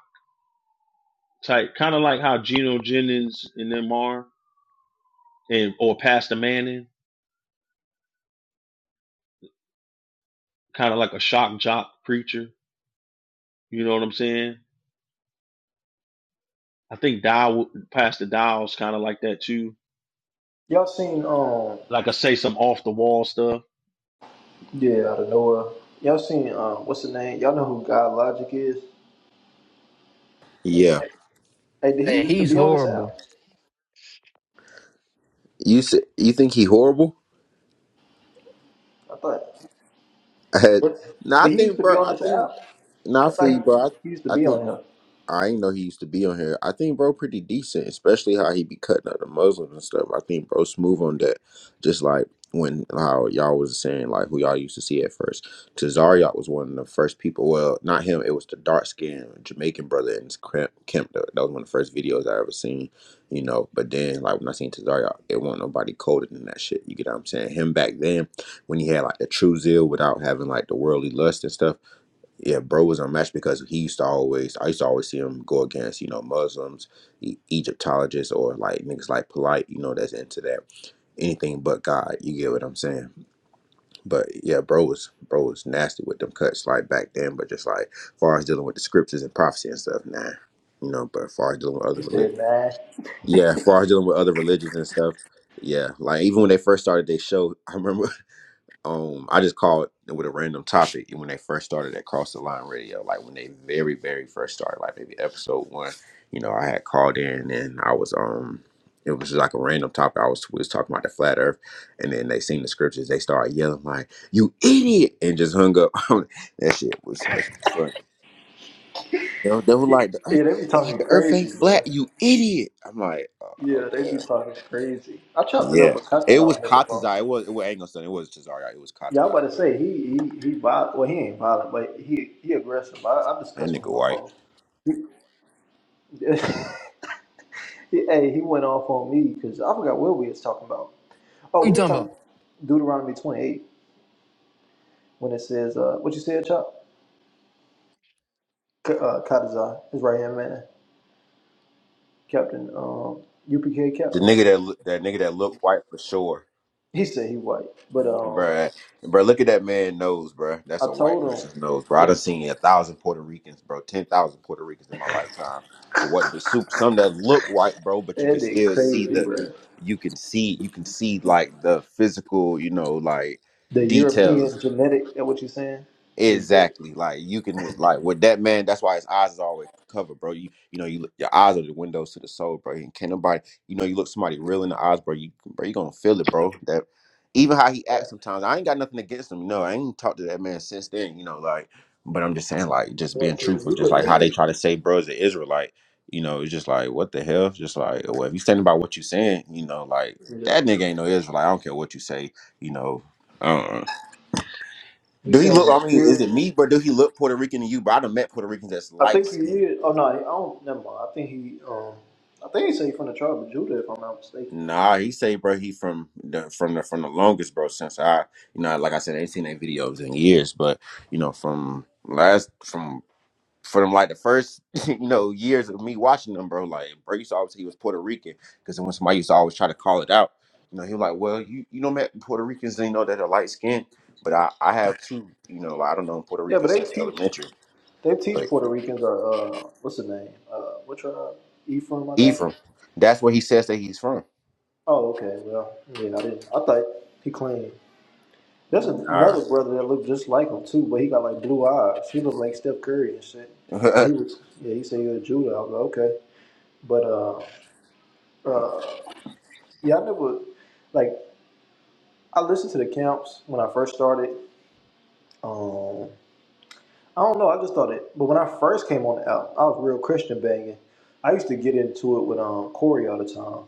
[SPEAKER 6] type, kind of like how Geno Jennings and them are and or Pastor Manning, kind of like a shock jock preacher, you know what I'm saying? I think Dial Pastor Dial's kind of like that too.
[SPEAKER 1] Y'all seen um
[SPEAKER 6] Like I say some off the wall stuff.
[SPEAKER 1] yeah out of nowhere. Y'all seen uh what's the name? Y'all know who God Logic is?
[SPEAKER 3] Yeah,
[SPEAKER 1] Hey, did he
[SPEAKER 2] Man,
[SPEAKER 1] used to
[SPEAKER 2] he's
[SPEAKER 1] be on this app?
[SPEAKER 2] horrible.
[SPEAKER 3] you s- you think he horrible?
[SPEAKER 1] I thought. What?
[SPEAKER 3] no, I
[SPEAKER 1] Did he used
[SPEAKER 3] think
[SPEAKER 1] to be
[SPEAKER 3] bro.
[SPEAKER 1] on
[SPEAKER 3] I
[SPEAKER 1] this
[SPEAKER 3] think
[SPEAKER 1] app? I
[SPEAKER 3] not for
[SPEAKER 1] thought he,
[SPEAKER 3] you, bro.
[SPEAKER 1] he used to
[SPEAKER 3] I, I
[SPEAKER 1] be
[SPEAKER 3] think.
[SPEAKER 1] on here.
[SPEAKER 3] I ain't know he used to be on here. I think bro pretty decent, especially how he be cutting up the Muslims and stuff. I think bro smooth on that. Just like when how y'all was saying like who y'all used to see at first. Tazariot was one of the first people. Well, not him. It was the dark skinned Jamaican brother in his cramp- camp. That that was one of the first videos I ever seen. You know, but then like when I seen Tazariot, it wasn't nobody colder than that shit. You get what I'm saying? Him back then when he had like the true zeal without having like the worldly lust and stuff yeah, bro was unmatched because he used to always, I used to always see him go against, you know, Muslims, e- Egyptologists, or like niggas like polite, you know, that's into that anything but God. You get what I'm saying? But yeah, bro was bro was nasty with them cuts like back then, but just like far as dealing with the scriptures and prophecy and stuff, nah, you know. But far as dealing with other
[SPEAKER 1] He said,
[SPEAKER 3] religions,
[SPEAKER 1] "Nah."
[SPEAKER 3] yeah, far as dealing with other religions and stuff, yeah, like even when they first started they show, I remember um I just called with a random topic when they first started at Cross the Line Radio, like when they very, very first started, like maybe episode one, you know, I had called in and I was um it was just like a random topic. I was we was talking about the flat earth and then they seen the scriptures, they started yelling like, You idiot and just hung up. that shit was that shit was funny. They were, they were like the earth
[SPEAKER 1] Yeah, they be
[SPEAKER 3] they were like
[SPEAKER 1] talking
[SPEAKER 3] the earth ain't
[SPEAKER 1] crazy, bro.
[SPEAKER 3] flat, you idiot. I'm like, oh, oh
[SPEAKER 1] Yeah, they
[SPEAKER 3] damn.
[SPEAKER 1] be talking crazy. I chopped it up
[SPEAKER 3] Yeah.
[SPEAKER 1] with Cutlass
[SPEAKER 3] It was
[SPEAKER 1] on here before.
[SPEAKER 3] Katazai. It was it was Angleson. It was Tazari. It was
[SPEAKER 1] Yeah, I'm
[SPEAKER 3] Katazai
[SPEAKER 1] about to
[SPEAKER 3] though.
[SPEAKER 1] say he he he violent. Well, he ain't violent, but he he aggressive. I, I
[SPEAKER 3] That
[SPEAKER 1] discussed with
[SPEAKER 3] nigga
[SPEAKER 1] him
[SPEAKER 3] white.
[SPEAKER 1] before. He- he- hey, he went off on me because I forgot what we was talking about.
[SPEAKER 2] What
[SPEAKER 1] Oh,
[SPEAKER 2] you
[SPEAKER 1] we was
[SPEAKER 2] talking about?
[SPEAKER 1] talking Deuteronomy 28 when it says uh, what you said, Chop. K- Uh, Kadazai, his right hand man, Captain um, UPK
[SPEAKER 3] The
[SPEAKER 1] captain.
[SPEAKER 3] nigga that look, that nigga that looked white for sure,
[SPEAKER 1] He said he white, but um,
[SPEAKER 3] bruh. Bruh, look at that man nose, bruh. That's
[SPEAKER 1] I
[SPEAKER 3] a white
[SPEAKER 1] told
[SPEAKER 3] person's nose,
[SPEAKER 1] him
[SPEAKER 3] bruh. I done
[SPEAKER 1] and
[SPEAKER 3] seen a thousand Puerto Ricans, bro. Ten thousand Puerto Ricans in my lifetime. What the soup? Some that look white, bro, but you can
[SPEAKER 1] that they
[SPEAKER 3] still see
[SPEAKER 1] crazy,
[SPEAKER 3] the,
[SPEAKER 1] bro.
[SPEAKER 3] you can see, you can see like the physical, you know, like
[SPEAKER 1] The
[SPEAKER 3] details.
[SPEAKER 1] European genetic, is that what you're saying? The Eu-
[SPEAKER 3] Exactly. Like you can like with that man, that's why his eyes is always covered, bro. You you know, you look- your eyes are the windows to the soul, bro. And can nobody you know, you look somebody real in the eyes, bro, you bro, you gonna feel it, bro. That even how he
[SPEAKER 1] right?
[SPEAKER 3] acts sometimes, I ain't got nothing against him. No, I ain't talked to that man since then, you know, like but I'm just saying, like, just being
[SPEAKER 1] According to
[SPEAKER 3] truthful,
[SPEAKER 1] you
[SPEAKER 3] just
[SPEAKER 1] were
[SPEAKER 3] like how they
[SPEAKER 1] in
[SPEAKER 3] try to say bro is an Israelite, you know, it's just like what the hell? Just like, well, if you standing by what you saying, you know, like that
[SPEAKER 1] Israel.
[SPEAKER 3] nigga ain't no Israelite. I don't care what you say, you know. uh,
[SPEAKER 1] You
[SPEAKER 3] do he
[SPEAKER 1] saying
[SPEAKER 3] look?
[SPEAKER 1] the
[SPEAKER 3] I mean, is it
[SPEAKER 1] spirit?
[SPEAKER 3] me, bro? Do he look Puerto Rican to you? But I done met Puerto Ricans that's
[SPEAKER 1] I
[SPEAKER 3] light
[SPEAKER 1] think he
[SPEAKER 3] skinned.
[SPEAKER 1] is. Oh no, I don't. Never mind. I think he um he say he from the tribe of Judah, if I'm not mistaken.
[SPEAKER 3] Nah, he say, bro, he from the from the from the longest, bro. Since I, you know, like I said, I ain't seen their videos in years, but you know, from last from from like the first, you know, years of me watching them, bro. Like, bro used to always say he was Puerto Rican because when somebody used to always try to call it out, you know, he was like, well, you you know, met Puerto Ricans, they know that are light skinned, but I I have two, you know, like, I don't know Puerto
[SPEAKER 1] Yeah, but
[SPEAKER 3] Ricans
[SPEAKER 1] they
[SPEAKER 3] since
[SPEAKER 1] teach
[SPEAKER 3] elementary.
[SPEAKER 1] they teach Puerto Ricans are uh what's the name? Uh, what tribe? Ephraim, I think.
[SPEAKER 3] Ephraim. That's where he says that he's from.
[SPEAKER 1] Oh, okay. Well, yeah, I didn't. I thought he claimed. There's
[SPEAKER 3] Nah.
[SPEAKER 1] another brother that looked just like him too, but he got like blue eyes. He looked like Steph Curry and shit. He was yeah. He said he was Judah. I was like, okay, but uh. Uh, yeah, I never like I listened to the camps when I first started. Um, I don't know, I just thought it. But when I first came on the album, I was real Christian banging. I used to get into it with um Corey all the time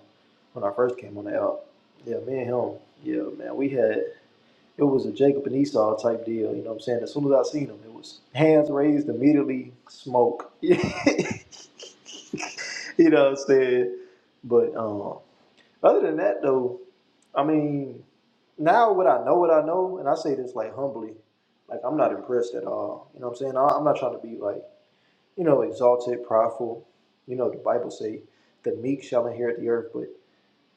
[SPEAKER 1] when I first came on the album. Yeah, me and him. Yeah, man, we had it was a Jacob and Esau type deal. You know what I'm saying? As soon as I seen him, it was hands raised immediately, smoke. you know what I'm saying? But um, Other than that, though, I mean, now what I know, what I know, and I say this like humbly, like I'm not impressed at all. You know what I'm saying? I- I'm not trying to be like, you know, exalted, prideful. You know, the Bible say the meek shall inherit the earth, but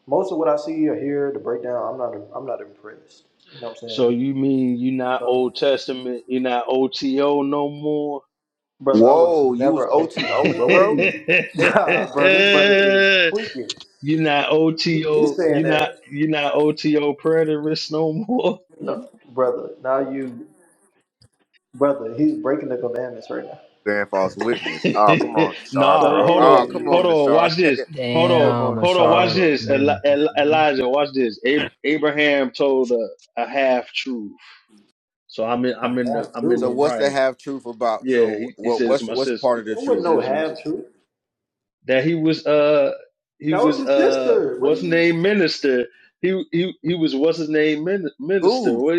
[SPEAKER 1] most of what I see or hear, the breakdown, I'm not, I'm not impressed. You know what I'm saying?
[SPEAKER 6] So you mean you not
[SPEAKER 1] But,
[SPEAKER 6] Old Testament, you not OTO no more?
[SPEAKER 1] brother, I was
[SPEAKER 3] Whoa, you was
[SPEAKER 1] never OT
[SPEAKER 3] OT
[SPEAKER 1] only,
[SPEAKER 6] you
[SPEAKER 3] only,
[SPEAKER 1] bro. What are
[SPEAKER 3] bro?
[SPEAKER 1] you, Nah, bro? This brother is tweaking.
[SPEAKER 6] not
[SPEAKER 1] He, he's
[SPEAKER 6] OTO,
[SPEAKER 1] saying
[SPEAKER 6] you not
[SPEAKER 1] that,
[SPEAKER 6] you not OTO preterist no more.
[SPEAKER 1] no, brother. Now you, brother, he's breaking the commandments right now.
[SPEAKER 3] Bearing false witness. Oh, come on, Nashar,
[SPEAKER 1] So
[SPEAKER 6] nah,
[SPEAKER 3] bro.
[SPEAKER 6] hold on,
[SPEAKER 3] Oh,
[SPEAKER 1] yeah,
[SPEAKER 3] come
[SPEAKER 1] yeah.
[SPEAKER 6] hold
[SPEAKER 3] on,
[SPEAKER 6] on,
[SPEAKER 3] Nashar.
[SPEAKER 6] watch this. Hold on,
[SPEAKER 3] come
[SPEAKER 2] Damn,
[SPEAKER 3] on,
[SPEAKER 6] hold on,
[SPEAKER 3] Nashar,
[SPEAKER 6] watch
[SPEAKER 2] Ashar
[SPEAKER 3] bro.
[SPEAKER 6] this. Eli-
[SPEAKER 2] bringing.
[SPEAKER 6] Eli- Elijah, watch this. Ab- Abraham told a, a half truth. So I'm in
[SPEAKER 1] I
[SPEAKER 6] I'm in the
[SPEAKER 1] have
[SPEAKER 6] I'm in
[SPEAKER 3] So
[SPEAKER 6] the
[SPEAKER 1] to.
[SPEAKER 3] what's the
[SPEAKER 6] right.
[SPEAKER 3] half truth about?
[SPEAKER 6] Yeah,
[SPEAKER 3] So
[SPEAKER 6] he, he
[SPEAKER 3] what
[SPEAKER 6] says
[SPEAKER 3] what's
[SPEAKER 6] my
[SPEAKER 3] what's
[SPEAKER 6] sister.
[SPEAKER 3] part of the
[SPEAKER 1] I
[SPEAKER 6] He
[SPEAKER 1] wouldn't
[SPEAKER 3] truth?
[SPEAKER 1] know
[SPEAKER 6] says my sister.
[SPEAKER 1] have to.
[SPEAKER 6] that he was uh he
[SPEAKER 1] That was
[SPEAKER 6] was
[SPEAKER 1] his
[SPEAKER 6] uh
[SPEAKER 1] sister. What
[SPEAKER 6] what's
[SPEAKER 1] do
[SPEAKER 6] his
[SPEAKER 1] you?
[SPEAKER 6] name minister he he he was what's his name min- minister
[SPEAKER 3] Who?
[SPEAKER 6] what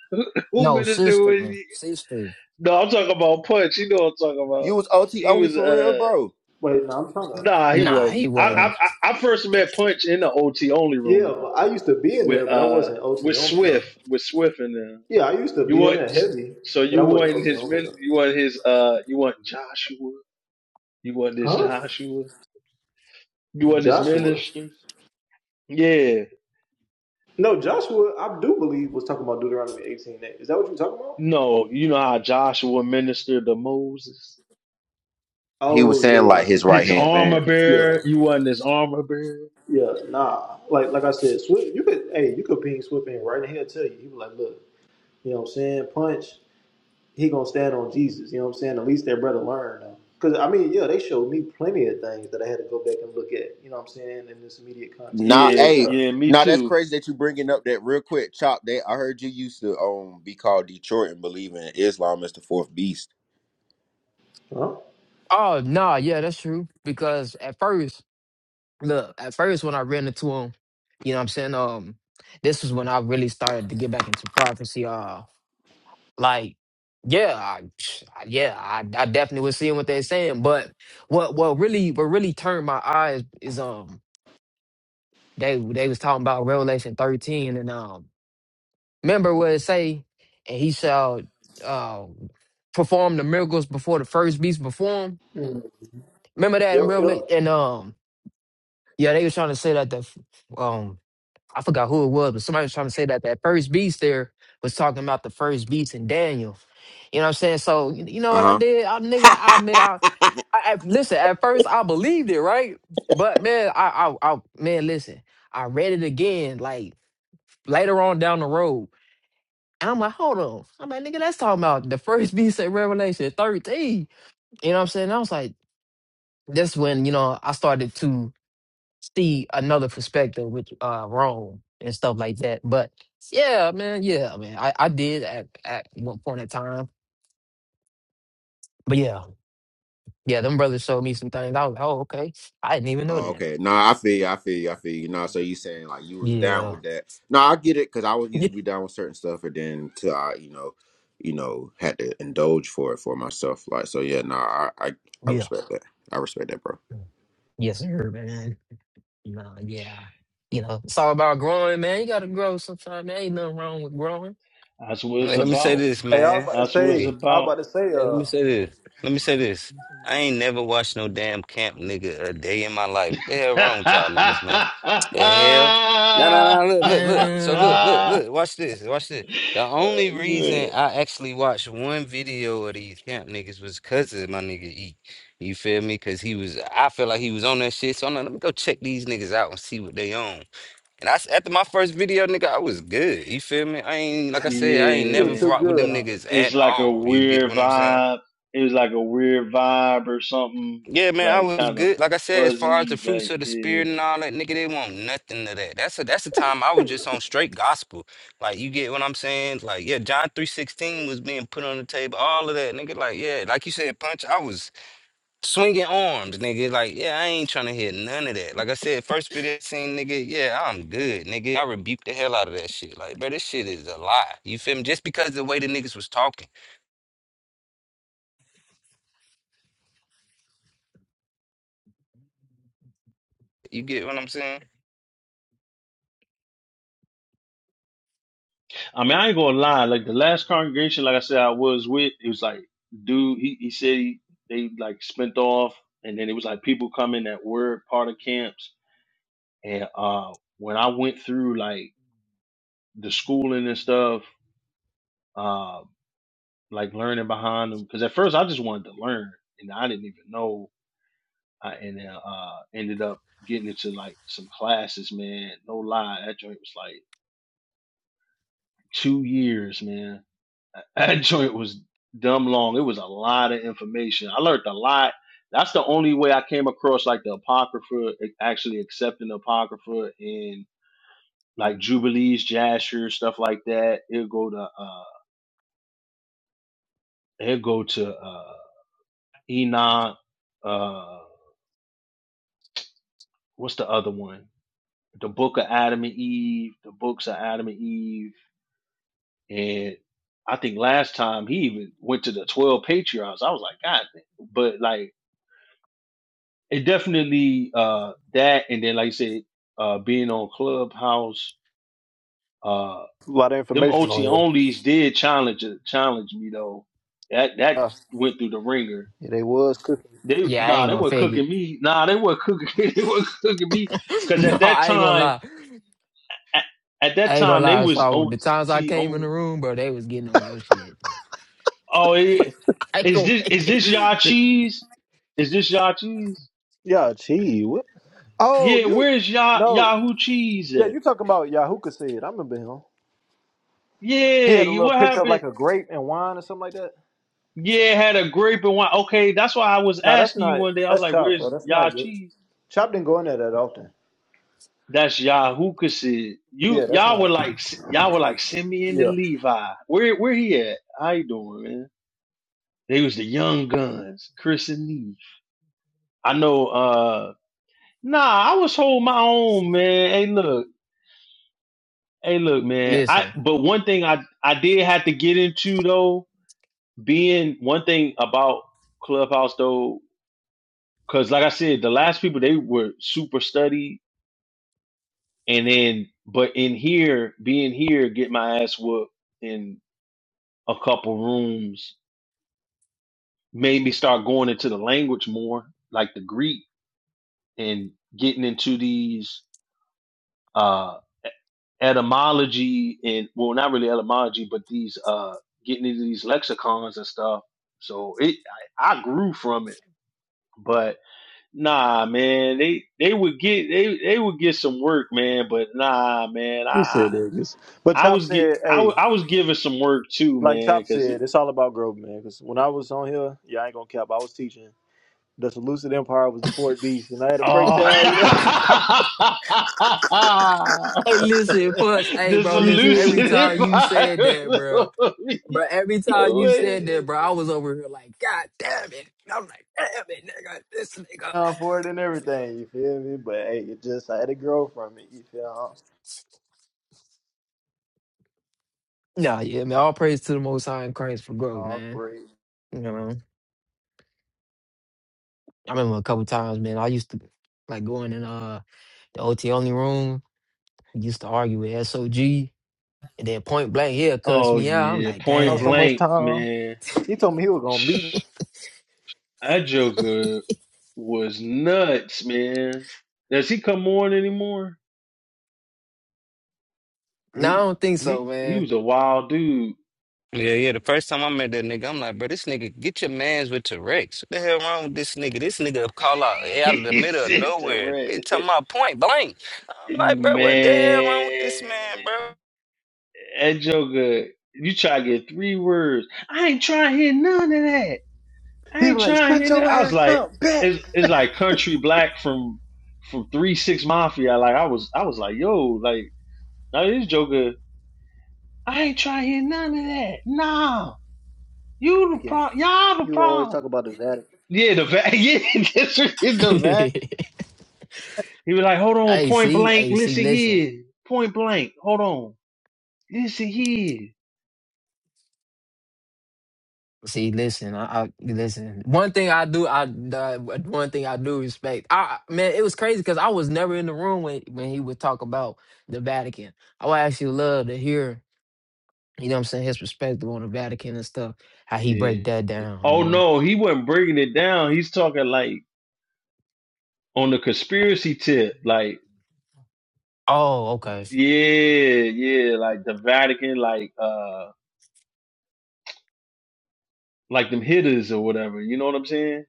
[SPEAKER 6] who
[SPEAKER 2] No,
[SPEAKER 6] minister
[SPEAKER 2] sister,
[SPEAKER 6] was
[SPEAKER 2] man.
[SPEAKER 6] he?
[SPEAKER 2] Sister.
[SPEAKER 6] no I'm talking about punch you know what I'm talking about
[SPEAKER 3] You was OT
[SPEAKER 6] he
[SPEAKER 3] only
[SPEAKER 6] was
[SPEAKER 3] for real,
[SPEAKER 6] uh
[SPEAKER 3] bro.
[SPEAKER 1] Wait, no, I'm trying to.
[SPEAKER 6] nah he
[SPEAKER 2] Nah, he
[SPEAKER 6] wasn't I I
[SPEAKER 3] Uh,
[SPEAKER 2] wasn't.
[SPEAKER 6] I I first met punch in the OT only room
[SPEAKER 1] Yeah, but
[SPEAKER 6] though
[SPEAKER 1] I used to be in
[SPEAKER 6] with
[SPEAKER 1] there, but I
[SPEAKER 6] uh
[SPEAKER 1] wasn't OT
[SPEAKER 6] with
[SPEAKER 1] only
[SPEAKER 6] Swift
[SPEAKER 1] though.
[SPEAKER 6] with Swift in there
[SPEAKER 1] Yeah, I used to
[SPEAKER 6] you
[SPEAKER 1] be in
[SPEAKER 6] want
[SPEAKER 1] there heavy,
[SPEAKER 6] so
[SPEAKER 1] but
[SPEAKER 6] you
[SPEAKER 1] I wasn't
[SPEAKER 6] want
[SPEAKER 1] OT
[SPEAKER 6] his
[SPEAKER 1] only
[SPEAKER 6] min
[SPEAKER 1] though.
[SPEAKER 6] you want his uh you want Joshua you want this
[SPEAKER 1] Huh?
[SPEAKER 6] Joshua you want this
[SPEAKER 1] Joshua.
[SPEAKER 6] minister. Yeah,
[SPEAKER 1] No, Joshua. I do believe was talking about Deuteronomy 18:8. Is that what you're talking about?
[SPEAKER 6] No, you know how Joshua ministered to Moses?
[SPEAKER 3] He was
[SPEAKER 1] Oh yeah,
[SPEAKER 3] saying
[SPEAKER 1] yeah. I
[SPEAKER 3] like
[SPEAKER 1] see.
[SPEAKER 3] his
[SPEAKER 1] What you
[SPEAKER 3] right
[SPEAKER 6] His
[SPEAKER 3] hand man.
[SPEAKER 6] armor
[SPEAKER 1] yeah,
[SPEAKER 6] bearer, you wasn't his armor bearer.
[SPEAKER 1] yeah. Nah, like like I said, Swift. You could hey, you could ping Swift in right in here. Tell you, he was like, look, you know what I'm saying? Punch. he gonna stand on Jesus. You know what I'm saying? At least their brother learned Cause I mean, yeah, they showed me plenty of things that I had to go back and look at. You know what I'm saying? In this immediate context.
[SPEAKER 3] Nah,
[SPEAKER 1] Yeah,
[SPEAKER 6] Yeah,
[SPEAKER 3] hey,
[SPEAKER 1] yeah.
[SPEAKER 6] yeah, me
[SPEAKER 3] nah, that's
[SPEAKER 6] too.
[SPEAKER 3] crazy that you bringing up that real quick. Chop that I heard you used to um be called Detroit and believe in Islam as the fourth beast.
[SPEAKER 1] Huh?
[SPEAKER 2] Oh, nah, yeah, that's true. Because at first, look, at first when I ran into him, you know what I'm saying? Um, this was when I really started to get back into prophecy. Uh, like, yeah, I, yeah, I, I definitely was seeing what they're saying. But what what really what really turned my eyes is um they they was talking about Revelation 13 and um Remember what it say, and he shall uh, perform the miracles before the first beast before him.
[SPEAKER 1] Mm.
[SPEAKER 2] Remember that in Revelation? And um, yeah, they were trying to say that the um, I forgot who it was, but somebody was trying to say that that first beast there was talking about the first beast in Daniel. You know what I'm saying? So you you know
[SPEAKER 3] Uh
[SPEAKER 2] what
[SPEAKER 3] huh.
[SPEAKER 2] I did? I nigga, I mean, I, I, I listen. At first, I believed it, right? But man, I, I, I, man, listen. I read it again, like later on down the road. And I'm like, hold on. I'm like, nigga, that's talking about the first beast at Revelation 13. You know what I'm saying? I was like, that's when, you know, I started to see another perspective with uh Rome and stuff like that. But yeah, man, yeah, man. I, I did at, at one point in time. But yeah, yeah, them brothers showed me some things. I was like, oh, okay. I didn't even know
[SPEAKER 3] Oh,
[SPEAKER 2] that.
[SPEAKER 3] okay. No, I feel you. I feel you. I feel you. No, so you saying like you was down
[SPEAKER 2] Yeah.
[SPEAKER 3] with that? No, I get it because I was used to be down with certain stuff, and then till I, you know, you know, had to indulge for it for myself. Like, so yeah. No, I, I, I
[SPEAKER 2] Yeah.
[SPEAKER 3] respect that. I respect that, bro.
[SPEAKER 2] Yeah. Yes, sir, man. No, yeah. You know, it's all about growing, man. You gotta grow sometime. There ain't nothing wrong with growing.
[SPEAKER 6] That's what it's
[SPEAKER 4] Like, let me say
[SPEAKER 6] about.
[SPEAKER 4] this,
[SPEAKER 1] Hey, I was
[SPEAKER 4] man.
[SPEAKER 1] about to
[SPEAKER 6] That's what it's
[SPEAKER 4] Hey,
[SPEAKER 1] say, I was
[SPEAKER 6] about.
[SPEAKER 1] about to say,
[SPEAKER 4] Hey, let
[SPEAKER 1] uh,
[SPEAKER 4] me say this. Let me say this. I ain't never watched no damn camp nigga a day in my life. The hell wrong with y'all niggas, man? The hell? No, no, no. Look, look, look. So
[SPEAKER 2] Man.
[SPEAKER 4] look, look, look. Watch this. Watch this. The only reason
[SPEAKER 6] Good.
[SPEAKER 4] I actually watched one video of these camp niggas was because of my nigga E. You feel me? Because he was, I feel like he was on that shit. So I'm like, let me go check these niggas out and see what they on. And I, s- after my first video, nigga, I was good. You feel me? I ain't, like I said, I ain't
[SPEAKER 1] you're
[SPEAKER 4] never
[SPEAKER 6] Yeah.
[SPEAKER 1] too
[SPEAKER 4] fought with
[SPEAKER 1] good,
[SPEAKER 4] them
[SPEAKER 1] huh?
[SPEAKER 4] niggas
[SPEAKER 6] It's
[SPEAKER 4] at
[SPEAKER 6] like a
[SPEAKER 4] all. You get
[SPEAKER 6] weird
[SPEAKER 4] what I'm saying?
[SPEAKER 6] vibe. It was like a weird vibe or something.
[SPEAKER 4] Yeah, man, I
[SPEAKER 6] Like
[SPEAKER 4] was
[SPEAKER 6] kind of
[SPEAKER 4] good. Like I said, as far as the
[SPEAKER 6] fuzzy.
[SPEAKER 4] fruits
[SPEAKER 6] Like
[SPEAKER 4] of the
[SPEAKER 6] yeah.
[SPEAKER 4] spirit and all that, nigga, they want nothing to that. That's a that's the time I was just on straight gospel. Like you get what I'm saying? Like, yeah, John 3.16 was being put on the table, all of that, nigga. Like, yeah, like you said, punch, I was swinging arms, nigga. Like, yeah, I ain't trying to hear none of that. Like I said, first video I seen, nigga, yeah, I'm good, nigga. I rebuked the hell out of that shit. Like, bro, this shit is a lie. You feel me? Just because the way the niggas was talking. You get what I'm saying?
[SPEAKER 6] I mean, I ain't gonna lie. Like the last congregation, like I said, I was with. It was like, dude, he, he said he, they like spent off, and then it was like people coming that were part of camps. And uh, when I went through like the schooling and stuff, uh, like learning behind them, because at first I just wanted to learn, and I didn't even know. I, and then uh, ended up getting into like some classes, man. No lie, that joint was like two years, man That joint was dumb long. It was a lot of information. I learned a lot. That's the only way I came across like the Apocrypha, actually accepting the Apocrypha and like Jubilees, Jasher, stuff like that. It'll go to uh it'll go to uh Enoch, uh what's the other one? The book of Adam and Eve, the books of Adam and Eve, and I think last time he even went to the twelve patriarchs. I was like, God, but like it definitely uh that and then like you said uh being on clubhouse uh
[SPEAKER 1] A lot of
[SPEAKER 6] them
[SPEAKER 1] information
[SPEAKER 6] ot
[SPEAKER 1] on here.
[SPEAKER 6] onlys did challenge challenge me though that that
[SPEAKER 1] Uh,
[SPEAKER 6] went through the ringer
[SPEAKER 1] yeah, they was cooking.
[SPEAKER 6] they
[SPEAKER 2] Yeah, I
[SPEAKER 6] nah
[SPEAKER 2] ain't
[SPEAKER 6] they
[SPEAKER 2] gonna
[SPEAKER 6] were
[SPEAKER 2] fake it.
[SPEAKER 6] cooking me nah they were cooking they were cooking me because
[SPEAKER 2] no,
[SPEAKER 6] at that
[SPEAKER 2] I ain't gonna
[SPEAKER 6] time
[SPEAKER 2] lie.
[SPEAKER 6] at, at that
[SPEAKER 2] I ain't gonna
[SPEAKER 6] time they
[SPEAKER 2] lie.
[SPEAKER 6] was
[SPEAKER 2] So
[SPEAKER 6] ot
[SPEAKER 2] the times I came in the
[SPEAKER 6] only
[SPEAKER 2] room, bro, they was getting on your shit.
[SPEAKER 6] oh it,
[SPEAKER 2] I ain't
[SPEAKER 6] is
[SPEAKER 2] gonna
[SPEAKER 6] this
[SPEAKER 2] fake
[SPEAKER 6] is
[SPEAKER 2] it.
[SPEAKER 6] this y'all
[SPEAKER 2] Th-
[SPEAKER 6] cheese is this y'all cheese
[SPEAKER 1] Yeah, gee, what? Oh,
[SPEAKER 6] yeah
[SPEAKER 1] you?
[SPEAKER 6] where's y'all
[SPEAKER 1] No,
[SPEAKER 6] yahoo cheese
[SPEAKER 1] yeah,
[SPEAKER 6] at
[SPEAKER 1] you talking about Yahuka said? I remember him. He
[SPEAKER 6] yeah
[SPEAKER 1] had a
[SPEAKER 6] you-
[SPEAKER 1] little
[SPEAKER 6] what
[SPEAKER 1] picture of
[SPEAKER 6] happened
[SPEAKER 1] like a grape and wine or something like that.
[SPEAKER 6] Yeah, had a grape and wine. Okay, that's why I was
[SPEAKER 1] No, that's
[SPEAKER 6] asking you
[SPEAKER 1] not.
[SPEAKER 6] one day. I was
[SPEAKER 1] That's
[SPEAKER 6] like,
[SPEAKER 1] Chop, bro.
[SPEAKER 6] "Where's
[SPEAKER 1] That's
[SPEAKER 6] y'all
[SPEAKER 1] not you.
[SPEAKER 6] cheese?"
[SPEAKER 1] Chop didn't go in there that often.
[SPEAKER 6] That's Yahuwah said. You
[SPEAKER 1] Yeah, that's
[SPEAKER 6] y'all were
[SPEAKER 1] not.
[SPEAKER 6] like s- y'all were like Simeon
[SPEAKER 1] Yeah,
[SPEAKER 6] and Levi. Where where he at? How you doing, man? They was the young guns, Chris and Neve. I know. uh Nah, I was holding my own, man. Hey, look, hey, look, man. I
[SPEAKER 2] Listen.
[SPEAKER 6] but one thing I I did have to get into though, being one thing about Clubhouse though, because like I said, the last people they were super studied and then but in here being here get my ass whooped in a couple rooms made me start going into the language more like the greek and getting into these uh etymology and well not really etymology but these uh getting into these lexicons and stuff so it i, I grew from it but nah man they they would get they they would get some work man but nah man
[SPEAKER 1] he
[SPEAKER 6] I.
[SPEAKER 1] said that. Just, but
[SPEAKER 6] I
[SPEAKER 1] Chop
[SPEAKER 6] was get
[SPEAKER 1] said,
[SPEAKER 6] I,
[SPEAKER 1] "Hey,
[SPEAKER 6] w- I was giving some work too,
[SPEAKER 1] like
[SPEAKER 6] man,
[SPEAKER 1] Chop
[SPEAKER 6] because
[SPEAKER 1] said, it's all about growth, man. Because when I was on here, yeah, I ain't gonna cap. I was teaching the Seleucid Empire was the fourth beast, and I had a
[SPEAKER 6] oh,
[SPEAKER 1] breakdown. You know,
[SPEAKER 2] Hey, listen, Punch. Hey,
[SPEAKER 6] this
[SPEAKER 2] bro,
[SPEAKER 1] you
[SPEAKER 2] listen.
[SPEAKER 1] feel
[SPEAKER 2] Every
[SPEAKER 6] elusive
[SPEAKER 1] me?
[SPEAKER 2] time you said that,
[SPEAKER 6] environment.
[SPEAKER 2] bro, bro, every time you said that, bro, I was over here like, God damn it. I'm like, damn it, nigga, this nigga.
[SPEAKER 1] Uh, for it and everything. You feel me? But hey, it just I had to grow from it. You feel?
[SPEAKER 2] Nah, yeah, man. All praise to the Most High in Christ for
[SPEAKER 1] I
[SPEAKER 2] growth, man.
[SPEAKER 1] operate.
[SPEAKER 2] You know. I remember a couple times, man. I used to like going in uh the OT only room. Used to argue with SOG, and then point blank here cuss
[SPEAKER 6] oh
[SPEAKER 2] me out. I'm
[SPEAKER 6] yeah,
[SPEAKER 2] like,
[SPEAKER 6] point
[SPEAKER 1] Not so
[SPEAKER 2] damn.
[SPEAKER 1] much
[SPEAKER 6] blank,
[SPEAKER 1] time.
[SPEAKER 6] man.
[SPEAKER 1] He told me he was gonna beat me.
[SPEAKER 6] That Joker was nuts, man. Does he come on anymore?
[SPEAKER 2] No, I
[SPEAKER 6] He
[SPEAKER 2] don't think
[SPEAKER 6] he
[SPEAKER 2] so,
[SPEAKER 6] he
[SPEAKER 2] man.
[SPEAKER 6] was a wild dude.
[SPEAKER 4] Yeah, yeah. The first time I met that nigga, I'm like, bro, this nigga, get your mans with T-Rex. What the hell wrong with this nigga? This nigga call out out of the
[SPEAKER 6] he
[SPEAKER 4] middle of
[SPEAKER 6] said to
[SPEAKER 4] nowhere. Bitch,
[SPEAKER 6] Red,
[SPEAKER 4] talking about point blank. I'm like, bro, what the hell wrong with this
[SPEAKER 6] man.
[SPEAKER 4] man, bro?
[SPEAKER 6] That Joker, you try to get three words. I ain't trying to hear none of that. I
[SPEAKER 1] He
[SPEAKER 6] ain't
[SPEAKER 1] was like,
[SPEAKER 6] trying to
[SPEAKER 1] "Shut
[SPEAKER 6] hear that.
[SPEAKER 1] your
[SPEAKER 6] I was
[SPEAKER 1] ass
[SPEAKER 6] like,
[SPEAKER 1] up, bitch."
[SPEAKER 6] it's, it's like country black from from three six mafia. Like I was, I was like, yo, like now this Joker, I ain't trying to hear none of that. Nah, you the problem. Y'all the
[SPEAKER 1] You always
[SPEAKER 6] problem.
[SPEAKER 1] talk about the Vatican.
[SPEAKER 6] Yeah, the va- yeah, that's what- it's the va-
[SPEAKER 2] hey,
[SPEAKER 6] He was like, hold on, point
[SPEAKER 2] see,
[SPEAKER 6] blank,
[SPEAKER 2] hey, see,
[SPEAKER 6] listen
[SPEAKER 2] listen,
[SPEAKER 6] here, point blank, hold on, listen here.
[SPEAKER 2] see, listen. I, I listen. One thing I do, I uh, one thing I do respect. I man, it was crazy because I was never in the room when when he would talk about the Vatican. I would actually love to hear, you know, what I'm saying his perspective on the Vatican and stuff how he
[SPEAKER 6] Yeah.
[SPEAKER 2] break that down,
[SPEAKER 6] Oh
[SPEAKER 2] you know
[SPEAKER 6] no, he wasn't bringing it down. He's talking like on the conspiracy tip, like
[SPEAKER 2] Oh, okay.
[SPEAKER 6] yeah, yeah, like the Vatican, like uh, like them hitters or whatever. You know what I'm saying?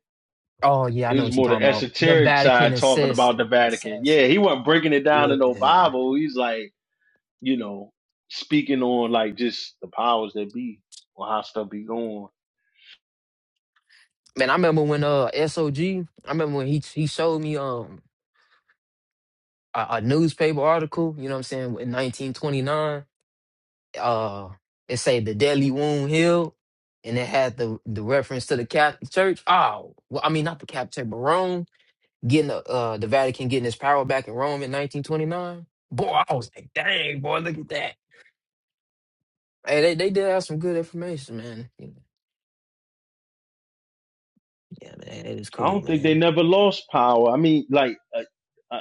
[SPEAKER 2] Oh, yeah, I
[SPEAKER 6] It
[SPEAKER 2] know
[SPEAKER 6] was
[SPEAKER 2] what you're
[SPEAKER 6] more the
[SPEAKER 2] talking about. Them
[SPEAKER 6] esoteric
[SPEAKER 2] Vatican
[SPEAKER 6] side talking about the
[SPEAKER 2] assassin,
[SPEAKER 6] Vatican. Yeah,
[SPEAKER 2] assassins.
[SPEAKER 6] he wasn't breaking it down in no
[SPEAKER 2] Yeah,
[SPEAKER 6] Bible. He's like, you know, speaking on like just the powers that be or how stuff be going.
[SPEAKER 2] man. I remember when uh SOG. I remember when he he showed me um a, a newspaper article. You know what I'm saying? In 1929, uh, it say the deadly wound healed, and it had the the reference to the Catholic Church. Oh, well, I mean not the Catholic Church, but Rome getting the uh the Vatican getting its power back in Rome in 1929. Boy, I was like, dang, boy, look at that. Hey, they, they did have some good information, man. Yeah, man, it is
[SPEAKER 6] I
[SPEAKER 2] cool,
[SPEAKER 6] don't think they
[SPEAKER 2] man.
[SPEAKER 6] never lost power. I mean, like. uh, uh,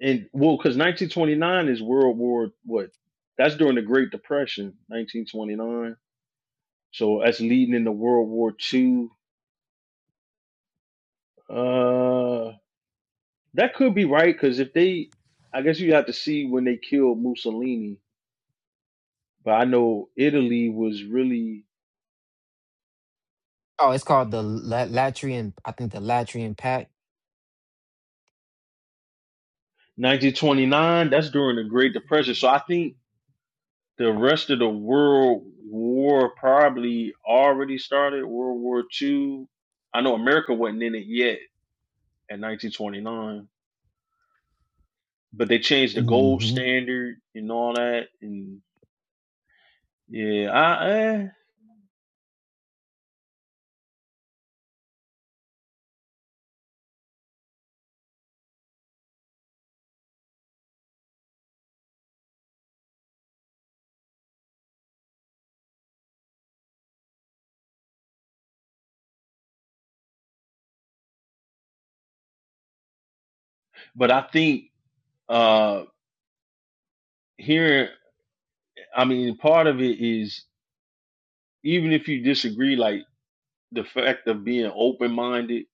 [SPEAKER 6] and well, because 1929 is World War what? That's during the Great Depression, 1929. So that's leading into World War Two. Uh, that could be right because if they, I guess you have to see when they killed Mussolini. But I know Italy was really
[SPEAKER 2] Oh, it's called the La- Latrian. I think the Latrian Pact.
[SPEAKER 6] 1929. That's during the Great Depression. So I think the rest of the world war probably already started. World War Two. I know America wasn't in it yet at 1929. but they changed the gold
[SPEAKER 2] Mm-hmm.
[SPEAKER 6] standard and all that and yeah i eh. but i think uh here i mean part of it is even if you disagree like the fact of being open-minded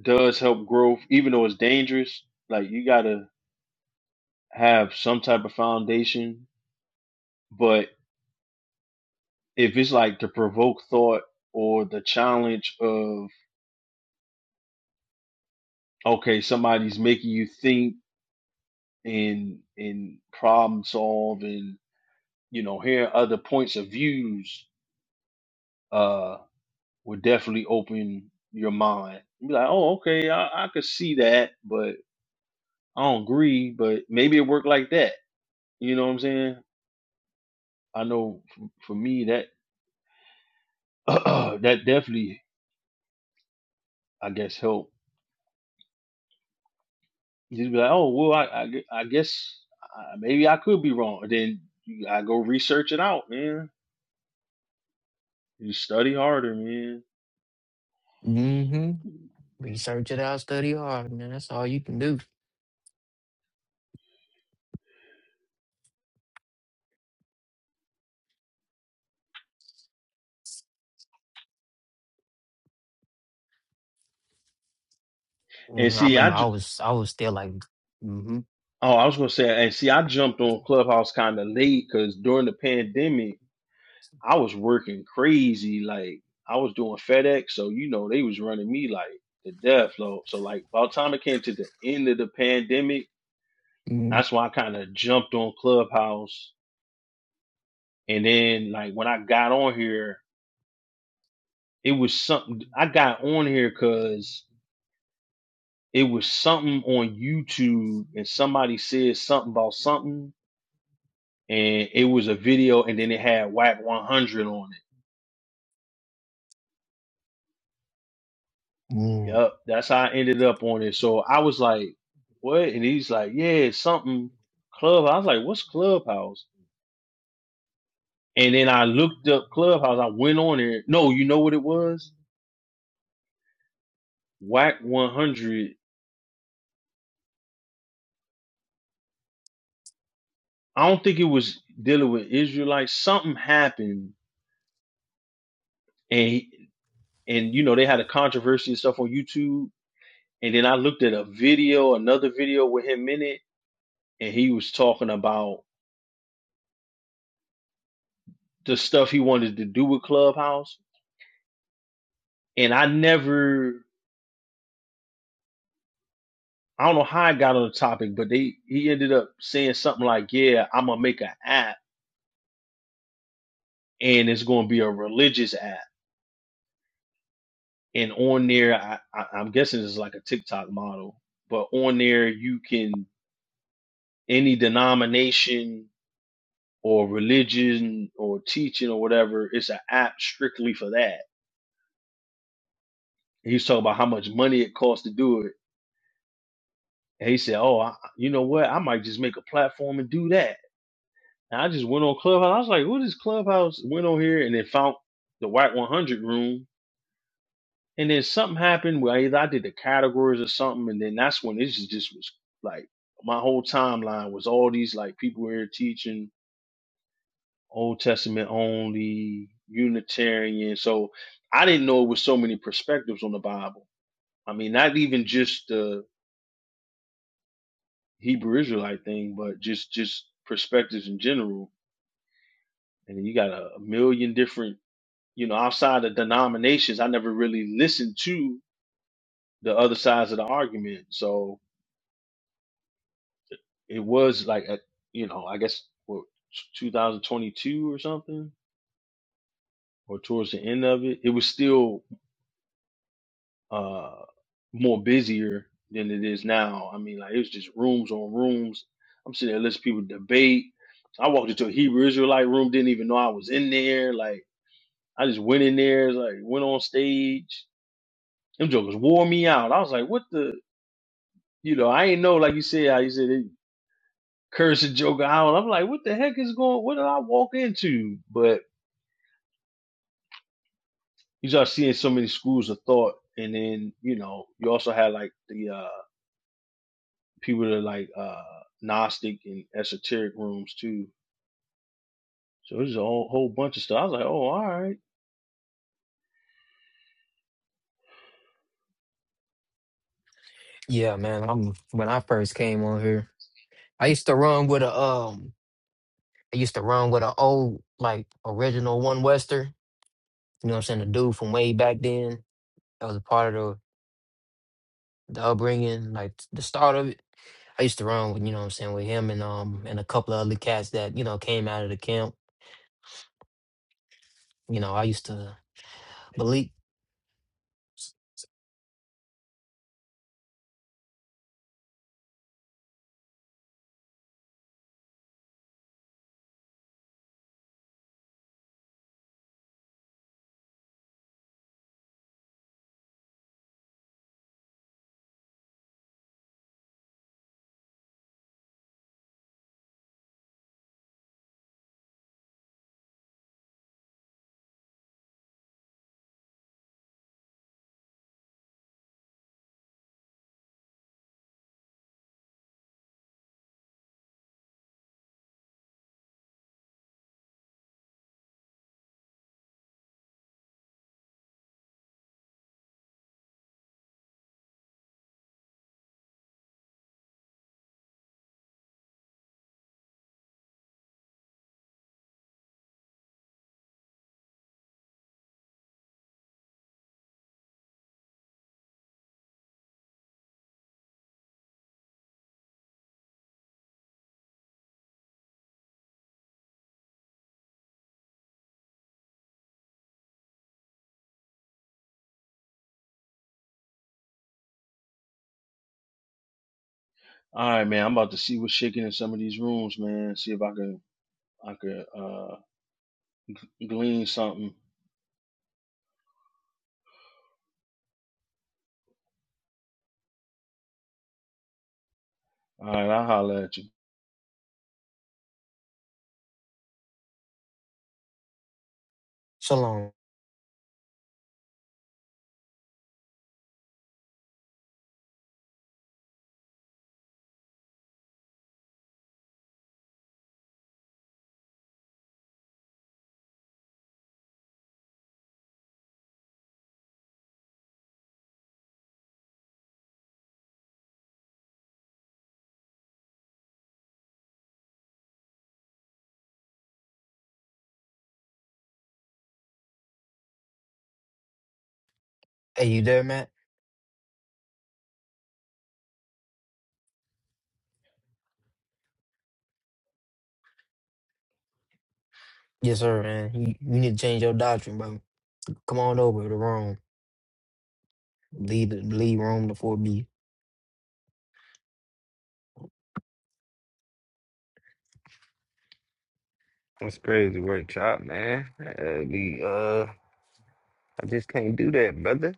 [SPEAKER 6] does help growth even though it's dangerous like you gotta have some type of foundation but if it's like to provoke thought or the challenge of okay somebody's making you think and and problem solve and. you know, hearing other points of views uh would definitely open your mind. You'd Be like, oh, okay, I, I could see that, but I don't agree. But maybe it worked like that. You know what I'm saying? I know for, for me that that definitely, I guess, helped. Just be like, oh, well, I I, gue- I guess uh, maybe I could be wrong. Then you- I go research it out, man. You study harder, man.
[SPEAKER 2] Mm-hmm. Research it out, study hard, man. That's all you can do.
[SPEAKER 6] And
[SPEAKER 2] hmm I
[SPEAKER 6] see, I
[SPEAKER 2] remember
[SPEAKER 6] ju-
[SPEAKER 2] I was I was still like, mm-hmm.
[SPEAKER 6] Oh, I was gonna say, and see, I jumped on Clubhouse kind of late because during the pandemic, I was working crazy. Like I was doing FedEx, so you know they was running me like to death. So, so like by the time it came to the end of the pandemic,
[SPEAKER 2] hmm
[SPEAKER 6] that's when I kind of jumped on Clubhouse. And then like when I got on here, it was something I got on here because it was something on YouTube, and somebody said something about something and it was a video and then it had whack 100 on it
[SPEAKER 2] Mm.
[SPEAKER 6] Yep, that's how I ended up on it. So I was like, "What?" And he's like, "Yeah, it's something club." I was like, "What's Clubhouse?" And then I looked up Clubhouse. I went on there. No, you know what it was? Whack one hundred. I don't think it was dealing with Israelites. Something happened, and he- and you know they had a controversy and stuff on YouTube. And then I looked at a video, another video with him in it, and he was talking about the stuff he wanted to do with Clubhouse. And I never I don't know how I got on the topic, but they he ended up saying something like, "Yeah, I'm gonna make an app, and it's gonna be a religious app, and on there, I, I, I'm guessing it's like a TikTok model, but on there you can any denomination or religion or teaching or whatever, it's an app strictly for that." He was talking about how much money it costs to do it, and he said, "Oh, I, you know what? I might just make a platform and do that." And I just went on Clubhouse. I was like, "What is Clubhouse?" Went on here and then found the White 100 room. And then something happened where either I did the categories or something, and then that's when this just just was like my whole timeline was all these like people were teaching Old Testament only, Unitarian. So I didn't know it was so many perspectives on the Bible. I mean, not even just the Hebrew Israelite thing, but just just perspectives in general. And then you got a, a million different you know, outside of denominations, I never really listened to the other sides of the argument. So it was like, a, you know, I guess what, 2022 or something, or towards the end of it, it was still uh, more busier than it is now. I mean, like it was just rooms on rooms. I'm sitting there listening to people debate. I walked into a Hebrew Israelite room, didn't even know I was in there. Like I just went in there, like went on stage. Them jokers wore me out. I was like, what the? you know, I ain't know, like you said, how you said they curse and joke out. I'm like, what the heck is going? What did I walk into? But you start seeing so many schools of thought, and then you know, you also had like the uh people that are like uh Gnostic and esoteric rooms too. So there's a whole, whole bunch of stuff. I was like, oh, all right,
[SPEAKER 2] Yeah, man. I'm when I first came on here, I used to run with a um, I used to run with an old like original one wester. You know what I'm saying? The dude from way back then that was a part of the, the upbringing, like the start of it. I used to run with you know what I'm saying with him and um and a couple of other cats that you know came out of the camp. You know, I used to Malik
[SPEAKER 6] all right, man. I'm about to see what's shaking in some of these rooms, man. See if I can I could uh glean something. All right, I'll holler at you.
[SPEAKER 2] Shalom. Hey, you there, Matt? Yes, sir, man. You, you need to change your doctrine, bro. Come on over to Rome. Leave the leave Rome to 4B.
[SPEAKER 4] That's crazy work, chop, man. Uh, be, uh, I just can't do that, brother.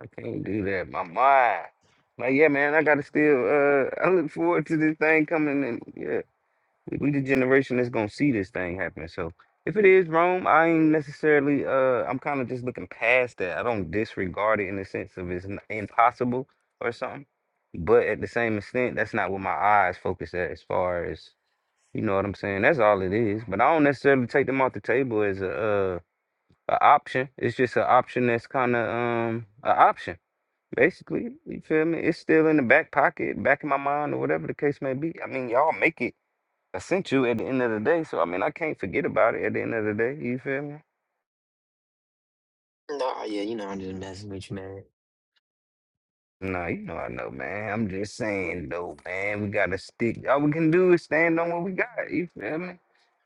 [SPEAKER 4] I can't do that. My mind. Like, yeah, man, I gotta still, uh, I look forward to this thing coming in. We the generation that's gonna see this thing happen. So if it is Rome, I ain't necessarily. Uh, I'm kind of just looking past that. I don't disregard it in the sense of it's n- impossible or something. But at the same extent, that's not what my eyes focus at. As far as you know what I'm saying, that's all it is. But I don't necessarily take them off the table as a uh, a option. It's just an option that's kind of um an option. Basically, you feel me? It's still in the back pocket, back in my mind, or whatever the case may be. I mean, y'all make it I sent you at the end of the day, so I mean, I can't forget about it at the end of the day. You feel me?
[SPEAKER 2] Nah, yeah, you know I'm just messing with you, man.
[SPEAKER 4] Nah, you know I know, man. I'm just saying, though, man. We gotta stick. All we can do is stand on what we got. You feel me?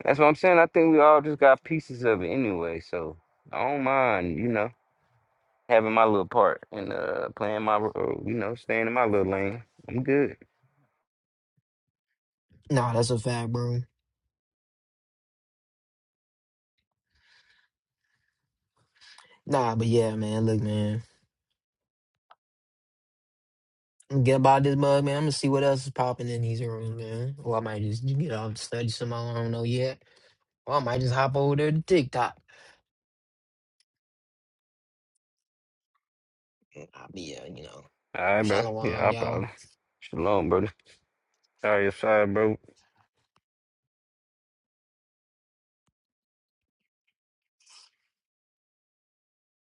[SPEAKER 4] That's what I'm saying. I think we all just got pieces of it anyway, so I don't mind, you know, having my little part and uh playing my, ro- uh, you know, staying in my little lane. I'm good.
[SPEAKER 2] Nah, that's a fact, bro. Nah, but yeah, man. Look, man. I'm Get about this mug, man. I'm gonna see what else is popping in these rooms, man. Or I might just get off and study some. more. I don't know yet. Or I might just hop over there to TikTok. I'll be, uh, you know,
[SPEAKER 4] All right, bro.
[SPEAKER 2] shalom,
[SPEAKER 4] Yeah, I
[SPEAKER 2] y'all.
[SPEAKER 4] problem. Shalom, brother. Sorry, sorry, bro.